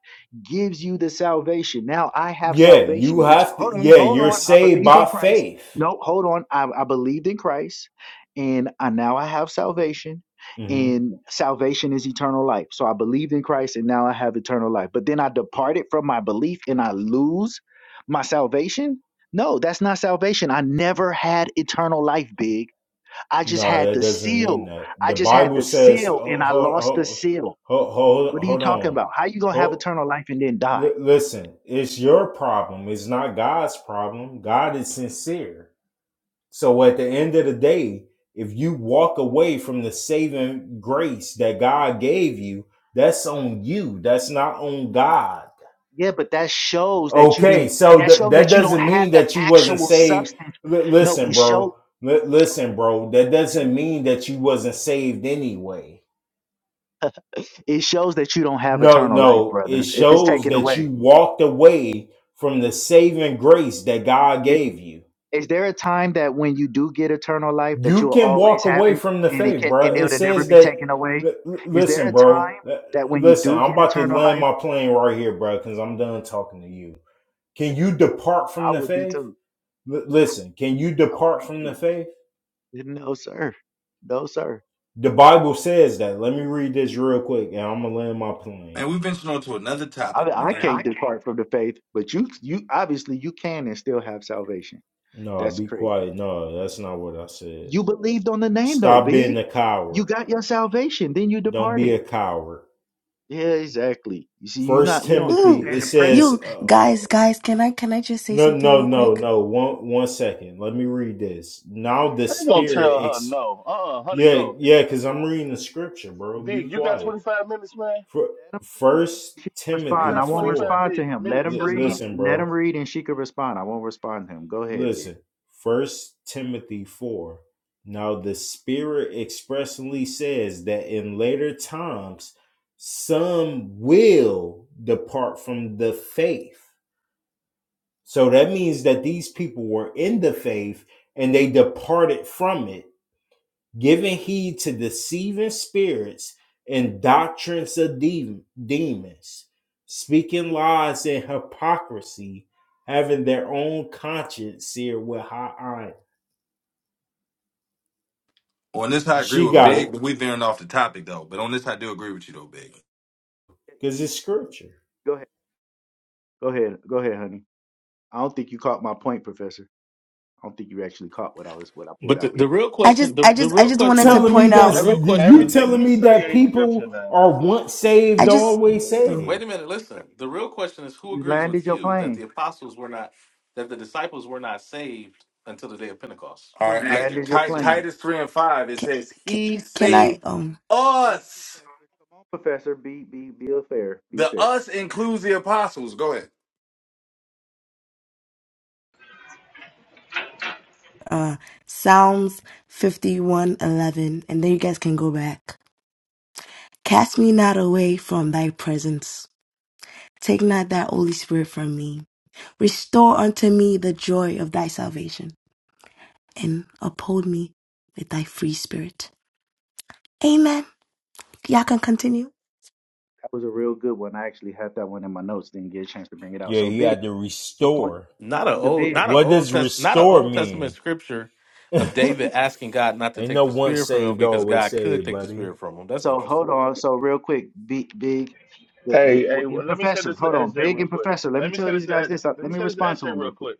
gives you the salvation. Now I have Yeah, you salvation. Which have to. hold on, Yeah, hold you're on. I saved believed in by Christ. faith. No, hold on. I, I believed in Christ, and I, now I have salvation hmm and salvation is eternal life. So I believed in Christ and now I have eternal life. But then I departed from my belief and I lose my salvation? No, that's not salvation. I never had eternal life, big. I just No, had that the doesn't mean seal. that. I The just had Bible the says, seal and oh, I hold, lost the hold, seal. hold, hold, What are you hold talking on. about? How you going to have hold. eternal life and then die? L- listen, it's your problem. It's not God's problem. God is sincere. So at the end of the day, if you walk away from the saving grace that God gave you, that's on you. That's not on God. Yeah, but that shows that you Okay, didn't so that th- shows that that you don't doesn't have mean the that you wasn't actual saved. substance. L- No, it listen, shows bro. L- listen, bro. That doesn't mean that you wasn't saved anyway. it shows that you don't have No, eternal life, no. It brother. If it's shows taken that away. you walked away from the saving grace that God Is, gave you. is there a time that when you do get eternal life that you You will can always walk have away it from the and it faith, can and bro. It it'll never says be that. taken away? li- li- Is there a listen, time bro. li- that when you Listen, do I'm get about to eternal land life, my plane right here, bro, because I'm done talking to you. Can you depart from I the would be faith? too. Li- listen, can you I would depart be from the too. faith? No, sir. No, sir. The Bible says that. Let me read this real quick, and I'm gonna land my plane. Man, we've ventured on to another I, topic, I man. can't I can't- depart from the faith, but you you obviously you can and still have salvation. No, That's be crazy. quiet. No, that's not what I said. You believed on the name though, Stop being big. a You coward. got your salvation, then you Don't be departed. a coward. Yeah, exactly. You see, you First not you don't Ooh, Timothy, understand it the principle. says, you uh, guys guys can i can i just say no, something no, real no, quick no. One, one second. Let me read this. Now the I ain't gonna Spirit, tell her ex- no. Uh, uh honey, yeah, go. yeah, because I'm reading the scripture, bro. Be Big, you got quiet. 25 minutes, man. For Let him just read First and she can You respond. Timothy I got won't 25 four. respond big to him. Let minutes. him L- Yes or no? read. listen, Let bro. him read and she can respond. I won't respond to him. Go ahead, big. Listen. First Timothy four. Now the Spirit expressly says that in later times some will depart from the faith So that means that these people were in the faith and they departed from it, giving heed to deceiving spirits and doctrines of dem- demons, speaking lies and hypocrisy, having their own conscience seared with hot iron. On this, I agree She with got Big, it but we veering off the topic, though. But on this, I do agree with you, though, Big. Yeah, you because can- it's scripture. Go ahead. Go ahead. Go ahead, honey. I don't think you caught my point, Professor. I don't think you actually caught what I was what I pulled But the, out. the real I question, just, the, I the just, I real just question wanted to is Telling who me point agreed? The out. that's Every, real you question, everything telling you me say that ain't scripture people now. are once I saved, just, always Come oh, on, wait saved. a minute, let listen. her, The let her real go, question big. is who You agrees landed with your you that the plane. apostles were not, that the disciples were not saved until the day of Pentecost? All Who You agrees right. with you landed on your that? I, Ti- Seriously. plane. Titus 3 and 5, it can, says, can, He can I, saved um, Come on, us. Professor. Come on, Professor. Be be be a fair. Be The fair. us includes the apostles. Go ahead. uh, Psalms fifty-one eleven, and then you guys can go back. Cast me not away from thy presence. Take not thy Holy Spirit from me. Restore unto me the joy of thy salvation, and uphold me with thy free spirit. Amen. Y'all can continue. That was a real good one. I actually had that one in my notes. Didn't get a chance to bring it out. Yeah, So he big. had to The point. restore. Not a The old, big. not an What old does test, not an restore Old mean? Testament scripture of So David Ain't asking God not to no take the once spirit from him saved, because always God could saved, take the buddy. spirit from him. That's so interesting. hold on. So real quick, big big. The the Hey, hey, what- your well, let me say professor. this to Hold on, SJ big real and quick. professor. Let me Let me tell say this these to guys S, this. Uh, let Let me me say this to respond to SJ them real real quick. quick.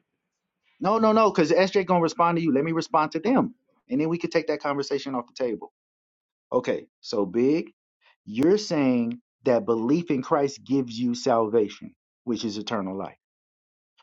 No, no, no, because SJ gonna respond to you. Let me respond to them, and then we could take that conversation off the table. Okay, so big, you're saying that belief in Christ gives you salvation, which is eternal life.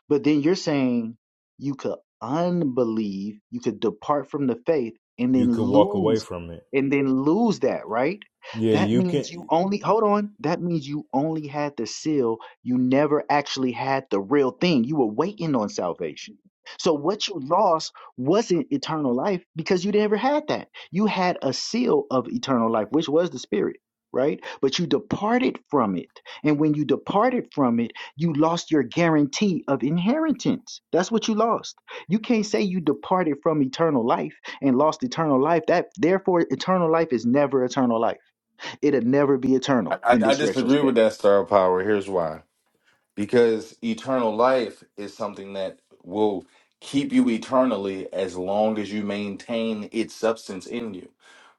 But then you're saying you could unbelieve, you could depart from the faith and You then could walk away lose from it. and then lose that, right? Yeah, That you means you can. only hold on. That means you only had the seal. You never actually had the real thing. You were waiting on salvation. So what you lost wasn't eternal life because you never had that. You had a seal of eternal life, which was the spirit, right? But you departed from it. And when you departed from it, you lost your guarantee of inheritance. That's what you lost. You can't say you departed from eternal life and lost eternal life. That therefore eternal life is never eternal life. It'll never be I, eternal I, in I this disagree with retrospect. that star power. Here's why. because eternal life is something that will keep you eternally as long as you maintain its substance in you.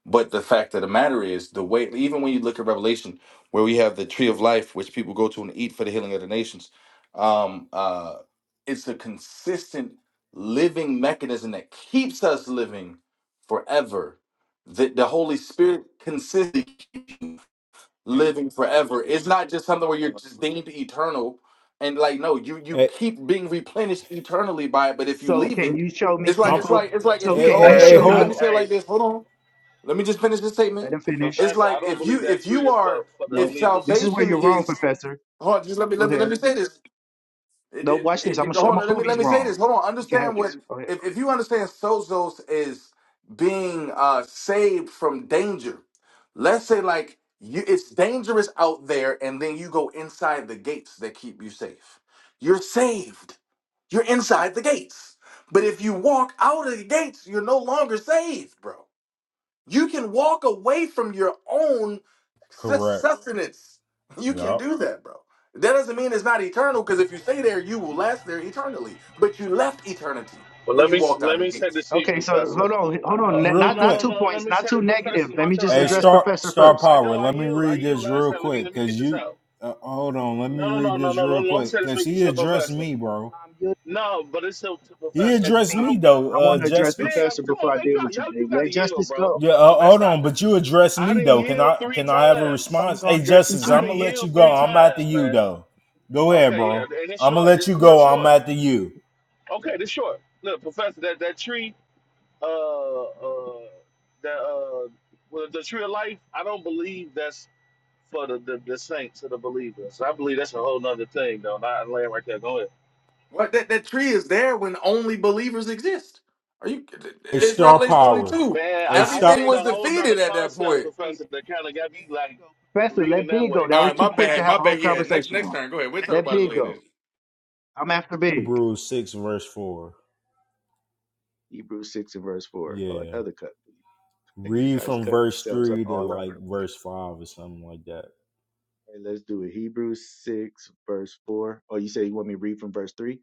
But the fact of the matter is, the way, even when you look at Revelation, where we have the tree of life, which people go to and eat for the healing of the nations, um, uh, it's a consistent living mechanism that keeps us living forever. The, the Holy Spirit consistently living forever. It's not just something where you're just deemed eternal and like no, you you Hey, keep being replenished eternally by it. But if you So leave can it, you show me it's like I'm. it's like people? it's like if So Hey, you can oh hey, you let, hey, Hey, let show me I, let me? me hold. say it hey, like this. Hold on, let me just finish this statement. Let him finish. It's Professor, I like don't if you believe that if tree you is for, are for the if No, believers. this is where salvation you're wrong, is Professor. hold on, just let me Go let me let ahead. me say this. It, No, watch this. I'm it, gonna, it- sh- I'm hold gonna on, let prove me he's let me say wrong. this. Hold on, We can have understand what this. Go ahead. if, if you understand Sozos is being uh saved from danger. Let's say like you it's dangerous out there, and then you go inside the gates that keep you safe. You're saved. You're inside the gates. But if you walk out of the gates, you're no longer saved, bro. You can walk away from your own sus- Correct. sustenance. You can Yup. do that, bro. That doesn't mean it's not eternal, because if you stay there, you will last there eternally. But you left eternity But when let you me walked out let of the me set the gates. seat, Okay, so Professor. hold on, hold Uh, on. Ne- Real no, Not no, not no, quick. two no. Let points, me not set too it, Professor. negative. It's my Let me just turn Hey, now, address Star y'all. Professor Star first. I know Power. I Let me yield. I read yield this last real time. Let me let quick, me cause get this you. out. Uh, hold on. Let me No, read no, no, no, this no, no. real no, Let me quick, set this to cause he to the addressed professor. me, bro. No, but it's to, to He professor. That's addressed I me. me don't. though, I uh, want to address Big, Justice. I'm, Professor come before on, I man. deal Y'all, with you, y'all, you babe. got Let to yield, justice bro. go. Yeah, Come uh, on, man. hold on, Stop it. but you address I me didn't though. Let Can yield I three can justice I have go. a times. Probably response? gonna Hey, address you Justice, I I'm too. didn't gonna let you yield go. three I'm after times, you man. though. Go ahead, Okay, yeah, bro. and it's I'm gonna short. let It's you real go. I'm short. after you. Okay, this short. Look, professor, that that tree. uh, uh, the uh, well, the tree of life. I don't believe that's for the, the, the saints or the believers. I believe that's a whole nother thing, though. Not laying right there. Go ahead, What that, that tree is there when only believers exist. Are you Hey, it's Star Revelation Power. 22. man. Hey, I, I stop. Everything seen was a whole nother defeated at that concept, point. Hey, Professor, P- that kind of Professor, got me let big like go. Professor, leaning let that big go. way. That All was right, too my quick to bad, my have a whole bad. Yeah, next conversation next on. turn. Go ahead. We'll talk Let about it big later. go. I'm after big. Hebrews six verse four. Hebrews 6 and verse 4. Oh, Yeah, another cut. You read guys from cut verse yourselves up three to all over like the place. verse five or something like that. Hey, let's do it. Hebrews 6, verse 4. Oh, you say you want me to read from verse 3?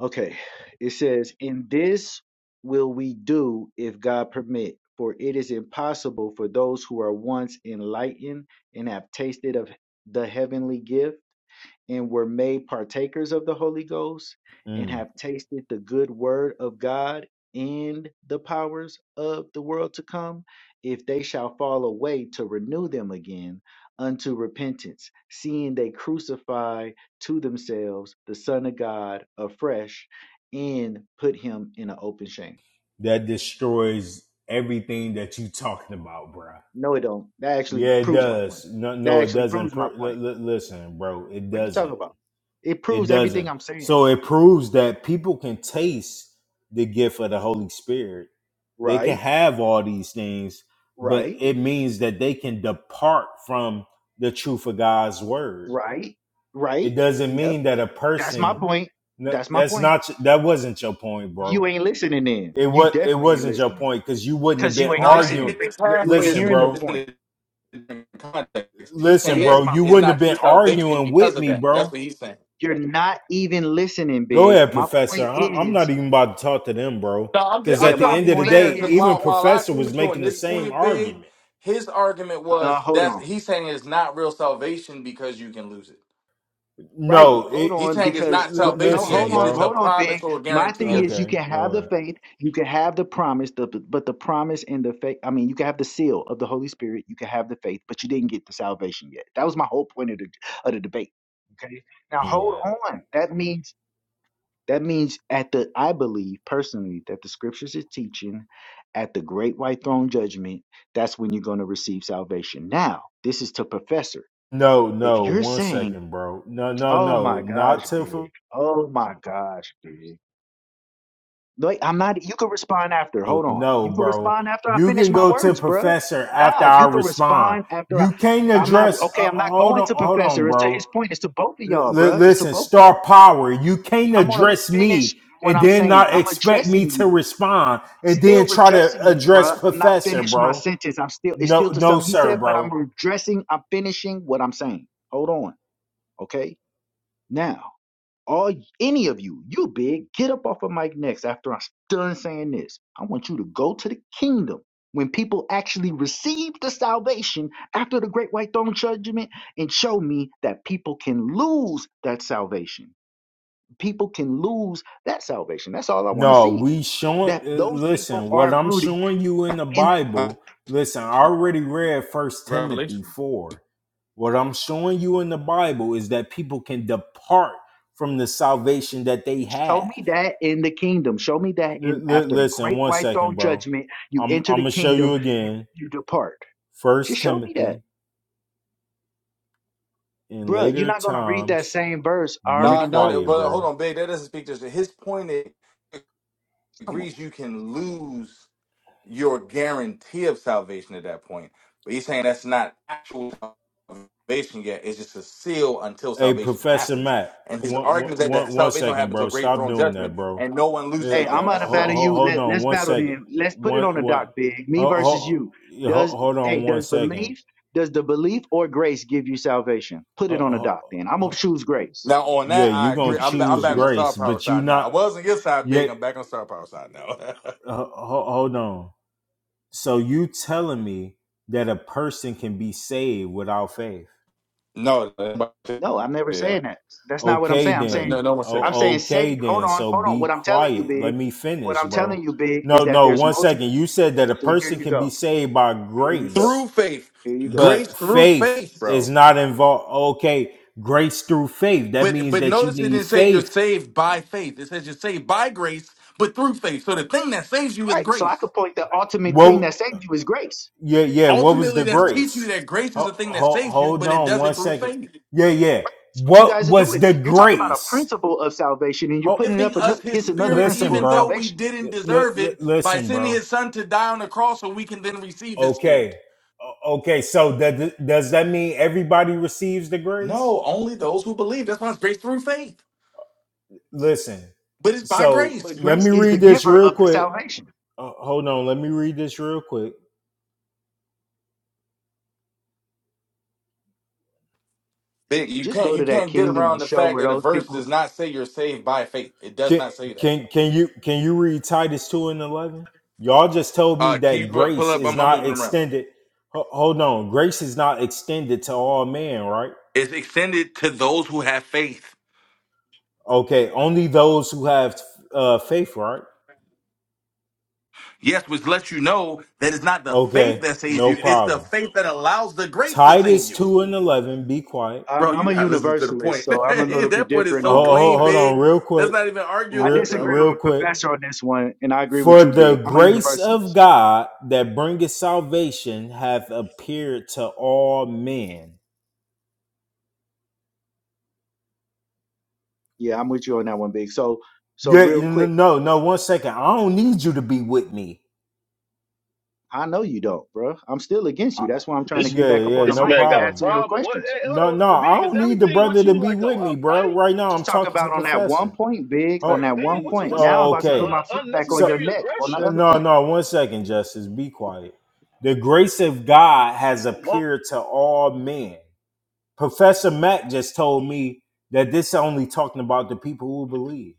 Okay. It says, "In this will we do if God permit, for it is impossible for those who are once enlightened and have tasted of the heavenly gift and were made partakers of the Holy Ghost and Mm. have tasted the good word of God and the powers of the world to come, if they shall fall away to renew them again unto repentance, seeing they crucify to themselves the Son of God afresh and put him in an open shame. That destroys everything that you talking about, bro. No, it don't. That actually Yeah, it proves my point. does. No, That no, it actually doesn't. proves my Pro- li- point. li- listen, bro, it What are you talking doesn't about? It It proves everything doesn't. I'm saying. So it proves that people can taste the gift of the Holy Spirit. They can Right, have all these things, but right. it means that they can depart from the truth of God's word. Right, right. It doesn't Yep. mean that a That's my person point. n- That's my that's point. not that wasn't your point, You bro. ain't listening then. It You was it definitely ain't wasn't your listening point because you wouldn't have because you been ain't No, it, arguing. it- listening. it's L- You ain't listen, hearing the bro. point. halfway. in context. He's It saying Listen, that is bro. my You it's point. wouldn't not have true been salvation arguing with because of me, that. That's bro what he's saying. You're not even listening, Go big. ahead, My Professor. point I- I'm not is, even about to talk to them, bro. No, I'm th- Because yeah, I'm at the my trying to end be of the point fair day, because is, even while while I Professor agree was with you on making the this same point, big, argument. his argument no, was hold that's on. he's saying it's not real salvation because you can lose it. Right. No, Hold it. He's on, saying it's because not l- l- what, no, salvation yet; hold listen, it's on, just a bro. hold on, Big. promise or a My guarantee thing of is, it. you Okay, can have go the ahead. faith, you can have the promise, the, but the promise and the faith. I mean, you can have the seal of the Holy Spirit, you can have the faith, but you didn't get the salvation yet. That was my whole point of the of the debate. Okay. Now hold Yeah. on. That means that means at the I believe personally that the scriptures is teaching at the great white throne judgment. That's when you're going to receive salvation. Now this is to professor. No, If no. you're One saying second, bro. No, no, Oh no. my Not gosh, to. for- big. Oh my gosh, big. Wait, I'm not. You can respond after. Hold on. no, You can bro. respond after I You finish can my go to words, bruh. Professor after Nah, I you can respond. respond after I. You can't I'm not address. okay. Uh, I'm not hold going on, to hold professor. on, It's to bro. his point. It's to both of L- y'all, bruh. It's to listen, both of star y'all. power. You can't I'm gonna address finish me what and I'm then saying. not I'm expect me addressing you. to I'm respond and then still try addressing to you, bruh. address I'm not professor, finished my bro. sentence. I'm still. It's No, still to no, something he sir, said, but bro. I'm addressing. I'm finishing what I'm saying. Hold on. Okay. Now. All any of you, you big, get up off of Mike next after I'm done saying this. I want you to go to the kingdom when people actually receive the salvation after the great white throne judgment and show me that people can lose that salvation. People can lose that salvation. That's all I want to No, see. we showing. That uh, those people Listen, what are I'm rooted showing you in the in the, Uh, Bible. Listen, I already read First Timothy Revelation. four. What I'm showing you in the Bible is that people can depart from the salvation that they show have. me that in the kingdom. Show me that L- in li- after the listen, great one white second, throne bro. judgment, you I'm enter I'm the gonna show kingdom, you again. you depart. Just First show me that. Timothy, in Bruh, you're later not gonna read that times, same verse. I be already No, no, know. that- quiet, but hold bro. on, big. That doesn't speak to His point is, Come on. agrees you can lose. your guarantee of salvation at that point. But he's saying that's not actual salvation yet. It's just a seal until Hey, salvation Professor happens. Matt, And his one, one, argument is that the one one salvation don't second, happen bro. until great Stop throne doing that, judgment, bro. and no one Yeah, loses uh, Hey, it I'm then. out That's to his ho- battle argument. ho- you. hold Let on let's one battle second. then. Let's put it on One, the one, dock, big. Me ho- versus ho- you. yeah, Does ho- hold hey, on one does second. belief, does the belief or grace give you salvation? Put it Ho- on the dock ho- then. I'm gonna ho- choose grace. Now on yeah, that, you I You going agree. to can I'm choose ba- I'm choose back belief. on star grace, power but you side now. I not was on your side, big. yet. I'm back on star power side now. ho- ho- hold on. So you telling me that a person can be saved without faith? no, nobody say No, I'm never saying that. that. That's not what I'm Okay saying. I'm No, saying then. no no one say I'm that. Oh, saying okay safe. Hold then. on, So hold on. be What I'm telling you, quiet. Let big, me what finish, I'm bro. telling you, big, is No, that no, there's one multiple second. You said that a see, here person you can be go. saved by Here you go. Through grace, faith, Here you go. grace but through faith faith, bro. is not involved. Okay, grace through faith. That But means but that you notice it need didn't say you're faith. saved by faith. It says you're saved by grace, but through faith. So the thing that saves you is Right. So I grace. could point the ultimate thing Well, that saved you is grace. yeah, yeah. What was Ultimately, the that's teaching you grace? that grace is Ho- the thing that ho- saves you, hold but it on does one it through second. faith. Yeah, yeah. That's what you What guys are was doing. the You're talking about a grace? principle of salvation and you're Ho- putting it Giving up us his against l- another spirit, listen, principle even of though bro. we salvation. L- didn't l- deserve it, by listen, sending bro his son to die on the cross so we can then receive his spirit. Okay. O- Okay. So that does that mean everybody receives the grace? No, only those who believe. That's why it's grace through faith. Listen. But it's by So grace. But let grace me is the read this giver real of the quick. salvation. Uh, hold on. Let me read this real quick. Big. You Just can't go you to that can't get kingdom and around the show fact where that the those verse does people. not say you're saved by faith. It does Can not say that, bro. can can you can you read Titus two and eleven? Y'all just told me Uh, can you that br- pull grace up? is I'm, I'm not moving around. extended. Ho- hold on. Grace is not extended to all men, right? is extended to those who have faith. Okay. Only those who have uh, faith, right? Yes, which lets you know that it's not the faith Okay. that saves No you, it's the problem. faith that allows the grace to save Titus you. two and eleven. Be quiet. I'm, Bro, I'm you're a not listening to the universalist, point. so I'm a little bit that point is different so on what Oh, clean, hold Professor's on, big. saying. real That's quick, not even I arguable, real, disagree bro. real with quick. Professor on this one, and I agree with For you, the Big. I'm a grace of universalist. God that bringeth salvation hath appeared to all men. Yeah, I'm with you on that one, Big. So, so Yeah, real you know- quick, no, no. One second. I don't need you to be with me. I know you don't, bro. I'm still against I- you. That's why I'm trying to This get yeah, back up yeah, on the this no mic man and got a answer problem. your problem. What? questions. Hey, No, hold no, on, I Big. Is don't need the everything brother with to you be like a, with a me, bro. fight? Right now, I'm Just talk talking to about on that one professor. point, big, on Like, Oh, that one man, y- what's point. what's Now up I'm oh, with about this to uh, put okay. my foot back on So, your unnecessary neck on the aggression? no, other no, point. no, one second, Justice. Be quiet. The grace of God has Come on. appeared to all men. Professor Mack just told me that this only talking about the people who believe.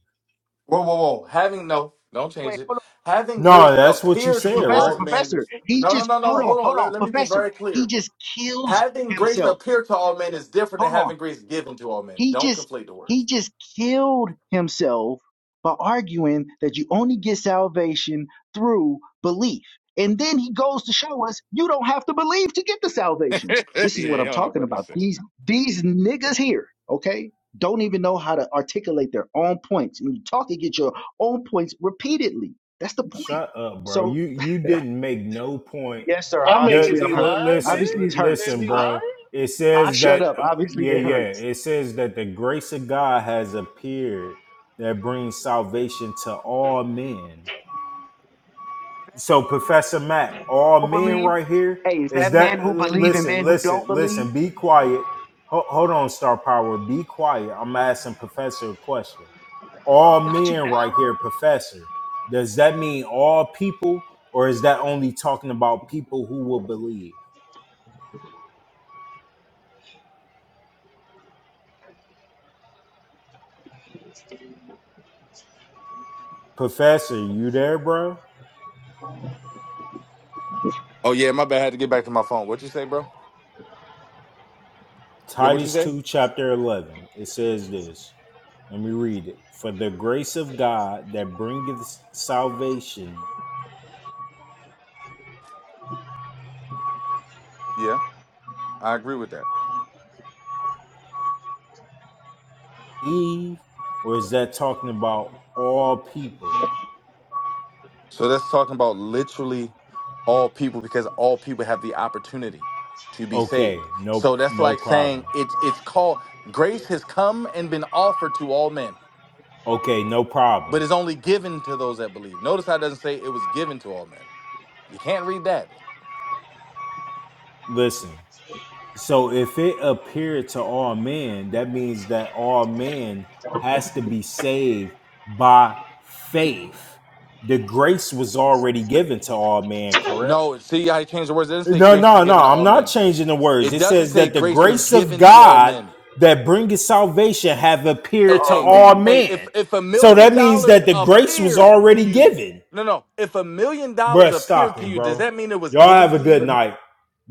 Whoa, whoa, whoa. Having no, don't change Wait, it. hold Having No, grace that's what you appear on, professor, said, to professor, all right? men. professor. He No, no, just, no, no. hold on, Hold on. hold Let, on, let me be professor. very He clear. just kills Having grace himself. appear to all men is different than Hold on. having grace given to all men. He Don't just conflate the he words. just killed himself by arguing that you only get salvation through belief. And then he goes to show us you don't have to believe to get the yeah, salvation. This is what he I'm don't know talking what he about. said. These these niggas here, okay? Don't even know how to articulate their own points. And you talk and get your own points repeatedly. That's the point. Shut up, bro. So You you didn't make no point. yes, sir. I mean, Obviously, is I'm The, he hurt. the- lying, Big? listen, Obviously, li- it hurts. Is listen, he I, lying? bro. It I says shut that up. uh, Obviously, yeah, it yeah. hurts. It says that the grace of God has appeared that brings salvation to all men. That man So, who Professor believe and Mac, men who all don't men believe. right here Hey, is is that that. man who li- believe and Listen, men who don't listen, believe? listen. Be quiet. Ho- hold on, Star Power. Be quiet. I'm asking Professor a question He all got you men right now. here, professor. Does that mean all people, or is that only talking about people who will believe? Professor, you there, bro? Oh yeah, my bad. I had to get back to my phone. What you say, bro? Yeah, what you Titus say? 2, chapter 11. It says this. Let me read it. For the grace of God that bringeth salvation, Yeah, I agree with that. Eve, or is that talking about all people? So that's talking about literally all people because all people have the opportunity to be saved. Okay, no, So that's no like problem. saying it's it's called grace has come and been offered to all men, Okay, no but problem. is only given to those that believe. Notice how it doesn't say it was given to all men. You can't read that. Listen. So if it appeared to all men, that means that all men has to be saved by faith. The grace was already given to all men, correct? No, see how he changed the words. It doesn't say No, grace was no, no. given to I'm all not men. changing the words. It It doesn't says say that the grace was grace of given to all God men. that bringeth salvation have hey, appeared to Oh hey, all man, hey, if men. if a So that million means that dollars the grace was appeared to already you, given. no, no, if a million dollars Bruh, stop appeared to it, you, does bro. that mean it was Y'all have given a to good if you? a, night.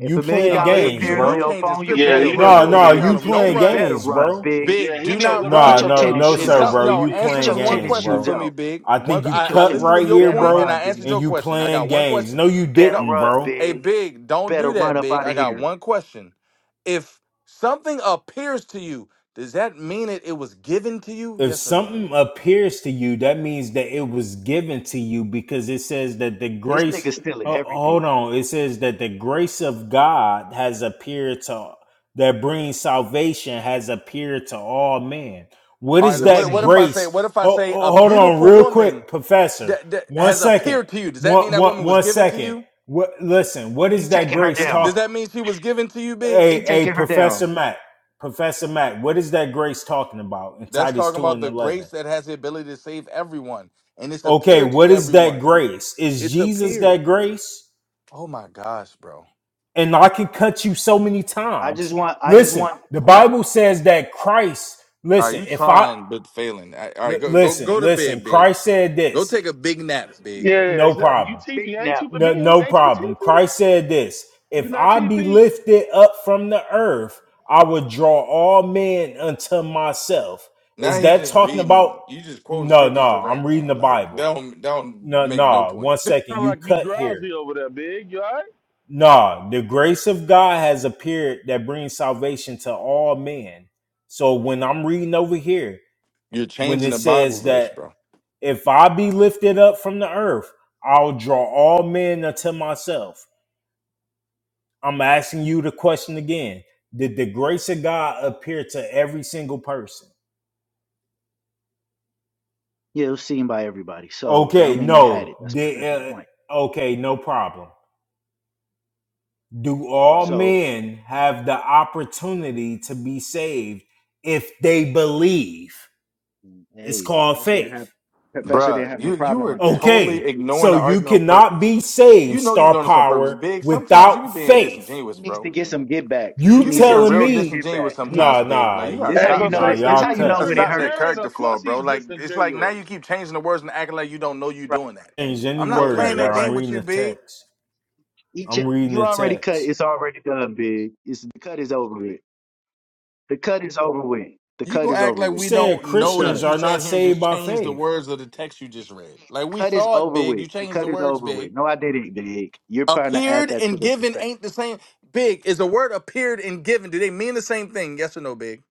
if a million playing Nah, dollars big, games, you appeared on you bro. your changing phone, you scripture and Yeah, better then you need make to No, run, go people to hold you no, bed big. you because accountable. you Don't playing You sleepy. run, better games, run, bro. big. Yeah, big. he Do Get need to your not go to get No, bed, your run. no, y'all. tennis no, H- shoes It's Him sir, out. something. bro. No, You sleepy. answer Get playing this your one games, tennis question shoes bro. for me, out. big. I One, think you Get I, your I cut tennis. listened to You right your here, better point and bro, I run, answered big. and your you question. I playing got one games. question. No, you Better No, didn't, run, bro. hey, big. big, don't Better do run that, up big. out of I got here. one question. If something appears to you, does that mean it it was given to you? if Yes or no, something big. appears to you, that means that it was given to you because it says that the This grace. nigga stealing ho- everything. hold on, it says that the grace of God has appeared to that brings salvation has appeared to all men. What All is It right. was What that what if I seen. say grace? what if I Ho- say a ho- hold on, beautiful real woman quick, Professor. that, that One has second. appeared to you? Does that mean One that one woman was one given to second. you? What? Listen. What He is that taking her grace Does, down. talk? does that mean she was given to you, Big? He Hey, hey, taking her Professor down. Matt. Professor Matt. What is that grace talking about in That's Titus talking two about and the eleven? grace that has the ability to save everyone. And it's Okay, appeared what to is that everyone. grace? Is It's Jesus appeared. that grace? Oh my gosh, bro. And I can cut you so many I just times. want I just Listen, want the Bible says that Christ, Are listen, you if I trying but failing? All li- right, go go listen, go to listen, bed, big. Christ said Go this, take a big nap, big. Yeah, no exactly. You problem. big teepee, now. ain't you No, big? no Ain't you problem. teepee? Christ said this, You if not I be teepee? lifted up from the earth, I would draw all men unto myself. Is Now he's that just talking about reading. You just quoting no, no, scriptures to I'm rant reading now. the Like Bible. that don't that don't No, make no no, point. one second. Sound You like you cut here. drowsy over there, big. You all right? No, the grace of God has appeared that brings salvation to all men. So when I'm reading over here, You're when changing it the Bible says verse, that bro. if I be lifted up from the earth, I'll draw all men unto myself. I'm asking you the question again. Did the grace of God appear to every single person? Yeah, it was seen by everybody. So that Okay, don't mean they had no. it. That's Did, Professor's uh, point. okay, no problem. Do all So men have the opportunity to be saved if they believe? mm, It's hey, called Professor didn't have faith. Professor didn't Bruh, have no you you problem were with that. Okay, totally ignoring so the you argument on cannot purpose. be saved, You know you're star doing this on purpose, power, Big. Sometimes you be without being faith. He disingenuous, needs bro. to get some get back. You, You He you be needs some getting telling real serious me, get disingenuous back. Ye- sometimes, nah, Big. nah, Like you y- gotta This how Hey, you stop know nah, that. that Professor, this y'all how he's you You a know cut. gotta when it stop that Trinitarian. hurts. character Of flaw, course bro. he's Like it's like now disingenuous. you keep changing the words and acting like you don't know you Right. doing that. Change any I'm not Like, words, Right, playing right, that bro. I'm game right. with reading you, the Big. text. Each I'm reading you the already cut, text. it's already done, big. It's the cut is over with. The cut is over with. The You cut gonna is act over like You with, we man. said don't It's know that Christians done. you are sat not here and saved just by changed the faith. words of the text you The just read. Like we cut is saw it, over Big. with. You The changed cut the is words, over Big. with. No, I didn't, big. You're trying to add Appeared that to and the given perspective. ain't the same. Big, is the word appeared and given, do they mean the same thing? Yes or no, Big?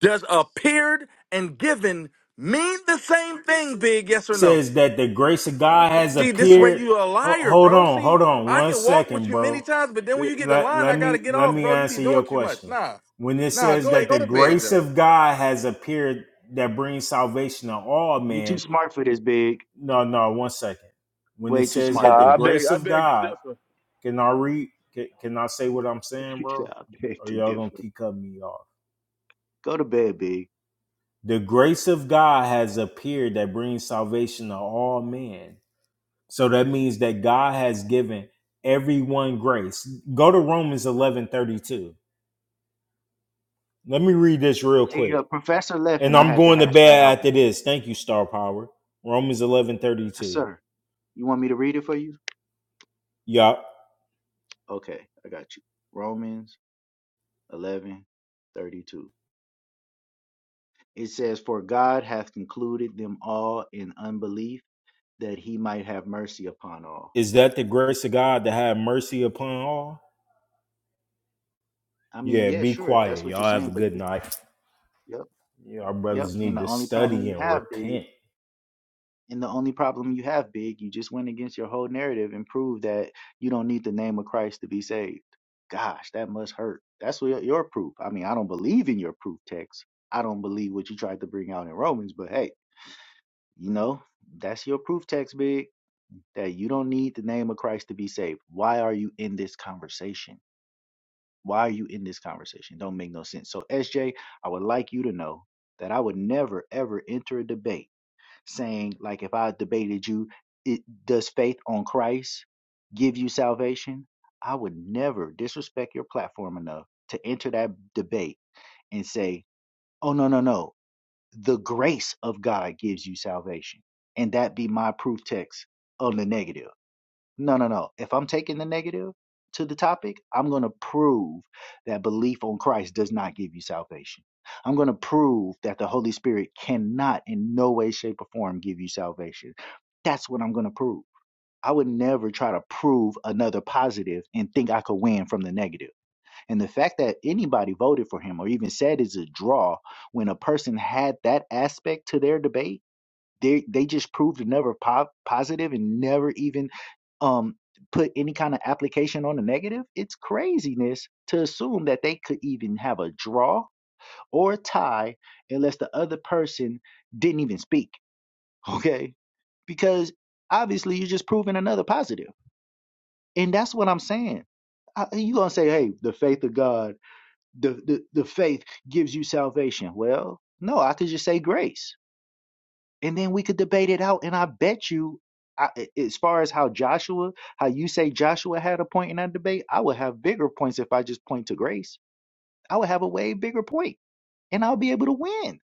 Does appeared and given mean the same thing, Big? Yes or no? says that the grace of God has See, this is where appeared. you a Ho- liar, Hold bro. on, See, hold on, I one can walk with second, you many bro. times, but then when you get the Let, line, let I gotta me get let off, me bro. You be answer your doing too much. question. Nah. When it Nah, says go ahead, that go the to bed, grace Joe. of God has appeared that brings salvation to all You too men, smart for this, Big. no, no, one second. When Way it too says smart that for the Nah, I this. beg, grace I of beg to God, differ. can I read? Can, can I say what I'm saying, yeah, bro? I beg Or to y'all gonna differ. keep cutting me off? Go to bed, Big. The grace of God has appeared that brings salvation to all men So that means that God has given everyone grace. Go to Romans 11 32. Let me read this real See, quick. uh, Professor left, And and I I'm had to going to hash that out bed after with him. this. Thank you, Star Power. Romans 11 thirty Yes, two. sir. You want me to read it for you? Y'all, Okay, I got you. Romans eleven thirty-two. It says, For God hath concluded them all in unbelief, that he might have mercy upon all. Is that the grace of God to have mercy upon all? I mean, Yeah, yeah, be sure, if that's quiet. what you're Y'all have saying, a but good you, night. yep, Our yep. brothers And need the to only problem study you and have, Big, repent. And the only problem you have, Big, you just went against your whole narrative and proved that you don't need the name of Christ to be saved. Gosh, that must hurt. That's what your proof. I mean, I don't believe in your proof text. I don't believe what you tried to bring out in Romans, but hey, you know, that's your proof text, Big, that you don't need the name of Christ to be saved. Why are you in this conversation? Why are you in this conversation? Don't make no sense. So, SJ, I would like you to know that I would never, ever enter a debate saying like if I debated you, it does faith on Christ give you salvation? I would never disrespect your platform enough to enter that debate and say, "Oh no, no, no. The grace of God gives you salvation." And that be my proof text on the negative no, no, no. If I'm taking the negative to the topic, I'm going to prove that belief on Christ does not give you salvation. I'm going to prove that the Holy Spirit cannot, in no way, shape, or form, give you salvation. That's what I'm going to prove. I would never try to prove another positive and think I could win from the negative. And the fact that anybody voted for him or even said it's a draw when a person had that aspect to their debate they they just proved never po- positive and never even um put any kind of application on the negative. It's craziness to assume that they could even have a draw or a tie unless the other person didn't even speak. Okay? Because obviously you're just proving another positive, And that's what I'm saying uh, you gonna say, "Hey, the faith of God, the, the the faith gives you salvation." Well, no, I could just say grace and then we could debate it out. And I bet you, I, a- as far as how Joshua, how you say Joshua had a point in that debate, I would have bigger points if I just point to grace. I would have a way bigger point, and I'll be able to win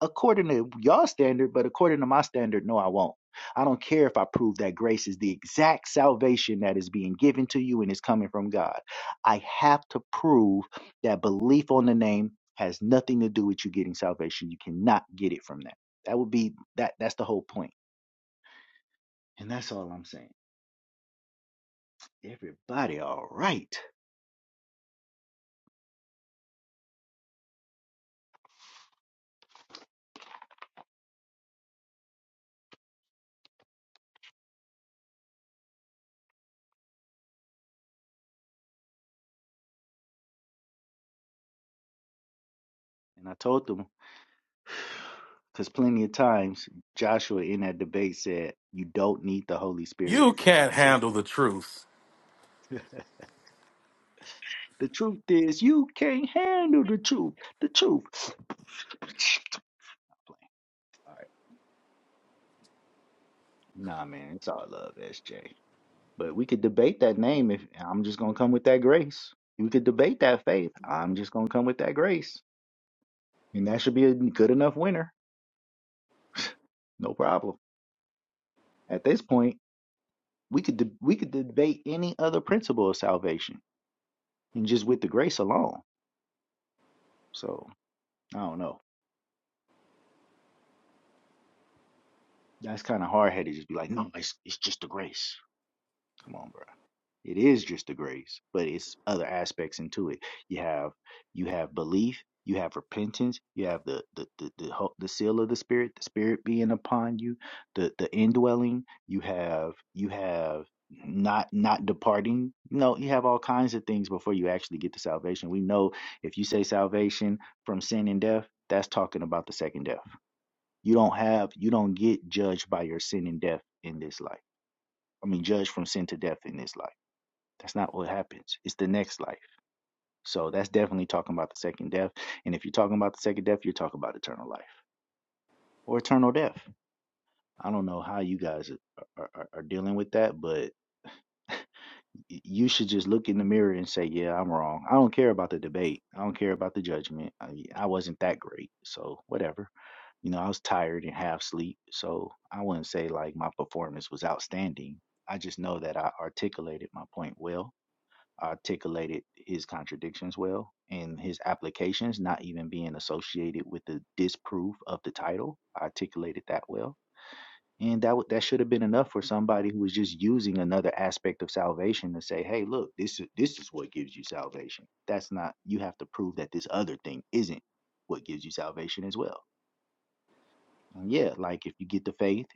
according to y'all standard. But according to my standard, no, I won't. I don't care if I prove that grace is the exact salvation that is being given to you and is coming from God. I have to prove that belief on the name has nothing to do with you getting salvation. You cannot get it from that. That would be that. That's the whole point And that's all I'm saying. Everybody all right. And I told them, because plenty of times Joshua in that debate said, you don't need the Holy Spirit You for can't salvation. handle the truth. the truth is, you can't handle the truth. The truth. all right. Nah, man, it's all love, SJ. But we could debate that name if I'm just going to come with that grace. We could debate that faith. I'm just going to come with that grace. And that should be a good enough winner. No problem. At this point, We could de- we could debate any other principle of salvation, and just with the grace alone. So I don't know. That's kind of hard headed. Just be like, no, it's it's just the grace. Come on, bro. It is just a grace, but it's other aspects into it. You have you have belief, you have repentance, you have the the the the, ho- the seal of the spirit, the spirit being upon you, the the indwelling. You have you have not not departing. You know, you have all kinds of things before you actually get to salvation. We know if you say salvation from sin and death, that's talking about the second death. You don't have you don't get judged by your sin and death in this life. I mean, judged from sin to death in this life that's not what happens. It's the next life. So that's definitely talking about the second death. And if you're talking about the second death, you're talking about eternal life or eternal death. I don't know how you guys are, are, are dealing with that, but you should just look in the mirror and say, "Yeah, I'm wrong. I don't care about the debate. I don't care about the judgment. I, I wasn't that great, so whatever. You know, I was tired and half asleep, so I wouldn't say like my performance was outstanding. I just know that I articulated my point well, articulated his contradictions well and his applications not even being associated with the disproof of the title articulated that well and that w- that should have been enough for somebody who was just using another aspect of salvation to say hey look this is this is what gives you salvation that's not you have to prove that this other thing isn't what gives you salvation as well and yeah like if you get the faith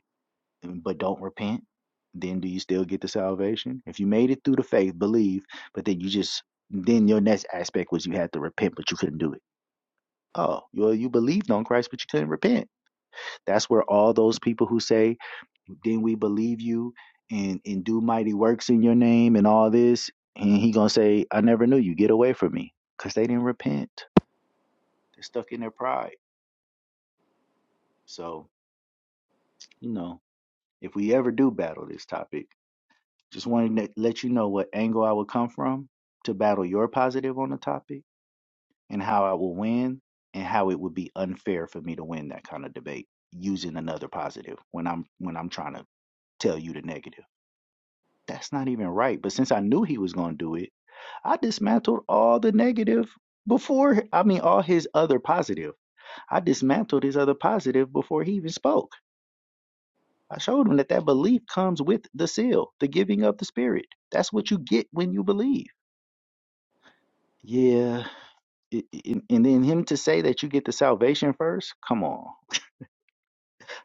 and- but don't repent, then do you still get the salvation? If you made it through the faith, believe, but then you just then your next aspect was you had to repent, but you couldn't do it. Oh, well, you believed on Christ, but you couldn't repent. That's where all those people who say, "Then we believe you and and do mighty works in your name and all this," and he gonna say, "I never knew you. Get away from me," because they didn't repent. They're stuck in their pride. So you know, if we ever do battle this topic Just wanted to let you know what angle I would come from to battle your positive on the topic and how I will win and how it would be unfair for me to win that kind of debate using another positive when I'm when I'm trying to tell you the negative. That's not even right. But since I knew he was going to do it, I dismantled all the negative before I mean all his other positive. I dismantled his other positive before he even spoke. I showed him that that belief comes with the seal, the giving of the spirit. That's what you get when you believe. Yeah. i- i- And then him to say that you get the salvation first? Come on.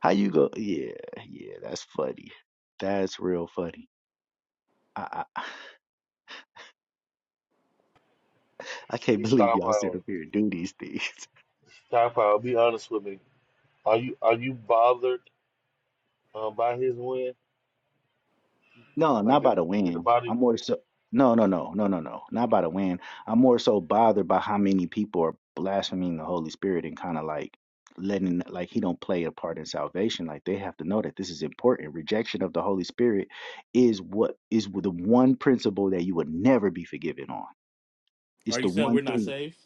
How you go? Yeah, yeah, that's funny. That's real funny. I I, I can't Hey, believe Stop y'all sit Howard. up here and do these things. Stop Howard. Be honest with me. Are you are you bothered um, by his win? No, not Like did, about a did the win. body I'm more so no, no, no, no, no, no, not about a win. I'm more so bothered by how many people are blaspheming the Holy Spirit and kind of like letting like he don't play a part in salvation. Like they have to know that this is important. Rejection of the Holy Spirit is what is the one principle that you would never be forgiven on. It's Are you the saying one we're not thing. saved?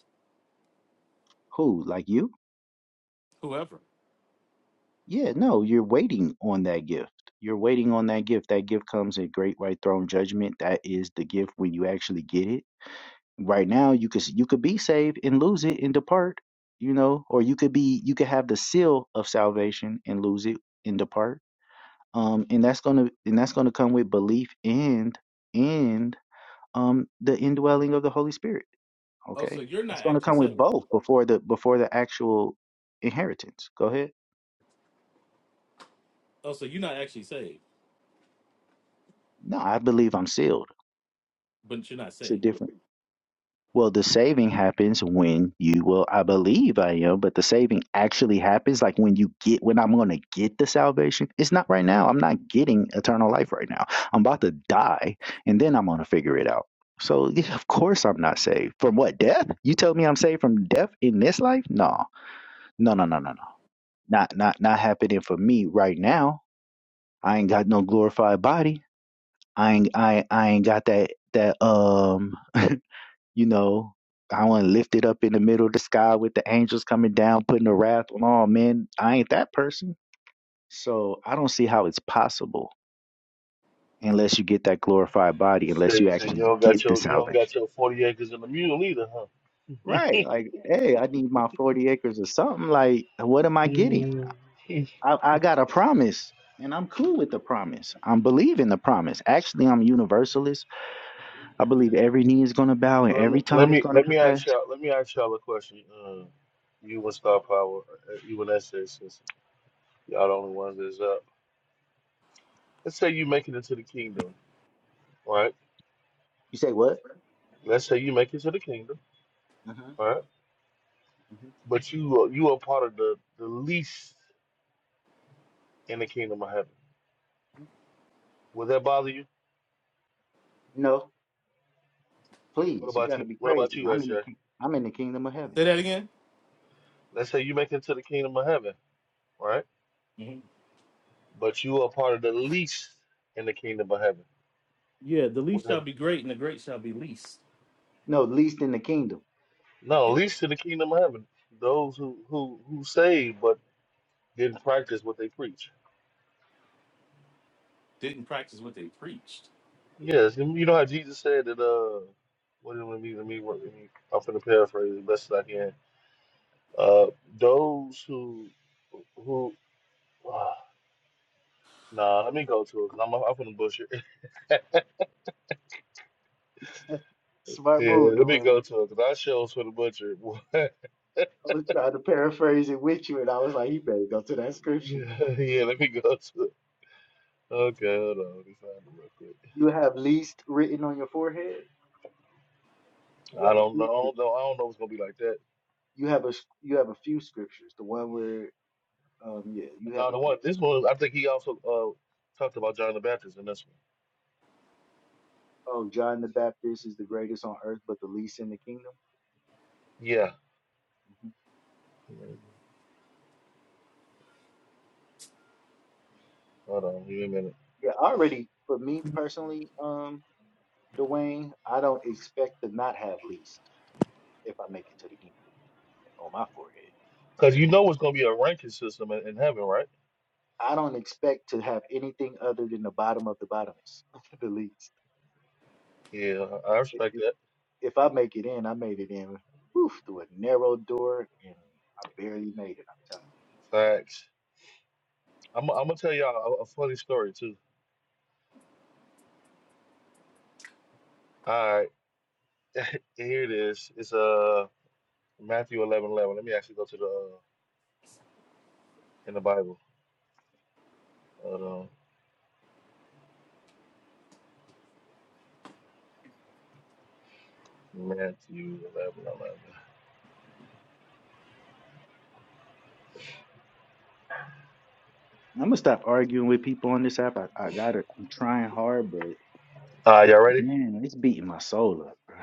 Who like you? Whoever. Yeah, no, you're waiting on that gift. You're waiting on that gift. That gift comes in great white throne judgment. That is the gift when you actually get it right now you could you could be saved and lose it and depart you know or you could be you could have the seal of salvation and lose it and depart um and that's gonna and that's gonna come with belief and and um the indwelling of the holy spirit Oh, okay so you're not that's gonna actually come with saved. both before the before the actual inheritance go ahead Oh, so you're not actually saved, no i believe i'm sealed but you're not it's a saved. different Well, the saving happens when you, well, I believe I am, but the saving actually happens like when you get, when I'm going to get the salvation. It's not right now. I'm not getting eternal life right now. I'm about to die and then I'm going to figure it out. So, yeah, of course, I'm not saved from what death? You tell me I'm saved from death in this life? No, no, no, no, no, no. Not, not, not happening for me right now. I ain't got no glorified body. I ain't, I, I ain't got that, that, um, you know, I want to lift it up in the middle of the sky with the angels coming down, putting the wrath on all men. I ain't that person. So I don't see how it's possible unless you get that glorified body, unless you say, say you actually don't got get the your you don't salvation. got your forty acres and a mule either, huh? Right. Like, hey, I need my 40 acres or something. Like, what am I getting? I, I got a promise. And I'm cool with the promise. I'm believing the promise. Actually, I'm a universalist. I believe every knee is going to bow and Let me every tongue let is me going to let me confess. ask y'all let me ask y'all a question. Uh, you and Star Power, uh, you and SJ, since y'all the only ones that's up. Let's say you make it into the kingdom, right? You say what? Let's say you make it to the kingdom, Uh-huh. right? hmm But you are- you are part of the the least in the kingdom of heaven. Would that bother you? No, What please, you about got to you? be What about crazy. you, I'm in the SJ? king- I'm in the kingdom of heaven. Say that again. Let's say you make it to the kingdom of heaven, right? But you are part of the least in the kingdom of heaven. Yeah, the Would least shall that be great, and the great shall No, least in the kingdom. no be. least in the kingdom of heaven? Those who who who saved, but didn't practice what they preach. Didn't. Yes, and you know how Jesus said that uh what it would mean to me, what it mean, I'm finna paraphrase as best as I can. Uh those who who uh, nah, let me go to it because I'm I'm finna butcher. it. Smart yeah, move, let me go Dwayne. to it because I show's for the butcher. What? I was trying to paraphrase it with you, and I was like, you better go to that scripture. yeah, let me go to it. Okay, hold on, let me find it real quick. You have least written on your forehead. You I have a don't few. know, scriptures. no, I don't know if it's gonna be like that. You have a s- you have a few scriptures. The one where um yeah, you have No, a the few. one this one I think he also uh talked about John the Baptist in this one. Oh, John the Baptist is the greatest on earth, but the least in the kingdom. Yeah. hmm Mm-hmm. Hold on, give me a minute. Yeah, already for me personally, um, Dwayne, I don't expect to not have least if I make it to the kingdom on my forehead. Because you know it's going to be a ranking system in, in heaven, right? I don't expect to have anything other than the bottom of the bottomest, the least. Yeah, I If, respect if that. if I make it in, I made it in whew, through a narrow door, and I barely made it. I'm telling Facts. I'm, I'm going to tell y'all a, a funny story, too. All right, here it is. It's uh, Matthew 11:11. Let me actually go to the, uh, in the Bible. Hold on. Matthew 1111 you. I'm gonna stop arguing with people on this app. I, I got it. I'm trying hard, but alright you All right, y'all ready? man, it's beating my soul up, bro.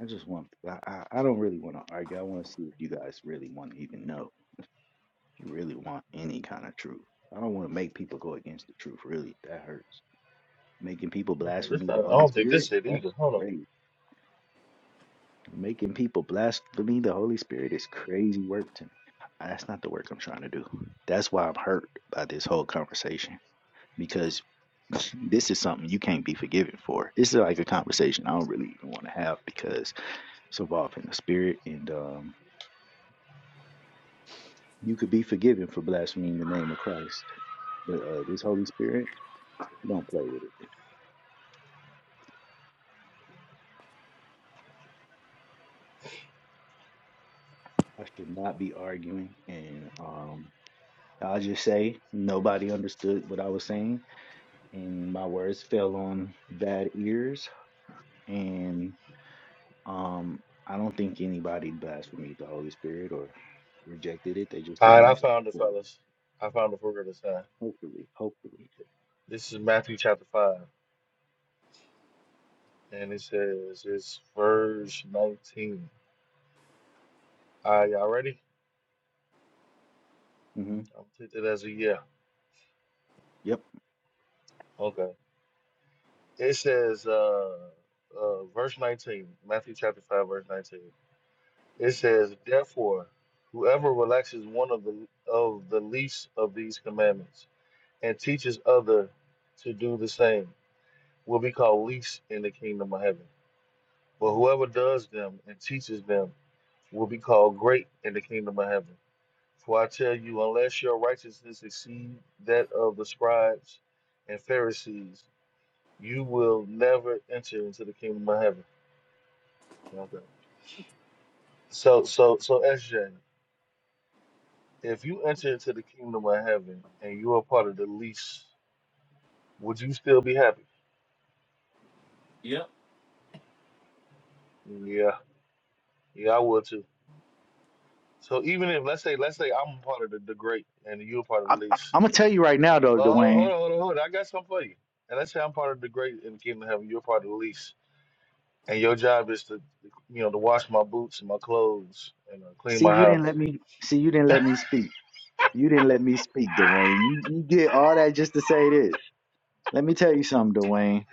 I just want, I, I I don't really want to argue. I want to see if you guys really want to even know. If you really want any kind of truth. I don't want to make people go against the truth, really. That hurts. Making people This blaspheme the not, I Holy don't think Spirit? this it That's either. Hold on. crazy. Making people blaspheme the Holy Spirit is crazy work to me. Ah, That's not the work I'm trying to do. That's why I'm hurt by this whole conversation because this is something you can't be forgiven for. This is like a conversation I don't really even want to have because it's involving the spirit. And um, You could be forgiven for blaspheming the name of Christ, but uh, this Holy Spirit, don't play with it. I should not be arguing, and um, I'll just say nobody understood what I was saying, and my words fell on bad ears, and um, I don't think anybody blasphemed the Holy Spirit or rejected it. They just All didn't right, I understand. found it, fully. fellas. I found it for real this time. Hopefully, hopefully. This is Matthew chapter 5, and it says it's verse 19. All right, y'all ready? hmm I'm gonna take that as a yeah. Yep. Okay. It says, uh, uh, verse 19, Matthew chapter 5, verse 19. It says, Therefore, whoever relaxes one of the of the least of these commandments and teaches other to do the same will be called least in the kingdom of heaven. But whoever does them and teaches them will be called great in the kingdom of heaven. For I tell you, unless your righteousness exceed that of the scribes and Pharisees, you will never enter into the kingdom of heaven. Okay. So, so, so, SJ, if you enter into the kingdom of heaven and you are part of the least, would you still be happy? Yeah, yeah, I would too. So even if let's say, let's say I'm part of the, the great and you're part of I, the I, least. I'm gonna tell you right now, though, Well, hold on, hold Dwayne. on, hold on, hold on. I got something for you. And let's say I'm part of the great in the kingdom of heaven. You're part of the least, and your job is to, you know, to wash my boots and my clothes and uh, clean See, my you didn't house. let me. See, you didn't let me speak. You didn't let me speak, Dwayne. You you did all that just to say this. Let me tell you something, Dwayne.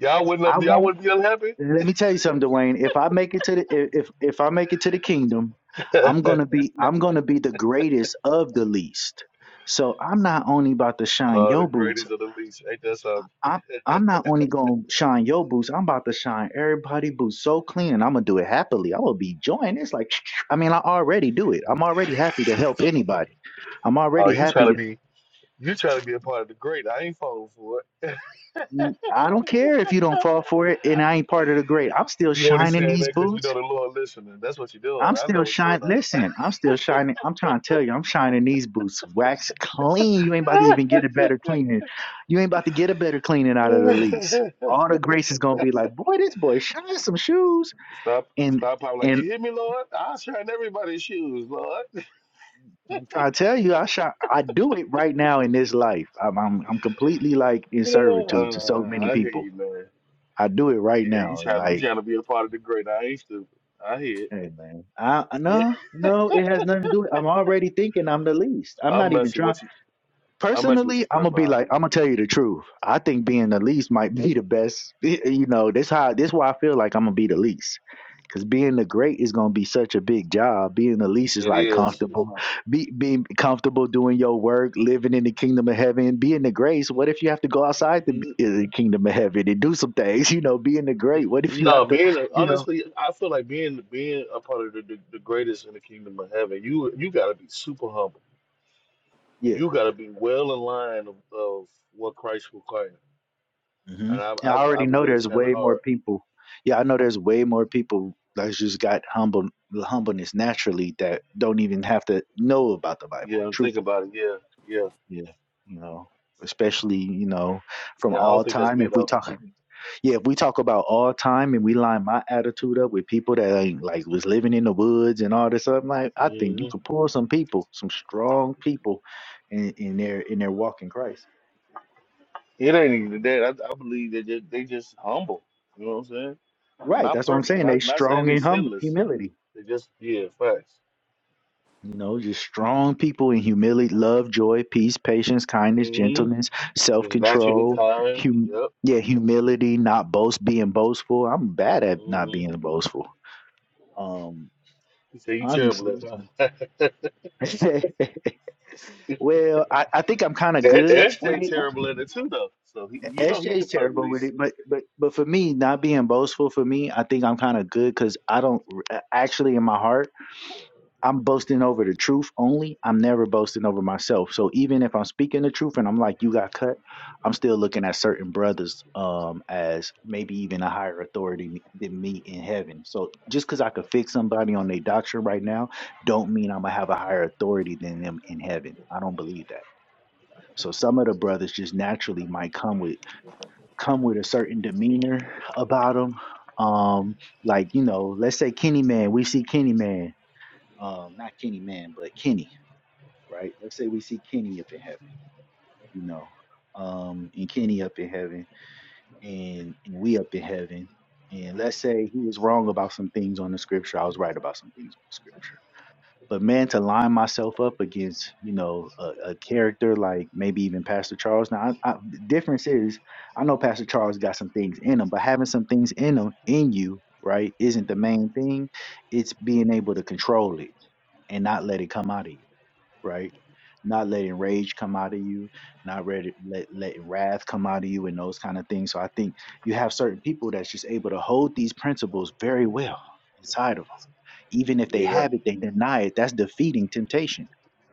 Y'all I wouldn't, y'all won't. wouldn't be unhappy. Let me tell you something, Dwayne. If I make it to the if if I make it to the kingdom, I'm gonna be I'm gonna be the greatest of the least. So I'm not only about to shine Oh, the your boots. greatest of the least. Ain't that something? I'm I'm not only gonna shine your boots. I'm about to shine everybody boots so clean, and I'm gonna do it happily. i will be joying. It's like I mean, I already do it. I'm already happy to help anybody. I'm Oh, already you trying happy. to be you trying to be a part of the great. I ain't falling for it. I don't care if you don't fall for it and I ain't part of the grade. I'm still You only shining saying that these because you boots. know the Lord listening. That's what you're doing. I'm I know still what's going shining. on. Listen, I'm still shining. I'm trying to tell you, I'm shining these boots. Wax clean. You ain't about to even get a better cleaning. You ain't about to get a better cleaning out of the lease. All the grace is gonna be like, boy, this boy shine some shoes. stop, And stop popping like and you hear me, Lord. I'll shine everybody's shoes, Lord. I'm trying to tell you, I shot. I do it right now in this life. I'm I'm, I'm completely like in servitude to so uh, many I hear people. you, man. I do it right Yeah, you now. trying to you Like trying to be a part of the great. I ain't stupid. I hear Hey man, I I- it. no no, it has nothing to do. with I'm already thinking I'm the least. I'm I'm not even messing trying. with you. I'm messing with Personally, you, I'm gonna be stop like, I'm gonna tell you the truth. I think being the least might be the best. You know, this how this why I feel like I'm gonna be the least. Cause being the great is gonna be such a big job. Being the least is It like is. comfortable, be, being comfortable doing your work, living in the kingdom of heaven. Being the grace, what if you have to go outside the, the kingdom of heaven and do some things? You know, being the great, what if you have No, to, being you know, honestly, I feel like being being a part of the, the, the greatest in the kingdom of heaven. You you got to be super humble. Yeah. You got to be well in line of, of what Christ required. hmm And I And I I, I already know believe it's there's kind of way more hard. people. Yeah, I know there's way more people that just got humble humbleness naturally that don't even have to know about the Bible, Yeah, think truthfully. about it. Yeah, yeah, Yeah, you know, especially you know from yeah. I don't all think that's time. me If we though. talk, yeah, if we talk about all time and we line my attitude up with people that ain't like was living in the woods and all this stuff, like I think hmm you could pull some people, some strong people, in, in their in their walk in Christ. It ain't even that. I, I believe that they, they just humble. You know what I'm saying? Right, Not that's what I'm perfect. saying. They Not not saying strong they in hum- sinless. humility. They just yeah, facts. You know, just strong people in humility, love, joy, peace, patience, kindness, hmm gentleness, self Just naturally control, kind. hum- Yep. yeah, humility, not boast, being boastful. I'm bad at not Mm-hmm. being boastful. Um, He said, "You terrible at honestly. it, huh?" well, I, I think I'm kind of that good that's with Jay it. terrible at it too, though. So he, you know, he SJ's ain't part of the terrible with least. it, but but but for me, not being boastful for me, I think I'm kind of good because I don't actually in my heart. I'm boasting over the truth only. I'm never boasting over myself. So even if I'm speaking the truth and I'm like, you got cut, I'm still looking at certain brothers um as maybe even a higher authority than me in heaven. So just because I could fix somebody on their doctrine right now, don't mean I'm gonna have a higher authority than them in heaven. I don't believe that. So some of the brothers just naturally might come with come with a certain demeanor about them. Um, like you know, let's say Kenny Man. We see Kenny Man um not Kenny Man, but Kenny, right? Let's say we see Kenny up in heaven, you know, um, and Kenny up in heaven, and, and we up in heaven, and let's say he was wrong about some things on the scripture, I was right about some things on the scripture. But man, to line myself up against, you know, a, a character like maybe even Pastor Charles. Now, I, I, the difference is, I know Pastor Charles got some things in him, but having some things in him in you, right, isn't the main thing. It's being able to control it and not let it come out of you right? Not letting rage come out of you, not ready, let, letting wrath come out of you, and those kind of things. So I think you have certain people that's just able to hold these principles very well inside of them. Even if they Yeah. have it, they deny it. That's defeating temptation.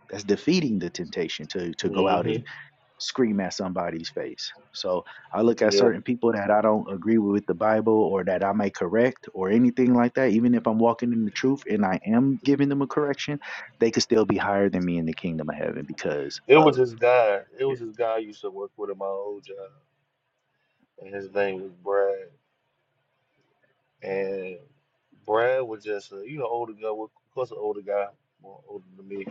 That's defeating the temptation to to go out and hmm scream at somebody's face. So I look at Yeah. certain people that I don't agree with the Bible or that I may correct or anything like that, even if I'm walking in the truth and I am giving them a correction, they could still be higher than me in the kingdom of heaven because It was of this guy. It yeah. was this guy I used to work with at my old job, and his name was Brad. And Brad was just a you know older guy. Well, Of course, an older guy, more older than me.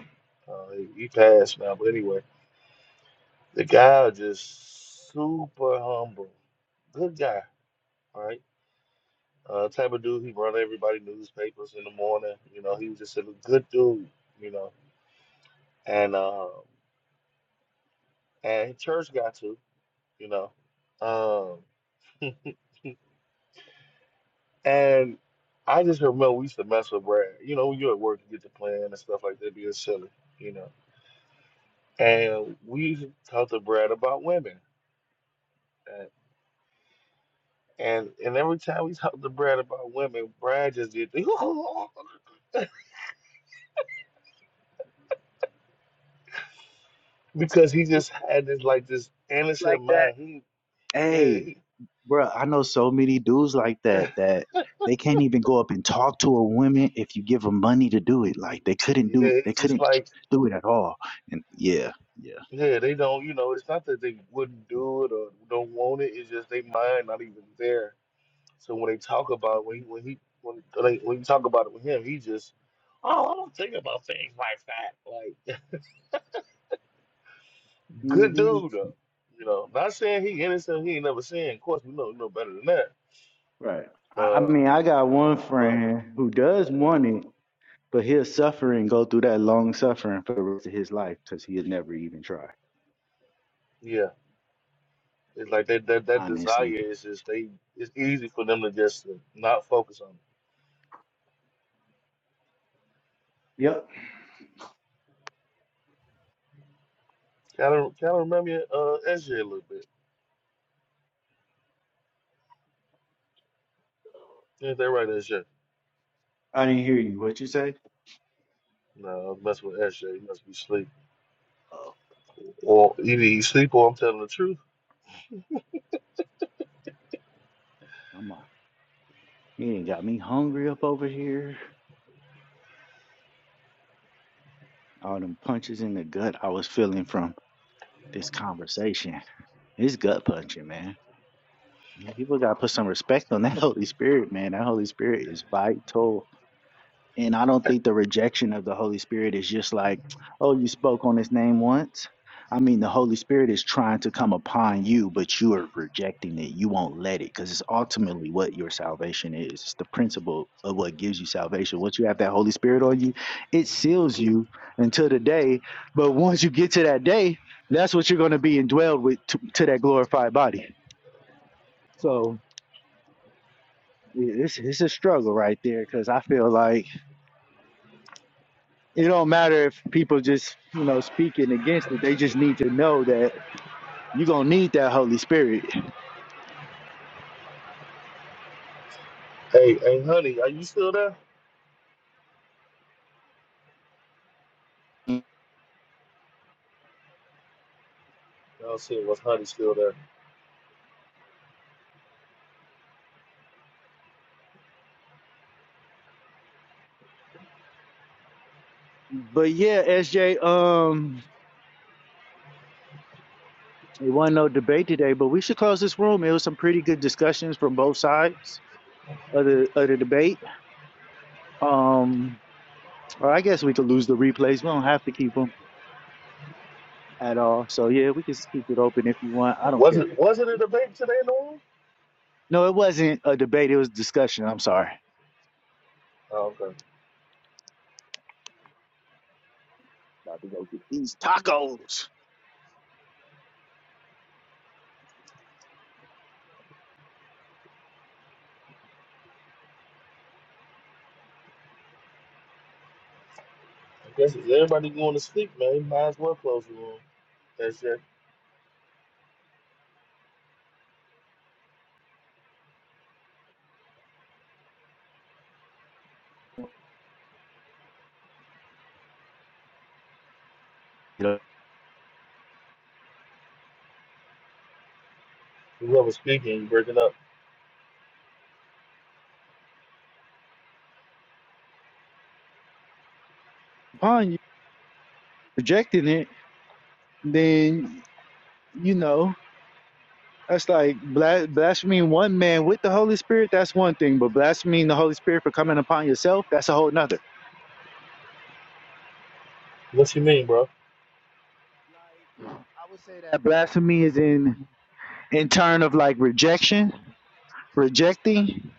Uh, he, he passed now, but anyway, the guy was just super humble, good guy, all right? Uh, type of dude, he run everybody newspapers in the morning. You know, he was just a good dude. You know, and um, and church got to. You know, um, and I just remember we used to mess with Brad. You know, when you're at work, you get to plan and stuff like that, being silly. You know, and we used to talk to Brad about women. And, and and every time we talked to Brad about women, Brad just did the because he That's too just had this like this like innocent that. mind. He yeah Hey, he bruh, I know so many dudes like that that they can't even go up and talk to a woman if you give them money to do it. Like Y- they couldn't Yeah, do they it's just couldn't like do it at all. And yeah, yeah. yeah, they don't. You know, it's not that they wouldn't do it or don't want it. It's just they mind not even there. So when they talk about when he, when he when like, when you talk about it with him, he just good dude though. You know, not saying he innocent. He ain't never sinned. Of course, we know we know better than that. Right. I, I Um, mean, I got one but friend who does want it, but he'll suffer and go through that long suffering for the rest of his life because he'll never even try, yeah, it's like that that that desire honestly. is just they. It's easy for them to just not focus on it. Yep. Kind of kind of remind me of uh, SJ a little bit. Ain't that right, SJ? I didn't hear you. What you say? No, I was messing with SJ. He must be asleep. Well, either you sleep or I'm telling the truth. I'm like, he ain't got me hungry up over here. All them punches in the gut I was feeling from this conversation. It's gut punching, man. Yeah, People got to put some respect on that Holy Spirit, man. That Holy Spirit is vital And I don't think the rejection of the Holy Spirit is just like, oh, you spoke on his name once. I mean, the Holy Spirit is trying to come upon you, but you are rejecting it. You won't let it because it's ultimately what your salvation is. It's the principle of what gives you salvation. Once you have that Holy Spirit on you, it seals you until the day. But once you get to that day, that's what you're going to be indwelled with to, to that glorified body. So it- it's, it's a struggle right there because I feel like It don't matter if people just, you know, speaking against it. They just need to know that you're gonna need that Holy Spirit. Hey, hey, honey, are you still there? No, shit, was honey still there? But yeah, SJ, um, it wasn't no debate today, but we should close this room. It was some pretty good discussions from both sides of the of the debate. Um, or I guess we could lose the replays. We don't have to keep them at all. So yeah, we can just keep it open if you want. I don't Was care. it wasn't it a debate today, Norm? No, it wasn't a debate. It was discussion. I'm sorry. Oh, okay. About to go get these tacos. I guess if everybody going to sleep, man, you might as well close the room. That's it. You know, Whoever's speaking, you breaking up. upon you rejecting it. then you know that's like blas- blaspheming one man with the Holy Spirit. That's one thing, but blaspheming the Holy Spirit for coming upon yourself, that's a whole nother. What you mean, bro? Like I would say that blasphemy is in in turn of like rejection, rejecting.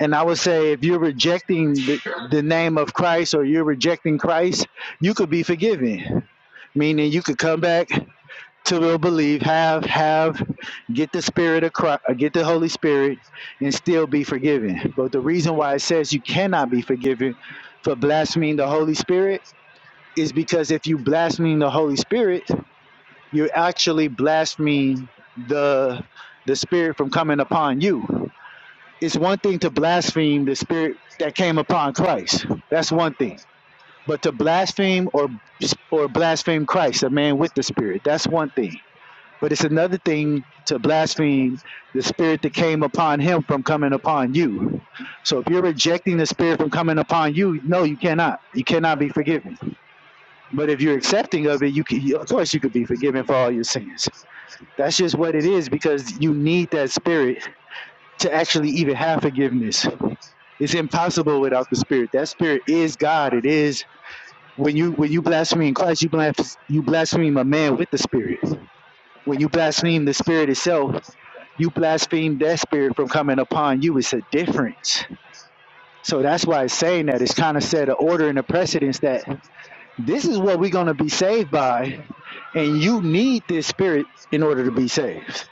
And I would say if you're rejecting the, the name of Christ or you're rejecting Christ, you could be forgiven. Meaning you could come back. to will believe, have, have, get the spirit of Christ, uh, get the Holy Spirit, and still be forgiven. But the reason why it says you cannot be forgiven for blaspheming the Holy Spirit is because if you blaspheme the Holy Spirit, you actually blaspheme the the Spirit from coming upon you. It's one thing to blaspheme the Spirit that came upon Christ. That's one thing. But to blaspheme or or blaspheme Christ, a man with the Spirit, that's one thing but it's another thing to blaspheme the spirit that came upon him from coming upon you. So if you're rejecting the spirit from coming upon you, no, you cannot. You cannot be forgiven. But if you're accepting of it, you can, of course, you could be forgiven for all your sins. That's just what it is because you need that spirit to actually even have forgiveness. It's impossible without the spirit. That spirit is God. It is when you when you blaspheme Christ, you blaspheme you blaspheme a man with the spirit. When you blaspheme the spirit itself, You blaspheme that spirit from coming upon you. It's a difference. So that's why it's saying that it's kind of set an order and a precedence that this is what we're going to be saved by, and you need this spirit in order to be saved.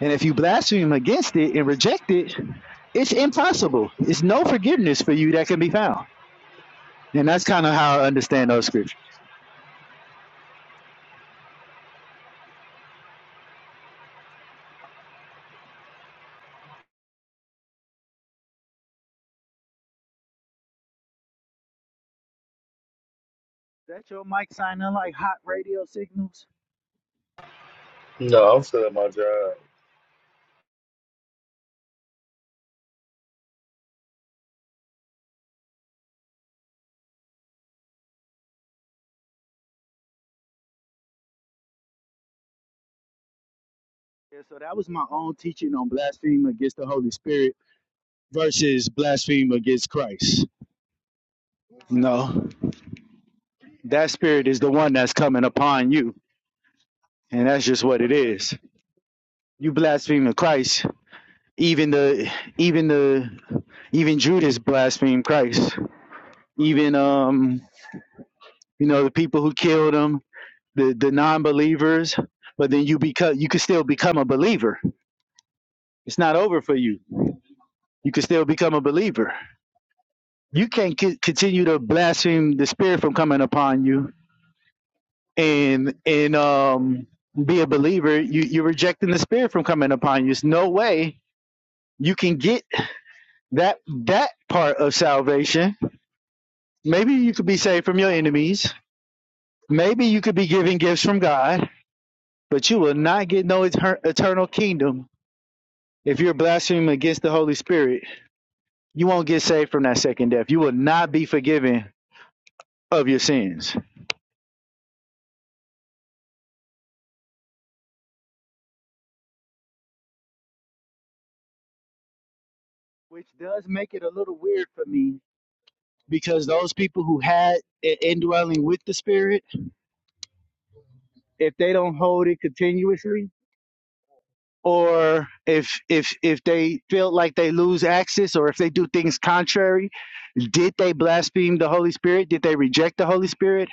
And if you blaspheme against it and reject it, it's impossible. It's no forgiveness for you that can be found. And that's kind of how I understand those scriptures. Is that your mic sounding like hot radio signals? No, I'm still at my job. Yeah, so that was my own teaching on blaspheme against the Holy Spirit versus blaspheme against Christ. No, that spirit is the one that's coming upon you, and that's just what it is. You blaspheme the Christ. Even the, even the, even Judas blasphemed Christ. Even um, you know, the people who killed him, the the non-believers. But then you become, you can still become a believer. It's not over for you. You can still become a believer. You can't c- continue to blaspheme the spirit from coming upon you and and um be a believer you you're rejecting the spirit from coming upon you there's no way you can get that that part of salvation maybe you could be saved from your enemies maybe you could be given gifts from god but you will not get no eter- eternal kingdom if you're blaspheming against the holy spirit you won't get saved from that second death you will not be forgiven of your sins which does make it a little weird for me because those people who had an indwelling with the spirit if they don't hold it continuously or if if if they feel like they lose access or if they do things contrary did they blaspheme the holy spirit did they reject the holy spirit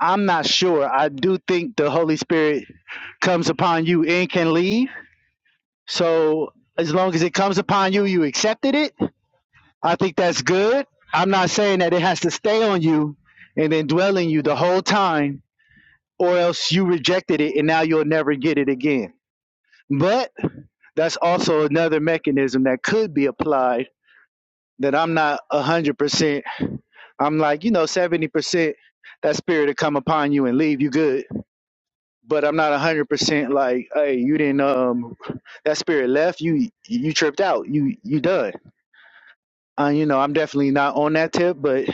i'm not sure i do think the holy spirit comes upon you and can leave so as long as it comes upon you you accepted it i think that's good i'm not saying that it has to stay on you and then dwell in you the whole time or else you rejected it and now you'll never get it again But that's also another mechanism that could be applied that I'm not 100%. I'm like, you know, 70% that spirit to come upon you and leave you good. But I'm not 100% like, hey, you didn't, um, that spirit left, you, you tripped out, you, you done. Uh, you know, I'm definitely not on that tip, but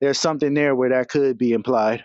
there's something there where that could be implied.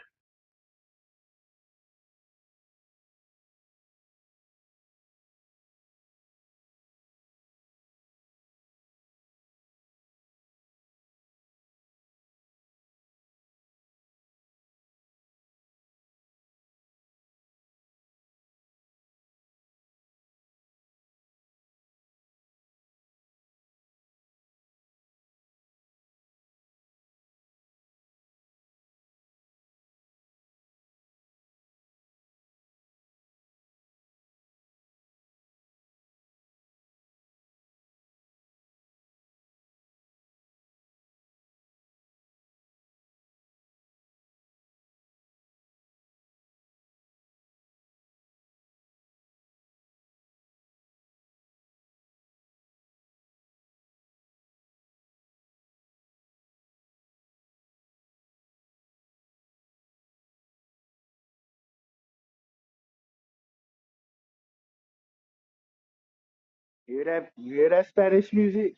You hear that? You hear that Spanish music?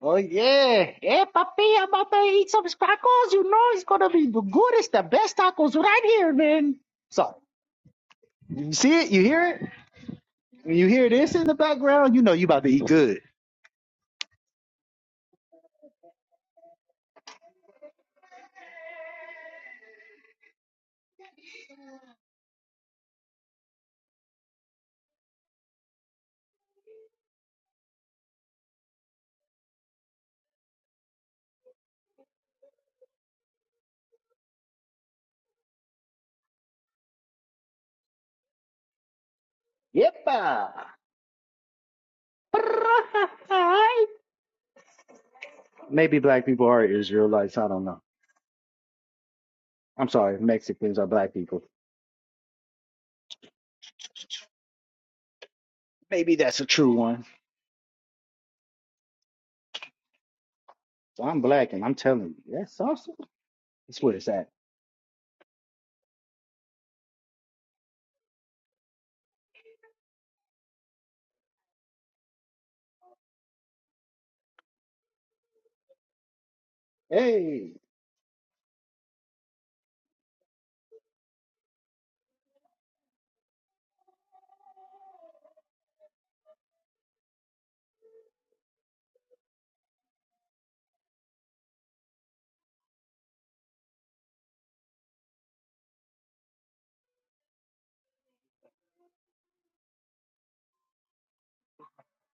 Oh yeah. Hey papi, I'm about to eat some tacos. You know it's gonna be the goodest, the best tacos right here, man. So you see it, you hear it? When you hear this in the background, you know you about to eat good. Yep. uh, Maybe black people are Israelites, I don't know. I'm sorry, Mexicans are black people. Maybe that's a true one. So I'm black and I'm telling you, that's awesome. That's where it's at. Hey,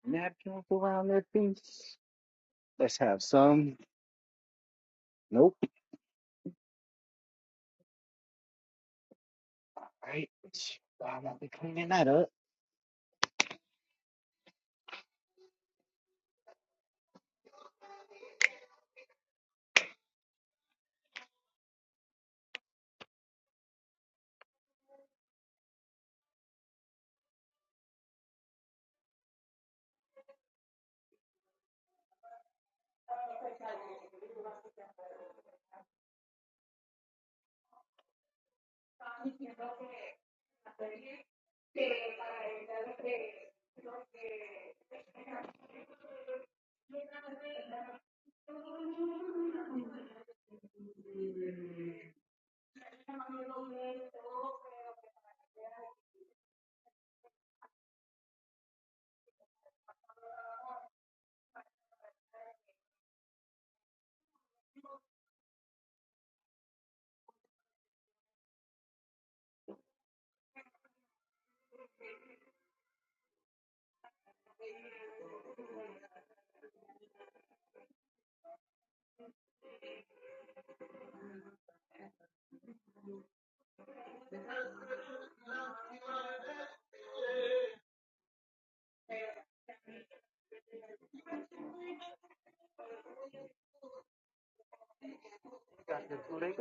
napkins around their feet. Let's have some. Nope. Right. I'm gonna be cleaning that up.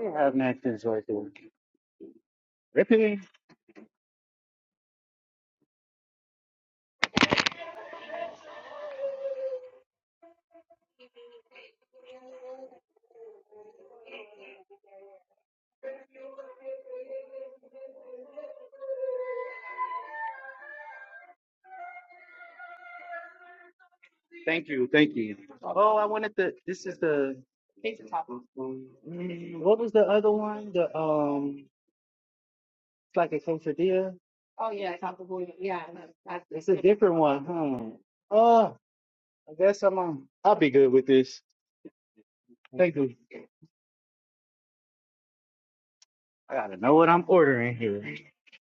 You have napkins right there. Ripping. Thank you. Thank you. Oh, I wanted the. This is the. Pizza taco. Mm, what was the other one? The um, it's like a quesadilla. It's a different one, huh? Oh, I guess I'm on. I'll be good with this. Thank you. I gotta know what I'm ordering here.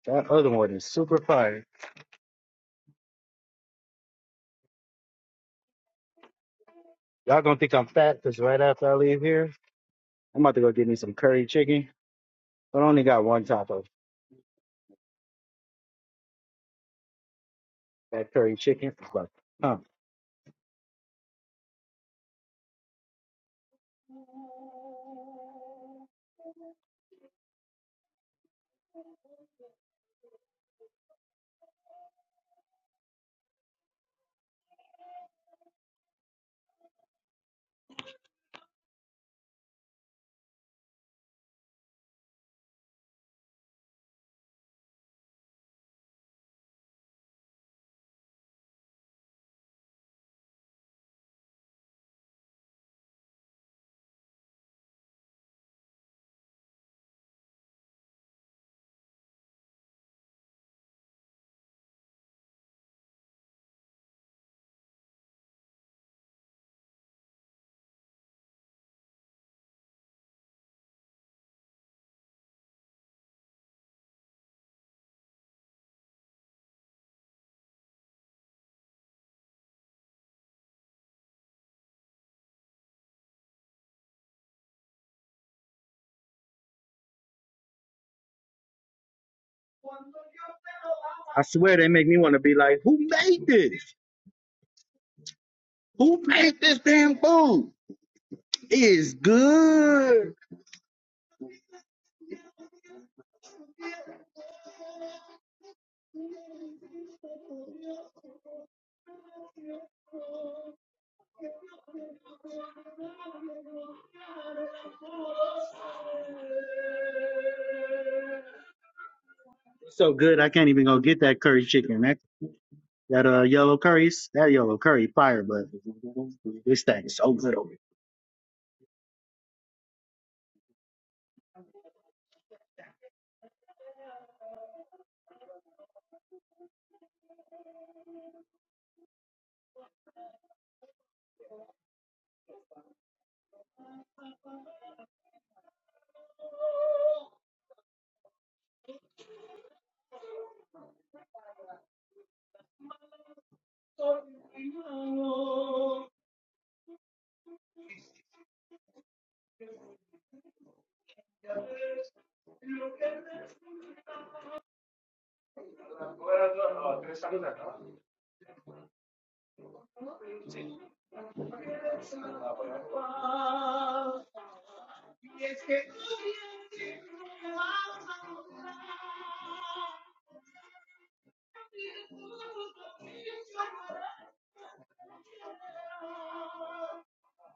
That other one is super fire. Y'all gonna think I'm fat because right after I leave here, I'm about to go get me some curry chicken, but I only got one taco. That curry chicken is like, huh? I swear they make me want to be like, who made this? Who made this damn food? It is good. So good, I can't even go get that curry chicken. That that uh yellow curries, that yellow curry fire, but this thing is so good.